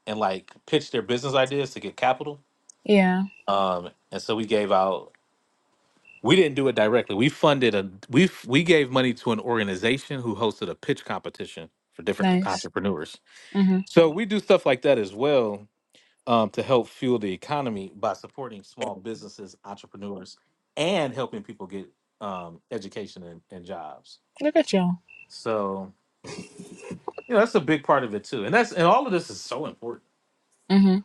and like pitched their business ideas to get capital Yeah. um, and so we gave out. We didn't do it directly. We funded a we we gave money to an organization who hosted a pitch competition for different Nice. entrepreneurs. Mm-hmm. So we do stuff like that as well um, to help fuel the economy by supporting small businesses, entrepreneurs, and helping people get um, education and, and jobs. Look at y'all. So you know that's a big part of it too, and that's and all of this is so important. Mm-hmm.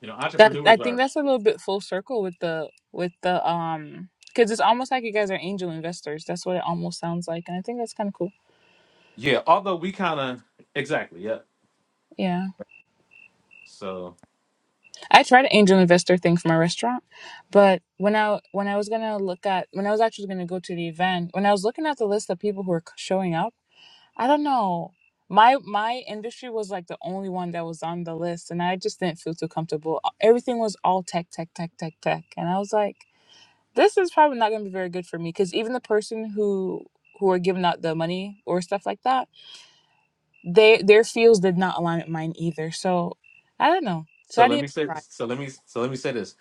You know, That I entrepreneurs are think that's a little bit full circle with the with the um because it's almost like you guys are angel investors. That's what it almost sounds like, and I think that's kind of cool. yeah. Although we kind of exactly yeah. Yeah. So I tried an angel investor thing for my restaurant, but when I when I was gonna look at when I was actually gonna go to the event, when I was looking at the list of people who were showing up, I don't know. My my industry was like the only one that was on the list, and I just didn't feel too comfortable. Everything was all tech, tech, tech, tech, tech, and I was like, this is probably not gonna be very good for me because even the person who who are giving out the money or stuff like that, they their fields did not align with mine either. So I don't know. So So I let me didn't say. try. So let me. So let me say this.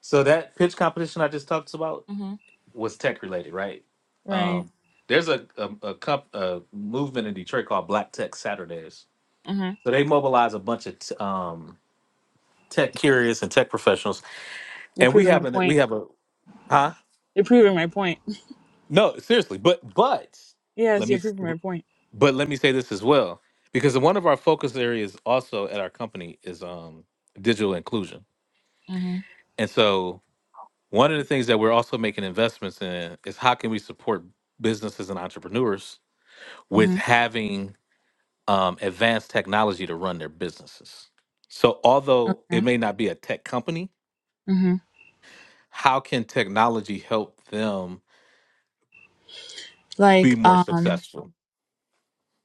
So that pitch competition I just talked about hmm was tech related, right? Right. Um, there's a a, a, comp, a movement in Detroit called Black Tech Saturdays. hmm So they mobilize a bunch of t- um, tech curious and tech professionals, You're and we proving my have an we point. have a huh? You're proving my point. No, seriously, but but let Yes, you're me proving my point. but let me say this as well because one of our focus areas also at our company is um digital inclusion, hmm and so One of the things that we're also making investments in is how can we support businesses and entrepreneurs with hmm having um, advanced technology to run their businesses. So, although Okay. it may not be a tech company, hmm how can technology help them be Like, more um, successful?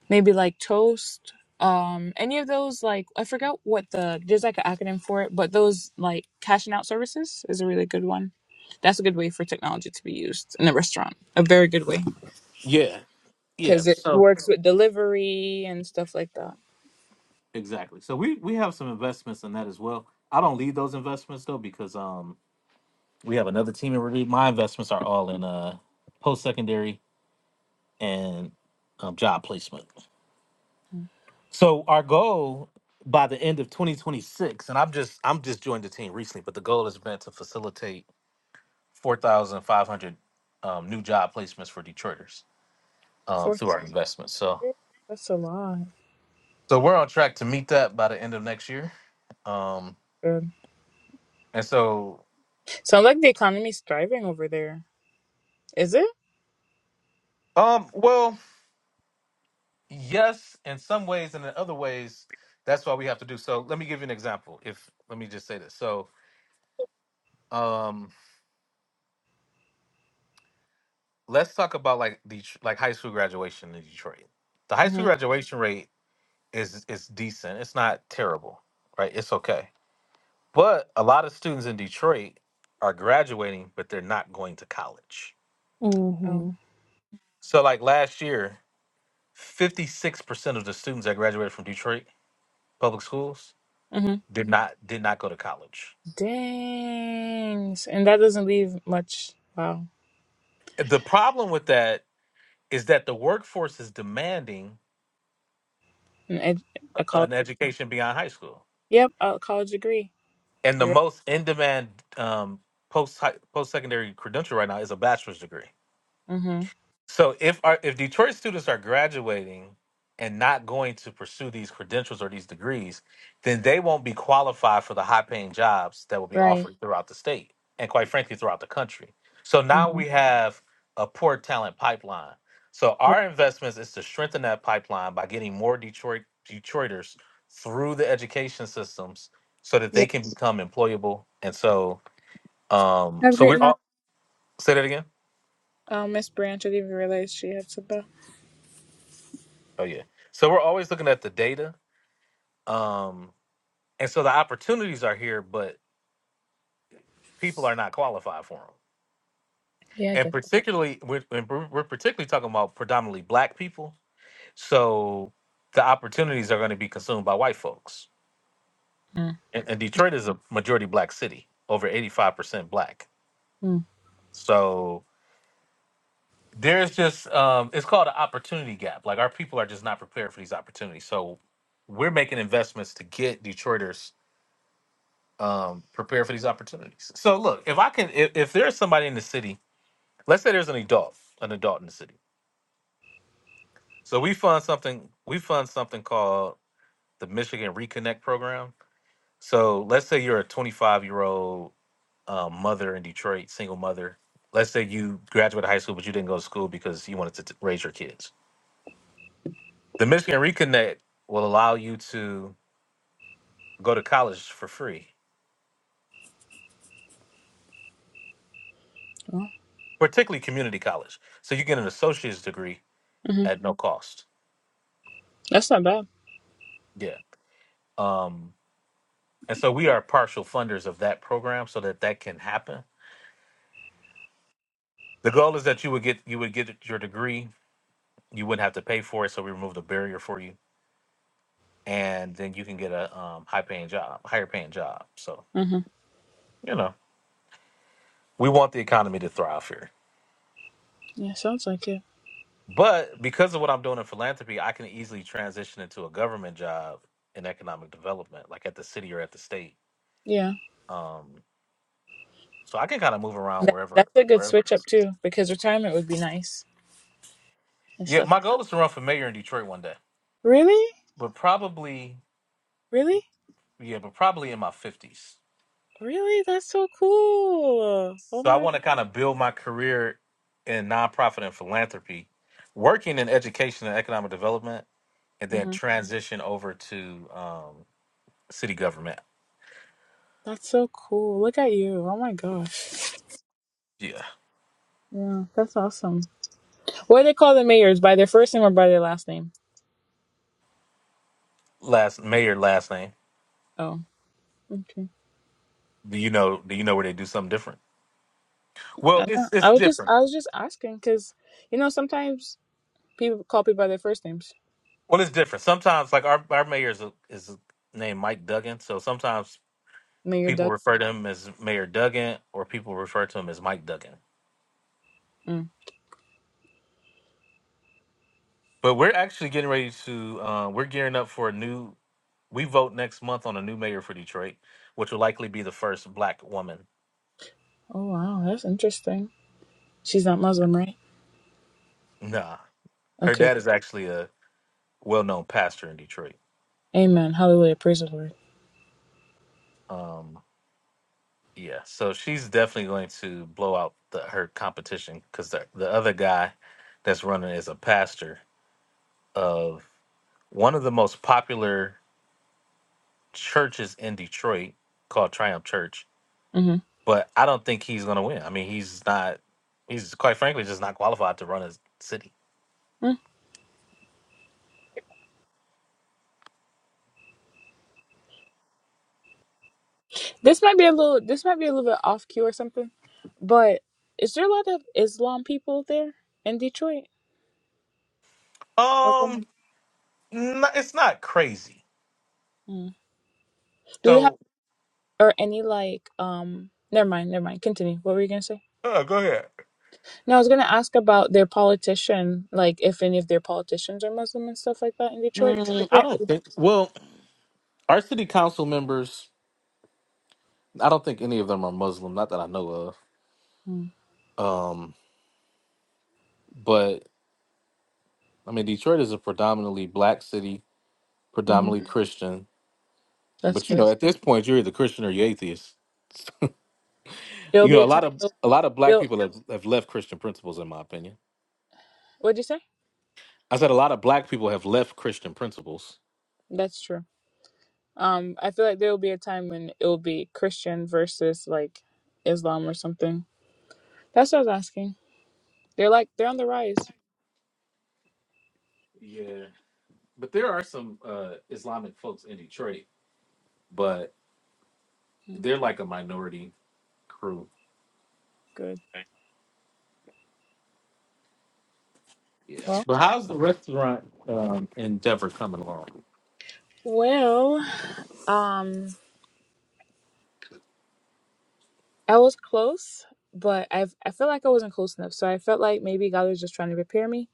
maybe like toast. Um, any of those like I forgot what the there's like an acronym for it, but those like cashing out services is a really good one. That's a good way for technology to be used in a restaurant. A very good way Yeah, yeah. because it So works with delivery and stuff like that. exactly. So we we have some investments in that as well. I don't lead those investments though because um we have another team in review. My investments are all in uh post secondary and um, job placement. Mm. So our goal by the end of 2026, and I'm just I'm just joined the team recently, but the goal has been to facilitate 4,500 um, new job placements for Detroiters um, Four. through our investments. So That's a lot. so we're on track to meet that by the end of next year. Um, Good. and so Sounds like the economy's thriving over there. Is it? um, well, yes, in some ways, and in other ways, that's why we have to do. So let me give you an example. If let me just say this. So um, let's talk about like the like high school graduation in Detroit the high school Mm-hmm. graduation rate is is decent. It's not terrible, right? It's okay. But a lot of students in Detroit are graduating, but they're not going to college. Mhm. So like last year, 56% of the students that graduated from Detroit public schools hmm did not did not go to college. Dang. So- And that doesn't leave much. Wow. The problem with that is that the workforce is demanding An ed- a an college. education beyond high school. Yep, a college degree. And the You're most in demand um, post post secondary credential right now is a bachelor's degree mm-hmm. So if our if Detroit students are graduating and not going to pursue these credentials or these degrees, then they won't be qualified for the high paying jobs that will be right. offered throughout the state and quite frankly throughout the country. So now Mm-hmm. we have a poor talent pipeline. So Yeah. our investments is to strengthen that pipeline by getting more Detroit Detroiters through the education systems so that Yeah. they can become employable. And so um Have a so great we're night. all say that again? Uh, Miss Branch, I didn't even realize she had to SIPO. Oh yeah. So we're always looking at the data um, and so the opportunities are here, but people are not qualified for them. Yeah, I And get particularly, we're, and we're we're particularly talking about predominantly black people. So the opportunities are going to be consumed by white folks. that. Mm. And, and Detroit is a majority black city, over 85% black. Mm. So there's just, um, it's called an opportunity gap. Like our people are just not prepared for these opportunities. So we're making investments to get Detroiters um, prepared for these opportunities. So look, if I can, if, if there's somebody in the city let's say there's an adult, an adult in the city. So we fund something. We fund something called the Michigan Reconnect Program. So let's say you're a 25 year old um, mother in Detroit, single mother. Let's say you graduated high school, but you didn't go to school because you wanted to t- raise your kids. The Michigan Reconnect will allow you to go to college for free, Well, particularly community college. So you get an associate's degree hmm at no cost. That's not bad. Yeah. Um, and so we are partial funders of that program so that that can happen The goal is that you would get you would get your degree. You wouldn't have to pay for it, so we removed the barrier for you, and then you can get a um, high paying job, higher paying job. So hmm you know, we want the economy to thrive here. Yeah, sounds like it. But because of what I'm doing in philanthropy, I can easily transition into a government job in economic development, like at the city or at the state. Yeah. Um, so I can kind of move around That, wherever, that's a good wherever. switch up, too, because retirement would be nice and Yeah, stuff. my goal is to run for mayor in Detroit one day, Really? but probably, Really? yeah, but probably in my 50s. Really? That's so cool. Oh, So I want my. to kind of build my career in nonprofit and philanthropy, working in education and economic development, and then transition over to um, city government. That's so cool. Look at you. Oh my gosh. Yeah, Yeah, that's awesome. What do they call the mayors? By their first name or by their last name? last mayor last name. Oh, okay. Do you know? Do you know where they do something different? Well, I it's don't- I it's was just different. I was just asking because you know sometimes people call people by their first names. Well, it's different. Sometimes, like our our mayor is a, is named Mike Duggan, so sometimes Mayor people Doug. refer to him as Mayor Duggan, or people refer to him as Mike Duggan. Mm. But we're actually getting ready to uh, we're gearing up for a new We vote next month on a new mayor for Detroit, which will likely be the first black woman. Oh wow, that's interesting. She's not Muslim, right? Nah. Her Okay. dad is actually a well known pastor in Detroit. Amen. Hallelujah. Praise the Lord. Um, yeah. So she's definitely going to blow out the, her competition because the, the other guy that's running is a pastor of one of the most popular churches in Detroit called Triumph Church. hmm But I don't think he's going to win. I mean, he's not, he's quite frankly just not qualified to run a city. mm This might be a little. This might be a little bit off cue or something, but is there a lot of Islam people there in Detroit? Um, Muslim. n- it's not crazy. Mm. Do they have So or any like um never mind never mind continue what were you gonna say Oh, go ahead. no i was gonna ask about their politician like if any of their politicians are muslim and stuff like that in detroit because mm, I don't apparently think. Well, our city council members, I don't think any of them are Muslim. Not that I know of. Hmm, Um, but I mean, Detroit is a predominantly black city, mm-hmm. predominantly Christian. that's But you good know, at this point, you're either Christian or you're atheist. there'll You be know, a a time lot of they'll, a lot of black they'll people have, have left Christian principles, in my opinion. what'd you say I said a lot of black people have left Christian principles. that's true um i feel like there'll be a time when it'll be christian versus like islam or something that's what i was asking they're like they're on the rise Yeah, but there are some uh Islamic folks in Detroit, but Mm, they're like a minority crew. good Yes, well but how's the restaurant um, endeavor coming along? well um I was close, but I I felt like I wasn't close enough. So I felt like maybe God was just trying to prepare me.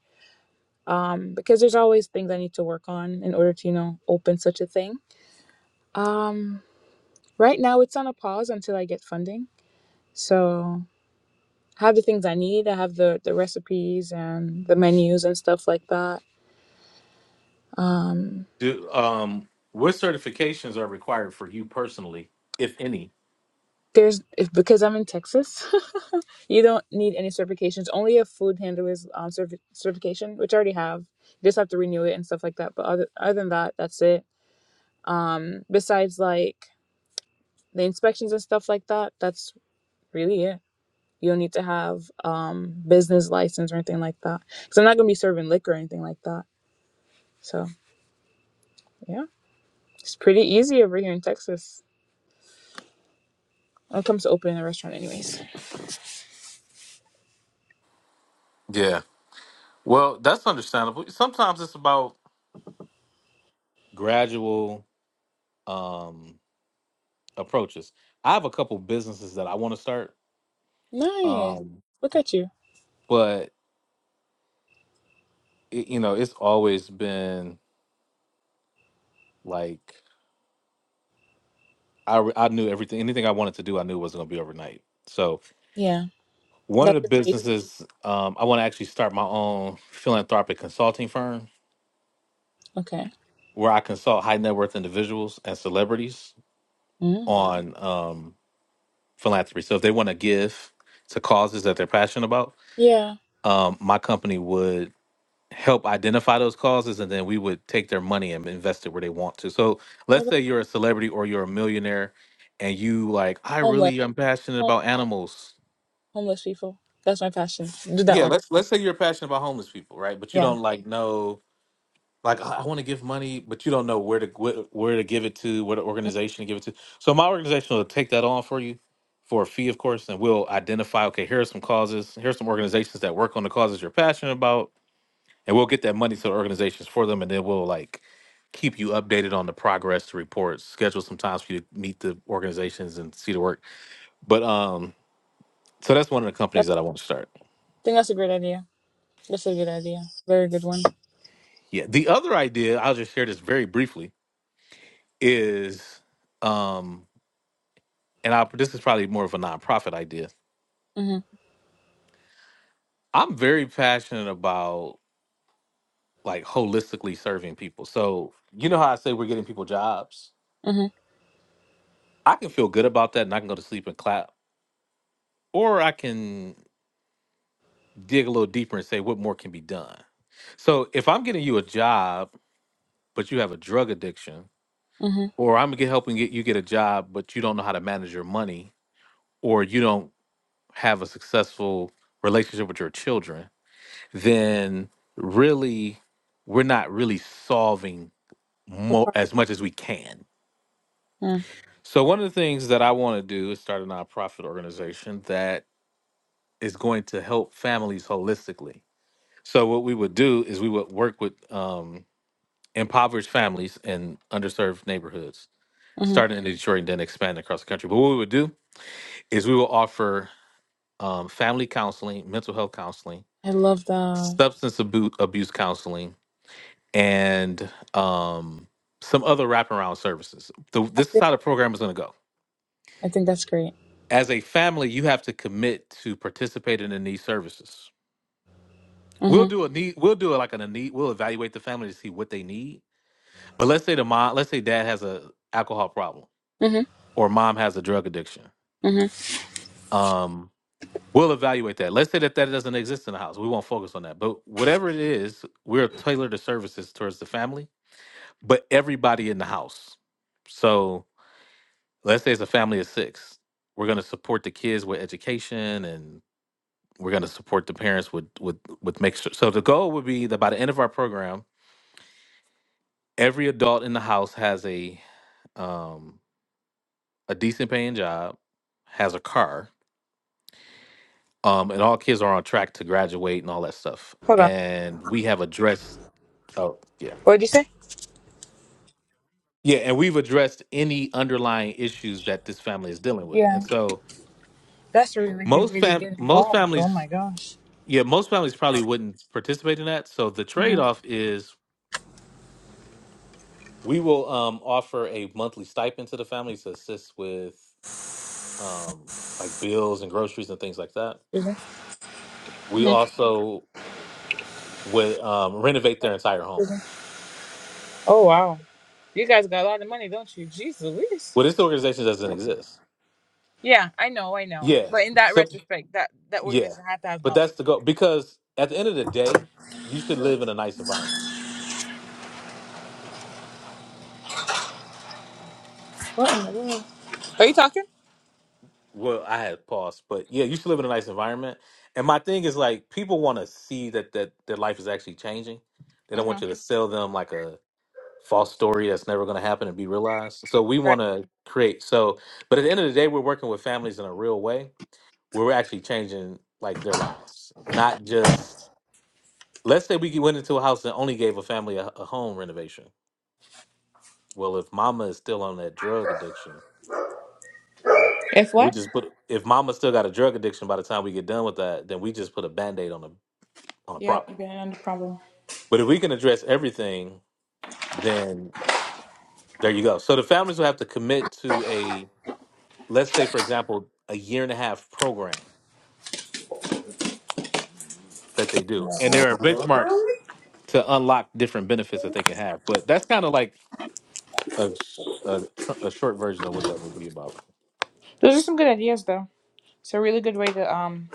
Um, because there's always things I need to work on in order to, you know, open such a thing. Um, right now it's on a pause until I get funding. So I have the things I need. I have the the recipes and the menus and stuff like that. Um. Do um, what certifications are required for you personally, if any? There's if- because I'm in Texas, you don't need any certifications. Only a food handler's um, certi- certification, which I already have. You just have to renew it and stuff like that. But other other than that, that's it. Um, besides like the inspections and stuff like that, that's really it. You don't need to have um business license or anything like that. Because I'm not gonna be serving liquor or anything like that. So yeah, it's pretty easy over here in Texas when it comes to opening a restaurant, anyways. Yeah, well, that's understandable. Sometimes it's about gradual um, approaches. I have a couple businesses that I want to start, Nice. um, Look at you. but it, you know, it's always been like I re- I knew everything. Anything I wanted to do, I knew it wasn't going to be overnight. So Yeah, one of that's the your. businesses um, I want to actually start my own philanthropic consulting firm Okay. where I consult high net worth individuals and celebrities Mm. on um, philanthropy. So if they want to give to causes that they're passionate about, Yeah. um, my company would help identify those causes and then we would take their money and invest it where they want to. So Oh, let's the say you're a celebrity or you're a millionaire and you like, I homeless. really am passionate Home, about animals. homeless people. That's my passion. Do that Yeah, one. let's let's say you're passionate about homeless people, right? But you Yeah. don't like know Like I, I want to give money, but you don't know where to gwi- where to give it to, what Mm, organization to give it to. So my organization will take that on for you for a fee, of course, and we'll identify. Okay, here are some causes. Here are some organizations that work on the causes you're passionate about, and we'll get that money to the organizations for them, and then we'll like keep you updated on the progress the reports. Schedule some times for you to meet the organizations and see the work. But um, so that's one of the That, companies that I I want to start. think that's a great idea. That's a good idea. Very good one. Yeah. The other idea I'll just share this very briefly is. Um, and I this is probably more of a nonprofit idea. Mm-hmm. I'm very passionate about like holistically serving people. So you know how I say we're getting people jobs. Mm-hmm. I can feel good about that, and I can go to sleep and clap, or I can dig a little deeper and say what more can be done. So if I'm getting you a job, but you have a drug addiction, Mm-hmm. or I'm get helping get you get a job, but you don't know how to manage your money, or you don't have a successful relationship with your children, then really we're not really solving The mo- park. as much as we can. Mm. So one of the things that I want to do is start a nonprofit organization that is going to help families holistically. So what we would do is we would work with um, impoverished families in underserved neighborhoods, Mm-hmm. starting in Detroit and then expanding across the country. But what we would do is we will offer um, family counseling, mental health counseling, I love that. substance abu- abuse counseling, and um, some other wraparound services. The, I this is think, how the program is going to go. I think that's great. As a family, you have to commit to participating in these services. We'll Mm-hmm. do a need. We'll do it like an a need. We'll evaluate the family to see what they need. But let's say the mom. Let's say dad has a alcohol problem Mm-hmm. or mom has a drug addiction. Mm-hmm. Um, we'll evaluate that. Let's say that that doesn't exist in the house. We won't focus on that. But whatever it is, we'll tailor the services towards the family, but everybody in the house. So let's say it's a family of six we're going to support the kids with education and we're going to support the parents with with with make sure so the goal would be that by the end of our program every adult in the house has a um a decent paying job has a car um and all kids are on track to graduate and all that stuff Hold on. and we have addressed oh yeah What did you say? yeah and we've addressed any underlying issues that this family is dealing with and Yeah. so That's really good most way to fam get most involved. Oh families my gosh. Yeah, most families probably wouldn't participate in that. So the trade Mm-hmm. off is we will um, offer a monthly stipend to the families to assist with um, like bills and groceries and things like that. We Mm-hmm. also would um, renovate their entire home. Oh wow. You guys got a lot of money, don't you? Jesus. Well, this organization doesn't exist. Yeah, I know, I know. Yeah. But in that So retrospect, that that yeah, organization had to have but money. that's the goal because at the end of the day, you should live in a nice environment. What in the world? Are you talking? Well, I had paused, but yeah, you should live in a nice environment. And my thing is like people want to see that that their life is actually changing. They don't Mm-hmm. want you to sell them like a false story that's never going to happen and be realized. So we Right. want to create. So, but at the end of the day, we're working with families in a real way where we're actually changing like their lives, not just. Let's say we went into a house and only gave a family a, a home renovation. Well, if Mama is still on that drug addiction, If We what? just put if mama still got a drug addiction by the time we get done with that, then we just put a band-aid on a on a Yep, problem. you've been under problem. But if we can address everything, then there you go. So the families will have to commit to a let's say for example, a year and a half program that they do. And there are benchmarks to unlock different benefits that they can have. But that's kind of like a a, tr- a short version of what that would be about. Those are some good ideas, though. It's a really good way to um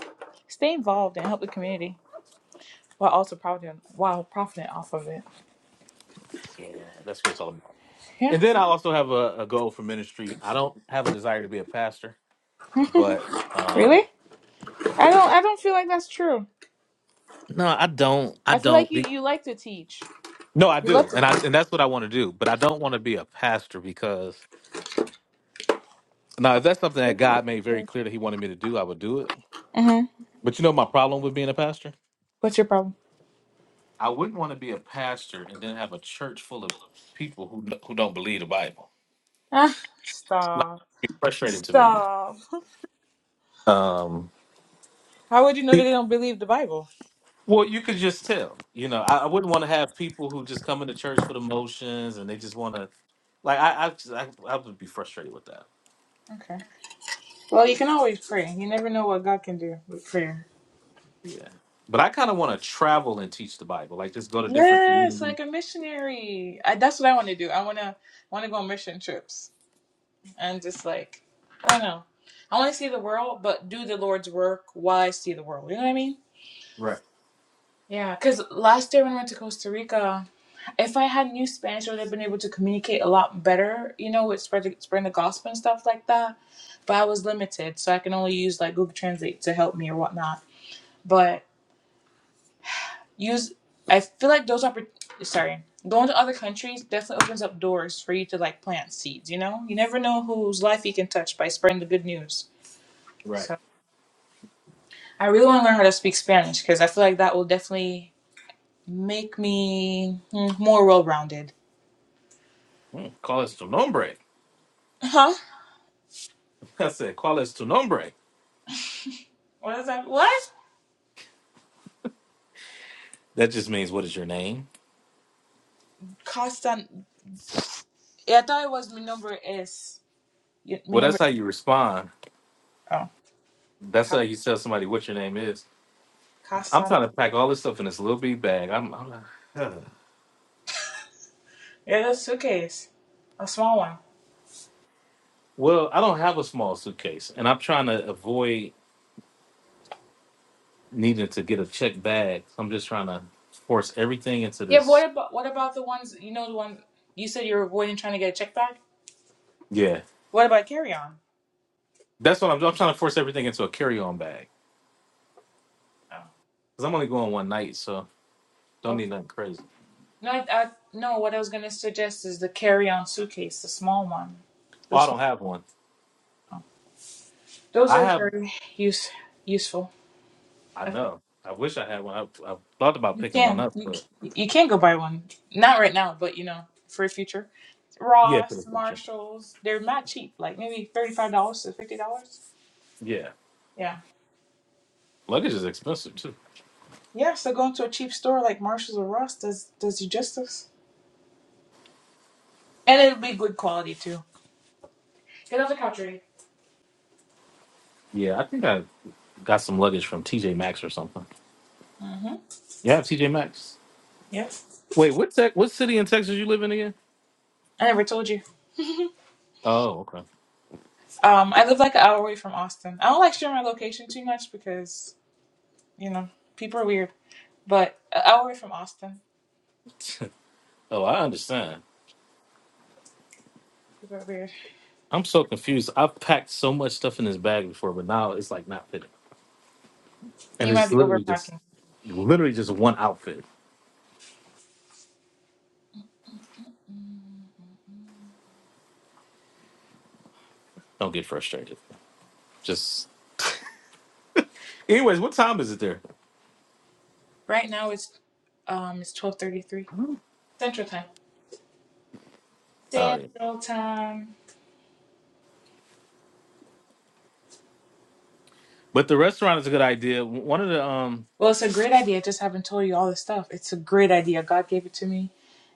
stay involved and help the community while also profiting while profiting off of it. Yeah, that's what it's all about. Yeah. And then I also have a, a goal for ministry. I don't have a desire to be a pastor, but really? um I don't. I don't feel like that's true. No, I don't. I I feel don't. like you be- you like to teach. No, I You love do, to. and I and that's what I want to do. But I don't want to be a pastor because now, if that's something that God made very clear that He wanted me to do, I would do it. Mm-hmm. But you know, my problem with being a pastor, What's your problem? I wouldn't want to be a pastor and then have a church full of people who who don't believe the Bible. Ah, Like, stop. it's frustrating to me. Stop. Um, How would you know that it- they don't believe the Bible? well, you could just tell. You know, I, I wouldn't want to have people who just come into church for the motions and they just want to. Like I, I, just- I, I would be frustrated with that. Okay. Well, you can always pray. You never know what God can do with prayer. Yeah. But I kind of want to travel and teach the Bible, like just go to different Yes, communities. like a missionary. I, that's what I want to do. I want to want to go on mission trips and just like I don't know. I want to see the world, but do the Lord's work while I see the world. You know what I mean? Right. Yeah. Because last year when I went to Costa Rica, if I had new Spanish, I would have been able to communicate a lot better. You know, with spread the, spreading the gospel and stuff like that. But I was limited, so I can only use like Google Translate to help me or whatnot. But use i feel like those oppor- sorry going to other countries definitely opens up doors for you to like plant seeds you know you never know whose life you can touch by spreading the good news Right. so i really want to learn how to speak spanish because i feel like that will definitely make me mm, more well-rounded Hmm. Call us tu nombre. huh I said, call us tu nombre. what is that what That just means, what is your name? costa yeah, i thought it was mi nombre es Yeah, mi Well, that's nombre how you respond. oh That's Ca- how you tell somebody what your name is. I'm casa trying to pack all this stuff in this little big bag. I'm, I'm not- yeah that's a suitcase a small one well, I don't have a small suitcase, and I'm trying to avoid needing to get a check bag. I'm just trying to force everything into Yeah, but this. what about what about the ones you know the one you said you are avoiding trying to get a check bag? Yeah, What about carry on? that's what I'm. I'm trying to force everything into a carry-on bag Oh, because I'm only going one night, so Don't need okay. nothing crazy. No, I, I no. What I was gonna suggest is the carry on suitcase, the small one. Oh, The I don't small. have one. Those I are have. very use useful. I Okay. know. I wish I had one. I, I thought about You picking one can up, you but c- you can go buy one. Not right now, but you know for the future. yeah, for the Ross, future. Marshalls, they're not cheap. Like maybe thirty five dollars to fifty dollars. Yeah, Yeah. luggage is expensive too. Yeah. So going to a cheap store like Marshalls or Ross does does you justice, and it'll be good quality too. I love the country. Yeah, I think I got some luggage from TJ Maxx or something. Mm-hmm. You have TJ Maxx? Yep. Wait, what tech? What city in Texas you live in again? I never told you. Oh, okay. Um, I live like an hour away from Austin. I don't like sharing my location too much because, you know, people are weird. But an hour away from Austin, Oh, I understand. people are weird. I'm so confused. I've packed so much stuff in this bag before, but now it's like not fitting, and You might it's be literally just, overpacking. literally just one outfit. Don't get frustrated. Just, anyways, what time is it there? Right now it's um it's twelve thirty three Central Time. Oh. yeah. Central Time. But the restaurant is a good idea. One of the um Well, it's a great idea. I just haven't told you all this stuff. It's a great idea. God gave it to me,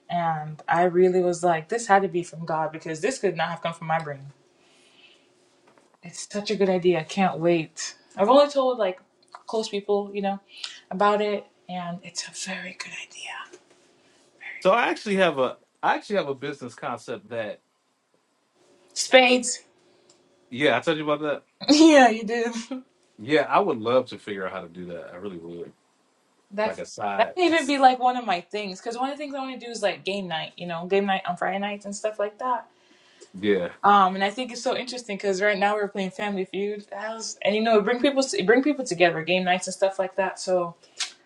and I really was like, this had to be from God because this could not have come from my brain. It's such a good idea. I can't wait. I've only told like close people, you know, about it, and it's a very good idea. so I actually have a I actually have a business concept that Spades. yeah, I told you about that. yeah, you did. Yeah, I would love to figure out how to do that. I really would. Like That a that side can even that's- be like one of my things because one of the things I want to do is like game night, you know, game night on Friday nights and stuff like that. yeah, Um, and I think it's so interesting because right now we're playing Family Feud, that was, and you know, it bring people it bring people together, game nights and stuff like that. So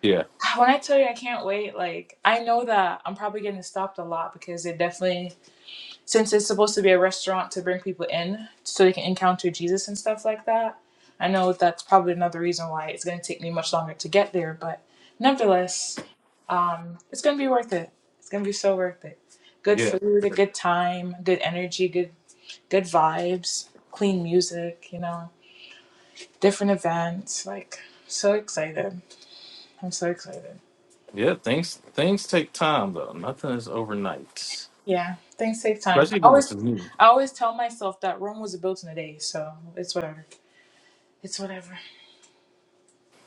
yeah, when I tell you I can't wait, like I know that I'm probably getting stopped a lot because it definitely since it's supposed to be a restaurant to bring people in so they can encounter Jesus and stuff like that. I know that's probably another reason why it's going to take me much longer to get there, but nevertheless, um, it's going to be worth it. It's going to be so worth it. Good yeah. food, a good time, good energy, good good vibes, clean music, you know, different events. Like, so excited. I'm so excited. Yeah, things things take time though. Nothing is overnight. Yeah, things take time. Especially I when it's always new. I always tell myself that Rome was built in a day, so it's whatever. It's whatever.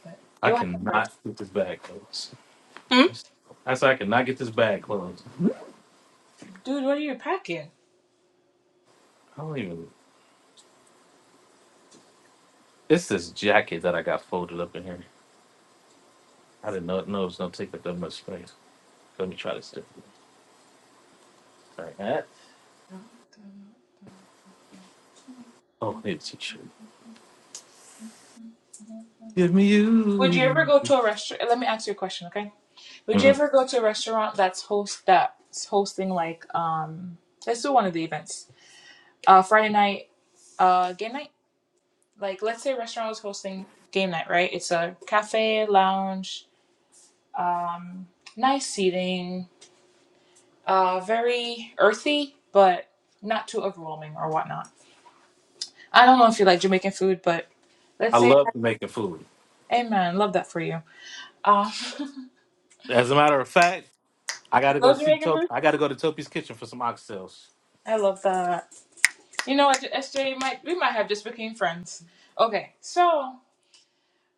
But it I will have the right cannot get this bag closed. time. I said I cannot get this bag closed. I Hmm? Dude, what are you packing? don't even it's this jacket that I got folded up in here. I didn't know know it was gonna take up that much space. Let me try this. Like that. Oh, it's you should. Give me Would you ever you. go to a restaurant? Let me ask you a question, okay? Would you Mhm. ever go to a restaurant that's host that's hosting like um let's do one of the events. Uh Friday night, uh game night? Like let's say a restaurant was hosting game night, right? It's a cafe, lounge, um nice seating, uh very earthy, but not too overwhelming or whatnot. I don't know if you like Jamaican food, but I let's say, love making food. Amen. Love that for you. Uh, you As a matter of fact, I got to go love see Jamaican Top. food. I got to go to Topi's kitchen for some oxtails. I love that. You know what, SJ? Might we might have just became friends. Okay, so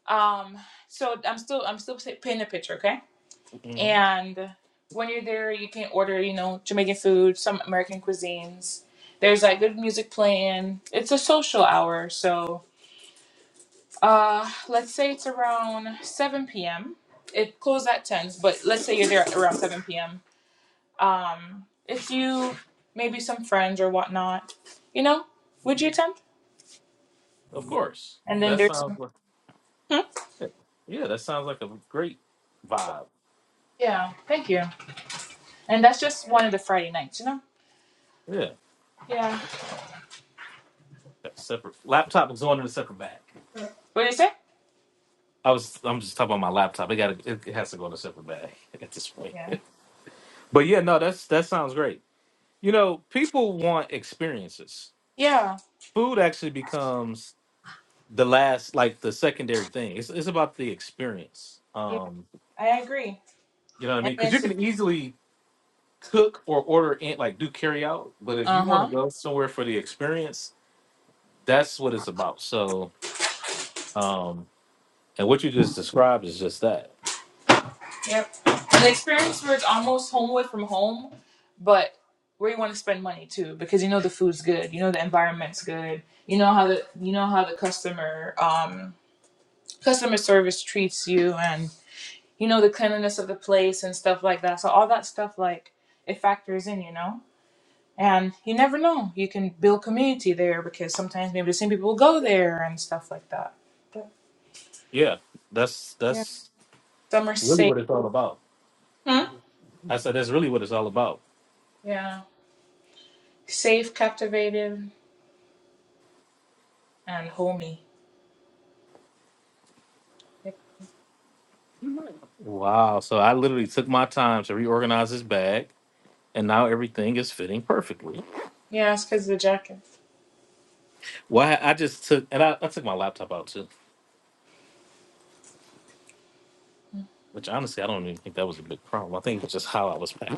um, so I'm still I'm still painting a picture, okay? hmm And when you're there, you can order, you know, Jamaican food, some American cuisines. There's like good music playing. It's a social hour, so Uh, let's say it's around 7 p.m. It closed at 10, but let's say you're there at around 7 p.m. Um, if you maybe some friends or whatnot, you know, would you attempt? Of course. And then That there's sounds some. like Hmm? yeah. yeah. That sounds like a great vibe. Yeah, thank you. And that's just one of the Friday nights, you know. Yeah. Yeah. That's separate laptop is going in a separate bag. What do you say? I was I'm just talking about my laptop. It got it it has to go in a separate bag at this point. Yeah. but yeah, no, that's that sounds great. You know, people want experiences. Yeah. Food actually becomes the last like the secondary thing. It's it's about the experience. Yeah, Um, I agree. you know what I And mean? Because you it's can easily cook or order in like do carry out, but if uh you want huh. to go somewhere for the experience, that's what it's about. So, um, and what you just described is just that. Yep. An experience where it's almost home away from home, but where you want to spend money too, because you know the food's good, you know the environment's good, you know how the you know how the customer um customer service treats you, and you know the cleanliness of the place and stuff like that. So all that stuff like it factors in, you know. And you never know. You can build community there because sometimes maybe the same people will go there and stuff like that. But Yeah, that's yeah, that's some are really safe. what it's all about. Hmm? I said that's really what it's all about. Yeah, safe, captivative, and homey. Wow. So I literally took my time to reorganize this bag, and now everything is fitting perfectly. Yeah, it's because of the jacket. Well, I I just took and I, I took my laptop out too. Which honestly, I don't even think that was a big problem. I think it's just how I was packed.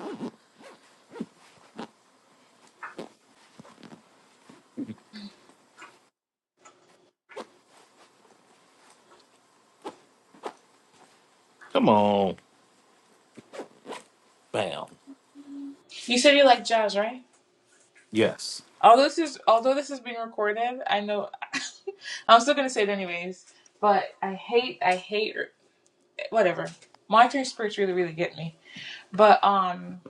Come on, bam. You said you like jazz, right? Yes, Although this is although this is being recorded, I know I'm still gonna say it anyways. But I hate I hate whatever. Monitoring spirits really really get me. But um,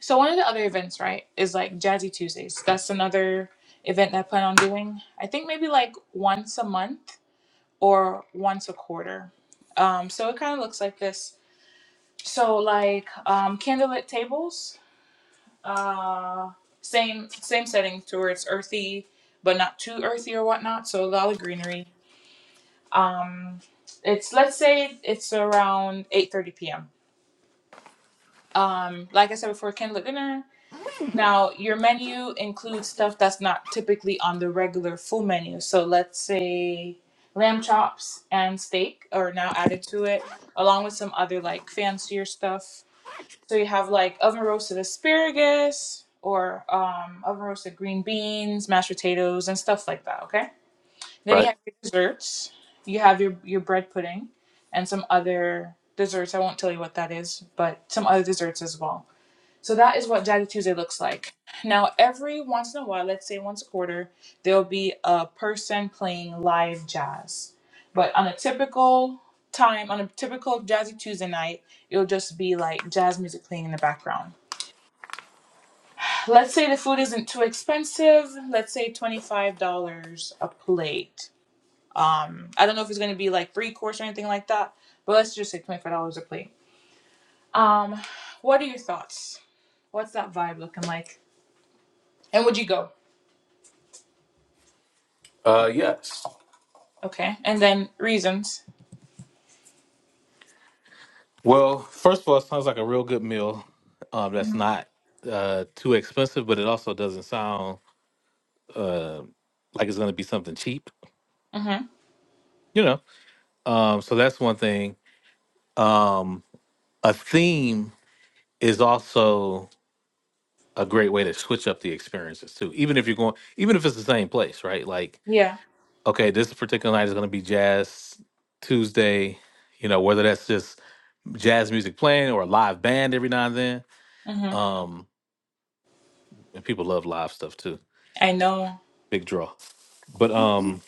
so one of the other events right is like Jazzy Tuesdays. That's another event that I plan on doing. I think maybe like once a month or once a quarter. Um, so it kind of looks like this. So like um, candlelit tables. Uh, same same setting to where it's earthy, but not too earthy or whatnot. So a lot of greenery. Um, it's let's say it's around eight thirty p.m. Um, like I said before, candle at dinner. Now your menu includes stuff that's not typically on the regular full menu. So let's say lamb chops and steak are now added to it, along with some other like fancier stuff So you have like oven roasted asparagus or um, oven roasted green beans, mashed potatoes, and stuff like that. Okay. Then you right. have your desserts. You have your your bread pudding and some other desserts. I won't tell you what that is, but some other desserts as well. So that is what Daddy Tuesday looks like. Now, every once in a while, let's say once a quarter, there'll be a person playing live jazz. But on a typical time, on a typical Jazzy Tuesday night, it'll just be like jazz music playing in the background. Let's say the food isn't too expensive. Let's say $25 a plate. Um, I don't know if it's going to be like three course or anything like that, but let's just say $25 a plate. Um, what are your thoughts? What's that vibe looking like? And would you go? Uh, yes. Okay. And then reasons. Well, first of all, it sounds like a real good meal. Um, that's Mm-hmm. not uh too expensive, but it also doesn't sound uh like it's gonna be something cheap. Mm-hmm. You know. Um, so that's one thing. Um, a theme is also a great way to switch up the experiences too. Even if you're going, even if it's the same place, right? Like Yeah. okay, this particular night is going to be Jazz Tuesday, you know, whether that's just jazz music playing or a live band every now and then. Mm-hmm. Um, and people love live stuff too. I know. Big draw. But Mm-hmm. um,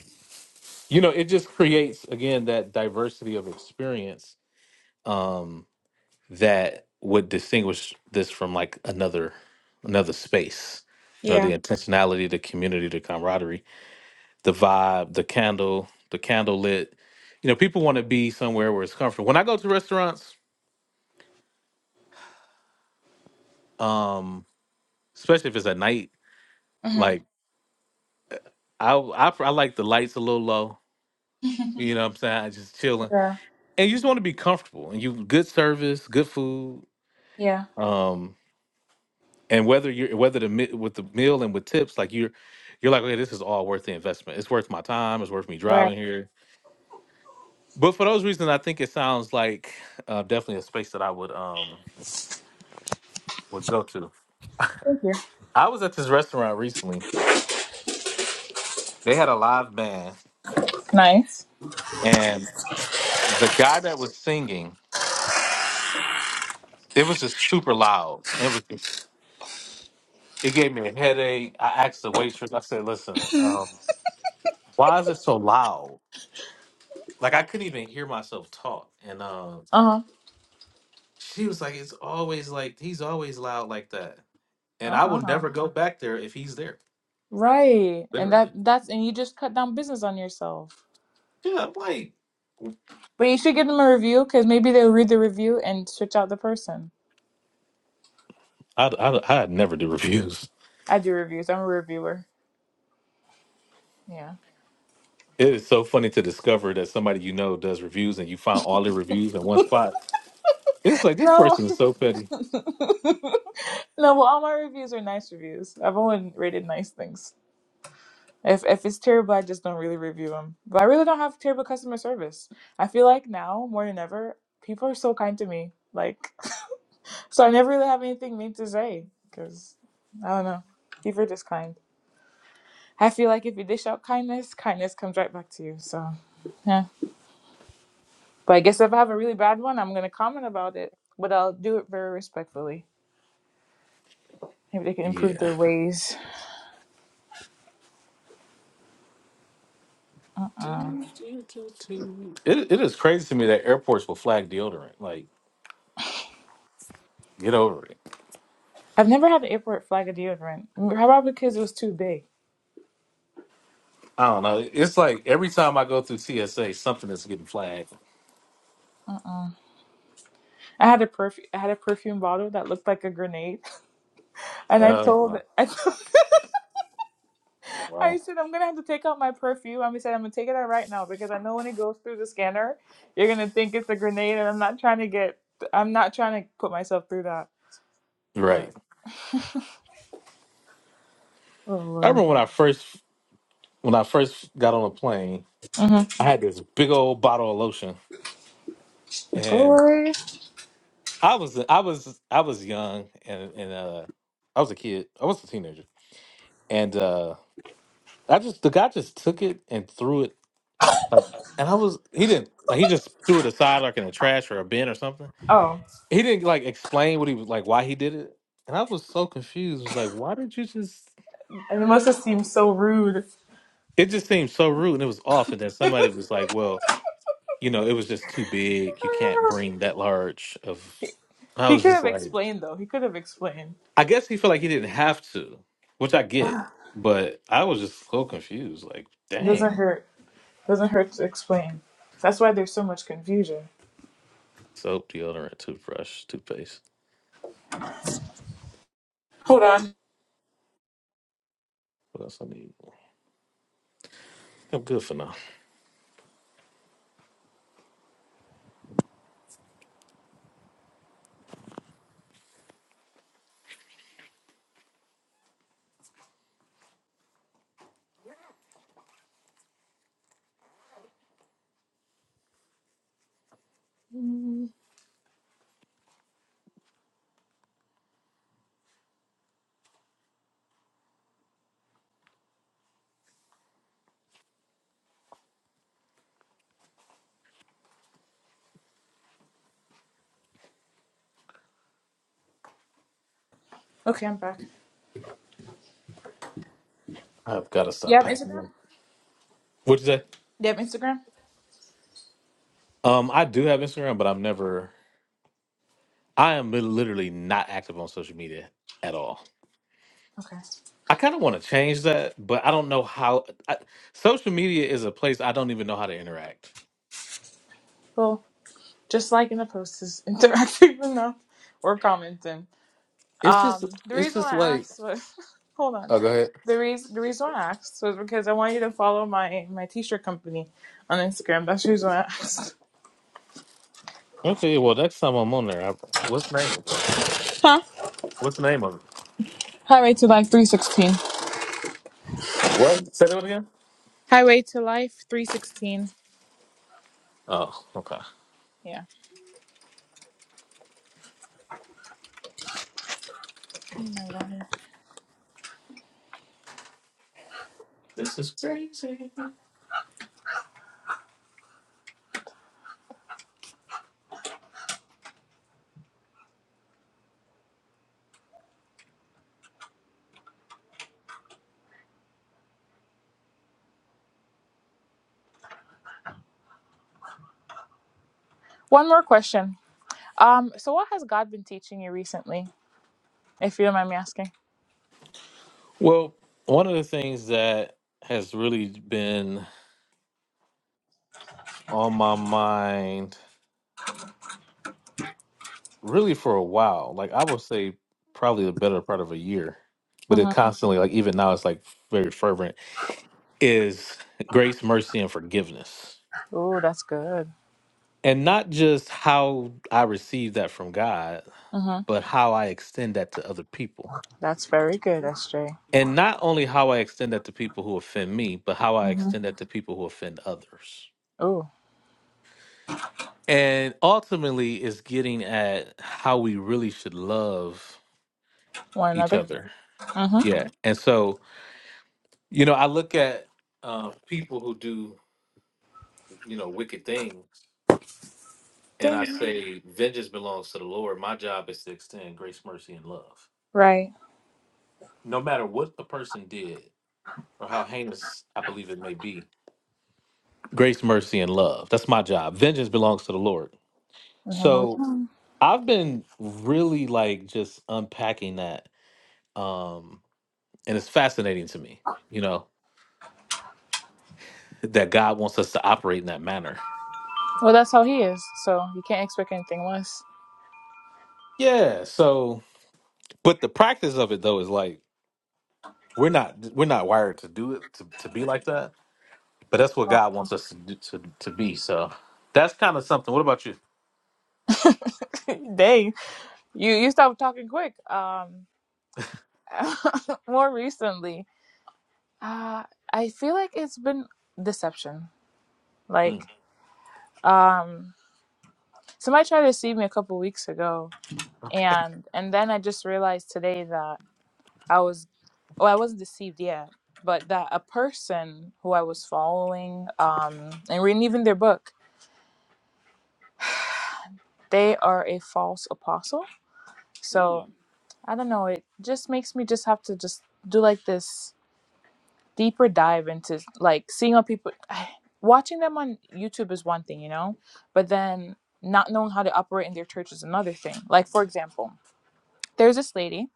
you know, it just creates again that diversity of experience um that would distinguish this from like another another space. You know, Yeah. the intentionality, the community, the camaraderie the vibe, the candle, the candle lit. You know, people want to be somewhere where it's comfortable. When I go to restaurants, um, especially if it's at night, like I, I I like the lights a little low. Mm-hmm. You know what I'm saying? I just chilling. yeah. And you just want to be comfortable and you good service, good food. Yeah. Um, and whether you're whether the mi- with the meal and with tips, like you're you're like, okay, this is all worth the investment. It's worth my time, it's worth me Right. driving here. But for those reasons, I think it sounds like uh, definitely a space that I would um would go to. Thank you. I was at this restaurant recently. They had a live band, Nice. and the guy that was singing, it was just super loud. It was just, it gave me a headache. I asked the waitress. I said, "Listen, um, why is it so loud? Like I couldn't even hear myself talk." Uh-huh. And he and I, Uh-uh. if he, Right. And that that's and you just cut down business on yourself. yeah, i But you should give them a review because maybe they'll read the review and switch out the person. i I'd never do reviews. I do reviews. I'm a reviewer. Yeah. It is so funny to discover that somebody you know does reviews, and you find all the reviews in one spot. It's like this No. person is so petty. no, well all my reviews are nice reviews. I've only rated nice things. If if it's terrible, I just don't really review them. But I really don't have terrible customer service. I feel like now more than ever, people are so kind to me. Like, so I never really have anything mean to say because I don't know. People are just kind. I feel like if you dish out kindness, kindness comes right back to you. So, yeah. But I guess if I have a really bad one, I'm gonna comment about it, but I'll do it very respectfully. Maybe they can improve Yeah. their ways. Uh, Do, do, do, do. It, it is crazy to me that airports will flag deodorant. Like, get over it. I've never had an airport flag of deodorant. Probably because it was too big. I don't know. It's like every time I go through TSA, something is getting flagged. Uh. Uh. I had a perfume. I had a perfume bottle that looked like a grenade, and I Oh, told wow. I, told, I wow. said I'm gonna have to take out my perfume. I said I'm gonna take it out right now because I know when it goes through the scanner, you're gonna think it's a grenade, and I'm not trying to get. I'm not trying to put myself through that. Right. But oh I lord, remember when I first when I first got on a plane, hmm I had this big old bottle of lotion, and boy. I was I was I was young and and uh, I was a kid. I was a teenager, and uh, I just the guy just took it and threw it Like, and I was he didn't like he just threw it aside like in a trash or a bin or something. Oh, He didn't like explain what he was like why he did it, and I was so confused. Was like, why did you just? and it must have seemed so rude. It just seemed so rude, and it was off. And then somebody was like, well, you know, it was just too big. You can't bring that large of. And I he was could just have like, explained though. He could have explained. I guess he felt like he didn't have to, which I get, but I was just so confused. Like, It doesn't dang, hurt. doesn't hurt to explain. That's why there's so much confusion. soap, deodorant, toothbrush, toothpaste. Hold on. What else I need? I'm good for now. Okay, I'm back. I've got to You stop have Instagram? packing. What'd you say? You have Instagram? Um, I do have Instagram, but I'm never. I am literally not active on social media at all. Okay. I kind of want to change that, but I don't know how. I, social media is a place I don't even know how to interact. Well, just liking the post is interactive enough or commenting. It's just, Um, the it's reason just why I like. asked was hold on. Oh, go ahead. The reason the reason why I asked was because I want you to follow my my t shirt company on Instagram. That's the reason why I asked. Okay, well, next time I'm on there, I, what's the name of it? Huh? What's the name of it? Highway to Life three sixteen. What? Say that one again. Highway to Life three sixteen. Oh, okay. Yeah. Oh my God. One more question. Um, so what has God been teaching you recently, if you don't mind me asking? Well, one of the things that has really been on my mind really for a while. Like I would say probably the better part of a year. But it Mm-hmm. constantly, like even now it's like very fervent, is grace, mercy, and forgiveness. Oh, that's good. And not just how I receive that from God, Mm-hmm. but how I extend that to other people. That's very good, SJ. And not only how I extend that to people who offend me, but how I Mm-hmm. extend that to people who offend others. Ooh, And ultimately, it's getting at how we really should love want each another? other. Mm-hmm. Yeah. And so You know, I look at uh, people who do, you know, wicked things, and I Ding. say, vengeance belongs to the Lord. My job is to extend grace, mercy, and love. Right. No matter what the person did or how heinous I believe it may be, grace, mercy, and love. That's my job. Vengeance belongs to the Lord. Leave him So alone. I've been really like just unpacking that. Um, and it's fascinating to me, you know, that God wants us to operate in that manner. Well, that's how he is. So you can't expect anything less. Yeah. So, but the practice of it though is like, We're not we're not wired to do it to, to be like that, but that's what Oh. God wants us to do, to to be. So that's kind of something. What about you? Dang. You you stopped talking quick. Um, more recently, uh, I feel like it's been deception. Like, Mm. um, somebody tried to deceive me a couple weeks ago, and and then I just realized today that. I was. well, I wasn't deceived yet, but that a person who I was following um, and reading even their book, they are a false apostle. So I don't know. It just makes me just have to just do like this deeper dive into like seeing how people watching them on YouTube is one thing, you know, but then not knowing how to operate in their church is another thing. Like for example, there's this lady,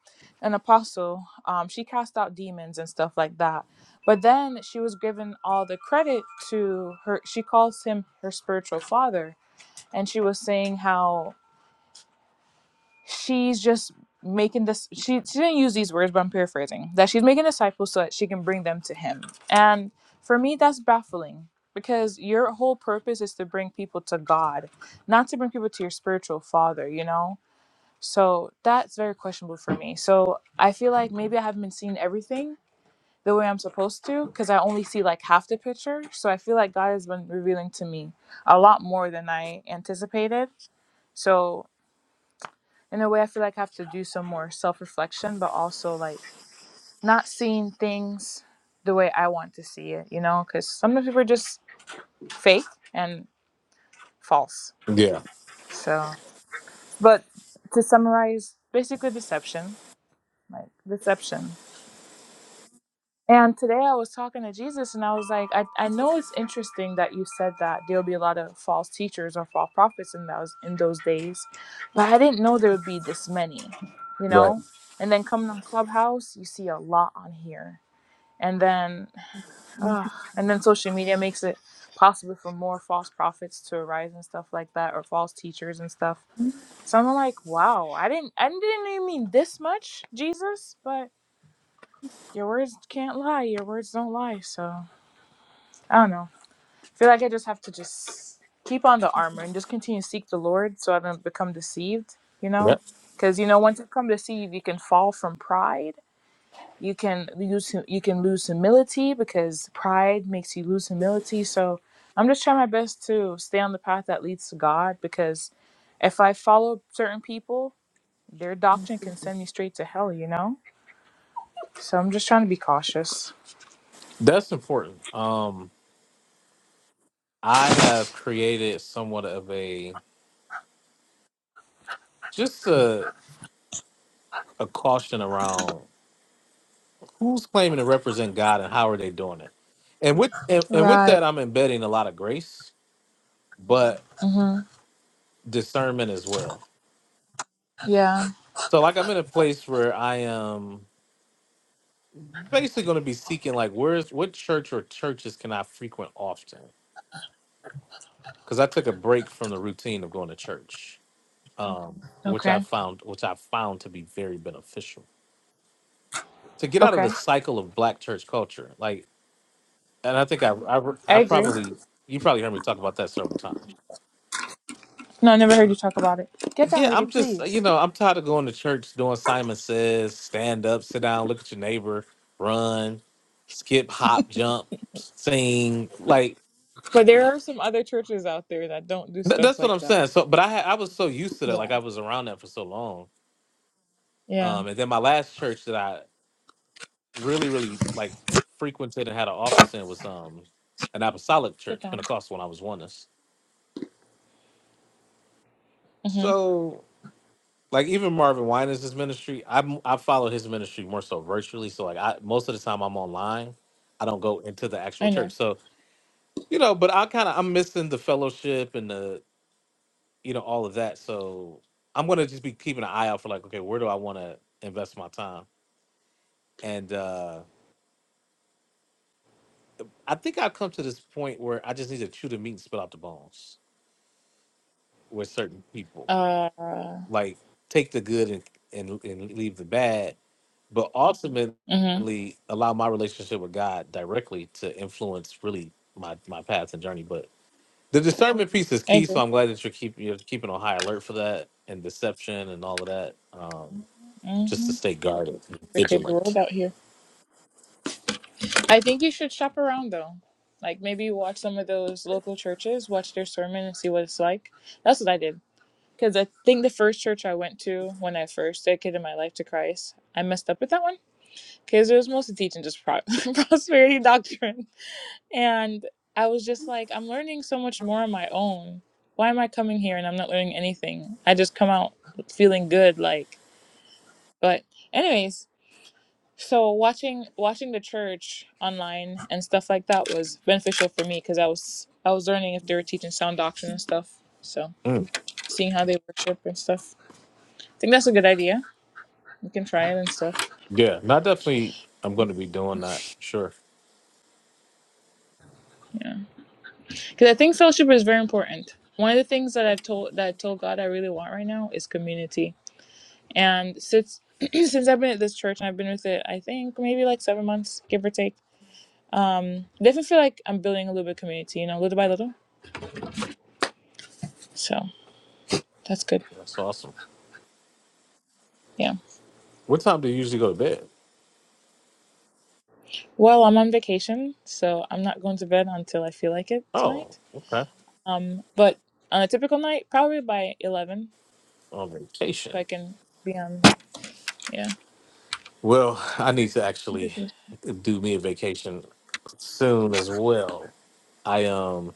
an apostle. Um, she cast out demons and stuff like that. But then she was given all the credit to her. She calls him her spiritual father, and she was saying how she's just making this. She she didn't use these words, but I'm paraphrasing that she's making disciples so that she can bring them to him. And for me, that's baffling because your whole purpose is to bring people to God, not to bring people to your spiritual father. You know so that's very questionable for me. So I feel like maybe I haven't been seeing everything the way I'm supposed to because I only see like half the picture. So I feel like God has been revealing to me a lot more than I anticipated. So in a way, I feel like I have to do some more self reflection, but also like not seeing things the way I want to see it, you know, because some of the people are just fake and false. Yeah, So, but to summarize, basically deception, like deception. And today I was talking to Jesus and I was like, I, I know it's interesting that you said that there'll be a lot of false teachers or false prophets in those in those days, but I didn't know there would be this many, you know? And then coming on Clubhouse, you see a lot on here. And then uh, and then social media makes it possible for more false prophets to arise and stuff like that or false teachers and stuff. So I'm like, wow, I didn't I didn't even mean this much, Jesus, but your words can't lie, your words don't lie, so I don't know. I feel like I just have to just keep on the armor and just continue to seek the Lord so I don't become deceived, you know? that Because, you know, once you become deceived, you can fall from pride. You can lose you can lose humility because pride makes you lose humility. So I'm just trying my best to stay on the path that leads to God because if I follow certain people, their doctrine can send me straight to hell, you know? So I'm just trying to be cautious. that's important. Um, I have created somewhat of a just a a caution around who's claiming to represent God and how are they doing it. And with and, and with Right. that, I'm embedding a lot of grace, but Mm-hmm. discernment as well. Yeah. So, like, I'm in a place where I am. basically going to be seeking like where's what church or churches can I frequent often? Because I took a break from the routine of going to church, um, which I Okay. found which I found to be very beneficial to get out of the Okay. cycle of black church culture. Like, and I think I I, I I agree. probably you probably heard me talk about that several times. No, I never heard you talk about it. Get down, Yeah, Rudy, I'm just please. you know I'm tired of going to church doing Simon says stand up, sit down, look at your neighbor, run, skip, hop, jump, sing. like. But there are some other churches out there that don't do Th- stuff that's what like I'm that. saying. So, but I had, I was so used to that, Yeah. like I was around that for so long. Yeah. Um, and then my last church that I really, really like frequented and had an office in was um an apostolic Get church, down. Pentecostal, when I was oneness. Mhm. So, like even Marvin Winans' ministry, I am I follow his ministry more so virtually. So, like I most of the time I'm online, I don't go into the actual I know. church. So, you know, but I kind of I'm missing the fellowship and the you know all of that. So I'm gonna just be keeping an eye out for like, okay, where do I want to invest my time? And uh, I think I've come to this point where I just need to chew the meat and spit out the bones with certain people. Uh. Like take the good and, and, and leave the bad, but Mhm. ultimately allow my relationship with God directly to influence really my, my path and journey. But the discernment piece is I key. So agree. I'm glad that you're, keep, you're keeping on high alert for that and deception and all of that. Um, just to Mhm. stay guarded, The crazy vigilant. world out here. I think you should shop around though. Like maybe watch some of those local churches, watch their sermon, and see what it's like. That's what I did. Because I think the first church I went to when I first dedicated my life to Christ, I messed up with that one. Because it was mostly teaching just pro- prosperity doctrine. And I was just like, I'm learning so much more on my own. Why am I coming here and I'm not learning anything? I just come out feeling good, like. But anyways, so watching watching the church online and stuff like that was beneficial for me because I was I was learning if they were teaching sound doctrine and stuff. So Mm, seeing how they worship and stuff. I think that's a good idea. You can try it and stuff. Yeah, not definitely. I'm going to be doing that. Sure. Yeah, because I think fellowship is very important. One of the things that I told that I told God I really want right now is community And since since I've been at this church and I've been with it, I think maybe like seven months, give or take. Um, definitely feel like I'm building a little bit of community, you know, little by little. So that's good. That's awesome. Yeah. What time do you usually go to bed? Well, I'm on vacation, so I'm not going to bed until I feel like it Oh, tonight. okay. Um, but on a typical night, probably by eleven, On so vacation. I can be on. Yeah, Well, I need to actually do me a vacation soon as well. I um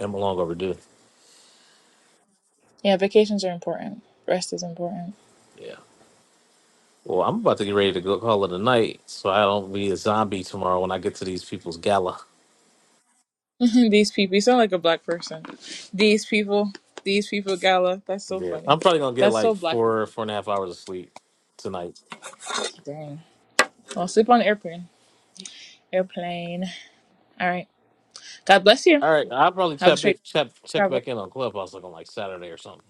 am long overdue. yeah. Vacations are important. Rest is important. Yeah. Well, I'm about to get ready to go call it a night, so I don't be a zombie tomorrow when I get to these people's gala. These people. You sound like a black person. These people. These people. Gala. That's so Yeah. funny. I'm probably gonna get That's like so black. of you. four, four and a half hours of sleep tonight. Dang. Well, sleep on the airplane. Airplane. All right. God bless you. All right. I'll probably Have a check back straight check check travel. back in on Clubhouse like on like Saturday or something.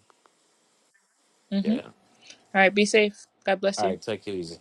Mm-hmm. All Yeah. right. Be safe. God bless All you. right, take it easy.